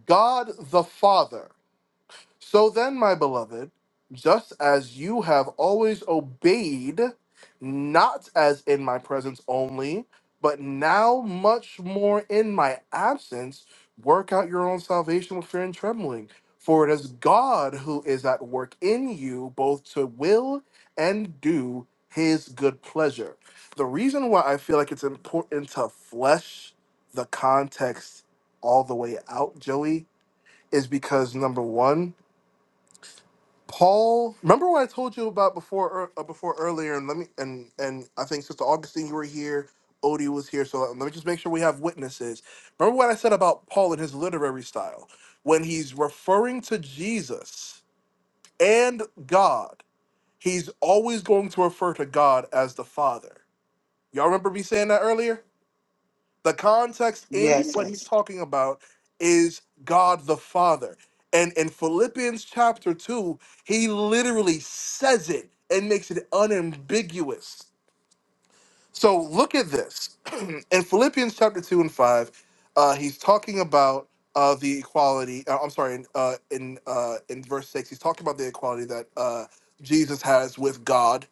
[SPEAKER 12] God the Father. So then, my beloved, just as you have always obeyed, not as in my presence only, but now much more in my absence, work out your own salvation with fear and trembling. For it is God who is at work in you, both to will and do his good pleasure. The reason why I feel like it's important to flesh the context all the way out, Joey, is because number one, Paul, remember what I told you about before ear- uh, before earlier, and let me and and I think Sister Augustine, you were here, Odie was here, so uh, let me just make sure we have witnesses. Remember what I said about Paul and his literary style when he's referring to Jesus and God, he's always going to refer to God as the Father. Y'all remember me saying that earlier? The context in
[SPEAKER 5] Yes,
[SPEAKER 12] what he's
[SPEAKER 5] yes.
[SPEAKER 12] talking about is God the Father. And in Philippians chapter 2, he literally says it and makes it unambiguous. So look at this. in Philippians chapter 2 and 5, uh, he's talking about uh, the equality. Uh, I'm sorry, in, uh, in, uh, in verse 6, he's talking about the equality that uh, Jesus has with God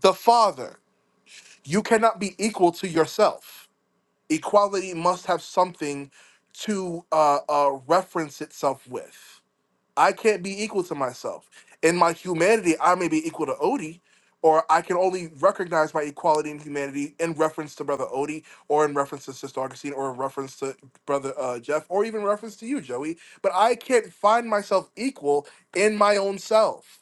[SPEAKER 12] the Father. You cannot be equal to yourself equality must have something to uh, uh, reference itself with. I can't be equal to myself. In my humanity, I may be equal to Odie, or I can only recognize my equality in humanity in reference to Brother Odie, or in reference to Sister Augustine, or in reference to Brother uh, Jeff, or even reference to you, Joey. But I can't find myself equal in my own self.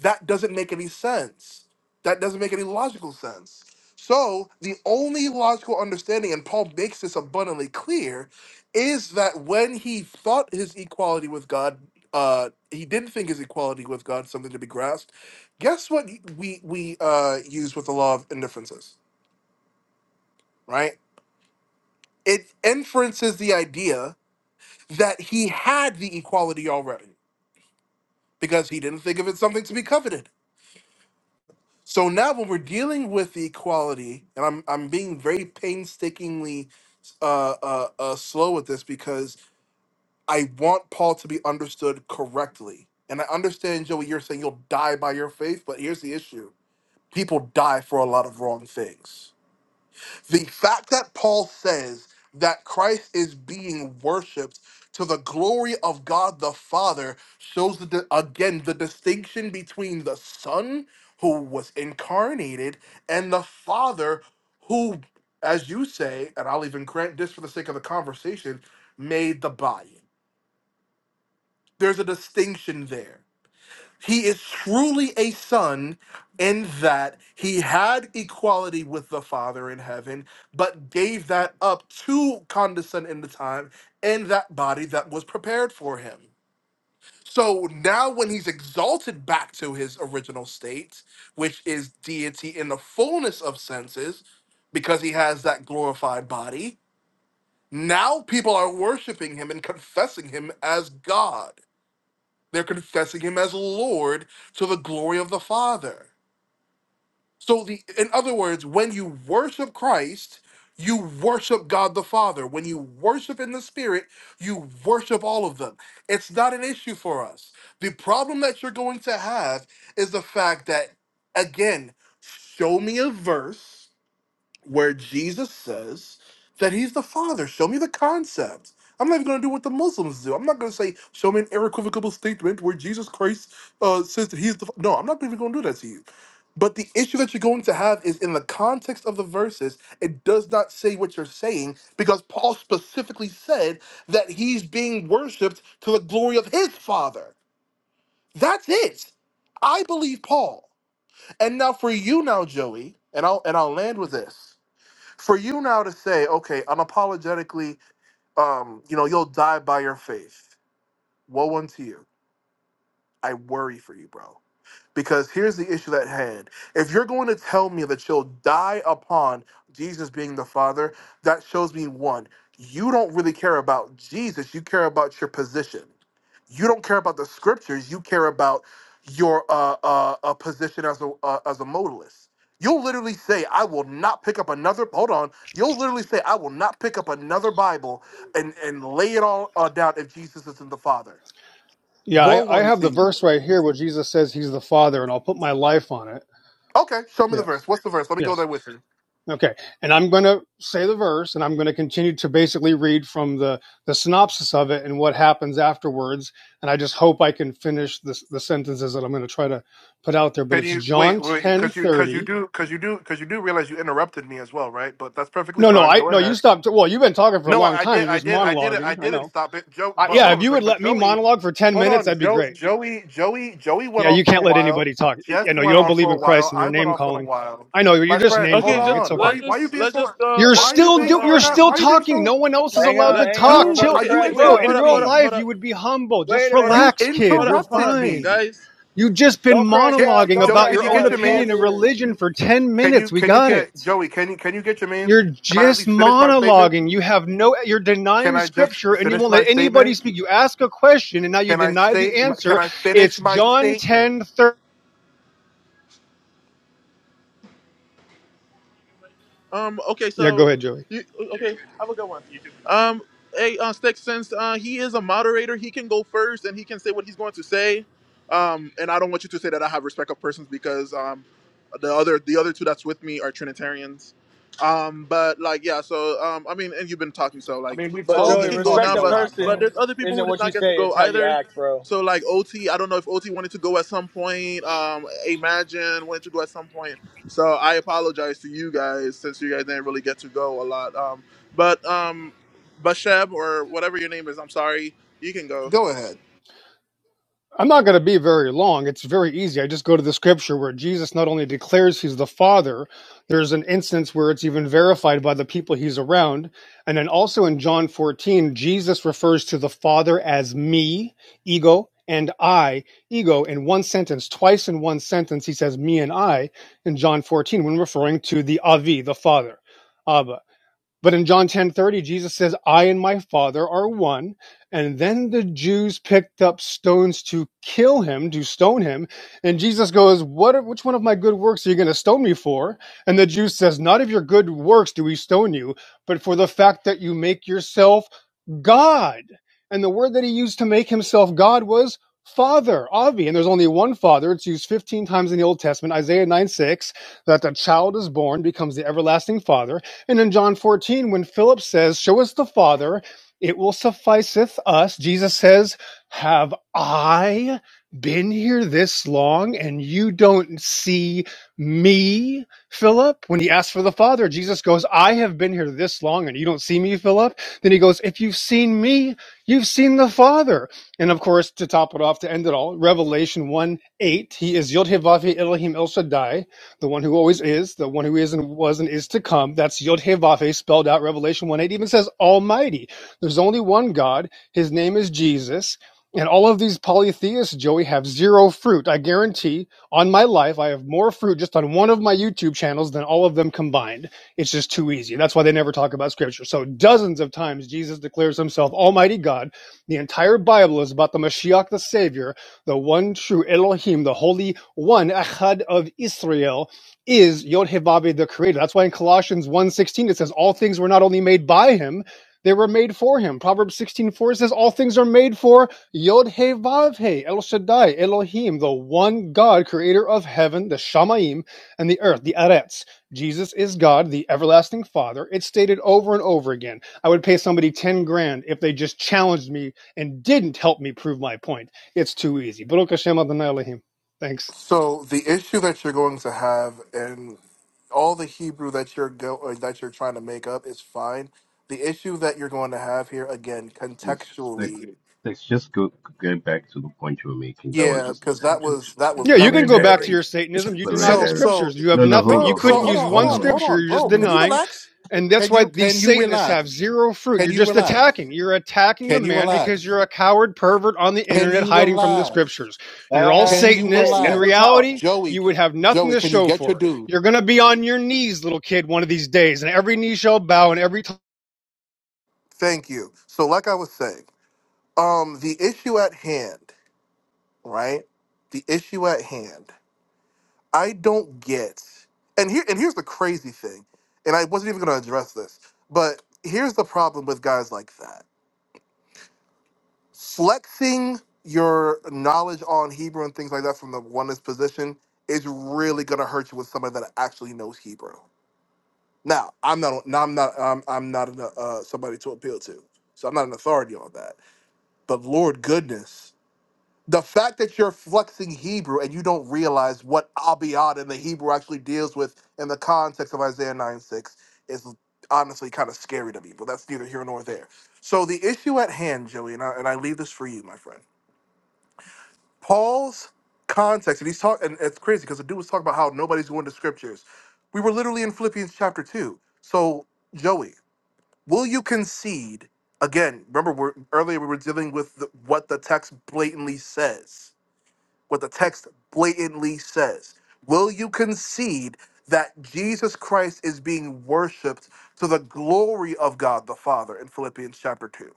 [SPEAKER 12] That doesn't make any sense. That doesn't make any logical sense. So, the only logical understanding, and Paul makes this abundantly clear, is that when he thought his equality with God uh he did think his equality with god something to be grasped guess what we we uh use with the law of indifferences right it inferences the idea that he had the equality already because he didn't think of it something to be coveted so now when we're dealing with the equality and i'm i'm being very painstakingly uh, uh, uh, slow with this because I want Paul to be understood correctly. And I understand, Joey, you're saying you'll die by your faith, but here's the issue. people die for a lot of wrong things. The fact that Paul says that Christ is being worshiped to the glory of God the Father shows the, di- again the distinction between the Son who was incarnated and the Father who as you say and I'll even grant this for the sake of the conversation made the body. There's a distinction there he is truly a son in that he had equality with the Father in heaven, but gave that up to condescend in the time in that body that was prepared for him. So now, when he's exalted back to his original state, which is deity in the fullness of senses, because he has that glorified body, now people are worshiping him and confessing him as God. They're confessing him as Lord to the glory of the Father. So the in other words, when you worship Christ, you worship God the Father. When you worship in the Spirit, you worship all of them. It's not an issue for us. The problem that you're going to have is the fact that again, show me a verse where Jesus says that he's the Father. Show me the concept. I'm not even going to do what the Muslims do. I'm not going to say, show me an irrevocable statement where Jesus Christ uh, says that he's the. F-" No, I'm not even going to do that to you. But the issue that you're going to have is in the context of the verses, it does not say what you're saying because Paul specifically said that he's being worshipped to the glory of his Father. That's it. I believe Paul. And now for you, now Joey, and I'll and I'll land with this for you now to say, okay, unapologetically, um, you know, you'll die by your faith. Woe unto you. I worry for you, bro. Because here's the issue at hand. If you're going to tell me that you'll die upon Jesus being the Father, that shows me one, you don't really care about Jesus, you care about your position. You don't care about the scriptures, you care about your uh, uh, uh, position as a, uh, as a modalist. You'll literally say, I will not pick up another, hold on, you'll literally say, I will not pick up another Bible and, and lay it all uh, down if Jesus isn't the Father.
[SPEAKER 17] Yeah,
[SPEAKER 12] Woe
[SPEAKER 17] I, I have
[SPEAKER 12] unto
[SPEAKER 17] the verse
[SPEAKER 12] you.
[SPEAKER 17] right here where Jesus says he's the Father, and I'll put my life on it.
[SPEAKER 12] Okay, show me the verse.
[SPEAKER 17] Yes.
[SPEAKER 12] What's the verse? Let me go
[SPEAKER 17] Yes.
[SPEAKER 12] there with you.
[SPEAKER 17] Okay, and I'm going to say the verse, and I'm going to continue to basically read from the the synopsis of it and what happens afterwards. And I just hope I can finish the the sentences that I'm going to try to put out there. But
[SPEAKER 12] Can
[SPEAKER 17] it's
[SPEAKER 12] you wait,
[SPEAKER 17] John
[SPEAKER 12] wait,
[SPEAKER 17] ten
[SPEAKER 12] because you because you
[SPEAKER 17] thirty.
[SPEAKER 12] do because you do because you do realize you interrupted me as well, right? But that's perfectly
[SPEAKER 17] No, no,
[SPEAKER 12] fine.
[SPEAKER 17] I
[SPEAKER 12] Go
[SPEAKER 17] no. You
[SPEAKER 12] ahead.
[SPEAKER 17] stopped. Well, you've been talking for a
[SPEAKER 12] No, I,
[SPEAKER 17] long
[SPEAKER 12] I
[SPEAKER 17] time.
[SPEAKER 12] did,
[SPEAKER 17] You're
[SPEAKER 12] I
[SPEAKER 17] just
[SPEAKER 12] did, I did it. I
[SPEAKER 17] monologuing. I
[SPEAKER 12] didn't
[SPEAKER 17] know.
[SPEAKER 12] stop it, Joe.
[SPEAKER 17] I,
[SPEAKER 12] But
[SPEAKER 17] yeah,
[SPEAKER 12] hold on
[SPEAKER 17] if
[SPEAKER 12] a
[SPEAKER 17] you
[SPEAKER 12] second.
[SPEAKER 17] would
[SPEAKER 12] But
[SPEAKER 17] let me
[SPEAKER 12] Joey,
[SPEAKER 17] monologue for ten
[SPEAKER 12] hold
[SPEAKER 17] minutes,
[SPEAKER 12] on,
[SPEAKER 17] that'd be
[SPEAKER 12] Joe,
[SPEAKER 17] great.
[SPEAKER 12] Joey, Joey, Joey went
[SPEAKER 17] Yeah,
[SPEAKER 12] on
[SPEAKER 17] you can't
[SPEAKER 12] for a
[SPEAKER 17] let
[SPEAKER 12] while.
[SPEAKER 17] anybody talk.
[SPEAKER 12] Jess
[SPEAKER 17] I I know you
[SPEAKER 12] went
[SPEAKER 17] don't
[SPEAKER 12] on
[SPEAKER 17] believe
[SPEAKER 12] for a
[SPEAKER 17] in Christ
[SPEAKER 12] while.
[SPEAKER 17] and you're
[SPEAKER 12] I went
[SPEAKER 17] name
[SPEAKER 12] on for a
[SPEAKER 17] calling.
[SPEAKER 12] while.
[SPEAKER 17] I know you're
[SPEAKER 12] My
[SPEAKER 17] just
[SPEAKER 12] friend,
[SPEAKER 17] name
[SPEAKER 12] hold
[SPEAKER 1] Okay,
[SPEAKER 17] calling.
[SPEAKER 1] just
[SPEAKER 17] It's
[SPEAKER 12] on. Why,
[SPEAKER 17] okay.
[SPEAKER 12] are
[SPEAKER 1] let's
[SPEAKER 12] you- why are you
[SPEAKER 1] just
[SPEAKER 12] being
[SPEAKER 1] let's
[SPEAKER 12] so?
[SPEAKER 1] just go
[SPEAKER 17] You're
[SPEAKER 12] Why
[SPEAKER 1] let's
[SPEAKER 12] are
[SPEAKER 1] just
[SPEAKER 12] you
[SPEAKER 17] still
[SPEAKER 1] go
[SPEAKER 12] being
[SPEAKER 17] do
[SPEAKER 12] so?
[SPEAKER 17] you're
[SPEAKER 1] um
[SPEAKER 12] ina-
[SPEAKER 17] still
[SPEAKER 12] Why are you being
[SPEAKER 17] talking.
[SPEAKER 12] so?
[SPEAKER 17] No one else is
[SPEAKER 15] Hang
[SPEAKER 17] allowed to
[SPEAKER 15] on,
[SPEAKER 1] let
[SPEAKER 15] hang on. We're
[SPEAKER 17] talk.
[SPEAKER 12] Dude,
[SPEAKER 15] about
[SPEAKER 17] Chill.
[SPEAKER 15] to
[SPEAKER 12] are
[SPEAKER 1] okay
[SPEAKER 12] you
[SPEAKER 1] okay
[SPEAKER 15] crash
[SPEAKER 1] wait
[SPEAKER 17] Bro,
[SPEAKER 1] hold
[SPEAKER 17] in
[SPEAKER 15] out.
[SPEAKER 12] interrupted
[SPEAKER 1] up
[SPEAKER 17] real
[SPEAKER 1] hold up
[SPEAKER 12] me?
[SPEAKER 1] hold
[SPEAKER 17] life
[SPEAKER 1] up
[SPEAKER 17] you would be humble. Just
[SPEAKER 15] Wait a
[SPEAKER 1] hold up
[SPEAKER 15] minute.
[SPEAKER 12] You
[SPEAKER 17] relax, kid.
[SPEAKER 1] hold up
[SPEAKER 17] You're
[SPEAKER 1] hold up
[SPEAKER 12] interrupted
[SPEAKER 17] fine.
[SPEAKER 12] me.
[SPEAKER 1] guys
[SPEAKER 17] You've just been
[SPEAKER 15] Don't crash
[SPEAKER 12] Get
[SPEAKER 15] out.
[SPEAKER 17] monologuing
[SPEAKER 15] Don't
[SPEAKER 12] Joey.
[SPEAKER 17] about
[SPEAKER 12] Can
[SPEAKER 15] crash
[SPEAKER 17] your
[SPEAKER 12] you
[SPEAKER 17] own
[SPEAKER 12] get
[SPEAKER 15] out.
[SPEAKER 12] your
[SPEAKER 15] It's all
[SPEAKER 17] opinion and
[SPEAKER 12] man's?
[SPEAKER 15] good.
[SPEAKER 17] religion for 10
[SPEAKER 12] Can you
[SPEAKER 17] minutes. We
[SPEAKER 12] can you
[SPEAKER 17] got it.
[SPEAKER 12] get Joey? Can you can you get your memes?
[SPEAKER 17] You're
[SPEAKER 12] Can I at
[SPEAKER 17] just
[SPEAKER 12] least finish my statement?
[SPEAKER 17] monologuing. You have no you're
[SPEAKER 12] Can
[SPEAKER 17] denying
[SPEAKER 12] I just
[SPEAKER 17] scripture and you
[SPEAKER 12] finish
[SPEAKER 17] won't
[SPEAKER 12] my
[SPEAKER 17] let anybody
[SPEAKER 12] statement?
[SPEAKER 17] speak. You ask a question and now you
[SPEAKER 12] Can I
[SPEAKER 17] deny
[SPEAKER 12] state?
[SPEAKER 17] the
[SPEAKER 12] Can
[SPEAKER 17] answer.
[SPEAKER 12] I finish
[SPEAKER 17] It's
[SPEAKER 12] my
[SPEAKER 17] John
[SPEAKER 12] statement?
[SPEAKER 17] 10 thirty.
[SPEAKER 1] Um. Okay.
[SPEAKER 17] Yeah, go
[SPEAKER 1] So.
[SPEAKER 17] ahead, Joey.
[SPEAKER 1] You, uh, okay. Have a good one. You too. Um. Hey, uh, Stick. Since uh, he is a moderator, he can go first, and he can say what he's going to say. Um. And I don't want you to say that I have respect of persons because um, the other the other two that's with me are Trinitarians. Um. But like, yeah. So um. I mean, and you've been talking, so
[SPEAKER 12] I
[SPEAKER 1] like,
[SPEAKER 12] mean, we've
[SPEAKER 15] But
[SPEAKER 1] so
[SPEAKER 12] all
[SPEAKER 1] he
[SPEAKER 15] Joey,
[SPEAKER 12] been
[SPEAKER 1] can go
[SPEAKER 15] respect
[SPEAKER 1] now.
[SPEAKER 12] talking a
[SPEAKER 15] a
[SPEAKER 1] But
[SPEAKER 12] lot,
[SPEAKER 1] but
[SPEAKER 12] though.
[SPEAKER 15] person
[SPEAKER 1] there's other people who
[SPEAKER 15] isn't
[SPEAKER 1] did
[SPEAKER 15] what you
[SPEAKER 1] not get to
[SPEAKER 15] say;
[SPEAKER 1] go
[SPEAKER 15] it's how you
[SPEAKER 1] either.
[SPEAKER 15] act, bro.
[SPEAKER 1] So like OT, I don't know if OT wanted to go at some point. Um, Imagine wanted to go at some point. So I apologize to you guys since you guys didn't really get to go a lot. Um, but um, Basheb or whatever your name is, I'm sorry, you can go.
[SPEAKER 12] Go ahead.
[SPEAKER 17] I'm not going to be very long. It's very easy. I just go to the scripture where Jesus not only declares he's the Father, there's an instance where it's even verified by the people he's around. And then also in John 14, Jesus refers to the Father as me, ego, and I, ego, in one sentence. Twice in one sentence, he says me and I in John 14 when referring to the Avi, the Father, Abba. But in John 10 30, Jesus says, I and my Father are one. And then the Jews picked up stones to kill him, to stone him. And Jesus goes, what, Which one of my good works are you going to stone me for? And the Jew says, Not of your good works do we stone you, but for the fact that you make yourself God. And the word that he used to make himself God was Father, Avi. And there's only one Father. It's used 15 times in the Old Testament, Isaiah 9 6, that the child is born, becomes the everlasting Father. And in John 14, when Philip says, Show us the Father, it will sufficeth us. Jesus says, Have I been here this long and you don't see me, Philip? When he asks for the Father, Jesus goes, I have been here this long and you don't see me, Philip? Then he goes, If you've seen me, you've seen the Father. And of course, to top it off, to end it all, Revelation 1 8, he is Yod Hevavi Elohim El Shaddai, the one who always is, the one who is and was and is to come. That's Yod Hevavi spelled out. Revelation 1 8 even says Almighty. There's only one God. His name is Jesus. And all of these polytheists, Joey, have zero fruit. I guarantee on my life, I have more fruit just on one of my YouTube channels than all of them combined it's just too easy. That's why they never talk about scripture. So dozens of times Jesus declares himself Almighty God. The entire Bible is about the Mashiach, the Savior, the one true Elohim, the Holy One, Echad of Israel, is Yod-Heh-Vav, the Creator. That's why in Colossians one sixteen it says, all things were not only made by him, they were made for him. Proverbs 16.4 says, all things are made for Yod-Heh-Vav-Heh, El Shaddai, Elohim, the one God, creator of heaven, the Shamaim, and the earth, the Aretz. Jesus is God, the everlasting Father. It's stated over and over again. I would pay somebody 10 grand if they just challenged me and didn't help me prove my point. It's too easy. Baruch Hashem Adonai Elohim. Thanks.
[SPEAKER 12] So the issue that you're going to have, and all the Hebrew that you're go or that you're trying to make up is fine. The issue that you're going to have here, again,
[SPEAKER 18] Yes, Sticks,
[SPEAKER 12] contextually,
[SPEAKER 18] Sticks, just go, get back to the point you were making. That was
[SPEAKER 12] yeah,
[SPEAKER 18] just a
[SPEAKER 12] because that
[SPEAKER 18] tangent.
[SPEAKER 12] was that
[SPEAKER 18] It's
[SPEAKER 12] was
[SPEAKER 17] Yeah,
[SPEAKER 18] a
[SPEAKER 12] that
[SPEAKER 17] you
[SPEAKER 12] was
[SPEAKER 17] can
[SPEAKER 18] red
[SPEAKER 17] go back
[SPEAKER 12] terrible.
[SPEAKER 17] to
[SPEAKER 18] herring.
[SPEAKER 17] your Satanism.
[SPEAKER 18] It's
[SPEAKER 17] You
[SPEAKER 18] a
[SPEAKER 17] deny
[SPEAKER 18] red
[SPEAKER 17] the
[SPEAKER 12] So
[SPEAKER 18] herring.
[SPEAKER 12] so
[SPEAKER 17] scriptures. You have
[SPEAKER 18] No, no,
[SPEAKER 17] nothing.
[SPEAKER 18] hold
[SPEAKER 12] no.
[SPEAKER 17] You
[SPEAKER 18] on,
[SPEAKER 12] So
[SPEAKER 18] hold
[SPEAKER 17] couldn't
[SPEAKER 12] hold
[SPEAKER 18] on,
[SPEAKER 17] use
[SPEAKER 12] on, hold
[SPEAKER 17] one
[SPEAKER 18] hold
[SPEAKER 12] on,
[SPEAKER 18] on,
[SPEAKER 12] hold
[SPEAKER 17] scripture.
[SPEAKER 12] on,
[SPEAKER 17] You're just
[SPEAKER 12] bro.
[SPEAKER 18] hold
[SPEAKER 12] Can
[SPEAKER 18] on.
[SPEAKER 12] you
[SPEAKER 17] denying.
[SPEAKER 12] relax?
[SPEAKER 17] And that's
[SPEAKER 12] Can
[SPEAKER 17] why
[SPEAKER 12] you
[SPEAKER 17] these
[SPEAKER 12] can you
[SPEAKER 17] Satanists
[SPEAKER 12] relax?
[SPEAKER 17] have zero fruit.
[SPEAKER 12] Can
[SPEAKER 17] You're
[SPEAKER 12] you
[SPEAKER 17] just
[SPEAKER 12] relax?
[SPEAKER 17] attacking. You're attacking the
[SPEAKER 12] Can you
[SPEAKER 17] man because
[SPEAKER 12] relax?
[SPEAKER 17] you're a coward pervert on the
[SPEAKER 12] Can
[SPEAKER 17] internet
[SPEAKER 12] you
[SPEAKER 17] hiding from the
[SPEAKER 12] relax?
[SPEAKER 17] scriptures. You're all
[SPEAKER 12] Can
[SPEAKER 4] Uh,
[SPEAKER 12] you
[SPEAKER 4] hey,
[SPEAKER 17] Satanists. In
[SPEAKER 4] let her
[SPEAKER 12] relax?
[SPEAKER 4] talk.
[SPEAKER 17] reality,
[SPEAKER 12] Joey,
[SPEAKER 17] you
[SPEAKER 12] c-
[SPEAKER 17] would have nothing
[SPEAKER 12] Joey,
[SPEAKER 17] to
[SPEAKER 12] can you
[SPEAKER 17] show
[SPEAKER 12] get your
[SPEAKER 17] for. it.
[SPEAKER 12] dude?
[SPEAKER 17] You're going to be on your knees, little kid, one of these days, and every knee shall bow and every
[SPEAKER 12] Thank you. So like I was saying, um the issue at hand, right? The issue at hand. I don't get. And here and here's the crazy thing. And I wasn't even going to address this, but here's the problem with guys like that flexing your knowledge on Hebrew and things like that from the oneness position is really gonna hurt you with somebody that actually knows Hebrew. Now, I'm not, now I'm not, I'm, I'm not an, uh, somebody to appeal to, so I'm not an authority on that. But Lord goodness, the fact that you're flexing Hebrew and you don't realize what Abiyad in the Hebrew actually deals with in the context of Isaiah 9 6 is honestly kind of scary to me. But that's neither here nor there. So the issue at hand, Joey, and I, and I leave this for you, my friend Paul's context, and he's talking, and it's crazy because the dude was talking about how nobody's going to scriptures. We were literally in Philippians chapter two. So, Joey, will you concede again? Remember, we're, earlier we were dealing with the, what the text blatantly says. What the text blatantly says. Will you concede that Jesus Christ is being worshipped to the glory of God the Father in Philippians chapter two?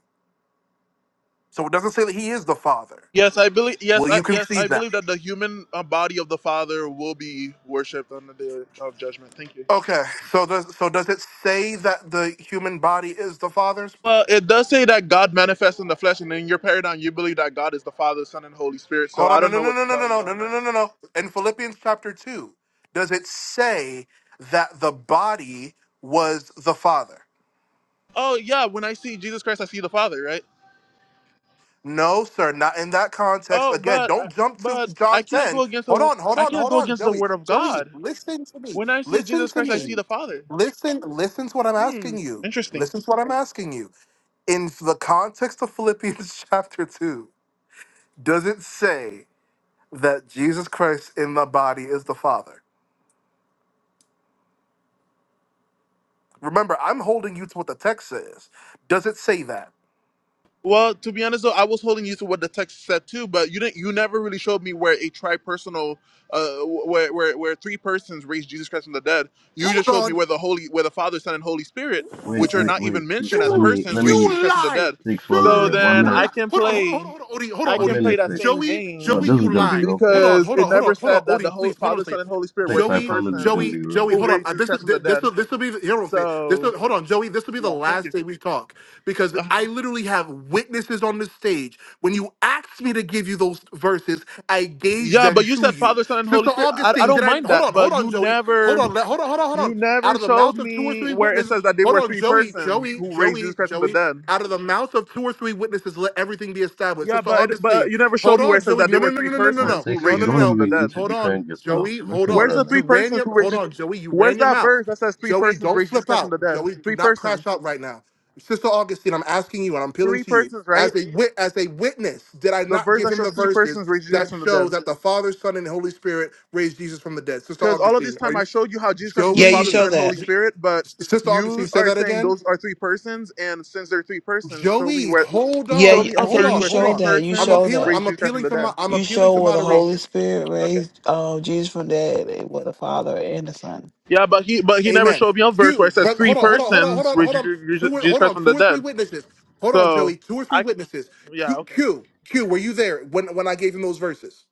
[SPEAKER 12] So it doesn't say that he is the Father.
[SPEAKER 1] Yes, I believe. Yes,
[SPEAKER 12] Will
[SPEAKER 1] I,
[SPEAKER 12] you
[SPEAKER 1] yes, I
[SPEAKER 12] concede that?
[SPEAKER 1] believe that the human uh, body of the Father will be worshipped on the day of judgment. Thank you.
[SPEAKER 12] Okay, so does so does it say that the human body is the father's?
[SPEAKER 1] Well, it does say that God manifests in the flesh, and in your paradigm, you believe that God is the Father, Son, and Holy Spirit. So
[SPEAKER 12] Hold
[SPEAKER 1] I
[SPEAKER 12] on, no,
[SPEAKER 1] don't
[SPEAKER 12] no,
[SPEAKER 1] know
[SPEAKER 12] no,
[SPEAKER 1] what to
[SPEAKER 12] no, no,
[SPEAKER 1] tell
[SPEAKER 12] no,
[SPEAKER 1] you
[SPEAKER 12] no, no,
[SPEAKER 1] on
[SPEAKER 12] no,
[SPEAKER 1] that.
[SPEAKER 12] no, no. no. In Philippians chapter two, does it say that the body was the father?
[SPEAKER 1] Oh yeah, when I see Jesus Christ, I see the Father, right?
[SPEAKER 12] No, sir, not in that context.
[SPEAKER 1] Oh,
[SPEAKER 12] Again,
[SPEAKER 1] but I-
[SPEAKER 12] don't jump to
[SPEAKER 1] but I
[SPEAKER 12] John
[SPEAKER 1] can't go
[SPEAKER 12] ten.
[SPEAKER 1] against
[SPEAKER 12] Hold
[SPEAKER 1] the
[SPEAKER 12] on, hold
[SPEAKER 1] I
[SPEAKER 12] on,
[SPEAKER 1] can't
[SPEAKER 12] hold
[SPEAKER 1] go
[SPEAKER 12] on,
[SPEAKER 1] against the
[SPEAKER 12] Joey.
[SPEAKER 1] Word of
[SPEAKER 12] Joey,
[SPEAKER 1] God.
[SPEAKER 12] listen to me.
[SPEAKER 1] When I see
[SPEAKER 12] Listen
[SPEAKER 1] Jesus
[SPEAKER 12] to
[SPEAKER 1] Christ, I see
[SPEAKER 12] me.
[SPEAKER 1] the Father.
[SPEAKER 12] Listen, listen to what I'm
[SPEAKER 1] Hmm.
[SPEAKER 12] asking you.
[SPEAKER 1] Interesting.
[SPEAKER 12] Listen to what I'm asking you in the context of Philippians chapter 2, does it say that Jesus Christ in the body is the Father. Remember, I'm holding you to what the text says. Does it say that?
[SPEAKER 1] Well, to be honest though, I was holding you to what the text said too, but you didn't. You never really showed me where a tripersonal, uh, where where where three persons raised Jesus Christ from the dead. You
[SPEAKER 12] Hold
[SPEAKER 1] just showed
[SPEAKER 12] on.
[SPEAKER 1] me where the Holy, where the Father, Son, and Holy Spirit,
[SPEAKER 18] Wait,
[SPEAKER 1] which are
[SPEAKER 18] wait,
[SPEAKER 1] not
[SPEAKER 18] wait,
[SPEAKER 1] even
[SPEAKER 18] Sticks.
[SPEAKER 1] mentioned as
[SPEAKER 18] Let
[SPEAKER 12] You
[SPEAKER 18] me,
[SPEAKER 1] persons,
[SPEAKER 18] let
[SPEAKER 1] raised
[SPEAKER 18] me,
[SPEAKER 1] Jesus
[SPEAKER 12] you
[SPEAKER 1] Christ from the
[SPEAKER 12] lied,
[SPEAKER 1] dead.
[SPEAKER 18] Sticks, one
[SPEAKER 1] So
[SPEAKER 12] sir.
[SPEAKER 18] minute, one
[SPEAKER 12] You
[SPEAKER 1] then
[SPEAKER 12] lied.
[SPEAKER 1] I
[SPEAKER 18] minute,
[SPEAKER 1] can
[SPEAKER 12] Hold on, hold on, hold on,
[SPEAKER 1] play,
[SPEAKER 12] hold on, Odie, hold on,
[SPEAKER 1] I
[SPEAKER 18] one
[SPEAKER 1] can
[SPEAKER 12] Odie.
[SPEAKER 1] play
[SPEAKER 18] minute,
[SPEAKER 1] that
[SPEAKER 18] Sticks.
[SPEAKER 1] same
[SPEAKER 12] Joey,
[SPEAKER 18] No,
[SPEAKER 1] game,
[SPEAKER 12] Joey,
[SPEAKER 18] this is
[SPEAKER 12] you
[SPEAKER 18] gonna be
[SPEAKER 12] lied.
[SPEAKER 18] real
[SPEAKER 12] Hold
[SPEAKER 18] quick.
[SPEAKER 12] on,
[SPEAKER 1] because
[SPEAKER 12] hold
[SPEAKER 1] it
[SPEAKER 12] on, hold
[SPEAKER 1] never
[SPEAKER 12] on, hold on,
[SPEAKER 1] said that the
[SPEAKER 12] Odie,
[SPEAKER 1] whole
[SPEAKER 12] please, hold on a
[SPEAKER 1] Father, Son,
[SPEAKER 12] second.
[SPEAKER 1] and Holy Spirit were
[SPEAKER 18] Sticks, I
[SPEAKER 1] three
[SPEAKER 12] Joey,
[SPEAKER 18] promise it's gonna
[SPEAKER 1] persons
[SPEAKER 12] Joey,
[SPEAKER 18] be real
[SPEAKER 12] Joey,
[SPEAKER 1] who
[SPEAKER 12] hold
[SPEAKER 18] quick.
[SPEAKER 12] on.
[SPEAKER 1] raised
[SPEAKER 12] Uh,
[SPEAKER 1] Jesus
[SPEAKER 12] this is
[SPEAKER 1] Christ from the
[SPEAKER 12] this
[SPEAKER 1] dead.
[SPEAKER 12] will this will be here. We'll say this.
[SPEAKER 1] So.
[SPEAKER 12] Will, hold on, Joey. This will be the
[SPEAKER 1] Yeah, thank you.
[SPEAKER 12] last day we talk because
[SPEAKER 1] Uh,
[SPEAKER 12] I literally have witnesses on the stage. When you asked me to give you those verses, I gave
[SPEAKER 1] yeah, but
[SPEAKER 12] them
[SPEAKER 1] you
[SPEAKER 12] to
[SPEAKER 1] said
[SPEAKER 12] you,
[SPEAKER 1] Father, Son, and Holy
[SPEAKER 12] Sister
[SPEAKER 1] Spirit. I, I
[SPEAKER 12] Augustine.
[SPEAKER 1] don't
[SPEAKER 12] Did I?
[SPEAKER 1] mind
[SPEAKER 12] Hold
[SPEAKER 1] that,
[SPEAKER 12] on,
[SPEAKER 1] but
[SPEAKER 12] hold on,
[SPEAKER 1] you
[SPEAKER 12] Joey. Hold
[SPEAKER 1] never
[SPEAKER 12] on, let- hold on, hold on, hold
[SPEAKER 1] you
[SPEAKER 12] on. Out
[SPEAKER 1] never
[SPEAKER 12] of the
[SPEAKER 1] showed
[SPEAKER 12] mouth of two or
[SPEAKER 1] me
[SPEAKER 12] three
[SPEAKER 1] where it
[SPEAKER 12] witnesses,
[SPEAKER 1] says that they
[SPEAKER 12] Hold
[SPEAKER 1] were
[SPEAKER 12] on,
[SPEAKER 1] three
[SPEAKER 12] Joey,
[SPEAKER 1] persons
[SPEAKER 12] Joey,
[SPEAKER 1] who raised Jesus
[SPEAKER 12] Joey,
[SPEAKER 1] Christ from the
[SPEAKER 12] Joey.
[SPEAKER 1] dead.
[SPEAKER 12] Out of the mouth of two or three witnesses, let everything be established.
[SPEAKER 1] Yeah,
[SPEAKER 12] Sister
[SPEAKER 1] but it,
[SPEAKER 12] Augustine.
[SPEAKER 1] but you never showed
[SPEAKER 12] Hold
[SPEAKER 1] me where
[SPEAKER 12] on,
[SPEAKER 1] it says
[SPEAKER 12] Joey.
[SPEAKER 1] that they
[SPEAKER 12] No, no,
[SPEAKER 1] were
[SPEAKER 12] no,
[SPEAKER 1] three
[SPEAKER 12] no, no, no, no,
[SPEAKER 18] Well,
[SPEAKER 1] persons
[SPEAKER 12] no,
[SPEAKER 1] who
[SPEAKER 18] Sticks,
[SPEAKER 12] no,
[SPEAKER 1] raised
[SPEAKER 18] you
[SPEAKER 12] no,
[SPEAKER 1] Jesus
[SPEAKER 12] no.
[SPEAKER 18] don't
[SPEAKER 1] Christ from
[SPEAKER 12] no.
[SPEAKER 1] the
[SPEAKER 18] even need to
[SPEAKER 1] dead.
[SPEAKER 12] Hold on,
[SPEAKER 18] defend yourself.
[SPEAKER 12] Joey. Hold
[SPEAKER 18] Listen,
[SPEAKER 12] on.
[SPEAKER 1] Where's the
[SPEAKER 18] brother.
[SPEAKER 1] three
[SPEAKER 12] You ran
[SPEAKER 1] persons
[SPEAKER 12] your.
[SPEAKER 1] who raised?
[SPEAKER 12] Hold
[SPEAKER 1] Jesus-
[SPEAKER 12] on, Joey. You
[SPEAKER 1] Where's
[SPEAKER 12] ran your
[SPEAKER 1] that
[SPEAKER 12] mouth.
[SPEAKER 1] verse that says three
[SPEAKER 12] Joey,
[SPEAKER 1] persons
[SPEAKER 12] don't
[SPEAKER 1] raised Jesus
[SPEAKER 12] flip
[SPEAKER 1] Christ from
[SPEAKER 12] out.
[SPEAKER 1] the dead?
[SPEAKER 12] Joey, do
[SPEAKER 1] Three
[SPEAKER 12] not
[SPEAKER 1] persons,
[SPEAKER 12] crash out right now. Sister Augustine, I'm asking you, and I'm appealing
[SPEAKER 1] three
[SPEAKER 12] to you
[SPEAKER 1] persons, right?
[SPEAKER 12] as a wit, as a witness. Did I
[SPEAKER 1] The
[SPEAKER 12] not
[SPEAKER 1] verse
[SPEAKER 12] give
[SPEAKER 1] that
[SPEAKER 12] him
[SPEAKER 1] shows
[SPEAKER 12] the
[SPEAKER 1] three
[SPEAKER 12] verses
[SPEAKER 1] persons raised Jesus Christ
[SPEAKER 12] that
[SPEAKER 1] from the dead.
[SPEAKER 12] show that the Father, Son, and Holy Spirit raised Jesus from the dead? Sister
[SPEAKER 1] Because all of this
[SPEAKER 12] Augustine, are
[SPEAKER 1] time
[SPEAKER 12] you
[SPEAKER 1] I showed you how Jesus Christ was the
[SPEAKER 5] Yeah, you
[SPEAKER 1] Father, Son,
[SPEAKER 12] Joey?
[SPEAKER 5] show
[SPEAKER 1] and Holy
[SPEAKER 5] that.
[SPEAKER 1] Spirit, but
[SPEAKER 12] Sister Augustine,
[SPEAKER 1] you
[SPEAKER 12] say
[SPEAKER 1] are
[SPEAKER 12] that
[SPEAKER 1] saying
[SPEAKER 12] again.
[SPEAKER 1] those are three persons, and since they're three persons, show me
[SPEAKER 12] Joey,
[SPEAKER 1] where,
[SPEAKER 12] hold
[SPEAKER 5] Yeah,
[SPEAKER 1] show
[SPEAKER 5] you-
[SPEAKER 12] on,
[SPEAKER 1] me a
[SPEAKER 5] I said
[SPEAKER 12] hold
[SPEAKER 1] verse
[SPEAKER 5] you
[SPEAKER 12] on,
[SPEAKER 1] where
[SPEAKER 12] hold
[SPEAKER 5] show
[SPEAKER 1] three
[SPEAKER 12] on.
[SPEAKER 5] that. You
[SPEAKER 12] I'm
[SPEAKER 5] show
[SPEAKER 1] persons
[SPEAKER 12] appealing.
[SPEAKER 5] that.
[SPEAKER 1] raised
[SPEAKER 12] I'm
[SPEAKER 1] Jesus Christ from
[SPEAKER 12] appealing
[SPEAKER 1] the
[SPEAKER 12] to my.
[SPEAKER 1] dead.
[SPEAKER 12] I'm
[SPEAKER 5] You
[SPEAKER 12] appealing
[SPEAKER 5] show
[SPEAKER 12] to
[SPEAKER 5] where the
[SPEAKER 1] No.
[SPEAKER 5] Holy
[SPEAKER 12] moderation.
[SPEAKER 5] Spirit
[SPEAKER 1] Okay.
[SPEAKER 5] raised uh, Jesus from the dead, it was the Father and the Son.
[SPEAKER 1] Yeah, but he but he never
[SPEAKER 12] Amen.
[SPEAKER 1] showed me a verse where
[SPEAKER 12] Q,
[SPEAKER 1] it says
[SPEAKER 12] brother,
[SPEAKER 1] three
[SPEAKER 12] hold on, hold on, hold on, hold
[SPEAKER 1] persons
[SPEAKER 12] on,
[SPEAKER 1] raised
[SPEAKER 12] hold on.
[SPEAKER 1] Jesus
[SPEAKER 12] Two, or- hold
[SPEAKER 1] Christ
[SPEAKER 12] on,
[SPEAKER 1] from the
[SPEAKER 12] two or three
[SPEAKER 1] dead.
[SPEAKER 12] witnesses. Hold on,
[SPEAKER 1] So
[SPEAKER 12] Joey, two or three
[SPEAKER 1] I
[SPEAKER 12] witnesses.
[SPEAKER 1] yeah
[SPEAKER 12] Q,
[SPEAKER 1] okay.
[SPEAKER 12] Q, Q, were you there when when I gave him those verses?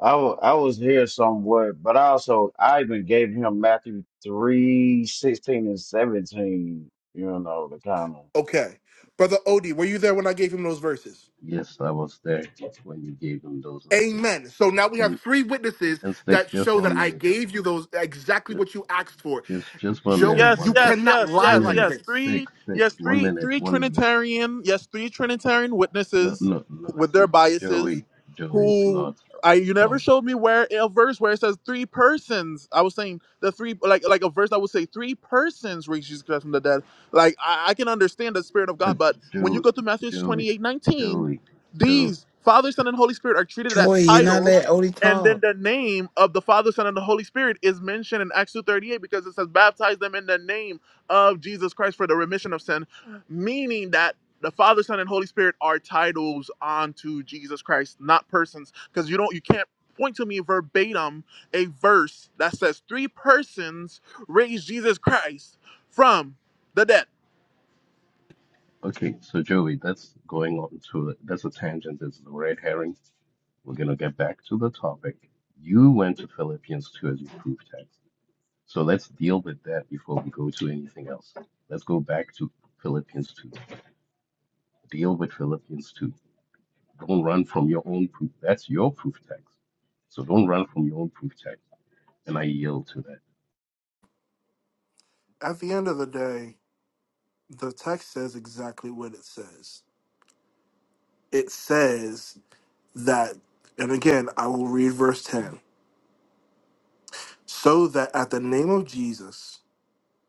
[SPEAKER 4] I wa- I was here somewhat, but I also I even gave him Matthew three sixteen and seventeen. You know the kind of
[SPEAKER 12] Okay, brother Odie, were you there when I gave him those verses?
[SPEAKER 18] Yes, I was there when you gave him those lessons.
[SPEAKER 12] Amen. So now we have
[SPEAKER 18] And,
[SPEAKER 12] three witnesses
[SPEAKER 18] and Sticks,
[SPEAKER 12] that
[SPEAKER 18] just
[SPEAKER 12] show that
[SPEAKER 18] one
[SPEAKER 12] I
[SPEAKER 18] minute.
[SPEAKER 12] gave you those exactly what you asked for.
[SPEAKER 18] Just just one
[SPEAKER 12] Joey,
[SPEAKER 18] minute,
[SPEAKER 1] Yes,
[SPEAKER 18] one
[SPEAKER 12] you
[SPEAKER 18] minute,
[SPEAKER 1] yes,
[SPEAKER 12] cannot
[SPEAKER 1] yes,
[SPEAKER 12] lie
[SPEAKER 18] one
[SPEAKER 1] yes,
[SPEAKER 12] like
[SPEAKER 18] minute,
[SPEAKER 1] yes.
[SPEAKER 12] this.
[SPEAKER 1] Three,
[SPEAKER 18] six, six,
[SPEAKER 1] yes,
[SPEAKER 18] one
[SPEAKER 1] three,
[SPEAKER 18] minute,
[SPEAKER 1] three
[SPEAKER 18] one minute.
[SPEAKER 1] Trinitarian, yes, three Trinitarian
[SPEAKER 18] No,
[SPEAKER 1] witnesses
[SPEAKER 18] no, no,
[SPEAKER 1] with
[SPEAKER 18] it's
[SPEAKER 1] their biases,
[SPEAKER 18] Joey, Joey, it's
[SPEAKER 1] who
[SPEAKER 18] not.
[SPEAKER 1] I you never
[SPEAKER 18] So,
[SPEAKER 1] showed me where a verse where it says three persons. I was saying the three like like a verse that would say three persons raised Jesus Christ from the dead. Like I, I can understand the Spirit of
[SPEAKER 18] but
[SPEAKER 1] God, but when you
[SPEAKER 18] Joe,
[SPEAKER 1] go to Matthew
[SPEAKER 18] Joey,
[SPEAKER 1] twenty eight nineteen,
[SPEAKER 18] Joey, Joe.
[SPEAKER 1] these Father, Son, and Holy Spirit are treated as
[SPEAKER 5] Joy, you're not
[SPEAKER 1] title
[SPEAKER 5] let Odie
[SPEAKER 1] and then
[SPEAKER 5] talk.
[SPEAKER 1] the name of the Father, Son, and the Holy Spirit is mentioned in Acts 2.38 because it says, baptize them in the name of Jesus Christ for the remission of sin, meaning that the Father, Son, and Holy Spirit are titles onto Jesus Christ, not persons. Because you don't you can't point to me verbatim a verse that says three persons raised Jesus Christ from the dead.
[SPEAKER 18] Okay, so Joey, that's going on to that's a tangent. It's the red herring. We're gonna get back to the topic. You went to Philippians two as your proof text, so let's deal with that before we go to anything else. Let's go back to Philippians two. Deal with Philippians two. Don't run from your own proof. That's your proof text. So don't run from your own proof text. And I yield to that.
[SPEAKER 12] at the end of the day, the text says exactly what it says. It says that, and again, I will read verse 10. So that at the name of Jesus,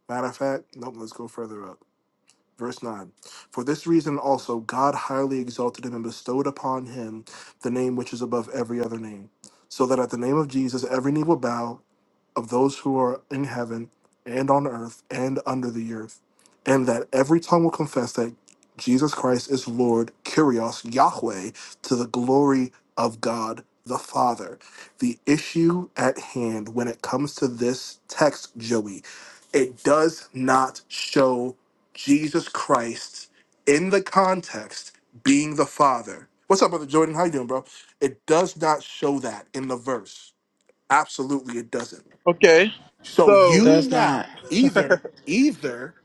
[SPEAKER 12] matter of fact, nope, let's go further up. Verse 9. For this reason also, God highly exalted him and bestowed upon him the name which is above every other name. So that at the name of Jesus, every knee will bow of those who are in heaven and on earth and under the earth, and that every tongue will confess that Jesus Christ is Lord, Kyrios, Yahweh, to the glory of God the Father. The issue at hand when it comes to this text, Joey, it does not show Jesus Christ in the context being the Father. What's up, Brother Jordan? How you doing, bro? It does not show that in the verse. Absolutely, it doesn't.
[SPEAKER 1] Okay.
[SPEAKER 12] So
[SPEAKER 1] So
[SPEAKER 12] you
[SPEAKER 5] Does
[SPEAKER 12] now
[SPEAKER 5] not.
[SPEAKER 12] either either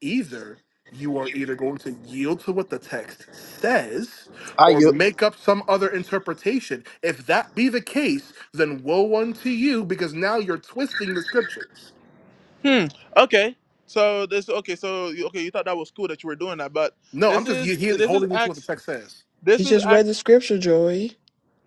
[SPEAKER 12] either you are either going to yield to what the text says
[SPEAKER 1] I
[SPEAKER 12] or
[SPEAKER 1] yield.
[SPEAKER 12] make up some other interpretation. If that be the case, then woe unto you because now you're twisting the scriptures.
[SPEAKER 1] Hmm. Okay. So this okay. So you- okay, you thought that was cool that you were doing that, but
[SPEAKER 12] No, I'm
[SPEAKER 1] this
[SPEAKER 12] just
[SPEAKER 1] is
[SPEAKER 12] you, he-
[SPEAKER 1] this is
[SPEAKER 12] holding you to what the
[SPEAKER 1] acts.
[SPEAKER 12] text says.
[SPEAKER 5] He
[SPEAKER 1] This is
[SPEAKER 5] just read
[SPEAKER 1] acts.
[SPEAKER 5] the scripture, Joy.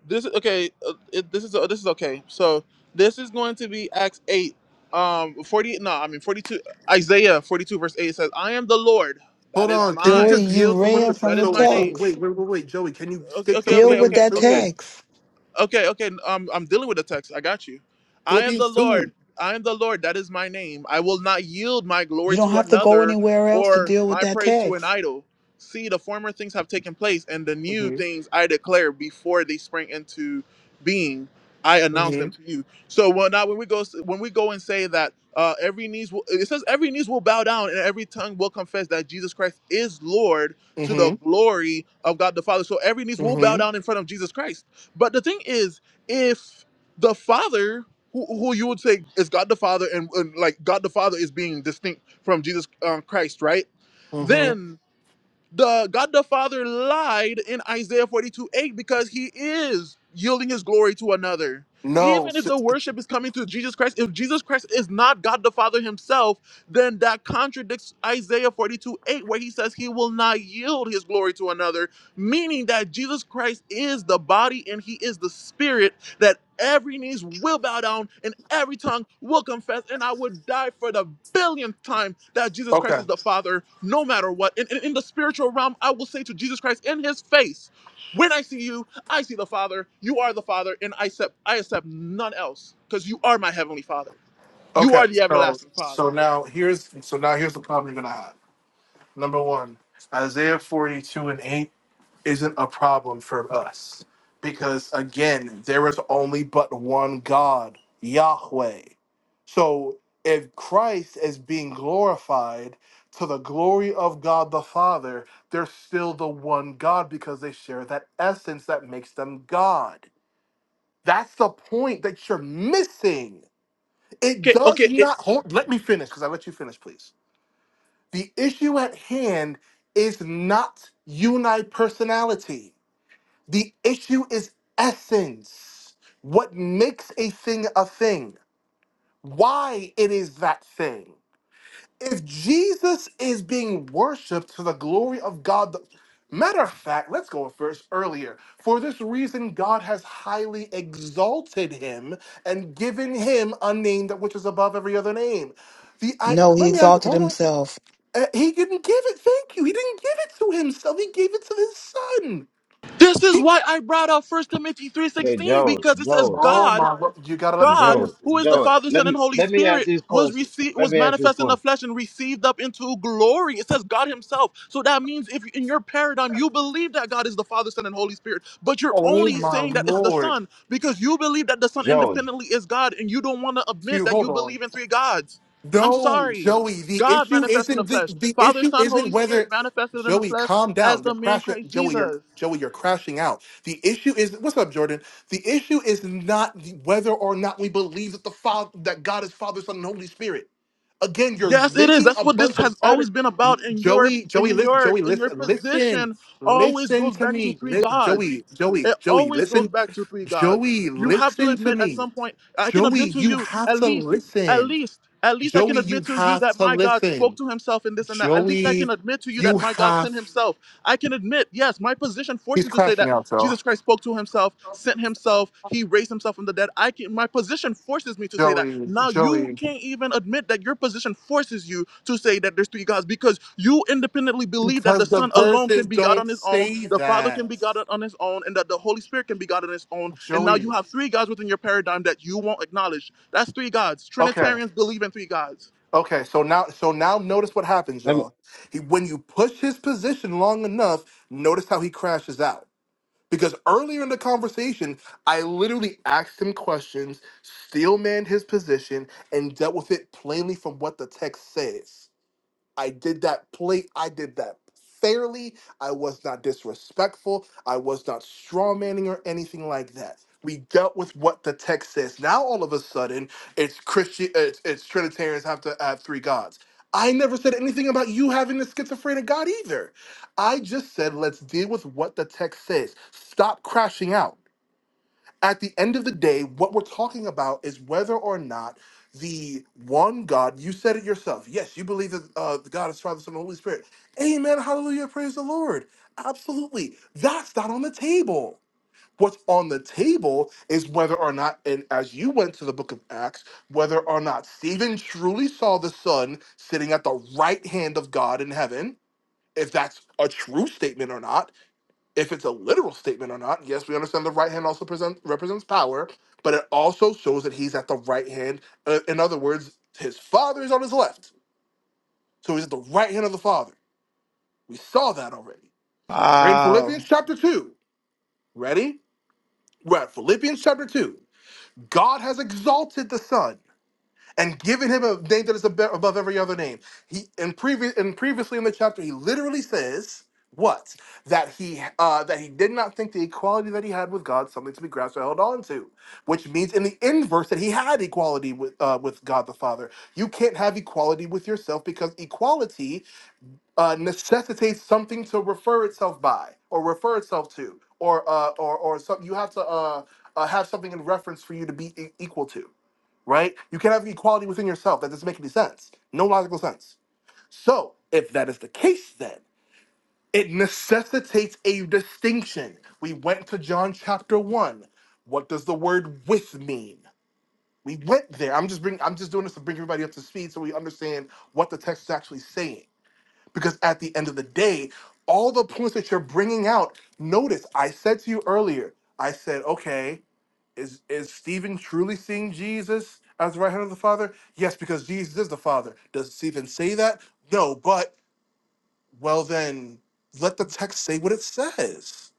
[SPEAKER 1] This is okay. uh, It, this is uh, this is okay. So this is going to be Acts eight, um, forty. No, I mean forty two. Isaiah forty two verse eight says, "I am the Lord. That
[SPEAKER 12] Hold
[SPEAKER 1] is
[SPEAKER 12] on, can you
[SPEAKER 5] Joy,
[SPEAKER 1] my.
[SPEAKER 12] just
[SPEAKER 5] you
[SPEAKER 12] yield to what
[SPEAKER 5] ran
[SPEAKER 12] the
[SPEAKER 1] That
[SPEAKER 5] from
[SPEAKER 12] text?
[SPEAKER 1] is
[SPEAKER 5] the
[SPEAKER 12] So
[SPEAKER 1] my
[SPEAKER 12] so
[SPEAKER 1] name."
[SPEAKER 5] text.
[SPEAKER 12] wait wait wait wait Joey, can you
[SPEAKER 1] Okay.
[SPEAKER 12] stick
[SPEAKER 1] Okay.
[SPEAKER 12] to
[SPEAKER 5] Deal
[SPEAKER 1] Okay.
[SPEAKER 5] with
[SPEAKER 1] Okay.
[SPEAKER 12] Philippians
[SPEAKER 5] that
[SPEAKER 12] two?
[SPEAKER 1] Okay.
[SPEAKER 5] text.
[SPEAKER 1] Okay, okay. Um, I'm dealing with the text. I got you. I am the
[SPEAKER 12] Philippians
[SPEAKER 1] Lord.
[SPEAKER 12] two.
[SPEAKER 1] I am the Lord. That is my name. I will not yield my glory
[SPEAKER 5] You don't
[SPEAKER 1] to
[SPEAKER 5] have to go
[SPEAKER 1] another
[SPEAKER 5] anywhere else to
[SPEAKER 1] or
[SPEAKER 5] deal with
[SPEAKER 1] my
[SPEAKER 5] that
[SPEAKER 1] praise to an
[SPEAKER 5] text.
[SPEAKER 1] idol. See, the former things have taken place, and the new
[SPEAKER 12] Mm-hmm,
[SPEAKER 1] things I declare before they spring into being. I announce them
[SPEAKER 12] mm-hmm,
[SPEAKER 1] to you. So when now when we go when we go and say that uh, every knees will it says every knees will bow down and every tongue will confess that Jesus Christ is Lord to the
[SPEAKER 12] mm-hmm,
[SPEAKER 1] glory of God the Father. So every knees will bow
[SPEAKER 12] mm-hmm,
[SPEAKER 1] down in front of Jesus Christ but the thing is, if the Father, who, who you would say is God the Father, and, and like God the Father is being distinct from Jesus uh, Christ, right?
[SPEAKER 12] mm-hmm.
[SPEAKER 1] Then the God the Father lied in Isaiah 42 8 because he is yielding his glory to another.
[SPEAKER 12] No,
[SPEAKER 1] Even if
[SPEAKER 12] s-
[SPEAKER 1] the worship is coming through Jesus Christ, if Jesus Christ is not God the Father himself, then that contradicts Isaiah 42 8, where he says he will not yield his glory to another, meaning that Jesus Christ is the body and he is the spirit that every knees will bow down and every tongue will confess. And I would die for the billionth time that Jesus Christ
[SPEAKER 12] okay.
[SPEAKER 1] is the Father, no matter what. And, and in the spiritual realm, I will say to Jesus Christ in his face, when I see you, I see the Father. You are the Father, and I accept I accept none else because you are my heavenly Father. You
[SPEAKER 12] Okay,
[SPEAKER 1] are the
[SPEAKER 12] so
[SPEAKER 1] everlasting Father.
[SPEAKER 12] so now here's so now here's the problem you're gonna have. Number one, Isaiah 42 and 8 isn't a problem for us because again, there is only but one God, Yahweh. So if Christ is being glorified to the glory of God the Father, they're still the one God because they share that essence that makes them God. That's the point that you're missing. It
[SPEAKER 1] Okay,
[SPEAKER 12] does
[SPEAKER 1] okay. it-
[SPEAKER 12] not hold. Let me finish because I let you finish, please. The issue at hand is not unipersonality. The issue is essence. What makes a thing a thing? Why it is that thing? if Jesus is being worshipped to the glory of God, the, matter of fact, let's go a verse earlier. For this reason, God has highly exalted him and given him a name that which is above every other name. The I
[SPEAKER 5] No, he
[SPEAKER 12] let me ask,
[SPEAKER 5] exalted
[SPEAKER 12] hold on.
[SPEAKER 5] himself.
[SPEAKER 12] Uh, he didn't give it. Thank you. He didn't give it to himself. He gave it to his son.
[SPEAKER 1] this is
[SPEAKER 12] He,
[SPEAKER 1] why I brought up First Timothy three
[SPEAKER 4] hey
[SPEAKER 1] sixteen
[SPEAKER 4] Joey,
[SPEAKER 1] because it says
[SPEAKER 4] Joey
[SPEAKER 12] oh
[SPEAKER 1] God
[SPEAKER 12] my! lo- You gotta let me
[SPEAKER 1] God,
[SPEAKER 4] Joey
[SPEAKER 12] finish.
[SPEAKER 1] who is
[SPEAKER 12] You
[SPEAKER 1] the
[SPEAKER 12] gotta-
[SPEAKER 4] Joey.
[SPEAKER 1] Father,
[SPEAKER 4] Let
[SPEAKER 1] Son, and
[SPEAKER 4] me
[SPEAKER 1] Holy
[SPEAKER 4] let me ask
[SPEAKER 1] Spirit,
[SPEAKER 4] this
[SPEAKER 1] was
[SPEAKER 4] question.
[SPEAKER 1] received,
[SPEAKER 4] Let
[SPEAKER 1] was
[SPEAKER 4] me ask this
[SPEAKER 1] manifest in the
[SPEAKER 4] question,
[SPEAKER 1] flesh and received up into glory. It says God Himself. So that means if in your paradigm you believe that God is the Father, Son, and Holy Spirit, but you're
[SPEAKER 12] Oh
[SPEAKER 1] only
[SPEAKER 12] my
[SPEAKER 1] saying that it's the
[SPEAKER 12] lord!
[SPEAKER 1] Son because you believe that the Son
[SPEAKER 4] Joey.
[SPEAKER 1] independently is God, and you don't want to admit
[SPEAKER 12] You
[SPEAKER 1] that you
[SPEAKER 12] hold on.
[SPEAKER 1] believe in three gods. I'm
[SPEAKER 12] No,
[SPEAKER 1] sorry.
[SPEAKER 12] Joey. The
[SPEAKER 1] God
[SPEAKER 12] issue
[SPEAKER 1] manifest in the
[SPEAKER 12] isn't the,
[SPEAKER 1] flesh.
[SPEAKER 12] the
[SPEAKER 1] Father,
[SPEAKER 12] issue
[SPEAKER 1] Son, Holy
[SPEAKER 12] isn't
[SPEAKER 1] Spirit
[SPEAKER 12] whether
[SPEAKER 1] manifested in the
[SPEAKER 12] Joey,
[SPEAKER 1] flesh
[SPEAKER 12] calm
[SPEAKER 1] as
[SPEAKER 12] down.
[SPEAKER 1] the
[SPEAKER 12] You're
[SPEAKER 1] man
[SPEAKER 12] crashing.
[SPEAKER 1] Christ
[SPEAKER 12] Joey, you're
[SPEAKER 1] Jesus.
[SPEAKER 12] Joey. You're crashing out. The issue is what's up, Jordan. The issue is not the- whether or not we believe that the Father, that God is Father, Son, and Holy Spirit. Again, you're
[SPEAKER 1] Yes, it is.
[SPEAKER 12] making
[SPEAKER 1] That's
[SPEAKER 12] a
[SPEAKER 1] what this
[SPEAKER 12] bunch of
[SPEAKER 1] has always
[SPEAKER 12] cate-
[SPEAKER 1] been about in your
[SPEAKER 12] Joey, Joey,
[SPEAKER 1] in
[SPEAKER 12] listen,
[SPEAKER 1] your
[SPEAKER 12] Joey,
[SPEAKER 1] in your
[SPEAKER 12] listen, listen,
[SPEAKER 1] position always
[SPEAKER 12] listen
[SPEAKER 1] goes
[SPEAKER 12] to
[SPEAKER 1] back to
[SPEAKER 12] me.
[SPEAKER 1] three
[SPEAKER 12] Li-
[SPEAKER 1] gods.
[SPEAKER 12] Joey, Joey,
[SPEAKER 1] It
[SPEAKER 12] Joey,
[SPEAKER 1] always goes
[SPEAKER 12] listen,
[SPEAKER 1] back to three gods.
[SPEAKER 12] Joey,
[SPEAKER 1] You have to
[SPEAKER 12] listen to
[SPEAKER 1] admit at
[SPEAKER 12] me.
[SPEAKER 1] some point, I can
[SPEAKER 12] Joey,
[SPEAKER 1] admit to
[SPEAKER 12] you
[SPEAKER 1] you
[SPEAKER 12] have
[SPEAKER 1] at
[SPEAKER 12] to
[SPEAKER 1] least, at
[SPEAKER 12] listen.
[SPEAKER 1] least, at least I can
[SPEAKER 12] Joey, you
[SPEAKER 1] admit to you
[SPEAKER 12] have
[SPEAKER 1] that
[SPEAKER 12] to
[SPEAKER 1] my God spoke
[SPEAKER 12] listen.
[SPEAKER 1] to himself in this and that. At least I can
[SPEAKER 12] Joey,
[SPEAKER 1] admit to you
[SPEAKER 12] you
[SPEAKER 1] that my God
[SPEAKER 12] have.
[SPEAKER 1] sent himself. I can admit, yes, my position forced
[SPEAKER 12] He's
[SPEAKER 1] me to say
[SPEAKER 12] crashing
[SPEAKER 1] that
[SPEAKER 12] out, though.
[SPEAKER 1] Jesus Christ spoke to himself, sent himself, he raised himself from the dead. I can my position forces me to say that.
[SPEAKER 12] Joey,
[SPEAKER 1] Now you
[SPEAKER 12] Joey,
[SPEAKER 1] can't even admit that your position forces you to say that there's three gods because you independently believe that the
[SPEAKER 12] because the
[SPEAKER 1] Son alone
[SPEAKER 12] verses
[SPEAKER 1] can be God
[SPEAKER 12] don't
[SPEAKER 1] on his own,
[SPEAKER 12] say
[SPEAKER 1] the Father can
[SPEAKER 12] that.
[SPEAKER 1] be God on his own, and that the Holy Spirit can be God on his own. And now you
[SPEAKER 12] Joey.
[SPEAKER 1] have three gods within your paradigm that you won't acknowledge. That's three gods.
[SPEAKER 12] Okay.
[SPEAKER 1] Trinitarians believe in three gods.
[SPEAKER 12] Okay. So now, so now, notice what happens,
[SPEAKER 4] Let me
[SPEAKER 12] y'all. He, when you push his position long enough, notice how he crashes out. Because earlier in the conversation, I literally asked him questions, steel manned his position, and dealt with it plainly from what the text says. I did that play. I did that fairly. I was not disrespectful. I was not straw manning or anything like that. We dealt with what the text says. Now all of a sudden, it's Christian. It's, it's Trinitarians have to have three gods. I never said anything about you having a schizophrenic god either. I just said let's deal with what the text says. Stop crashing out at the end of the day, what we're talking about is whether or not the one God, you said it yourself. Yes, you believe that uh, the God is Father, Son, and Holy Spirit. Amen. Hallelujah. Praise the Lord. Absolutely. That's not on the table. What's on the table is whether or not, and as you went to the book of Acts, whether or not Stephen truly saw the Son sitting at the right hand of God in heaven, if that's a true statement or not if it's a literal statement or not. Yes, we understand the right hand also present, represents power, but it also shows that he's at the right hand. Uh, in other words, his father is on his left. So he's at the right hand of the father. We saw that already. Right in Philippians
[SPEAKER 1] Wow.
[SPEAKER 12] chapter 2. Ready? We're at Philippians chapter 2. God has exalted the Son and giving him a name that is abe- above every other name. He and previous and previously in the chapter, he literally says what that he uh, that he did not think the equality that he had with God something to be grasped or held on to, which means in the inverse that he had equality with uh, with God the Father. You can't have equality with yourself because equality uh, necessitates something to refer itself by or refer itself to, or uh, or or something you have to uh, uh, have something in reference for you to be e- equal to right? You can't have equality within yourself. That doesn't make any sense. No logical sense. So, if that is the case, then it necessitates a distinction. We went to John chapter one. What does the word with mean? We went there. I'm just bringing. I'm just doing this to bring everybody up to speed so we understand what the text is actually saying. Because at the end of the day, all the points that you're bringing out. Notice, I said to you earlier. I said, okay. Is is Stephen truly seeing Jesus as the right hand of the Father? Yes, because Jesus is the Father. Does Stephen say that? No, but well then let the text say what it says.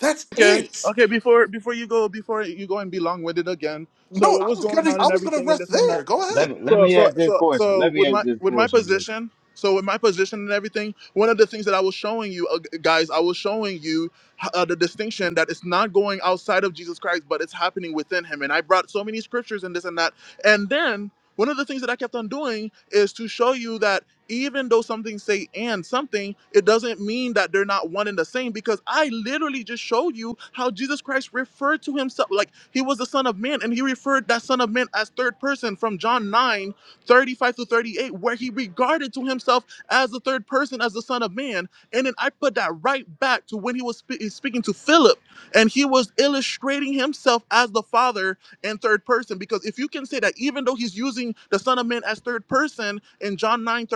[SPEAKER 12] That's
[SPEAKER 1] Okay.
[SPEAKER 12] it.
[SPEAKER 1] Okay. Before before you go before you go and be long winded again.
[SPEAKER 12] No,
[SPEAKER 1] So what
[SPEAKER 12] I
[SPEAKER 1] was
[SPEAKER 12] was
[SPEAKER 1] going
[SPEAKER 12] gonna
[SPEAKER 1] on
[SPEAKER 12] I
[SPEAKER 1] and
[SPEAKER 12] was gonna
[SPEAKER 1] everything and
[SPEAKER 12] rest
[SPEAKER 1] this and
[SPEAKER 12] there.
[SPEAKER 1] that.
[SPEAKER 12] Go
[SPEAKER 4] let
[SPEAKER 12] ahead.
[SPEAKER 4] me let
[SPEAKER 1] so
[SPEAKER 4] me
[SPEAKER 1] so
[SPEAKER 4] ask this
[SPEAKER 1] so
[SPEAKER 4] question.
[SPEAKER 1] so
[SPEAKER 4] Let me
[SPEAKER 1] with
[SPEAKER 4] ask
[SPEAKER 1] my
[SPEAKER 4] this
[SPEAKER 1] with my
[SPEAKER 4] question. real- quick.
[SPEAKER 1] position so with my position and everything one of the things that i was showing you uh, g- guys i was showing you uh, the distinction that it's not going outside of jesus christ but it's happening within him and i brought so many scriptures and this and that and then one of the things that i kept on doing is to show you that even though something say and something, it doesn't mean that they're not one and the same because I literally just showed you how Jesus Christ referred to himself like he was the son of man and he referred that son of man as third person from John 9 35 to 38 where he regarded to himself as the third person as the son of man and then I put that right back to when he was spe- speaking to Philip and he was illustrating himself as the father and third person because if you can say that even though he's using the son of man as third person in john 9:35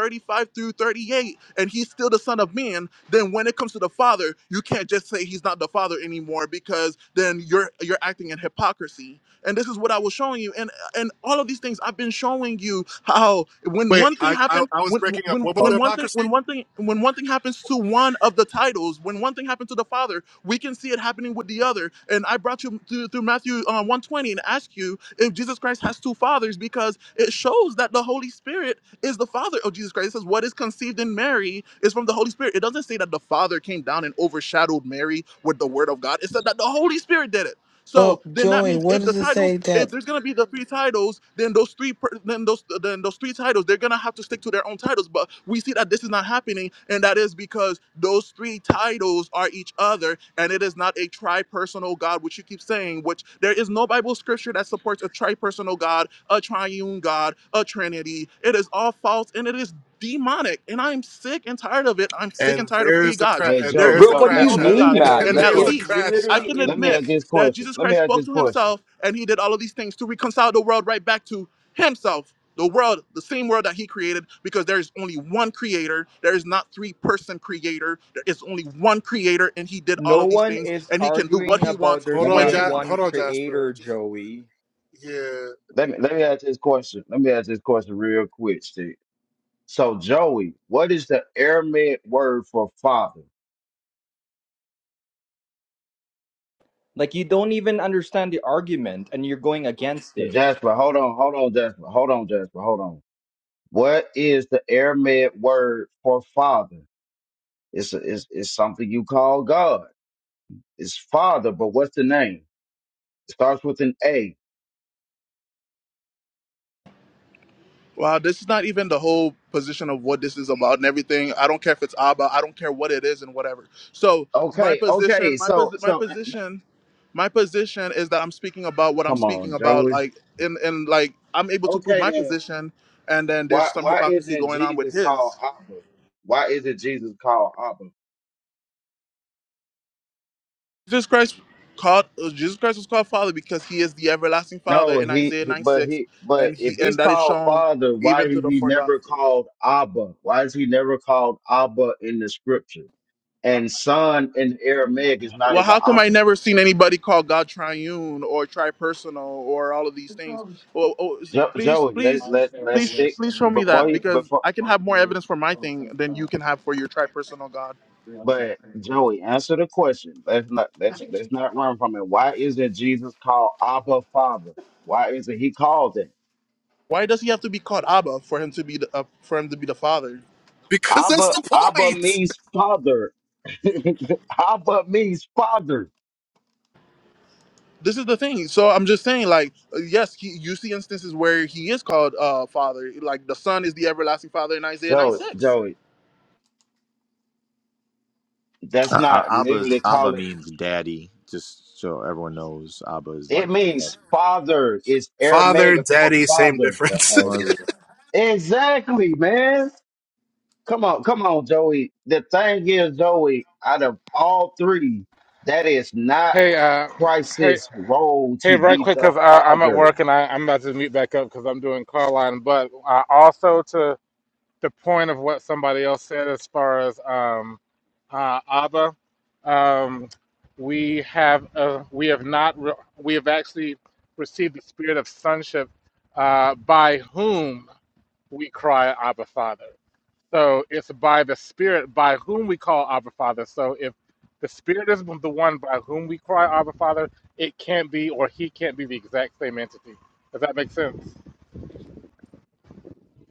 [SPEAKER 1] through 38 and he's still the son of man then when it comes to the father you can't just say he's not the father anymore because then you're you're acting in hypocrisy and this is what i was showing you and and all of these things i've been showing you how when
[SPEAKER 12] Wait,
[SPEAKER 1] one thing
[SPEAKER 12] I, I
[SPEAKER 1] happened
[SPEAKER 12] I was
[SPEAKER 1] when
[SPEAKER 12] breaking up.
[SPEAKER 1] when
[SPEAKER 12] What was the
[SPEAKER 4] Hold,
[SPEAKER 1] when one thing
[SPEAKER 12] hypocrisy?
[SPEAKER 1] when one thing when one thing happens to one of the titles when one thing happens to the father we can see it happening with the other. And I brought you through, through Matthew uh, 120 and asked you if Jesus Christ has two fathers because it shows that the Holy Spirit is the father of Jesus Christ. It says, What is conceived in Mary is from the Holy Spirit. It doesn't say that the Father came down and overshadowed Mary with the Word of God. It said that the Holy Spirit did it. So
[SPEAKER 5] But
[SPEAKER 1] then that
[SPEAKER 5] Joy,
[SPEAKER 1] means
[SPEAKER 5] where
[SPEAKER 1] if the
[SPEAKER 5] does it
[SPEAKER 1] titles,
[SPEAKER 5] say
[SPEAKER 1] if
[SPEAKER 5] that?
[SPEAKER 1] there's gonna be the three titles, then those three, per, then those, then those three titles, they're gonna have to stick to their own titles. But we see that this is not happening, and that is because those three titles are each other, and it is not a tri-personal God, which you keep saying. Which there is no Bible scripture that supports a tri-personal God, a triune God, a Trinity. It is all false, and it is demonic. And I'm sick and tired of it. I'm sick and
[SPEAKER 12] And
[SPEAKER 1] tired of three
[SPEAKER 12] there's the
[SPEAKER 1] gods.
[SPEAKER 12] cra-
[SPEAKER 4] hey
[SPEAKER 12] and
[SPEAKER 1] There,
[SPEAKER 4] Joey
[SPEAKER 12] there's
[SPEAKER 19] Bro,
[SPEAKER 12] the
[SPEAKER 1] there is
[SPEAKER 4] Joey.
[SPEAKER 19] what do
[SPEAKER 4] Let
[SPEAKER 19] you
[SPEAKER 4] me
[SPEAKER 12] crash
[SPEAKER 1] no
[SPEAKER 4] let
[SPEAKER 1] three
[SPEAKER 12] out.
[SPEAKER 4] me
[SPEAKER 19] mean,
[SPEAKER 1] gods,
[SPEAKER 4] let me ask
[SPEAKER 19] man?
[SPEAKER 1] and
[SPEAKER 12] and
[SPEAKER 4] this
[SPEAKER 19] Like
[SPEAKER 1] at
[SPEAKER 12] there's the
[SPEAKER 19] it's
[SPEAKER 4] question.
[SPEAKER 1] least.
[SPEAKER 19] re-
[SPEAKER 12] crash
[SPEAKER 1] I
[SPEAKER 12] out.
[SPEAKER 19] literally
[SPEAKER 1] can
[SPEAKER 4] Let
[SPEAKER 19] in
[SPEAKER 4] me
[SPEAKER 1] admit
[SPEAKER 4] ask
[SPEAKER 19] this.
[SPEAKER 4] this
[SPEAKER 1] that
[SPEAKER 4] question.
[SPEAKER 1] Jesus
[SPEAKER 4] Let me
[SPEAKER 1] Christ
[SPEAKER 4] ask
[SPEAKER 1] spoke
[SPEAKER 4] this
[SPEAKER 1] to
[SPEAKER 4] question.
[SPEAKER 1] himself and he did all of these things to reconcile the world right back to himself. The world, the same world that he created, because there is only one creator. There is not three person creator. There is only one creator, and he did all
[SPEAKER 19] No
[SPEAKER 1] of these
[SPEAKER 19] one
[SPEAKER 1] things,
[SPEAKER 19] is
[SPEAKER 1] and he can do what
[SPEAKER 19] arguing
[SPEAKER 1] he
[SPEAKER 19] about
[SPEAKER 1] wants
[SPEAKER 12] Hold
[SPEAKER 19] there's
[SPEAKER 4] Let
[SPEAKER 12] on,
[SPEAKER 1] when
[SPEAKER 4] me
[SPEAKER 19] not
[SPEAKER 4] a-
[SPEAKER 1] he
[SPEAKER 12] ja-
[SPEAKER 1] wants.
[SPEAKER 19] one
[SPEAKER 12] hold on, Jasper.
[SPEAKER 19] creator,
[SPEAKER 12] Just
[SPEAKER 19] Joey.
[SPEAKER 12] yeah,
[SPEAKER 4] let me let me ask this question. Let me ask this question real quick, Steve. So, Joey, what is the Aramaic word for father?
[SPEAKER 19] Like you don't even understand the argument, and you're going against
[SPEAKER 4] Okay,
[SPEAKER 19] it.
[SPEAKER 4] Jasper, hold on, hold on, Jasper, hold on, Jasper, hold on. What is the Aramaic word for father? It's, a, it's, it's something you call God. It's father, but what's the name? It starts with an A.
[SPEAKER 1] Wow, this is not even the whole position of what this is about and everything. I don't care if it's Abba. I don't care what it is and whatever. So my
[SPEAKER 4] Okay,
[SPEAKER 1] position,
[SPEAKER 4] okay.
[SPEAKER 1] my pos,
[SPEAKER 4] So,
[SPEAKER 1] my
[SPEAKER 4] so uh,
[SPEAKER 1] position, my position is that I'm speaking about what I'm
[SPEAKER 4] come
[SPEAKER 1] speaking
[SPEAKER 4] on,
[SPEAKER 1] about.
[SPEAKER 4] Joey.
[SPEAKER 1] Like in and like I'm able to prove
[SPEAKER 4] Okay,
[SPEAKER 1] my
[SPEAKER 4] then
[SPEAKER 1] position, and then there's
[SPEAKER 4] why
[SPEAKER 1] some
[SPEAKER 4] why
[SPEAKER 1] hypocrisy
[SPEAKER 4] isn't
[SPEAKER 1] going on with
[SPEAKER 4] Jesus called
[SPEAKER 1] his.
[SPEAKER 4] Abba? Why isn't Jesus called Abba?
[SPEAKER 1] Jesus Christ called uh, Jesus Christ was called Father because he is the everlasting Father
[SPEAKER 4] No,
[SPEAKER 1] in
[SPEAKER 4] he,
[SPEAKER 1] Isaiah
[SPEAKER 4] he-
[SPEAKER 1] 9
[SPEAKER 4] but
[SPEAKER 1] 6,
[SPEAKER 4] he, but
[SPEAKER 1] and
[SPEAKER 4] if
[SPEAKER 1] he
[SPEAKER 4] he's
[SPEAKER 1] and that is
[SPEAKER 4] called
[SPEAKER 1] shown
[SPEAKER 4] father, why
[SPEAKER 1] even through
[SPEAKER 4] is
[SPEAKER 1] the
[SPEAKER 4] he
[SPEAKER 1] four
[SPEAKER 4] never
[SPEAKER 1] Gospels.
[SPEAKER 4] called Abba? Why is he never called Abba in the scripture? And son in Aramaic is not
[SPEAKER 1] Well,
[SPEAKER 4] even
[SPEAKER 1] how come I
[SPEAKER 4] Abba.
[SPEAKER 1] never seen anybody call God triune or tripersonal or all of these things? Oh, oh,
[SPEAKER 4] Jo-
[SPEAKER 1] please,
[SPEAKER 4] Joey, let
[SPEAKER 1] please,
[SPEAKER 4] let let's
[SPEAKER 1] please, sh-
[SPEAKER 4] stick
[SPEAKER 1] please show me that
[SPEAKER 4] before you
[SPEAKER 1] because
[SPEAKER 4] before.
[SPEAKER 1] I can have more evidence for my thing than you can have for your tripersonal God.
[SPEAKER 4] But Joey, answer the question. Let's not let's let's not run from it. Why isn't Jesus called Abba Father? Why isn't he called it?
[SPEAKER 1] Why does he have to be called Abba for him to be the, uh, for him to be the Father?
[SPEAKER 12] because that's
[SPEAKER 4] Abba
[SPEAKER 12] the
[SPEAKER 4] Abba
[SPEAKER 12] point.
[SPEAKER 4] means father. Abba means father.
[SPEAKER 1] This is the thing. So I'm just saying, like, uh, yes, he, you see instances where he is called uh, Father, like the Son is the everlasting Father in Isaiah
[SPEAKER 4] Joey,
[SPEAKER 1] 9:6.
[SPEAKER 4] Joey. That's
[SPEAKER 8] Uh,
[SPEAKER 4] not
[SPEAKER 8] Abba,
[SPEAKER 4] literally
[SPEAKER 8] Abba
[SPEAKER 4] call it.
[SPEAKER 8] means daddy. Just so everyone knows, Abba is like
[SPEAKER 4] It
[SPEAKER 8] dad.
[SPEAKER 4] means father. It's
[SPEAKER 12] Father,
[SPEAKER 4] Aramaic for
[SPEAKER 12] daddy, same
[SPEAKER 4] father.
[SPEAKER 19] Yeah,
[SPEAKER 12] difference.
[SPEAKER 19] I
[SPEAKER 8] Was
[SPEAKER 19] agree.
[SPEAKER 4] Exactly, man. Come on, come on, Joey. The thing is, Joey, out of all three, that is not
[SPEAKER 20] Hey, uh, hey,
[SPEAKER 4] Christ's role
[SPEAKER 20] hey!
[SPEAKER 4] to
[SPEAKER 20] Right
[SPEAKER 4] be
[SPEAKER 20] quick,
[SPEAKER 4] the
[SPEAKER 20] cause uh, I'm at
[SPEAKER 4] father.
[SPEAKER 20] work and I, I'm about to meet back up because I'm doing car line. But uh, also to the point of what somebody else said as far as um, uh, Abba, um, we have uh, we have not re- we have actually received the spirit of sonship uh, by whom we cry Abba Father. So it's by the Spirit by whom we call Abba Father. So if the Spirit is the one by whom we cry Abba Father, it can't be or he can't be the exact same entity. Does that make sense?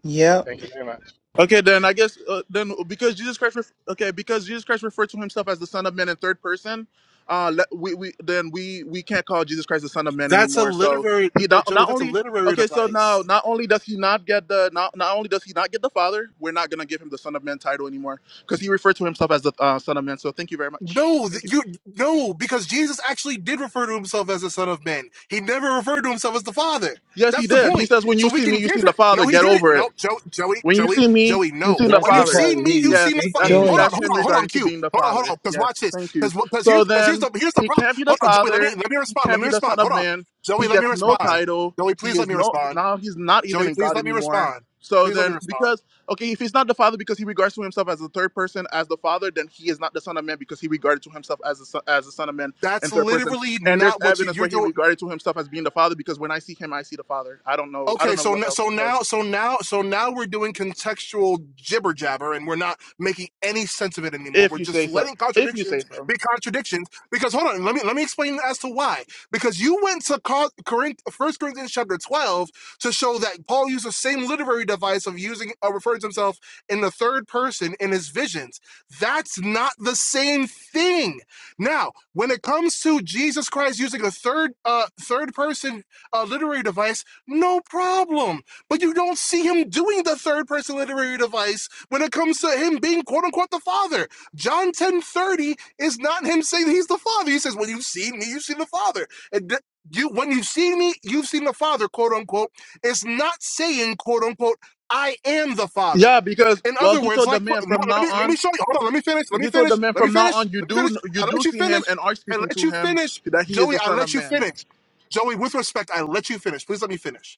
[SPEAKER 5] Yep,
[SPEAKER 20] Thank you very much.
[SPEAKER 1] Okay, then I guess uh, then because Jesus Christ, ref- okay, because Jesus Christ referred to himself as the Son of Man in third person, uh, let, we we then we we can't call Jesus Christ the Son of Man
[SPEAKER 12] That's a
[SPEAKER 1] anymore. So
[SPEAKER 12] literary,
[SPEAKER 1] he
[SPEAKER 12] but
[SPEAKER 1] not,
[SPEAKER 12] Joey,
[SPEAKER 1] not
[SPEAKER 12] that's a
[SPEAKER 1] only
[SPEAKER 12] literary
[SPEAKER 1] okay, so now
[SPEAKER 12] device.
[SPEAKER 1] not only does he not get the not not only does he not get the Father, we're not gonna give him the Son of Man title anymore because he referred to himself as the uh, Son of Man. So thank you very much.
[SPEAKER 12] No, th-
[SPEAKER 1] Thank you.
[SPEAKER 12] you no, because Jesus actually did refer to himself as the Son of Man. He never referred to himself as the Father.
[SPEAKER 1] Yes,
[SPEAKER 12] That's
[SPEAKER 1] he
[SPEAKER 12] the
[SPEAKER 1] did. He
[SPEAKER 12] point.
[SPEAKER 1] says, "When
[SPEAKER 12] So
[SPEAKER 1] you
[SPEAKER 12] we
[SPEAKER 1] see me,
[SPEAKER 12] can
[SPEAKER 1] you see
[SPEAKER 12] give him.
[SPEAKER 1] the
[SPEAKER 12] No,
[SPEAKER 1] Father.
[SPEAKER 12] he
[SPEAKER 1] Get
[SPEAKER 12] didn't.
[SPEAKER 1] over it."
[SPEAKER 12] No, Joey, Joey,
[SPEAKER 1] When you
[SPEAKER 12] Joey,
[SPEAKER 1] see me,
[SPEAKER 12] Joey.
[SPEAKER 1] you
[SPEAKER 12] No.
[SPEAKER 1] see the
[SPEAKER 4] That's
[SPEAKER 12] When you've
[SPEAKER 1] Father.
[SPEAKER 12] seen
[SPEAKER 4] because
[SPEAKER 12] me,
[SPEAKER 4] he
[SPEAKER 12] you've
[SPEAKER 4] was
[SPEAKER 12] seen
[SPEAKER 1] Yes,
[SPEAKER 12] the Father.
[SPEAKER 1] that's re-
[SPEAKER 4] speaking.
[SPEAKER 12] Hold on,
[SPEAKER 5] Joy.
[SPEAKER 1] that's
[SPEAKER 12] hold
[SPEAKER 1] him
[SPEAKER 12] on, hold on.
[SPEAKER 1] regarding to
[SPEAKER 12] Q.
[SPEAKER 1] being the
[SPEAKER 12] Hold on, hold on.
[SPEAKER 1] Father.
[SPEAKER 12] Because
[SPEAKER 1] Yes,
[SPEAKER 12] watch this.
[SPEAKER 1] thank you.
[SPEAKER 12] Because because here's
[SPEAKER 1] So
[SPEAKER 12] because here's
[SPEAKER 1] then
[SPEAKER 12] the here's the
[SPEAKER 1] he
[SPEAKER 12] problem.
[SPEAKER 1] can't be the
[SPEAKER 12] Hold on, Joey. Let me
[SPEAKER 1] Father.
[SPEAKER 12] let me
[SPEAKER 1] He
[SPEAKER 12] respond. Let
[SPEAKER 1] can't
[SPEAKER 12] me
[SPEAKER 1] be the
[SPEAKER 12] respond.
[SPEAKER 1] Son of
[SPEAKER 12] Hold on,
[SPEAKER 1] Man.
[SPEAKER 12] Joey.
[SPEAKER 1] He
[SPEAKER 12] Let me
[SPEAKER 1] gets no
[SPEAKER 12] respond.
[SPEAKER 1] title.
[SPEAKER 12] Joey,
[SPEAKER 1] He
[SPEAKER 12] please let
[SPEAKER 1] is
[SPEAKER 12] me
[SPEAKER 1] no
[SPEAKER 12] respond.
[SPEAKER 1] now. He's not even
[SPEAKER 12] Joey,
[SPEAKER 1] in
[SPEAKER 12] please
[SPEAKER 1] God
[SPEAKER 12] let me
[SPEAKER 1] anymore.
[SPEAKER 12] respond.
[SPEAKER 1] So
[SPEAKER 12] Please let me
[SPEAKER 1] then,
[SPEAKER 12] respond.
[SPEAKER 1] because okay, if he's not the Father because he regards to himself as the third person as the Father, then he is not the Son of Man because he regarded to himself as the son, as the Son of Man in
[SPEAKER 12] That's
[SPEAKER 1] third person.
[SPEAKER 12] literally
[SPEAKER 1] And there's
[SPEAKER 12] not what you
[SPEAKER 1] evidence where
[SPEAKER 12] you're
[SPEAKER 1] he
[SPEAKER 12] you're
[SPEAKER 1] regarded to himself as being the Father because when I see him, I see the Father. I don't know. I don't
[SPEAKER 12] Okay,
[SPEAKER 1] know
[SPEAKER 12] so
[SPEAKER 1] what else. to
[SPEAKER 12] so
[SPEAKER 1] tell you.
[SPEAKER 12] now so now so now we're doing contextual jibber jabber, and we're not making any sense of it anymore.
[SPEAKER 1] If
[SPEAKER 12] We're
[SPEAKER 1] you
[SPEAKER 12] just
[SPEAKER 1] say so.
[SPEAKER 12] letting
[SPEAKER 1] If you say
[SPEAKER 12] contradictions
[SPEAKER 1] so.
[SPEAKER 12] be contradictions. Because hold on, let me let me explain as to why. Because you went to Co- Corinth, First Corinthians chapter twelve to show that Paul used the same literary device of using uh, referring to himself in the third person in his visions. That's not the same thing. Now, when it comes to Jesus Christ using a third uh, third person uh, literary device no problem. But you don't see him doing the third person literary device when it comes to him being quote unquote the father. John 1030 is not him saying he's the father. He says, When you've seen me, you've seen the father. And th- you when you've seen me, you've seen the father, quote unquote. It's not saying, quote unquote, I am the father.
[SPEAKER 1] Yeah, because
[SPEAKER 12] In
[SPEAKER 1] well,
[SPEAKER 12] other
[SPEAKER 1] he
[SPEAKER 12] words,
[SPEAKER 1] told the
[SPEAKER 12] like
[SPEAKER 1] man
[SPEAKER 12] no,
[SPEAKER 1] from
[SPEAKER 12] let
[SPEAKER 1] now
[SPEAKER 12] me let me
[SPEAKER 1] on.
[SPEAKER 12] show you. Hold on, let me finish. Let me
[SPEAKER 1] He told the
[SPEAKER 12] finish.
[SPEAKER 1] man
[SPEAKER 12] Let me
[SPEAKER 1] from now
[SPEAKER 12] finish.
[SPEAKER 1] on. You
[SPEAKER 12] Let me
[SPEAKER 1] do
[SPEAKER 12] finish.
[SPEAKER 1] you
[SPEAKER 12] I
[SPEAKER 1] do
[SPEAKER 12] let you
[SPEAKER 1] see him
[SPEAKER 12] finish.
[SPEAKER 1] and are
[SPEAKER 12] I
[SPEAKER 1] speaking
[SPEAKER 12] let
[SPEAKER 1] to
[SPEAKER 12] you
[SPEAKER 1] him
[SPEAKER 12] finish.
[SPEAKER 1] that he is
[SPEAKER 12] Joey,
[SPEAKER 1] the
[SPEAKER 12] I
[SPEAKER 1] son of
[SPEAKER 12] let you
[SPEAKER 1] man.
[SPEAKER 12] finish. Joey, with respect, I let you finish. Please let me finish.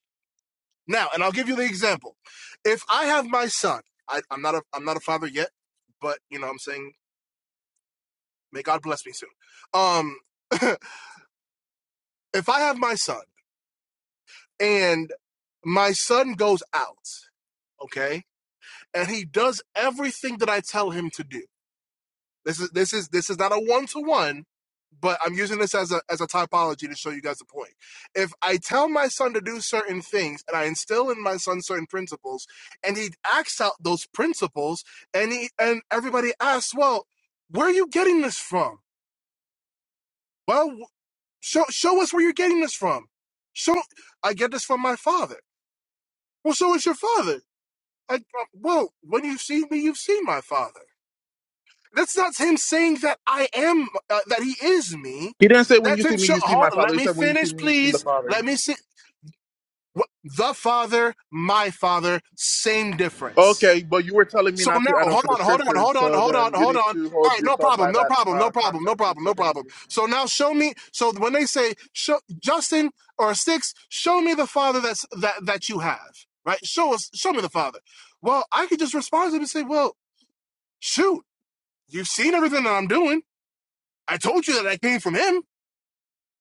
[SPEAKER 12] Now, and I'll give you the example. If I have my son, I, I'm not a I'm not a father yet, but you know I'm saying may God bless me soon. Um, if I have my son and my son goes out, okay, and he does everything that I tell him to do This is this is this is not a one to one, but I'm using this as a as a typology to show you guys the point. If I tell my son to do certain things and I instill in my son certain principles, and he acts out those principles, and he and everybody asks, well, where are you getting this from? Well, show show us where you're getting this from. Show I get this from my father. Well, so is your father. I, well, when you've seen me, you've seen my father. That's not him saying that I am, uh, that he is me.
[SPEAKER 1] He didn't say when you
[SPEAKER 12] That's
[SPEAKER 1] see
[SPEAKER 12] him.
[SPEAKER 1] me,
[SPEAKER 12] Show,
[SPEAKER 1] you see my
[SPEAKER 12] hold on,
[SPEAKER 1] father.
[SPEAKER 12] let
[SPEAKER 1] He
[SPEAKER 12] me
[SPEAKER 1] said when you see
[SPEAKER 12] finish,
[SPEAKER 1] me, you see the
[SPEAKER 12] please.
[SPEAKER 1] father.
[SPEAKER 12] Let me see. Wh- The Father, my Father, same difference.
[SPEAKER 1] Okay, but you were telling me
[SPEAKER 12] So
[SPEAKER 1] not
[SPEAKER 12] now,
[SPEAKER 1] to add on
[SPEAKER 12] hold
[SPEAKER 1] to the
[SPEAKER 12] on, hold on,
[SPEAKER 1] scriptures,
[SPEAKER 12] hold on,
[SPEAKER 1] so
[SPEAKER 12] hold on,
[SPEAKER 1] then you
[SPEAKER 12] hold on.
[SPEAKER 1] need to
[SPEAKER 12] All
[SPEAKER 1] hold
[SPEAKER 12] right, no
[SPEAKER 1] yourself by
[SPEAKER 12] problem, no
[SPEAKER 1] that
[SPEAKER 12] problem, no
[SPEAKER 1] uh,
[SPEAKER 12] problem, no
[SPEAKER 1] concept too.
[SPEAKER 12] problem,
[SPEAKER 1] So
[SPEAKER 12] no
[SPEAKER 1] thank
[SPEAKER 12] problem.
[SPEAKER 1] you.
[SPEAKER 12] So now, show me. So when they say, show, Justin or Six, show me the Father that's that that you have, right? Show us, show me the Father. Well, I could just respond to him and say, well, shoot, you've seen everything that I'm doing I told you that I came from him.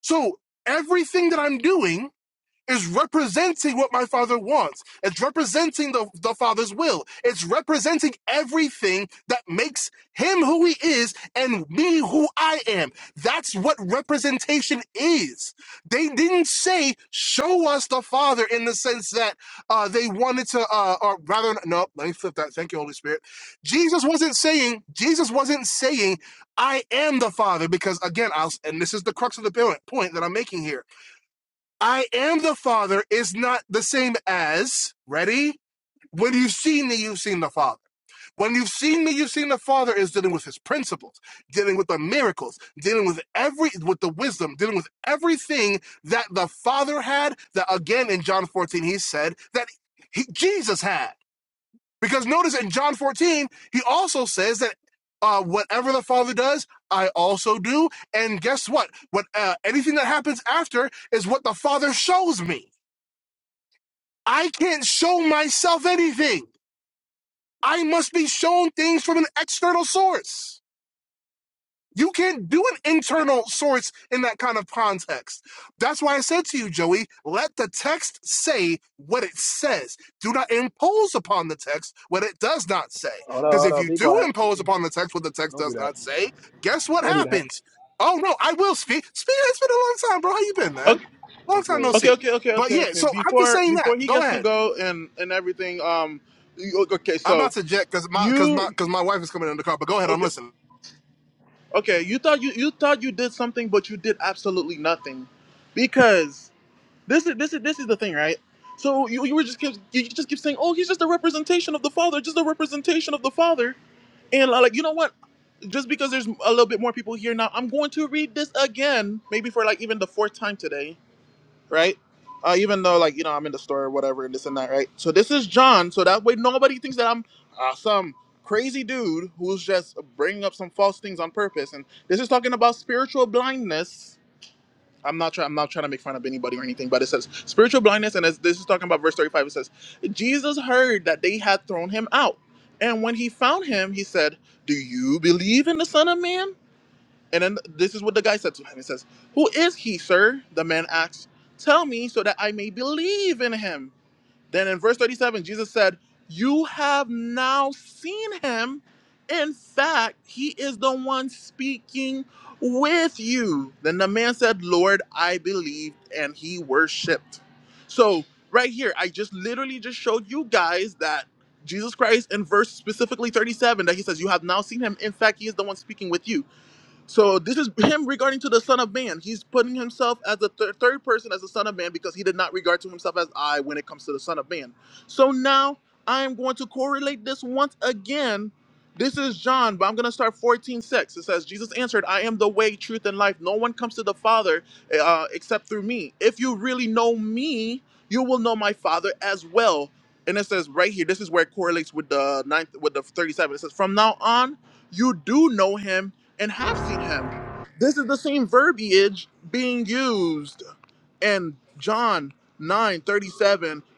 [SPEAKER 12] So everything that I'm doing is representing what my father wants. It's representing the, the father's will. It's representing everything that makes him who he is and me who I am. That's what representation is. They didn't say, show us the father in the sense that uh, they wanted to, uh, or rather, no, let me flip that. Thank you, Holy Spirit. Jesus wasn't saying, Jesus wasn't saying, I am the father, because again, I'll, and this is the crux of the point that I'm making here I am the Father is not the same as, ready? When you've seen me, you've seen the Father. When you've seen me, you've seen the Father is dealing with his principles, dealing with the miracles, dealing with every, with the wisdom, dealing with everything that the Father had, that again in John 14, he said that he, Jesus had. Because notice in John 14, he also says that uh, whatever the Father does, I also do. And guess what? What uh, anything that happens after is what the Father shows me. I can't show myself anything. I must be shown things from an external source. You can't do an internal source in that kind of context. That's why I said to you, Joey, let the text say what it says. Do not impose upon the text what it does not say.
[SPEAKER 21] Hold up,
[SPEAKER 12] Because
[SPEAKER 21] hold
[SPEAKER 12] if
[SPEAKER 21] up,
[SPEAKER 12] you
[SPEAKER 21] be
[SPEAKER 12] do
[SPEAKER 21] quiet.
[SPEAKER 12] impose
[SPEAKER 21] Mm-mm.
[SPEAKER 12] upon the text what the text
[SPEAKER 21] Don't do
[SPEAKER 12] does
[SPEAKER 21] that.
[SPEAKER 12] not say, guess what
[SPEAKER 21] Don't do that.
[SPEAKER 12] happens? Oh no, I will speak. Speak, it's been a long time, bro. How you been, man?
[SPEAKER 1] Okay,
[SPEAKER 12] Long
[SPEAKER 21] What's
[SPEAKER 12] time no
[SPEAKER 21] good?
[SPEAKER 1] okay,
[SPEAKER 12] see.
[SPEAKER 1] okay, okay,
[SPEAKER 12] But
[SPEAKER 1] okay,
[SPEAKER 12] yeah,
[SPEAKER 1] okay.
[SPEAKER 12] so I'm just
[SPEAKER 1] Before
[SPEAKER 12] saying that.
[SPEAKER 1] before he
[SPEAKER 12] Go
[SPEAKER 1] gets to
[SPEAKER 12] ahead.
[SPEAKER 1] go and and everything, um, you- okay,
[SPEAKER 12] I'm about
[SPEAKER 1] so
[SPEAKER 12] to jet because my because my
[SPEAKER 1] you
[SPEAKER 12] because my wife is coming in the car. But go ahead, I'm
[SPEAKER 1] okay
[SPEAKER 12] listening.
[SPEAKER 1] Okay, you thought you you thought you did something, but you did absolutely nothing, because this is this is this is the thing, right? So you, you were just keep, you just keep saying, oh, he's just a representation of the father, just a representation of the father, and uh, like you know what? Just because there's a little bit more people here now, I'm going to read this again, maybe for like even the fourth time today right? Uh, even though like you know I'm in the store or whatever and this and that, right? So this is John, so that way nobody thinks that I'm uh, some crazy dude who's just bringing up some false things on purpose. And this is talking about spiritual blindness. I'm not trying. I'm not trying to make fun of anybody or anything, but it says spiritual blindness, and as this is talking about verse 35, it says Jesus heard that they had thrown him out, and when he found him, he said, "Do you believe in the Son of Man?" And then this is what the guy said to him. He says, Who is he, sir? The man asks, Tell me so that I may believe in him. Then in verse 37, Jesus said, You have now seen him. In fact, he is the one speaking with you. Then the man said, Lord, I believe, and he worshiped. So, right here, I just literally just showed you guys that Jesus Christ in verse specifically 37 that he says, You have now seen him. In fact, he is the one speaking with you so this is him regarding to the Son of Man. He's putting himself as the thir- third person as the Son of Man because he did not regard to himself as I when it comes to the Son of Man. So now I am going to correlate this once again. This is John, but I'm going to start 14 6. It says, Jesus answered, I am the way, truth, and life. No one comes to the Father eh, uh, except through me. If you really know me, you will know my Father as well. And it says right here, this is where it correlates with the ninth, with the 37. It says, From now on, you do know him and have seen him. This is the same verbiage being used in John 9:37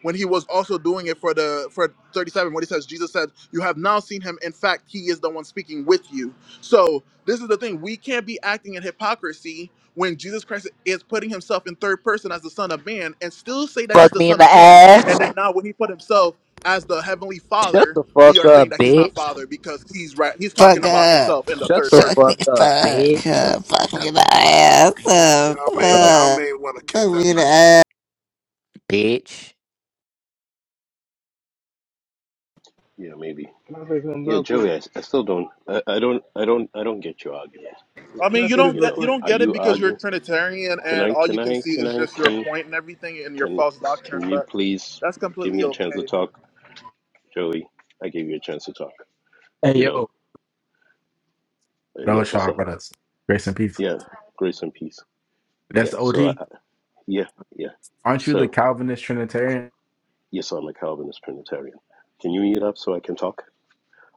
[SPEAKER 1] when he was also doing it for the for 37 what he says jesus said you have now seen him in fact he is the one speaking with you so this is the thing we can't be acting in hypocrisy when jesus christ is putting himself in third person as the son of man and still say that he's
[SPEAKER 22] fuck
[SPEAKER 1] the
[SPEAKER 22] me in
[SPEAKER 1] son
[SPEAKER 22] the
[SPEAKER 1] of man
[SPEAKER 22] ass.
[SPEAKER 1] and then now when he put himself as the heavenly
[SPEAKER 22] Shut
[SPEAKER 1] father
[SPEAKER 22] the
[SPEAKER 1] we
[SPEAKER 22] fuck
[SPEAKER 1] are
[SPEAKER 22] up,
[SPEAKER 1] saying that he's not
[SPEAKER 22] bitch.
[SPEAKER 1] father because he's right he's talking
[SPEAKER 23] fuck
[SPEAKER 1] about
[SPEAKER 23] up.
[SPEAKER 1] himself in the
[SPEAKER 22] Shut
[SPEAKER 1] third
[SPEAKER 22] the
[SPEAKER 1] person
[SPEAKER 23] suck me
[SPEAKER 22] fuck up, bitch.
[SPEAKER 23] fuck up. Fuck me the ass up.
[SPEAKER 12] Y'all
[SPEAKER 22] Fuck
[SPEAKER 12] may
[SPEAKER 22] up,
[SPEAKER 12] y'all
[SPEAKER 23] Fuck.
[SPEAKER 12] may want to kick
[SPEAKER 23] Fuck
[SPEAKER 12] that
[SPEAKER 23] me the
[SPEAKER 12] person.
[SPEAKER 23] ass.
[SPEAKER 22] bitch.
[SPEAKER 18] Yeah, maybe.
[SPEAKER 21] Can I say something
[SPEAKER 18] Yeah,
[SPEAKER 21] real quick?
[SPEAKER 18] Joey, I, I still don't. I, I don't. I don't. I don't get your argument.
[SPEAKER 1] I
[SPEAKER 21] Can I
[SPEAKER 1] mean, you
[SPEAKER 21] say this
[SPEAKER 1] don't
[SPEAKER 18] You
[SPEAKER 21] real
[SPEAKER 1] get
[SPEAKER 18] know,
[SPEAKER 1] you
[SPEAKER 21] quick?
[SPEAKER 1] don't
[SPEAKER 18] are
[SPEAKER 1] get it
[SPEAKER 18] you
[SPEAKER 1] because you're a
[SPEAKER 18] arguing?
[SPEAKER 1] Trinitarian
[SPEAKER 18] Can
[SPEAKER 1] and
[SPEAKER 18] I?
[SPEAKER 1] all you
[SPEAKER 18] Can
[SPEAKER 1] can
[SPEAKER 18] I?
[SPEAKER 1] see
[SPEAKER 18] Can
[SPEAKER 1] is
[SPEAKER 18] I?
[SPEAKER 1] just your
[SPEAKER 18] Can
[SPEAKER 1] point and everything and your
[SPEAKER 18] can
[SPEAKER 1] false
[SPEAKER 18] can
[SPEAKER 1] doctrine.
[SPEAKER 18] you
[SPEAKER 1] But
[SPEAKER 18] please
[SPEAKER 1] that's
[SPEAKER 18] give
[SPEAKER 1] completely
[SPEAKER 18] me a chance to
[SPEAKER 1] okay.
[SPEAKER 18] talk, Joey? I gave you a chance to talk.
[SPEAKER 24] Hey
[SPEAKER 18] You know.
[SPEAKER 24] yo,
[SPEAKER 18] Uh,
[SPEAKER 24] that
[SPEAKER 18] yeah.
[SPEAKER 24] was
[SPEAKER 18] What's
[SPEAKER 24] Sean
[SPEAKER 18] up?
[SPEAKER 24] Brothers. Grace and peace.
[SPEAKER 18] Yeah. Grace and peace.
[SPEAKER 24] That's
[SPEAKER 18] Yeah.
[SPEAKER 24] the
[SPEAKER 18] So I.
[SPEAKER 24] OG.
[SPEAKER 18] I- Yeah. Yeah.
[SPEAKER 24] Aren't you the
[SPEAKER 18] So
[SPEAKER 24] Calvinist Trinitarian?
[SPEAKER 18] yes, I'm a Calvinist Trinitarian. Can you mute up so I can talk?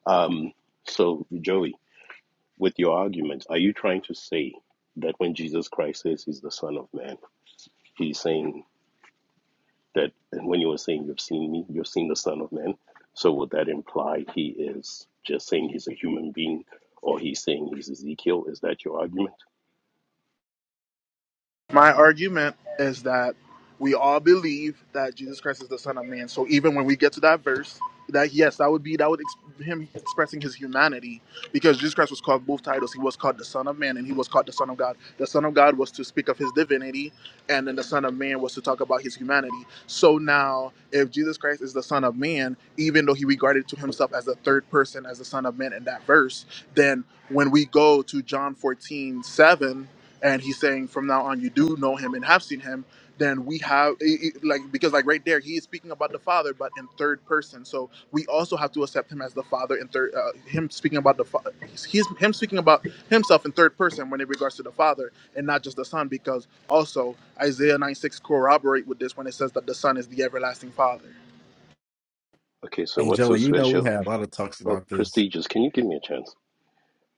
[SPEAKER 18] Um, so, Joey, with your argument, are you trying to say that when Jesus Christ says he's the Son of Man, he's saying that and when you were saying you've seen me, you've seen the Son of Man? So, would that imply he is just saying he's a human being or he's saying he's Ezekiel? Is that your argument?
[SPEAKER 1] My argument is that we all believe that Jesus Christ is the Son of Man. So even when we get to that verse, that yes, that would be that would ex- him expressing his humanity because Jesus Christ was called both titles. He was called the Son of Man and he was called the Son of God. The Son of God was to speak of his divinity, and then the Son of Man was to talk about his humanity. So now, if Jesus Christ is the Son of Man, even though he regarded to himself as the third person as the Son of Man in that verse, then when we go to John 14 7 and he's saying from now on you do know him and have seen him then we have i- i- like because like right there he is speaking about the father but in third person so we also have to accept him as the father in third uh, him speaking about the father he's him speaking about himself in third person when it regards to the father and not just the son because also isaiah 9 6 corroborate with this when it says that the son is the everlasting father
[SPEAKER 18] Okay, so
[SPEAKER 24] Hey
[SPEAKER 18] what's so
[SPEAKER 24] Joey, you know we
[SPEAKER 18] special?
[SPEAKER 24] had a lot of talks
[SPEAKER 18] Oh,
[SPEAKER 24] about this.
[SPEAKER 18] prestigious, can you give me a chance?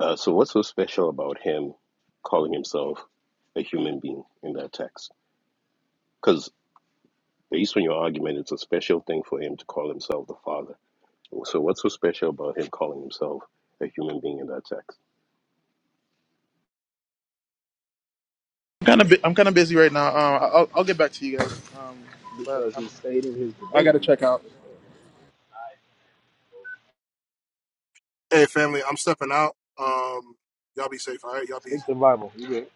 [SPEAKER 18] Uh, so, what's so special about him calling himself a human being in that text? Because Based on your argument, it's a special thing for him to call himself the Father. So, what's so special about him calling himself a human being in that text?
[SPEAKER 1] i'm kind of bu- i'm kind of busy right now um, I- I'll, I'll get back to you guys um, but
[SPEAKER 21] Because
[SPEAKER 1] I'm,
[SPEAKER 21] he's stating his
[SPEAKER 1] i gotta
[SPEAKER 21] divinity.
[SPEAKER 1] check out
[SPEAKER 12] Hey family, I'm stepping out. Um, y'all be safe. All right, y'all be
[SPEAKER 21] Stick
[SPEAKER 12] easy.
[SPEAKER 21] to the Bible. You good?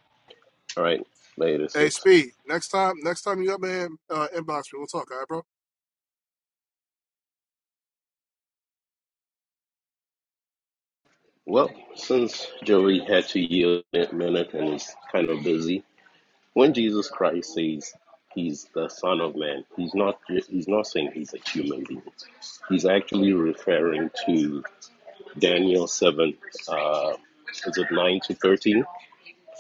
[SPEAKER 18] All right, later,
[SPEAKER 12] Hey
[SPEAKER 18] six.
[SPEAKER 12] Speed, next time next time you up in uh, inbox me, we'll talk. All right, bro.
[SPEAKER 18] Well, since Joey had to yield a minute and he's kind of busy, when Jesus Christ says he's the Son of Man, he's not he's not saying he's a human being. He's actually referring to Daniel seven. Uh, is it nine to thirteen?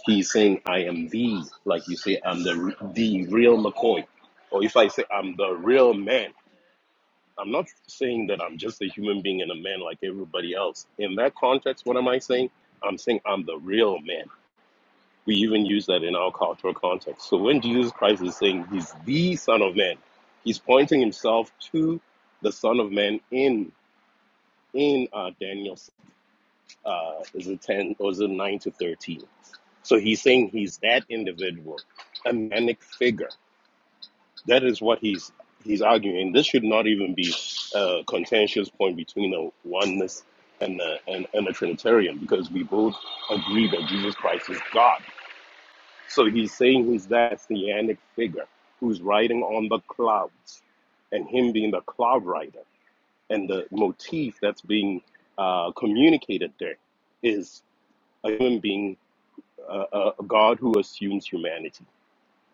[SPEAKER 18] He's saying, I am the, like you say, I'm the, the real McCoy. Or if I say I'm the real man, I'm not saying that I'm just a human being and a man like everybody else. In that context, what am I saying? I'm saying I'm the real man. We even use that in our cultural context. So when Jesus Christ is saying he's the Son of Man, he's pointing himself to the Son of Man in in uh, Daniel uh, is it 10 or is it 9 to 13? So he's saying he's that individual, a manic figure. That is what he's he's arguing. This should not even be a contentious point between a oneness and a, and, and a Trinitarian because we both agree that Jesus Christ is God. So he's saying he's that theanic figure who's riding on the clouds and him being the cloud rider. And the motif that's being uh, communicated there is a human being a, a a God who assumes humanity.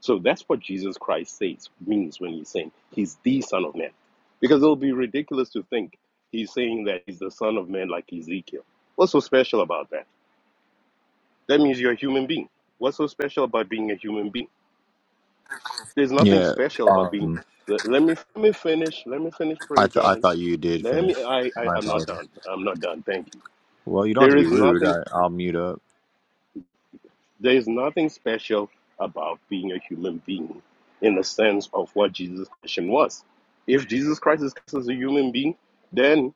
[SPEAKER 18] So that's what Jesus Christ says means when he's saying he's the Son of Man, because it'll be ridiculous to think he's saying that he's the Son of Man like Ezekiel. What's so special about that? That means you're a human being. What's so special about being a human being? There's nothing
[SPEAKER 8] yeah.
[SPEAKER 18] special about being. Let, let me let me finish. Let me finish,
[SPEAKER 8] I
[SPEAKER 18] pray,
[SPEAKER 8] th- I
[SPEAKER 18] Jordan.
[SPEAKER 8] thought you did
[SPEAKER 18] Let
[SPEAKER 8] finish.
[SPEAKER 18] me. I, I
[SPEAKER 8] My
[SPEAKER 18] I'm not done.
[SPEAKER 8] apologies.
[SPEAKER 18] I'm not done. Thank you.
[SPEAKER 8] Well, you don't have
[SPEAKER 18] There
[SPEAKER 8] to be
[SPEAKER 18] is
[SPEAKER 8] rude.
[SPEAKER 18] nothing.
[SPEAKER 8] I, I'll mute up.
[SPEAKER 18] There's nothing special about being a human being in the sense of what Jesus' mission was. If Jesus Christ is cast as a human being, then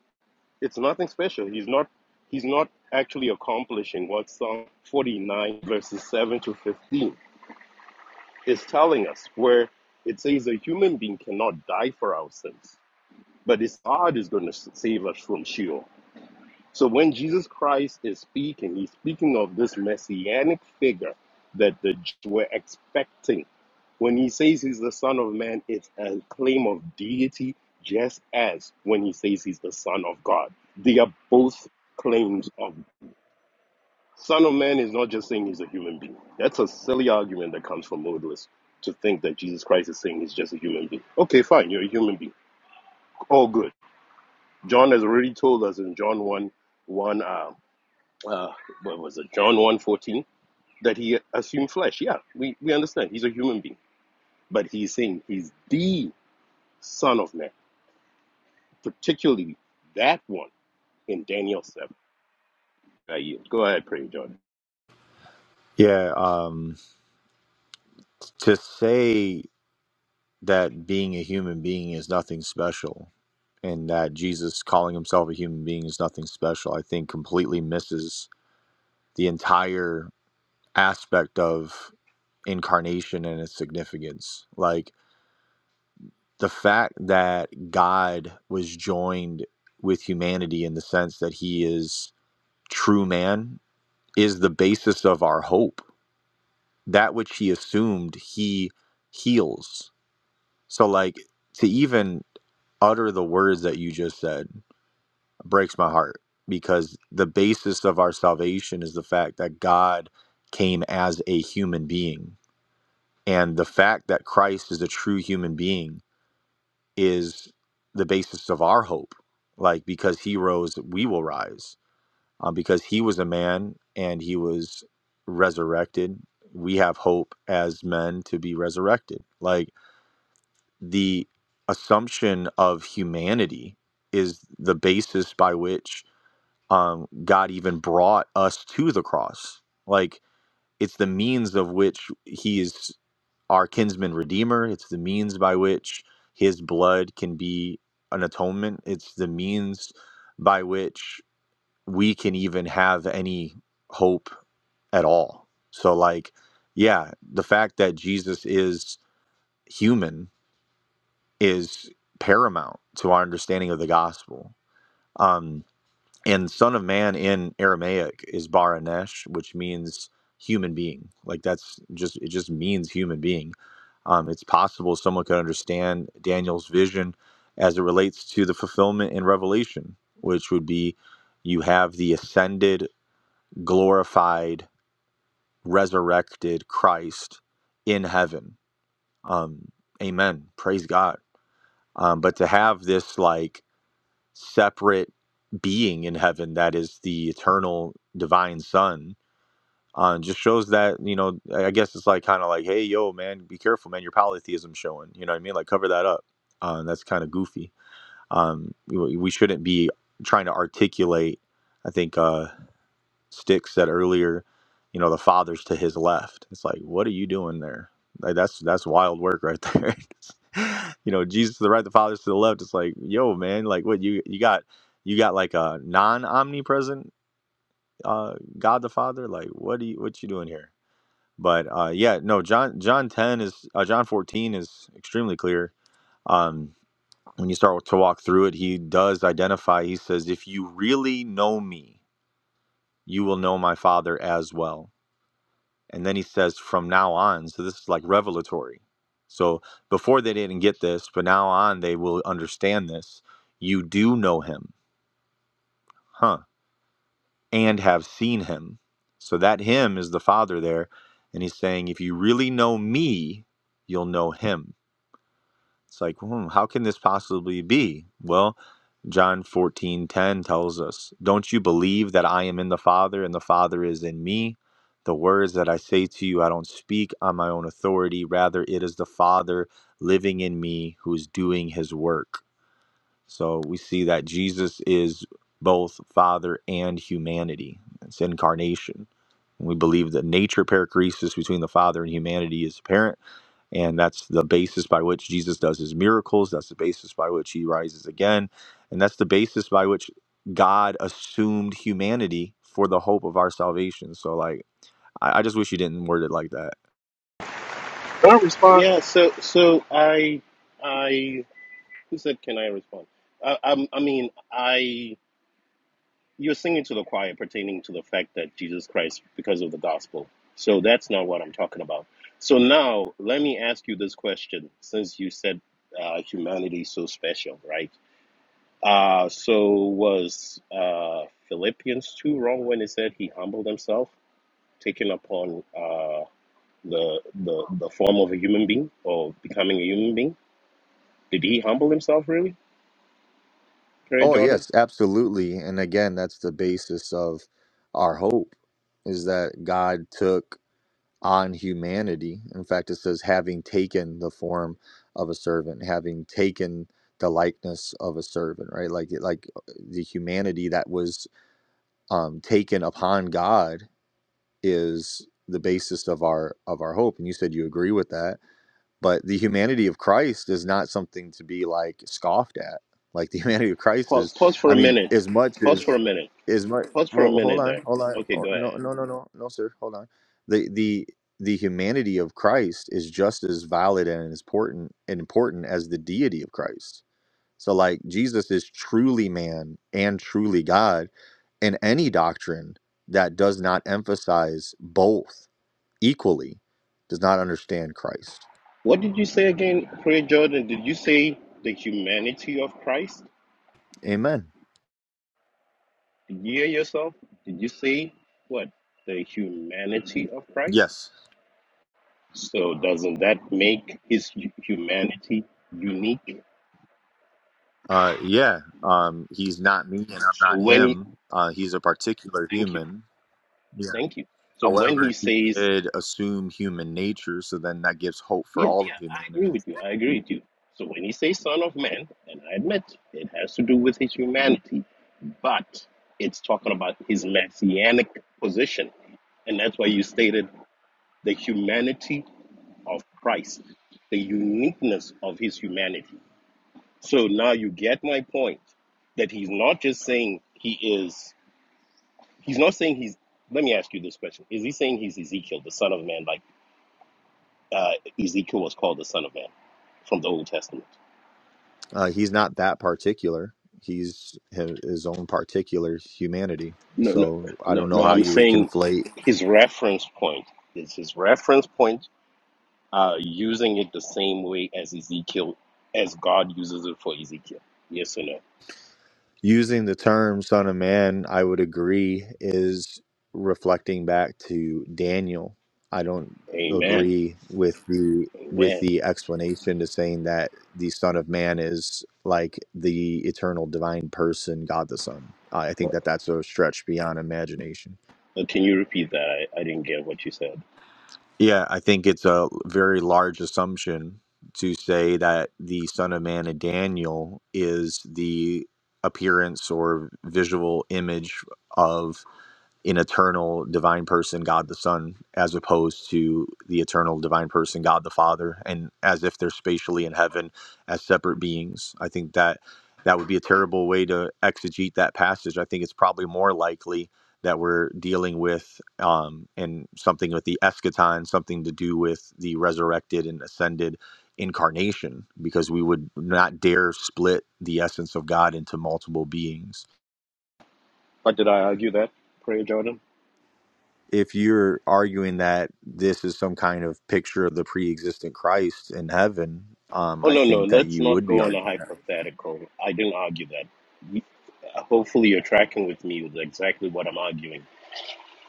[SPEAKER 18] it's nothing special. He's not he's not actually accomplishing what Psalm 49 verses 7 to 15 is telling us, where it says a human being cannot die for our sins, but his heart is going to save us from Sheol. So when Jesus Christ is speaking, he's speaking of this messianic figure that the Jews were expecting. When he says he's the Son of Man, it's a claim of deity, just as when he says he's the Son of God. They are both claims of Son of Man is not just saying he's a human being. That's a silly argument that comes from modalists to think that Jesus Christ is saying he's just a human being. Okay, fine, you're a human being. All good. John has already told us in John 1 1. um, uh, what was it, John one fourteen that he assumed flesh. Yeah, we, we understand. He's a human being. But he's saying he's the Son of Man, particularly that one in Daniel 7. I yield. Go ahead, pray, John.
[SPEAKER 8] Yeah. Um. To say that being a human being is nothing special, and that Jesus calling himself a human being is nothing special, I think completely misses the entire aspect of incarnation and its significance. Like the fact that God was joined with humanity in the sense that He is true man is the basis of our hope that which he assumed he heals. So like to even utter the words that you just said breaks my heart because the basis of our salvation is the fact that God came as a human being and the fact that Christ is a true human being is the basis of our hope like because he rose we will rise um, because he was a man and he was resurrected. We have hope as men to be resurrected. Like the assumption of humanity is the basis by which um, God even brought us to the cross. Like it's the means of which he is our kinsman redeemer. It's the means by which his blood can be an atonement. It's the means by which we can even have any hope at all. So, like, yeah, the fact that Jesus is human is paramount to our understanding of the gospel. Um, and Son of Man in Aramaic is Baranesh, which means human being. Like, that's just, it just means human being. Um, it's possible someone could understand Daniel's vision as it relates to the fulfillment in Revelation, which would be you have the ascended glorified, resurrected Christ in heaven. Um, amen. Praise God. Um, but to have this like separate being in heaven that is the eternal divine Son uh, just shows that, you know, I guess it's like kind of like, hey, yo, man, be careful, man. Your polytheism showing. You know what I mean? Like, cover that up. Uh, that's kind of goofy. Um, we we shouldn't be trying to articulate, I think. Uh, Stick said earlier, you know, the father's to his left. It's like, what are you doing there? Like that's that's wild work right there. you know, Jesus to the right, the father's to the left. It's like, yo, man, like what you you got you got like a non omnipresent uh God the Father? Like what do you what you doing here? But uh yeah, no, John John ten is uh, John fourteen is extremely clear. Um when you start to walk through it, he does identify, he says, if you really know me, you will know my father as well And then he says, from now on. So this is like revelatory. So before they didn't get this, but now on they will understand this. You do know him, huh? And have seen him. So that him is the Father there. And he's saying, if you really know me, you'll know him It's like, hmm, how can this possibly be? Well, John fourteen ten tells us, Don't you believe that I am in the Father and the Father is in me? The words that I say to you, I don't speak on my own authority. Rather, it is the Father living in me who is doing his work. So we see that Jesus is both Father and humanity. It's incarnation. And we believe that nature perichoresis between the Father and humanity is apparent and that's the basis by which Jesus does his miracles. That's the basis by which he rises again. And that's the basis by which God assumed humanity for the hope of our salvation. So, like, I, I just wish you didn't word it like that.
[SPEAKER 21] Don't respond.
[SPEAKER 18] Yeah, so so I I who said can I respond? I, I, I mean I you're singing to the choir pertaining to the fact that Jesus Christ, because of the gospel. So that's not what I'm talking about. So now let me ask you this question since you said uh, humanity is so special, right? Uh, so was uh, Philippians 2 wrong when it said he humbled himself, taking upon uh, the, the, the form of a human being or becoming a human being? Did he humble himself really, Perry
[SPEAKER 8] Oh,
[SPEAKER 18] Jordan?
[SPEAKER 8] yes, absolutely. And again, that's the basis of our hope is that God took on humanity. In fact, it says, having taken the form of a servant, having taken the likeness of a servant, right? Like, like the humanity that was um, taken upon God is the basis of our of our hope. And you said you agree with that. But the humanity of Christ is not something to be like scoffed at. Like the humanity of Christ
[SPEAKER 18] Pause,
[SPEAKER 8] is,
[SPEAKER 18] pause for
[SPEAKER 8] I
[SPEAKER 18] a
[SPEAKER 8] mean,
[SPEAKER 18] minute.
[SPEAKER 8] as much
[SPEAKER 18] Pause for a
[SPEAKER 8] as
[SPEAKER 18] minute.
[SPEAKER 8] as much.
[SPEAKER 18] Pause for a
[SPEAKER 8] Well, hold
[SPEAKER 18] minute
[SPEAKER 8] on,
[SPEAKER 18] there.
[SPEAKER 8] hold on.
[SPEAKER 18] Okay,
[SPEAKER 8] Oh,
[SPEAKER 18] go
[SPEAKER 8] no,
[SPEAKER 18] ahead.
[SPEAKER 8] no, no, no, no, sir. Hold on. The the the humanity of Christ is just as valid and as important and important as the deity of Christ. So, like Jesus is truly man and truly God and any doctrine that does not emphasize both equally does not understand Christ.
[SPEAKER 18] What did you say again, Prayer Jordan? Did you say the humanity of Christ?
[SPEAKER 8] Amen.
[SPEAKER 18] Did you hear yourself? Did you say what? The humanity of Christ?
[SPEAKER 8] Yes.
[SPEAKER 18] So doesn't that make his hu- humanity unique?
[SPEAKER 8] Uh, yeah. Um, he's not me and I'm
[SPEAKER 18] So
[SPEAKER 8] not
[SPEAKER 18] when he
[SPEAKER 8] him. Uh, he's a particular
[SPEAKER 18] thank you,
[SPEAKER 8] human. Yeah.
[SPEAKER 18] thank you. So when he
[SPEAKER 8] However, he
[SPEAKER 18] says,
[SPEAKER 8] did assume human nature, so then that gives hope for
[SPEAKER 18] Yeah,
[SPEAKER 8] all of
[SPEAKER 18] yeah, I agree
[SPEAKER 8] humanity.
[SPEAKER 18] with you, I agree with you. So when he says son of man, and I admit it has to do with his humanity, but it's talking about his messianic position. And that's why you stated the humanity of Christ, the uniqueness of his humanity. So now you get my point that he's not just saying he is, he's not saying he's, let me ask you this question. Is he saying he's Ezekiel, the son of man, like uh, Ezekiel was called the son of man from the Old Testament?
[SPEAKER 8] Uh, he's not that particular. He's hi- his own particular humanity.
[SPEAKER 18] No, no,
[SPEAKER 8] So I
[SPEAKER 18] no,
[SPEAKER 8] don't know
[SPEAKER 18] no.
[SPEAKER 8] how
[SPEAKER 18] I'm
[SPEAKER 8] you would
[SPEAKER 18] saying
[SPEAKER 8] conflate
[SPEAKER 18] his reference point is his reference point uh, using it the same way as Ezekiel, as God uses it for Ezekiel. Yes or no?
[SPEAKER 8] using the term son of man, I would agree, is reflecting back to Daniel. I don't
[SPEAKER 18] Amen.
[SPEAKER 8] agree with the
[SPEAKER 18] Amen.
[SPEAKER 8] with the explanation to saying that the son of man is like the eternal divine person god the son i I
[SPEAKER 18] Uh,
[SPEAKER 8] think that that's a stretch beyond imagination
[SPEAKER 18] Can you repeat that? I, I didn't get what you said.
[SPEAKER 8] yeah i think it's a very large assumption to say that the son of man in daniel is the appearance or visual image of. an eternal divine person, God the Son, as opposed to the eternal divine person, God the Father, and as if they're spatially in heaven as separate beings. I think that that would be a terrible way to exegete that passage. I think it's probably more likely that we're dealing with um, and something with the eschaton, something to do with the resurrected and ascended incarnation, because we would not dare split the essence of God into multiple beings.
[SPEAKER 18] Or did I argue that, Prayer Jordan?
[SPEAKER 8] if you're arguing that this is some kind of picture of the pre-existent Christ in heaven, um,
[SPEAKER 18] Oh,
[SPEAKER 8] I
[SPEAKER 18] no, no.
[SPEAKER 8] think that
[SPEAKER 18] Let's
[SPEAKER 8] you
[SPEAKER 18] not
[SPEAKER 8] would be
[SPEAKER 18] go on a
[SPEAKER 8] arguing that.
[SPEAKER 18] hypothetical. I didn't argue that. You- Hopefully, you're tracking with me with exactly what I'm arguing.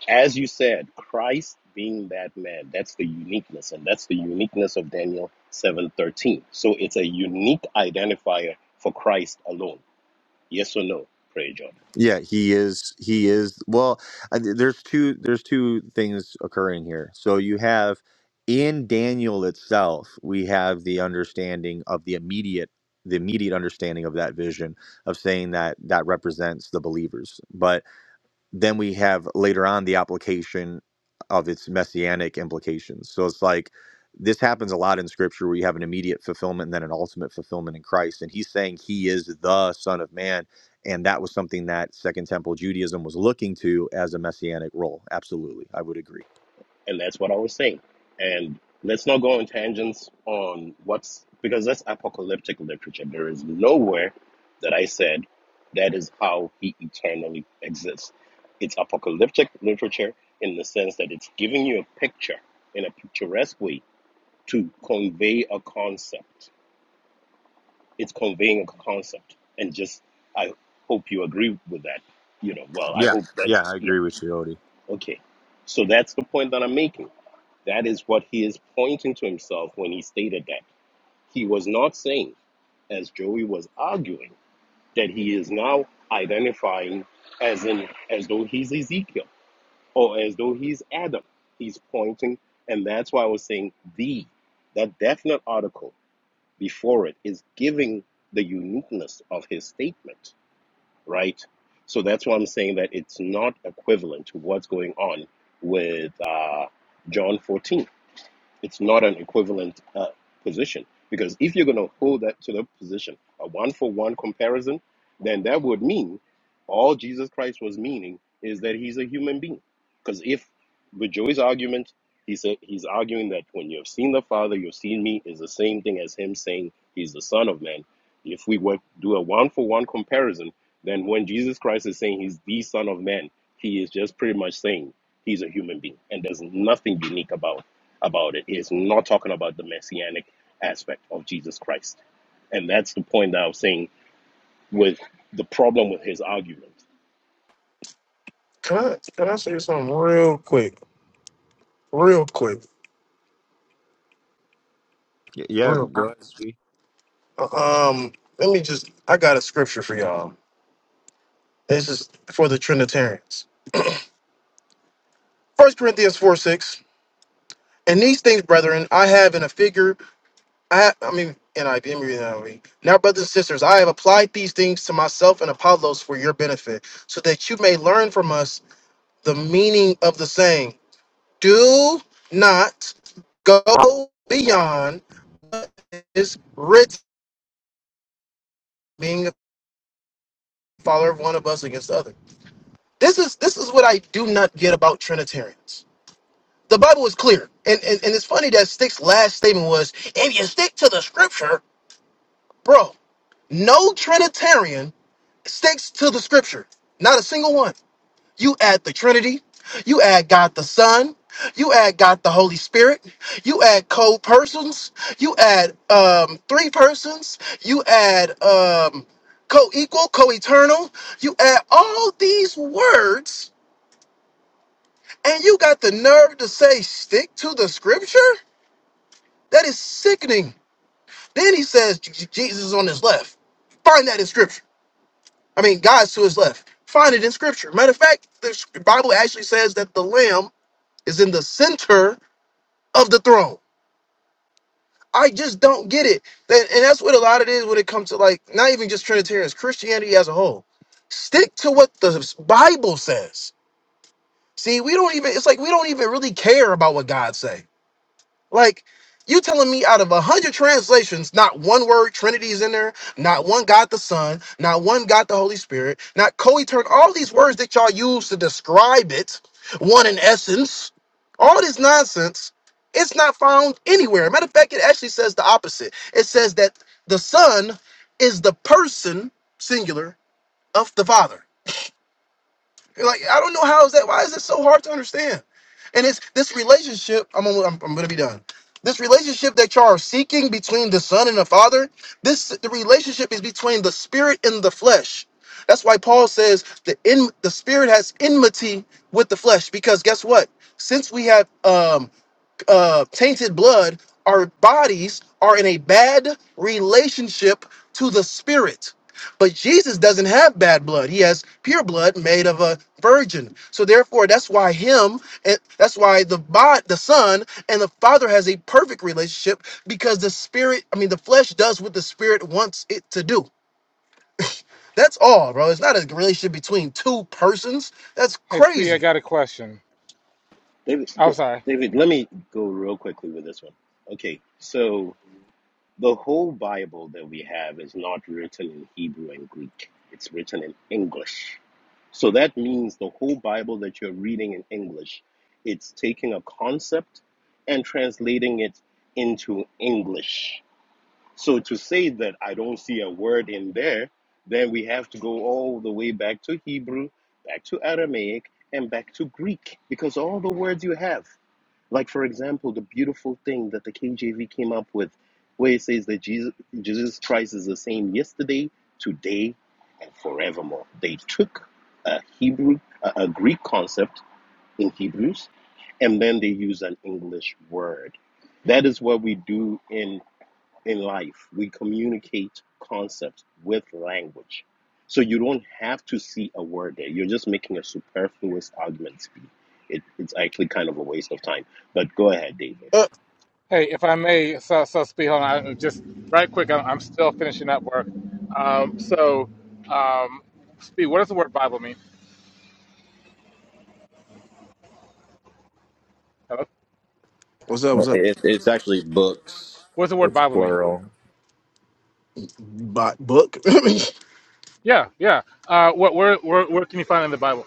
[SPEAKER 18] As you said, Christ being that man, that's the uniqueness, and that's the uniqueness of Daniel 7:13. So it's a unique identifier for Christ alone. Yes or no, Prayer Jordan?
[SPEAKER 8] Yeah, he is. He is. Well, I- there's two. There's two things occurring here. So you have in Daniel itself, we have the understanding of the immediate, the immediate understanding of that vision of saying that that represents the believers, but Then we have later on the application of its messianic implications. So it's like this happens a lot in scripture where you have an immediate fulfillment and then an ultimate fulfillment in Christ. And he's saying he is the Son of Man. And that was something that Second Temple Judaism was looking to as a messianic role. Absolutely. I would agree.
[SPEAKER 18] and that's what I was saying. And let's not go on tangents on what's because that's apocalyptic literature. There is nowhere that I said that is how he eternally exists. It's apocalyptic literature in the sense that it's giving you a picture in a picturesque way to convey a concept. It's conveying a concept, and just I hope you agree with that. You know, well, I
[SPEAKER 8] Yeah,
[SPEAKER 18] hope
[SPEAKER 8] yeah,
[SPEAKER 18] that's
[SPEAKER 8] I
[SPEAKER 18] yeah,
[SPEAKER 8] agree with you, Odie.
[SPEAKER 18] okay. So that's the point that I'm making that is what he is pointing to himself when he stated that. He was not saying, as Joey was arguing, that he is now identifying as in as though he's Ezekiel or as though he's Adam. He's pointing, and that's why I was saying the. That definite article before it is giving the uniqueness of his statement, right? So that's why I'm saying that it's not equivalent to what's going on with uh, John 14 it's not an equivalent uh, position because if you're going to hold that to the position, a one for one comparison, then that would mean all Jesus Christ was meaning is that he's a human being. Because if with Joey's argument, he said he's arguing that when you have seen the Father, you've seen me is the same thing as him saying he's the Son of Man. If we were do a one for one comparison, then when Jesus Christ is saying he's the Son of Man, he is just pretty much saying he's a human being and there's nothing unique about about it. He not talking about the messianic aspect of Jesus Christ. And that's the point that I was saying with the problem with his argument.
[SPEAKER 21] Can I can I say something real quick? Real quick.
[SPEAKER 8] Y- Yeah,
[SPEAKER 21] Real.
[SPEAKER 8] go ahead, speak
[SPEAKER 21] Um, let me just I got a scripture for y'all. This is for the Trinitarians. First Corinthians 4 6. And these things, brethren, I have in a figure. I, I mean, NIV, I'm reading NIV. Now, brothers and sisters, I have applied these things to myself and Apollos for your benefit, so that you may learn from us the meaning of the saying, Do not go beyond what is written, being a follower of one of us against the other. This is this is what I do not get about Trinitarians. The Bible is clear. And, and, and it's funny that Stick's last statement was, if you stick to the scripture, bro, no Trinitarian sticks to the scripture. Not a single one. You add the Trinity, you add God the Son, you add God the Holy Spirit, you add co persons, you add um, three persons, you add um, co equal, co eternal, you add all these words, and you got the nerve to say, stick to the scripture? That is sickening. Then he says, "J- J- Jesus is on his left. Find that in scripture. I mean, God's to his left. Find it in scripture. Matter of fact, the Bible actually says that the Lamb is in the center of the throne. I just don't get it. That- And that's what a lot of it is when it comes to like not even just Trinitarians, Christianity as a whole. Stick to what the Bible says. See, we don't even, it's like we don't even really care about what God say. Like, you telling me out of a hundred translations, not one word Trinity is in there, not one God the Son, not one God the Holy Spirit, not co-eternal, all these words that y'all use to describe it, one in essence, all this nonsense, it's not found anywhere. Matter of fact, it actually says the opposite. It says that the Son is the person, singular, of the Father. Like I don't know how is that. Why is it so hard to understand? And it's this relationship. I'm almo- I'm, I'm gonna be done. This relationship that y'all are seeking between the Son and the Father. This the relationship is between the Spirit and the flesh. That's why Paul says the in the Spirit has enmity with the flesh because guess what? Since we have um uh, tainted blood, our bodies are in a bad relationship to the spirit. But Jesus doesn't have bad blood. He has pure blood made of a virgin. So therefore, that's why him and that's why the bod, the son and the father has a perfect relationship because the spirit, I mean, the flesh does what the spirit wants it to do. That's all, bro. It's not a relationship between two persons. That's
[SPEAKER 20] Hey, Spee, I
[SPEAKER 21] crazy.
[SPEAKER 20] got a question.
[SPEAKER 18] David,
[SPEAKER 20] I'm sorry.
[SPEAKER 18] David, let me go real quickly with this one. Okay, so the whole Bible that we have is not written in Hebrew and Greek, it's written in English. So that means the whole Bible that you're reading in English, it's taking a concept and translating it into English. So to say that I don't see a word in there, then we have to go all the way back to Hebrew, back to Aramaic, and back to Greek, because all the words you have, like for example, the beautiful thing that the KJV came up with, where it says that Jesus, Jesus Christ is the same yesterday, today, and forevermore. They took a Hebrew, a, a Greek concept in Hebrews, and then they use an English word. That is what we do in in life, we communicate concepts with language. So you don't have to see a word there. You're just making a superfluous argument speak. It, it's actually kind of a waste of time. But go ahead, David.
[SPEAKER 21] Uh,
[SPEAKER 20] Hey, if I may, so, so Spee, hold on. I, just right quick, I'm, I'm still finishing up work. Um, so, um, Spee, what does the word Bible mean? Hello?
[SPEAKER 21] what's up? What's up?
[SPEAKER 20] What does the word Bible mean?
[SPEAKER 8] plural.
[SPEAKER 21] Bot book.
[SPEAKER 20] Yeah, yeah. Uh, what, where, where, where can you find it in the Bible?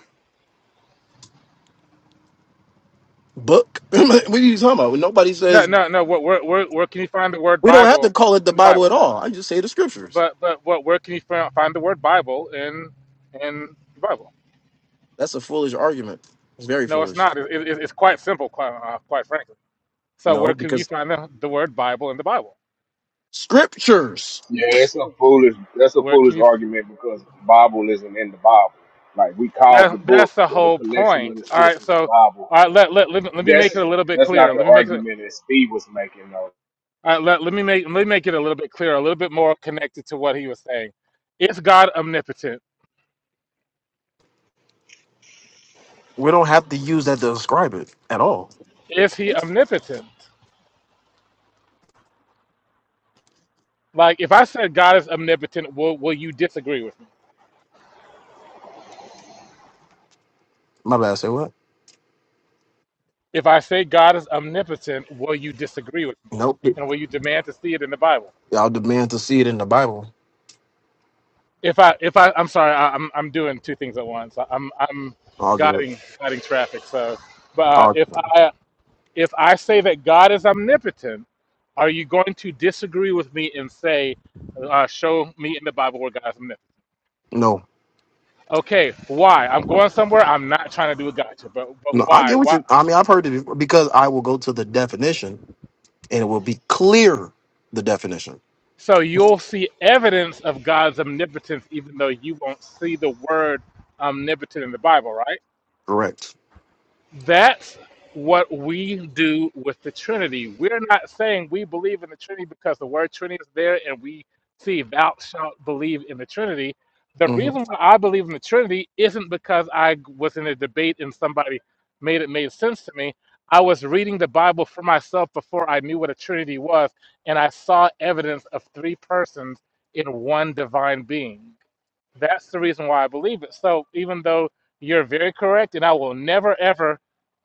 [SPEAKER 21] book. what are you talking about? When Nobody
[SPEAKER 20] No,
[SPEAKER 21] says
[SPEAKER 20] no, no. Where, where, where, where can you find the word
[SPEAKER 21] we don't have to
[SPEAKER 20] Bible
[SPEAKER 21] call it the
[SPEAKER 20] in the
[SPEAKER 21] Bible
[SPEAKER 20] Bible?
[SPEAKER 21] at all. I just say the scriptures.
[SPEAKER 20] But, but, what, where can you fi- find the word Bible in, in the Bible?
[SPEAKER 21] That's a foolish argument. It's very
[SPEAKER 20] No, it's
[SPEAKER 21] foolish.
[SPEAKER 20] not. It, it, it's quite simple, quite, uh, quite frankly. So,
[SPEAKER 21] No,
[SPEAKER 20] where can you
[SPEAKER 21] because
[SPEAKER 20] find the, the word Bible in the Bible?
[SPEAKER 21] scriptures.
[SPEAKER 25] Yeah, it's a foolish that's a
[SPEAKER 20] Where can
[SPEAKER 25] foolish
[SPEAKER 20] you?
[SPEAKER 25] argument because the Bible isn't in the Bible. Like we call the
[SPEAKER 20] That,
[SPEAKER 25] book
[SPEAKER 20] that's the
[SPEAKER 25] or the
[SPEAKER 20] whole
[SPEAKER 25] collection of
[SPEAKER 20] point.
[SPEAKER 25] the
[SPEAKER 20] All right.
[SPEAKER 25] scriptures the
[SPEAKER 20] So,
[SPEAKER 25] Bible.
[SPEAKER 20] all right. Let, let, let, me- let me make
[SPEAKER 25] That's
[SPEAKER 20] it a little bit
[SPEAKER 25] that's not
[SPEAKER 20] clearer.
[SPEAKER 25] the
[SPEAKER 20] Let me make it.
[SPEAKER 25] argument that Speed was making though.
[SPEAKER 20] All right, let, let me make let me make it a little bit clearer, a little bit more connected to what he was saying. Is God omnipotent?
[SPEAKER 21] We don't have to use that to describe it at all.
[SPEAKER 20] Is he omnipotent? Like if I said God is omnipotent, will will you disagree with me?
[SPEAKER 21] My bad. Say what?
[SPEAKER 20] If I say God is omnipotent, will you disagree with me?
[SPEAKER 21] Nope.
[SPEAKER 20] And will you demand to see it in the Bible?
[SPEAKER 21] Y'all demand to see it in the Bible.
[SPEAKER 20] If I if I I'm sorry, I, I'm I'm doing two things at once. I'm I'm
[SPEAKER 21] All good.
[SPEAKER 20] guiding guiding traffic. So, but uh,
[SPEAKER 21] All
[SPEAKER 20] if I if I say that God is omnipotent, are you going to disagree with me and say, uh, show me in the Bible where God is omnipotent?
[SPEAKER 21] no.
[SPEAKER 20] Okay, why? I'm going somewhere. I'm not trying to do a gotcha, but but
[SPEAKER 21] No, I
[SPEAKER 20] why?
[SPEAKER 21] get what
[SPEAKER 20] Why?
[SPEAKER 21] you. I mean, I've heard it before because I will go to the definition and it will be clear. The definition,
[SPEAKER 20] So you'll see evidence of God's omnipotence, even though you won't see the word omnipotent in the Bible, right?
[SPEAKER 21] correct?
[SPEAKER 20] That's what we do with the Trinity. We're not saying we believe in the Trinity because the word Trinity is there and we see thou shalt believe in the Trinity. The
[SPEAKER 21] Mm-hmm.
[SPEAKER 20] reason why I believe in the Trinity isn't because I was in a debate and somebody made it made sense to me. I was reading the Bible for myself before I knew what a Trinity was, and I saw evidence of three persons in one divine being. That's the reason why I believe it. So even though you're very correct, and I will never ever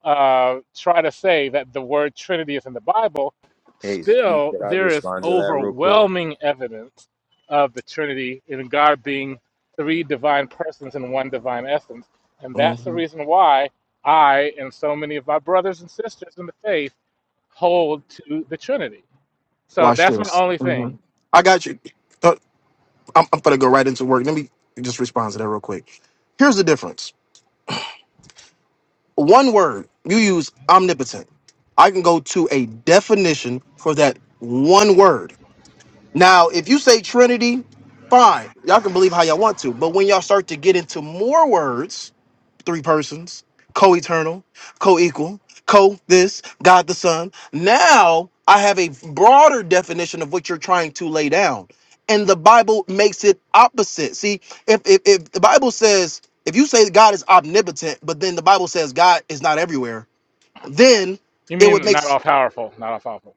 [SPEAKER 20] uh, try to say that the word Trinity is in the Bible,
[SPEAKER 8] Hey, speak.
[SPEAKER 20] still
[SPEAKER 8] Could I
[SPEAKER 20] there is
[SPEAKER 8] respond to that real quick?
[SPEAKER 20] overwhelming evidence of the Trinity in God being three divine persons in one divine essence. And that's the
[SPEAKER 21] hmm
[SPEAKER 20] reason why I and so many of my brothers and sisters in the faith hold to the Trinity. So
[SPEAKER 21] Watch
[SPEAKER 20] that's my
[SPEAKER 21] this.
[SPEAKER 20] only
[SPEAKER 21] hmm
[SPEAKER 20] thing.
[SPEAKER 21] I got you. Uh, I'm, I'm gonna go right into work. Let me just respond to that real quick. Here's the difference. One word you use omnipotent. I can go to a definition for that one word. Now, if you say Trinity, fine. Y'all can believe how y'all want to. But when y'all start to get into more words, three persons, co eternal, co equal, co this, God the Son, now I have a broader definition of what you're trying to lay down. And the Bible makes it opposite. See, if, if, if the Bible says, if you say God is omnipotent, but then the Bible says God is not everywhere, then
[SPEAKER 20] You
[SPEAKER 21] it would
[SPEAKER 20] mean
[SPEAKER 21] make
[SPEAKER 20] not all powerful, not all powerful.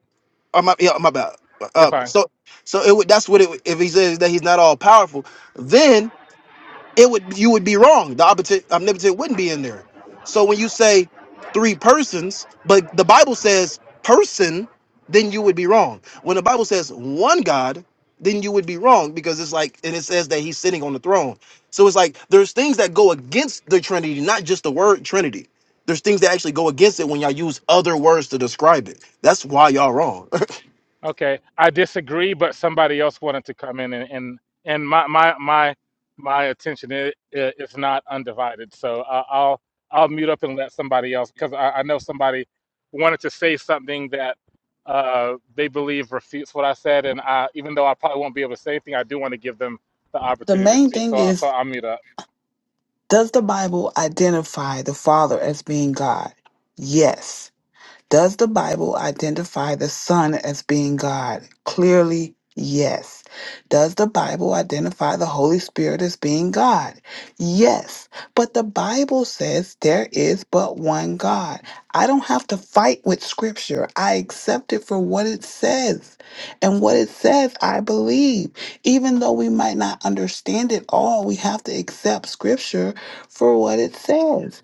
[SPEAKER 21] Oh my, yeah, my bad.
[SPEAKER 20] You're
[SPEAKER 21] Uh,
[SPEAKER 20] fine.
[SPEAKER 21] so, so it would. That's what it. would- If he says that he's not all powerful, then it would. You would be wrong. The omnipotent, omnipotent wouldn't be in there. So when you say three persons, but the Bible says person, then you would be wrong. When the Bible says one God, then you would be wrong because it's like, and it says that he's sitting on the throne. So it's like there's things that go against the Trinity, not just the word Trinity. There's things that actually go against it when y'all use other words to describe it. That's why y'all wrong.
[SPEAKER 20] Okay, I disagree, but somebody else wanted to come in, and and, and my my my my attention is, is not undivided. So I I'll I'll mute up and let somebody else because I, I know somebody wanted to say something that uh, they believe refutes what I said, and I even though I probably won't be able to say anything, I do want to give them the
[SPEAKER 5] The
[SPEAKER 20] opportunity to
[SPEAKER 5] main
[SPEAKER 20] speak.
[SPEAKER 5] thing
[SPEAKER 20] So I, so
[SPEAKER 5] is,
[SPEAKER 20] I'll mute up.
[SPEAKER 5] does the Bible identify the Father as being God? Yes. Does the Bible identify the Son as being God? Clearly, yes. Does the Bible identify the Holy Spirit as being God? Yes. But the Bible says there is but one God. I don't have to fight with Scripture. I accept it for what it says. And what it says, I believe. Even though we might not understand it all, we have to accept Scripture for what it says.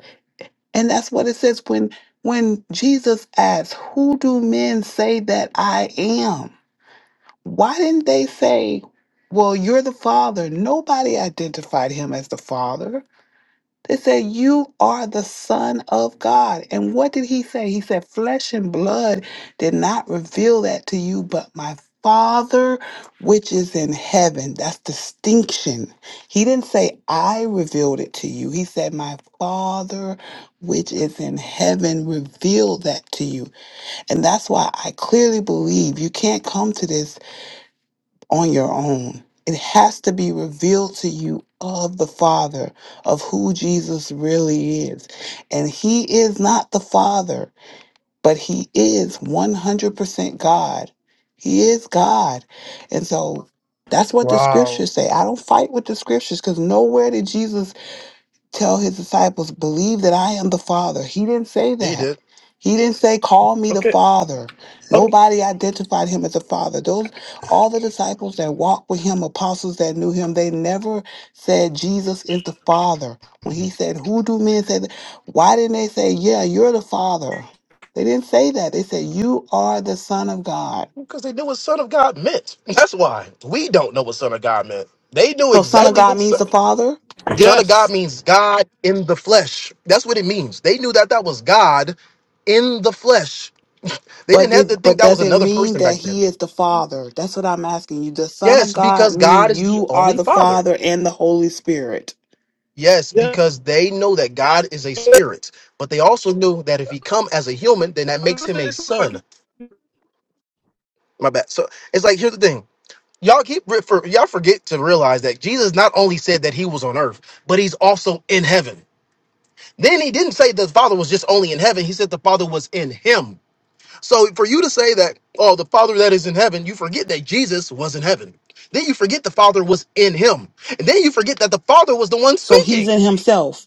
[SPEAKER 5] And that's what it says when when Jesus asks, "Who do men say that I am?" Why didn't they say, "Well, you're the Father." Nobody identified him as the Father. They said, You are the Son of God. And what did he say? He said, Flesh and blood did not reveal that to you, but my Father which is in heaven. That's distinction. He didn't say, I revealed it to you. He said, My Father which is in heaven revealed that to you. And that's why I clearly believe you can't come to this on your own. It has to be revealed to you of the Father, of who Jesus really is. And He is not the Father, but He is 100% God. He is God. And so that's what the
[SPEAKER 1] Wow.
[SPEAKER 5] scriptures say. I don't fight with the scriptures because nowhere did Jesus tell his disciples, believe that I am the Father. He didn't say
[SPEAKER 21] Yeah, he
[SPEAKER 5] that.
[SPEAKER 21] did.
[SPEAKER 5] He didn't say, call me the
[SPEAKER 1] okay
[SPEAKER 5] Father.
[SPEAKER 1] okay
[SPEAKER 5] Nobody identified him as the Father. Those, all the disciples that walked with him, apostles that knew him, they never said Jesus is the Father. When he said, who do men say that? Why didn't they say, yeah, you're the Father? They didn't say that. They said, you are the Son of God.
[SPEAKER 21] Because they knew what Son of God meant. That's why. We don't know what Son of God meant. They knew
[SPEAKER 5] So Son of
[SPEAKER 21] exactly
[SPEAKER 5] God
[SPEAKER 21] what
[SPEAKER 5] means
[SPEAKER 21] Son,
[SPEAKER 5] the Father?
[SPEAKER 21] son of God
[SPEAKER 1] yes
[SPEAKER 21] means God in the flesh. That's what it means. They knew that that was God in the flesh. They didn't
[SPEAKER 5] But
[SPEAKER 21] have
[SPEAKER 5] it
[SPEAKER 21] to think
[SPEAKER 5] but
[SPEAKER 21] that was
[SPEAKER 5] does it
[SPEAKER 21] another
[SPEAKER 5] mean
[SPEAKER 21] person
[SPEAKER 5] that
[SPEAKER 21] back then.
[SPEAKER 5] he is the Father? That's what I'm asking you. The Son of
[SPEAKER 21] Yes,
[SPEAKER 5] God
[SPEAKER 21] because God
[SPEAKER 5] mean
[SPEAKER 21] is the
[SPEAKER 5] you are
[SPEAKER 21] only
[SPEAKER 5] the
[SPEAKER 21] Father.
[SPEAKER 5] Father and the Holy Spirit.
[SPEAKER 21] Yes,
[SPEAKER 1] yes
[SPEAKER 21] because they know that God is a spirit, but they also knew that if he come as a human, then that makes him a son. My bad. So it's like here's the thing. Y'all keep for y'all forget to realize that Jesus not only said that he was on earth, but he's also in heaven. Then he didn't say the Father was just only in heaven. He said the Father was in him. So for you to say that, oh, the Father that is in heaven, you forget that Jesus was in heaven. Then you forget the Father was in him. And then you forget that the Father was the one
[SPEAKER 5] So
[SPEAKER 21] speaking.
[SPEAKER 5] he's in himself.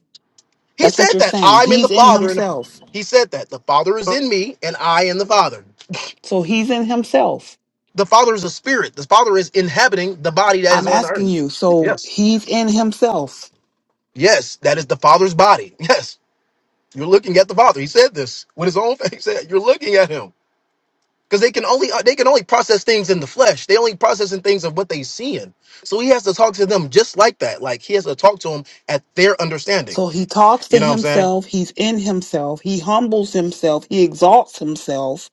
[SPEAKER 21] He
[SPEAKER 5] That's what
[SPEAKER 21] said
[SPEAKER 5] you're
[SPEAKER 21] that
[SPEAKER 5] saying.
[SPEAKER 21] I'm in the
[SPEAKER 5] He's in
[SPEAKER 21] Father and
[SPEAKER 5] himself.
[SPEAKER 21] he said that the Father is in me and I in the Father.
[SPEAKER 5] So he's in himself.
[SPEAKER 21] The Father is a spirit. The Father is inhabiting the body that is
[SPEAKER 5] I'm
[SPEAKER 21] on the earth.
[SPEAKER 5] asking you.
[SPEAKER 21] Yes.
[SPEAKER 5] So he's in himself.
[SPEAKER 21] Yes, that is the Father's body. Yes, you're looking at the Father. He said this with his own face. He said, You're looking at him because they can only uh, they can only process things in the flesh. They only processing things of what they seeing. So he has to talk to them just like that. Like he has to talk to them at their understanding.
[SPEAKER 5] So he talks to
[SPEAKER 21] You know what I'm saying?
[SPEAKER 5] himself. He's in himself. He humbles himself. He exalts himself.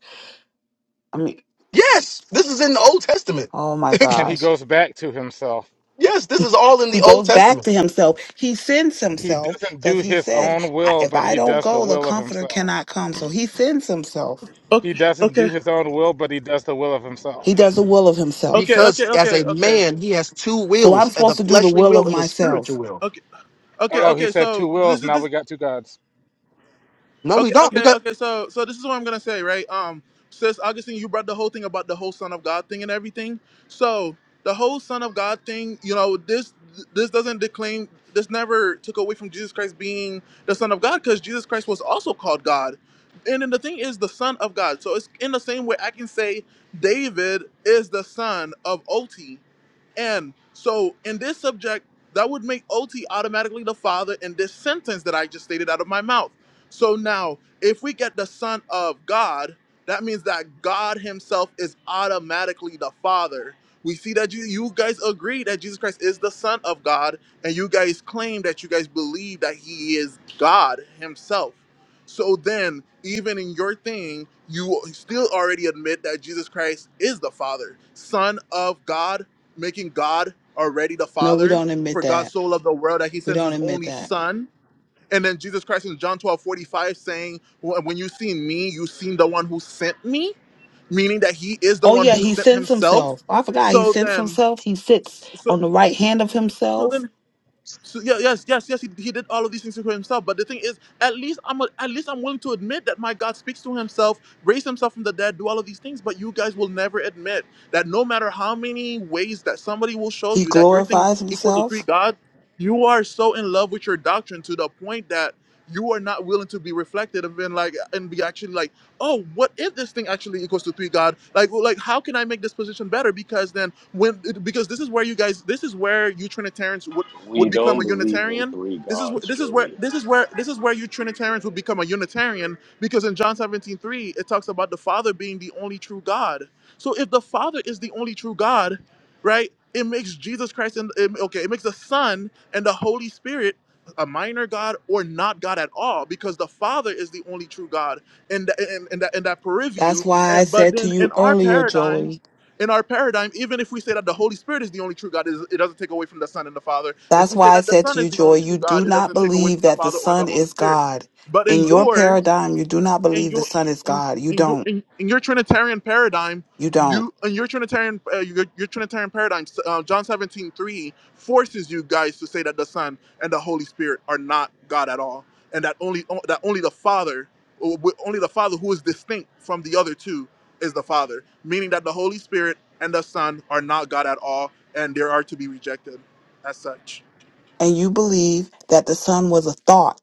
[SPEAKER 5] I mean,
[SPEAKER 21] Yes, this is in the Old Testament.
[SPEAKER 5] oh my
[SPEAKER 20] And he
[SPEAKER 5] gosh.
[SPEAKER 20] goes back to himself.
[SPEAKER 21] yes, this is all in the
[SPEAKER 5] He
[SPEAKER 21] Old
[SPEAKER 5] goes back
[SPEAKER 21] Testament
[SPEAKER 5] to himself. He sends
[SPEAKER 20] He
[SPEAKER 5] himself
[SPEAKER 20] doesn't do
[SPEAKER 5] because he
[SPEAKER 20] his
[SPEAKER 5] says,
[SPEAKER 20] own
[SPEAKER 5] "I-
[SPEAKER 20] will,
[SPEAKER 5] if
[SPEAKER 20] but
[SPEAKER 5] I
[SPEAKER 20] he
[SPEAKER 5] don't
[SPEAKER 20] does the
[SPEAKER 5] go, the
[SPEAKER 20] will of
[SPEAKER 5] comforter
[SPEAKER 20] himself.
[SPEAKER 5] cannot come. So he sends himself.
[SPEAKER 20] He
[SPEAKER 1] Okay,
[SPEAKER 20] doesn't do
[SPEAKER 1] okay,
[SPEAKER 20] his own will, but he does the will of himself.
[SPEAKER 5] He does the will of
[SPEAKER 1] okay,
[SPEAKER 5] himself.
[SPEAKER 1] okay,
[SPEAKER 21] because as
[SPEAKER 1] okay,
[SPEAKER 21] a
[SPEAKER 1] okay,
[SPEAKER 21] man he has two
[SPEAKER 5] So I'm
[SPEAKER 21] wills: uh, the
[SPEAKER 5] supposed to do the
[SPEAKER 21] fleshly
[SPEAKER 5] will
[SPEAKER 21] will
[SPEAKER 5] of
[SPEAKER 21] and the spiritual
[SPEAKER 5] myself.
[SPEAKER 21] will.
[SPEAKER 1] okay, okay,
[SPEAKER 20] Oh, he
[SPEAKER 1] okay.
[SPEAKER 20] said two
[SPEAKER 1] So
[SPEAKER 20] wills.
[SPEAKER 1] this is
[SPEAKER 20] Now
[SPEAKER 1] this.
[SPEAKER 20] we got two gods.
[SPEAKER 21] No, we
[SPEAKER 1] Okay,
[SPEAKER 21] don't
[SPEAKER 1] okay,
[SPEAKER 21] because
[SPEAKER 1] okay. So so this is what I'm gonna say, right? Um, sis Augustine, you brought the whole thing about the whole Son of God thing and everything. So the whole Son of God thing, you know, this this doesn't declaim. This never took away from Jesus Christ being the Son of God, because Jesus Christ was also called God. And then the thing is the Son of God. So it's in the same way I can say David is the son of Oti And so in this subject, that would make OT automatically the father in this sentence that I just stated out of my mouth. So now, if we get the son of God, that means that God himself is automatically the father. We see that you you guys agree that Jesus Christ is the son of God and you guys claim that you guys believe that he is God himself. So then, even in your thing, you still already admit that Jesus Christ is the Father, Son of God, making God already the
[SPEAKER 5] No, we
[SPEAKER 1] Father.
[SPEAKER 5] don't admit
[SPEAKER 1] For God
[SPEAKER 5] that.
[SPEAKER 1] so loved the world that he
[SPEAKER 5] We
[SPEAKER 1] sends
[SPEAKER 5] don't
[SPEAKER 1] his
[SPEAKER 5] admit
[SPEAKER 1] only
[SPEAKER 5] that.
[SPEAKER 1] Son. And then Jesus Christ in John 12 45 saying, "Wh- When you've seen me, you've seen the one who sent me, meaning that he is the
[SPEAKER 5] Oh
[SPEAKER 1] one
[SPEAKER 5] yeah,
[SPEAKER 1] who
[SPEAKER 5] he
[SPEAKER 1] sent
[SPEAKER 5] sends
[SPEAKER 1] himself.
[SPEAKER 5] himself. Oh, I forgot he
[SPEAKER 1] So
[SPEAKER 5] sends
[SPEAKER 1] then,
[SPEAKER 5] himself. He sits
[SPEAKER 1] so,
[SPEAKER 5] on the right hand of
[SPEAKER 1] so
[SPEAKER 5] himself.
[SPEAKER 1] then so, yeah, yes, yes, yes. He, he did all of these things for himself. But the thing is, at least I'm a- at least I'm willing to admit that my God speaks to himself, raised himself from the dead, do all of these things. But you guys will never admit that no matter how many ways that somebody will show
[SPEAKER 5] He
[SPEAKER 1] you that your thing
[SPEAKER 5] glorifies
[SPEAKER 1] equals to three
[SPEAKER 5] himself.
[SPEAKER 1] gods, you are so in love with your doctrine to the point that you are not willing to be reflected and been like and be actually like, oh, what if this thing actually equals to three God? Like, well, like how can I make this position better? Because then when because this is where you guys this is where you Trinitarians would would
[SPEAKER 18] We
[SPEAKER 1] become
[SPEAKER 18] don't
[SPEAKER 1] a
[SPEAKER 18] believe in
[SPEAKER 1] Unitarian.
[SPEAKER 18] three
[SPEAKER 1] This is wh-
[SPEAKER 18] gods,
[SPEAKER 1] this is where
[SPEAKER 18] Joey.
[SPEAKER 1] this is where this is where you Trinitarians would become a Unitarian because in John 17 3 it talks about the Father being the only true God. So if the Father is the only true God, right, it makes Jesus Christ and it- okay, it makes the Son and the Holy Spirit a minor God or not God at all because the Father is the only true God in, the, in, in that in that purview.
[SPEAKER 5] That's why I
[SPEAKER 1] And, but
[SPEAKER 5] said to
[SPEAKER 1] then in
[SPEAKER 5] you
[SPEAKER 1] our
[SPEAKER 5] earlier,
[SPEAKER 1] paradigm,
[SPEAKER 5] Joey.
[SPEAKER 1] in our paradigm, even if we say that the Holy Spirit is the only true God, it doesn't take away from the Son and the Father. If
[SPEAKER 5] That's
[SPEAKER 1] we say
[SPEAKER 5] why I
[SPEAKER 1] that the
[SPEAKER 5] said
[SPEAKER 1] Son
[SPEAKER 5] to
[SPEAKER 1] is
[SPEAKER 5] you,
[SPEAKER 1] the only
[SPEAKER 5] Joey,
[SPEAKER 1] true
[SPEAKER 5] you
[SPEAKER 1] God,
[SPEAKER 5] do
[SPEAKER 1] it
[SPEAKER 5] not
[SPEAKER 1] doesn't take away
[SPEAKER 5] believe
[SPEAKER 1] from the
[SPEAKER 5] that the
[SPEAKER 1] Father or the
[SPEAKER 5] Son
[SPEAKER 1] Holy
[SPEAKER 5] is
[SPEAKER 1] Spirit.
[SPEAKER 5] God.
[SPEAKER 1] But in
[SPEAKER 5] In your
[SPEAKER 1] yours,
[SPEAKER 5] paradigm, you do not
[SPEAKER 1] in
[SPEAKER 5] believe the
[SPEAKER 1] your
[SPEAKER 5] Son is
[SPEAKER 1] in,
[SPEAKER 5] God. You
[SPEAKER 1] in your
[SPEAKER 5] don't.
[SPEAKER 1] in, in your Trinitarian paradigm,
[SPEAKER 5] You don't.
[SPEAKER 1] you in your Trinitarian uh, your, your Trinitarian paradigm, uh, John 17 3 forces you guys to say that the Son and the Holy Spirit are not God at all, and that only that only the Father, only the Father who is distinct from the other two, is the Father, meaning that the Holy Spirit and the Son are not God at all, and they are to be rejected as such.
[SPEAKER 5] And you believe that the Son was a thought.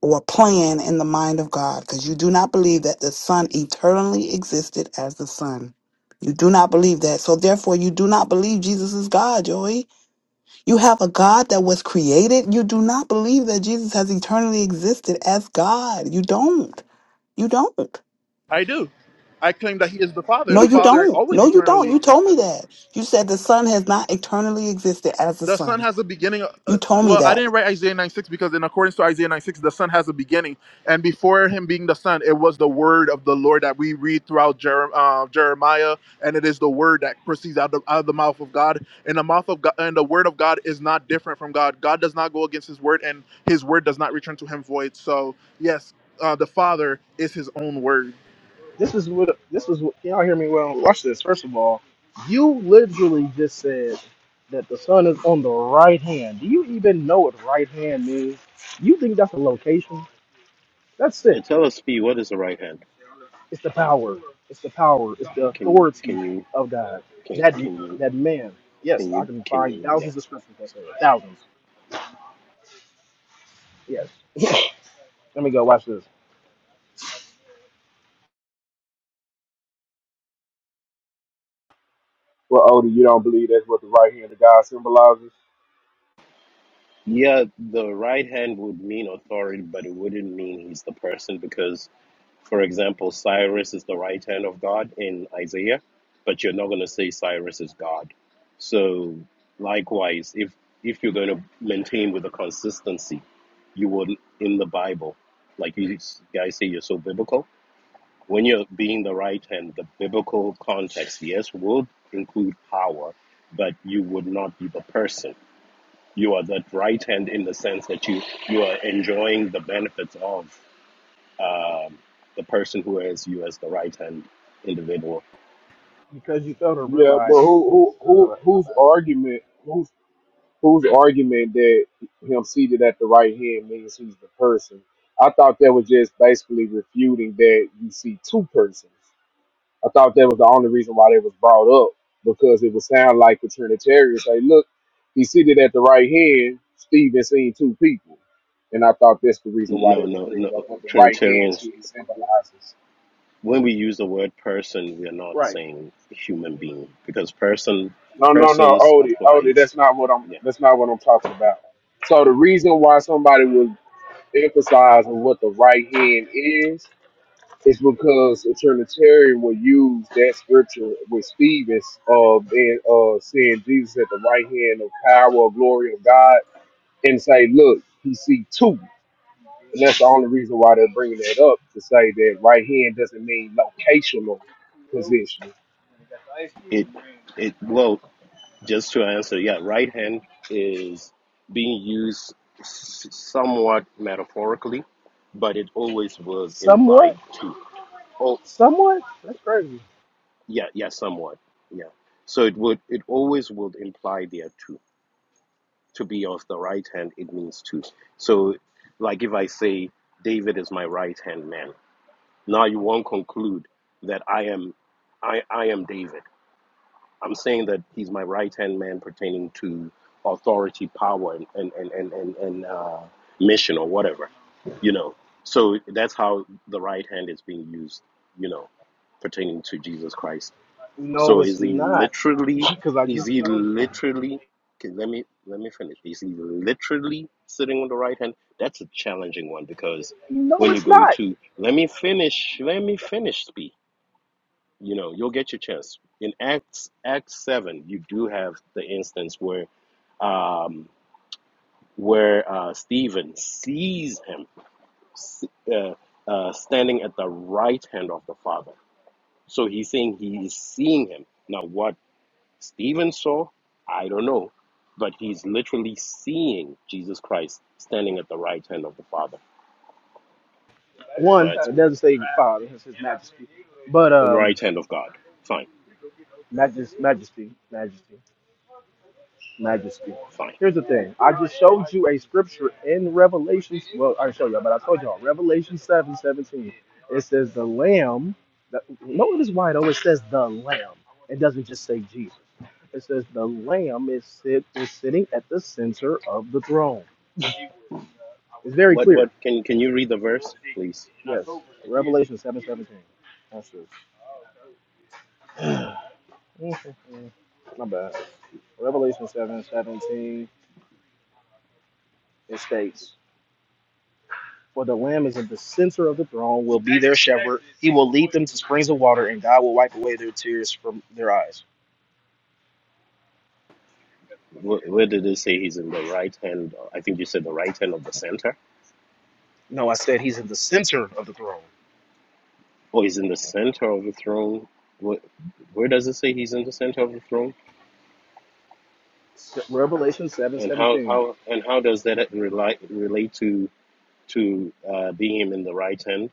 [SPEAKER 5] or plan in the mind of God because you do not believe that the Son eternally existed as the Son. You do not believe that. So therefore, you do not believe Jesus is God, Joey. You have a God that was created. You do not believe that Jesus has eternally existed as God. You don't. You don't.
[SPEAKER 1] I do. I claim that He is the Father.
[SPEAKER 21] Can
[SPEAKER 5] No,
[SPEAKER 1] The
[SPEAKER 5] you
[SPEAKER 21] we?
[SPEAKER 1] Father
[SPEAKER 5] don't.
[SPEAKER 1] always
[SPEAKER 5] No, you don't.
[SPEAKER 1] eternally
[SPEAKER 5] You told me
[SPEAKER 1] existed.
[SPEAKER 5] that. You said the Son has not eternally existed as the
[SPEAKER 1] the son
[SPEAKER 5] Son.
[SPEAKER 1] has a beginning. Uh,
[SPEAKER 5] You told me
[SPEAKER 1] well, I
[SPEAKER 5] that.
[SPEAKER 1] didn't write Isaiah nine six because, in accordance to Isaiah nine six, the son has a beginning. And before him being the son, it was the word of the Lord that we read throughout Jer- uh, Jeremiah. And it is the word that proceeds out, the, out of the mouth of God. And the mouth of God, and the word of God is not different from God. God does not go against his word, and his word does not return to him void. So, yes, uh, the Father is his own word.
[SPEAKER 21] this is what this was. what- Y'all hear me well? Watch this. First of all, you literally just said that the sun is on the right hand. Do you even know what right hand means? You think that's a location? That's
[SPEAKER 18] Yeah,
[SPEAKER 21] sick.
[SPEAKER 18] tell us, P, what is the right hand?
[SPEAKER 21] It's the power. It's the power. It's the
[SPEAKER 18] Can you,
[SPEAKER 21] authority
[SPEAKER 18] can you,
[SPEAKER 21] of God.
[SPEAKER 18] can,
[SPEAKER 21] That
[SPEAKER 18] can you,
[SPEAKER 21] that man. Yes,
[SPEAKER 18] can
[SPEAKER 21] I
[SPEAKER 18] you,
[SPEAKER 21] can
[SPEAKER 18] can
[SPEAKER 21] find
[SPEAKER 18] you, yeah.
[SPEAKER 21] thousands of scriptures that say it. thousands. Yes. Let me go. Watch this.
[SPEAKER 25] Well, Odie, you don't believe that's what the right hand of God symbolizes?
[SPEAKER 18] Yeah, the right hand would mean authority, but it wouldn't mean he's the person because For example, Cyrus is the right hand of God in Isaiah, but you're not going to say Cyrus is God. So likewise, if if you're going to maintain with a consistency, you would in the Bible, like you guys say, you're so biblical. When you're being the right hand, the biblical context, yes, would include power, but you would not be the person. You are that right hand in the sense that you you are enjoying the benefits of um, the person who has you as the right hand individual.
[SPEAKER 21] Because you fail to
[SPEAKER 25] Yeah, but
[SPEAKER 21] realize.
[SPEAKER 25] who who
[SPEAKER 21] my bad,
[SPEAKER 25] who
[SPEAKER 21] my
[SPEAKER 25] whose
[SPEAKER 21] bad,
[SPEAKER 25] argument whose whose argument that him seated at the right hand means he's the person? I thought that was just basically refuting that you see two persons. I thought that was the only reason why they was brought up because it would sound like the Trinitarians say, look, he seated at the right hand, Stephen seen two people. And I thought that's the reason why they
[SPEAKER 18] No,
[SPEAKER 25] was
[SPEAKER 18] no,
[SPEAKER 25] bringing it up
[SPEAKER 18] no.
[SPEAKER 25] what the right hand
[SPEAKER 18] Trinitarians,
[SPEAKER 25] truly symbolizes.
[SPEAKER 18] when we use the word person, we are
[SPEAKER 21] my bad.
[SPEAKER 18] not
[SPEAKER 21] Right.
[SPEAKER 18] saying human being because person
[SPEAKER 25] No, no, no,
[SPEAKER 18] persons
[SPEAKER 25] Odie, Odie,
[SPEAKER 18] applies.
[SPEAKER 25] that's not what I'm
[SPEAKER 18] Yeah,
[SPEAKER 25] that's not what I'm talking about. So the reason why somebody was emphasizing what the right hand is It's because a Trinitarian will use that scripture with Stevens of being uh seeing Jesus at the right hand of power or glory of God and say, Look, he see two. And that's the only reason why they're bringing that up to say that right hand doesn't mean locational position.
[SPEAKER 18] it it well just to answer. Yeah, right hand is being used s- somewhat metaphorically, but it always will
[SPEAKER 21] Somewhat
[SPEAKER 18] imply two. Oh,
[SPEAKER 21] Somewhat? That's crazy.
[SPEAKER 18] yeah, yeah, somewhat. Yeah. So it would it always would imply there are two to be of the right hand, it means to. So, like if I say, David is my right hand man, now you won't conclude that I am, I, I am David. I'm saying that he's my right hand man pertaining to authority, power, and and and and, and, and uh, mission or whatever, you know. So that's how the right hand is being used, you know, pertaining to Jesus Christ
[SPEAKER 21] No,
[SPEAKER 18] so
[SPEAKER 21] it's
[SPEAKER 18] is he
[SPEAKER 21] not.
[SPEAKER 18] literally?
[SPEAKER 21] Because I
[SPEAKER 18] Is
[SPEAKER 21] just
[SPEAKER 18] he
[SPEAKER 21] told you.
[SPEAKER 18] literally? Okay, let me let me finish. Is he literally sitting on the right hand? That's a challenging one because
[SPEAKER 21] No,
[SPEAKER 18] when you
[SPEAKER 21] it's
[SPEAKER 18] go
[SPEAKER 21] not.
[SPEAKER 18] to let me finish, let me finish speak. You know, you'll get your chance. In Acts Acts seven, you do have the instance where um, where uh, Stephen sees him uh, uh, standing at the right hand of the Father. So he's saying he is seeing him. Now, what? Stephen saw, I don't know, but he's literally seeing Jesus Christ standing at the right hand of the Father.
[SPEAKER 21] One,
[SPEAKER 18] Right,
[SPEAKER 21] it doesn't say Father, it says Majesty. But, um,
[SPEAKER 18] right hand of God. Fine,
[SPEAKER 21] majest, Majesty, Majesty, Majesty.
[SPEAKER 18] fine.
[SPEAKER 21] Here's the thing. I just showed you a scripture in Revelation. Well, I didn't show y'all, but I told y'all. Revelation 7:17. It says the Lamb. the- Notice why, though, it says the Lamb. It doesn't just say Jesus. It says the Lamb is, sit, is sitting at the center of the throne. It's very
[SPEAKER 18] What
[SPEAKER 21] clear.
[SPEAKER 18] what can can you read the verse, please?
[SPEAKER 21] Yes, Revelation seven seventeen. That's it. My bad. Revelation seven seventeen. It states, "For the Lamb is in the center of the throne, will be their shepherd. He will lead them to springs of water, and God will wipe away their tears from their eyes."
[SPEAKER 18] Where, where did it say he's in the right hand? I think you said the right hand of the center.
[SPEAKER 21] No, I said He's in the center of the throne.
[SPEAKER 18] Oh, he's in the center of the throne. Where, where does it say he's in the center of the throne?
[SPEAKER 21] Se- Revelation seven
[SPEAKER 18] And how
[SPEAKER 21] seventeen.
[SPEAKER 18] how and how does that relate relate to to uh, being in the right hand?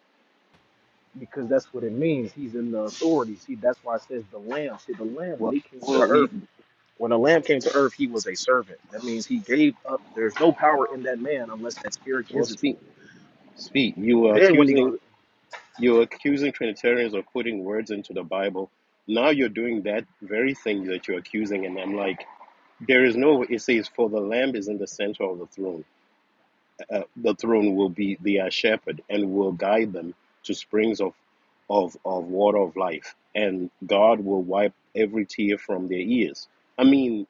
[SPEAKER 21] Because that's what it means. He's in the authority. See, that's why it says the Lamb. See, the Lamb when
[SPEAKER 18] Well,
[SPEAKER 21] He came to
[SPEAKER 18] well, you,
[SPEAKER 21] earth. When the lamb came to earth, he was a servant. That means he gave up. There's no power in that man unless that spirit
[SPEAKER 18] well,
[SPEAKER 21] gives it to
[SPEAKER 18] speak.
[SPEAKER 21] him.
[SPEAKER 18] Speak. You were
[SPEAKER 21] Then when he
[SPEAKER 18] accusing
[SPEAKER 21] goes,
[SPEAKER 18] you were accusing Trinitarians of putting words into the Bible. Now you're doing that very thing that you're accusing, and I'm like, there is no. It says, "For the Lamb is in the center of the throne. Uh, uh, the throne will be their shepherd and will guide them to springs of, of of water of life, and God will wipe every tear from their ears." I mean,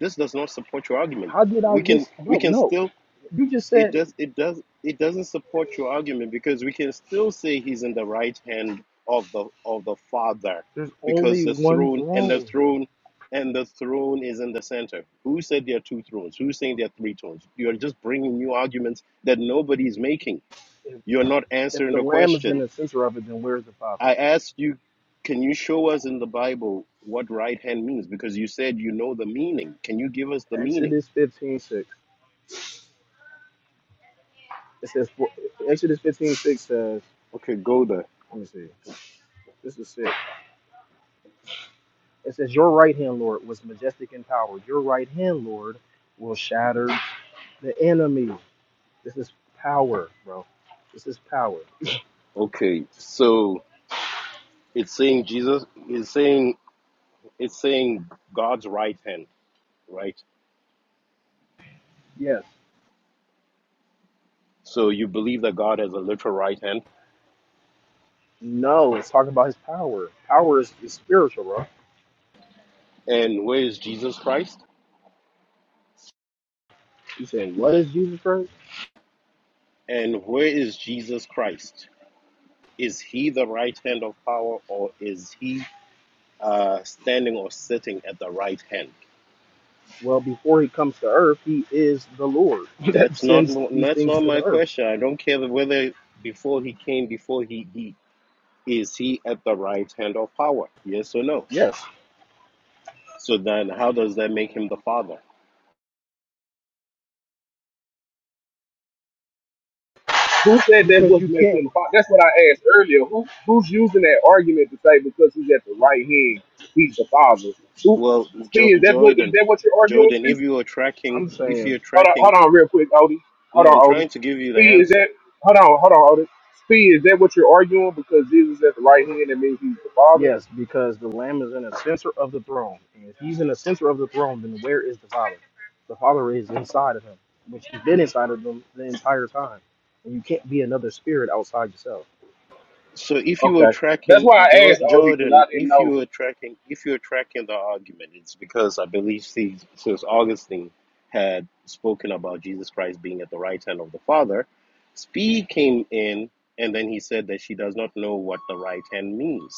[SPEAKER 18] this does not support your argument.
[SPEAKER 21] how did I
[SPEAKER 18] We can
[SPEAKER 21] just,
[SPEAKER 18] we
[SPEAKER 21] bro?
[SPEAKER 18] can
[SPEAKER 21] No,
[SPEAKER 18] still
[SPEAKER 21] you just
[SPEAKER 18] it
[SPEAKER 21] said
[SPEAKER 18] does it does it doesn't support your argument because we can still say he's in the right hand of the of the father
[SPEAKER 21] there's
[SPEAKER 18] because
[SPEAKER 21] only
[SPEAKER 18] the
[SPEAKER 21] one
[SPEAKER 18] throne and the
[SPEAKER 21] throne.
[SPEAKER 18] throne and the throne is in the center who said there are two thrones who's saying there are three thrones you're just bringing new arguments that nobody's making
[SPEAKER 21] If,
[SPEAKER 18] you're not
[SPEAKER 21] if
[SPEAKER 18] answering
[SPEAKER 21] the
[SPEAKER 18] the
[SPEAKER 21] lamb is in
[SPEAKER 18] question
[SPEAKER 21] the center of it, then where's the father?
[SPEAKER 18] i asked you can you show us in the bible what right hand means because you said you know the meaning can you give us the meaning
[SPEAKER 21] Exodus 15:6. It says, for- Exodus 15:6 says,
[SPEAKER 18] okay go there
[SPEAKER 21] let me see. This is six. It says, Your right hand, Lord, was majestic in power. Your right hand, Lord, will shatter the enemy. This is power, bro. This is power.
[SPEAKER 18] okay so It's saying Jesus is saying it's saying God's right hand, right?
[SPEAKER 21] Yes.
[SPEAKER 18] So you believe that God has a literal right hand.
[SPEAKER 21] No, it's talking about his power. Power is, is spiritual, bro.
[SPEAKER 18] And where is Jesus Christ?
[SPEAKER 21] He said, What is Jesus Christ?
[SPEAKER 18] And where is Jesus Christ? Is he the right hand of power or is he uh, standing or sitting at the right hand?
[SPEAKER 21] Well, before he comes to earth, he is the Lord that
[SPEAKER 18] That's not
[SPEAKER 21] sends these
[SPEAKER 18] that's
[SPEAKER 21] things
[SPEAKER 18] not
[SPEAKER 21] to
[SPEAKER 18] my
[SPEAKER 21] the earth.
[SPEAKER 18] question. I don't care whether before he came, before he, he is he at the right hand of power? Yes or no?
[SPEAKER 21] Yes.
[SPEAKER 18] So then how does that make him the father?
[SPEAKER 25] Who said that
[SPEAKER 21] Because
[SPEAKER 25] was
[SPEAKER 21] you
[SPEAKER 25] making
[SPEAKER 21] can't,
[SPEAKER 25] him? fi- That's what I asked earlier. Who who's using that argument to say because he's at the right hand, he's the father? Who?
[SPEAKER 18] Well, jo-
[SPEAKER 25] Steve, is that what is
[SPEAKER 18] Jordan,
[SPEAKER 25] that what you're arguing,
[SPEAKER 18] Jordan,
[SPEAKER 25] Steve?
[SPEAKER 18] if you are tracking,
[SPEAKER 21] I'm
[SPEAKER 18] if
[SPEAKER 21] saying,
[SPEAKER 18] you're
[SPEAKER 25] Hold on,
[SPEAKER 18] tracking,
[SPEAKER 25] hold on, real quick, Odie. Hold
[SPEAKER 18] no,
[SPEAKER 25] on,
[SPEAKER 18] I'm
[SPEAKER 25] Odie.
[SPEAKER 18] trying to give you the
[SPEAKER 25] Speed is
[SPEAKER 18] answer.
[SPEAKER 25] that? Hold on, hold on, Odie. Speed is that what you're arguing? Because Jesus is at the right hand, that means he's the Father.
[SPEAKER 21] yes, because the Lamb is in the center of the throne. And if he's in the center of the throne, then where is the Father? The Father is inside of him, which he's been inside of them the entire time. And you can't be another spirit outside yourself.
[SPEAKER 18] So if you were
[SPEAKER 25] Okay, that's
[SPEAKER 18] tracking
[SPEAKER 25] why I
[SPEAKER 18] Jo-
[SPEAKER 25] asked Odie because
[SPEAKER 18] Jordan,
[SPEAKER 25] I didn't
[SPEAKER 18] if you
[SPEAKER 25] know.
[SPEAKER 18] were tracking, if you were tracking the argument, it's because I believe since, since Augustine had spoken about Jesus Christ being at the right hand of the Father, Spee came in and then he said that she does not know what the right hand means.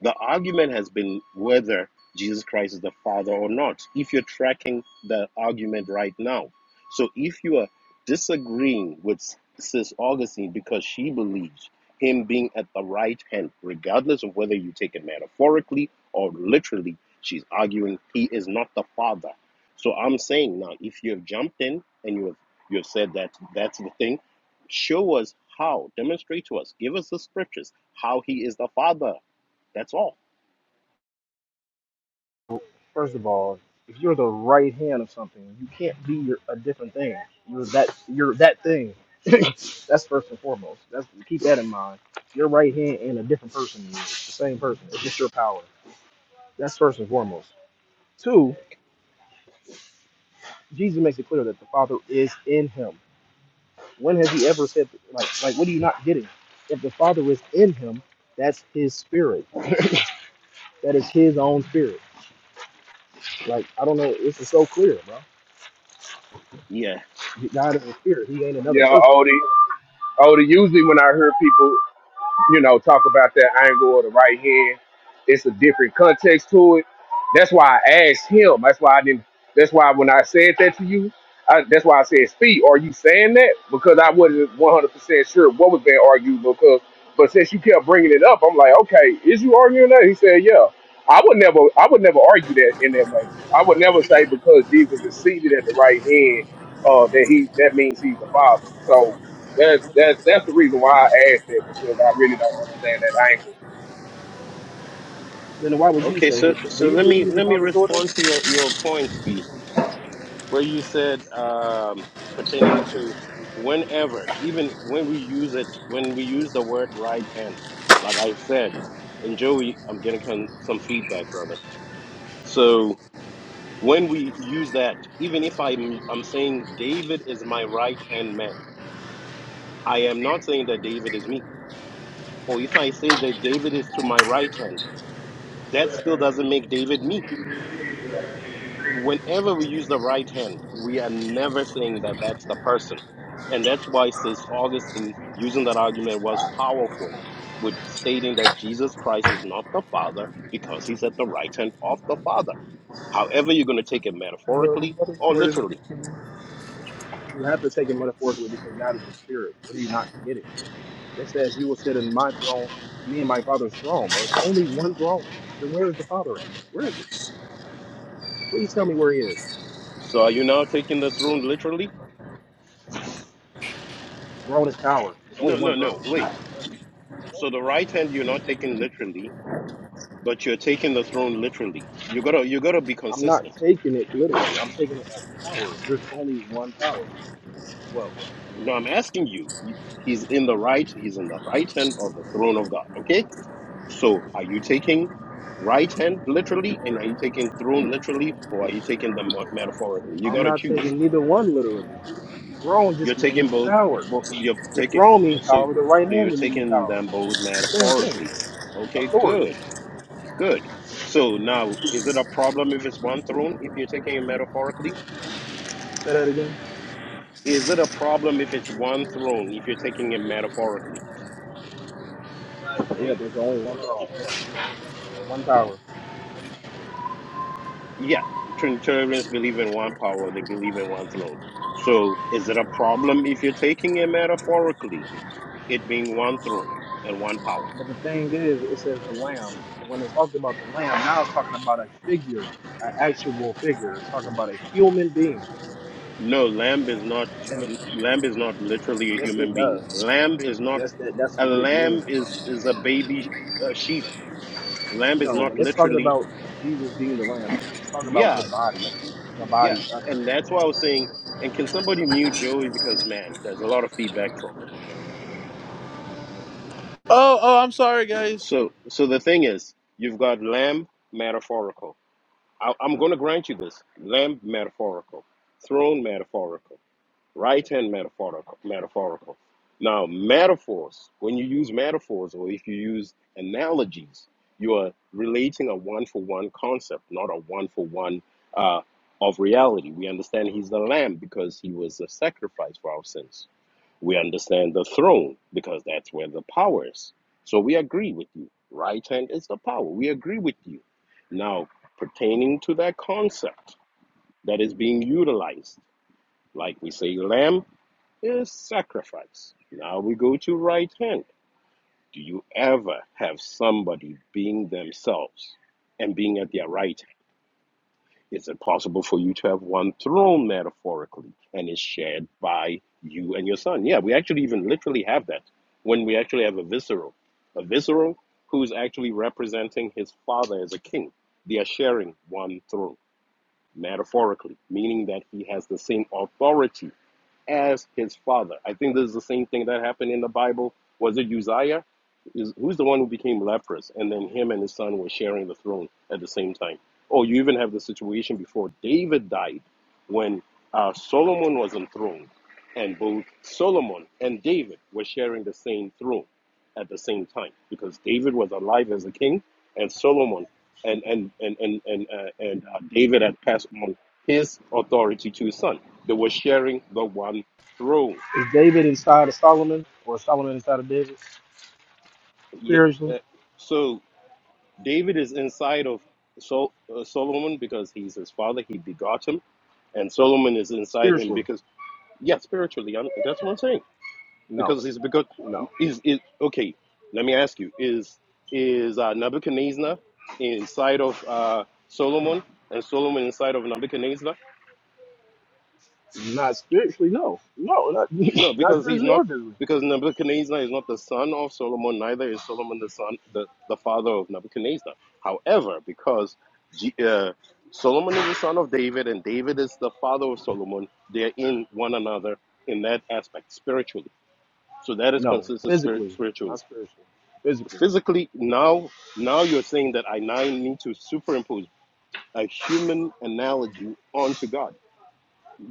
[SPEAKER 18] The argument has been whether Jesus Christ is the Father or not. If you're tracking the argument right now, so if you are disagreeing with Sis Augustine because she believes him being at the right hand, regardless of whether you take it metaphorically or literally, she's arguing he is not the father. So I'm saying now, if you have jumped in and you have you have said that that's the thing, show us how, demonstrate to us, give us the scriptures how he is the father. That's all.
[SPEAKER 21] First of all, if you're the right hand of something, you can't be your, a different thing. You're that you're that thing. That's first and foremost. That's keep that in mind. Your right hand and a different person. is the same person. It's just your power. That's first and foremost. Two, Jesus makes it clear that the Father is in him. When has he ever said like like what are you not getting? If the Father is in him, that's his spirit. That is his own spirit. Like I don't know, this is so clear, bro.
[SPEAKER 18] Yeah.
[SPEAKER 21] God is a spirit. He ain't another
[SPEAKER 25] Yeah,
[SPEAKER 21] person.
[SPEAKER 25] Odie. Odie. Usually when I hear people, you know, talk about that angle or the right hand. It's a different context to it. That's why I asked him. That's why I didn't. That's why when I said that to you, I, that's why I said, "Speed, are you saying that?" Because I wasn't one hundred percent sure what was being argued. Because, but since you kept bringing it up, I'm like, "Okay, is you arguing that?" He said, "Yeah." I would never. I would never argue that in that way. I would never say because Jesus is seated at the right hand, uh, that he that means he's the Father. So that, that, that's the reason why I asked that because I really don't understand that angle.
[SPEAKER 21] Then why would you
[SPEAKER 18] Okay.
[SPEAKER 21] say? He,
[SPEAKER 18] So
[SPEAKER 21] do
[SPEAKER 18] so
[SPEAKER 21] you
[SPEAKER 18] let
[SPEAKER 21] believe
[SPEAKER 18] me
[SPEAKER 21] he's the
[SPEAKER 18] let me
[SPEAKER 21] father, Jordan?
[SPEAKER 18] respond to your your points, V. where you said um, pertaining to whenever, even when we use it, when we use the word right hand, like I said, and Joey, I'm getting con- some feedback, brother. So when we use that, even if I'm, I'm saying David is my right hand man, I am not saying that David is me. Or if I say that David is to my right hand, that still doesn't make David me whenever we use the right hand, we are never saying that that's the person. And that's why St. Augustine, using that argument, was powerful with stating that Jesus Christ is not the Father because he's at the right hand of the Father. However, you're going to take it
[SPEAKER 1] The
[SPEAKER 18] metaphorically
[SPEAKER 1] Father's
[SPEAKER 18] or
[SPEAKER 1] word is-
[SPEAKER 18] literally.
[SPEAKER 21] You have to take it metaphorically because God is a spirit. What are you not getting? It says you will sit in my throne, me and my father's throne. Well, it's only one throne. Then where is the father at? Where is he? Please tell me where he is.
[SPEAKER 18] So are you now taking the throne literally?
[SPEAKER 21] Throne is power. It's only
[SPEAKER 18] No,
[SPEAKER 21] one
[SPEAKER 18] no, no.
[SPEAKER 21] throne. Bro.
[SPEAKER 18] Wait. So the right hand you're not taking literally, but you're taking the throne literally. You gotta you gotta be
[SPEAKER 21] I'm not
[SPEAKER 18] consistent.
[SPEAKER 21] taking it literally. I'm taking it as power. There's only one power.
[SPEAKER 18] Well, no, I'm asking you. He's in the right. He's in the right hand of the throne of God. Okay. So, are you taking right hand literally, and are you taking throne literally, or are you taking them mo- metaphorically? You
[SPEAKER 21] I'm
[SPEAKER 18] gotta
[SPEAKER 21] not
[SPEAKER 18] choose.
[SPEAKER 21] taking neither one literally. Throne
[SPEAKER 18] You're
[SPEAKER 21] just
[SPEAKER 18] taking
[SPEAKER 21] means
[SPEAKER 18] both.
[SPEAKER 21] power.
[SPEAKER 18] both you're
[SPEAKER 21] The
[SPEAKER 18] taking.
[SPEAKER 21] throne means
[SPEAKER 18] So,
[SPEAKER 21] power. The right
[SPEAKER 18] so you're
[SPEAKER 21] hand means
[SPEAKER 18] taking
[SPEAKER 21] power.
[SPEAKER 18] them both
[SPEAKER 21] It's the same thing.
[SPEAKER 18] metaphorically. Okay.
[SPEAKER 21] Authority.
[SPEAKER 18] Good. Good. So now, is it a problem if it's one throne if you're taking it metaphorically?
[SPEAKER 21] Say that again.
[SPEAKER 18] Is it a problem if it's one throne if you're taking it metaphorically?
[SPEAKER 21] Yeah, there's only one throne. Yeah, one power.
[SPEAKER 18] yeah, Trinitarians believe in one power, they believe in one throne. So is it a problem if you're taking it metaphorically, it being one throne and one power?
[SPEAKER 21] But the thing is, it says the Lamb. When it talks about the Lamb, now it's talking about a figure, an actual figure. It's talking about a human being.
[SPEAKER 18] No, lamb is not
[SPEAKER 21] And
[SPEAKER 18] lamb is not literally a
[SPEAKER 21] yes,
[SPEAKER 18] human
[SPEAKER 21] it
[SPEAKER 18] being.
[SPEAKER 21] does.
[SPEAKER 18] Lamb is not
[SPEAKER 21] Yes, that that's
[SPEAKER 18] a
[SPEAKER 21] what it
[SPEAKER 18] lamb
[SPEAKER 21] means, bro.
[SPEAKER 18] is is a baby uh, sheep. Lamb is
[SPEAKER 21] No,
[SPEAKER 18] not
[SPEAKER 21] when it's talking
[SPEAKER 18] literally
[SPEAKER 21] about Jesus being the Lamb, it's it's talking about
[SPEAKER 18] yeah,
[SPEAKER 21] the body of Him. The
[SPEAKER 18] yeah,
[SPEAKER 21] body of Him.
[SPEAKER 18] and that's why I was saying. And can somebody mute Joey because man, there's a lot of feedback from him.
[SPEAKER 1] Oh, oh, I'm sorry, guys.
[SPEAKER 18] So, so the thing is, you've got lamb metaphorical, I, I'm going to grant you this: lamb metaphorical, throne metaphorical, right hand metaphorical, metaphorical. Now, metaphors. When you use metaphors, or if you use analogies, you are relating a one-for-one concept, not a one-for-one uh, of reality. We understand he's the lamb because he was a sacrifice for our sins. We understand the throne because that's where the power is. So we agree with you. Right hand is the power. We agree with you. Now, pertaining to that concept that is being utilized, like we say, lamb is sacrifice. Now we go to right hand. Do you ever have somebody being themselves and being at their right is it possible for you to have one throne metaphorically and is shared by you and your son? Yeah, we actually even literally have that when we actually have a visceral. A visceral who's actually representing his father as a king. They are sharing one throne metaphorically, meaning that he has the same authority as his father. I think this is the same thing that happened in the Bible. Was it Uzziah? Is, who's the one who became leprous? And then him and his son were sharing the throne at the same time. Oh, you even have the situation before David died when uh, Solomon was enthroned, and both Solomon and David were sharing the same throne at the same time because David was alive as a king, and Solomon and and and and and, uh, and uh, David had passed on his authority to his son. They were sharing the one throne.
[SPEAKER 21] Is David inside of Solomon, or Solomon inside of David?
[SPEAKER 18] Yeah,
[SPEAKER 21] Spiritually,
[SPEAKER 18] uh, so David is inside of Sol- uh, Solomon because he's his father. He begot him, and Solomon is inside him
[SPEAKER 21] spiritually,
[SPEAKER 18] because yeah, spiritually, I'm, that's what I'm saying.
[SPEAKER 21] no,
[SPEAKER 18] Because he's because
[SPEAKER 21] no,
[SPEAKER 18] is is okay. Let me ask you: Is is uh, Nebuchadnezzar inside of uh, Solomon, and Solomon inside of Nebuchadnezzar?
[SPEAKER 21] not spiritually, no, no, not
[SPEAKER 18] No,
[SPEAKER 21] not
[SPEAKER 18] because he's
[SPEAKER 21] spiritually
[SPEAKER 18] not
[SPEAKER 21] or physically.
[SPEAKER 18] because Nebuchadnezzar is not the son of Solomon, neither is Solomon the son the, the father of Nebuchadnezzar. However, because G, uh, Solomon is the son of David and David is the father of Solomon, they're in one another in that aspect spiritually. So that is
[SPEAKER 21] No,
[SPEAKER 18] consistent spirit,
[SPEAKER 21] physically,
[SPEAKER 18] spiritually.
[SPEAKER 21] not spiritually. Physically.
[SPEAKER 18] Physically, now now you're saying that I now need to superimpose a human analogy onto God.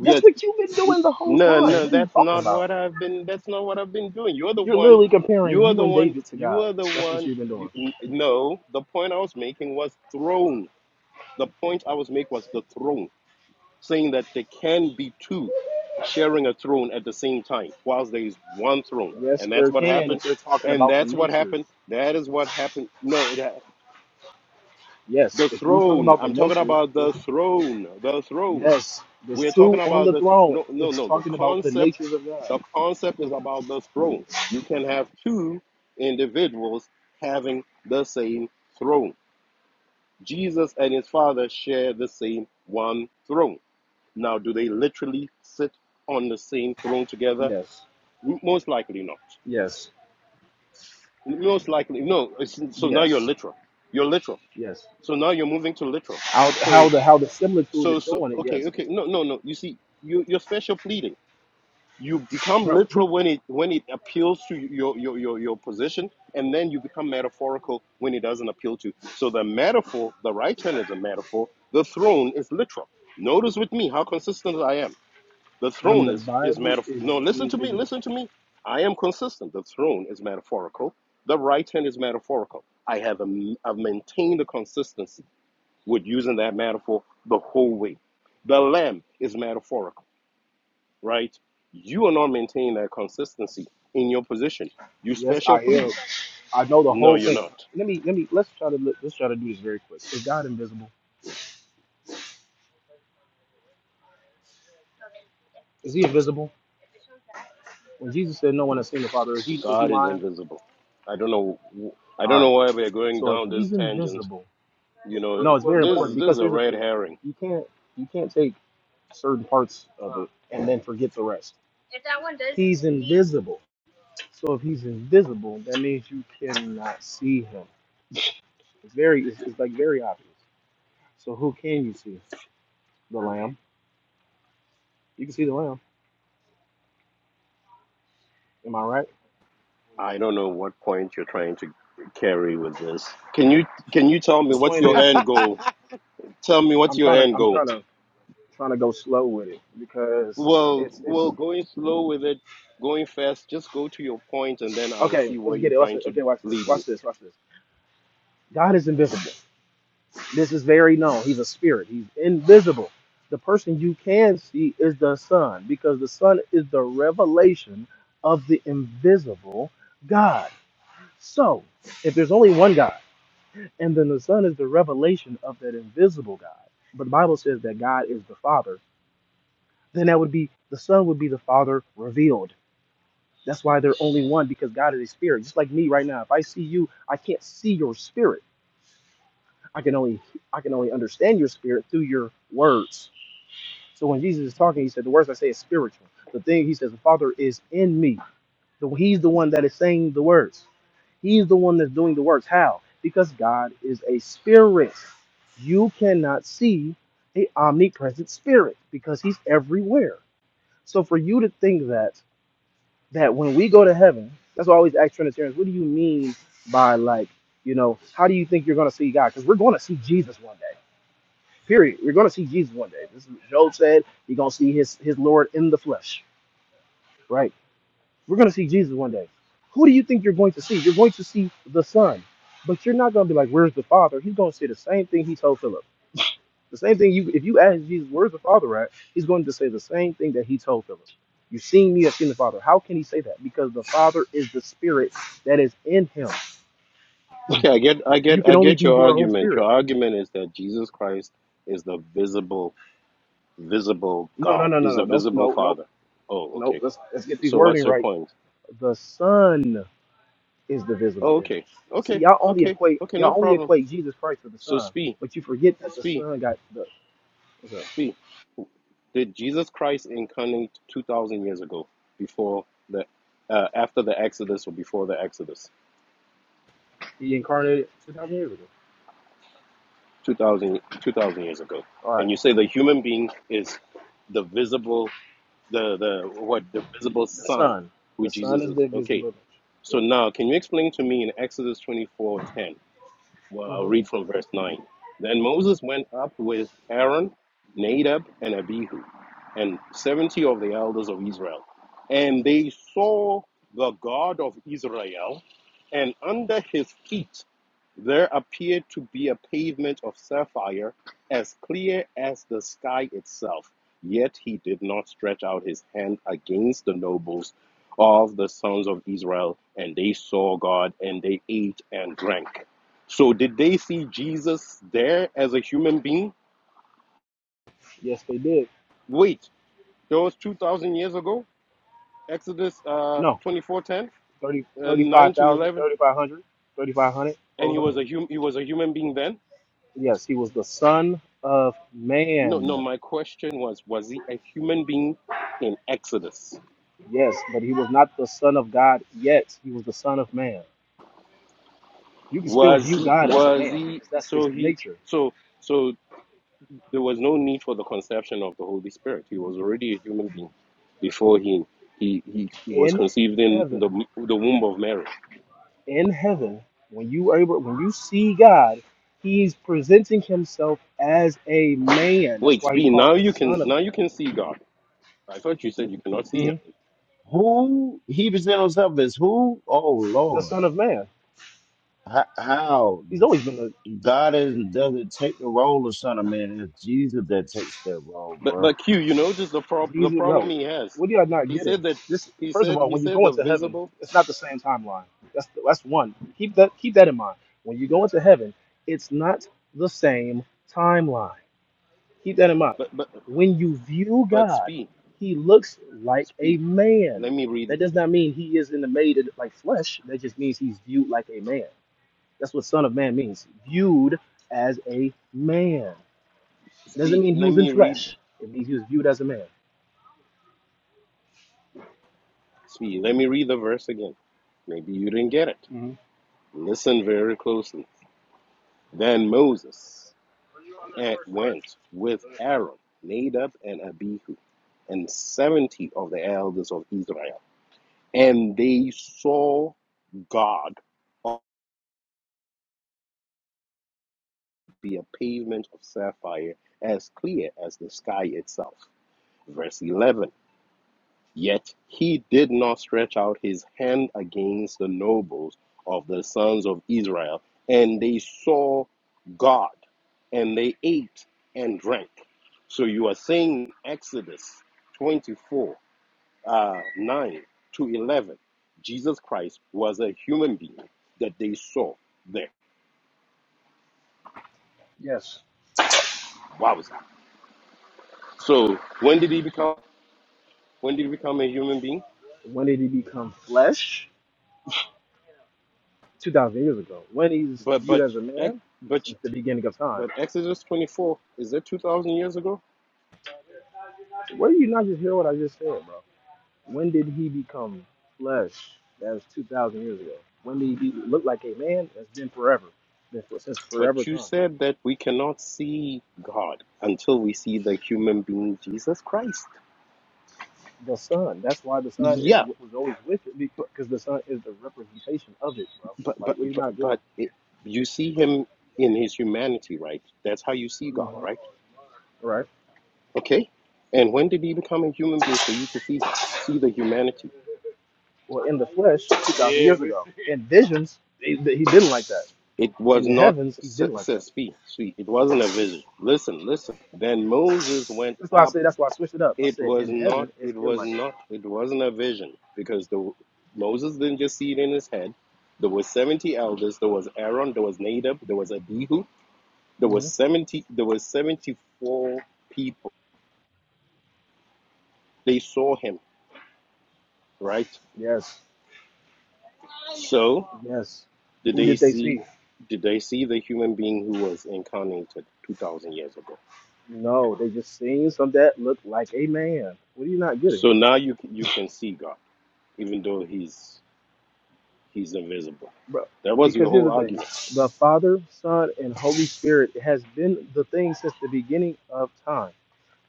[SPEAKER 21] That's what you've been doing the whole time.
[SPEAKER 18] No, no,
[SPEAKER 21] What are you
[SPEAKER 18] that's
[SPEAKER 21] talking
[SPEAKER 18] not
[SPEAKER 21] about?
[SPEAKER 18] what I've been. That's not what I've been doing. You're the
[SPEAKER 21] You're
[SPEAKER 18] one.
[SPEAKER 21] literally comparing
[SPEAKER 18] You are
[SPEAKER 21] you
[SPEAKER 18] the
[SPEAKER 21] and
[SPEAKER 18] one.
[SPEAKER 21] David to
[SPEAKER 18] You
[SPEAKER 21] God.
[SPEAKER 18] are the
[SPEAKER 21] That's what
[SPEAKER 18] one.
[SPEAKER 21] you've been
[SPEAKER 18] You,
[SPEAKER 21] doing.
[SPEAKER 18] n- no, the point I was making was throne. The point I was making was the throne, saying that there can be two sharing a throne at the same time, whilst there is one throne,
[SPEAKER 21] Yes,
[SPEAKER 18] and that's
[SPEAKER 21] there
[SPEAKER 18] what
[SPEAKER 21] can
[SPEAKER 18] happened.
[SPEAKER 21] if they're talking
[SPEAKER 18] And
[SPEAKER 21] about the
[SPEAKER 18] that's what
[SPEAKER 21] natures.
[SPEAKER 18] happened. That is what happened. No, it ha-
[SPEAKER 21] Yes,
[SPEAKER 18] the
[SPEAKER 21] if you're talking
[SPEAKER 18] throne.
[SPEAKER 21] about the
[SPEAKER 18] I'm talking
[SPEAKER 21] natures,
[SPEAKER 18] about the
[SPEAKER 21] yes,
[SPEAKER 18] throne. The throne.
[SPEAKER 21] yes, there's
[SPEAKER 18] We're talking
[SPEAKER 21] two on
[SPEAKER 18] about
[SPEAKER 21] the
[SPEAKER 18] this.
[SPEAKER 21] throne.
[SPEAKER 18] No, no,
[SPEAKER 21] It's
[SPEAKER 18] no. The
[SPEAKER 21] talking about the
[SPEAKER 18] concept,
[SPEAKER 21] natures of God.
[SPEAKER 18] the concept is about the throne. You can have two individuals having the same throne. Jesus and his father share the same one throne. Now, do they literally sit on the same throne together?
[SPEAKER 21] Yes,
[SPEAKER 18] Most likely not.
[SPEAKER 21] yes,
[SPEAKER 18] Most likely no. It's, so now you're
[SPEAKER 21] yes,
[SPEAKER 18] literal. You're literal.
[SPEAKER 21] yes.
[SPEAKER 18] So now you're moving to literal.
[SPEAKER 21] How, how
[SPEAKER 18] So
[SPEAKER 21] the how the similitude
[SPEAKER 18] so
[SPEAKER 21] is
[SPEAKER 18] so.
[SPEAKER 21] showing it.
[SPEAKER 18] Okay,
[SPEAKER 21] Yes,
[SPEAKER 18] okay. No, no, no. You see, you, you're special pleading. you become
[SPEAKER 21] bro.
[SPEAKER 18] literal
[SPEAKER 21] he-
[SPEAKER 18] when it when it appeals to your your your, your position and then you become metaphorical when it doesn't appeal to so the metaphor the right hand is a metaphor the throne is literal notice with me how consistent i am the
[SPEAKER 21] When
[SPEAKER 18] throne
[SPEAKER 21] the
[SPEAKER 18] is is
[SPEAKER 21] Bible
[SPEAKER 18] metaphor
[SPEAKER 21] is
[SPEAKER 18] no listen to me
[SPEAKER 21] using
[SPEAKER 18] listen to me i am consistent the throne is metaphorical the right hand is metaphorical i have a, i've maintained the consistency with using that metaphor the whole way the lamb is metaphorical right? You are not maintaining that consistency in your position. You
[SPEAKER 21] yes,
[SPEAKER 18] special
[SPEAKER 21] I am.
[SPEAKER 18] plead.
[SPEAKER 21] I know the
[SPEAKER 18] No,
[SPEAKER 21] whole
[SPEAKER 18] you're
[SPEAKER 21] thing.
[SPEAKER 18] not.
[SPEAKER 21] Let me let me let's try to look, let's try to do this very quick. Is God invisible? Is he invisible? When Jesus said no one has seen the Father, is he is he
[SPEAKER 18] God is
[SPEAKER 21] lying?
[SPEAKER 18] invisible. I don't know. I
[SPEAKER 21] All
[SPEAKER 18] don't know
[SPEAKER 21] right.
[SPEAKER 18] why we're going
[SPEAKER 21] So if
[SPEAKER 18] down this
[SPEAKER 21] he's
[SPEAKER 18] tangent.
[SPEAKER 21] invisible,
[SPEAKER 18] You know,
[SPEAKER 21] no, it's very
[SPEAKER 18] this
[SPEAKER 21] important
[SPEAKER 18] is this is
[SPEAKER 21] because
[SPEAKER 18] a
[SPEAKER 21] here's the
[SPEAKER 18] red
[SPEAKER 21] thing:
[SPEAKER 18] herring.
[SPEAKER 21] you can't you can't take certain parts of it and then forget the rest. Visible. So if he's invisible, that means you cannot see him. It's very it's, it's like very obvious. So who can you see? The Lamb. You can see the Lamb. Am I right?
[SPEAKER 18] I don't know what point you're trying to carry with this. Can you can you tell me
[SPEAKER 21] The
[SPEAKER 18] what's
[SPEAKER 21] point
[SPEAKER 18] your
[SPEAKER 21] is,
[SPEAKER 18] end goal? Tell me what's
[SPEAKER 21] I'm
[SPEAKER 18] your
[SPEAKER 21] trying to
[SPEAKER 18] end
[SPEAKER 21] I'm
[SPEAKER 18] goal.
[SPEAKER 21] trying to trying to go slow with it because
[SPEAKER 18] Well,
[SPEAKER 21] it's
[SPEAKER 18] well,
[SPEAKER 21] it's
[SPEAKER 18] going slow with it, going fast. Just go to your point, and then I will
[SPEAKER 21] okay.
[SPEAKER 18] see where
[SPEAKER 21] Let's get
[SPEAKER 18] you're
[SPEAKER 21] it. Watch
[SPEAKER 18] trying
[SPEAKER 21] it.
[SPEAKER 18] to
[SPEAKER 21] Okay, watch this.
[SPEAKER 18] lead me.
[SPEAKER 21] Watch this. Watch this. God is invisible. This is very known. He's a spirit. He's invisible. The person you can see is the Son because the Son is the revelation of the invisible God. So, if there's only one God, and then the Son is the revelation of that invisible God, but the Bible says that God is the Father, then that would be the Son would be the Father revealed That's why they're only one because God is a spirit. Just like me right now, if I see you, I can't see your spirit. I can only I can only understand your spirit through your words. So when Jesus is talking, he said, "The words I say is spiritual." The thing he says, "The Father is in me." So he's the one that is saying the words. He's the one that's doing the works. How? Because God is a spirit. You cannot see a omnipresent spirit because he's everywhere. So for you to think that that when we go to heaven, that's why I always ask Trinitarians, what do you mean by like, you know, how do you think you're going to see God? Because we're going to see Jesus one day. Period. We're going to see Jesus one day. This is what Job said. You're going to see his his Lord in the flesh, right? We're going to see Jesus one day. Who do you think you're going to see? You're going to see the Son, but you're not going to be like, where's the Father? He's going to say the same thing he told Philip. The same thing you if you ask Jesus, where's the Father at? He's going to say the same thing that he told Philip. You've seen me, I've seen the Father. How can he say that? Because the Father is the spirit that is in him.
[SPEAKER 18] Okay, I get, I get,
[SPEAKER 21] You can
[SPEAKER 18] I
[SPEAKER 21] only
[SPEAKER 18] get
[SPEAKER 21] be
[SPEAKER 18] your
[SPEAKER 21] your own
[SPEAKER 18] argument. Your
[SPEAKER 21] spirit.
[SPEAKER 18] argument is that Jesus Christ is the visible, visible
[SPEAKER 21] No, no,
[SPEAKER 18] God.
[SPEAKER 21] no, no,
[SPEAKER 18] He's a
[SPEAKER 21] no. Don't
[SPEAKER 18] visible
[SPEAKER 21] no no
[SPEAKER 18] Father. Oh,
[SPEAKER 21] no.
[SPEAKER 18] okay.
[SPEAKER 21] Let's let's get these
[SPEAKER 18] So
[SPEAKER 21] wording
[SPEAKER 18] what's your
[SPEAKER 21] right.
[SPEAKER 18] point?
[SPEAKER 21] The Son is the visible
[SPEAKER 18] Oh,
[SPEAKER 21] image.
[SPEAKER 18] okay,
[SPEAKER 21] See,
[SPEAKER 18] okay,
[SPEAKER 21] y'all only
[SPEAKER 18] okay,
[SPEAKER 21] equate
[SPEAKER 18] okay. No
[SPEAKER 21] y'all only
[SPEAKER 18] problem.
[SPEAKER 21] equate Jesus Christ with the
[SPEAKER 18] So
[SPEAKER 21] Son,
[SPEAKER 18] speak,
[SPEAKER 21] but you forget that the
[SPEAKER 18] speak,
[SPEAKER 21] Son got the what's up?
[SPEAKER 18] speak. Did Jesus Christ incarnate two thousand years ago, before the, uh, after the Exodus or before the Exodus?
[SPEAKER 21] He incarnated two thousand years ago.
[SPEAKER 18] 2000, 2000 years ago.
[SPEAKER 21] All right.
[SPEAKER 18] And you say the human being is the visible the the what the visible
[SPEAKER 21] The
[SPEAKER 18] sun
[SPEAKER 21] Son.
[SPEAKER 18] who
[SPEAKER 21] The Son
[SPEAKER 18] jesus
[SPEAKER 21] is
[SPEAKER 18] is
[SPEAKER 21] the
[SPEAKER 18] okay
[SPEAKER 21] visible image.
[SPEAKER 18] so
[SPEAKER 21] Yes.
[SPEAKER 18] now can you explain to me in exodus twenty four ten? Well, I'll
[SPEAKER 21] Mm-hmm.
[SPEAKER 18] read from verse 9. Then Moses went up with Aaron, Nadab, and Abihu, and 70 of the elders of Israel. And they saw the God of Israel, and under his feet there appeared to be a pavement of sapphire as clear as the sky itself. Yet he did not stretch out his hand against the nobles of the sons of Israel, and they saw God, and they ate and drank. So did they see Jesus there as a human being?
[SPEAKER 21] Yes, they did.
[SPEAKER 18] Wait, that was 2,000 years ago, Exodus uh,
[SPEAKER 21] No,
[SPEAKER 18] 24:10,
[SPEAKER 21] thirty,
[SPEAKER 18] uh, 9
[SPEAKER 21] thirty-five
[SPEAKER 18] to
[SPEAKER 21] thousand,
[SPEAKER 18] 11,
[SPEAKER 21] thirty-five hundred, thirty-five hundred.
[SPEAKER 18] and he was
[SPEAKER 21] 400.
[SPEAKER 18] a hum- he was a human being then?
[SPEAKER 21] Yes, he was the son of
[SPEAKER 18] No, no,
[SPEAKER 21] man.
[SPEAKER 18] my question was was he a human being in Exodus?
[SPEAKER 21] Yes, but he was not the son of God yet. He was the son of man. You can still
[SPEAKER 18] Was
[SPEAKER 21] view
[SPEAKER 18] he
[SPEAKER 21] God as a
[SPEAKER 18] was
[SPEAKER 21] man
[SPEAKER 18] he
[SPEAKER 21] because that's his
[SPEAKER 18] so he
[SPEAKER 21] nature.
[SPEAKER 18] so so there was no need for the conception of the Holy Spirit. He was already a human being before he he, he was
[SPEAKER 21] In
[SPEAKER 18] conceived in the
[SPEAKER 21] heaven,
[SPEAKER 18] the womb of Mary.
[SPEAKER 21] in heaven, when you are able, when you see God, he's presenting himself as a man. That's
[SPEAKER 18] Wait,
[SPEAKER 21] why he's
[SPEAKER 18] Speed,
[SPEAKER 21] called
[SPEAKER 18] now
[SPEAKER 21] the
[SPEAKER 18] you can
[SPEAKER 21] son of
[SPEAKER 18] now you
[SPEAKER 21] man.
[SPEAKER 18] can see God. I thought you said you cannot see him.
[SPEAKER 21] Mhm.
[SPEAKER 4] who? He presented himself as who? Oh,
[SPEAKER 21] The
[SPEAKER 4] Lord.
[SPEAKER 21] son of man.
[SPEAKER 4] How? how?
[SPEAKER 21] He's always been
[SPEAKER 4] God is, doesn't take the role of Son of Man. It's Jesus that takes that role,
[SPEAKER 18] But
[SPEAKER 4] bro.
[SPEAKER 18] but Q, you notice the prob- the
[SPEAKER 21] Jesus,
[SPEAKER 18] problem
[SPEAKER 21] bro,
[SPEAKER 18] he has.
[SPEAKER 21] what are y'all not
[SPEAKER 18] He
[SPEAKER 21] getting?
[SPEAKER 18] said that
[SPEAKER 21] This,
[SPEAKER 18] he
[SPEAKER 21] first of
[SPEAKER 18] said
[SPEAKER 21] all,
[SPEAKER 18] he
[SPEAKER 21] when you
[SPEAKER 18] said
[SPEAKER 21] go
[SPEAKER 18] the
[SPEAKER 21] into heaven,
[SPEAKER 18] visible
[SPEAKER 21] it's not the same timeline. That's that's one. Keep that keep that in mind. When you go into heaven, it's not the same timeline. Keep that in mind.
[SPEAKER 18] but but
[SPEAKER 21] When you view
[SPEAKER 18] but
[SPEAKER 21] God,
[SPEAKER 18] Speed,
[SPEAKER 21] He looks like a
[SPEAKER 18] Speed.
[SPEAKER 21] man.
[SPEAKER 18] Let me read
[SPEAKER 21] That does not mean He is in the made in- like flesh. That just means He's viewed like a man. That's what Son of Man means. Viewed as a man. It doesn't
[SPEAKER 18] Speed.
[SPEAKER 21] mean He
[SPEAKER 18] Let
[SPEAKER 21] was in
[SPEAKER 18] me read
[SPEAKER 21] flesh. It means He was viewed as a man.
[SPEAKER 18] Speed. Let me read the verse again. Maybe you didn't get it.
[SPEAKER 21] Mhm.
[SPEAKER 18] Listen very closely. Then Moses eh, went with Aaron, Nadab, and Abihu, and 70 of the elders of Israel. And they saw God be a pavement of sapphire as clear as the sky itself. Verse 11 Yet he did not stretch out his hand against the nobles of the sons of Israel, and they saw God, and they ate and drank. So you are saying Exodus 24 uh, 9 to 11, Jesus Christ was a human being that they saw there.
[SPEAKER 21] Yes.
[SPEAKER 18] Wow. So when did he become? When did he become a human being?
[SPEAKER 21] When did he become flesh? 2,000 years ago. When he's
[SPEAKER 18] But
[SPEAKER 21] viewed
[SPEAKER 18] but
[SPEAKER 21] as a
[SPEAKER 18] ex-
[SPEAKER 21] man?
[SPEAKER 18] but
[SPEAKER 21] Since the beginning of time.
[SPEAKER 18] but Exodus twenty four is that two thousand years ago?
[SPEAKER 21] Where do you not just hear what I just said, bro? When did he become flesh? That was 2,000 years ago. When did he be- look like a man? That's been forever. Been for, since forever
[SPEAKER 18] But you
[SPEAKER 21] time.
[SPEAKER 18] said that we cannot see God until we see the human being Jesus Christ.
[SPEAKER 21] The sun. That's why the sun is
[SPEAKER 18] Yeah,
[SPEAKER 21] what was always with it
[SPEAKER 18] but
[SPEAKER 21] because the sun is the representation of it, bro.
[SPEAKER 18] but but
[SPEAKER 21] Like, what are you
[SPEAKER 18] but,
[SPEAKER 21] not getting?
[SPEAKER 18] but it, you see him in his humanity, right? That's how you see God,
[SPEAKER 21] Mhm.
[SPEAKER 18] right?
[SPEAKER 21] Right?
[SPEAKER 18] Okay. And when did he become a human being for you to see see the humanity?
[SPEAKER 21] Well, in the flesh, 2,000 years ago. In visions, they, they, he didn't like that.
[SPEAKER 18] It
[SPEAKER 21] In
[SPEAKER 18] was
[SPEAKER 21] the
[SPEAKER 18] not,
[SPEAKER 21] heavens, he
[SPEAKER 18] s-
[SPEAKER 21] didn't like that.
[SPEAKER 18] says P, sweet. It wasn't a vision. Listen, listen. Then Moses went
[SPEAKER 21] That's why I
[SPEAKER 18] up.
[SPEAKER 21] said. That's why I switched it up. I
[SPEAKER 18] It
[SPEAKER 21] said,
[SPEAKER 18] was
[SPEAKER 21] in
[SPEAKER 18] not,
[SPEAKER 21] heaven, it's
[SPEAKER 18] it
[SPEAKER 21] been
[SPEAKER 18] was
[SPEAKER 21] like
[SPEAKER 18] not,
[SPEAKER 21] that.
[SPEAKER 18] it wasn't a vision because the Moses didn't just see it in his head. There was 70 elders. There was Aaron. There was Nadab. There was Abihu. There was
[SPEAKER 21] hmm
[SPEAKER 18] 70, there was 74 people. They saw him, right?
[SPEAKER 21] Yes,
[SPEAKER 18] So
[SPEAKER 21] yes.
[SPEAKER 18] did
[SPEAKER 21] Who
[SPEAKER 18] they
[SPEAKER 21] did they
[SPEAKER 18] see,
[SPEAKER 21] see?
[SPEAKER 18] did they see the human being who was incarnated 2,000 years ago?
[SPEAKER 21] No, they just seen some that looked like a man. What are you not getting,
[SPEAKER 18] So
[SPEAKER 21] bro?
[SPEAKER 18] now you, you can see God. even though he's he's invisible.
[SPEAKER 21] Bro,
[SPEAKER 18] That was
[SPEAKER 21] because
[SPEAKER 18] your
[SPEAKER 21] here's
[SPEAKER 18] whole
[SPEAKER 21] the thing:
[SPEAKER 18] argument.
[SPEAKER 21] the Father, Son, and Holy Spirit has been the thing since the beginning of time.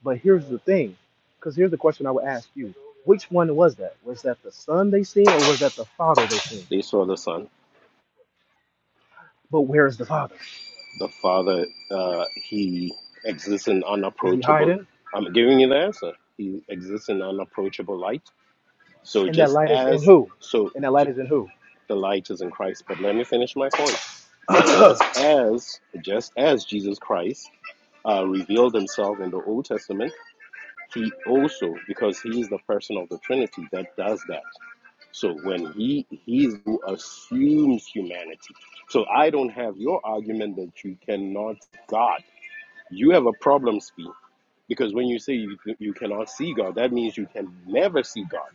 [SPEAKER 21] But here's the thing, because here's the question I would ask you: Which one was that? Was that the Son they seen, or was that the Father they seen?
[SPEAKER 18] They saw the Son,
[SPEAKER 21] But where is the Father?
[SPEAKER 18] the Father. Uh, he exists in
[SPEAKER 21] Is he
[SPEAKER 18] unapproachable.
[SPEAKER 21] hiding?
[SPEAKER 18] I'm giving you the answer. He exists in unapproachable light. So
[SPEAKER 21] And that
[SPEAKER 18] just
[SPEAKER 21] light is in
[SPEAKER 18] as
[SPEAKER 21] who?
[SPEAKER 18] so,
[SPEAKER 21] And that light
[SPEAKER 18] j-
[SPEAKER 21] is in who?
[SPEAKER 18] the light is in Christ. But let me finish my point. And just as just as Jesus Christ uh, revealed himself in the Old Testament, he also because he is the person of the Trinity that does that. So when he he's who assumes humanity. So I don't have your argument that you cannot see God. You have a problem, Speed, because when you say you, you cannot see God, that means you can never see God.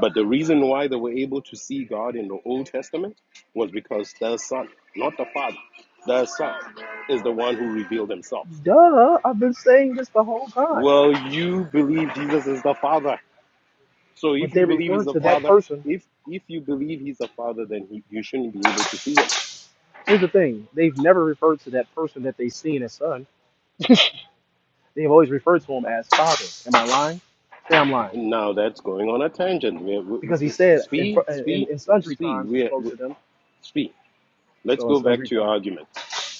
[SPEAKER 18] But the reason why they were able to see God in the Old Testament was because the Son, not the Father, the Son is the one who revealed himself.
[SPEAKER 21] Duh, I've been saying this the whole time.
[SPEAKER 18] Well, you believe Jesus is the Father. So
[SPEAKER 21] But
[SPEAKER 18] if
[SPEAKER 21] they
[SPEAKER 18] you believe
[SPEAKER 21] refer
[SPEAKER 18] he's a
[SPEAKER 21] to that
[SPEAKER 18] father,
[SPEAKER 21] person.
[SPEAKER 18] if if you believe he's a father, then he, you shouldn't be able to see him.
[SPEAKER 21] Here's the thing they've never referred to that person that they've seen as son. They've always referred to him as father. Am I lying? Say I'm lying.
[SPEAKER 18] And now that's going on a tangent. We're, we,
[SPEAKER 21] Because he
[SPEAKER 18] we,
[SPEAKER 21] said in, fr-
[SPEAKER 18] Spee,
[SPEAKER 21] in,
[SPEAKER 18] Spee,
[SPEAKER 21] in sundry
[SPEAKER 18] Spee,
[SPEAKER 21] times he
[SPEAKER 18] we're,
[SPEAKER 21] spoke
[SPEAKER 18] we,
[SPEAKER 21] to them.
[SPEAKER 18] Spee. Let's
[SPEAKER 21] So in
[SPEAKER 18] go back
[SPEAKER 21] sundry
[SPEAKER 18] to your
[SPEAKER 21] times.
[SPEAKER 18] argument.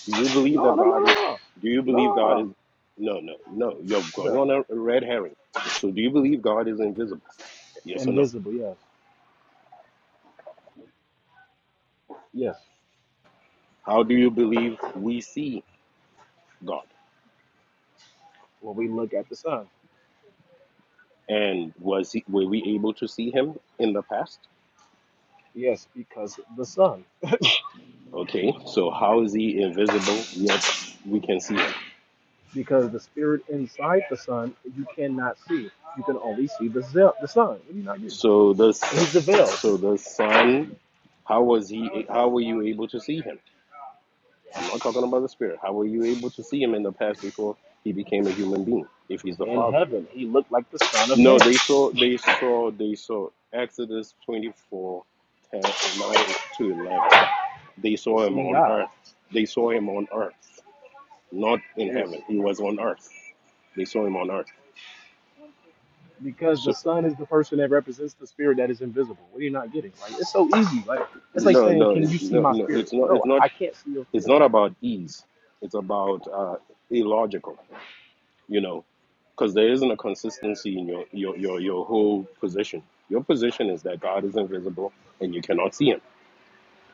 [SPEAKER 18] Do you believe
[SPEAKER 21] No,
[SPEAKER 18] that
[SPEAKER 21] no, no,
[SPEAKER 18] God
[SPEAKER 21] no,
[SPEAKER 18] is?
[SPEAKER 21] no.
[SPEAKER 18] Do you believe God is?
[SPEAKER 21] No.
[SPEAKER 18] No, no, no. You're
[SPEAKER 21] What's
[SPEAKER 18] going
[SPEAKER 21] that?
[SPEAKER 18] on a, a red herring. So do you believe God is invisible? Yes or no?
[SPEAKER 21] Invisible, yes. Yes.
[SPEAKER 18] How do you believe we see God?
[SPEAKER 21] Well, we look at the sun.
[SPEAKER 18] And was he, were we able to see him in the past?
[SPEAKER 21] Yes, because the sun.
[SPEAKER 18] Okay, so how is he invisible yet we can see him?
[SPEAKER 21] Because the spirit inside the sun, you cannot see. You can only see the, zel- the sun. What do you not get?
[SPEAKER 18] So the s-
[SPEAKER 21] He's the veil.
[SPEAKER 18] so the son, how was he? How were you able to see him? I'm not talking about the spirit. How were you able to see him in the past before he became a human being? If he's the
[SPEAKER 21] In
[SPEAKER 18] father,
[SPEAKER 21] heaven, he looked like the Son of Man.
[SPEAKER 18] no, they saw they saw they saw Exodus 24, 10, 9 to 11. They
[SPEAKER 21] They're
[SPEAKER 18] saw him
[SPEAKER 21] seeing
[SPEAKER 18] on
[SPEAKER 21] God.
[SPEAKER 18] earth. They saw him on earth, not in
[SPEAKER 21] Yes.
[SPEAKER 18] heaven. He was on earth. They saw him on earth.
[SPEAKER 21] Because
[SPEAKER 18] So.
[SPEAKER 21] the Son is the person that represents the spirit that is invisible. What are you not getting? Like it's so easy. Like it's like
[SPEAKER 18] No,
[SPEAKER 21] saying,
[SPEAKER 18] no,
[SPEAKER 21] Can you
[SPEAKER 18] it-
[SPEAKER 21] see
[SPEAKER 18] no,
[SPEAKER 21] my
[SPEAKER 18] no. It's
[SPEAKER 21] spirit?
[SPEAKER 18] not. It's
[SPEAKER 21] No,
[SPEAKER 18] not.
[SPEAKER 21] I can't see your
[SPEAKER 18] It's
[SPEAKER 21] spirit.
[SPEAKER 18] not about ease. It's about uh, illogical. You know, because there isn't a consistency in your your your your whole position. Your position is that God is invisible and you cannot see Him,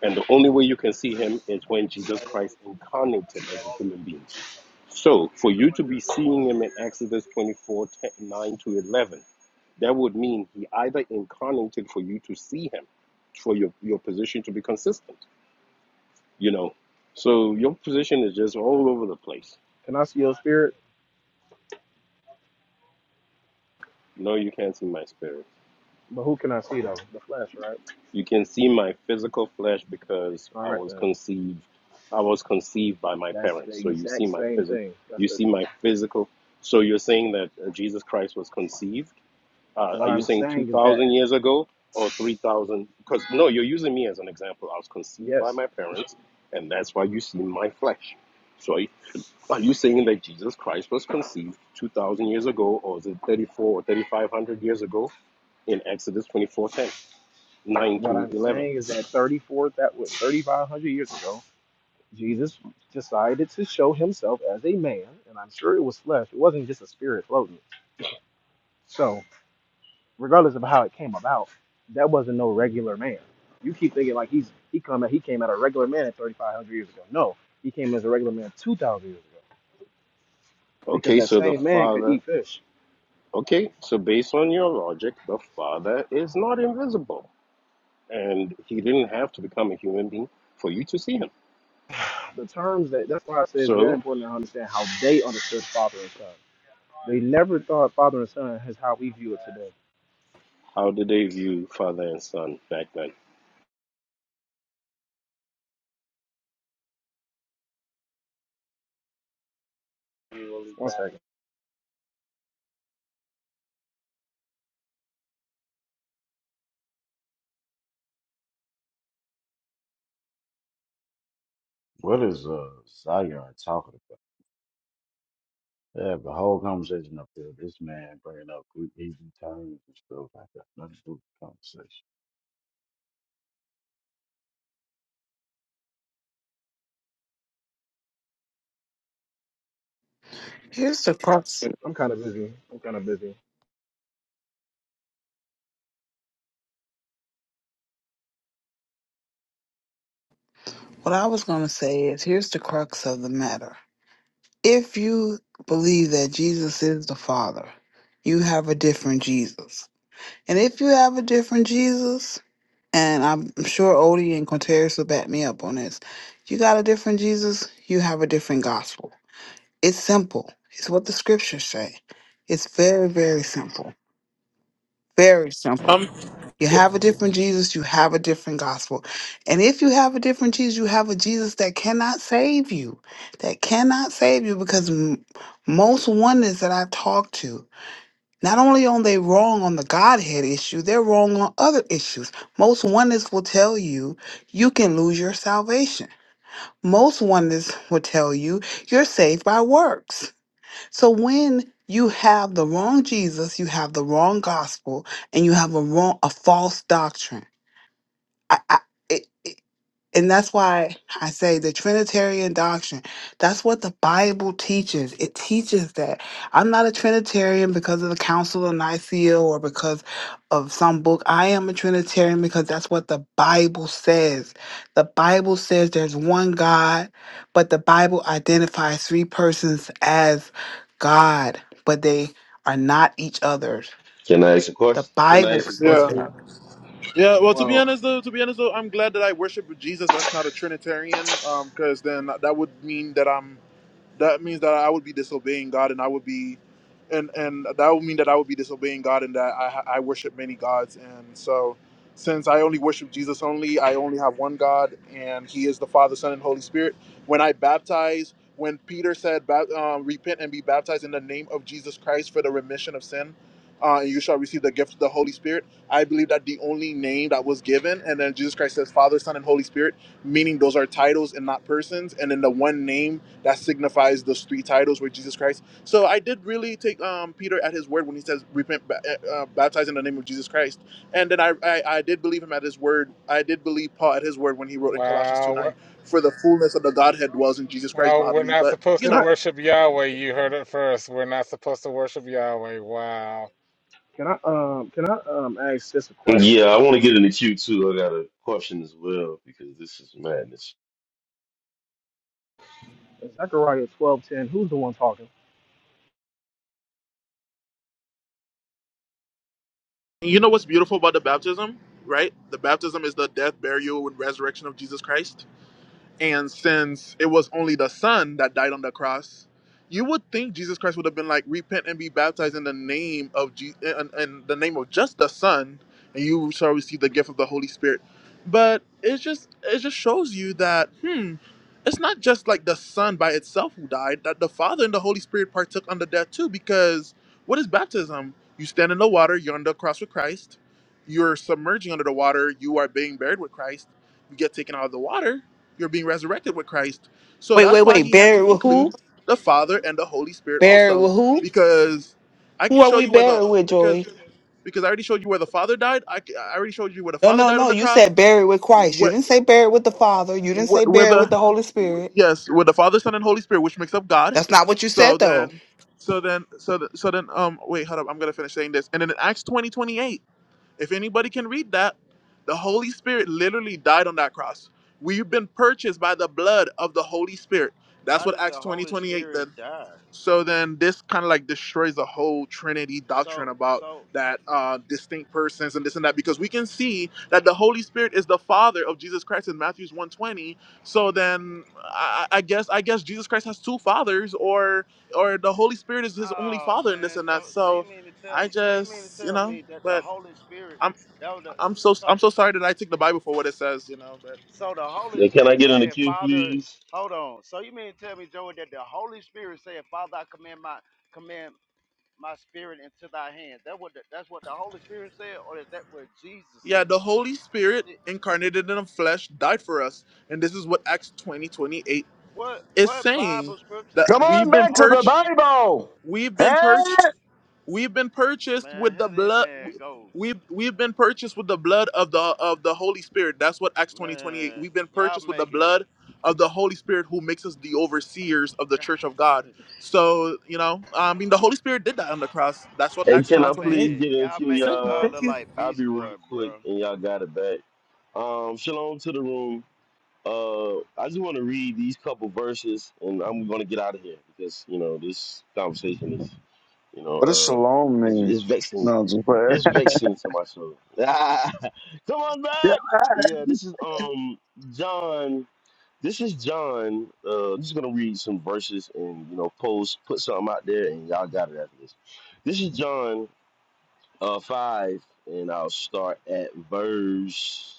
[SPEAKER 18] and the only way you can see Him is when Jesus Christ incarnated as a human being. So, for you to be seeing Him in Exodus 24, 9 to 11, that would mean He either incarnated for you to see Him, for your your position to be consistent you know. So your position is just all over the place.
[SPEAKER 21] Can I see your spirit?
[SPEAKER 18] No, you can't see my spirit.
[SPEAKER 21] But who can I see though? The flesh, right?
[SPEAKER 18] You can see my physical flesh because
[SPEAKER 21] All
[SPEAKER 18] I
[SPEAKER 21] right
[SPEAKER 18] was
[SPEAKER 21] then.
[SPEAKER 18] conceived. I was conceived by my
[SPEAKER 21] That's the
[SPEAKER 18] parents. So you see
[SPEAKER 21] exact
[SPEAKER 18] my
[SPEAKER 21] same
[SPEAKER 18] physic.
[SPEAKER 21] thing.
[SPEAKER 18] You
[SPEAKER 21] That's it.
[SPEAKER 18] see my physical. So you're saying that uh, Jesus Christ was conceived? Uh,
[SPEAKER 21] What
[SPEAKER 18] are you
[SPEAKER 21] I'm
[SPEAKER 18] saying two
[SPEAKER 21] saying is
[SPEAKER 18] thousand
[SPEAKER 21] that
[SPEAKER 18] years ago or three thousand? Because no, you're using me as an example. I was conceived by
[SPEAKER 21] yes,
[SPEAKER 18] my parents, and that's why you see my flesh. So Are you saying that Jesus Christ was conceived 2,000 years ago, or is it 34 or 3,500 years ago in Exodus twenty four ten nine
[SPEAKER 21] what
[SPEAKER 18] to
[SPEAKER 21] I'm
[SPEAKER 18] 11?
[SPEAKER 21] saying is that 34, that was 3,500 years ago Jesus decided to show himself as a man, and I'm sure it was flesh. It wasn't just a spirit floating. So, regardless of how it came about, that wasn't no regular man. You keep thinking like he's he come he came out a regular man at 3,500 years ago. No, he came as a regular man 2,000 years ago because
[SPEAKER 18] Okay,
[SPEAKER 21] that
[SPEAKER 18] so the
[SPEAKER 21] same man could
[SPEAKER 18] Father,
[SPEAKER 21] eat fish.
[SPEAKER 18] okay, so based on your logic, the Father is not invisible, and he didn't have to become a human being for you to see him.
[SPEAKER 21] The terms that that's why I say it's very
[SPEAKER 18] So,
[SPEAKER 21] important to understand how they understood father and son. They never thought father and son is how we view it today.
[SPEAKER 18] how did they view Father and Son back then?
[SPEAKER 21] One second,
[SPEAKER 4] What is uh Zion talking about? They have a whole conversation up there. This man bringing up Greek easy terms and stuff like that. Nothing to do with the conversation.
[SPEAKER 5] Here's the crux.
[SPEAKER 21] I'm kind of busy. I'm kind of busy.
[SPEAKER 5] What I was going to say is here's the crux of the matter If you believe that Jesus is the Father, you have a different Jesus. And if you have a different Jesus, and I'm sure Odie and Quinteris will back me up on this, you got a different Jesus, you have a different gospel. It's simple. It's what the scriptures say. It's very, very simple. Very simple.
[SPEAKER 1] Um,
[SPEAKER 5] You have a different Jesus, you have a different gospel. And if you have a different Jesus, you have a Jesus that cannot save you, that cannot save you because m- most oneness that I've talked to, not only are they wrong on the Godhead issue, they're wrong on other issues. Most oneness will tell you you can lose your salvation. Most oneness will tell you you're saved by works. So when you have the wrong Jesus, you have the wrong gospel, and you have a wrong a false doctrine I, I, it, it, and that's why I say the Trinitarian doctrine. That's what the Bible teaches. It teaches that I'm not a Trinitarian because of the Council of Nicaea or because of some book. I am a Trinitarian because that's what the Bible says. The Bible says there's one God, but the Bible identifies three persons as God, but they are not each other's.
[SPEAKER 26] Can I ask a
[SPEAKER 5] The
[SPEAKER 26] question? Can I
[SPEAKER 5] Bible
[SPEAKER 26] ask a
[SPEAKER 1] yeah.
[SPEAKER 26] question?
[SPEAKER 1] Yeah, well, to be
[SPEAKER 21] Well,
[SPEAKER 1] honest, though, to be honest, though, I'm glad that I worship with Jesus. That's not a Trinitarian, because then that would mean that I'm, that means that I would be disobeying God, and I would be, and and that would mean that I would be disobeying God, and that I I worship many gods, and so since I only worship Jesus only, I only have one God, and He is the Father, Son, and Holy Spirit. When I baptize, when Peter said, "Bap- uh, "Repent and be baptized in the name of Jesus Christ for the remission of sin," uh, and you shall receive the gift of the Holy Spirit I believe that the only name that was given, and then Jesus Christ says Father, Son, and Holy Spirit, meaning those are titles and not persons, and then the one name that signifies those three titles were Jesus Christ. So I did really take um, Peter at his word when he says repent, ba- eh, uh, baptize in the name of Jesus Christ, and then I, I I did believe him at his word. I did believe Paul at his word when he wrote in Colossians two
[SPEAKER 20] Wow.
[SPEAKER 1] nine,
[SPEAKER 20] we're-
[SPEAKER 1] for the fullness of the Godhead dwells in Jesus Christ
[SPEAKER 20] Well, we're
[SPEAKER 1] bodily.
[SPEAKER 20] not
[SPEAKER 1] But
[SPEAKER 20] supposed
[SPEAKER 1] you
[SPEAKER 21] can
[SPEAKER 20] to
[SPEAKER 1] know,
[SPEAKER 21] I?
[SPEAKER 20] worship Yahweh. You heard it first. We're not supposed to worship Yahweh. Wow.
[SPEAKER 21] Can I um can I um ask this a
[SPEAKER 26] Yeah,
[SPEAKER 21] question?
[SPEAKER 26] I want to get in the queue too. I got a question as well because this is madness.
[SPEAKER 21] In Zechariah twelve ten, who's the one talking?
[SPEAKER 1] you know what's beautiful about the baptism, right? The baptism is the death, burial, and resurrection of Jesus Christ And since it was only the Son that died on the cross, you would think Jesus Christ would have been like, repent and be baptized in the name of Jesus, in, in the name of just the Son, and you shall receive the gift of the Holy Spirit. But it just it just shows you that hmm, it's not just like the Son by itself who died; that the Father and the Holy Spirit partook under death too. Because what is baptism? You stand in the water, you're on the cross with Christ, you're submerging under the water, you are being buried with Christ, you get taken out of the water you're being resurrected with Christ. So
[SPEAKER 5] Wait, wait,
[SPEAKER 1] that's why
[SPEAKER 5] wait.
[SPEAKER 1] he had
[SPEAKER 5] Buried
[SPEAKER 1] to
[SPEAKER 5] with who?
[SPEAKER 1] include the Father and the Holy Spirit
[SPEAKER 5] Buried
[SPEAKER 1] also,
[SPEAKER 5] with who?
[SPEAKER 1] because I
[SPEAKER 5] Who
[SPEAKER 1] can
[SPEAKER 5] are
[SPEAKER 1] show
[SPEAKER 5] we
[SPEAKER 1] you where the
[SPEAKER 5] buried with,
[SPEAKER 1] because
[SPEAKER 5] Joey?
[SPEAKER 1] because I already showed you where the Father died. I, c- I already showed you where the
[SPEAKER 5] No,
[SPEAKER 1] Father
[SPEAKER 5] no,
[SPEAKER 1] died on
[SPEAKER 5] no.
[SPEAKER 1] the
[SPEAKER 5] You
[SPEAKER 1] cross.
[SPEAKER 5] said buried with Christ. You
[SPEAKER 1] Where,
[SPEAKER 5] didn't say buried with the Father. You didn't
[SPEAKER 1] where,
[SPEAKER 5] say
[SPEAKER 1] where
[SPEAKER 5] buried with
[SPEAKER 1] the
[SPEAKER 5] the Holy Spirit.
[SPEAKER 1] yes, where the Father, Son, and Holy Spirit, which makes up God.
[SPEAKER 5] That's not what you
[SPEAKER 1] So
[SPEAKER 5] said, though.
[SPEAKER 1] then, so then, so th- so then, um, wait, hold up, I'm gonna finish saying this. And then in Acts twenty twenty eight. If anybody can read that, the Holy Spirit literally died on that cross. We've been purchased by the blood of the Holy Spirit. That's
[SPEAKER 4] How
[SPEAKER 1] what
[SPEAKER 4] did
[SPEAKER 1] Acts
[SPEAKER 4] the
[SPEAKER 1] 20
[SPEAKER 4] Holy
[SPEAKER 1] 28.
[SPEAKER 4] Spirit
[SPEAKER 1] then.
[SPEAKER 4] die?
[SPEAKER 1] So then this kind of like destroys the whole Trinity doctrine
[SPEAKER 4] So
[SPEAKER 1] about
[SPEAKER 4] so
[SPEAKER 1] that uh, distinct persons and this and that because we can see that the Holy Spirit is the Father of Jesus Christ in Matthew's 120. So then I, I guess I guess Jesus Christ has two fathers or or the Holy Spirit is his only
[SPEAKER 4] oh
[SPEAKER 1] father in this
[SPEAKER 4] man,
[SPEAKER 1] and
[SPEAKER 4] so
[SPEAKER 1] that.
[SPEAKER 4] so
[SPEAKER 1] So
[SPEAKER 4] you mean to tell
[SPEAKER 1] I
[SPEAKER 4] me so you mean to
[SPEAKER 1] just you
[SPEAKER 4] tell
[SPEAKER 1] know
[SPEAKER 4] me that the
[SPEAKER 1] but.
[SPEAKER 4] Holy Spirit
[SPEAKER 1] I'm.
[SPEAKER 4] that was the
[SPEAKER 1] I'm so
[SPEAKER 4] so
[SPEAKER 1] I'm so sorry that I took the Bible for what it says, you know, but
[SPEAKER 4] So the Holy
[SPEAKER 26] Yeah, can I
[SPEAKER 4] Spirit
[SPEAKER 26] get in the
[SPEAKER 4] said,
[SPEAKER 26] queue,
[SPEAKER 4] Father,
[SPEAKER 26] please?
[SPEAKER 4] hold on. So you mean to tell me, Joey, that the Holy Spirit said, Father, I command my command my spirit into thy hands. That what the, that's what the Holy Spirit said, or is that what Jesus
[SPEAKER 1] yeah, Yeah,
[SPEAKER 4] said?
[SPEAKER 1] the Holy Spirit
[SPEAKER 4] It-
[SPEAKER 1] incarnated in the flesh died for us. And this is what Acts 20 28
[SPEAKER 4] What
[SPEAKER 1] is
[SPEAKER 4] what
[SPEAKER 1] saying
[SPEAKER 4] Bible scripture
[SPEAKER 1] that
[SPEAKER 27] Come
[SPEAKER 4] says
[SPEAKER 1] we've
[SPEAKER 27] on
[SPEAKER 4] the
[SPEAKER 1] been
[SPEAKER 27] back to the
[SPEAKER 4] Holy
[SPEAKER 1] purged,
[SPEAKER 4] S-
[SPEAKER 27] Bible.
[SPEAKER 1] we've been purged,
[SPEAKER 27] Eh?
[SPEAKER 1] we've been purchased
[SPEAKER 4] Man,
[SPEAKER 1] with the
[SPEAKER 4] here this
[SPEAKER 1] blood
[SPEAKER 4] man goes.
[SPEAKER 1] we've we've been purchased with the blood of the of the Holy Spirit. That's what Acts twenty twenty eight.
[SPEAKER 4] Man,
[SPEAKER 1] We've been
[SPEAKER 4] y'all
[SPEAKER 1] purchased with the
[SPEAKER 4] making
[SPEAKER 1] blood of the Holy Spirit who makes us the overseers of
[SPEAKER 4] y'all,
[SPEAKER 1] the church of God. So, you know, I mean the Holy Spirit did that on the cross. That's what
[SPEAKER 26] Hey,
[SPEAKER 1] Acts
[SPEAKER 26] can
[SPEAKER 1] 20
[SPEAKER 26] I
[SPEAKER 4] y'all
[SPEAKER 1] 28.
[SPEAKER 26] please
[SPEAKER 4] making
[SPEAKER 26] get in the
[SPEAKER 4] y'all
[SPEAKER 26] queue,
[SPEAKER 4] making
[SPEAKER 1] Same.
[SPEAKER 4] God
[SPEAKER 26] y'all?
[SPEAKER 1] Thank
[SPEAKER 4] look
[SPEAKER 1] you.
[SPEAKER 4] like
[SPEAKER 26] I'll be
[SPEAKER 4] Beast
[SPEAKER 26] real
[SPEAKER 4] Boy,
[SPEAKER 26] quick,
[SPEAKER 4] bro.
[SPEAKER 26] and y'all got it back. Um, shalom to the room. Uh, I just want to read these couple verses, and I'm gonna get out of here because you know this conversation is You know,
[SPEAKER 27] What does
[SPEAKER 26] uh,
[SPEAKER 27] shalom
[SPEAKER 26] it's,
[SPEAKER 27] mean?
[SPEAKER 26] it's vexing.
[SPEAKER 27] No, I'm just play.
[SPEAKER 26] It's vexing to my soul. Ah, come on
[SPEAKER 27] yeah.
[SPEAKER 26] back. Yeah, this is um John. This is John. Uh, I'm just gonna read some verses and you know post put something out there and y'all got it after this. This is John uh five and I'll start at verse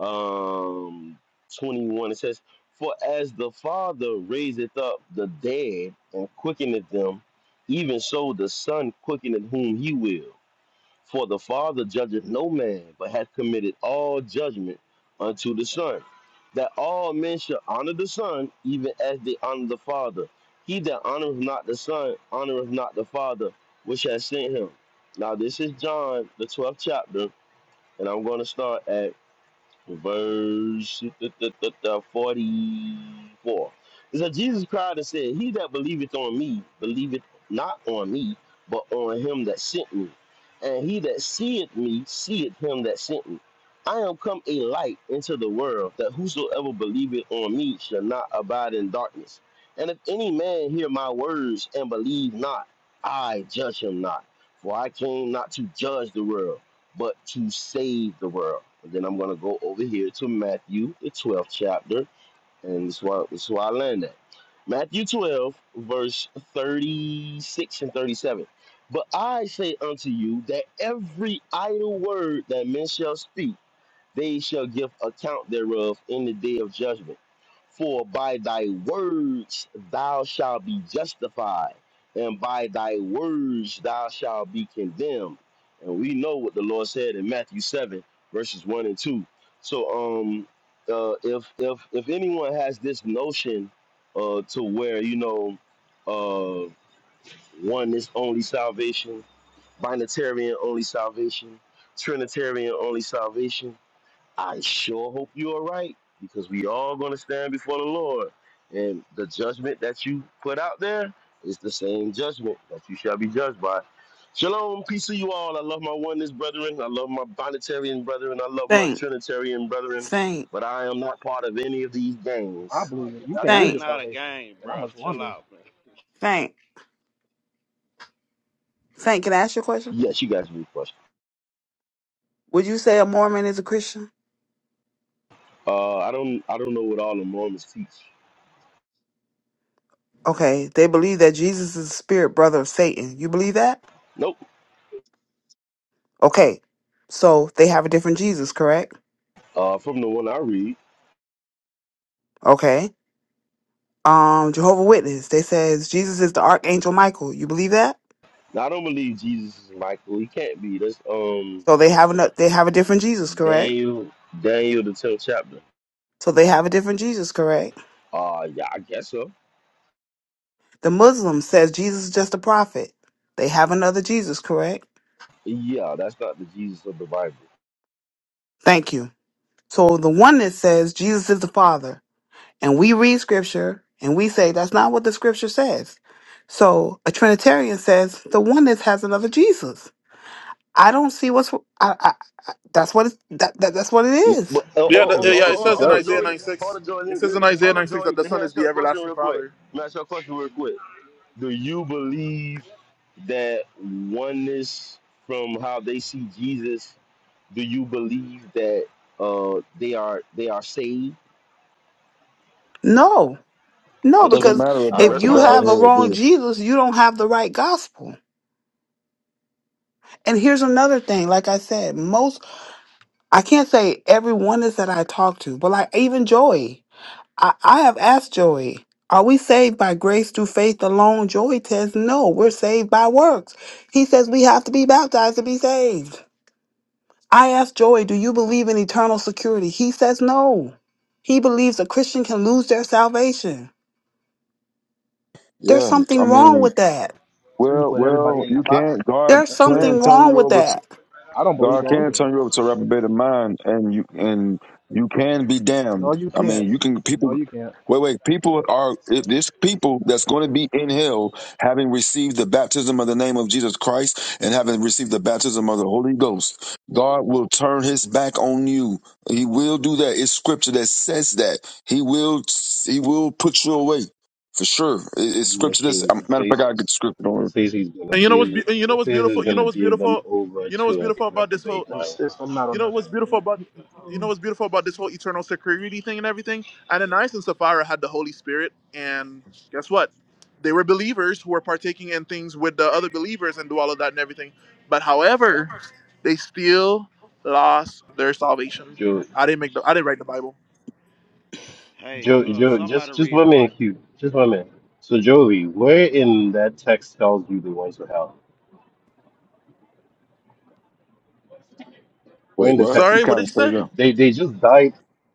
[SPEAKER 26] um, 21. It says, For as the Father raiseth up the dead and quickeneth them, even so the Son quickeneth whom he will. For the Father judgeth no man, but hath committed all judgment unto the Son, that all men should honor the Son, even as they honor the Father. He that honoreth not the Son honoreth not the Father which hath sent him. Now, this is John, the 12th chapter, and I'm going to start at verse 44. It said, Jesus cried and said, He that believeth on me, believeth not on me, but on him that sent me. And he that seeth me, seeth him that sent me. I am come a light into the world, that whosoever believeth on me shall not abide in darkness. And if any man hear my words and believe not, I judge him not. For I came not to judge the world but to save the world. And then I'm going to go over here to Matthew, the 12th chapter, and this is where, this is where I land at. Matthew 12, verse 36 and 37. But I say unto you that every idle word that men shall speak, they shall give account thereof in the day of judgment. For by thy words thou shalt be justified, and by thy words thou shalt be condemned. And we know what the Lord said in Matthew 7, verses 1 and 2. So um uh, if if if anyone has this notion uh to where, you know, uh one is only salvation, binitarian only salvation, Trinitarian only salvation. I sure hope you're right because we all going to stand before the Lord. And the judgment that you put out there is the same judgment that you shall be judged by. Shalom, peace to you all. I love my oneness brethren. I love my Bonitarian brethren. I love my
[SPEAKER 5] Saint,
[SPEAKER 26] Trinitarian brethren.
[SPEAKER 5] Saint,
[SPEAKER 26] But I am not part of any of these
[SPEAKER 21] I
[SPEAKER 26] gangs.
[SPEAKER 21] believe it. You
[SPEAKER 26] Y'all
[SPEAKER 21] can't
[SPEAKER 26] got
[SPEAKER 21] lose
[SPEAKER 4] It's
[SPEAKER 26] it.
[SPEAKER 21] your
[SPEAKER 5] Saint,
[SPEAKER 4] not a
[SPEAKER 21] salvation,
[SPEAKER 4] game,
[SPEAKER 21] and I
[SPEAKER 4] bro.
[SPEAKER 21] must
[SPEAKER 4] Chill
[SPEAKER 21] wonder
[SPEAKER 4] out, man.
[SPEAKER 5] Saint, Saint. Can I ask you a question?
[SPEAKER 26] Yes, you guys read question.
[SPEAKER 5] Would you say a Mormon is a Christian?
[SPEAKER 26] Uh, I don't. I don't know what all the Mormons teach.
[SPEAKER 5] Okay, they believe that Jesus is the spirit brother of Satan. You believe that?
[SPEAKER 26] Nope.
[SPEAKER 5] Okay, so they have a different Jesus, correct?
[SPEAKER 26] Uh, from the one I read,
[SPEAKER 5] Okay. Um, Jehovah Witness. They says Jesus is the archangel Michael. You believe that?
[SPEAKER 26] now, I don't believe Jesus is Michael. He can't be. That's um.
[SPEAKER 5] So they have a they have a different Jesus, correct?
[SPEAKER 26] Daniel, Daniel, the tenth chapter.
[SPEAKER 5] So they have a different Jesus, correct?
[SPEAKER 26] Uh, yeah, I guess so.
[SPEAKER 5] The Muslim says Jesus is just a prophet. They have another Jesus, correct?
[SPEAKER 26] Yeah, that's not the Jesus of the Bible.
[SPEAKER 5] Thank you. So the one that says Jesus is the Father, and we read scripture and we say that's not what the scripture says. So a Trinitarian says the one that has another Jesus. I don't see what's I, I, I- that's what it's, that, that that's what it
[SPEAKER 26] Mm,
[SPEAKER 5] is.
[SPEAKER 26] But, oh, oh,
[SPEAKER 1] Yeah, the,
[SPEAKER 21] because
[SPEAKER 1] yeah,
[SPEAKER 26] oh,
[SPEAKER 21] the
[SPEAKER 26] oh,
[SPEAKER 1] yeah.
[SPEAKER 26] oh,
[SPEAKER 1] It
[SPEAKER 21] scripture
[SPEAKER 26] oh,
[SPEAKER 1] says in
[SPEAKER 26] hold
[SPEAKER 21] does
[SPEAKER 26] on,
[SPEAKER 21] say
[SPEAKER 1] Isaiah
[SPEAKER 26] Jolie.
[SPEAKER 21] it though.
[SPEAKER 26] Hold
[SPEAKER 1] 96.
[SPEAKER 26] on, Jolie.
[SPEAKER 1] It
[SPEAKER 26] Let-
[SPEAKER 1] says in
[SPEAKER 26] let-
[SPEAKER 1] Isaiah
[SPEAKER 26] Hold on,
[SPEAKER 1] 96 that
[SPEAKER 26] Jolie.
[SPEAKER 1] the
[SPEAKER 26] Let me
[SPEAKER 1] Son is
[SPEAKER 26] ask you
[SPEAKER 1] the
[SPEAKER 26] a question
[SPEAKER 1] everlasting
[SPEAKER 26] real quick.
[SPEAKER 1] Father.
[SPEAKER 26] Let me ask you a question real quick. Do you believe that oneness from how they see Jesus? Do you believe that uh they are they are saved?
[SPEAKER 5] No, no,
[SPEAKER 27] Doesn't
[SPEAKER 5] because
[SPEAKER 26] Interesting.
[SPEAKER 27] matter
[SPEAKER 26] I
[SPEAKER 5] if
[SPEAKER 27] about
[SPEAKER 26] rest
[SPEAKER 27] the
[SPEAKER 5] you
[SPEAKER 26] my
[SPEAKER 27] God
[SPEAKER 5] have a
[SPEAKER 26] case.
[SPEAKER 27] here,
[SPEAKER 5] wrong
[SPEAKER 27] dude.
[SPEAKER 5] Jesus, you don't have the right gospel. And here's another thing, like I said, most I can't say every one is that I talk to, but like even Joey, I, I have asked Joey, are we saved by grace through faith alone? Joey says, no, we're saved by works. He says we have to be baptized to be saved. I asked Joey, Do you believe in eternal security? He says no. He believes a Christian can lose their salvation. There's
[SPEAKER 27] Yeah,
[SPEAKER 5] something
[SPEAKER 27] I
[SPEAKER 5] wrong
[SPEAKER 27] mean,
[SPEAKER 5] with that.
[SPEAKER 21] So you
[SPEAKER 27] well,
[SPEAKER 21] put everybody
[SPEAKER 27] well,
[SPEAKER 21] in
[SPEAKER 27] you
[SPEAKER 21] that box?
[SPEAKER 27] can't. God
[SPEAKER 5] There's
[SPEAKER 21] That's
[SPEAKER 27] can
[SPEAKER 5] something
[SPEAKER 21] crazy.
[SPEAKER 27] turn
[SPEAKER 5] wrong
[SPEAKER 27] you
[SPEAKER 5] with
[SPEAKER 27] over
[SPEAKER 5] that.
[SPEAKER 21] I don't believe
[SPEAKER 27] God
[SPEAKER 21] that
[SPEAKER 27] can
[SPEAKER 21] either.
[SPEAKER 27] turn you over to a reprobated mind, and you and you can be
[SPEAKER 21] No,
[SPEAKER 27] damned.
[SPEAKER 21] you
[SPEAKER 27] I mean,
[SPEAKER 21] can't.
[SPEAKER 27] you can
[SPEAKER 21] No,
[SPEAKER 27] people.
[SPEAKER 21] you can't.
[SPEAKER 27] Wait, wait. People are if this people that's going to be in hell, having received the baptism of the name of Jesus Christ and having received the baptism of the Holy Ghost. God will turn His back on you. He will do that. It's Scripture that says that He will. He will put you away for sure. It- It's
[SPEAKER 18] As
[SPEAKER 27] Scripture. This
[SPEAKER 18] Machine, it
[SPEAKER 27] matter of fact, I
[SPEAKER 18] says,
[SPEAKER 27] got to get the scripture
[SPEAKER 18] it
[SPEAKER 27] on.
[SPEAKER 18] says he's gonna
[SPEAKER 1] And you know
[SPEAKER 18] give,
[SPEAKER 1] what's be- and you know
[SPEAKER 18] it
[SPEAKER 1] what's
[SPEAKER 18] says he's
[SPEAKER 1] beautiful. You know
[SPEAKER 18] gonna
[SPEAKER 1] what's
[SPEAKER 18] give them
[SPEAKER 1] beautiful.
[SPEAKER 18] over
[SPEAKER 1] You know what's
[SPEAKER 18] to a
[SPEAKER 1] beautiful about this
[SPEAKER 18] reprobate
[SPEAKER 1] whole.
[SPEAKER 18] mind.
[SPEAKER 21] Insist I'm not on
[SPEAKER 1] You know
[SPEAKER 21] that.
[SPEAKER 1] what's beautiful about.
[SPEAKER 21] shit.
[SPEAKER 1] You know what's beautiful about this whole eternal security thing and everything. Ananias and Sapphira had the Holy Spirit, and guess what? They were believers who were partaking in things with the other believers and do all of that and everything. But however, they still lost their salvation. I didn't make the. I didn't write the Bible.
[SPEAKER 4] Hey,
[SPEAKER 18] Joe,
[SPEAKER 4] uh
[SPEAKER 18] Joe,
[SPEAKER 4] somebody
[SPEAKER 18] just just
[SPEAKER 4] read
[SPEAKER 18] one
[SPEAKER 4] Mark.
[SPEAKER 18] minute, Q. Just one minute. So, Joey, where in that text tells you they went to hell? Where in
[SPEAKER 27] Wait,
[SPEAKER 18] the
[SPEAKER 27] what? You
[SPEAKER 1] Sorry,
[SPEAKER 18] text
[SPEAKER 1] what
[SPEAKER 27] kind
[SPEAKER 1] did
[SPEAKER 27] of
[SPEAKER 1] you say?
[SPEAKER 27] straight up.
[SPEAKER 18] they they just died?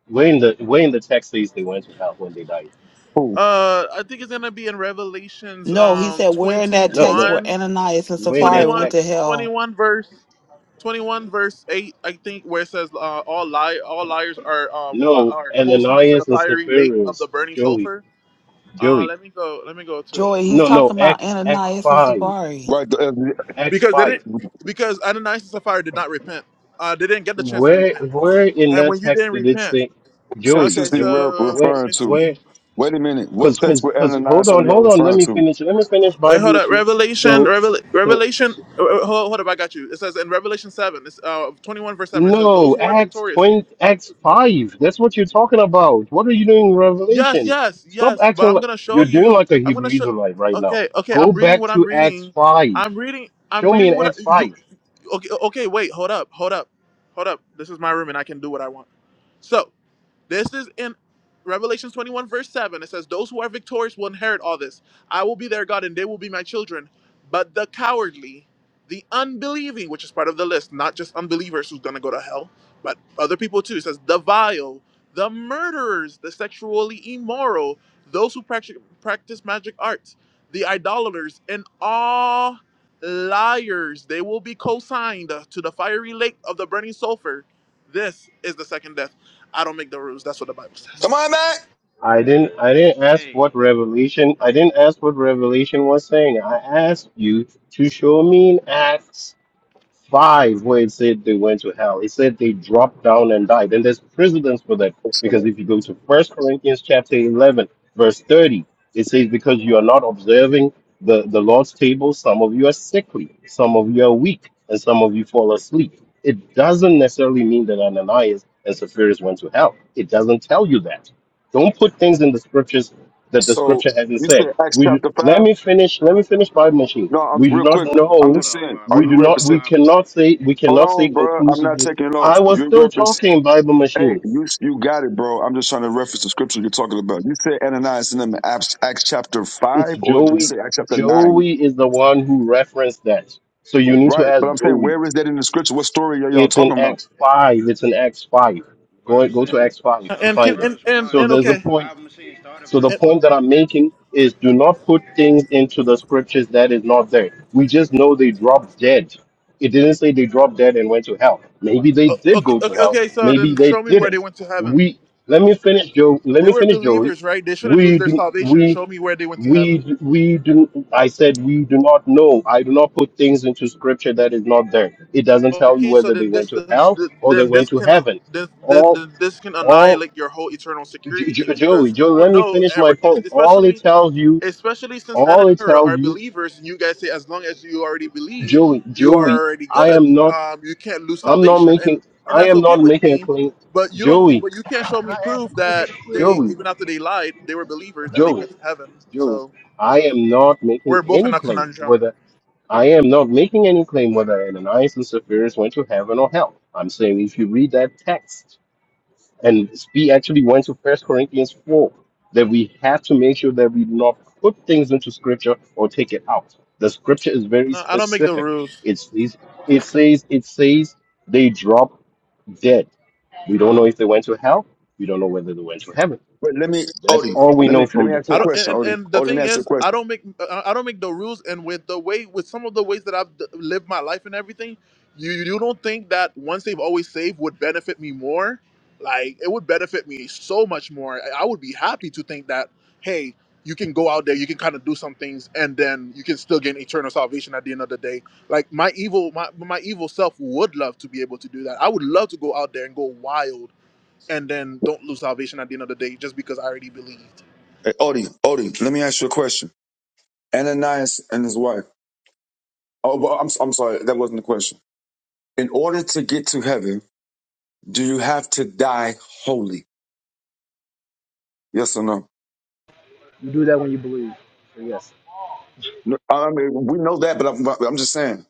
[SPEAKER 18] Where in the where in the text says they went to hell when they died?
[SPEAKER 27] Who?
[SPEAKER 1] Uh, I think it's gonna be in Revelations
[SPEAKER 5] No, he
[SPEAKER 1] um
[SPEAKER 5] said, We're in
[SPEAKER 1] twenty
[SPEAKER 5] that
[SPEAKER 18] No,
[SPEAKER 5] text
[SPEAKER 18] no.
[SPEAKER 5] where
[SPEAKER 1] one
[SPEAKER 5] Ananias and
[SPEAKER 18] Where in
[SPEAKER 1] twenty
[SPEAKER 18] that
[SPEAKER 5] Sapphira
[SPEAKER 1] one
[SPEAKER 5] went to
[SPEAKER 18] text?
[SPEAKER 1] twenty
[SPEAKER 5] hell.
[SPEAKER 1] one verse. 21 verse 8 i think where it says uh, all lie all liars are uh, fi-
[SPEAKER 18] No,
[SPEAKER 1] are co-signed to the
[SPEAKER 18] Ananias and
[SPEAKER 1] fiery lake
[SPEAKER 18] Sapphira,
[SPEAKER 1] of the burning
[SPEAKER 18] Joey,
[SPEAKER 1] sulfur uh
[SPEAKER 18] Joey.
[SPEAKER 1] let me go let me go to it
[SPEAKER 5] Joey, he's
[SPEAKER 18] No, no.
[SPEAKER 5] talking about
[SPEAKER 18] X X
[SPEAKER 5] Ananias
[SPEAKER 1] Let me-
[SPEAKER 5] and
[SPEAKER 18] five
[SPEAKER 5] Sapphira.
[SPEAKER 27] Right. The,
[SPEAKER 18] X
[SPEAKER 1] because they didn't
[SPEAKER 18] five.
[SPEAKER 27] uh,
[SPEAKER 1] because ananias and sapphira did not repent uh they didn't get the chance to
[SPEAKER 18] Where
[SPEAKER 1] repent
[SPEAKER 18] where in
[SPEAKER 1] and
[SPEAKER 18] that
[SPEAKER 1] when you
[SPEAKER 18] text
[SPEAKER 1] didn't
[SPEAKER 18] did it
[SPEAKER 1] repent
[SPEAKER 18] say,
[SPEAKER 27] text
[SPEAKER 18] Joey,
[SPEAKER 1] okay
[SPEAKER 27] is he
[SPEAKER 18] Joey?
[SPEAKER 27] re-
[SPEAKER 1] so
[SPEAKER 18] Where
[SPEAKER 1] let
[SPEAKER 27] referring
[SPEAKER 1] me
[SPEAKER 27] to?
[SPEAKER 18] where?
[SPEAKER 1] see
[SPEAKER 27] Wait a minute. What
[SPEAKER 18] Cause,
[SPEAKER 1] Let's
[SPEAKER 27] text
[SPEAKER 18] cause,
[SPEAKER 1] see.
[SPEAKER 27] with
[SPEAKER 18] cause. Hold
[SPEAKER 27] Ananias are
[SPEAKER 18] on,
[SPEAKER 27] y'all
[SPEAKER 18] hold on. Let
[SPEAKER 27] referring
[SPEAKER 18] me
[SPEAKER 27] to?
[SPEAKER 18] finish. Let me finish
[SPEAKER 1] Wait,
[SPEAKER 18] Bible
[SPEAKER 1] hold up.
[SPEAKER 18] machine.
[SPEAKER 1] Revelation,
[SPEAKER 18] So,
[SPEAKER 1] Revel,
[SPEAKER 18] so,
[SPEAKER 1] Revelation.
[SPEAKER 18] so
[SPEAKER 1] uh, uh, Hold, hold up, I got you. It says in Revelation seven, it's uh twenty-one verse seven. It says those
[SPEAKER 18] no.
[SPEAKER 1] who are
[SPEAKER 18] Acts
[SPEAKER 1] victorious.
[SPEAKER 18] twenty, Acts five. That's what you're talking about. What are you doing in
[SPEAKER 1] Yes,
[SPEAKER 18] Revelation?
[SPEAKER 1] yes,
[SPEAKER 18] Stop
[SPEAKER 1] yes. But
[SPEAKER 18] acting
[SPEAKER 1] I'm
[SPEAKER 18] like
[SPEAKER 1] gonna show
[SPEAKER 18] you're doing
[SPEAKER 1] you.
[SPEAKER 18] like a
[SPEAKER 1] I'm
[SPEAKER 18] Hebrew
[SPEAKER 1] gonna show.
[SPEAKER 18] Israelite right now.
[SPEAKER 1] Okay, okay.
[SPEAKER 18] Go
[SPEAKER 1] I'm reading
[SPEAKER 18] back
[SPEAKER 1] what I'm
[SPEAKER 18] to Acts
[SPEAKER 1] reading.
[SPEAKER 18] five.
[SPEAKER 1] I'm reading. I'm
[SPEAKER 18] Show me
[SPEAKER 1] reading
[SPEAKER 18] in
[SPEAKER 1] what I,
[SPEAKER 18] Acts
[SPEAKER 1] you.
[SPEAKER 18] five.
[SPEAKER 1] Okay, okay. Wait, hold up, hold up, hold up. This is my room, and I can do what I want. So This is in Revelation 21, verse 7. It says, Those who are victorious will inherit all this. I will be their God and they will be my children. But the cowardly, the unbelieving, which is part of the list, not just unbelievers who's going to go to hell, but other people too. It says, The vile, the murderers, the sexually immoral, those who practice, practice magic arts, the idolaters, and all liars. They will be co signed to the fiery lake of the burning sulfur. This is the second death. I don't make the rules. That's what the Bible says.
[SPEAKER 18] I didn't. I didn't ask what
[SPEAKER 4] Hey,
[SPEAKER 18] Revelation. I didn't ask what Revelation was saying. I asked you to show me in Acts five where it said they went to hell. It said they dropped down and died. And there's precedence for that because if you go to First Corinthians chapter 11, verse 30, it says, Because you are not observing the, the Lord's table, some of you are sickly, some of you are weak, and some of you fall asleep. It doesn't necessarily mean that Ananias and Sapphira went to hell. It doesn't tell you that. Don't put things in the scriptures that the
[SPEAKER 27] So
[SPEAKER 18] scripture hasn't
[SPEAKER 27] you
[SPEAKER 18] said.
[SPEAKER 27] said Acts
[SPEAKER 18] We
[SPEAKER 27] chapter
[SPEAKER 18] let
[SPEAKER 27] five?
[SPEAKER 18] me finish. Let me finish my machine.
[SPEAKER 27] No, I'm
[SPEAKER 18] We do
[SPEAKER 27] real
[SPEAKER 18] not
[SPEAKER 27] quick. I'm
[SPEAKER 18] know
[SPEAKER 4] Hold
[SPEAKER 27] just
[SPEAKER 4] up,
[SPEAKER 27] saying.
[SPEAKER 4] Bob.
[SPEAKER 27] Are
[SPEAKER 18] we
[SPEAKER 27] you
[SPEAKER 18] do
[SPEAKER 4] Hold
[SPEAKER 18] not
[SPEAKER 4] up,
[SPEAKER 18] we
[SPEAKER 27] represent?
[SPEAKER 4] Bob.
[SPEAKER 18] cannot say we
[SPEAKER 27] Hold
[SPEAKER 18] cannot say
[SPEAKER 27] on, bro. I'm not
[SPEAKER 18] conclusively
[SPEAKER 27] taking it off.
[SPEAKER 18] i was
[SPEAKER 27] You
[SPEAKER 18] still
[SPEAKER 27] reference.
[SPEAKER 18] talking bible
[SPEAKER 27] Hey,
[SPEAKER 18] machine
[SPEAKER 27] you you got it, bro. I'm just trying to reference the scripture you're talking about. You said Ananias and them in Acts, Acts chapter
[SPEAKER 18] it's
[SPEAKER 27] five, or did you
[SPEAKER 18] joey
[SPEAKER 27] say Acts chapter nine?
[SPEAKER 18] joey is the one who referenced that so you need to
[SPEAKER 27] Right.
[SPEAKER 18] ask
[SPEAKER 27] But I'm saying,
[SPEAKER 18] joey
[SPEAKER 27] where is that in the scripture? What story are y'all
[SPEAKER 18] it's in
[SPEAKER 27] talking about?
[SPEAKER 18] x5 it's in x5 go go to
[SPEAKER 4] Verses
[SPEAKER 18] x5 to
[SPEAKER 4] start
[SPEAKER 1] And
[SPEAKER 4] at
[SPEAKER 1] can
[SPEAKER 18] find it
[SPEAKER 1] and
[SPEAKER 4] verse
[SPEAKER 1] and,
[SPEAKER 18] so
[SPEAKER 4] one.
[SPEAKER 1] and
[SPEAKER 18] there's a
[SPEAKER 1] okay,
[SPEAKER 18] point
[SPEAKER 4] Bible machine start at
[SPEAKER 18] So the
[SPEAKER 4] verse
[SPEAKER 1] and,
[SPEAKER 18] point
[SPEAKER 4] one.
[SPEAKER 18] that I'm making is do not put things into the scriptures that is not there. We just know they dropped dead. It didn't say they dropped dead and went to hell. Maybe they
[SPEAKER 1] o-
[SPEAKER 18] did
[SPEAKER 1] okay,
[SPEAKER 18] go to
[SPEAKER 1] okay,
[SPEAKER 18] hell.
[SPEAKER 1] okay. So
[SPEAKER 18] Maybe
[SPEAKER 1] then,
[SPEAKER 18] they
[SPEAKER 1] show me where they
[SPEAKER 18] didn't.
[SPEAKER 1] went to heaven.
[SPEAKER 18] We let me finish Joe. Let
[SPEAKER 1] They
[SPEAKER 18] me
[SPEAKER 1] were
[SPEAKER 18] finish Joey.
[SPEAKER 1] believers, right? They shouldn't lose
[SPEAKER 18] We
[SPEAKER 1] their
[SPEAKER 18] do
[SPEAKER 1] salvation.
[SPEAKER 18] we
[SPEAKER 1] Show me where they went to heaven.
[SPEAKER 18] we we do I said we do not know. I do not put things into scripture that is not there. It doesn't tell you
[SPEAKER 1] Okay, so
[SPEAKER 18] whether they
[SPEAKER 1] then
[SPEAKER 18] went
[SPEAKER 1] this,
[SPEAKER 18] to
[SPEAKER 1] this
[SPEAKER 18] hell or they
[SPEAKER 1] then
[SPEAKER 18] went
[SPEAKER 1] this
[SPEAKER 18] to
[SPEAKER 1] can
[SPEAKER 18] heaven
[SPEAKER 1] this, this
[SPEAKER 18] all
[SPEAKER 1] this can
[SPEAKER 18] all
[SPEAKER 1] annihilate your whole eternal security
[SPEAKER 18] J-
[SPEAKER 1] thing
[SPEAKER 18] J- Joey,
[SPEAKER 1] because
[SPEAKER 18] Joey, let me
[SPEAKER 1] no,
[SPEAKER 18] finish my
[SPEAKER 1] ever
[SPEAKER 18] point. All it
[SPEAKER 1] especially.
[SPEAKER 18] tells you,
[SPEAKER 1] especially since
[SPEAKER 18] all
[SPEAKER 1] Adam and
[SPEAKER 18] it
[SPEAKER 1] Hera
[SPEAKER 18] tells
[SPEAKER 1] are
[SPEAKER 18] you,
[SPEAKER 1] believers, and you guys say as long as you already believe,
[SPEAKER 18] Joey,
[SPEAKER 1] you are
[SPEAKER 18] Joey,
[SPEAKER 1] already
[SPEAKER 18] I
[SPEAKER 1] good.
[SPEAKER 18] am not,
[SPEAKER 1] Um, you can't lose
[SPEAKER 18] I'm not
[SPEAKER 1] salvation, and
[SPEAKER 18] making,
[SPEAKER 1] and
[SPEAKER 18] I
[SPEAKER 1] that's
[SPEAKER 18] am
[SPEAKER 1] okay
[SPEAKER 18] not
[SPEAKER 1] with
[SPEAKER 18] making a
[SPEAKER 1] me.
[SPEAKER 18] claim.
[SPEAKER 1] But you don't.
[SPEAKER 18] Joey,
[SPEAKER 1] But you can't show me proof that they,
[SPEAKER 18] Joey,
[SPEAKER 1] even after they lied, they were believers that they
[SPEAKER 18] Joey,
[SPEAKER 1] went to heaven.
[SPEAKER 18] Joey,
[SPEAKER 1] So, you
[SPEAKER 18] I
[SPEAKER 1] know,
[SPEAKER 18] am not making
[SPEAKER 1] we're both in
[SPEAKER 18] any
[SPEAKER 1] a
[SPEAKER 18] claim
[SPEAKER 1] conundrum.
[SPEAKER 18] whether I am not making any claim whether Ananias and Sapphira went to heaven or hell. I'm saying if you read that text, And we actually went to First Corinthians 4 that we have to make sure that we not put things into scripture or take it out. The scripture is very
[SPEAKER 1] No, I don't make the
[SPEAKER 18] specific.
[SPEAKER 1] rules.
[SPEAKER 18] It says, it says, it says they drop dead. We don't know if they went to hell. We don't know whether they went to heaven.
[SPEAKER 27] But let me,
[SPEAKER 18] That's
[SPEAKER 27] Odie.
[SPEAKER 18] all we
[SPEAKER 27] Let
[SPEAKER 18] know
[SPEAKER 27] me let
[SPEAKER 18] from
[SPEAKER 27] me
[SPEAKER 18] the
[SPEAKER 27] ask you
[SPEAKER 1] I
[SPEAKER 27] a
[SPEAKER 1] don't,
[SPEAKER 18] text.
[SPEAKER 1] and,
[SPEAKER 27] question,
[SPEAKER 1] and
[SPEAKER 27] Odie.
[SPEAKER 1] and the
[SPEAKER 27] Odie, let
[SPEAKER 1] thing
[SPEAKER 27] me ask you a
[SPEAKER 1] is,
[SPEAKER 27] question.
[SPEAKER 1] I don't make I I don't make the rules. And with the way, with some of the ways that I've d- lived my life and everything, you you don't think that once they've always saved would benefit me more? Like it would benefit me so much more. I I would be happy to think that hey, you can go out there, you can kind of do some things, and then you can still gain eternal salvation at the end of the day. Like my evil my my evil self would love to be able to do that. I would love to go out there and go wild, and then don't lose salvation at the end of the day just because I already believed.
[SPEAKER 27] Hey, Odie, Odie, let me ask you a question. Ananias and his wife. Oh, but I'm, I'm sorry, that wasn't the question. In order to get to heaven, do you have to die holy? Yes or no?
[SPEAKER 21] You do that when you believe. So yes,
[SPEAKER 27] No, I mean, we know that, but I'm, I'm just saying,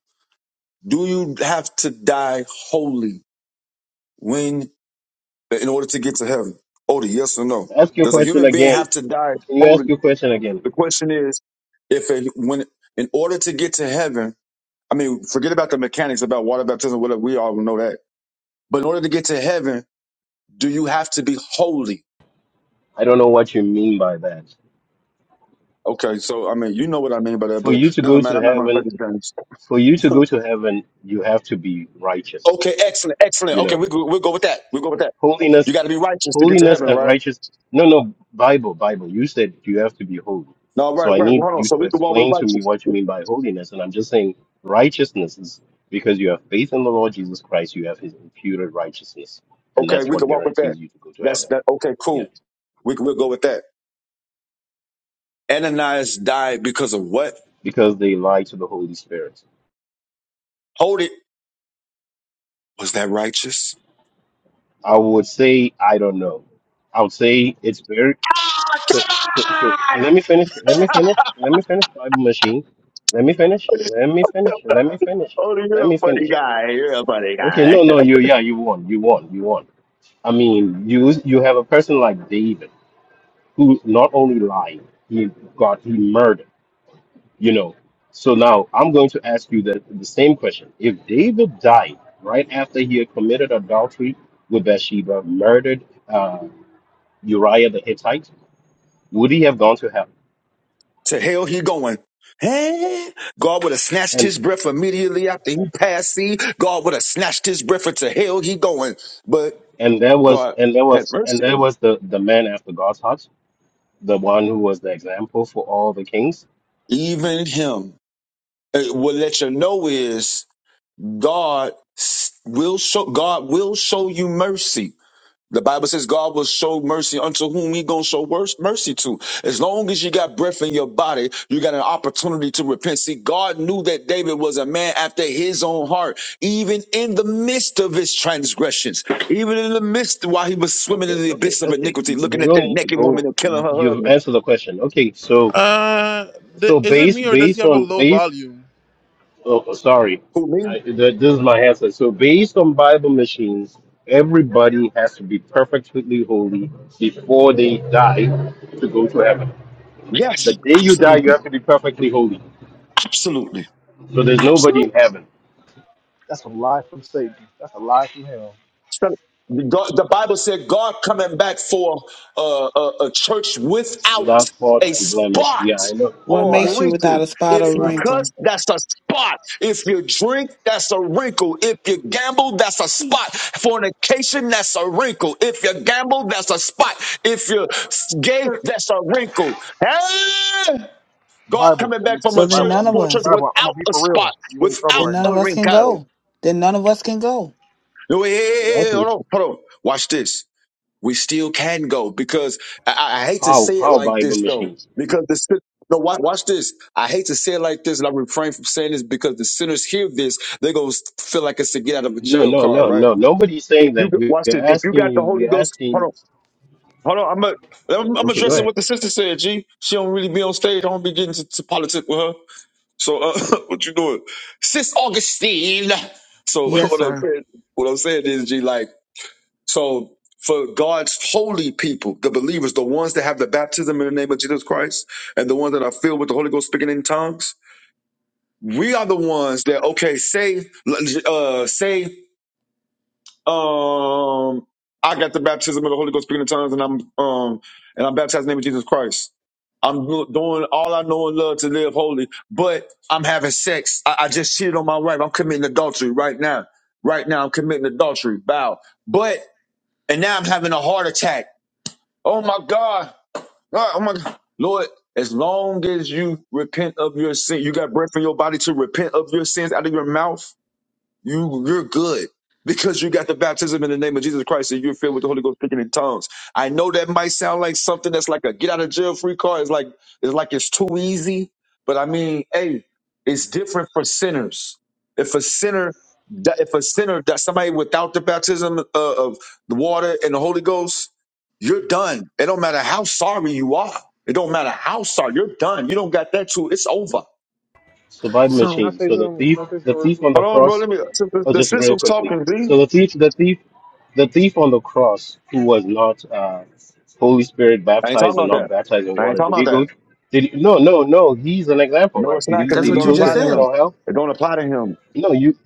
[SPEAKER 27] do you have to die holy when, in order to get to heaven? Odie, yes or no?
[SPEAKER 18] Ask your
[SPEAKER 27] Does a
[SPEAKER 18] question
[SPEAKER 27] human being
[SPEAKER 18] again.
[SPEAKER 27] have to die
[SPEAKER 18] Can you
[SPEAKER 27] holy?
[SPEAKER 18] ask your question again?
[SPEAKER 27] The question is, if a, when, in order to get to heaven, I mean, forget about the mechanics about water baptism, whatever. We all know that. But in order to get to heaven, Do you have to be holy?
[SPEAKER 18] I don't know what you mean by that.
[SPEAKER 27] Okay, so I mean, you know what I mean by that,
[SPEAKER 18] For
[SPEAKER 27] but
[SPEAKER 18] you to go
[SPEAKER 27] never mind.
[SPEAKER 18] to
[SPEAKER 27] I'm not going to play
[SPEAKER 18] heaven,
[SPEAKER 27] these games.
[SPEAKER 18] for you to go to heaven, you have to be righteous.
[SPEAKER 27] Okay, excellent, excellent.
[SPEAKER 18] You
[SPEAKER 27] Okay,
[SPEAKER 18] know,
[SPEAKER 27] we, we'll go with that. We'll go with that.
[SPEAKER 18] holiness
[SPEAKER 27] You got to be righteous to get to
[SPEAKER 18] holiness
[SPEAKER 27] heaven,
[SPEAKER 18] and
[SPEAKER 27] right?
[SPEAKER 18] righteousness. no no bible bible you said you have to be holy
[SPEAKER 27] No,
[SPEAKER 18] so
[SPEAKER 27] right,
[SPEAKER 18] i
[SPEAKER 27] right.
[SPEAKER 18] need
[SPEAKER 27] Well, hold on.
[SPEAKER 18] you
[SPEAKER 27] So
[SPEAKER 18] to
[SPEAKER 27] we can walk with
[SPEAKER 18] explain to me
[SPEAKER 27] righteous.
[SPEAKER 18] what you mean by holiness and i'm just saying righteousness is because you have faith in the lord jesus christ you have his imputed righteousness and
[SPEAKER 27] Okay,
[SPEAKER 18] that's
[SPEAKER 27] we
[SPEAKER 18] what
[SPEAKER 27] can walk with that.
[SPEAKER 18] guarantees you to go to
[SPEAKER 27] That's
[SPEAKER 18] heaven
[SPEAKER 27] that. Okay,
[SPEAKER 18] yeah
[SPEAKER 27] cool. We can, we'll go with that. Ananias died because of what?
[SPEAKER 18] because they lie to the holy spirit
[SPEAKER 27] Hold it. Was that righteous?
[SPEAKER 18] i would say i don't know i would say it's very so, so, so let me finish let me finish let me finish bible machine let me finish let me finish let me finish
[SPEAKER 27] Oh, you're
[SPEAKER 18] let
[SPEAKER 27] a
[SPEAKER 18] me finish
[SPEAKER 27] funny guy. You're a funny
[SPEAKER 18] Okay,
[SPEAKER 27] guy.
[SPEAKER 18] no, no, you yeah, you won, you won, you won. I mean, you you have a person like David who not only lied, he got he murdered. You know. So now I'm going to ask you the the same question. If David died right after he had committed adultery with Bathsheba, murdered uh, Uriah the Hittite, would he have gone to hell?
[SPEAKER 27] To hell he going. Eh? God would have snatched
[SPEAKER 18] And
[SPEAKER 27] his breath immediately after he passed see. God would have snatched his breath and to hell he going. But
[SPEAKER 18] and there was
[SPEAKER 27] God
[SPEAKER 18] and there
[SPEAKER 27] had
[SPEAKER 18] was and
[SPEAKER 27] mercy. on
[SPEAKER 18] there
[SPEAKER 27] him.
[SPEAKER 18] was the the man after God's heart, the one who was the example for all the kings
[SPEAKER 27] Even him. It will let you know is God s- will show God will show you mercy. The Bible says God will show mercy unto whom he gonna show wors- mercy to. As long as you got breath in your body, you got an opportunity to repent. See, God knew that David was a man after his own heart, even in the midst of his transgressions, even in the midst while he was swimming
[SPEAKER 18] Okay,
[SPEAKER 27] in the
[SPEAKER 18] okay,
[SPEAKER 27] abyss of
[SPEAKER 18] okay.
[SPEAKER 27] iniquity,
[SPEAKER 18] You
[SPEAKER 27] looking at
[SPEAKER 18] don't
[SPEAKER 27] that
[SPEAKER 18] need to
[SPEAKER 27] naked woman
[SPEAKER 18] go.
[SPEAKER 27] and killing her
[SPEAKER 18] You've
[SPEAKER 27] husband.
[SPEAKER 18] answered the question. Okay, so
[SPEAKER 1] Uh, th-
[SPEAKER 18] so
[SPEAKER 1] is it me
[SPEAKER 18] based
[SPEAKER 1] or does he
[SPEAKER 18] based
[SPEAKER 1] have a
[SPEAKER 18] on
[SPEAKER 1] low
[SPEAKER 18] based.
[SPEAKER 1] volume?
[SPEAKER 18] Oh, oh, sorry,
[SPEAKER 27] Who me?
[SPEAKER 18] I, th- this is my answer. So based on Bible machines, everybody has to be perfectly holy before they die to go to heaven. The
[SPEAKER 27] Yes,
[SPEAKER 18] day you die, you
[SPEAKER 27] absolutely,
[SPEAKER 18] have to be perfectly holy.
[SPEAKER 27] absolutely,
[SPEAKER 18] So there's
[SPEAKER 27] absolutely.
[SPEAKER 18] nobody in heaven
[SPEAKER 21] that's a lie from Satan. That's a lie from hell.
[SPEAKER 27] Some- God, the Bible said God coming back for uh, a, a church
[SPEAKER 18] without
[SPEAKER 27] without
[SPEAKER 18] fault
[SPEAKER 27] a
[SPEAKER 18] and blemish.
[SPEAKER 27] spot
[SPEAKER 18] Yeah, I know
[SPEAKER 5] What
[SPEAKER 27] or a
[SPEAKER 5] makes you
[SPEAKER 21] Bible,
[SPEAKER 5] without
[SPEAKER 27] wrinkle.
[SPEAKER 5] a spot or
[SPEAKER 27] If you
[SPEAKER 21] Bible,
[SPEAKER 27] cuss,
[SPEAKER 5] wrinkle?
[SPEAKER 27] that's a spot. If you drink, that's a wrinkle. If you gamble, that's a spot. Fornication, that's a wrinkle. If you gamble, that's a spot. If you're gay, that's a wrinkle. Hey! God
[SPEAKER 21] Bible,
[SPEAKER 27] coming
[SPEAKER 21] I'm,
[SPEAKER 27] back from
[SPEAKER 5] So
[SPEAKER 27] a
[SPEAKER 5] then
[SPEAKER 27] church
[SPEAKER 21] Bible,
[SPEAKER 5] none
[SPEAKER 21] I'm,
[SPEAKER 5] of
[SPEAKER 27] for a church
[SPEAKER 5] us,
[SPEAKER 21] Bible. I'm
[SPEAKER 27] without
[SPEAKER 21] gonna be
[SPEAKER 27] a
[SPEAKER 21] for
[SPEAKER 27] spot,
[SPEAKER 21] real. You in trouble
[SPEAKER 5] then
[SPEAKER 21] right
[SPEAKER 5] none
[SPEAKER 27] without
[SPEAKER 21] now.
[SPEAKER 5] of
[SPEAKER 27] a
[SPEAKER 5] us can
[SPEAKER 27] wrinkle.
[SPEAKER 5] go. Then none of us can go.
[SPEAKER 27] Wait, hold
[SPEAKER 18] exactly.
[SPEAKER 27] on, hold on. Watch this we still can go because I, I hate to
[SPEAKER 18] How
[SPEAKER 27] say it
[SPEAKER 18] how
[SPEAKER 27] like
[SPEAKER 18] Bible
[SPEAKER 27] this though
[SPEAKER 18] machines?
[SPEAKER 27] because the sin- no watch, watch this I hate to say it like this and I refrain from saying this because the sinners hear this they're gonna feel like it's a get out of a
[SPEAKER 18] No,
[SPEAKER 27] jail
[SPEAKER 18] no,
[SPEAKER 27] card
[SPEAKER 18] no,
[SPEAKER 27] right
[SPEAKER 18] no. Nobody's saying
[SPEAKER 27] if
[SPEAKER 18] that.
[SPEAKER 27] you got-
[SPEAKER 18] We're
[SPEAKER 27] watch this if you
[SPEAKER 18] asking
[SPEAKER 27] got the
[SPEAKER 18] you.
[SPEAKER 27] Holy
[SPEAKER 18] We're
[SPEAKER 27] Ghost hold
[SPEAKER 18] asking.
[SPEAKER 27] on hold on I'm a, I'm, I'm
[SPEAKER 18] Okay, go
[SPEAKER 27] addressing
[SPEAKER 18] ahead.
[SPEAKER 27] what the sister said G she don't really be on stage I don't be getting to, to politics with her so uh, what you doing Sis Augustine so
[SPEAKER 5] Yes,
[SPEAKER 27] what I'm
[SPEAKER 5] sir.
[SPEAKER 27] saying what I'm saying is G like so for God's holy people, the believers, the ones that have the baptism in the name of Jesus Christ, and the ones that are filled with the Holy Ghost speaking in tongues, we are the ones that okay, say, uh, say, um, I got the baptism of the Holy Ghost speaking in tongues, and I'm um, and I'm baptized in the name of Jesus Christ. I'm do- doing all I know and love to live holy, but I'm having sex. I, I just cheated on my wife. I'm committing adultery right now. Right now, I'm committing adultery. Bow. But and now I'm having a heart attack Oh my God. Ah, Oh my God. Lord, as long as you repent of your sin, you got breath in your body to repent of your sins out of your mouth. You you're good because you got the baptism in the name of Jesus Christ and you're filled with the Holy Ghost speaking in tongues. I know that might sound like something that's like a get out of jail free card. It's like it's like it's too easy, but I mean, hey, it's different for sinners. If a sinner that if a sinner that somebody without the baptism uh, of the water and the Holy Ghost, you're done. It don't matter how sorry you are. It don't matter how sorry you're done. You don't got that too. It's over.
[SPEAKER 18] Survival
[SPEAKER 21] Can I
[SPEAKER 5] So
[SPEAKER 18] machine.
[SPEAKER 21] say
[SPEAKER 18] So the
[SPEAKER 21] something? Can
[SPEAKER 18] thief,
[SPEAKER 21] I say something
[SPEAKER 18] the
[SPEAKER 21] real
[SPEAKER 18] thief on
[SPEAKER 21] quick?
[SPEAKER 18] the
[SPEAKER 27] Hold on, bro.
[SPEAKER 18] cross.
[SPEAKER 27] Let me.
[SPEAKER 18] Oh,
[SPEAKER 27] The
[SPEAKER 18] just
[SPEAKER 27] sis
[SPEAKER 18] real
[SPEAKER 27] was
[SPEAKER 18] quickly.
[SPEAKER 27] talking. Z.
[SPEAKER 18] So the thief, the thief, the thief on the cross, who was not uh, Holy Spirit
[SPEAKER 27] I ain't talking
[SPEAKER 18] baptized and
[SPEAKER 27] about
[SPEAKER 18] not
[SPEAKER 27] that.
[SPEAKER 18] baptized in
[SPEAKER 27] I ain't
[SPEAKER 18] water.
[SPEAKER 27] talking
[SPEAKER 18] Did he
[SPEAKER 27] about
[SPEAKER 18] go?
[SPEAKER 27] that.
[SPEAKER 18] Did he, no, no, no. He's an example,
[SPEAKER 27] No,
[SPEAKER 18] right?
[SPEAKER 27] it's
[SPEAKER 18] Did he?
[SPEAKER 27] not because
[SPEAKER 5] that's
[SPEAKER 27] it
[SPEAKER 18] Did he
[SPEAKER 5] what
[SPEAKER 27] don't
[SPEAKER 5] you
[SPEAKER 18] go to
[SPEAKER 5] just
[SPEAKER 27] apply to
[SPEAKER 18] heaven
[SPEAKER 5] said.
[SPEAKER 27] him.
[SPEAKER 18] or hell?
[SPEAKER 27] It don't apply to him
[SPEAKER 18] No. You.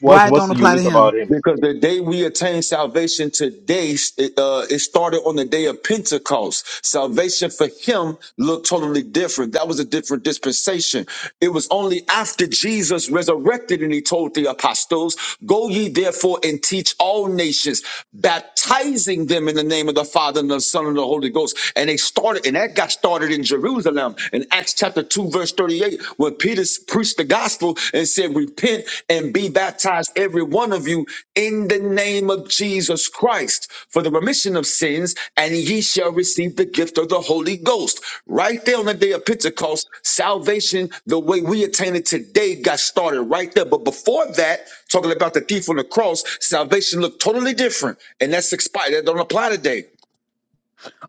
[SPEAKER 18] What's
[SPEAKER 5] Why it
[SPEAKER 18] What's
[SPEAKER 5] don't apply to
[SPEAKER 18] unique
[SPEAKER 5] him?
[SPEAKER 18] about him?
[SPEAKER 27] because the day we attain salvation today, it, uh, it started on the day of Pentecost. Salvation for him looked totally different. That was a different dispensation. It was only after Jesus resurrected and he told the apostles, "Go ye therefore and teach all nations, baptizing them in the name of the Father and the Son and the Holy Ghost." And they started, and that got started in Jerusalem in Acts chapter two, verse. 13. verse 38, when Peter preached the gospel and said, Repent and be baptized, every one of you, in the name of Jesus Christ for the remission of sins, and ye shall receive the gift of the Holy Ghost. Right there on the day of Pentecost, salvation, the way we attain it today, got started right there. But before that, talking about the thief on the cross, salvation looked totally different. And that's expired. That don't apply today.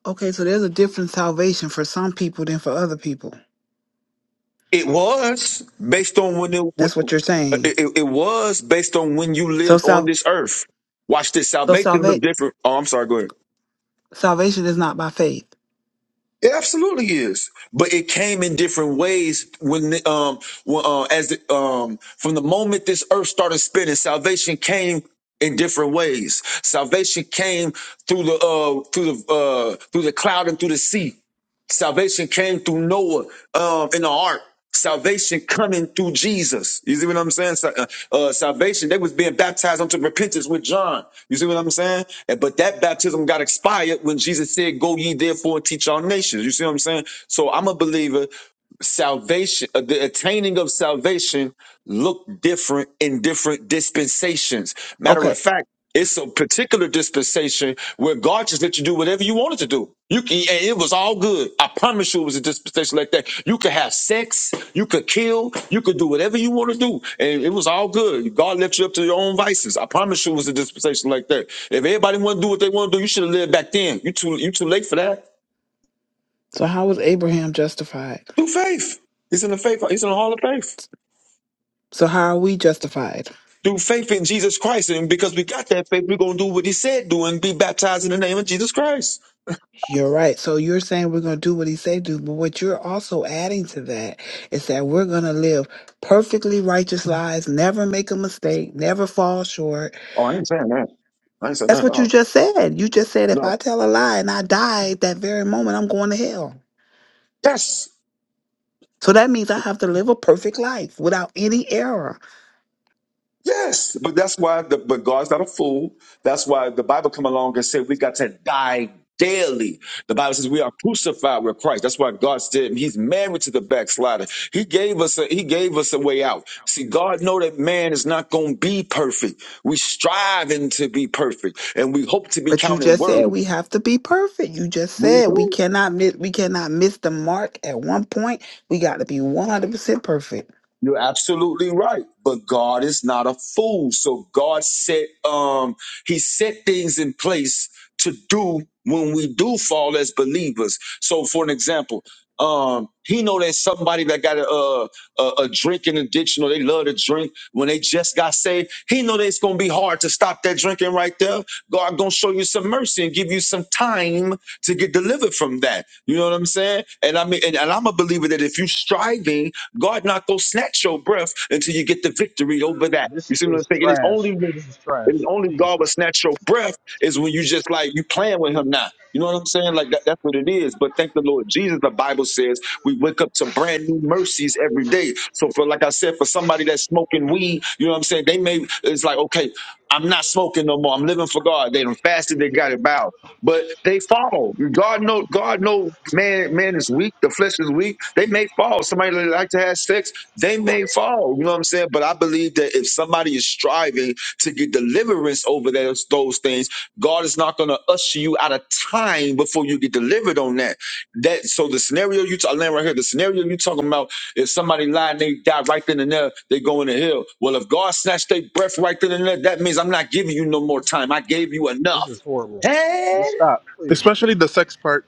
[SPEAKER 5] Okay, so there's a different salvation for some people than for other people.
[SPEAKER 27] It was based on when it,
[SPEAKER 5] That's what you're
[SPEAKER 27] it,
[SPEAKER 5] saying.
[SPEAKER 27] it it was based on when you
[SPEAKER 5] So
[SPEAKER 27] lived on
[SPEAKER 5] sal
[SPEAKER 27] this earth. Watch this.
[SPEAKER 5] so
[SPEAKER 27] Salvation look
[SPEAKER 5] salva-
[SPEAKER 27] different. Oh, I'm sorry. Go ahead.
[SPEAKER 5] salvation is not by faith.
[SPEAKER 27] It absolutely is, but it came in different ways when the, um when, uh, as the, um from the moment this earth started spinning, salvation came in different ways. Salvation came through the uh through the uh through the cloud and through the sea. Salvation came through Noah um, in the ark. Salvation coming through Jesus. You see what I'm saying? Sa- uh, uh, salvation, they was being baptized unto repentance with John. You see what I'm saying? And- But that baptism got expired when Jesus said, go ye therefore and teach all nations. You see what I'm saying? So I'm a believer salvation, uh, the attaining of salvation look different in different dispensations. Matter
[SPEAKER 5] Okay.
[SPEAKER 27] of fact, it's a particular dispensation where God just let you do whatever you wanted to do. You can, and it was all good. I promise you, it was a dispensation like that. You could have sex, you could kill, you could do whatever you want to do, and it was all good. God left you up to your own vices. I promise you, it was a dispensation like that. If everybody want to do what they want to do, you should have lived back then. You too, you too late for that.
[SPEAKER 5] So how was Abraham justified?
[SPEAKER 27] Do faith. He's in the faith. He's in the hall of faith.
[SPEAKER 5] So how are we justified?
[SPEAKER 27] Do faith in Jesus Christ, and because we got that faith, we're gonna do what He said, do, and be baptized in the name of Jesus Christ.
[SPEAKER 5] You're right. So you're saying we're going to do what he said do, but what you're also adding to that is that we're going to live perfectly righteous lives, never make a mistake, never fall short.
[SPEAKER 27] Oh, I ain't saying that. I ain't saying that
[SPEAKER 5] That's
[SPEAKER 27] at
[SPEAKER 5] what you
[SPEAKER 27] all.
[SPEAKER 5] just said. You just said if
[SPEAKER 27] No.
[SPEAKER 5] I tell a lie and I die at that very moment, I'm going to hell.
[SPEAKER 27] Yes.
[SPEAKER 5] So that means I have to live a perfect life without any error.
[SPEAKER 27] Yes. But that's why the but God's not a fool. That's why the Bible come along and said we got to die daily. The Bible says we are crucified with Christ. That's why God said He's married to the backslider. He gave us a He gave us a way out. See, God know that man is not gonna be perfect. We striving to be perfect and we hope to be
[SPEAKER 5] But you
[SPEAKER 27] counted
[SPEAKER 5] just said
[SPEAKER 27] worthy.
[SPEAKER 5] we have to be perfect. You just
[SPEAKER 27] We
[SPEAKER 5] said we
[SPEAKER 27] do.
[SPEAKER 5] cannot miss we cannot miss the mark at one point. We got to be 100% perfect.
[SPEAKER 27] You're absolutely right. But God is not a fool. So God set um he set things in place to do when we do fall as believers. So for an example, um he know that somebody that got a a, a a drinking addiction or they love to drink when they just got saved, he know that it's going to be hard to stop that drinking right there. God going to show you some mercy and give you some time to get delivered from that. You know what I'm saying? And I mean and, and I'm a believer that if you're striving God not gonna snatch your breath until you get the victory over that.
[SPEAKER 21] This
[SPEAKER 27] You see what I'm
[SPEAKER 21] is
[SPEAKER 27] saying? It is only
[SPEAKER 21] trash.
[SPEAKER 27] when
[SPEAKER 21] This is
[SPEAKER 27] it
[SPEAKER 21] trash.
[SPEAKER 27] is only
[SPEAKER 21] Please
[SPEAKER 27] God will
[SPEAKER 21] stop.
[SPEAKER 27] snatch your breath is when you just like you playing with him now. You know what I'm saying? Like that, that's what it is. But thank the Lord Jesus. The Bible says we wake up to brand new mercies every day. So for like I said, for somebody that's smoking weed, you know what I'm saying? They may it's like, okay, I'm not smoking no more. I'm living for God. They done fasted, they got it bowed. But they fall. God know. God know. Man, man is weak. The flesh is weak. They may fall. Somebody that like to have sex, they may fall. You know what I'm saying? But I believe that if somebody is striving to get deliverance over those those things, God is not going to usher you out of time before you get delivered on that. That so the scenario you talking right here. The scenario you talking about is somebody lying, they die right then and there. They go in the hell. Well, if God snatched their breath right then and there, that means I'm not giving you no more time. I gave you
[SPEAKER 21] This
[SPEAKER 27] enough.
[SPEAKER 21] is horrible.
[SPEAKER 27] Hey.
[SPEAKER 21] Just stop, please.
[SPEAKER 1] Especially the sex part.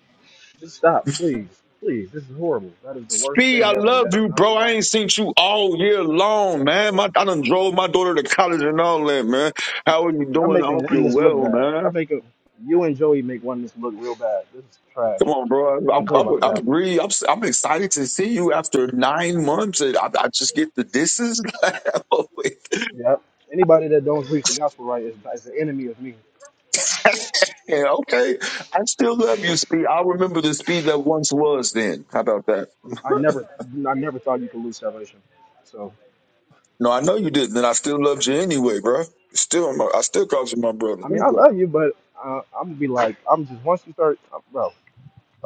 [SPEAKER 21] Just stop, please. Please, this is horrible. That is the worst
[SPEAKER 27] Speed, I
[SPEAKER 21] thing ever.
[SPEAKER 27] love
[SPEAKER 21] That is
[SPEAKER 27] you,
[SPEAKER 21] not the
[SPEAKER 27] bro. I
[SPEAKER 21] gospel.
[SPEAKER 27] ain't seen you all year long, man. My, I done drove my daughter to college and all that, man. How are you
[SPEAKER 21] Y'all
[SPEAKER 27] doing? I
[SPEAKER 21] making
[SPEAKER 27] hope you're
[SPEAKER 21] oneness look
[SPEAKER 27] well,
[SPEAKER 21] bad. Y'all
[SPEAKER 27] man.
[SPEAKER 21] making you and Joey make oneness look real bad. This is trash.
[SPEAKER 27] Come on, bro.
[SPEAKER 21] I don't
[SPEAKER 27] I'm,
[SPEAKER 21] play
[SPEAKER 27] I'm,
[SPEAKER 21] about the
[SPEAKER 27] I'm
[SPEAKER 21] gospel.
[SPEAKER 27] really, I'm, I'm excited to see you after nine months. And I, I just get the distance.
[SPEAKER 21] Yep. Anybody that don't preach the gospel right is, is the enemy of me.
[SPEAKER 27] yeah, okay. I still love you, Speed. I remember the Speed that once was then. How about that?
[SPEAKER 21] I never, I never thought you could lose salvation. So,
[SPEAKER 27] No, I know you didn't. And I still loved you anyway, bro. Still, I'm a- I still call you my brother.
[SPEAKER 21] I mean, I love you, but uh, I'm gonna be like, I'm just once you start, bro.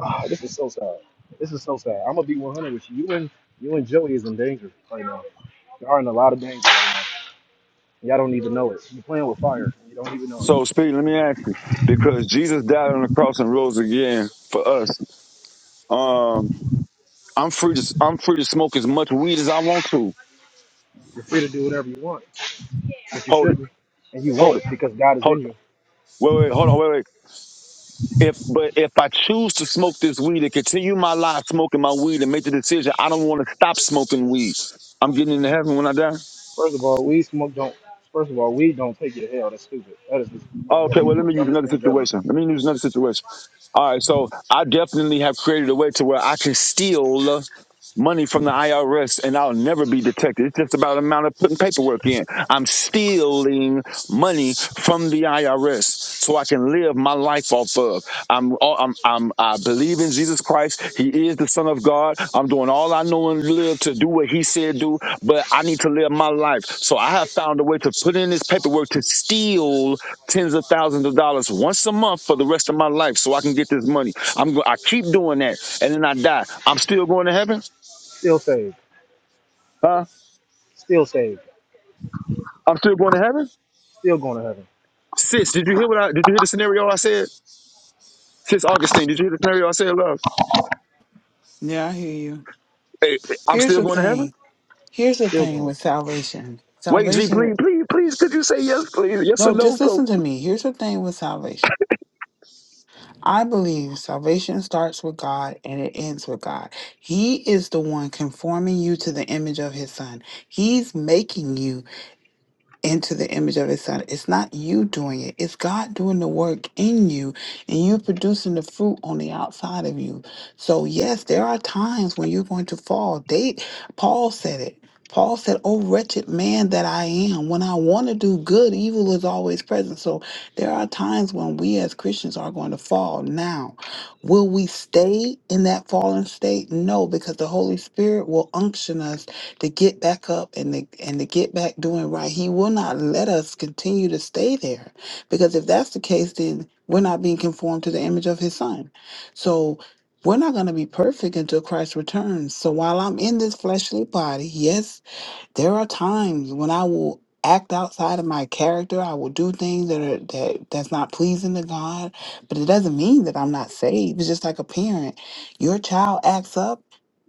[SPEAKER 21] Ah, this is so sad. This is so sad. I'm gonna be 100 with you. You and you and Joey is in danger right now. you are in a lot of danger right now. and Y'all don't even know it. You're playing with fire. And you don't even know it.
[SPEAKER 27] So, Speed, let me ask you, because Jesus died on the cross and rose again for us. Um, I'm free to I'm free to smoke as much weed as I want to.
[SPEAKER 21] You're free to do whatever you want, but you
[SPEAKER 27] Hold it,
[SPEAKER 21] shouldn't, and you won't
[SPEAKER 27] hold it,
[SPEAKER 21] because God is
[SPEAKER 27] hold
[SPEAKER 21] in
[SPEAKER 27] it.
[SPEAKER 21] you.
[SPEAKER 27] Wait, wait, hold on, wait, wait. If but if I choose to smoke this weed and continue my life smoking my weed and make the decision, I don't want to stop smoking weed. I'm getting into heaven when I die.
[SPEAKER 21] First of all, weed smoke don't. First of all, weed don't take you to hell. That's stupid. That is the most- one
[SPEAKER 27] Okay,
[SPEAKER 21] of the
[SPEAKER 27] well, let
[SPEAKER 21] most
[SPEAKER 27] me use
[SPEAKER 21] dumbest
[SPEAKER 27] another
[SPEAKER 21] things ever.
[SPEAKER 27] situation. Let me use another situation. All right, so I definitely have created a way to where I can steal. money from the IRS and I'll never be detected. It's just about amount of putting paperwork in. I'm stealing money from the IRS so I can live my life off of. I'm, I'm, I'm, I believe in Jesus Christ. He is the Son of God. I'm doing all I know and live to do what He said do, but I need to live my life. So I have found a way to put in this paperwork to steal tens of thousands of dollars once a month for the rest of my life so I can get this money. I'm, go- I keep doing that and then I die. I'm still going to heaven.
[SPEAKER 21] Still saved.
[SPEAKER 27] Uh,
[SPEAKER 21] Still saved.
[SPEAKER 27] I'm still going to heaven?
[SPEAKER 21] Still going to heaven.
[SPEAKER 27] Sis, did you hear what I did you hear the scenario I said? Sis Augustine, did you hear the scenario I said, love?
[SPEAKER 5] Yeah, I hear you.
[SPEAKER 27] Hey, I'm
[SPEAKER 5] Here's
[SPEAKER 27] still
[SPEAKER 5] the
[SPEAKER 27] going to heaven?
[SPEAKER 5] thing. Here's the
[SPEAKER 21] Still
[SPEAKER 5] thing
[SPEAKER 21] going.
[SPEAKER 5] with salvation.
[SPEAKER 27] Wait, G, please,
[SPEAKER 5] Salvation,
[SPEAKER 27] please, please, could you say yes, please? Yes or
[SPEAKER 5] no,
[SPEAKER 27] no,
[SPEAKER 5] just
[SPEAKER 27] so
[SPEAKER 5] listen to me. Here's the thing with salvation. I believe salvation starts with God and it ends with God. He is the one conforming you to the image of his son. He's making you. into the image of his son. It's not you doing it, it's God doing the work in you and you producing the fruit on the outside of you. So yes, there are times when you're going to fall. They Paul said it. Paul said, Oh wretched man that I am, when I want to do good, evil is always present. So there are times when we as Christians are going to fall. Now, will we stay in that fallen state? No, because the Holy Spirit will unction us to get back up and to, and to get back doing right. He will not let us continue to stay there because if that's the case, then we're not being conformed to the image of his son. So we're not going to be perfect until Christ returns. So while I'm in this fleshly body, yes, there are times when I will act outside of my character. I will do things that are that that's not pleasing to God, but it doesn't mean that I'm not saved. It's just like a parent. Your child acts up.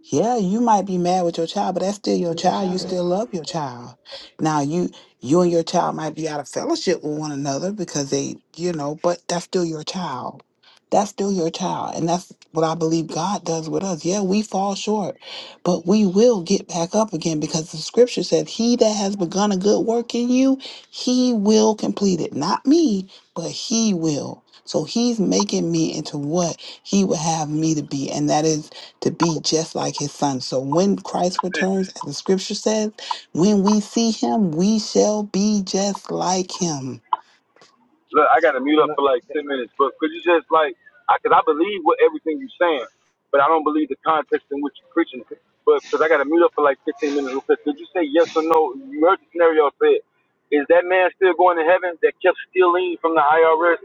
[SPEAKER 5] Yeah, you might be mad with your child, but that's still your
[SPEAKER 28] Mr.
[SPEAKER 5] child. You still love your child. Now you you and your child might be out of fellowship with one another because they, you know, but that's still your child. That's still your child. And that's what I believe God does with us. Yeah, we fall short but we will get back up again because the scripture said, He that has begun a good work in you, he will complete it. Not me, but he will. So he's making me into what he would have me to be, and that is to be just like his son. So when Christ returns, as the scripture says, when we see him, we shall be just like him.
[SPEAKER 27] Look, I gotta mute up
[SPEAKER 21] And I,
[SPEAKER 27] for like ten minutes, but could you just like, I, cause I believe what everything you're saying, but I don't believe the context in which you're preaching it. But cause I gotta mute up for like fifteen minutes real quick. Could you say yes or no? You heard the scenario I said. Is that man still going to heaven that kept stealing from the IRS?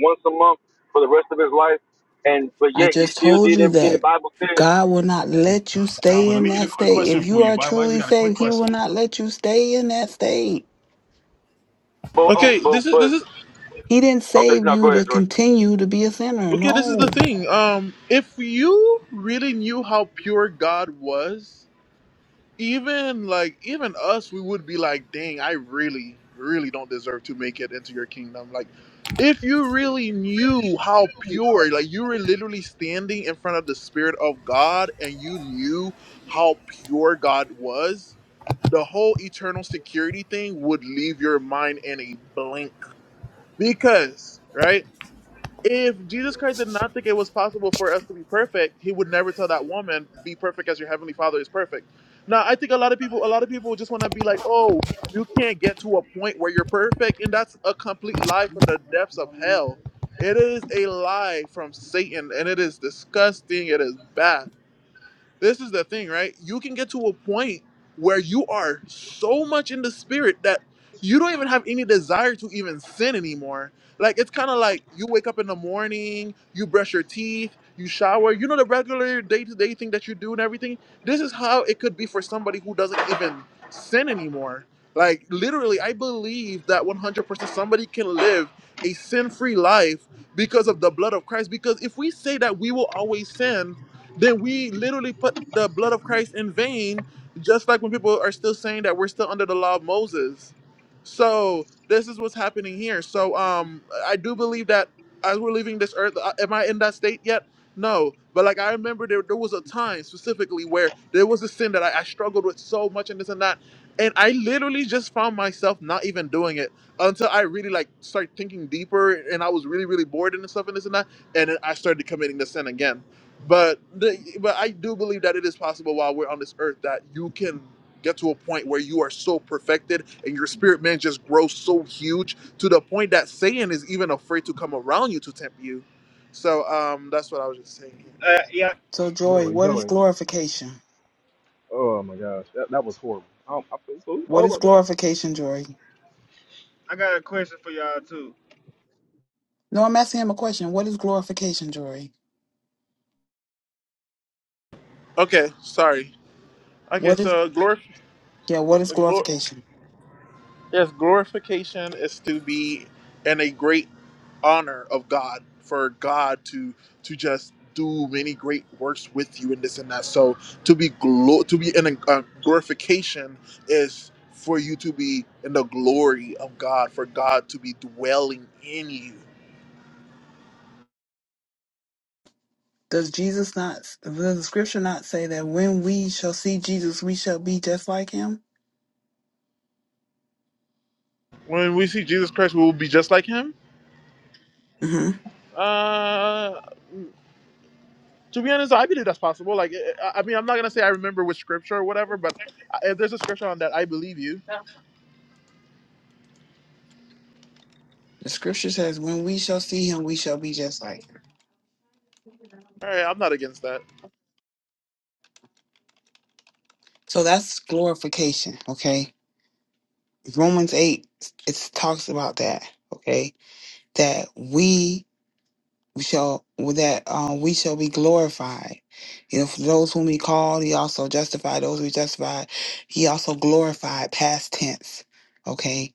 [SPEAKER 27] once a month for the rest of his life, and but
[SPEAKER 5] I
[SPEAKER 27] yet he
[SPEAKER 5] just
[SPEAKER 27] still
[SPEAKER 5] told
[SPEAKER 27] did
[SPEAKER 5] you
[SPEAKER 27] everything the
[SPEAKER 5] that
[SPEAKER 27] Bible said.
[SPEAKER 5] God will not let you
[SPEAKER 28] Nah,
[SPEAKER 5] stay
[SPEAKER 28] but let
[SPEAKER 5] in
[SPEAKER 28] me get a
[SPEAKER 5] that
[SPEAKER 28] quick
[SPEAKER 5] state.
[SPEAKER 28] question
[SPEAKER 5] If
[SPEAKER 28] for
[SPEAKER 5] you
[SPEAKER 28] you,
[SPEAKER 5] are
[SPEAKER 28] Bible. I just
[SPEAKER 5] truly
[SPEAKER 28] got a quick
[SPEAKER 5] saved, he will
[SPEAKER 28] question.
[SPEAKER 5] not let you stay in that state.
[SPEAKER 27] But oh,
[SPEAKER 1] Okay,
[SPEAKER 27] but
[SPEAKER 1] this is
[SPEAKER 27] but
[SPEAKER 1] this is
[SPEAKER 5] He didn't
[SPEAKER 27] okay,
[SPEAKER 5] save
[SPEAKER 27] no,
[SPEAKER 5] you
[SPEAKER 27] go
[SPEAKER 5] to
[SPEAKER 27] ahead, Jordan.
[SPEAKER 5] continue to be a sinner.
[SPEAKER 1] okay. This is the
[SPEAKER 5] No.
[SPEAKER 1] thing. Um, if you really knew how pure God was. even like even us we would be like dang i really really don't deserve to make it into your kingdom like if you really knew how pure like you were literally standing in front of the spirit of god and you knew how pure god was the whole eternal security thing would leave your mind in a blank because right if Jesus Christ did not think it was possible for us to be perfect, he would never tell that woman, "Be perfect as your heavenly Father is perfect." Now, I think a lot of people, a lot of people just want to be like, "Oh, you can't get to a point where you're perfect," and that's a complete lie from the depths of hell. It is a lie from Satan, and it is disgusting. It is bad this is the thing, right? You can get to a point where you are so much in the spirit that you don't even have any desire to even sin anymore. Like it's kind of like you wake up in the morning, you brush your teeth, you shower, you know the regular day-to-day thing that you do and everything. This is how it could be for somebody who doesn't even sin anymore. Like literally, I believe that 100% somebody can live a sin-free life because of the blood of Christ because if we say that we will always sin, then we literally put the blood of Christ in vain, just like when people are still saying that we're still under the law of Moses. So this is what's happening here. So um, I do believe that as we're leaving this earth, I- am I in that state yet? No, but like I remember there, there was a time specifically where there was a sin that I, I struggled with so much and this and that. And I literally just found myself not even doing it until I really like started thinking deeper and I was really, really bored and stuff and this and that. And then I started committing the sin again. But the, but I do believe that it is possible while we're on this earth that you can get to a point where you are so perfected and your spirit man just grows so huge to the point that Satan is even afraid to come around you to tempt you. So um, that's what I was just saying. here.
[SPEAKER 29] Uh, yeah,
[SPEAKER 5] So, Joy,
[SPEAKER 21] Joey,
[SPEAKER 5] what is
[SPEAKER 21] Joey.
[SPEAKER 5] glorification?
[SPEAKER 21] Oh my gosh, that, that was horrible. Um, I feel so.
[SPEAKER 5] What
[SPEAKER 21] Oh
[SPEAKER 5] is
[SPEAKER 21] my God,
[SPEAKER 5] glorification, Joy?
[SPEAKER 29] I got a question for y'all too.
[SPEAKER 5] No, I'm asking him a question. What is glorification, Joy?
[SPEAKER 1] Okay, sorry. Okay,
[SPEAKER 5] What is
[SPEAKER 1] so glorify.
[SPEAKER 5] yeah? What is glorification?
[SPEAKER 1] Yes, glorification is to be in a great honor of God for God to to just do many great works with you and this and that. So to be glo- to be in a uh, glorification is for you to be in the glory of God, for God to be dwelling in you.
[SPEAKER 5] Does Jesus not? Does the scripture not say that when we shall see Jesus, we shall be just like him?
[SPEAKER 1] When we see Jesus Christ, we will be just like Him.
[SPEAKER 5] hmm
[SPEAKER 1] Uh, to be honest, I believe that's possible. Like, I I mean, I'm not gonna say I remember with scripture or whatever, but I- if there's a scripture on that, I believe you
[SPEAKER 5] The scripture says, "When we shall see him, we shall be just like him."
[SPEAKER 1] All right, I'm not against that.
[SPEAKER 5] So that's glorification. Okay, Romans eight it talks about that. Okay, that we We shall that um, we shall be glorified. You know, for those whom he called, he also justified. Those who he justified, he also glorified. Past tense, okay,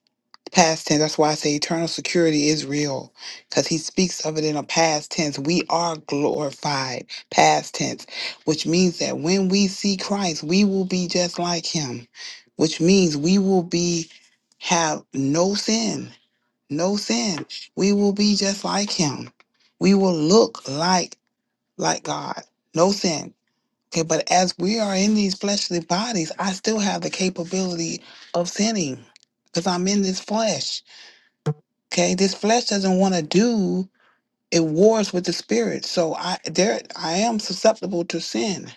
[SPEAKER 5] past tense. That's why I say eternal security is real, because he speaks of it in a past tense. We are glorified, past tense, which means that when we see Christ, we will be just like him, which means we will be have no sin no sin. We will be just like him. We will look like like God. No sin. Okay, but as we are in these fleshly bodies, I still have the capability of sinning because I'm in this flesh. Okay, this flesh doesn't want to do it wars with the spirit. So I there I am susceptible to sin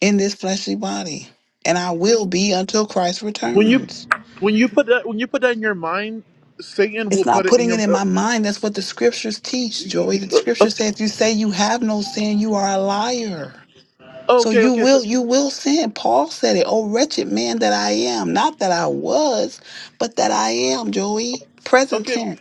[SPEAKER 5] in this fleshly body. And I will be until Christ
[SPEAKER 1] When you
[SPEAKER 5] returns.
[SPEAKER 1] when you put that when you put that in your mind, Satan will
[SPEAKER 5] It's
[SPEAKER 1] put
[SPEAKER 5] not
[SPEAKER 1] it in
[SPEAKER 5] putting
[SPEAKER 1] your.
[SPEAKER 5] it in
[SPEAKER 1] Uh,
[SPEAKER 5] my mind. That's what the scriptures teach,
[SPEAKER 1] e-
[SPEAKER 5] Joey.
[SPEAKER 1] e-
[SPEAKER 5] The
[SPEAKER 1] e- uh,
[SPEAKER 5] scriptures say if you say you have no sin, you are a liar.
[SPEAKER 1] uh,
[SPEAKER 5] So
[SPEAKER 1] okay,
[SPEAKER 5] you
[SPEAKER 1] okay, so,
[SPEAKER 5] will you will sin. Paul said it. Oh wretched man that I am. Not that I was, but that I am, Joey. Present
[SPEAKER 1] okay.
[SPEAKER 5] tense.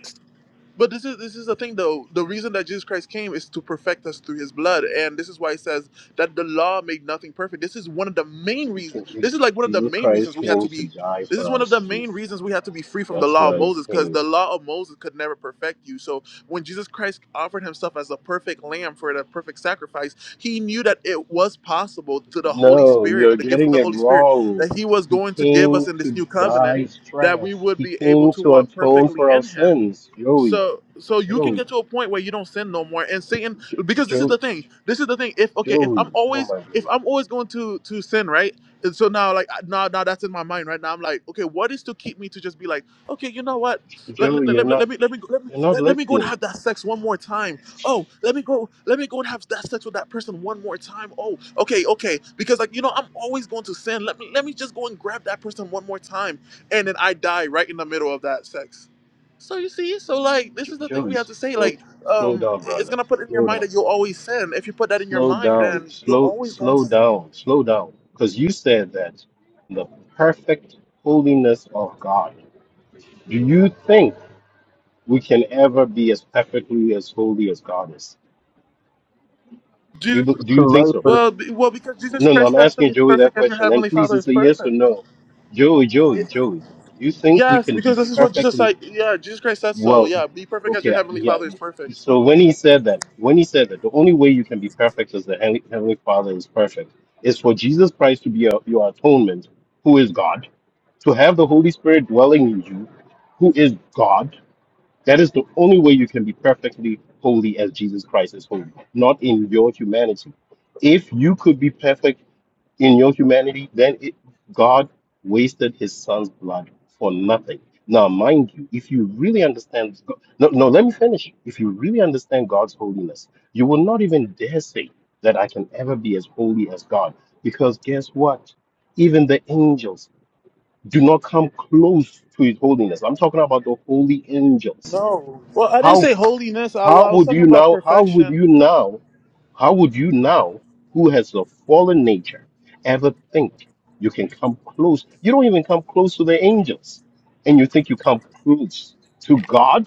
[SPEAKER 1] But this is this is the thing though. The reason that Jesus Christ came is to perfect us through his blood. And this is why it says that the law made nothing perfect. This is one of the main reasons this is like one of the
[SPEAKER 18] Jesus
[SPEAKER 1] main
[SPEAKER 18] Christ
[SPEAKER 1] reasons we have to
[SPEAKER 18] came to
[SPEAKER 1] be
[SPEAKER 18] die
[SPEAKER 1] this is
[SPEAKER 18] for
[SPEAKER 1] one
[SPEAKER 18] our
[SPEAKER 1] of the main
[SPEAKER 18] sins.
[SPEAKER 1] reasons we have to be free from the
[SPEAKER 18] That's
[SPEAKER 1] law of
[SPEAKER 18] why he
[SPEAKER 1] Moses, because the
[SPEAKER 18] came.
[SPEAKER 1] law of Moses could never perfect you. So when Jesus Christ offered himself as a perfect lamb for the perfect sacrifice, he knew that it was possible to the Holy
[SPEAKER 18] No,
[SPEAKER 1] Spirit,
[SPEAKER 18] you're
[SPEAKER 1] the gift of
[SPEAKER 18] getting
[SPEAKER 1] the
[SPEAKER 18] it
[SPEAKER 1] Holy Spirit,
[SPEAKER 18] wrong.
[SPEAKER 1] that he was
[SPEAKER 18] He
[SPEAKER 1] going to give
[SPEAKER 18] came
[SPEAKER 1] us in this
[SPEAKER 18] to
[SPEAKER 1] new
[SPEAKER 21] this
[SPEAKER 1] covenant,
[SPEAKER 18] die.
[SPEAKER 21] is
[SPEAKER 1] that we
[SPEAKER 21] trash.
[SPEAKER 1] would
[SPEAKER 18] He
[SPEAKER 1] be able
[SPEAKER 18] came
[SPEAKER 1] to
[SPEAKER 18] to
[SPEAKER 1] walk
[SPEAKER 18] atone
[SPEAKER 1] perfectly
[SPEAKER 18] for our
[SPEAKER 1] in him
[SPEAKER 18] sins. Joey,
[SPEAKER 1] so so you can
[SPEAKER 18] Joey,
[SPEAKER 1] get to a point where you don't sin no more and satan
[SPEAKER 18] jo-
[SPEAKER 1] because this is
[SPEAKER 18] jo-
[SPEAKER 1] the thing this is the thing if okay if
[SPEAKER 18] Joey.
[SPEAKER 1] i'm
[SPEAKER 18] Oh
[SPEAKER 1] always
[SPEAKER 18] my
[SPEAKER 1] if
[SPEAKER 18] goodness,
[SPEAKER 1] i'm always going to to sin right and so now like now now that's in my mind right now i'm like okay what is to keep me to just be like okay you know what let,
[SPEAKER 18] Joey,
[SPEAKER 1] let,
[SPEAKER 18] you're
[SPEAKER 1] let, let me let
[SPEAKER 18] not,
[SPEAKER 1] me let me
[SPEAKER 18] you're not
[SPEAKER 1] let, let me go and
[SPEAKER 18] listening.
[SPEAKER 1] have that sex one more time oh let me go let me go and have that sex with that person one more time oh okay okay because like you know i'm always going to sin let me let me just go and grab that person one more time and then i die right in the middle of that sex so you see, so like this
[SPEAKER 18] Jo-
[SPEAKER 1] is the thing
[SPEAKER 18] Joey,
[SPEAKER 1] we have
[SPEAKER 18] s-
[SPEAKER 1] to say.
[SPEAKER 18] slow,
[SPEAKER 1] Like,
[SPEAKER 18] slow
[SPEAKER 1] um,
[SPEAKER 18] down,
[SPEAKER 1] it's
[SPEAKER 18] brother.
[SPEAKER 1] gonna put in your
[SPEAKER 18] Slow
[SPEAKER 1] mind
[SPEAKER 18] down.
[SPEAKER 1] that you'll always sin. If you put that in your
[SPEAKER 18] Slow
[SPEAKER 1] mind,
[SPEAKER 18] down.
[SPEAKER 1] then you're
[SPEAKER 18] Slow,
[SPEAKER 1] always going to
[SPEAKER 18] slow
[SPEAKER 1] sin.
[SPEAKER 18] down. Slow down. Because you said that the perfect holiness of God. Do you think we can ever be as perfectly as holy as God is? Do you,
[SPEAKER 1] Jesus,
[SPEAKER 18] do you think so?
[SPEAKER 1] well, be- well, because Jesus
[SPEAKER 18] No, no,
[SPEAKER 1] Christ
[SPEAKER 18] I'm
[SPEAKER 1] has to
[SPEAKER 18] asking
[SPEAKER 1] be
[SPEAKER 18] Joey that
[SPEAKER 1] perfect as your
[SPEAKER 18] question. And
[SPEAKER 1] heavenly
[SPEAKER 18] please,
[SPEAKER 1] Father is
[SPEAKER 18] it's a yes or
[SPEAKER 1] perfect.
[SPEAKER 18] no. Joey, Joey,
[SPEAKER 1] Y-
[SPEAKER 18] Joey, do you think we
[SPEAKER 1] Yes,
[SPEAKER 18] can be
[SPEAKER 1] because this is what Jesus
[SPEAKER 18] perfectly
[SPEAKER 1] said. Yeah, Jesus Christ said so.
[SPEAKER 18] well?
[SPEAKER 1] Yeah, be perfect as your
[SPEAKER 18] Okay,
[SPEAKER 1] heavenly
[SPEAKER 18] yeah.
[SPEAKER 1] Father is perfect.
[SPEAKER 18] So when he said that, when he said that, the only way you can be perfect is the Heavenly Heavenly Father is perfect, is for Jesus Christ to be your, your atonement, who is God, to have the Holy Spirit dwelling in you, who is God. That is the only way you can be perfectly holy as Jesus Christ is holy, not in your humanity. If you could be perfect in your humanity, then it, God wasted his son's blood for nothing. Now, mind you, if you really understand, Go- no, no, let me finish. If you really understand God's holiness, you will not even dare say that I can ever be as holy as God. Because guess what? Even the angels do not come close to his holiness. I'm talking about the holy angels.
[SPEAKER 1] No, well, I didn't say holiness. I, well,
[SPEAKER 18] How
[SPEAKER 1] I was
[SPEAKER 18] would
[SPEAKER 1] talking
[SPEAKER 18] you
[SPEAKER 1] about
[SPEAKER 18] now? How would
[SPEAKER 1] perfection.
[SPEAKER 18] you now? How would you now, who has a fallen nature, ever think you can come close? You don't even come close to the angels, and you think you come close to God?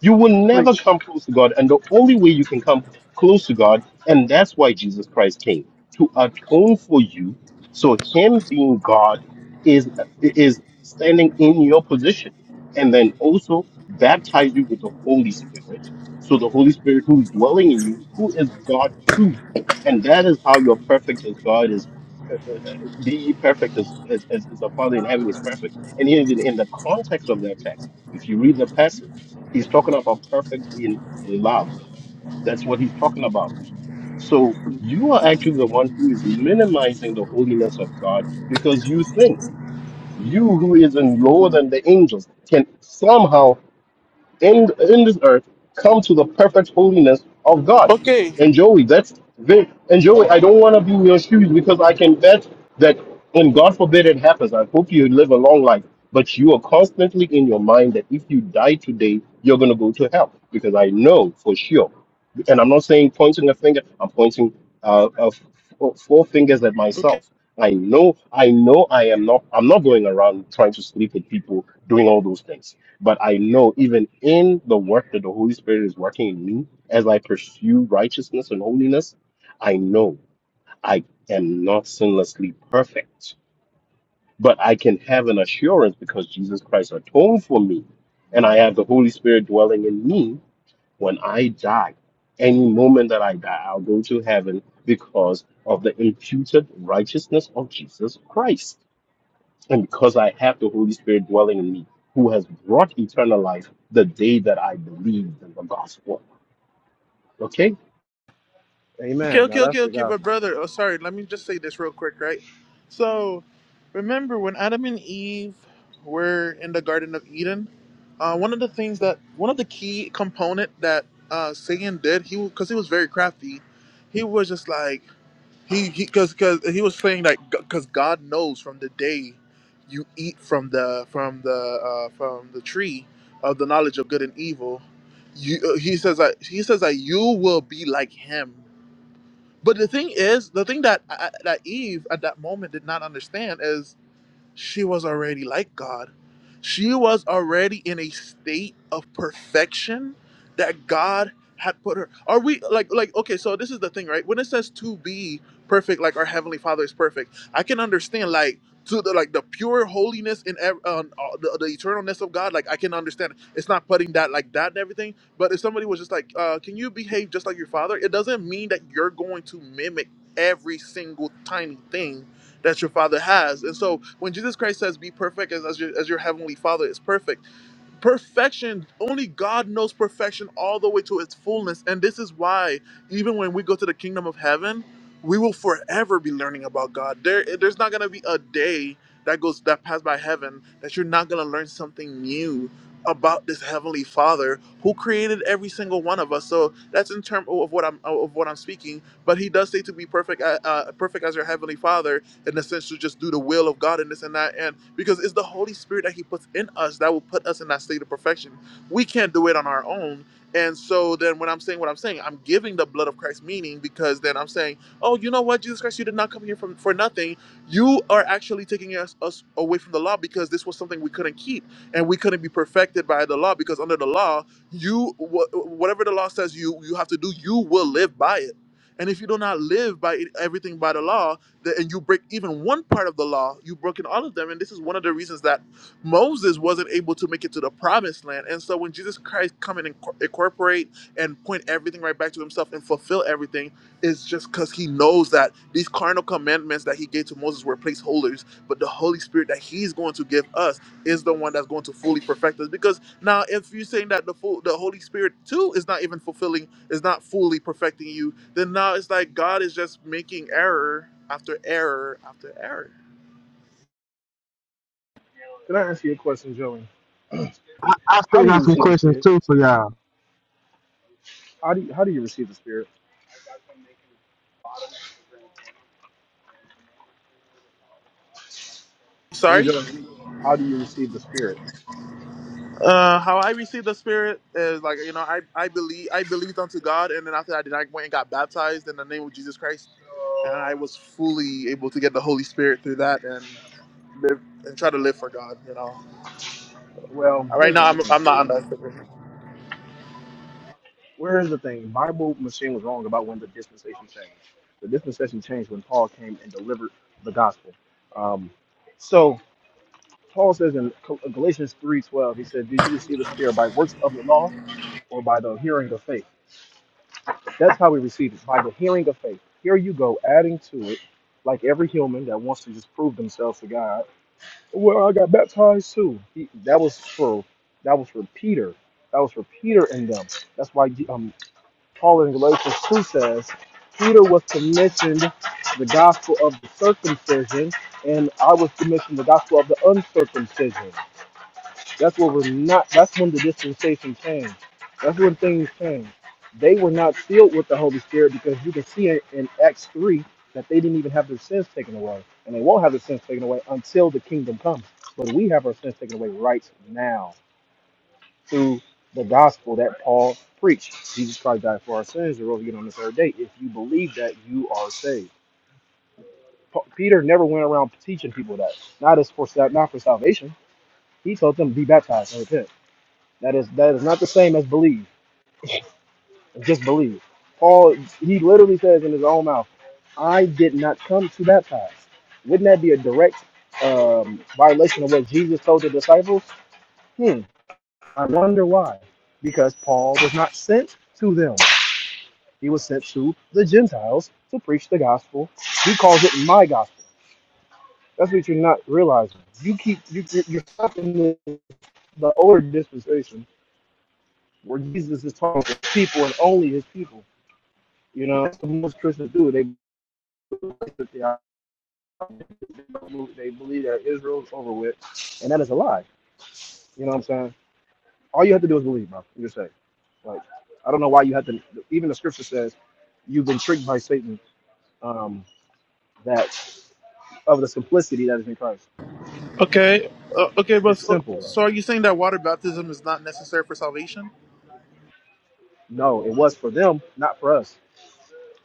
[SPEAKER 18] You will never
[SPEAKER 21] Preach.
[SPEAKER 18] come close to God. And the only way you can come close to God, and that's why Jesus Christ came to atone for you. So him being God is is standing in your position. And then also baptize you with the Holy Spirit. So the Holy Spirit who's dwelling in you, who is God too. And that is how you're perfect as God is. uh, uh, uh, Be ye perfect as, as, as the Father in heaven is perfect. And in, in the context of that text, if you read the passage, He's talking about perfect in love. That's what he's talking about. So you are actually the one who is minimizing the holiness of God because you think you who is in lower than the angels can somehow in in this earth come to the perfect holiness of God.
[SPEAKER 1] Okay,
[SPEAKER 18] And Joey, that's very, and Joey, I don't want to be in your shoes because I can bet that when God forbid it happens, I hope you live a long life. But you are constantly in your mind that if you die today, you're gonna go to hell because I know for sure. And I'm not saying pointing a finger. I'm pointing uh, uh, f- four four fingers at
[SPEAKER 1] okay.
[SPEAKER 18] myself. I know, I know, I am not. I'm not going around trying to sleep with people doing all those things but I know even in the work that the Holy Spirit is working in me, as I pursue righteousness and holiness, I know I am not sinlessly perfect. But I can have an assurance because Jesus Christ atoned for me and I have the Holy Spirit dwelling in me when I die. Any moment that I die, I'll go to heaven because of the imputed righteousness of Jesus Christ. And because I have the Holy Spirit dwelling in me, who has brought eternal life the day that I believed in the gospel. Okay?
[SPEAKER 1] Okay,
[SPEAKER 21] Amen.
[SPEAKER 1] okay,
[SPEAKER 21] Now that's
[SPEAKER 1] okay,
[SPEAKER 21] the
[SPEAKER 1] okay, but
[SPEAKER 21] gospel.
[SPEAKER 1] brother, oh sorry, let me just say this real quick, right? So, remember when Adam and Eve were in the Garden of Eden, uh, one of the things that one of the key component that uh, Satan did, he because he was very crafty, he was just like he he because because he was saying like because God knows from the day you eat from the from the uh, from the tree of the knowledge of good and evil, you uh, he says that he says that you will be like him but the thing is, the thing that that Eve at that moment did not understand is she was already like God. She was already in a state of perfection that God had put her. Are we like like okay, so this is the thing, right? When it says to be perfect like our heavenly Father is perfect, I can understand like to the like the pure holiness and ev- um, uh, the, the eternalness of God, like I can understand. it. It's not putting that like that and everything, but if somebody was just like, uh, "Can you behave just like your father?" It doesn't mean that you're going to mimic every single tiny thing that your father has. And so when Jesus Christ says, be perfect as, as, your, as your heavenly father is perfect, perfection, only God knows perfection all the way to its fullness. And this is why, even when we go to the kingdom of heaven, we will forever be learning about God. There, there's not going to be a day that goes that passed by heaven that you're not going to learn something new about this heavenly father who created every single one of us so that's in term of what i'm of what i'm speaking but he does say to be perfect uh, uh, perfect as your heavenly father in a sense to just do the will of God and this and that. And because it's the Holy Spirit that He puts in us that will put us in that state of perfection. We can't do it on our own. And so then when I'm saying what I'm saying, I'm giving the blood of Christ meaning because then I'm saying, oh, you know what, Jesus Christ, you did not come here from, for nothing. You are actually taking us, us away from the law because this was something we couldn't keep and we couldn't be perfected by the law because under the law, you wha- whatever the law says you you have to do you will live by it and if you do not live by it- everything by the law the- and you break even one part of the law, you've broken all of them. And this is one of the reasons that Moses wasn't able to make it to the promised land. And so when Jesus Christ come and inco- incorporate and point everything right back to himself and fulfill everything, it's just because he knows that these carnal commandments that he gave to Moses were placeholders, but the Holy Spirit that he's going to give us is the one that's going to fully perfect us. Because now if you're saying that the full, the Holy Spirit too is not even fulfilling, is not fully perfecting you, then now it's like God is just making error after error after error.
[SPEAKER 21] Can I ask you a question, Joey? How do you
[SPEAKER 29] Some
[SPEAKER 21] receive the
[SPEAKER 29] questions
[SPEAKER 21] Spirit?
[SPEAKER 29] too for y'all.
[SPEAKER 21] How do you, how do you receive the Spirit? Hear me,
[SPEAKER 1] Sorry.
[SPEAKER 21] Joey. How do you receive the Spirit?
[SPEAKER 1] Uh, how I received the Spirit is like you know I I believe I believed unto God, and then after that, then I went and got baptized in the name of Jesus Christ, and I was fully able to get the Holy Spirit through that and live and try to live for God. You know,
[SPEAKER 21] Well,
[SPEAKER 1] right
[SPEAKER 21] here's the
[SPEAKER 1] now I'm
[SPEAKER 21] thing.
[SPEAKER 1] I'm not on that.
[SPEAKER 21] Where's the thing? Bible machine was wrong about when the dispensation changed. The dispensation changed when Paul came and delivered the gospel. Um, so Paul says in Col- Galatians three twelve, he said, "Did you receive the Spirit by works of the law or by the hearing of faith?" That's how we receive it by the hearing of faith. Here you go, adding to it, like every human that wants to just prove themselves to God. Well, I got baptized too. He, that was for that was for Peter. That was for Peter and them. That's why um, Paul in Galatians two says Peter was commissioned the gospel of the circumcision, and I was commissioned the gospel of the uncircumcision. That's what was not. That's when the dispensation changed. That's when things changed. They were not filled with the Holy Spirit because you can see it in Acts three that they didn't even have their sins taken away, and they won't have their sins taken away until the kingdom comes. But we have our sins taken away right now through the gospel that Paul preached. Jesus Christ died for our sins and rose again on the third day. If you believe that, you are saved. Pa- Peter never went around teaching people that. Not as for sa- not for salvation. He told them be baptized and repent. That is that is not the same as believe. Just believe. Paul he literally says in his own mouth, "I did not come to baptize." Wouldn't that be a direct um, violation of what Jesus told the disciples? Hmm. I wonder why. Because Paul was not sent to them. He was sent to the Gentiles to preach the gospel. He calls it my gospel. That's what you're not realizing. You keep you you're stuck in the, the older dispensation where Jesus is talking to people and only his people You know, that's what most Christians do. They they believe that Israel's over with, and that is a lie. You know what I'm saying? All you have to do is believe, bro. You're safe. Like, I don't know why you have to. Even the scripture says you've been tricked by Satan. Um, that of the simplicity that is in Christ.
[SPEAKER 1] Okay. Uh, okay, but
[SPEAKER 21] It's
[SPEAKER 1] so,
[SPEAKER 21] simple. Bro.
[SPEAKER 1] so are you saying that water baptism is not necessary for salvation?
[SPEAKER 21] No, it was for them, not for us.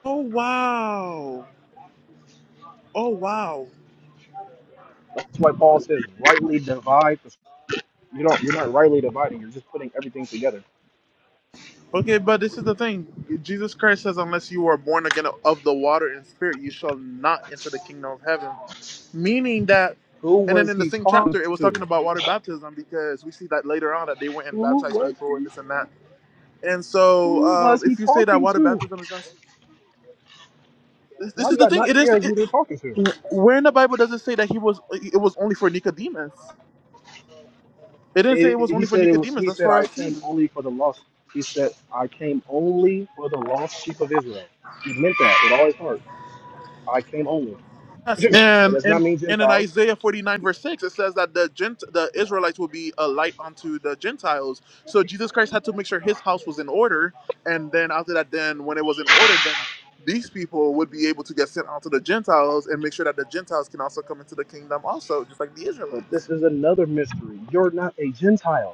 [SPEAKER 1] Oh wow! Oh wow!
[SPEAKER 21] That's why Paul says, rightly divide. You don't. You're not rightly dividing. You're just putting everything together.
[SPEAKER 1] Okay, but this is the thing. Jesus Christ says, unless you are born again of the water and spirit, you shall not enter the kingdom of heaven. Meaning that,
[SPEAKER 21] Who
[SPEAKER 1] and then
[SPEAKER 21] was
[SPEAKER 1] in the
[SPEAKER 21] he
[SPEAKER 1] same
[SPEAKER 21] talking
[SPEAKER 1] chapter, it was
[SPEAKER 21] to?
[SPEAKER 1] talking about water baptism because we see that later on that they went and
[SPEAKER 21] Who
[SPEAKER 1] baptized
[SPEAKER 21] was
[SPEAKER 1] people and
[SPEAKER 21] he?
[SPEAKER 1] this and that. And so,
[SPEAKER 21] Who
[SPEAKER 1] um,
[SPEAKER 21] was he
[SPEAKER 1] if you say that
[SPEAKER 21] talking
[SPEAKER 1] water
[SPEAKER 21] to?
[SPEAKER 1] baptism is not, this,
[SPEAKER 21] Why
[SPEAKER 1] this is
[SPEAKER 21] do
[SPEAKER 1] the
[SPEAKER 21] y'all
[SPEAKER 1] thing. It
[SPEAKER 21] not
[SPEAKER 1] is.
[SPEAKER 21] care who
[SPEAKER 1] It,
[SPEAKER 21] they're talking to?
[SPEAKER 1] where in the Bible does it say that he was? It was only for Nicodemus. It didn't say
[SPEAKER 21] And
[SPEAKER 1] it was
[SPEAKER 21] he
[SPEAKER 1] only for
[SPEAKER 21] said it was.
[SPEAKER 1] Nicodemus.
[SPEAKER 21] He
[SPEAKER 1] That's
[SPEAKER 21] said,
[SPEAKER 1] for
[SPEAKER 21] "I
[SPEAKER 1] us
[SPEAKER 21] came
[SPEAKER 1] too.
[SPEAKER 21] only for the lost." He said, "I came only for the lost sheep of Israel." He meant that with all his heart. I came only.
[SPEAKER 1] Yes,
[SPEAKER 21] that
[SPEAKER 1] and
[SPEAKER 21] does not
[SPEAKER 1] and
[SPEAKER 21] mean
[SPEAKER 1] and in
[SPEAKER 21] Gentiles,
[SPEAKER 1] Isaiah 49 verse 6, it says that the Gent the Israelites will be a light unto the Gentiles. So Jesus Christ had to make sure his house was in order, and then after that, then when it was in order, then these people would be able to get sent out to the Gentiles and make sure that the Gentiles can also come into the kingdom also, just like the
[SPEAKER 21] but
[SPEAKER 1] Israelites.
[SPEAKER 21] this is another mystery. You're not a Gentile.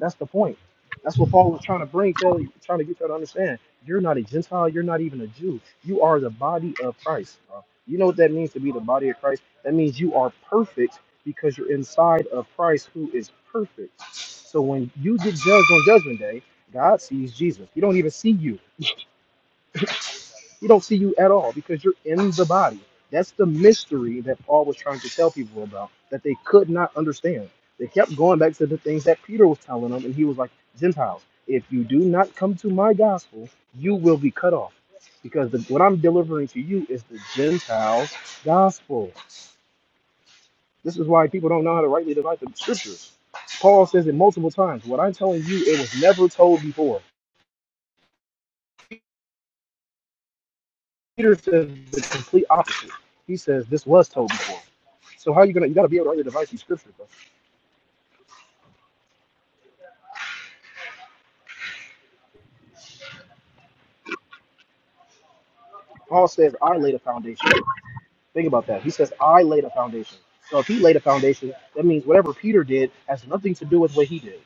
[SPEAKER 21] That's the point. That's what Paul was trying to bring, tell trying to get y'all to understand. You're not a Gentile. You're not even a Jew. You are the body of Christ, bro. You know what that means to be the body of Christ? That means you are perfect because you're inside of Christ who is perfect. So when you get judged on Judgment Day, God sees Jesus. He don't even see you. We don't see you at all because you're in the body. That's the mystery that Paul was trying to tell people about that they could not understand. They kept going back to the things that Peter was telling them, and he was like, Gentiles, if you do not come to my gospel, you will be cut off. Because the, what I'm delivering to you is the Gentiles' gospel. This is why people don't know how to rightly divide the scriptures. Paul says it multiple times. What I'm telling you, it was never told before. Peter says the complete opposite. He says this was told before. So how are you gonna? You gotta be able to argue the device in scripture. Bro. Paul says, "I laid a foundation." Think about that. He says, "I laid a foundation." So if he laid a foundation, that means whatever Peter did has nothing to do with what he did.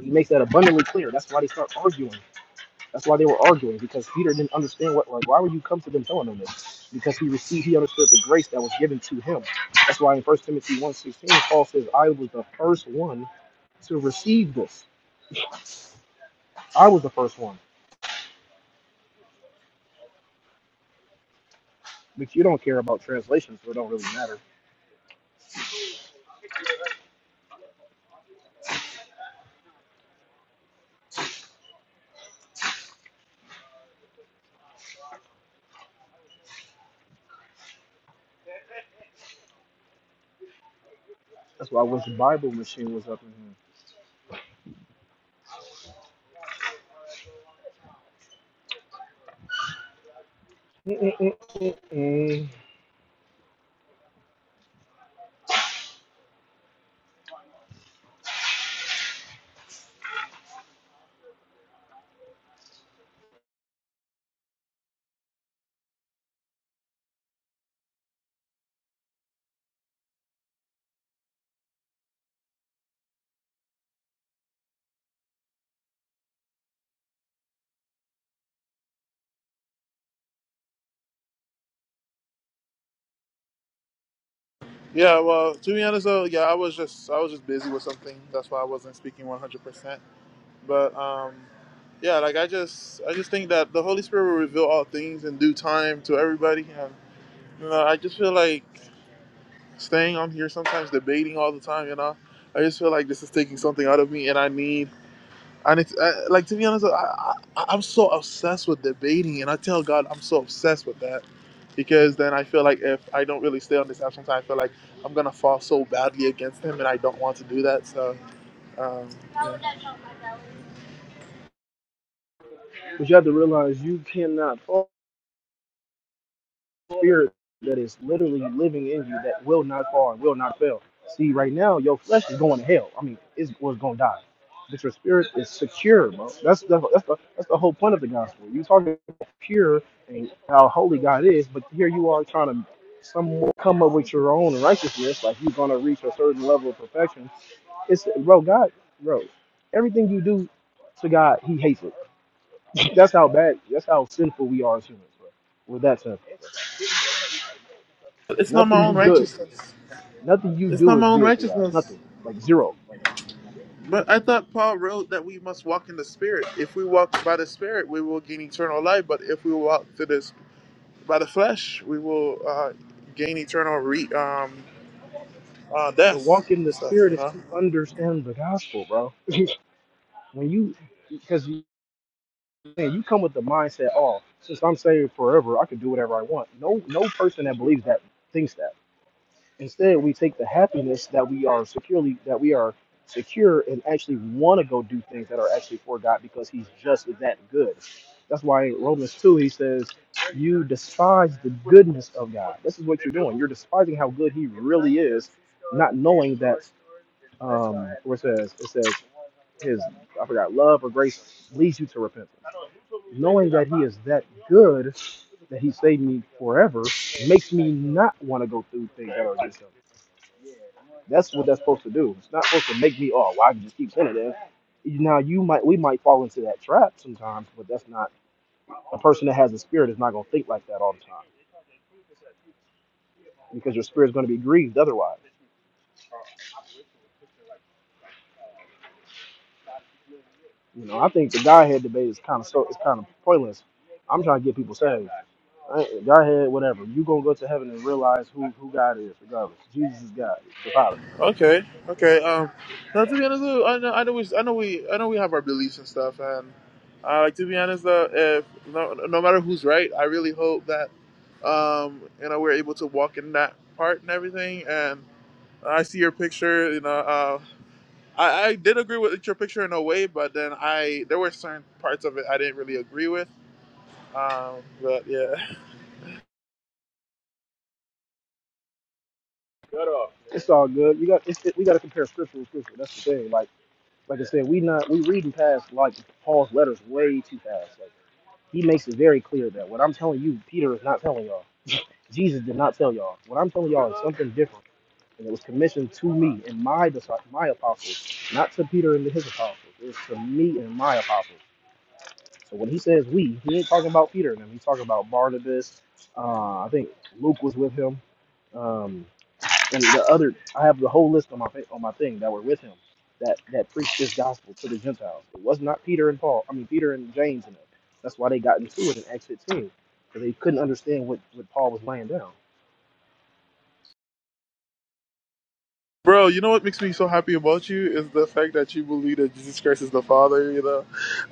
[SPEAKER 21] He makes that abundantly clear. That's why they start arguing. That's why they were arguing because Peter didn't understand what. Like, why would you come to them telling them this? Because he received, he understood the grace that was given to him. That's why in First Timothy one sixteen, Paul says, "I was the first one to receive this." I was the first one. But you don't care about translations, so it don't really matter. That's why I wish the Bible machine was up in here. Mm-mm-mm-mm-mm.
[SPEAKER 1] Yeah, well, to be honest though, yeah, I was just I was just busy with something. That's why I wasn't speaking 100%. But um, yeah, like I just I just think that the Holy Spirit will reveal all things in due time to everybody, and you know I just feel like staying on here sometimes debating all the time. You know, I just feel like this is taking something out of me, and I need I need to, I, like to be honest. I, I I- am so obsessed with debating, and I tell God I'm so obsessed with that. Because then I feel like if I don't really stay on this app, sometimes I feel like I'm gonna fall so badly against him, and I don't want to do that. So um, yeah.
[SPEAKER 21] But you have to realize you cannot fall. spirit that is literally living in you that will not fall and will not fail. See, right now your flesh is going to hell. I mean, it's was going to die, but your spirit is secure, bro. That's the that's the that's the whole point of the gospel. You talking about pure and how holy God is, but here you are trying to some come up with your own righteousness, like you're gonna reach a certain level of perfection. It's bro, God, bro, everything you do to God, He hates it. that's how bad. That's how sinful we are as humans, bro. With that sense,
[SPEAKER 1] it's not my
[SPEAKER 21] nothing
[SPEAKER 1] own
[SPEAKER 21] you good.
[SPEAKER 1] righteousness.
[SPEAKER 21] Nothing you
[SPEAKER 1] It's
[SPEAKER 21] do
[SPEAKER 1] not my
[SPEAKER 21] is
[SPEAKER 1] own
[SPEAKER 21] good to God.
[SPEAKER 1] righteousness.
[SPEAKER 21] Nothing. Like zero. Like
[SPEAKER 1] But I thought Paul wrote that we must walk in the Spirit. If we walk by the Spirit, we will gain eternal life. But if we walk through this by the flesh, we will uh, gain eternal re- um, uh,
[SPEAKER 21] to
[SPEAKER 1] death
[SPEAKER 21] walk in
[SPEAKER 1] and
[SPEAKER 21] the
[SPEAKER 1] stuff.
[SPEAKER 21] spirit
[SPEAKER 1] You
[SPEAKER 21] is
[SPEAKER 1] know?
[SPEAKER 21] to understand the gospel, bro. When you because you man, you come with the mindset, oh, since I'm saved forever, I can do whatever I want. No no person that believes that thinks that. Instead, we take the happiness that we are securely that we are secure and actually want to go do things that are actually for God because He's just that good. That's why in Romans two he says, "You despise the goodness of God." This is what you're doing. You're despising how good He really is, not knowing that. Um, where it says it says His I forgot love or grace leads you to repentance. Knowing that He is that good, that He saved me forever, makes me not want to go through things that are against Him. That's what that's supposed to do. It's not supposed to make me, oh, well, I can just keep sending it. Now you might, we might fall into that trap sometimes, but that's not a person that has a spirit is not going to think like that all the time because your spirit's going to be grieved otherwise. You know, I think the Godhead debate is kind of so it's kind of pointless. I'm trying to get people saved. I- Godhead, whatever. You gonna go to heaven and realize who who God is, regardless. Jesus is God, the Father.
[SPEAKER 1] Okay. Okay. Um, now, to be honest, though, I know, I know we, I know we, I know we have our beliefs and stuff. And uh, like to be honest, though, if no, no matter who's right, I really hope that um, you know we're able to walk in that part and everything. and. I see your picture. You know, uh, I, I did agree with your picture in a way, but then I there were certain parts of it I didn't really agree with. Um, but yeah,
[SPEAKER 21] It's all good. You got it's, we got to compare scripture with scripture. That's the thing. Like like I said, we not we reading past like Paul's letters way too fast. Like He makes it very clear that what I'm telling you, Peter is not telling y'all. Jesus did not tell y'all. What I'm telling y'all is something different, and it was commissioned to me and my disci- my apostles, not to Peter and his apostles. It's to me and my apostles. So when he says we, he ain't talking about Peter and him. He's talking about Barnabas. Uh, I think Luke was with him. Um, and the other I have the whole list on my fa- on my thing that were with him that that preached this gospel to the Gentiles. It was not Peter and Paul. I mean Peter and James and them. That's why they got into it in Acts 15 because they couldn't understand what what Paul was laying down.
[SPEAKER 1] Bro, you know what makes me so happy about you is the fact that you believe that Jesus Christ is the Father. You know,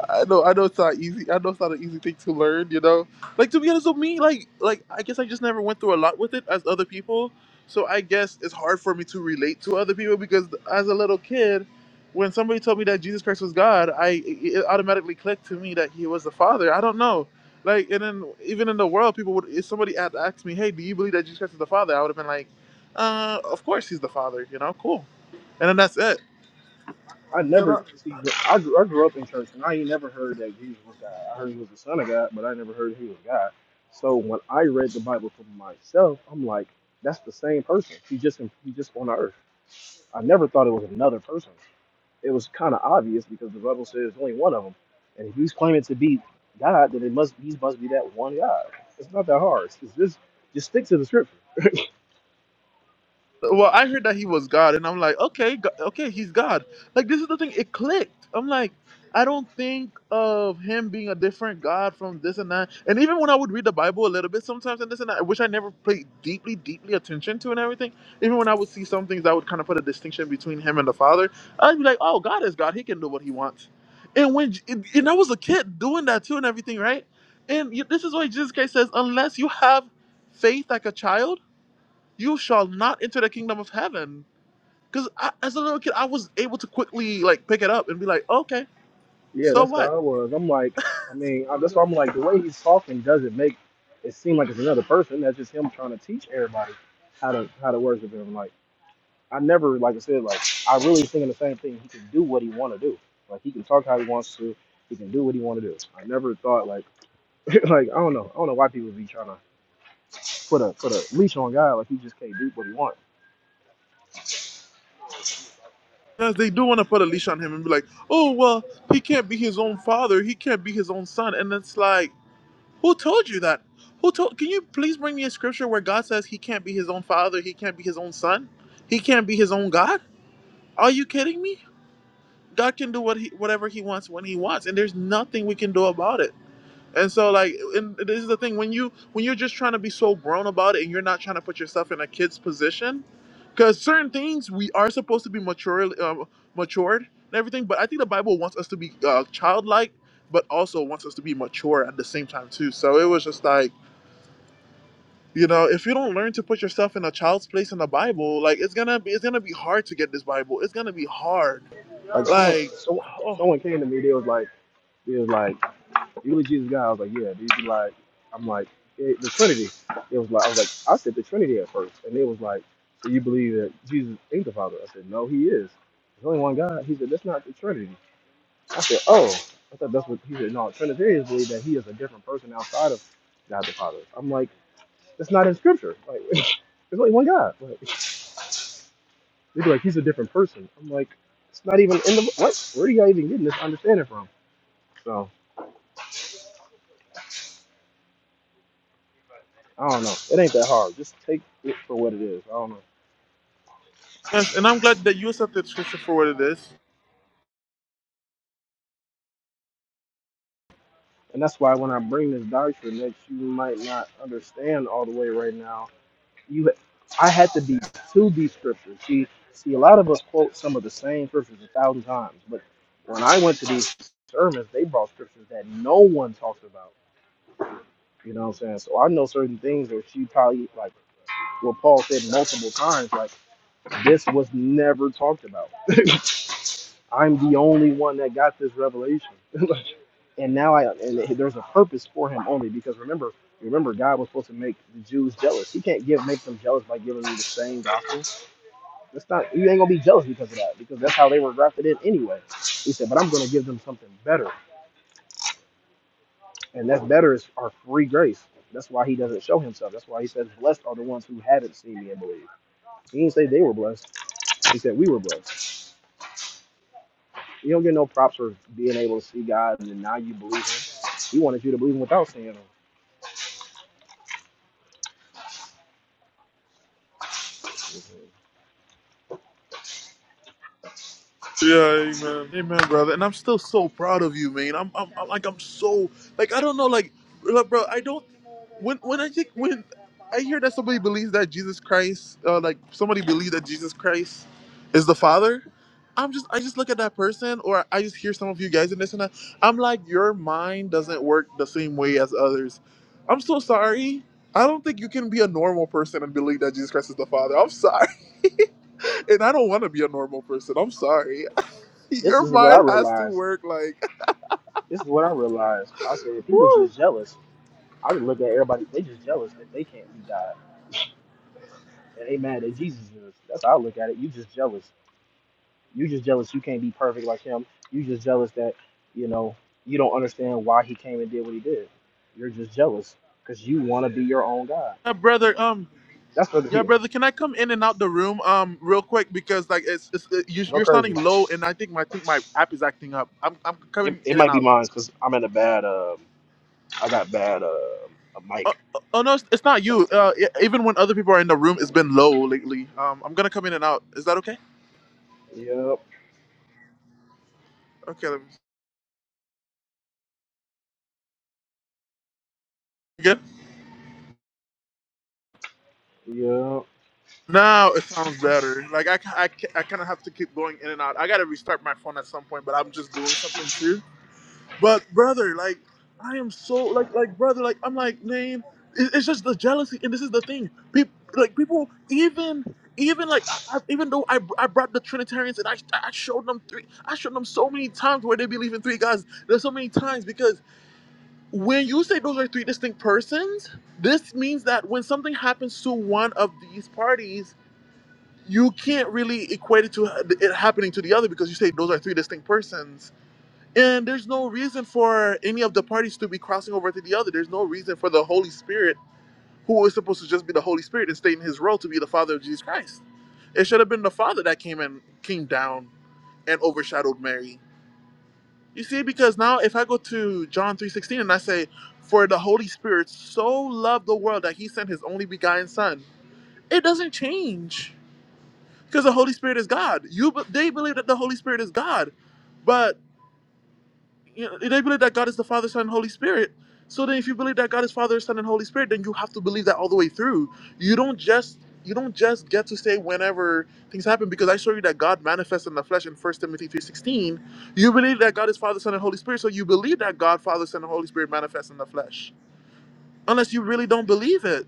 [SPEAKER 1] I know, I know it's not easy. I know it's not an easy thing to learn. You know, like to be honest with me, like, like I guess I just never went through a lot with it as other people. So I guess it's hard for me to relate to other people because as a little kid, when somebody told me that Jesus Christ was God, I it automatically clicked to me that He was the Father. I don't know. Like, and then even in the world, people would if somebody had asked me, "Hey, do you believe that Jesus Christ is the Father?" I would have been like. Uh, of course he's the father. You know, cool. And then that's it.
[SPEAKER 21] I
[SPEAKER 1] You know,
[SPEAKER 21] never see. I grew, I grew up in church and I ain't never heard that Jesus was God. I heard he was the Son of God, but I never heard he was God. So when I read the Bible for myself, I'm like, that's the same person. He just he just on earth. I never thought it was another person. it was kind of obvious because the Bible says only one of them, and if he's claiming to be God, then it must he must be that one God. It's not that hard. It's it's just just stick to the scripture.
[SPEAKER 1] Well, I heard that he was God, and I'm like, okay, go- okay, he's God. Like this is the thing. It clicked. I'm like, I don't think of him being a different God from this and that. And even when I would read the Bible a little bit sometimes and this and that, which I never paid deeply, deeply attention to and everything. Even when I would see some things that would kind of put a distinction between him and the Father, I'd be like, oh, God is God. He can do what he wants. And when and I was a kid doing that too and everything, right? And this is why Jesus Christ says, unless you have faith like a child you shall not enter the kingdom of heaven. Because as a little kid, I was able to quickly like pick it up and be like, okay,
[SPEAKER 21] Yeah,
[SPEAKER 1] so
[SPEAKER 21] that's how
[SPEAKER 1] what?
[SPEAKER 21] I was. I'm like, I mean, I, that's why I'm like the way he's talking doesn't make it seem like it's another person. That's just him trying to teach everybody how to how to worship him. Like I never, like I said, like I really thinking the same thing. He can do what he want to do. Like he can talk how he wants to. He can do what he want to do. I never thought like like I don't know. I don't know why people be trying to. put a put a leash on God. Like he just can't do what he wants.
[SPEAKER 1] Because they do want to put a leash on him and be like, oh well, he can't be his own father, he can't be his own son, and it's like, who told you that? Who told? Can you please bring me a scripture where God says he can't be his own father, he can't be his own son, he can't be his own God? Are you kidding me? God can do what he, whatever he wants when he wants, and there's nothing we can do about it. And so like and this is the thing when you when you're just trying to be so grown about it and you're not trying to put yourself in a kid's position cuz certain things we are supposed to be mature uh, matured and everything but I think the Bible wants us to be uh, childlike but also wants us to be mature at the same time too. So it was just like you know, if you don't learn to put yourself in a child's place in the Bible, like it's gonna be it's gonna be hard to get this Bible. It's gonna be hard.
[SPEAKER 21] Like someone
[SPEAKER 1] Like,
[SPEAKER 21] so,
[SPEAKER 1] oh
[SPEAKER 21] someone came to me. They was like they was like you believe Jesus is God. I was like yeah. They be like I'm like it, the Trinity. It was like I was like I said the Trinity at first, and they was like so you believe that Jesus ain't the Father? I said no, he is. There's only one God. He said that's not the Trinity. I said oh. I thought that's what he said. No, Trinitarians believe that he is a different person outside of God the Father. I'm like, that's not in Scripture. Like, there's only one God. Like, They'd be like, he's a different person. I'm like, it's not even in the what? Where are y'all even getting this understanding from? So I don't know. It ain't that hard. Just take it for what it is. I don't know.
[SPEAKER 1] yes, and I'm glad that you accepted scripture for what it is.
[SPEAKER 21] And that's why when I bring this doctrine that you might not understand all the way right now, you I had to be to these scriptures. See see a lot of us quote some of the same scriptures a thousand times, but when I went to these sermons, they brought scriptures that no one talks about. You know what I'm saying? So I know certain things that she probably like what Paul said multiple times, like This was never talked about. I'm the only one that got this revelation, and now I and there's a purpose for him only because remember, remember, God was supposed to make the Jews jealous. He can't give make them jealous by giving you the same gospel. That's not you ain't gonna be jealous because of that because that's how they were grafted in anyway. He said, but I'm gonna give them something better, and that better is our free grace. That's why he doesn't show himself. That's why he says, "Blessed are the ones who haven't seen me and believe." He didn't say they were blessed. He said we were blessed. You don't get no props for being able to see God and then now you believe him. He wanted you to believe him without seeing him.
[SPEAKER 1] Yeah, amen, amen, brother. And I'm still so proud of you, man. I'm, I'm, I'm like, I'm so like, I don't know, like, bro, bro, I don't. When, when I think when I hear that somebody believes that Jesus Christ, uh, like somebody believes that Jesus Christ is the Father, I'm just, I just look at that person, or I just hear some of you guys and this and that. I'm like, your mind doesn't work the same way as others. I'm so sorry. I don't think you can be a normal person and believe that Jesus Christ is the Father. I'm sorry. and I don't want to be a normal person. I'm sorry.
[SPEAKER 21] This
[SPEAKER 1] Your
[SPEAKER 21] is what I
[SPEAKER 1] mind has to
[SPEAKER 21] realized.
[SPEAKER 1] work like
[SPEAKER 21] This is what I realized. I said people
[SPEAKER 1] woo.
[SPEAKER 21] just jealous. I just look at everybody. They just jealous that they can't be God. And they mad that Jesus is. That's how I look at it. You just jealous. You just jealous. You can't be perfect like him. You just jealous that you know you don't understand why he came and did what he did. You're just jealous because you want to be your own God.
[SPEAKER 1] Yeah, brother, um
[SPEAKER 21] That's for the
[SPEAKER 1] yeah,
[SPEAKER 21] people.
[SPEAKER 1] brother, can I come in and out the room um real quick because like it's, it's it, you-
[SPEAKER 21] Go
[SPEAKER 1] you're
[SPEAKER 21] crazy.
[SPEAKER 1] sounding low and I think my I think my app is acting up. I'm I'm
[SPEAKER 21] It,
[SPEAKER 1] coming
[SPEAKER 21] it
[SPEAKER 1] in and
[SPEAKER 21] might be
[SPEAKER 1] out.
[SPEAKER 21] mine because I'm in a bad. um I got bad uh a
[SPEAKER 1] Oh,
[SPEAKER 21] mic.
[SPEAKER 1] oh oh, no, it's it's not you. Uh, e- even when other people are in the room, it's been low lately. Um, I'm gonna come in and out. Is that okay?
[SPEAKER 21] Yep,
[SPEAKER 1] Okay, let me good.
[SPEAKER 21] yep.
[SPEAKER 1] Now it sounds better. Like I, ca- I, ca- I kind of have to keep going in and out. I gotta restart my phone at some point, but I'm just doing something too. But brother, like I am so like like brother, like I'm like man, it- it's just the jealousy, and this is the thing. People like people even even like I, I, even though I, I brought the Trinitarians and I I showed them three I showed them so many times where they believe in three gods. There's so many times because when you say those are three distinct persons, this means that when something happens to one of these parties. You can't really equate it to it happening to the other because you say those are three distinct persons and there's no reason for any of the parties to be crossing over to the other. There's no reason for the Holy Spirit, who is supposed to just be the Holy Spirit and stay in his role to be the Father of Jesus Christ. It should have been the Father that came and came down and overshadowed Mary. You see, because now if I go to John 3.16 and I say, For the Holy Spirit so loved the world that he sent his only begotten son, it doesn't change. Because the Holy Spirit is God. You be- they believe that the Holy Spirit is God. but. you know, they believe that God is the Father, Son, and Holy Spirit. So then, if you believe that God is Father, Son, and Holy Spirit, then you have to believe that all the way through. You don't just you don't just get to say whenever things happen because I show you that God manifests in the flesh in First Timothy three sixteen. You believe that God is Father, Son, and Holy Spirit, so you believe that God, Father, Son, and Holy Spirit manifests in the flesh. Unless you really don't believe it,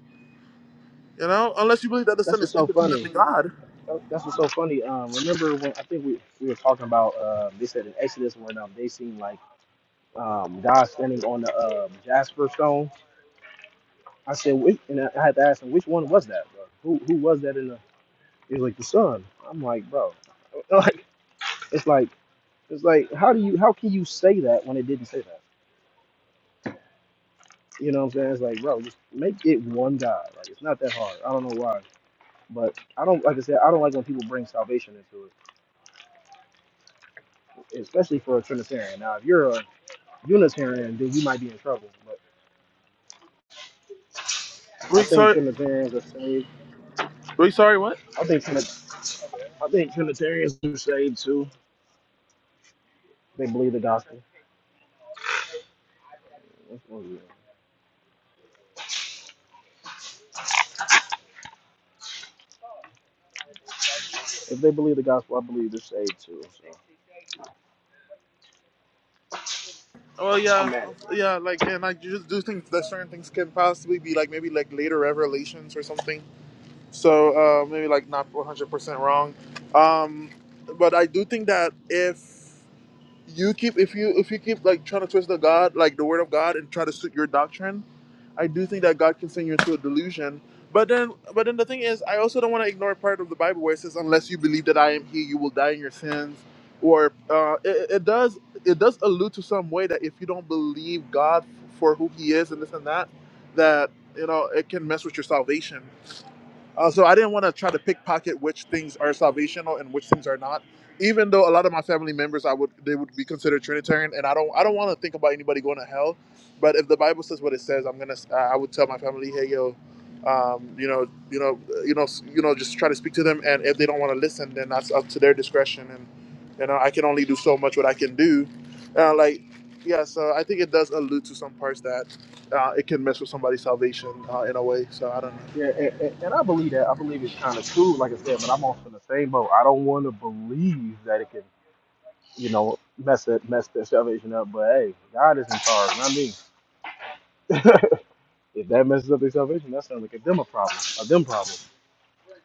[SPEAKER 1] you know, unless you believe that the Son
[SPEAKER 21] That's
[SPEAKER 1] is
[SPEAKER 21] what's so funny.
[SPEAKER 1] independently God.
[SPEAKER 21] That- That's what's so funny. Um, remember when I think we, we were talking about uh, they said in Exodus when um, they seen like um God standing on the um, jasper stone. I said, which, and I I had to ask him which one was that, bro? Who who was that in the? He was like the sun. I'm like, bro, like it's like it's like how do you how can you say that when it didn't say that? You know what I'm saying? It's like, bro, just make it one God. Like it's not that hard. I don't know why. But I don't like I said I don't like when people bring salvation into it, especially for a Trinitarian. Now, if you're a Unitarian, then you might be in trouble. But I
[SPEAKER 1] Wait,
[SPEAKER 21] think
[SPEAKER 1] sorry,
[SPEAKER 21] Trinitarians are saved.
[SPEAKER 1] wait, sorry, what?
[SPEAKER 21] I think Trini- I think Trinitarians are saved too. They believe the gospel. That's what it is. If they believe the gospel, I believe they're saved too.
[SPEAKER 1] Oh
[SPEAKER 21] So
[SPEAKER 1] yeah,
[SPEAKER 21] I'm at it.
[SPEAKER 1] yeah. Like, and I just do think that certain things can possibly be like maybe like later revelations or something. So uh, maybe like not one hundred percent wrong. Um, but I do think that if you keep if you if you keep like trying to twist the God like the word of God and try to suit your doctrine, I do think that God can send you into a delusion. But then but then the thing is I also don't want to ignore part of the Bible where it says unless you believe that I am he you will die in your sins or uh, it, it does it does allude to some way that if you don't believe God for who he is and this and that that you know it can mess with your salvation. Uh, so I didn't want to try to pickpocket which things are salvational and which things are not. Even though a lot of my family members, I would they would be considered Trinitarian, and I don't I don't want to think about anybody going to hell. But if the Bible says what it says, I'm gonna uh, I would tell my family, hey yo, um, you know you know uh, you know s- you know just try to speak to them, and if they don't want to listen, then that's up to their discretion, and you know I can only do so much what I can do. Uh, like yeah, so I think it does allude to some parts that uh, it can mess with somebody's salvation uh, in a way. So I don't know.
[SPEAKER 21] Yeah, and, and, and I believe that. I believe it's kind of true, like I said. But I'm also in the same boat. I don't want to believe that it can, you know, mess it, mess their salvation up. But hey, God is in charge, not me. If that messes up their salvation, that's gonna make them a problem, a them problem.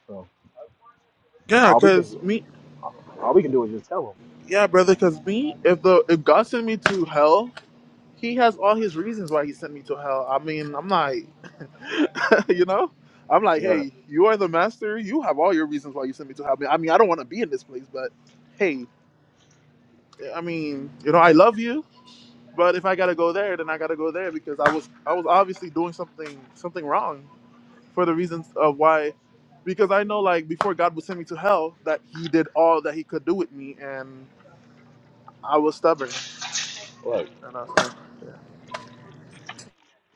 [SPEAKER 21] So
[SPEAKER 1] Yeah,
[SPEAKER 21] all we can
[SPEAKER 1] cause me,
[SPEAKER 21] all we can do is just tell
[SPEAKER 1] yeah, brother, cause me, if the if God sent me to hell, He has all His reasons why He sent me to hell. I mean, I'm like, you know, I'm
[SPEAKER 21] them.
[SPEAKER 1] like,
[SPEAKER 21] Yeah,
[SPEAKER 1] hey, you are the master. You have all your reasons why you sent me to hell. I mean, I, mean, I don't want to be in this place, but hey, I mean, you know, I love you, but if I gotta go there, then I gotta go there because I was I was obviously doing something something wrong for the reasons of why. Because I know, like, before God would send me to hell, that He did all that He could do with me, and I was stubborn,
[SPEAKER 21] look,
[SPEAKER 1] and I, said, yeah.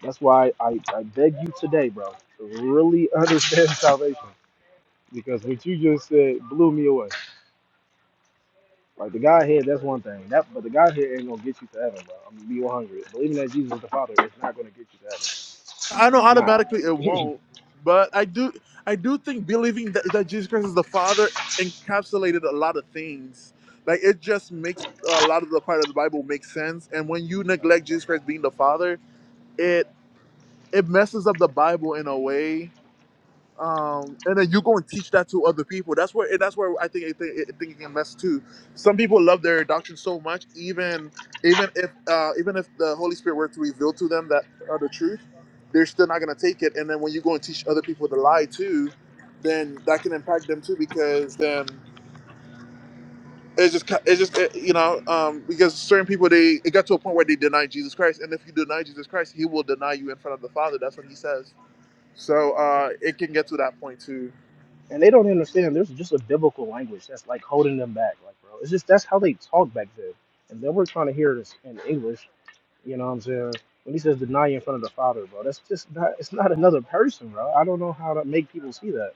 [SPEAKER 21] that's why I, I beg you today, bro, to really understand salvation because what you just said blew me away. Like the Godhead, that's one thing. That but the Godhead ain't gonna get you to heaven, bro. I'm gonna be 100. Believing that Jesus is the Father is not gonna get you to heaven.
[SPEAKER 1] I know
[SPEAKER 21] Not.
[SPEAKER 1] automatically it won't, but I do. I do think believing that, that Jesus Christ is the Father encapsulated a lot of things. Like it just makes a lot of the part of the Bible make sense. And when you neglect Jesus Christ being the Father, it it messes up the Bible in a way um, and then you go and teach that to other people. That's where and that's where I think I think, I think it can mess too. Some people love their doctrine so much, even even if uh, even if the Holy Spirit were to reveal to them that uh, the truth, they're still not gonna take it. And then when you go and teach other people to lie too, then that can impact them too because then it's just ki- it's just uh, you know um, because certain people they it got to a point where they deny Jesus Christ, and if you deny Jesus Christ, He will deny you in front of the Father. That's what He says. So uh, it can get to that point too.
[SPEAKER 21] and they don't understand there's just a biblical language that's like holding them back like bro it's just that's how they talk back then and then we're trying to hear this in english you know what i'm saying when he says deny you in front of the father bro that's just not it's not another person bro i don't know how to make people see that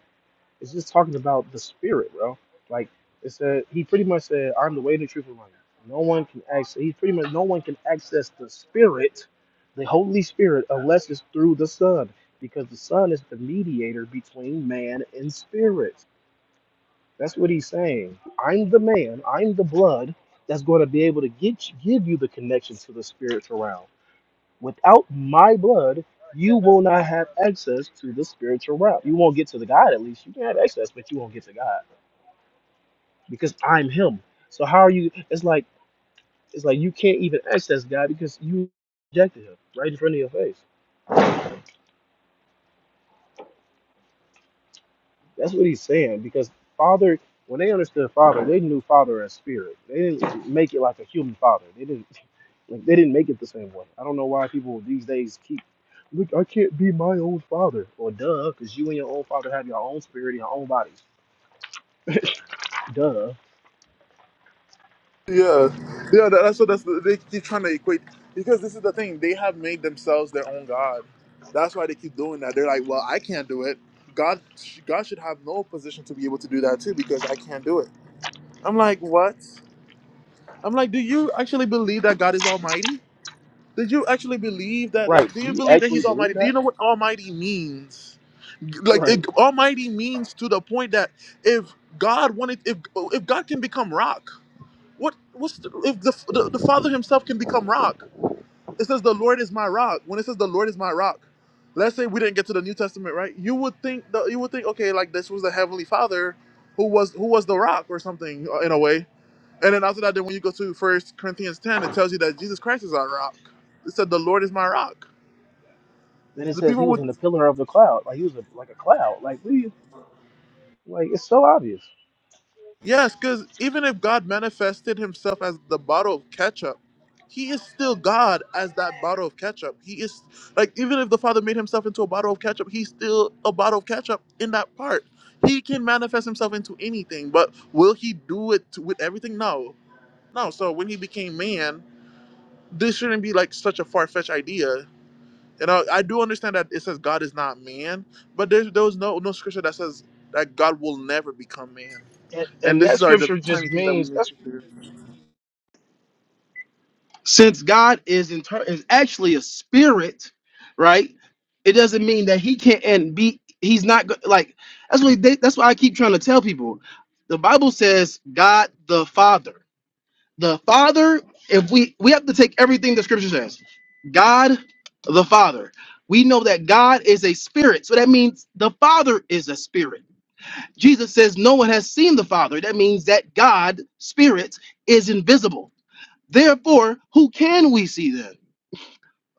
[SPEAKER 21] it's just talking about the spirit bro like it said he pretty much said i'm the way the truth and life no one can access he pretty much no one can access the spirit the holy spirit unless it's through the son because the son is the mediator between man and spirit that's what he's saying. I'm the man, I'm the blood that's going to be able to get give you the connection to the spiritual realm. Without my blood, you will not have access to the spiritual realm. You won't get to the God at least. You can have access, but you won't get to God because I'm him. So how are you it's like it's like you can't even access God because you rejected him right in front of your face. That's what he's saying because Father, when they understood Father, they knew Father as Spirit. They didn't make it like a human Father. They didn't like they didn't make it the same way. I don't know why people these days keep look. I can't be my own Father. Well, duh, because you and your own Father have your own spirit and your own bodies. Duh.
[SPEAKER 1] Yeah, yeah. That, that's what that's they keep trying to equate because this is the thing. They have made themselves their own god. That's why they keep doing that. They're like, well, I can't do it. God, sh- God should have no position to be able to do that too because I can't do it. I'm like, what? I'm like, do you actually believe that God is Almighty? Did you actually believe that? Like,
[SPEAKER 21] Right?
[SPEAKER 1] do
[SPEAKER 21] Do
[SPEAKER 1] you
[SPEAKER 21] you
[SPEAKER 1] believe that
[SPEAKER 21] actually
[SPEAKER 1] He's Almighty?
[SPEAKER 21] believe
[SPEAKER 1] Do you
[SPEAKER 21] that?
[SPEAKER 1] know what Almighty means? Like,
[SPEAKER 21] Right.
[SPEAKER 1] it, Almighty means to the point that if God wanted, if if God can become rock. What? What's the, if the, the the Father Himself can become rock? It says the Lord is my rock. When it says the Lord is my rock, let's say we didn't get to the New Testament, right? You would think the, you would think okay, like this was the Heavenly Father, who was who was the rock or something uh, in a way. And then after that, then when you go to First Corinthians ten, it tells you that Jesus Christ is our rock. It said the Lord is my rock.
[SPEAKER 21] Then it
[SPEAKER 1] The
[SPEAKER 21] says
[SPEAKER 1] people
[SPEAKER 21] he was
[SPEAKER 1] would.
[SPEAKER 21] in the pillar of the cloud. Like he was a, like a cloud. Like we like it's so obvious.
[SPEAKER 1] Yes, because even if God manifested himself as the bottle of ketchup, he is still God as that bottle of ketchup. He is like, even if the Father made himself into a bottle of ketchup, he's still a bottle of ketchup in that part. He can manifest himself into anything, but will he do it with everything? No. No. So when he became man, this shouldn't be like such a far fetched idea. And I, I do understand that it says God is not man, but there's there was no no scripture that says that God will never become man.
[SPEAKER 21] And,
[SPEAKER 1] And
[SPEAKER 21] and
[SPEAKER 1] this
[SPEAKER 21] that
[SPEAKER 1] is our the
[SPEAKER 21] scripture just
[SPEAKER 1] tiny things that we
[SPEAKER 21] means
[SPEAKER 1] miss. here.
[SPEAKER 21] since God is in is actually a spirit, right? It doesn't mean that he can't and be he's not go- like that's what they, that's why I keep trying to tell people. The Bible says God the Father. The Father, if we we have to take everything the scripture says. God the Father. We know that God is a spirit. So that means the Father is a spirit. Jesus says no one has seen the Father. That means that God, spirit, is invisible Therefore, who can we see then?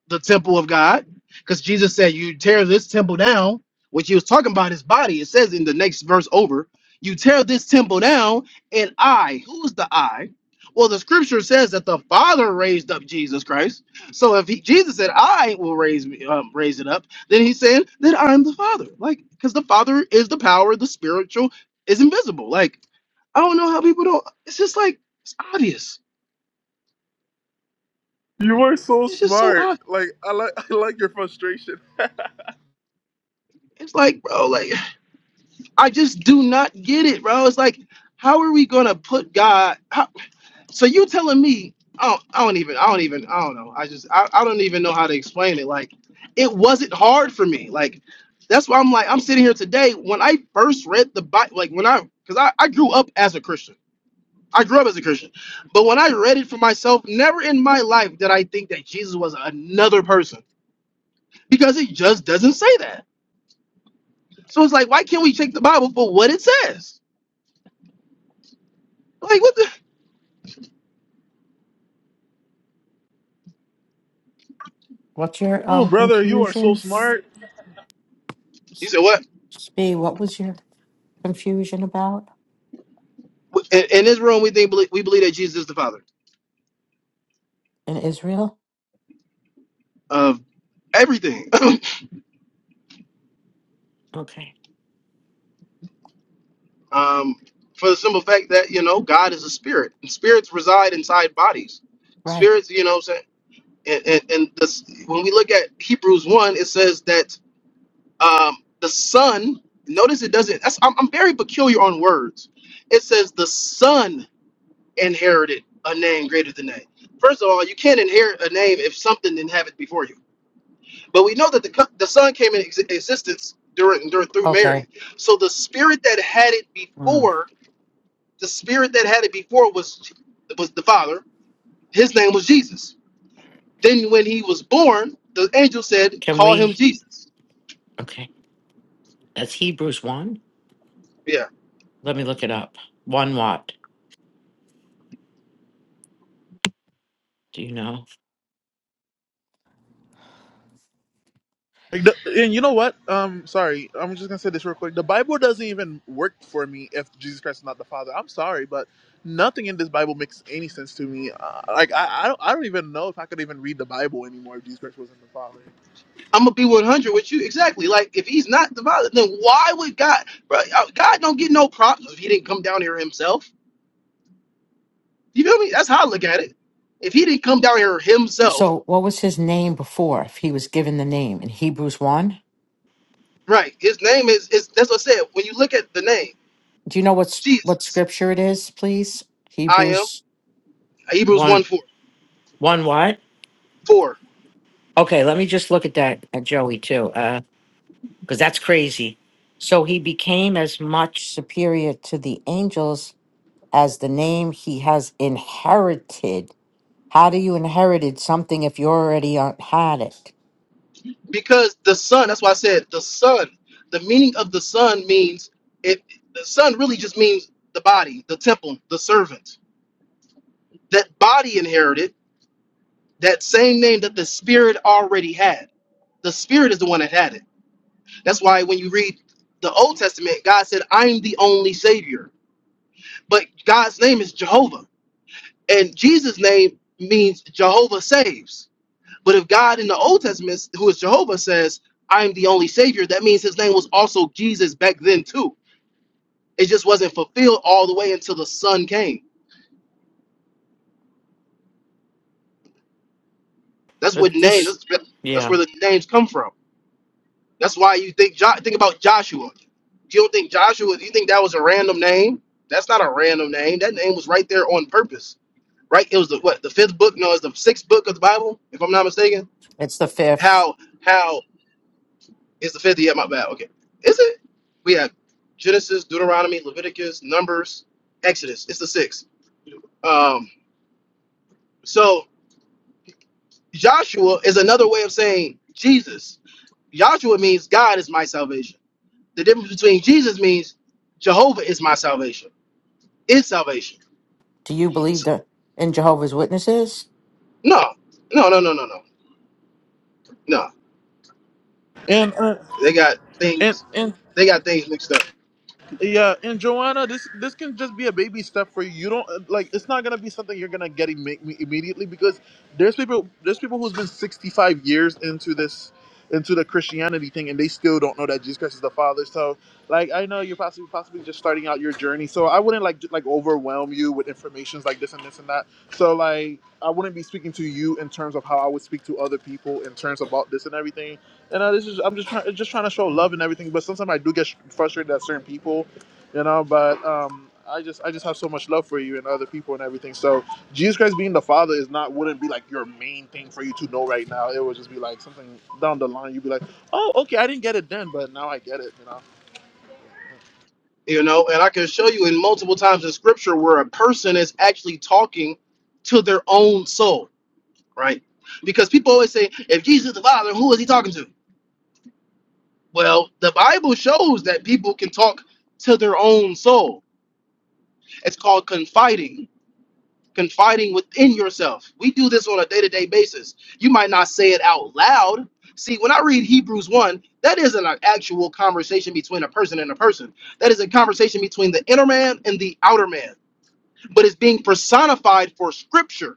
[SPEAKER 21] The temple of God. Because Jesus said, You tear this temple down, which he was talking about his body. It says in the next verse over, You tear this temple down, and I, who's the I? Well, the scripture says that the Father raised up Jesus Christ. So if he, Jesus said, I will raise me, um, raise it up, then he's saying that I'm the Father. Like, because the Father is the power, the spiritual is invisible. Like, I don't know how people don't. It's just like, it's obvious.
[SPEAKER 1] You are so
[SPEAKER 21] It's just so
[SPEAKER 1] smart.
[SPEAKER 21] obvious.
[SPEAKER 1] Like I like I like your frustration.
[SPEAKER 21] It's like, bro, like I just do not get it, bro. It's like, how are we gonna put God? How, so you telling me? I don't, I don't even. I don't even. I don't know. I just. I, I don't even know how to explain it. Like, it wasn't hard for me. Like, that's why I'm like, I'm sitting here today. When I first read the Bible, like when I, because I, I grew up as a Christian. I grew up as a Christian, but when I read it for myself, never in my life did I think that Jesus was another person because it just doesn't say that. So it's like, why can't we take the Bible for what it says? Like what the?
[SPEAKER 30] What's your
[SPEAKER 1] Oh,
[SPEAKER 30] um
[SPEAKER 1] brother, you are
[SPEAKER 30] confusion?
[SPEAKER 1] so
[SPEAKER 30] S-
[SPEAKER 1] smart.
[SPEAKER 30] Spee, what was your confusion about
[SPEAKER 21] In, in this room, we think we believe that Jesus is the Father.
[SPEAKER 30] in Israel?
[SPEAKER 21] Uh,
[SPEAKER 30] Okay.
[SPEAKER 21] um, for the simple fact that you know God is a spirit, and spirits reside inside bodies.
[SPEAKER 30] Right.
[SPEAKER 21] Spirits, you know, what I'm saying, and and, and this, when we look at Hebrews one, it says that um, the Son. Notice it doesn't. That's, I'm, I'm very peculiar on words. It says the Son inherited a name greater than that. First of all, you can't inherit a name if something didn't have it before you. But we know that the co- the Son came into ex- existence during, during through
[SPEAKER 30] Okay.
[SPEAKER 21] Mary. So the spirit that had it
[SPEAKER 30] Mm.
[SPEAKER 21] before, the spirit that had it before was was the Father. His name was Jesus. Then when he was born, the angel said,
[SPEAKER 30] Can
[SPEAKER 21] "Call him
[SPEAKER 30] we?
[SPEAKER 21] Jesus."
[SPEAKER 30] Okay. That's Hebrews 1.
[SPEAKER 21] Yeah,
[SPEAKER 30] Let me look it up. One what? Do you know?
[SPEAKER 1] Like the, and you know what? Um, sorry, I'm just gonna say this real quick. The Bible doesn't even work for me if Jesus Christ is not the Father. I'm sorry, but nothing in this Bible makes any sense to me. Uh, like I, I don't I don't even know if I could even read the Bible anymore if Jesus Christ wasn't the Father.
[SPEAKER 21] I'm gonna be 100 with you exactly. Like if he's not the Father, then why would God? Bro, uh, God don't get no props if he didn't come down here himself. You feel me? That's how I look at it. If he didn't come down here himself,
[SPEAKER 30] So, what was his name before? If he was given the name in Hebrews one,
[SPEAKER 21] right? His name is is that's what I said. When you look at the name.
[SPEAKER 30] do you know what's what
[SPEAKER 21] Jesus.
[SPEAKER 30] scripture it is, please?
[SPEAKER 21] I am
[SPEAKER 30] Hebrews.
[SPEAKER 21] Hebrews one
[SPEAKER 30] One,
[SPEAKER 21] 4
[SPEAKER 30] one what?
[SPEAKER 21] 4
[SPEAKER 30] Okay. Let me just look at that at Joey too. because that's crazy. So he became as much superior to the angels as the name he has inherited. How do you inherited something if you already uh, had it?
[SPEAKER 21] Because the Son, that's why I said the Son, the meaning of the Son means it the Son really just means the body, the temple, the servant. That body inherited that same name that the Spirit already had. The Spirit is the one that had it. That's why when you read the Old Testament, God said, I'm the only Savior. But God's name is Jehovah. And Jesus' name means Jehovah saves. But if God in the Old Testament, who is Jehovah, says, I am the only Savior, that means his name was also Jesus back then too. It just wasn't fulfilled all the way until the Son came. That's what
[SPEAKER 30] But
[SPEAKER 21] names,
[SPEAKER 30] this,
[SPEAKER 21] that's, that's
[SPEAKER 30] yeah,
[SPEAKER 21] where the names come from. That's why you think, Jo- think about Joshua. You don't think Joshua, you think that was a random name? That's not a random name. That name was right there on purpose. Right? It was the what the fifth book? No, it's the sixth book of the Bible, if I'm not mistaken.
[SPEAKER 30] it's the fifth.
[SPEAKER 21] How how It's the fifth. Yeah, my bad. Okay. Is it? We have Genesis, Deuteronomy, Leviticus, Numbers, Exodus. It's the sixth. Um, so Joshua is another way of saying Jesus. Joshua means God is my salvation. The difference between Jesus means Jehovah is my salvation. Is salvation.
[SPEAKER 30] Do you believe
[SPEAKER 21] S-
[SPEAKER 30] the in Jehovah's Witnesses?
[SPEAKER 21] No, no, no, no, no, no, no.
[SPEAKER 1] And uh,
[SPEAKER 21] They got
[SPEAKER 1] And
[SPEAKER 21] things.
[SPEAKER 1] and
[SPEAKER 21] They got things mixed up.
[SPEAKER 1] yeah, and Joanna, this this can just be a baby step for you. You don't uh, like it's not gonna be something you're gonna get imme- immediately because there's people there's people who's been 65 years into this into the Christianity thing and they still don't know that Jesus Christ is the Father. So like I know you're possibly possibly just starting out your journey, so I wouldn't like j- like overwhelm you with informations like this and this and that. So like I wouldn't be speaking to you in terms of how I would speak to other people in terms about this and everything. And uh, this is I'm just trying just trying to show love and everything, but sometimes I do get sh- frustrated at certain people you know but um i just i just have so much love for you and other people and everything so jesus christ being the father is not wouldn't be like your main thing for you to know right now it would just be like something down the line you'd be like oh okay i didn't get it then but now i get it you know
[SPEAKER 21] You know, and I can show you in multiple times in Scripture where a person is actually talking to their own soul right? Because people always say, if Jesus is the Father, who is he talking to? Well, the Bible shows that people can talk to their own soul. It's called confiding, confiding within yourself. We do this on a day to day basis. You might not say it out loud. See, when I read Hebrews 1, that isn't an actual conversation between a person and a person. That is a conversation between the inner man and the outer man, but it's being personified for scripture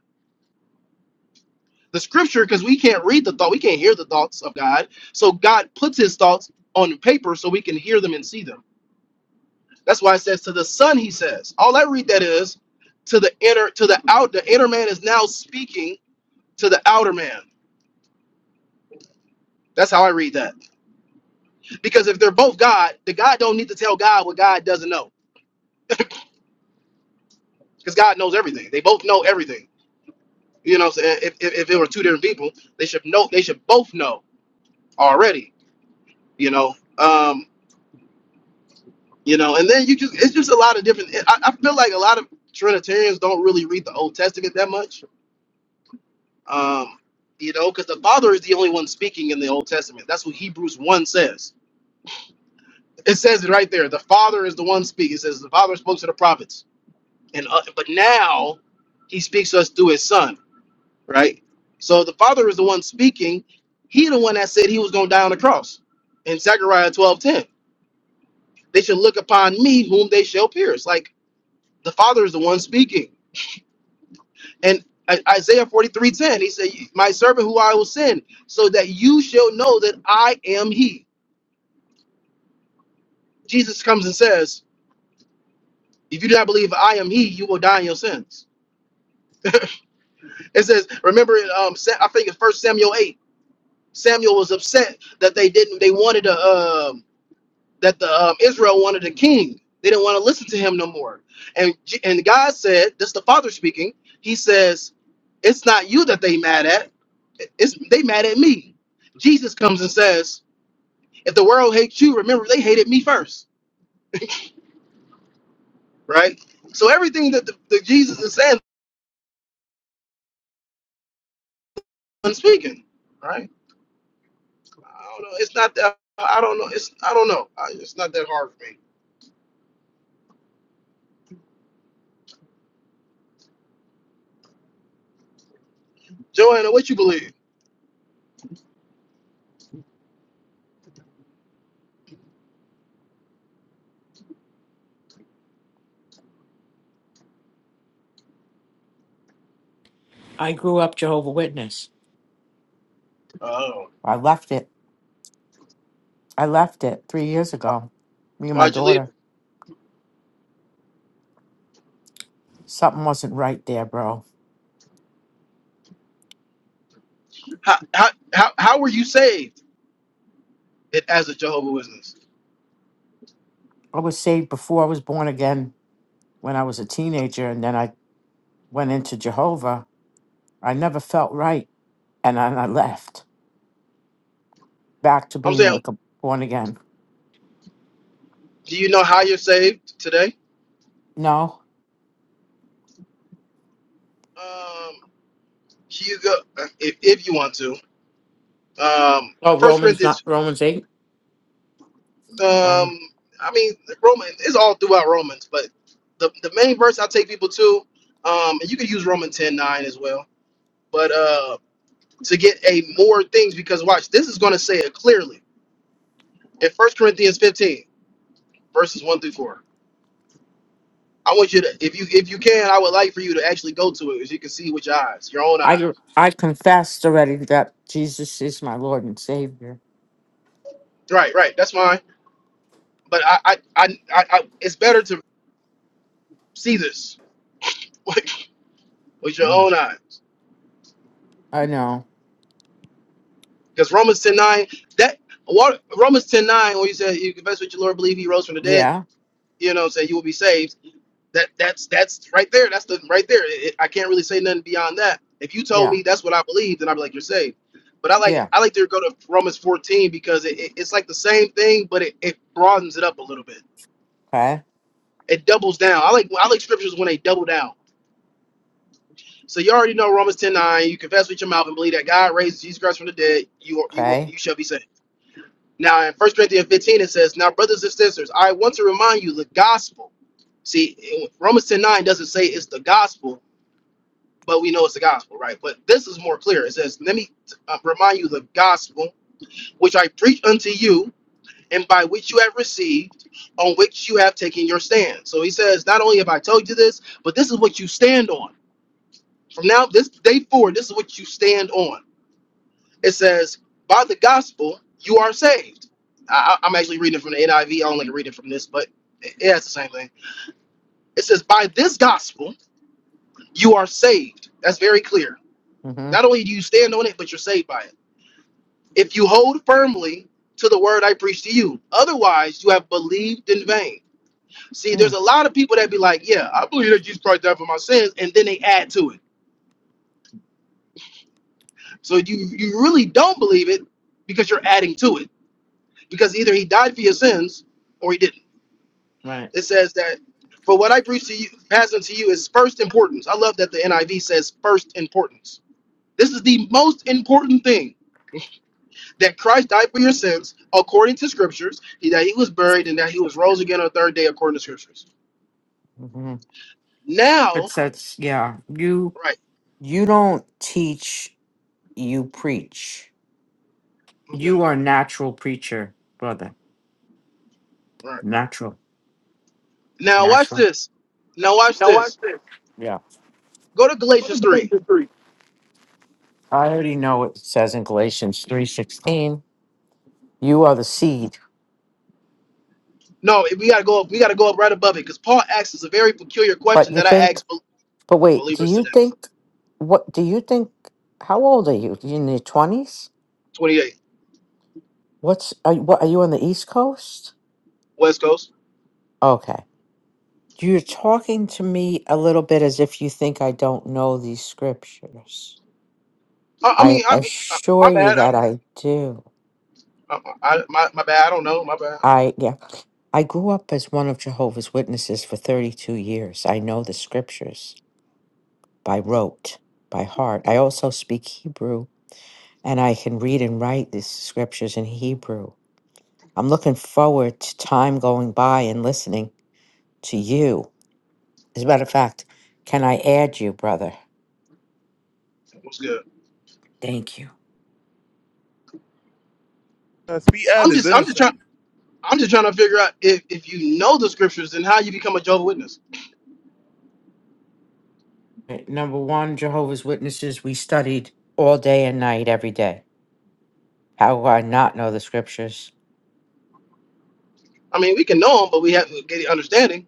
[SPEAKER 21] the scripture because we can't read the thought, we can't hear the thoughts of God. So God puts his thoughts on paper so we can hear them and see them. That's why it says to the son, he says. All I read that is to the inner, to the out, the inner man is now speaking to the outer man. That's how I read that. Because if they're both God, the God don't need to tell God what God doesn't know. Because God knows everything. They both know everything. You know, what if, if, if it were two different people, they should know they should both know already, you know. um, you know and then you just it's just a lot of different i, I feel like a lot of trinitarians don't really read the old testament that much um you know because the father is the only one speaking in the old testament that's what hebrews 1 says it says it right there the father is the one speaking it says the father spoke to the prophets and uh, but now he speaks to us through his son right so the father is the one speaking he the one that said he was going to die on the cross in zechariah twelve ten. they should look upon me whom they shall pierce like the father is the one speaking And I- Isaiah 43 10 he said, My servant who I will send, so that you shall know that I am he. Jesus comes and says, If you do not believe I am he, you will die in your sins. It says, remember, um, Sa- I think it's First Samuel 8. Samuel was upset that they didn't, they wanted a, um, that the um, Israel wanted a king. They didn't want to listen to him no more. And, J- and God said, this is the Father speaking, he says, It's not you that they mad at, it's they mad at me. Jesus comes and says, If the world hates you, remember they hated me first, right? So everything that the, the Jesus is saying, I'm speaking, right? I don't know. It's not that. I don't know. It's I don't know. I, it's not that hard for me. Joanna, what you believe?
[SPEAKER 30] I grew up Jehovah Witness.
[SPEAKER 21] Oh,
[SPEAKER 30] I left it. I left it three years ago. Me and my
[SPEAKER 21] why'd you leave?
[SPEAKER 30] daughter. Something wasn't right there, bro.
[SPEAKER 21] How how how, how were you saved it, as a Jehovah Witness?
[SPEAKER 30] I was saved before I was born again when I was a teenager, and then I went into Jehovah, I never felt right. And then I left back to
[SPEAKER 21] I'm
[SPEAKER 30] being
[SPEAKER 21] saying,
[SPEAKER 30] like a born again.
[SPEAKER 21] do you know how
[SPEAKER 30] Yeah.
[SPEAKER 21] you're saved today?
[SPEAKER 30] No.
[SPEAKER 21] Um, Hugo, if if you want to. Um,
[SPEAKER 30] Oh,
[SPEAKER 21] First
[SPEAKER 30] Romans,
[SPEAKER 21] Corinthians
[SPEAKER 30] not Romans 8. Roman.
[SPEAKER 21] Um, I mean, Roman it's all throughout Romans, but the, the main verse I take people to, um, and you can use Romans ten nine as well, but uh, to get a more things because watch, this is going to say it clearly in First Corinthians fifteen verses one through four. I want you to, if you if you can, I would like for you to actually go to it, so you can see with your eyes, your own
[SPEAKER 30] I,
[SPEAKER 21] eyes.
[SPEAKER 30] I confessed already that Jesus is my Lord and Savior.
[SPEAKER 21] Right, right, that's fine. But I, I, I, I, I it's better to see this with your
[SPEAKER 30] Mm.
[SPEAKER 21] own eyes.
[SPEAKER 30] I know.
[SPEAKER 21] Because Romans ten nine, that what Romans ten nine, when you say you confess with your Lord, believe he rose from the dead,
[SPEAKER 30] Yeah.
[SPEAKER 21] you know, what I'm saying you will be saved. That that's that's right there. That's the right there. It- I can't really say nothing beyond that. If you told
[SPEAKER 30] Yeah.
[SPEAKER 21] me that's what I believe, then I'd be like, you're saved. But I like
[SPEAKER 30] Yeah.
[SPEAKER 21] I like to go to Romans fourteen because it, it, it's like the same thing, but it, it broadens it up a little bit.
[SPEAKER 30] Okay.
[SPEAKER 21] It doubles down. I like I like scriptures when they double down. So you already know Romans ten nine. You confess with your mouth and believe that God raised Jesus Christ from the dead. You are, you will
[SPEAKER 30] Okay.
[SPEAKER 21] you shall be saved. Now in First Corinthians 15 it says, Now brothers and sisters, I want to remind you the gospel. See, Romans ten nine doesn't say it's the gospel, but we know it's the gospel, right? But this is more clear. It says, Let me uh, remind you the gospel which I preach unto you, and by which you have received, on which you have taken your stand. So he says, Not only have I told you this, but this is what you stand on. From now, this day forward, this is what you stand on. It says, by the gospel, you are saved. I, I- I'm actually reading from the NIV. I V. I only read it from this, but it, yeah, it's the same thing. It says, by this gospel, you are saved. That's very clear.
[SPEAKER 30] Mm-hmm.
[SPEAKER 21] Not only do you stand on it, but you're saved by it. If you hold firmly to the word I preach to you, otherwise you have believed in vain. See,
[SPEAKER 30] Hmm.
[SPEAKER 21] there's a lot of people that be like, yeah, I believe that Jesus Christ died for my sins, and then they add to it. So you you really don't believe it because you're adding to it. Because either he died for your sins or he didn't.
[SPEAKER 30] Right.
[SPEAKER 21] It says that for what I preach to you, pass unto you is first importance. I love that the NIV says first importance. This is the most important thing that Christ died for your sins according to scriptures, that he was buried and that he was rose again on the third day according to scriptures.
[SPEAKER 30] Mm-hmm. It
[SPEAKER 21] Now,
[SPEAKER 30] says, yeah, you
[SPEAKER 21] right,
[SPEAKER 30] you don't teach, you preach. You
[SPEAKER 21] okay,
[SPEAKER 30] are a natural preacher, brother.
[SPEAKER 21] right.
[SPEAKER 30] Natural.
[SPEAKER 21] Now watch
[SPEAKER 30] Natural.
[SPEAKER 21] this. Now watch this.
[SPEAKER 30] Yeah.
[SPEAKER 21] Go to Galatians 3.
[SPEAKER 30] I already know it says in Galatians three sixteen, you are the seed.
[SPEAKER 21] No, we gotta go up, we gotta go up right above it because Paul asks us a very peculiar
[SPEAKER 30] But
[SPEAKER 21] question
[SPEAKER 30] you
[SPEAKER 21] that I
[SPEAKER 30] think,
[SPEAKER 21] ask bel-
[SPEAKER 30] but wait, do
[SPEAKER 21] believers
[SPEAKER 30] you
[SPEAKER 21] today.
[SPEAKER 30] think, what, do you think, how old are you? You in your 20s?
[SPEAKER 21] 28.
[SPEAKER 30] What's, are, you- what, are you on the East Coast?
[SPEAKER 21] West Coast.
[SPEAKER 30] Okay. You're talking to me a little bit as if you think I don't know these scriptures.
[SPEAKER 21] I, I
[SPEAKER 30] I
[SPEAKER 21] mean, I mean, uh, my
[SPEAKER 30] assure you
[SPEAKER 21] bad.
[SPEAKER 30] that I do.
[SPEAKER 21] I, I my, my bad. I don't know. My bad.
[SPEAKER 30] I, yeah, I grew up as one of Jehovah's Witnesses for 32 years. I know the scriptures. by rote, by heart. I also speak Hebrew and I can read and write these scriptures in Hebrew. I'm looking forward to time going by and listening to you. As a matter of fact, can I add you, brother?
[SPEAKER 21] What's good?
[SPEAKER 30] Thank you.
[SPEAKER 1] us be
[SPEAKER 21] I'm
[SPEAKER 1] is
[SPEAKER 21] just I'm just
[SPEAKER 1] innocent.
[SPEAKER 21] trying I'm just trying to figure out if if you know the scriptures then how you become a Jehovah's Witness.
[SPEAKER 30] Right, Number one, Jehovah's Witnesses, we studied all day and night, every day. How do I not know the scriptures?
[SPEAKER 21] I mean, we can know them, but we have to get the understanding.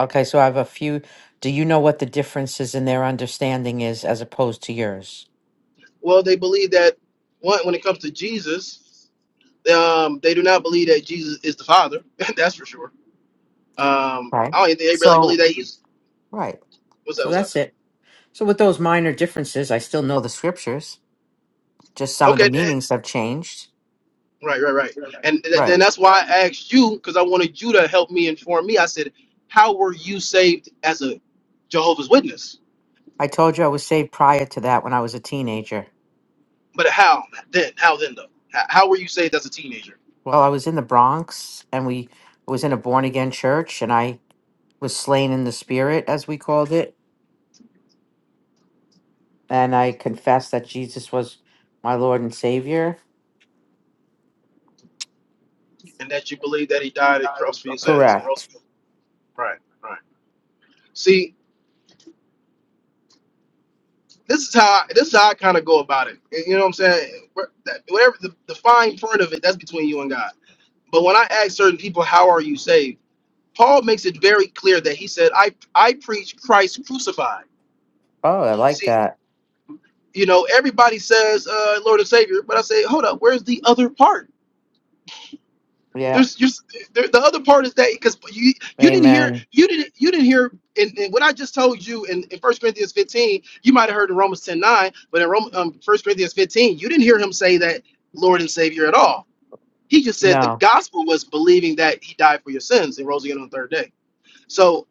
[SPEAKER 30] Okay, so I have a few. Do you know what the differences in their understanding is as opposed to yours?
[SPEAKER 21] Well, they believe that one when it comes to Jesus, they, um, they do not believe that Jesus is the Father. That's for sure. Um,
[SPEAKER 30] Right.
[SPEAKER 21] I don't even think they really believe
[SPEAKER 30] So,
[SPEAKER 21] that he's
[SPEAKER 30] right.
[SPEAKER 21] what's that?
[SPEAKER 30] So
[SPEAKER 21] What's up?
[SPEAKER 30] that's it. So with those minor differences, I still know the scriptures. Just some of the
[SPEAKER 21] Okay, eh,
[SPEAKER 30] meanings have changed.
[SPEAKER 21] right, right, right. And th- then
[SPEAKER 30] Right.
[SPEAKER 21] that's why I asked you because I wanted you to help me inform me. I said, how were you saved as a Jehovah's Witness?
[SPEAKER 30] I told you I was saved prior to that when I was a teenager.
[SPEAKER 21] But how then? How then though? How, how were you saved as a teenager,
[SPEAKER 30] Well, I was in the Bronx and we I was in a born again church and I was slain in the spirit as we called it and I confessed that Jesus was my Lord and Savior.
[SPEAKER 21] and that you believe that he died at the cross for your sins and rose
[SPEAKER 30] Correct.
[SPEAKER 21] again? Right, right. See, this is how this is how I kind of go about it. And You know what I'm saying? Where- that- Whatever the, the fine print of it, that's between you and God. But when I ask certain people, "How are you saved?" Paul makes it very clear that he said, "I I preach Christ crucified."
[SPEAKER 30] Oh, I like
[SPEAKER 21] See,
[SPEAKER 30] that.
[SPEAKER 21] you know, everybody says uh, Lord and Savior, but I say, hold up, where's the other part?
[SPEAKER 30] Yeah.
[SPEAKER 21] There's you. The the other part is that because you you didn't hear
[SPEAKER 30] Amen.
[SPEAKER 21] you didn't you didn't hear in and what I just told you in, in 1 Corinthians 15 you might have heard in Romans 10 9 but in Rome, um, 1 Corinthians 15 you didn't hear him say that Lord and Savior at all. He just said the
[SPEAKER 30] No.
[SPEAKER 21] gospel was believing that He died for your sins and rose again on the third day. So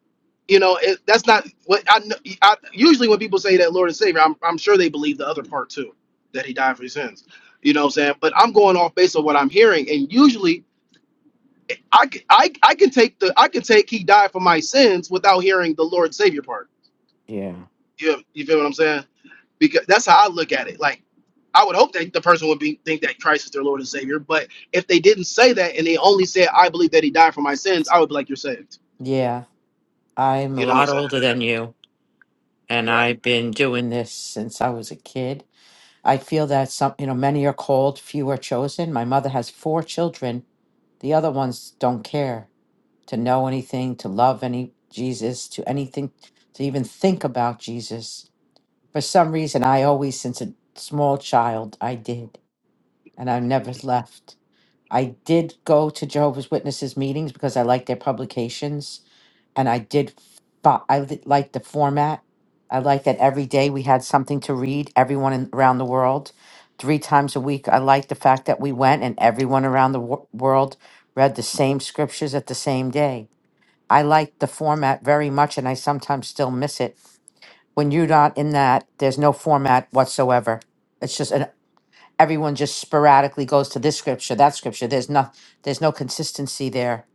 [SPEAKER 21] you know it, that's not what I, kn- I usually when people say that Lord and Savior I'm I'm sure they believe the other part too that He died for your sins. You know what I'm saying? But I'm going off based on what I'm hearing and usually I, c- I, I can take the I can take he died for my sins without hearing the Lord Savior part.
[SPEAKER 30] Yeah.
[SPEAKER 21] You, you feel what I'm saying? Because that's how I look at it. Like I would hope that the person would be think that Christ is their Lord and Savior. But if they didn't say that and they only said I believe that he died for my sins, I would be like you're saved.
[SPEAKER 30] Yeah. I'm a
[SPEAKER 21] You know what I'm
[SPEAKER 30] lot
[SPEAKER 21] saying?
[SPEAKER 30] older than you. and
[SPEAKER 21] Right.
[SPEAKER 30] I've been doing this since I was a kid. I feel that some, you know, many are called, few are chosen. My mother has four children. The other ones don't care to know anything, to love any Jesus, to anything, to even think about Jesus. For some reason, I always, since a small child, I did, and I've never left. I did go to Jehovah's Witnesses meetings because I like their publications, and I did. Fo- I li- liked the format. I liked that every day we had something to read. Everyone in, around the world, three times a week. I liked the fact that we went and everyone around the wor- world read the same scriptures at the same day. I liked the format very much, and I sometimes still miss it. When you're not in that, there's no format whatsoever. It's just an everyone just sporadically goes to this scripture, that scripture. There's no there's no consistency there.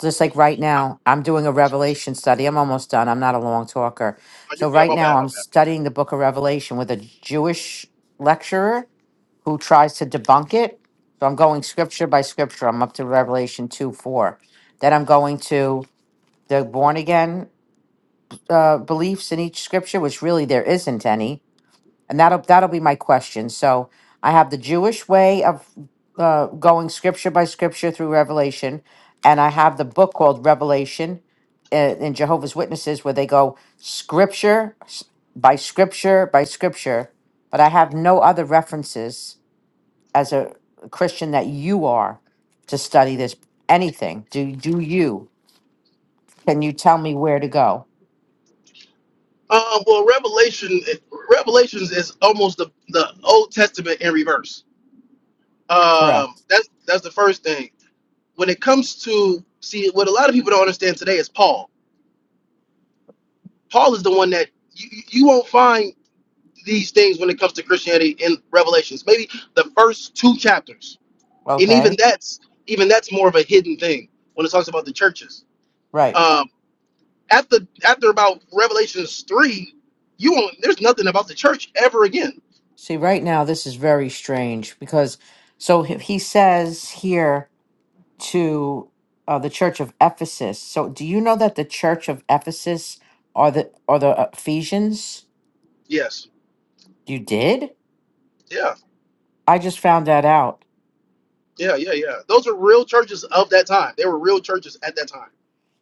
[SPEAKER 30] Just like right now, I'm doing a revelation study. I'm almost done. I'm not a long talker.
[SPEAKER 21] Oh, you're
[SPEAKER 30] So
[SPEAKER 21] good.
[SPEAKER 30] right
[SPEAKER 21] My
[SPEAKER 30] now
[SPEAKER 21] bad. My
[SPEAKER 30] I'm
[SPEAKER 21] bad.
[SPEAKER 30] studying the book of Revelation with a Jewish lecturer who tries to debunk it. So I'm going scripture by scripture. I'm up to Revelation 2 4. Then I'm going to the born again uh, beliefs in each scripture, which really there isn't any and that'll that'll be my question. So I have the Jewish way of uh, going scripture by scripture through Revelation, and I have the book called Revelation uh, in Jehovah's Witnesses, where they go scripture s- by scripture by scripture. But I have no other references as a Christian that you are to study this anything. Do do you? Can you tell me where to go?
[SPEAKER 21] Um, well, Revelation Revelations is almost the, the Old Testament in reverse. Um,
[SPEAKER 30] Correct.
[SPEAKER 21] that's that's the first thing. When it comes to see what a lot of people don't understand today is Paul. Paul is the one that you, you won't find these things when it comes to Christianity in Revelations. Maybe the first two chapters, and even
[SPEAKER 30] Okay.
[SPEAKER 21] that's even that's more of a hidden thing when it talks about the churches.
[SPEAKER 30] Right.
[SPEAKER 21] Um, after after about Revelations three, you won't. There's nothing about the church ever again.
[SPEAKER 30] See, right now, this is very strange because so he he says here to uh, the church of Ephesus. So, do you know that the church of Ephesus are the are the Ephesians?
[SPEAKER 21] Yes.
[SPEAKER 30] You did?
[SPEAKER 21] Yeah.
[SPEAKER 30] I just found that out.
[SPEAKER 21] Yeah. Yeah. Yeah. Those are real churches of that time. They were real churches at that time,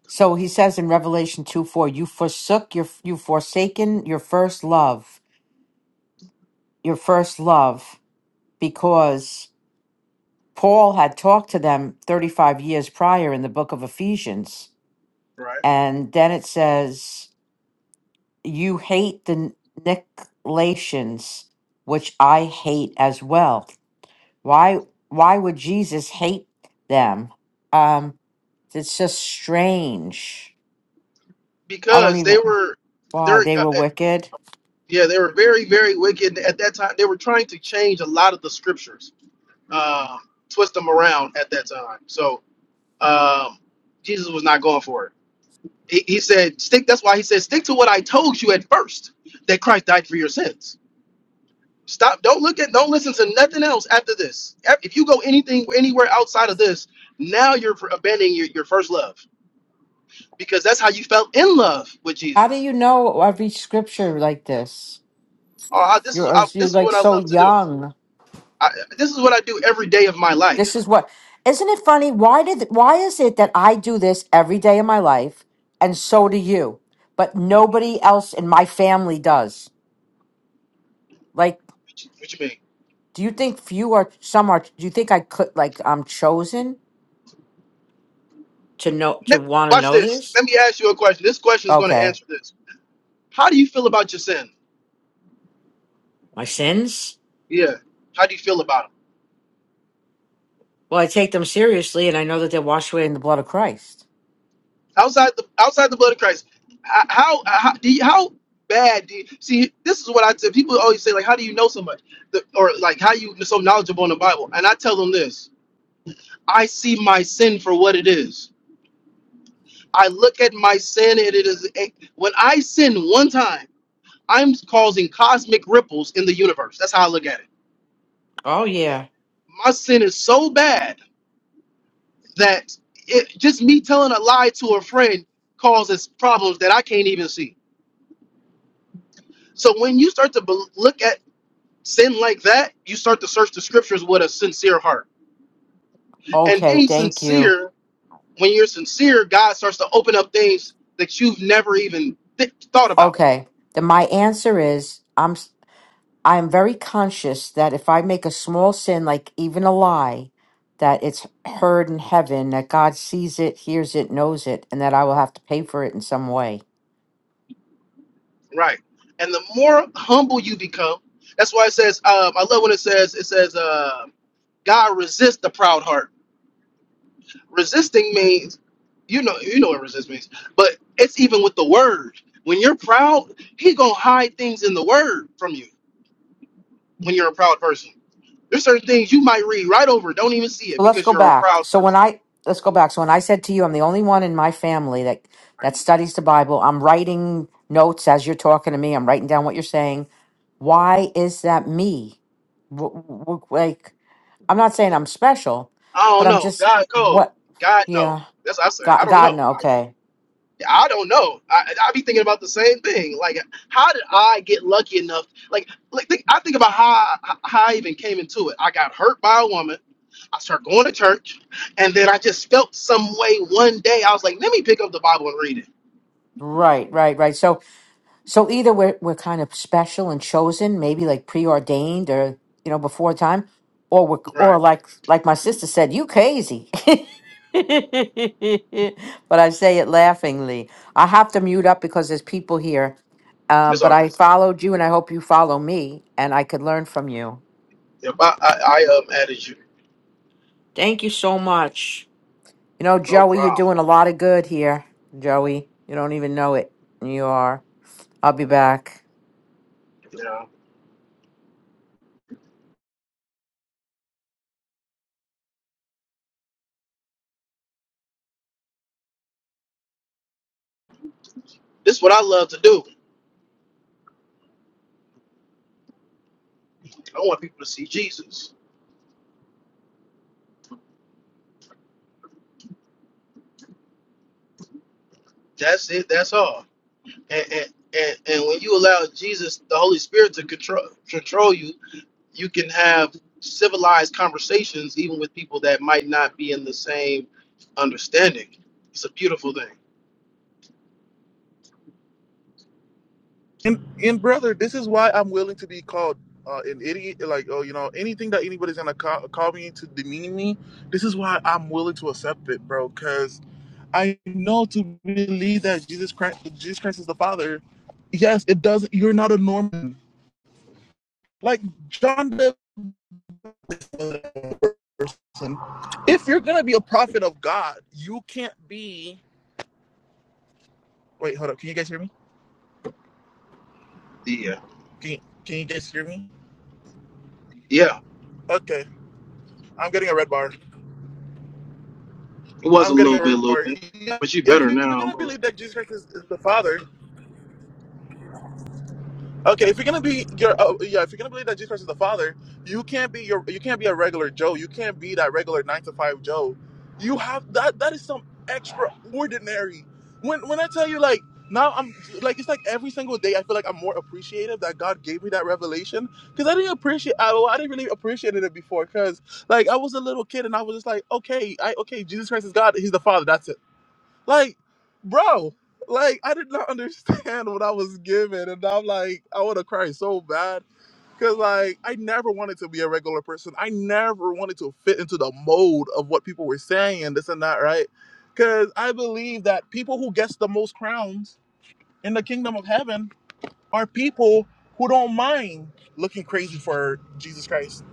[SPEAKER 30] So he says in Revelation two four, you forsook your you forsaken your first love, your first love, because Paul had talked to them thirty five years prior in the book of Ephesians.
[SPEAKER 21] right?
[SPEAKER 30] And then it says you hate the Nicolaitans, which I hate as well. Why why would Jesus hate them? Um, it's just strange. I don't
[SPEAKER 21] Because they
[SPEAKER 30] even
[SPEAKER 21] were
[SPEAKER 30] why
[SPEAKER 21] they're
[SPEAKER 30] they
[SPEAKER 21] uh,
[SPEAKER 30] were
[SPEAKER 21] uh,
[SPEAKER 30] wicked.
[SPEAKER 21] yeah they were very very wicked at that time. They were trying to change a lot of the scriptures um, twist them around at that time. So um, Jesus was not going for it. He, he said, "Stick." That's why he said, "Stick to what I told you at first, that Christ died for your sins. Stop. Don't look at. Don't listen to nothing else after this. If you go anything anywhere outside of this, now you're abandoning your, your first love because that's how you felt in love with
[SPEAKER 30] How do
[SPEAKER 21] Jesus.
[SPEAKER 30] you know every scripture like this?
[SPEAKER 21] Oh, I, this is
[SPEAKER 30] You're uh,
[SPEAKER 21] I,
[SPEAKER 30] you're
[SPEAKER 21] this is
[SPEAKER 30] like
[SPEAKER 21] what I
[SPEAKER 30] so
[SPEAKER 21] love to do.
[SPEAKER 30] young.
[SPEAKER 21] I, this is what I do every day of my
[SPEAKER 30] This
[SPEAKER 21] life.
[SPEAKER 30] is what isn't it funny? Why did why is it that I do this every day of my life and so do you, but
[SPEAKER 21] Hmm,
[SPEAKER 30] nobody else in my family does? Like.
[SPEAKER 21] What you, what you mean?
[SPEAKER 30] Do you think few are some are? Do you think I could like I'm chosen to know to
[SPEAKER 21] Ne-
[SPEAKER 30] want to
[SPEAKER 21] Watch
[SPEAKER 30] know
[SPEAKER 21] this.
[SPEAKER 30] this
[SPEAKER 21] Let me ask you a question. This question is going to
[SPEAKER 30] Okay.
[SPEAKER 21] answer this. How do you feel about your sin?
[SPEAKER 30] my sins?
[SPEAKER 21] Yeah. How do you feel about it?
[SPEAKER 30] Well, I take them seriously, and I know that they're washed away in the blood of Christ.
[SPEAKER 21] Outside the outside the blood of Christ, h- how how do you, how bad do you see? This is what I tell people. Always say like, how do you know so much, the, or like how you so knowledgeable in the Bible? And I tell them this: I see my sin for what it is. I look at my sin, and it is a, when I sin one time, I'm causing cosmic ripples in the universe. That's how I look at it.
[SPEAKER 30] Oh yeah,
[SPEAKER 21] My sin is so bad that it, just me telling a lie to a friend causes problems that I can't even see. So when you start to bel look at sin like that, you start to search the scriptures with a sincere heart. And
[SPEAKER 30] Okay.
[SPEAKER 21] being
[SPEAKER 30] Thank you.
[SPEAKER 21] sincere, when you're sincere, God starts to open up things that you've never even th- thought about.
[SPEAKER 30] okay. Then my answer is I'm s- I am very conscious that if I make a small sin, like even a lie, that it's heard in heaven, that God sees it, hears it, knows it, and that I will have to pay for it in some way.
[SPEAKER 21] Right. And the more humble you become, that's why it says, um, I love when it says, it says, uh, God resists the proud heart resisting means you know you know what resist means but it's even with the word when you're proud he gonna hide things in the word from you when you're a proud person there's certain things you might read right over don't even see
[SPEAKER 30] So
[SPEAKER 21] it
[SPEAKER 30] let's
[SPEAKER 21] because
[SPEAKER 30] go
[SPEAKER 21] you're a
[SPEAKER 30] back.
[SPEAKER 21] proud
[SPEAKER 30] So when
[SPEAKER 21] person
[SPEAKER 30] I let's go back. So when I said to you, I'm the only one in my family that that studies the Bible. I'm writing notes as you're talking to me. I'm writing down what you're saying. Why is that me? W- w- Like I'm not saying I'm special,
[SPEAKER 21] i
[SPEAKER 30] but
[SPEAKER 21] don't
[SPEAKER 30] I'm
[SPEAKER 21] know
[SPEAKER 30] just
[SPEAKER 21] god called
[SPEAKER 30] what?
[SPEAKER 21] god know.
[SPEAKER 30] Yeah,
[SPEAKER 21] that's what i said i
[SPEAKER 30] God,
[SPEAKER 21] don't
[SPEAKER 30] God,
[SPEAKER 21] know
[SPEAKER 30] no, okay,
[SPEAKER 21] I don't know. I I be thinking about the same thing. Like, how did I get lucky enough? Like, like think, I think about how I, how I even came into it. I got hurt by a woman. I started going to church, and then I just felt some way one day. I was like, let me pick up the Bible and read it.
[SPEAKER 30] right, right, right. So So either we're we're kind of special and chosen, maybe like preordained or you know before time, or we're or
[SPEAKER 21] Right.
[SPEAKER 30] like like my sister said, you crazy. but I say it laughingly. I have to mute up because there's people here. Um,
[SPEAKER 21] That's
[SPEAKER 30] but
[SPEAKER 21] all
[SPEAKER 30] I
[SPEAKER 21] good.
[SPEAKER 30] followed you, and I hope you follow me, and I could learn from you.
[SPEAKER 21] Yep. I I, I um added you.
[SPEAKER 30] Thank you so much. You know,
[SPEAKER 21] No
[SPEAKER 30] Joey, you're
[SPEAKER 21] problem.
[SPEAKER 30] doing a lot of good here, Joey. You don't even know it. You are. I'll be back.
[SPEAKER 21] Yeah. This is what I love to do. I want people to see Jesus. That's it. That's all. And and and, and when you allow Jesus, the Holy Spirit, to control control you you can have civilized conversations even with people that might not be in the same understanding. It's a beautiful thing.
[SPEAKER 1] And and brother, this is why I'm willing to be called uh, an idiot. Like oh, you know, anything that anybody's gonna call, call me to demean me, this is why I'm willing to accept it, bro. Because. I know to believe that Jesus Christ, Jesus Christ is the Father. Yes, it does. You're not a Norman. Like John Davis was a person. If you're gonna be a prophet of God, you can't be. Wait, hold up. Can you guys hear me?
[SPEAKER 21] Yeah.
[SPEAKER 1] Can you, can you guys hear me?
[SPEAKER 21] Yeah.
[SPEAKER 1] Okay, I'm getting a red bar.
[SPEAKER 21] It was
[SPEAKER 1] I'm
[SPEAKER 21] a
[SPEAKER 1] getting
[SPEAKER 21] little
[SPEAKER 1] a
[SPEAKER 21] bit, a
[SPEAKER 1] red
[SPEAKER 21] little
[SPEAKER 1] bar.
[SPEAKER 21] bit.
[SPEAKER 1] Yeah,
[SPEAKER 21] But you
[SPEAKER 1] If
[SPEAKER 21] better
[SPEAKER 1] you're gonna
[SPEAKER 21] now.
[SPEAKER 1] believe that Jesus Christ is, is the Father, Okay, if you're gonna be your uh, yeah, if you're gonna believe that Jesus Christ is the Father, you can't be your you can't be a regular Joe. You can't be that regular nine to five Joe. You have that that is some extraordinary. When when I tell you like now I'm like it's like every single day I feel like I'm more appreciative that God gave me that revelation because I didn't appreciate I, well, I didn't really appreciate it before because like I was a little kid and I was just like okay I okay Jesus Christ is God He's the Father that's it like, bro, like I did not understand what I was given, and I'm like, I would have cried so bad because like I never wanted to be a regular person. I never wanted to fit into the mold of what people were saying and this and that, right? Because I believe that people who gets the most crowns in the kingdom of heaven are people who don't mind looking crazy for Jesus Christ.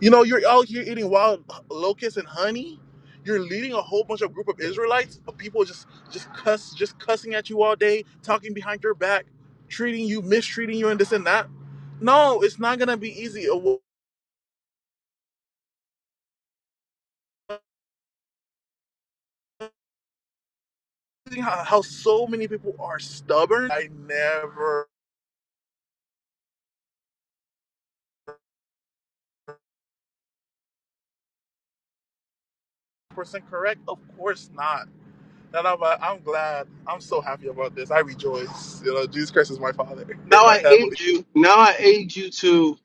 [SPEAKER 1] You know, you're out here eating wild locusts and honey. You're leading a whole bunch of group of Israelites, of people just just cuss, just cussing at you all day, talking behind your back, treating you, mistreating you, and this and that. No, it's not gonna be easy. It will- How, how so many people are stubborn? I never percent correct. Of course not And I'm, uh, I'm glad. I'm so happy about this. I rejoice. You know, Jesus Christ is my Father,
[SPEAKER 21] Now
[SPEAKER 1] in my
[SPEAKER 21] I
[SPEAKER 1] heavenly.
[SPEAKER 21] aid you. Now I aid you to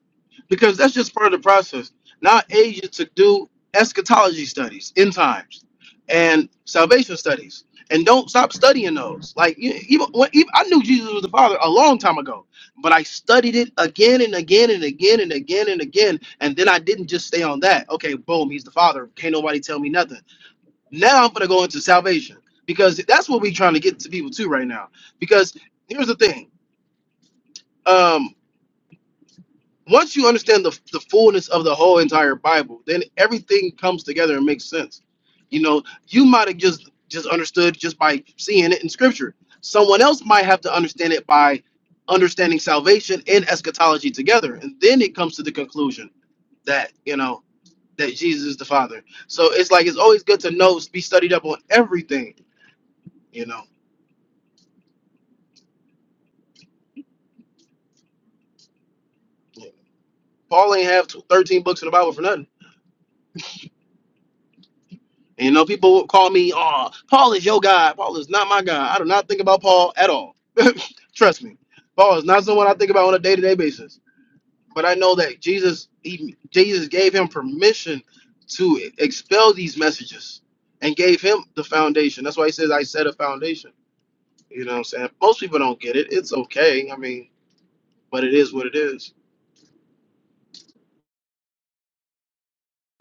[SPEAKER 21] because that's just part of the process. Now I aid you to do eschatology studies, end times, and salvation studies, and don't stop studying those. Like you- even, when, even I knew Jesus was the Father a long time ago, but I studied it again and again and again and again and again, and then I didn't just stay on that. Okay, boom, he's the Father. Can't nobody tell me nothing. Now I'm gonna go into salvation because that's what we're trying to get to people too right now. Because here's the thing. um, once you understand the, the fullness of the whole entire Bible, then everything comes together and makes sense. You know, you might have just just understood just by seeing it in Scripture. Someone else might have to understand it by understanding salvation and eschatology together, and then it comes to the conclusion that you know that Jesus is the Father. So it's like it's always good to know, be studied up on everything. You know, Paul ain't have t- thirteen books in the Bible for nothing. You know, people call me, oh, Paul is your God. Paul is not my God. I do not think about Paul at all. Trust me. Paul is not someone I think about on a day to day basis. But I know that Jesus, he, Jesus gave him permission to expel these messages and gave him the foundation. That's why he says, I set a foundation. You know what I'm saying? Most people don't get it. It's okay. I mean, but it is what it is.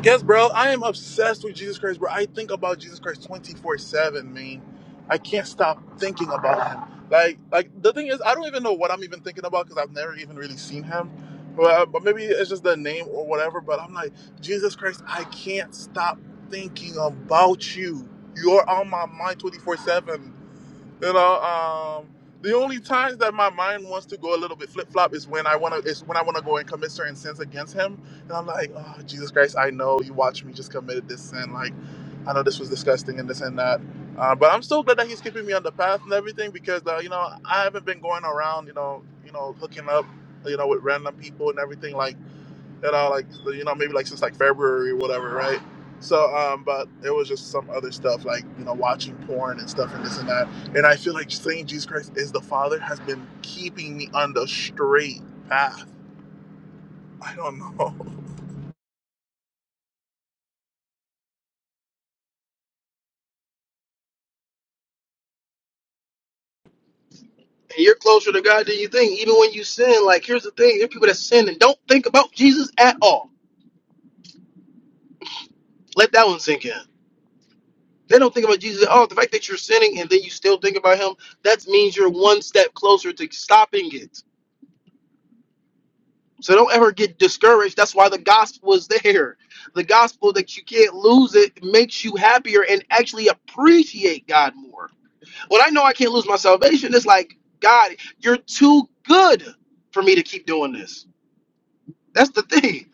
[SPEAKER 1] Yes, bro. I am obsessed with Jesus Christ, bro. I think about Jesus Christ 24 7, man. I can't stop thinking about him. Like, like the thing is, I don't even know what I'm even thinking about because I've never even really seen him. Well, but maybe it's just the name or whatever. But I'm like, Jesus Christ, I can't stop thinking about you. You're on my mind 24 7. You know, um, the only times that my mind wants to go a little bit flip flop is when I wanna is when I wanna go and commit certain sins against him, and I'm like, oh Jesus Christ, I know you watched me just committed this sin. Like, I know this was disgusting and this and that. Uh, but I'm so glad that he's keeping me on the path and everything because uh, you know I haven't been going around, you know, you know, hooking up, you know, with random people and everything. Like you know, like you know, maybe like since like February or whatever, right? So, um, but it was just some other stuff like you know, watching porn and stuff and this and that. And I feel like saying Jesus Christ is the Father has been keeping me on the straight path. I don't know.
[SPEAKER 21] And you're closer to God than you think. Even when you sin, like, here's the thing there are people that sin and don't think about Jesus at all. Let that one sink in. They don't think about Jesus at all. The fact that you're sinning and then you still think about him, that means you're one step closer to stopping it. So don't ever get discouraged. That's why the gospel is there. The gospel that you can't lose it makes you happier and actually appreciate God more. When I know I can't lose my salvation, it's like, God, you're too good for me to keep doing this. That's the thing.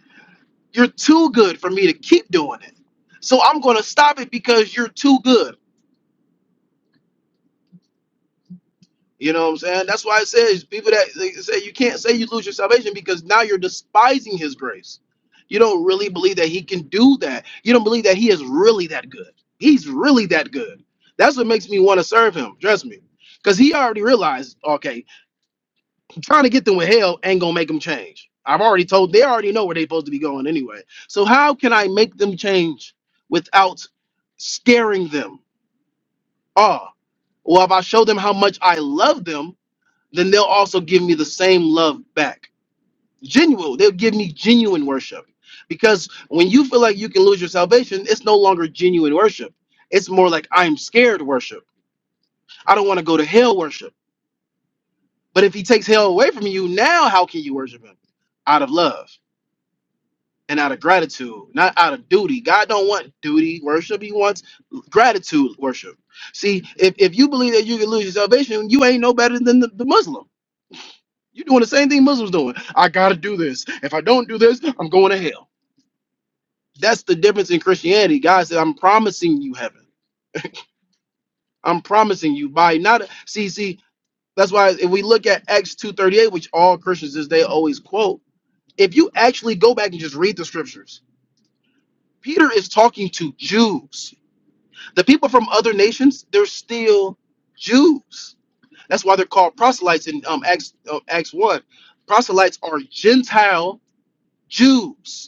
[SPEAKER 21] You're too good for me to keep doing it. So I'm going to stop it because you're too good. You know what I'm saying? That's why it says people that they say you can't say you lose your salvation because now you're despising his grace. You don't really believe that he can do that. You don't believe that he is really that good. He's really that good. That's what makes me want to serve him. Trust me. Because he already realized, okay, trying to get them with hell ain't gonna make them change. I've already told they already know where they're supposed to be going anyway. So how can I make them change without scaring them? Oh, well, if I show them how much I love them, then they'll also give me the same love back. Genuine. They'll give me genuine worship. Because when you feel like you can lose your salvation, it's no longer genuine worship. It's more like I'm scared worship. I don't want to go to hell worship. But if he takes hell away from you, now how can you worship him? Out of love and out of gratitude, not out of duty. God don't want duty worship. He wants gratitude worship. See, if, if you believe that you can lose your salvation, you ain't no better than the, the Muslim You're doing the same thing Muslims doing. I gotta do this. If I don't do this, I'm going to hell. That's the difference in Christianity. God said, I'm promising you heaven. I'm promising you by not see, see, that's why if we look at Acts 238, which all Christians is they always quote, if you actually go back and just read the scriptures, Peter is talking to Jews. The people from other nations, they're still Jews. That's why they're called proselytes in um, Acts uh, Acts 1. Proselytes are Gentile Jews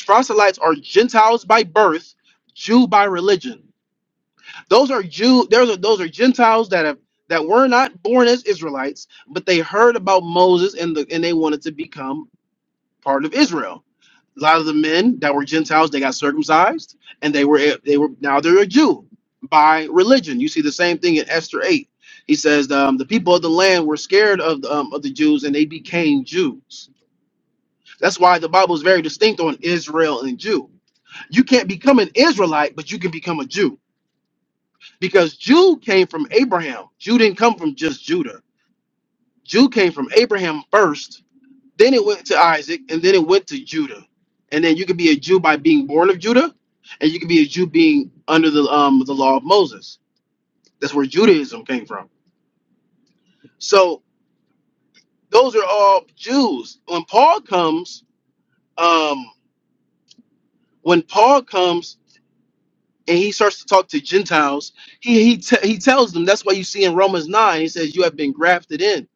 [SPEAKER 21] proselytes are Gentiles by birth, Jew by religion. Those are Jew. Those are those are Gentiles that have that were not born as Israelites, but they heard about Moses and the and they wanted to become part of Israel. A lot of the men that were Gentiles, they got circumcised, and they were they were now they're a Jew by religion. You see the same thing in Esther eight. He says um, the people of the land were scared of the, um, of the Jews, and they became Jews that's why the Bible is very distinct on Israel and Jew. You can't become an Israelite, but you can become a Jew because Jew came from Abraham. Jew didn't come from just Judah. Jew came from Abraham first, then it went to Isaac, and then it went to Judah. And then you can be a Jew by being born of Judah, and you can be a Jew being under the um the law of Moses. That's where Judaism came from. So those are all Jews. When Paul comes, um, when Paul comes and he starts to talk to Gentiles, he he te- he tells them that's why you see in Romans nine, he says you have been grafted in.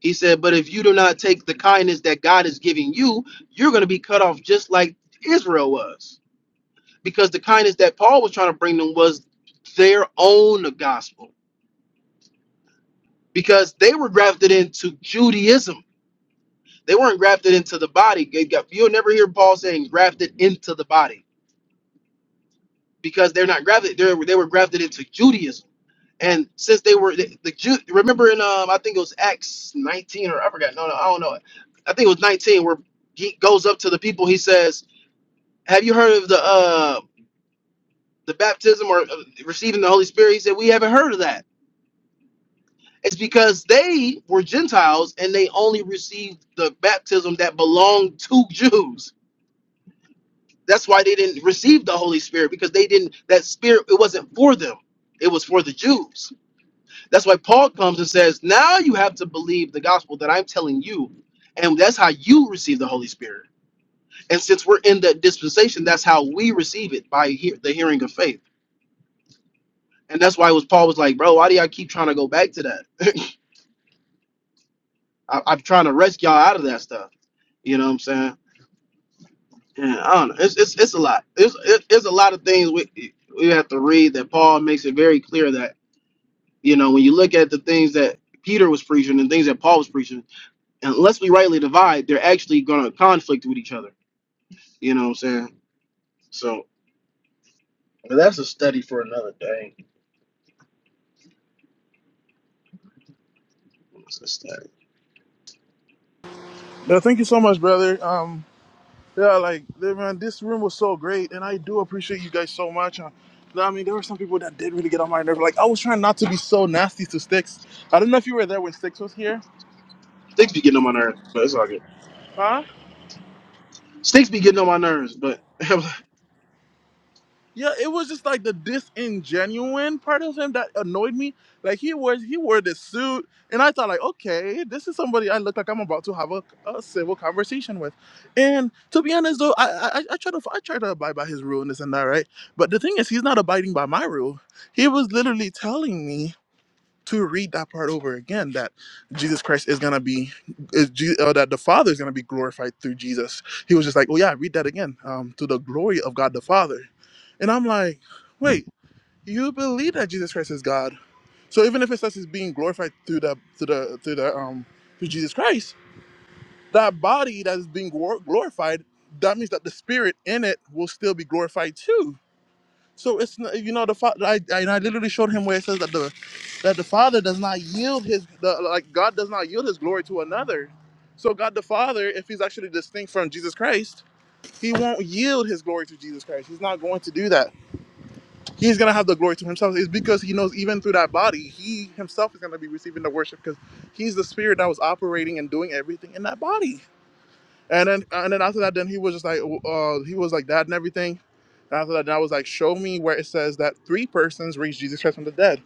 [SPEAKER 21] He said, but if you do not take the kindness that God is giving you, you're going to be cut off just like Israel was, because the kindness that Paul was trying to bring them was their own gospel, because they were grafted into Judaism. They weren't grafted into the body. They got- You'll never hear Paul saying grafted into the body because they're not grafted. They were, they were grafted into Judaism And since they were the, the Jew, remember in um, I think it was Acts 19 or I forgot. No, no, I don't know. I think it was 19 where he goes up to the people. He says, "Have you heard of the uh the baptism or uh, receiving the Holy Spirit?" He said, "We haven't heard of that." It's because they were Gentiles and they only received the baptism that belonged to Jews. That's why they didn't receive the Holy Spirit because they didn't. That spirit it wasn't for them. It was for the Jews. That's why Paul comes and says, Now you have to believe the gospel that I'm telling you. And that's how you receive the Holy Spirit. And since we're in that dispensation, that's how we receive it by hear, the hearing of faith. And that's why it was Paul was like, Bro, why do y'all keep trying to go back to that? I, I'm trying to rescue y'all out of that stuff. You know what I'm saying? Yeah, I don't know. It's it's, it's a lot. It's it, it's a lot of things we we have to read that Paul makes it very clear that you know when you look at the things that Peter was preaching and things that Paul was preaching unless we rightly divide, they're actually going to conflict with each other. You know what I'm saying? So but that's a study for another day. That's a study.
[SPEAKER 1] Yeah, thank you so much, brother. Um, yeah, like yeah, man, this room was so great, and I do appreciate you guys so much. Uh, I mean, there were some people that did really get on my nerve. Like, I was trying not to be so nasty to Sticks. I don't know if you were there when Sticks was here,
[SPEAKER 21] Sticks be getting on my nerves, but it's all good.
[SPEAKER 1] huh?
[SPEAKER 21] Sticks be getting on my nerves, but I
[SPEAKER 1] Yeah, it was just like the disingenuine part of him that annoyed me. Like he was, he wore this suit, and I thought like, okay, this is somebody I look like I'm about to have a, a civil conversation with. And to be honest though, I, I I try to I try to abide by his rule and this and that, right? But the thing is, he's not abiding by my rule. He was literally telling me to read that part over again that Jesus Christ is gonna be is Je- uh, that the Father is gonna be glorified through Jesus. He was just like, oh yeah, read that again um, to the glory of God the Father, and I'm like, wait, you believe that Jesus Christ is God? So even if it says he's being glorified through the through the through the um through Jesus Christ, that body that is being glor- glorified, that means that the spirit in it will still be glorified too so it's not, you know the father. I, I and I literally showed him where it says that the that the father does not yield his the, like God does not yield his glory to another. So God the Father, if he's actually distinct from Jesus Christ, he won't yield his glory to Jesus Christ. He's not going to do that. He's gonna have the glory to himself. It's because he knows even through that body, he himself is gonna be receiving the worship because he's the spirit that was operating and doing everything in that body. And then and then after that, then he was just like, uh, he was like that and everything. And after that, then I was like, show me where it says that three persons raised Jesus Christ from the dead.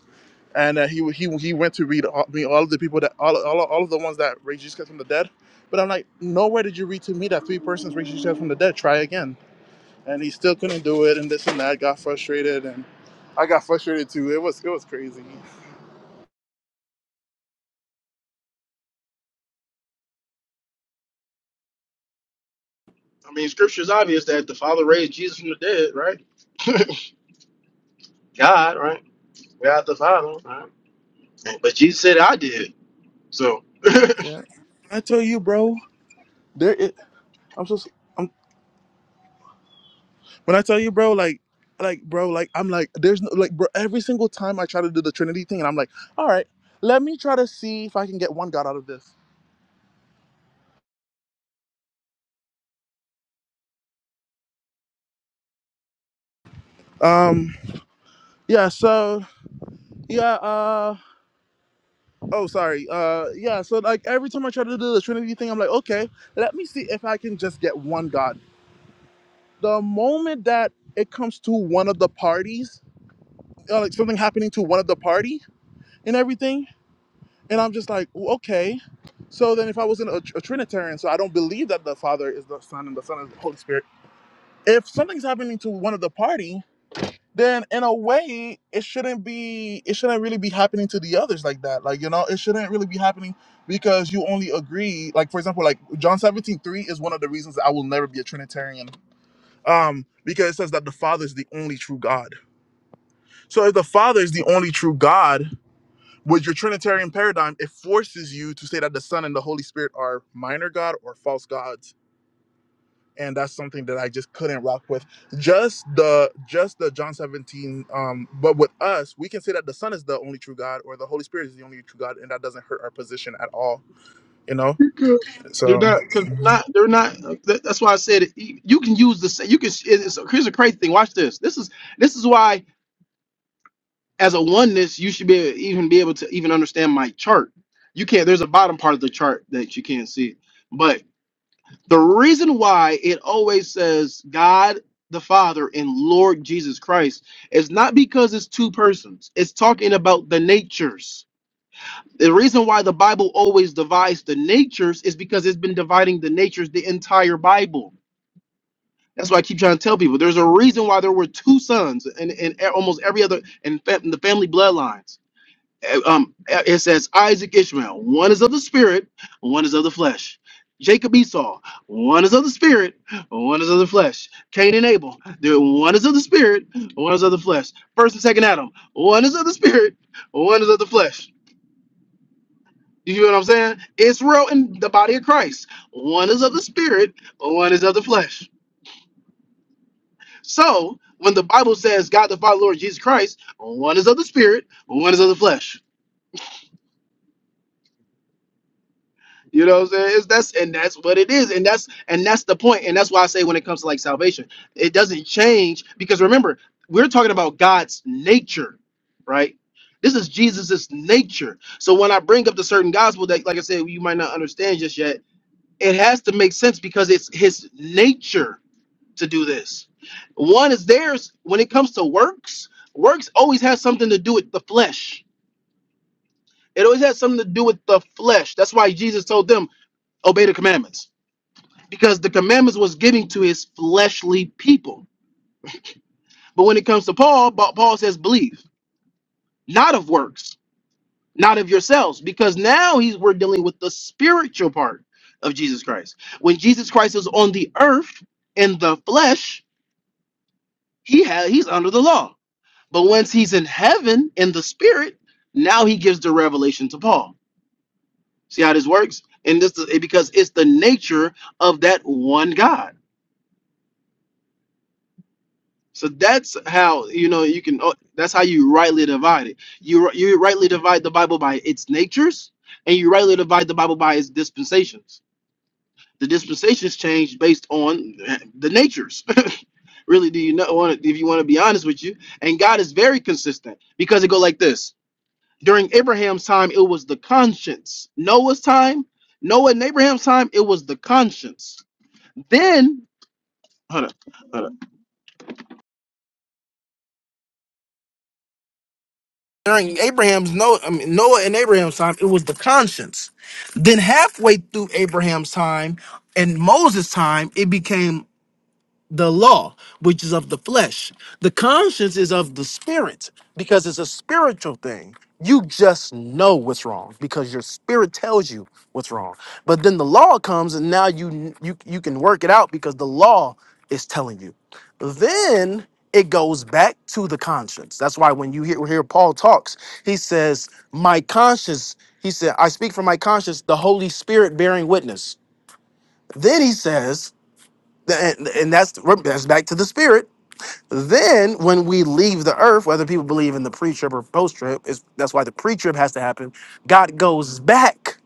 [SPEAKER 1] And uh, he he he went to read all, read all of the people that all, all all of the ones that raised Jesus Christ from the dead. But I'm like, nowhere did you read to me that three persons raised Jesus Christ from the dead. Try again. And he still couldn't do it, and this and that. Got frustrated, and I got frustrated too. It was it was crazy.
[SPEAKER 21] mean, scripture's obvious that the Father raised Jesus from the dead, right? God, right? God the Father, right? But Jesus said, "I did." So.
[SPEAKER 1] Yeah. I tell you, bro, there. It, I'm so. When I tell you, bro, like, like, bro, like, I'm like, there's no, like, bro, every single time I try to do the Trinity thing, and I'm like, all right, let me try to see if I can get one God out of this. Um, yeah, so, yeah, uh, oh, sorry, uh, yeah, so, like, every time I try to do the Trinity thing, I'm like, okay, let me see if I can just get one God. The moment that it comes to one of the parties, uh, like something happening to one of the party and everything, And I'm just like, "Well, okay. So then, if I wasn't a, a Trinitarian, so I don't believe that the Father is the Son and the Son is the Holy Spirit. If something's happening to one of the party, then in a way, it shouldn't be. It shouldn't really be happening to the others like that. Like you know, it shouldn't really be happening because you only agree. Like for example, like John 17 3 is one of the reasons that I will never be a Trinitarian. Um, because it says that the Father is the only true God. So if the Father is the only true God with your Trinitarian paradigm, it forces you to say that the Son and the Holy Spirit are minor God or false gods. And that's something that I just couldn't rock with. Just the just the John 17, um, but with us, we can say that the Son is the only true God or the Holy Spirit is the only true God, and that doesn't hurt our position at all, you know?
[SPEAKER 21] Because they're
[SPEAKER 1] So
[SPEAKER 21] not, because they're not, they're not. that- That's why I said it. You can use the same. You can. It's, it's- here's a crazy thing. Watch this. This is this is why as a oneness, you should be even be able to even understand my chart. You can't. There's a bottom part of the chart that you can't see. But the reason why it always says God the Father and Lord Jesus Christ is not because it's two persons. It's talking about the natures. The reason why the Bible always divides the natures is because it's been dividing the natures the entire Bible. That's why I keep trying to tell people there's a reason why there were two sons and in, in almost every other in, fa- in the family bloodlines uh, um, uh, it says Isaac, Ishmael, one is of the spirit, one is of the flesh. Jacob, Esau, one is of the spirit, one is of the flesh. Cain and Abel, they're- one is of the spirit, one is of the flesh. First and second Adam, one is of the spirit, one is of the flesh. You hear what I'm saying? Israel and the body of Christ, one is of the spirit, one is of the flesh. So when the Bible says God the Father, Lord Jesus Christ, one is of the spirit, one is of the flesh You know what I'm saying? It's, that's and that's what it is, and that's and that's the point, and that's why I say when it comes to like salvation, it doesn't change because remember we're talking about God's nature, right? This is Jesus's nature. So when I bring up the certain gospel that, like I said, you might not understand just yet, it has to make sense because it's His nature to do this. One is theirs when it comes to works. Works always has something to do with the flesh. It always has something to do with the flesh. That's why Jesus told them obey the commandments because the commandments was given to his fleshly people. But when it comes to Paul, Ba- Paul says, believe, not of works, not of yourselves, because now he's we're dealing with the spiritual part of Jesus Christ. When Jesus Christ is on the earth in the flesh, he had he's under the law. But once he's in heaven in the spirit, now he gives the revelation to Paul. See how this works? And this is because it's the nature of that one God. So that's how you know you can. oh, That's how you rightly divide it. You ri- you rightly divide the Bible by its natures, and you rightly divide the Bible by its dispensations. The dispensations change based on the natures. really, do you know? want? to If you want to be honest with you, and God is very consistent because it go like this. During Abraham's time, it was the conscience. Noah's time, Noah and Abraham's time, it was the conscience. Then, hold on, during Abraham's no I mean, Noah and Abraham's time, it was the conscience. Then halfway through Abraham's time and Moses' time, it became the law, which is of the flesh. The conscience is of the spirit because it's a spiritual thing. You just know what's wrong because your spirit tells you what's wrong. But then the law comes and now you you you can work it out because the law is telling you. Then it goes back to the conscience. That's why when you hear, hear Paul talks, he says, "My conscience." He said, "I speak from my conscience, the Holy Spirit bearing witness." Then he says, and, and that's that's back to the spirit. Then when we leave the earth, whether people believe in the pre-trib or post-trib, is that's why the pre-trib has to happen. God goes back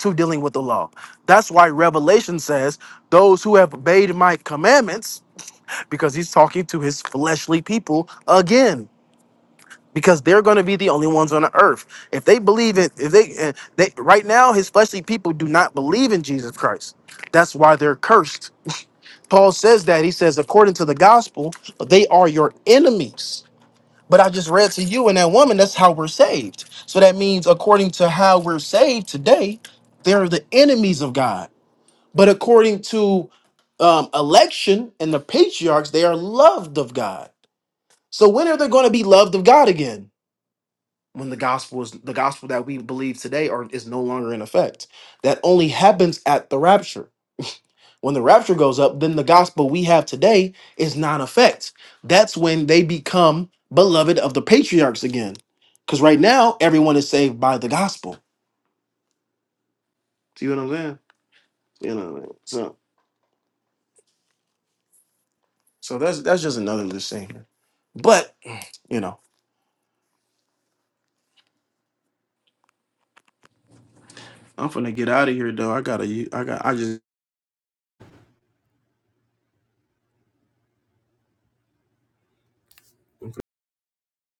[SPEAKER 21] to dealing with the law. That's why Revelation says those who have obeyed my commandments, because he's talking to his fleshly people again. Because they're going to be the only ones on the earth. If they believe it, if they, eh, they right now, his fleshly people do not believe in Jesus Christ. That's why they're cursed Paul says that. He says, according to the gospel, they are your enemies. But I just read to you and that woman, that's how we're saved. So that means, according to how we're saved today, they're the enemies of God. But according to um, election and the patriarchs, they are loved of God. So when are they going to be loved of God again? When the gospel is the gospel that we believe today are, is no longer in effect. That only happens at the rapture. When the rapture goes up, then the gospel we have today is non effect. That's when they become beloved of the patriarchs again. Because right now, everyone is saved by the gospel. See what I'm saying? You know, what I mean? That's, that's just but you know.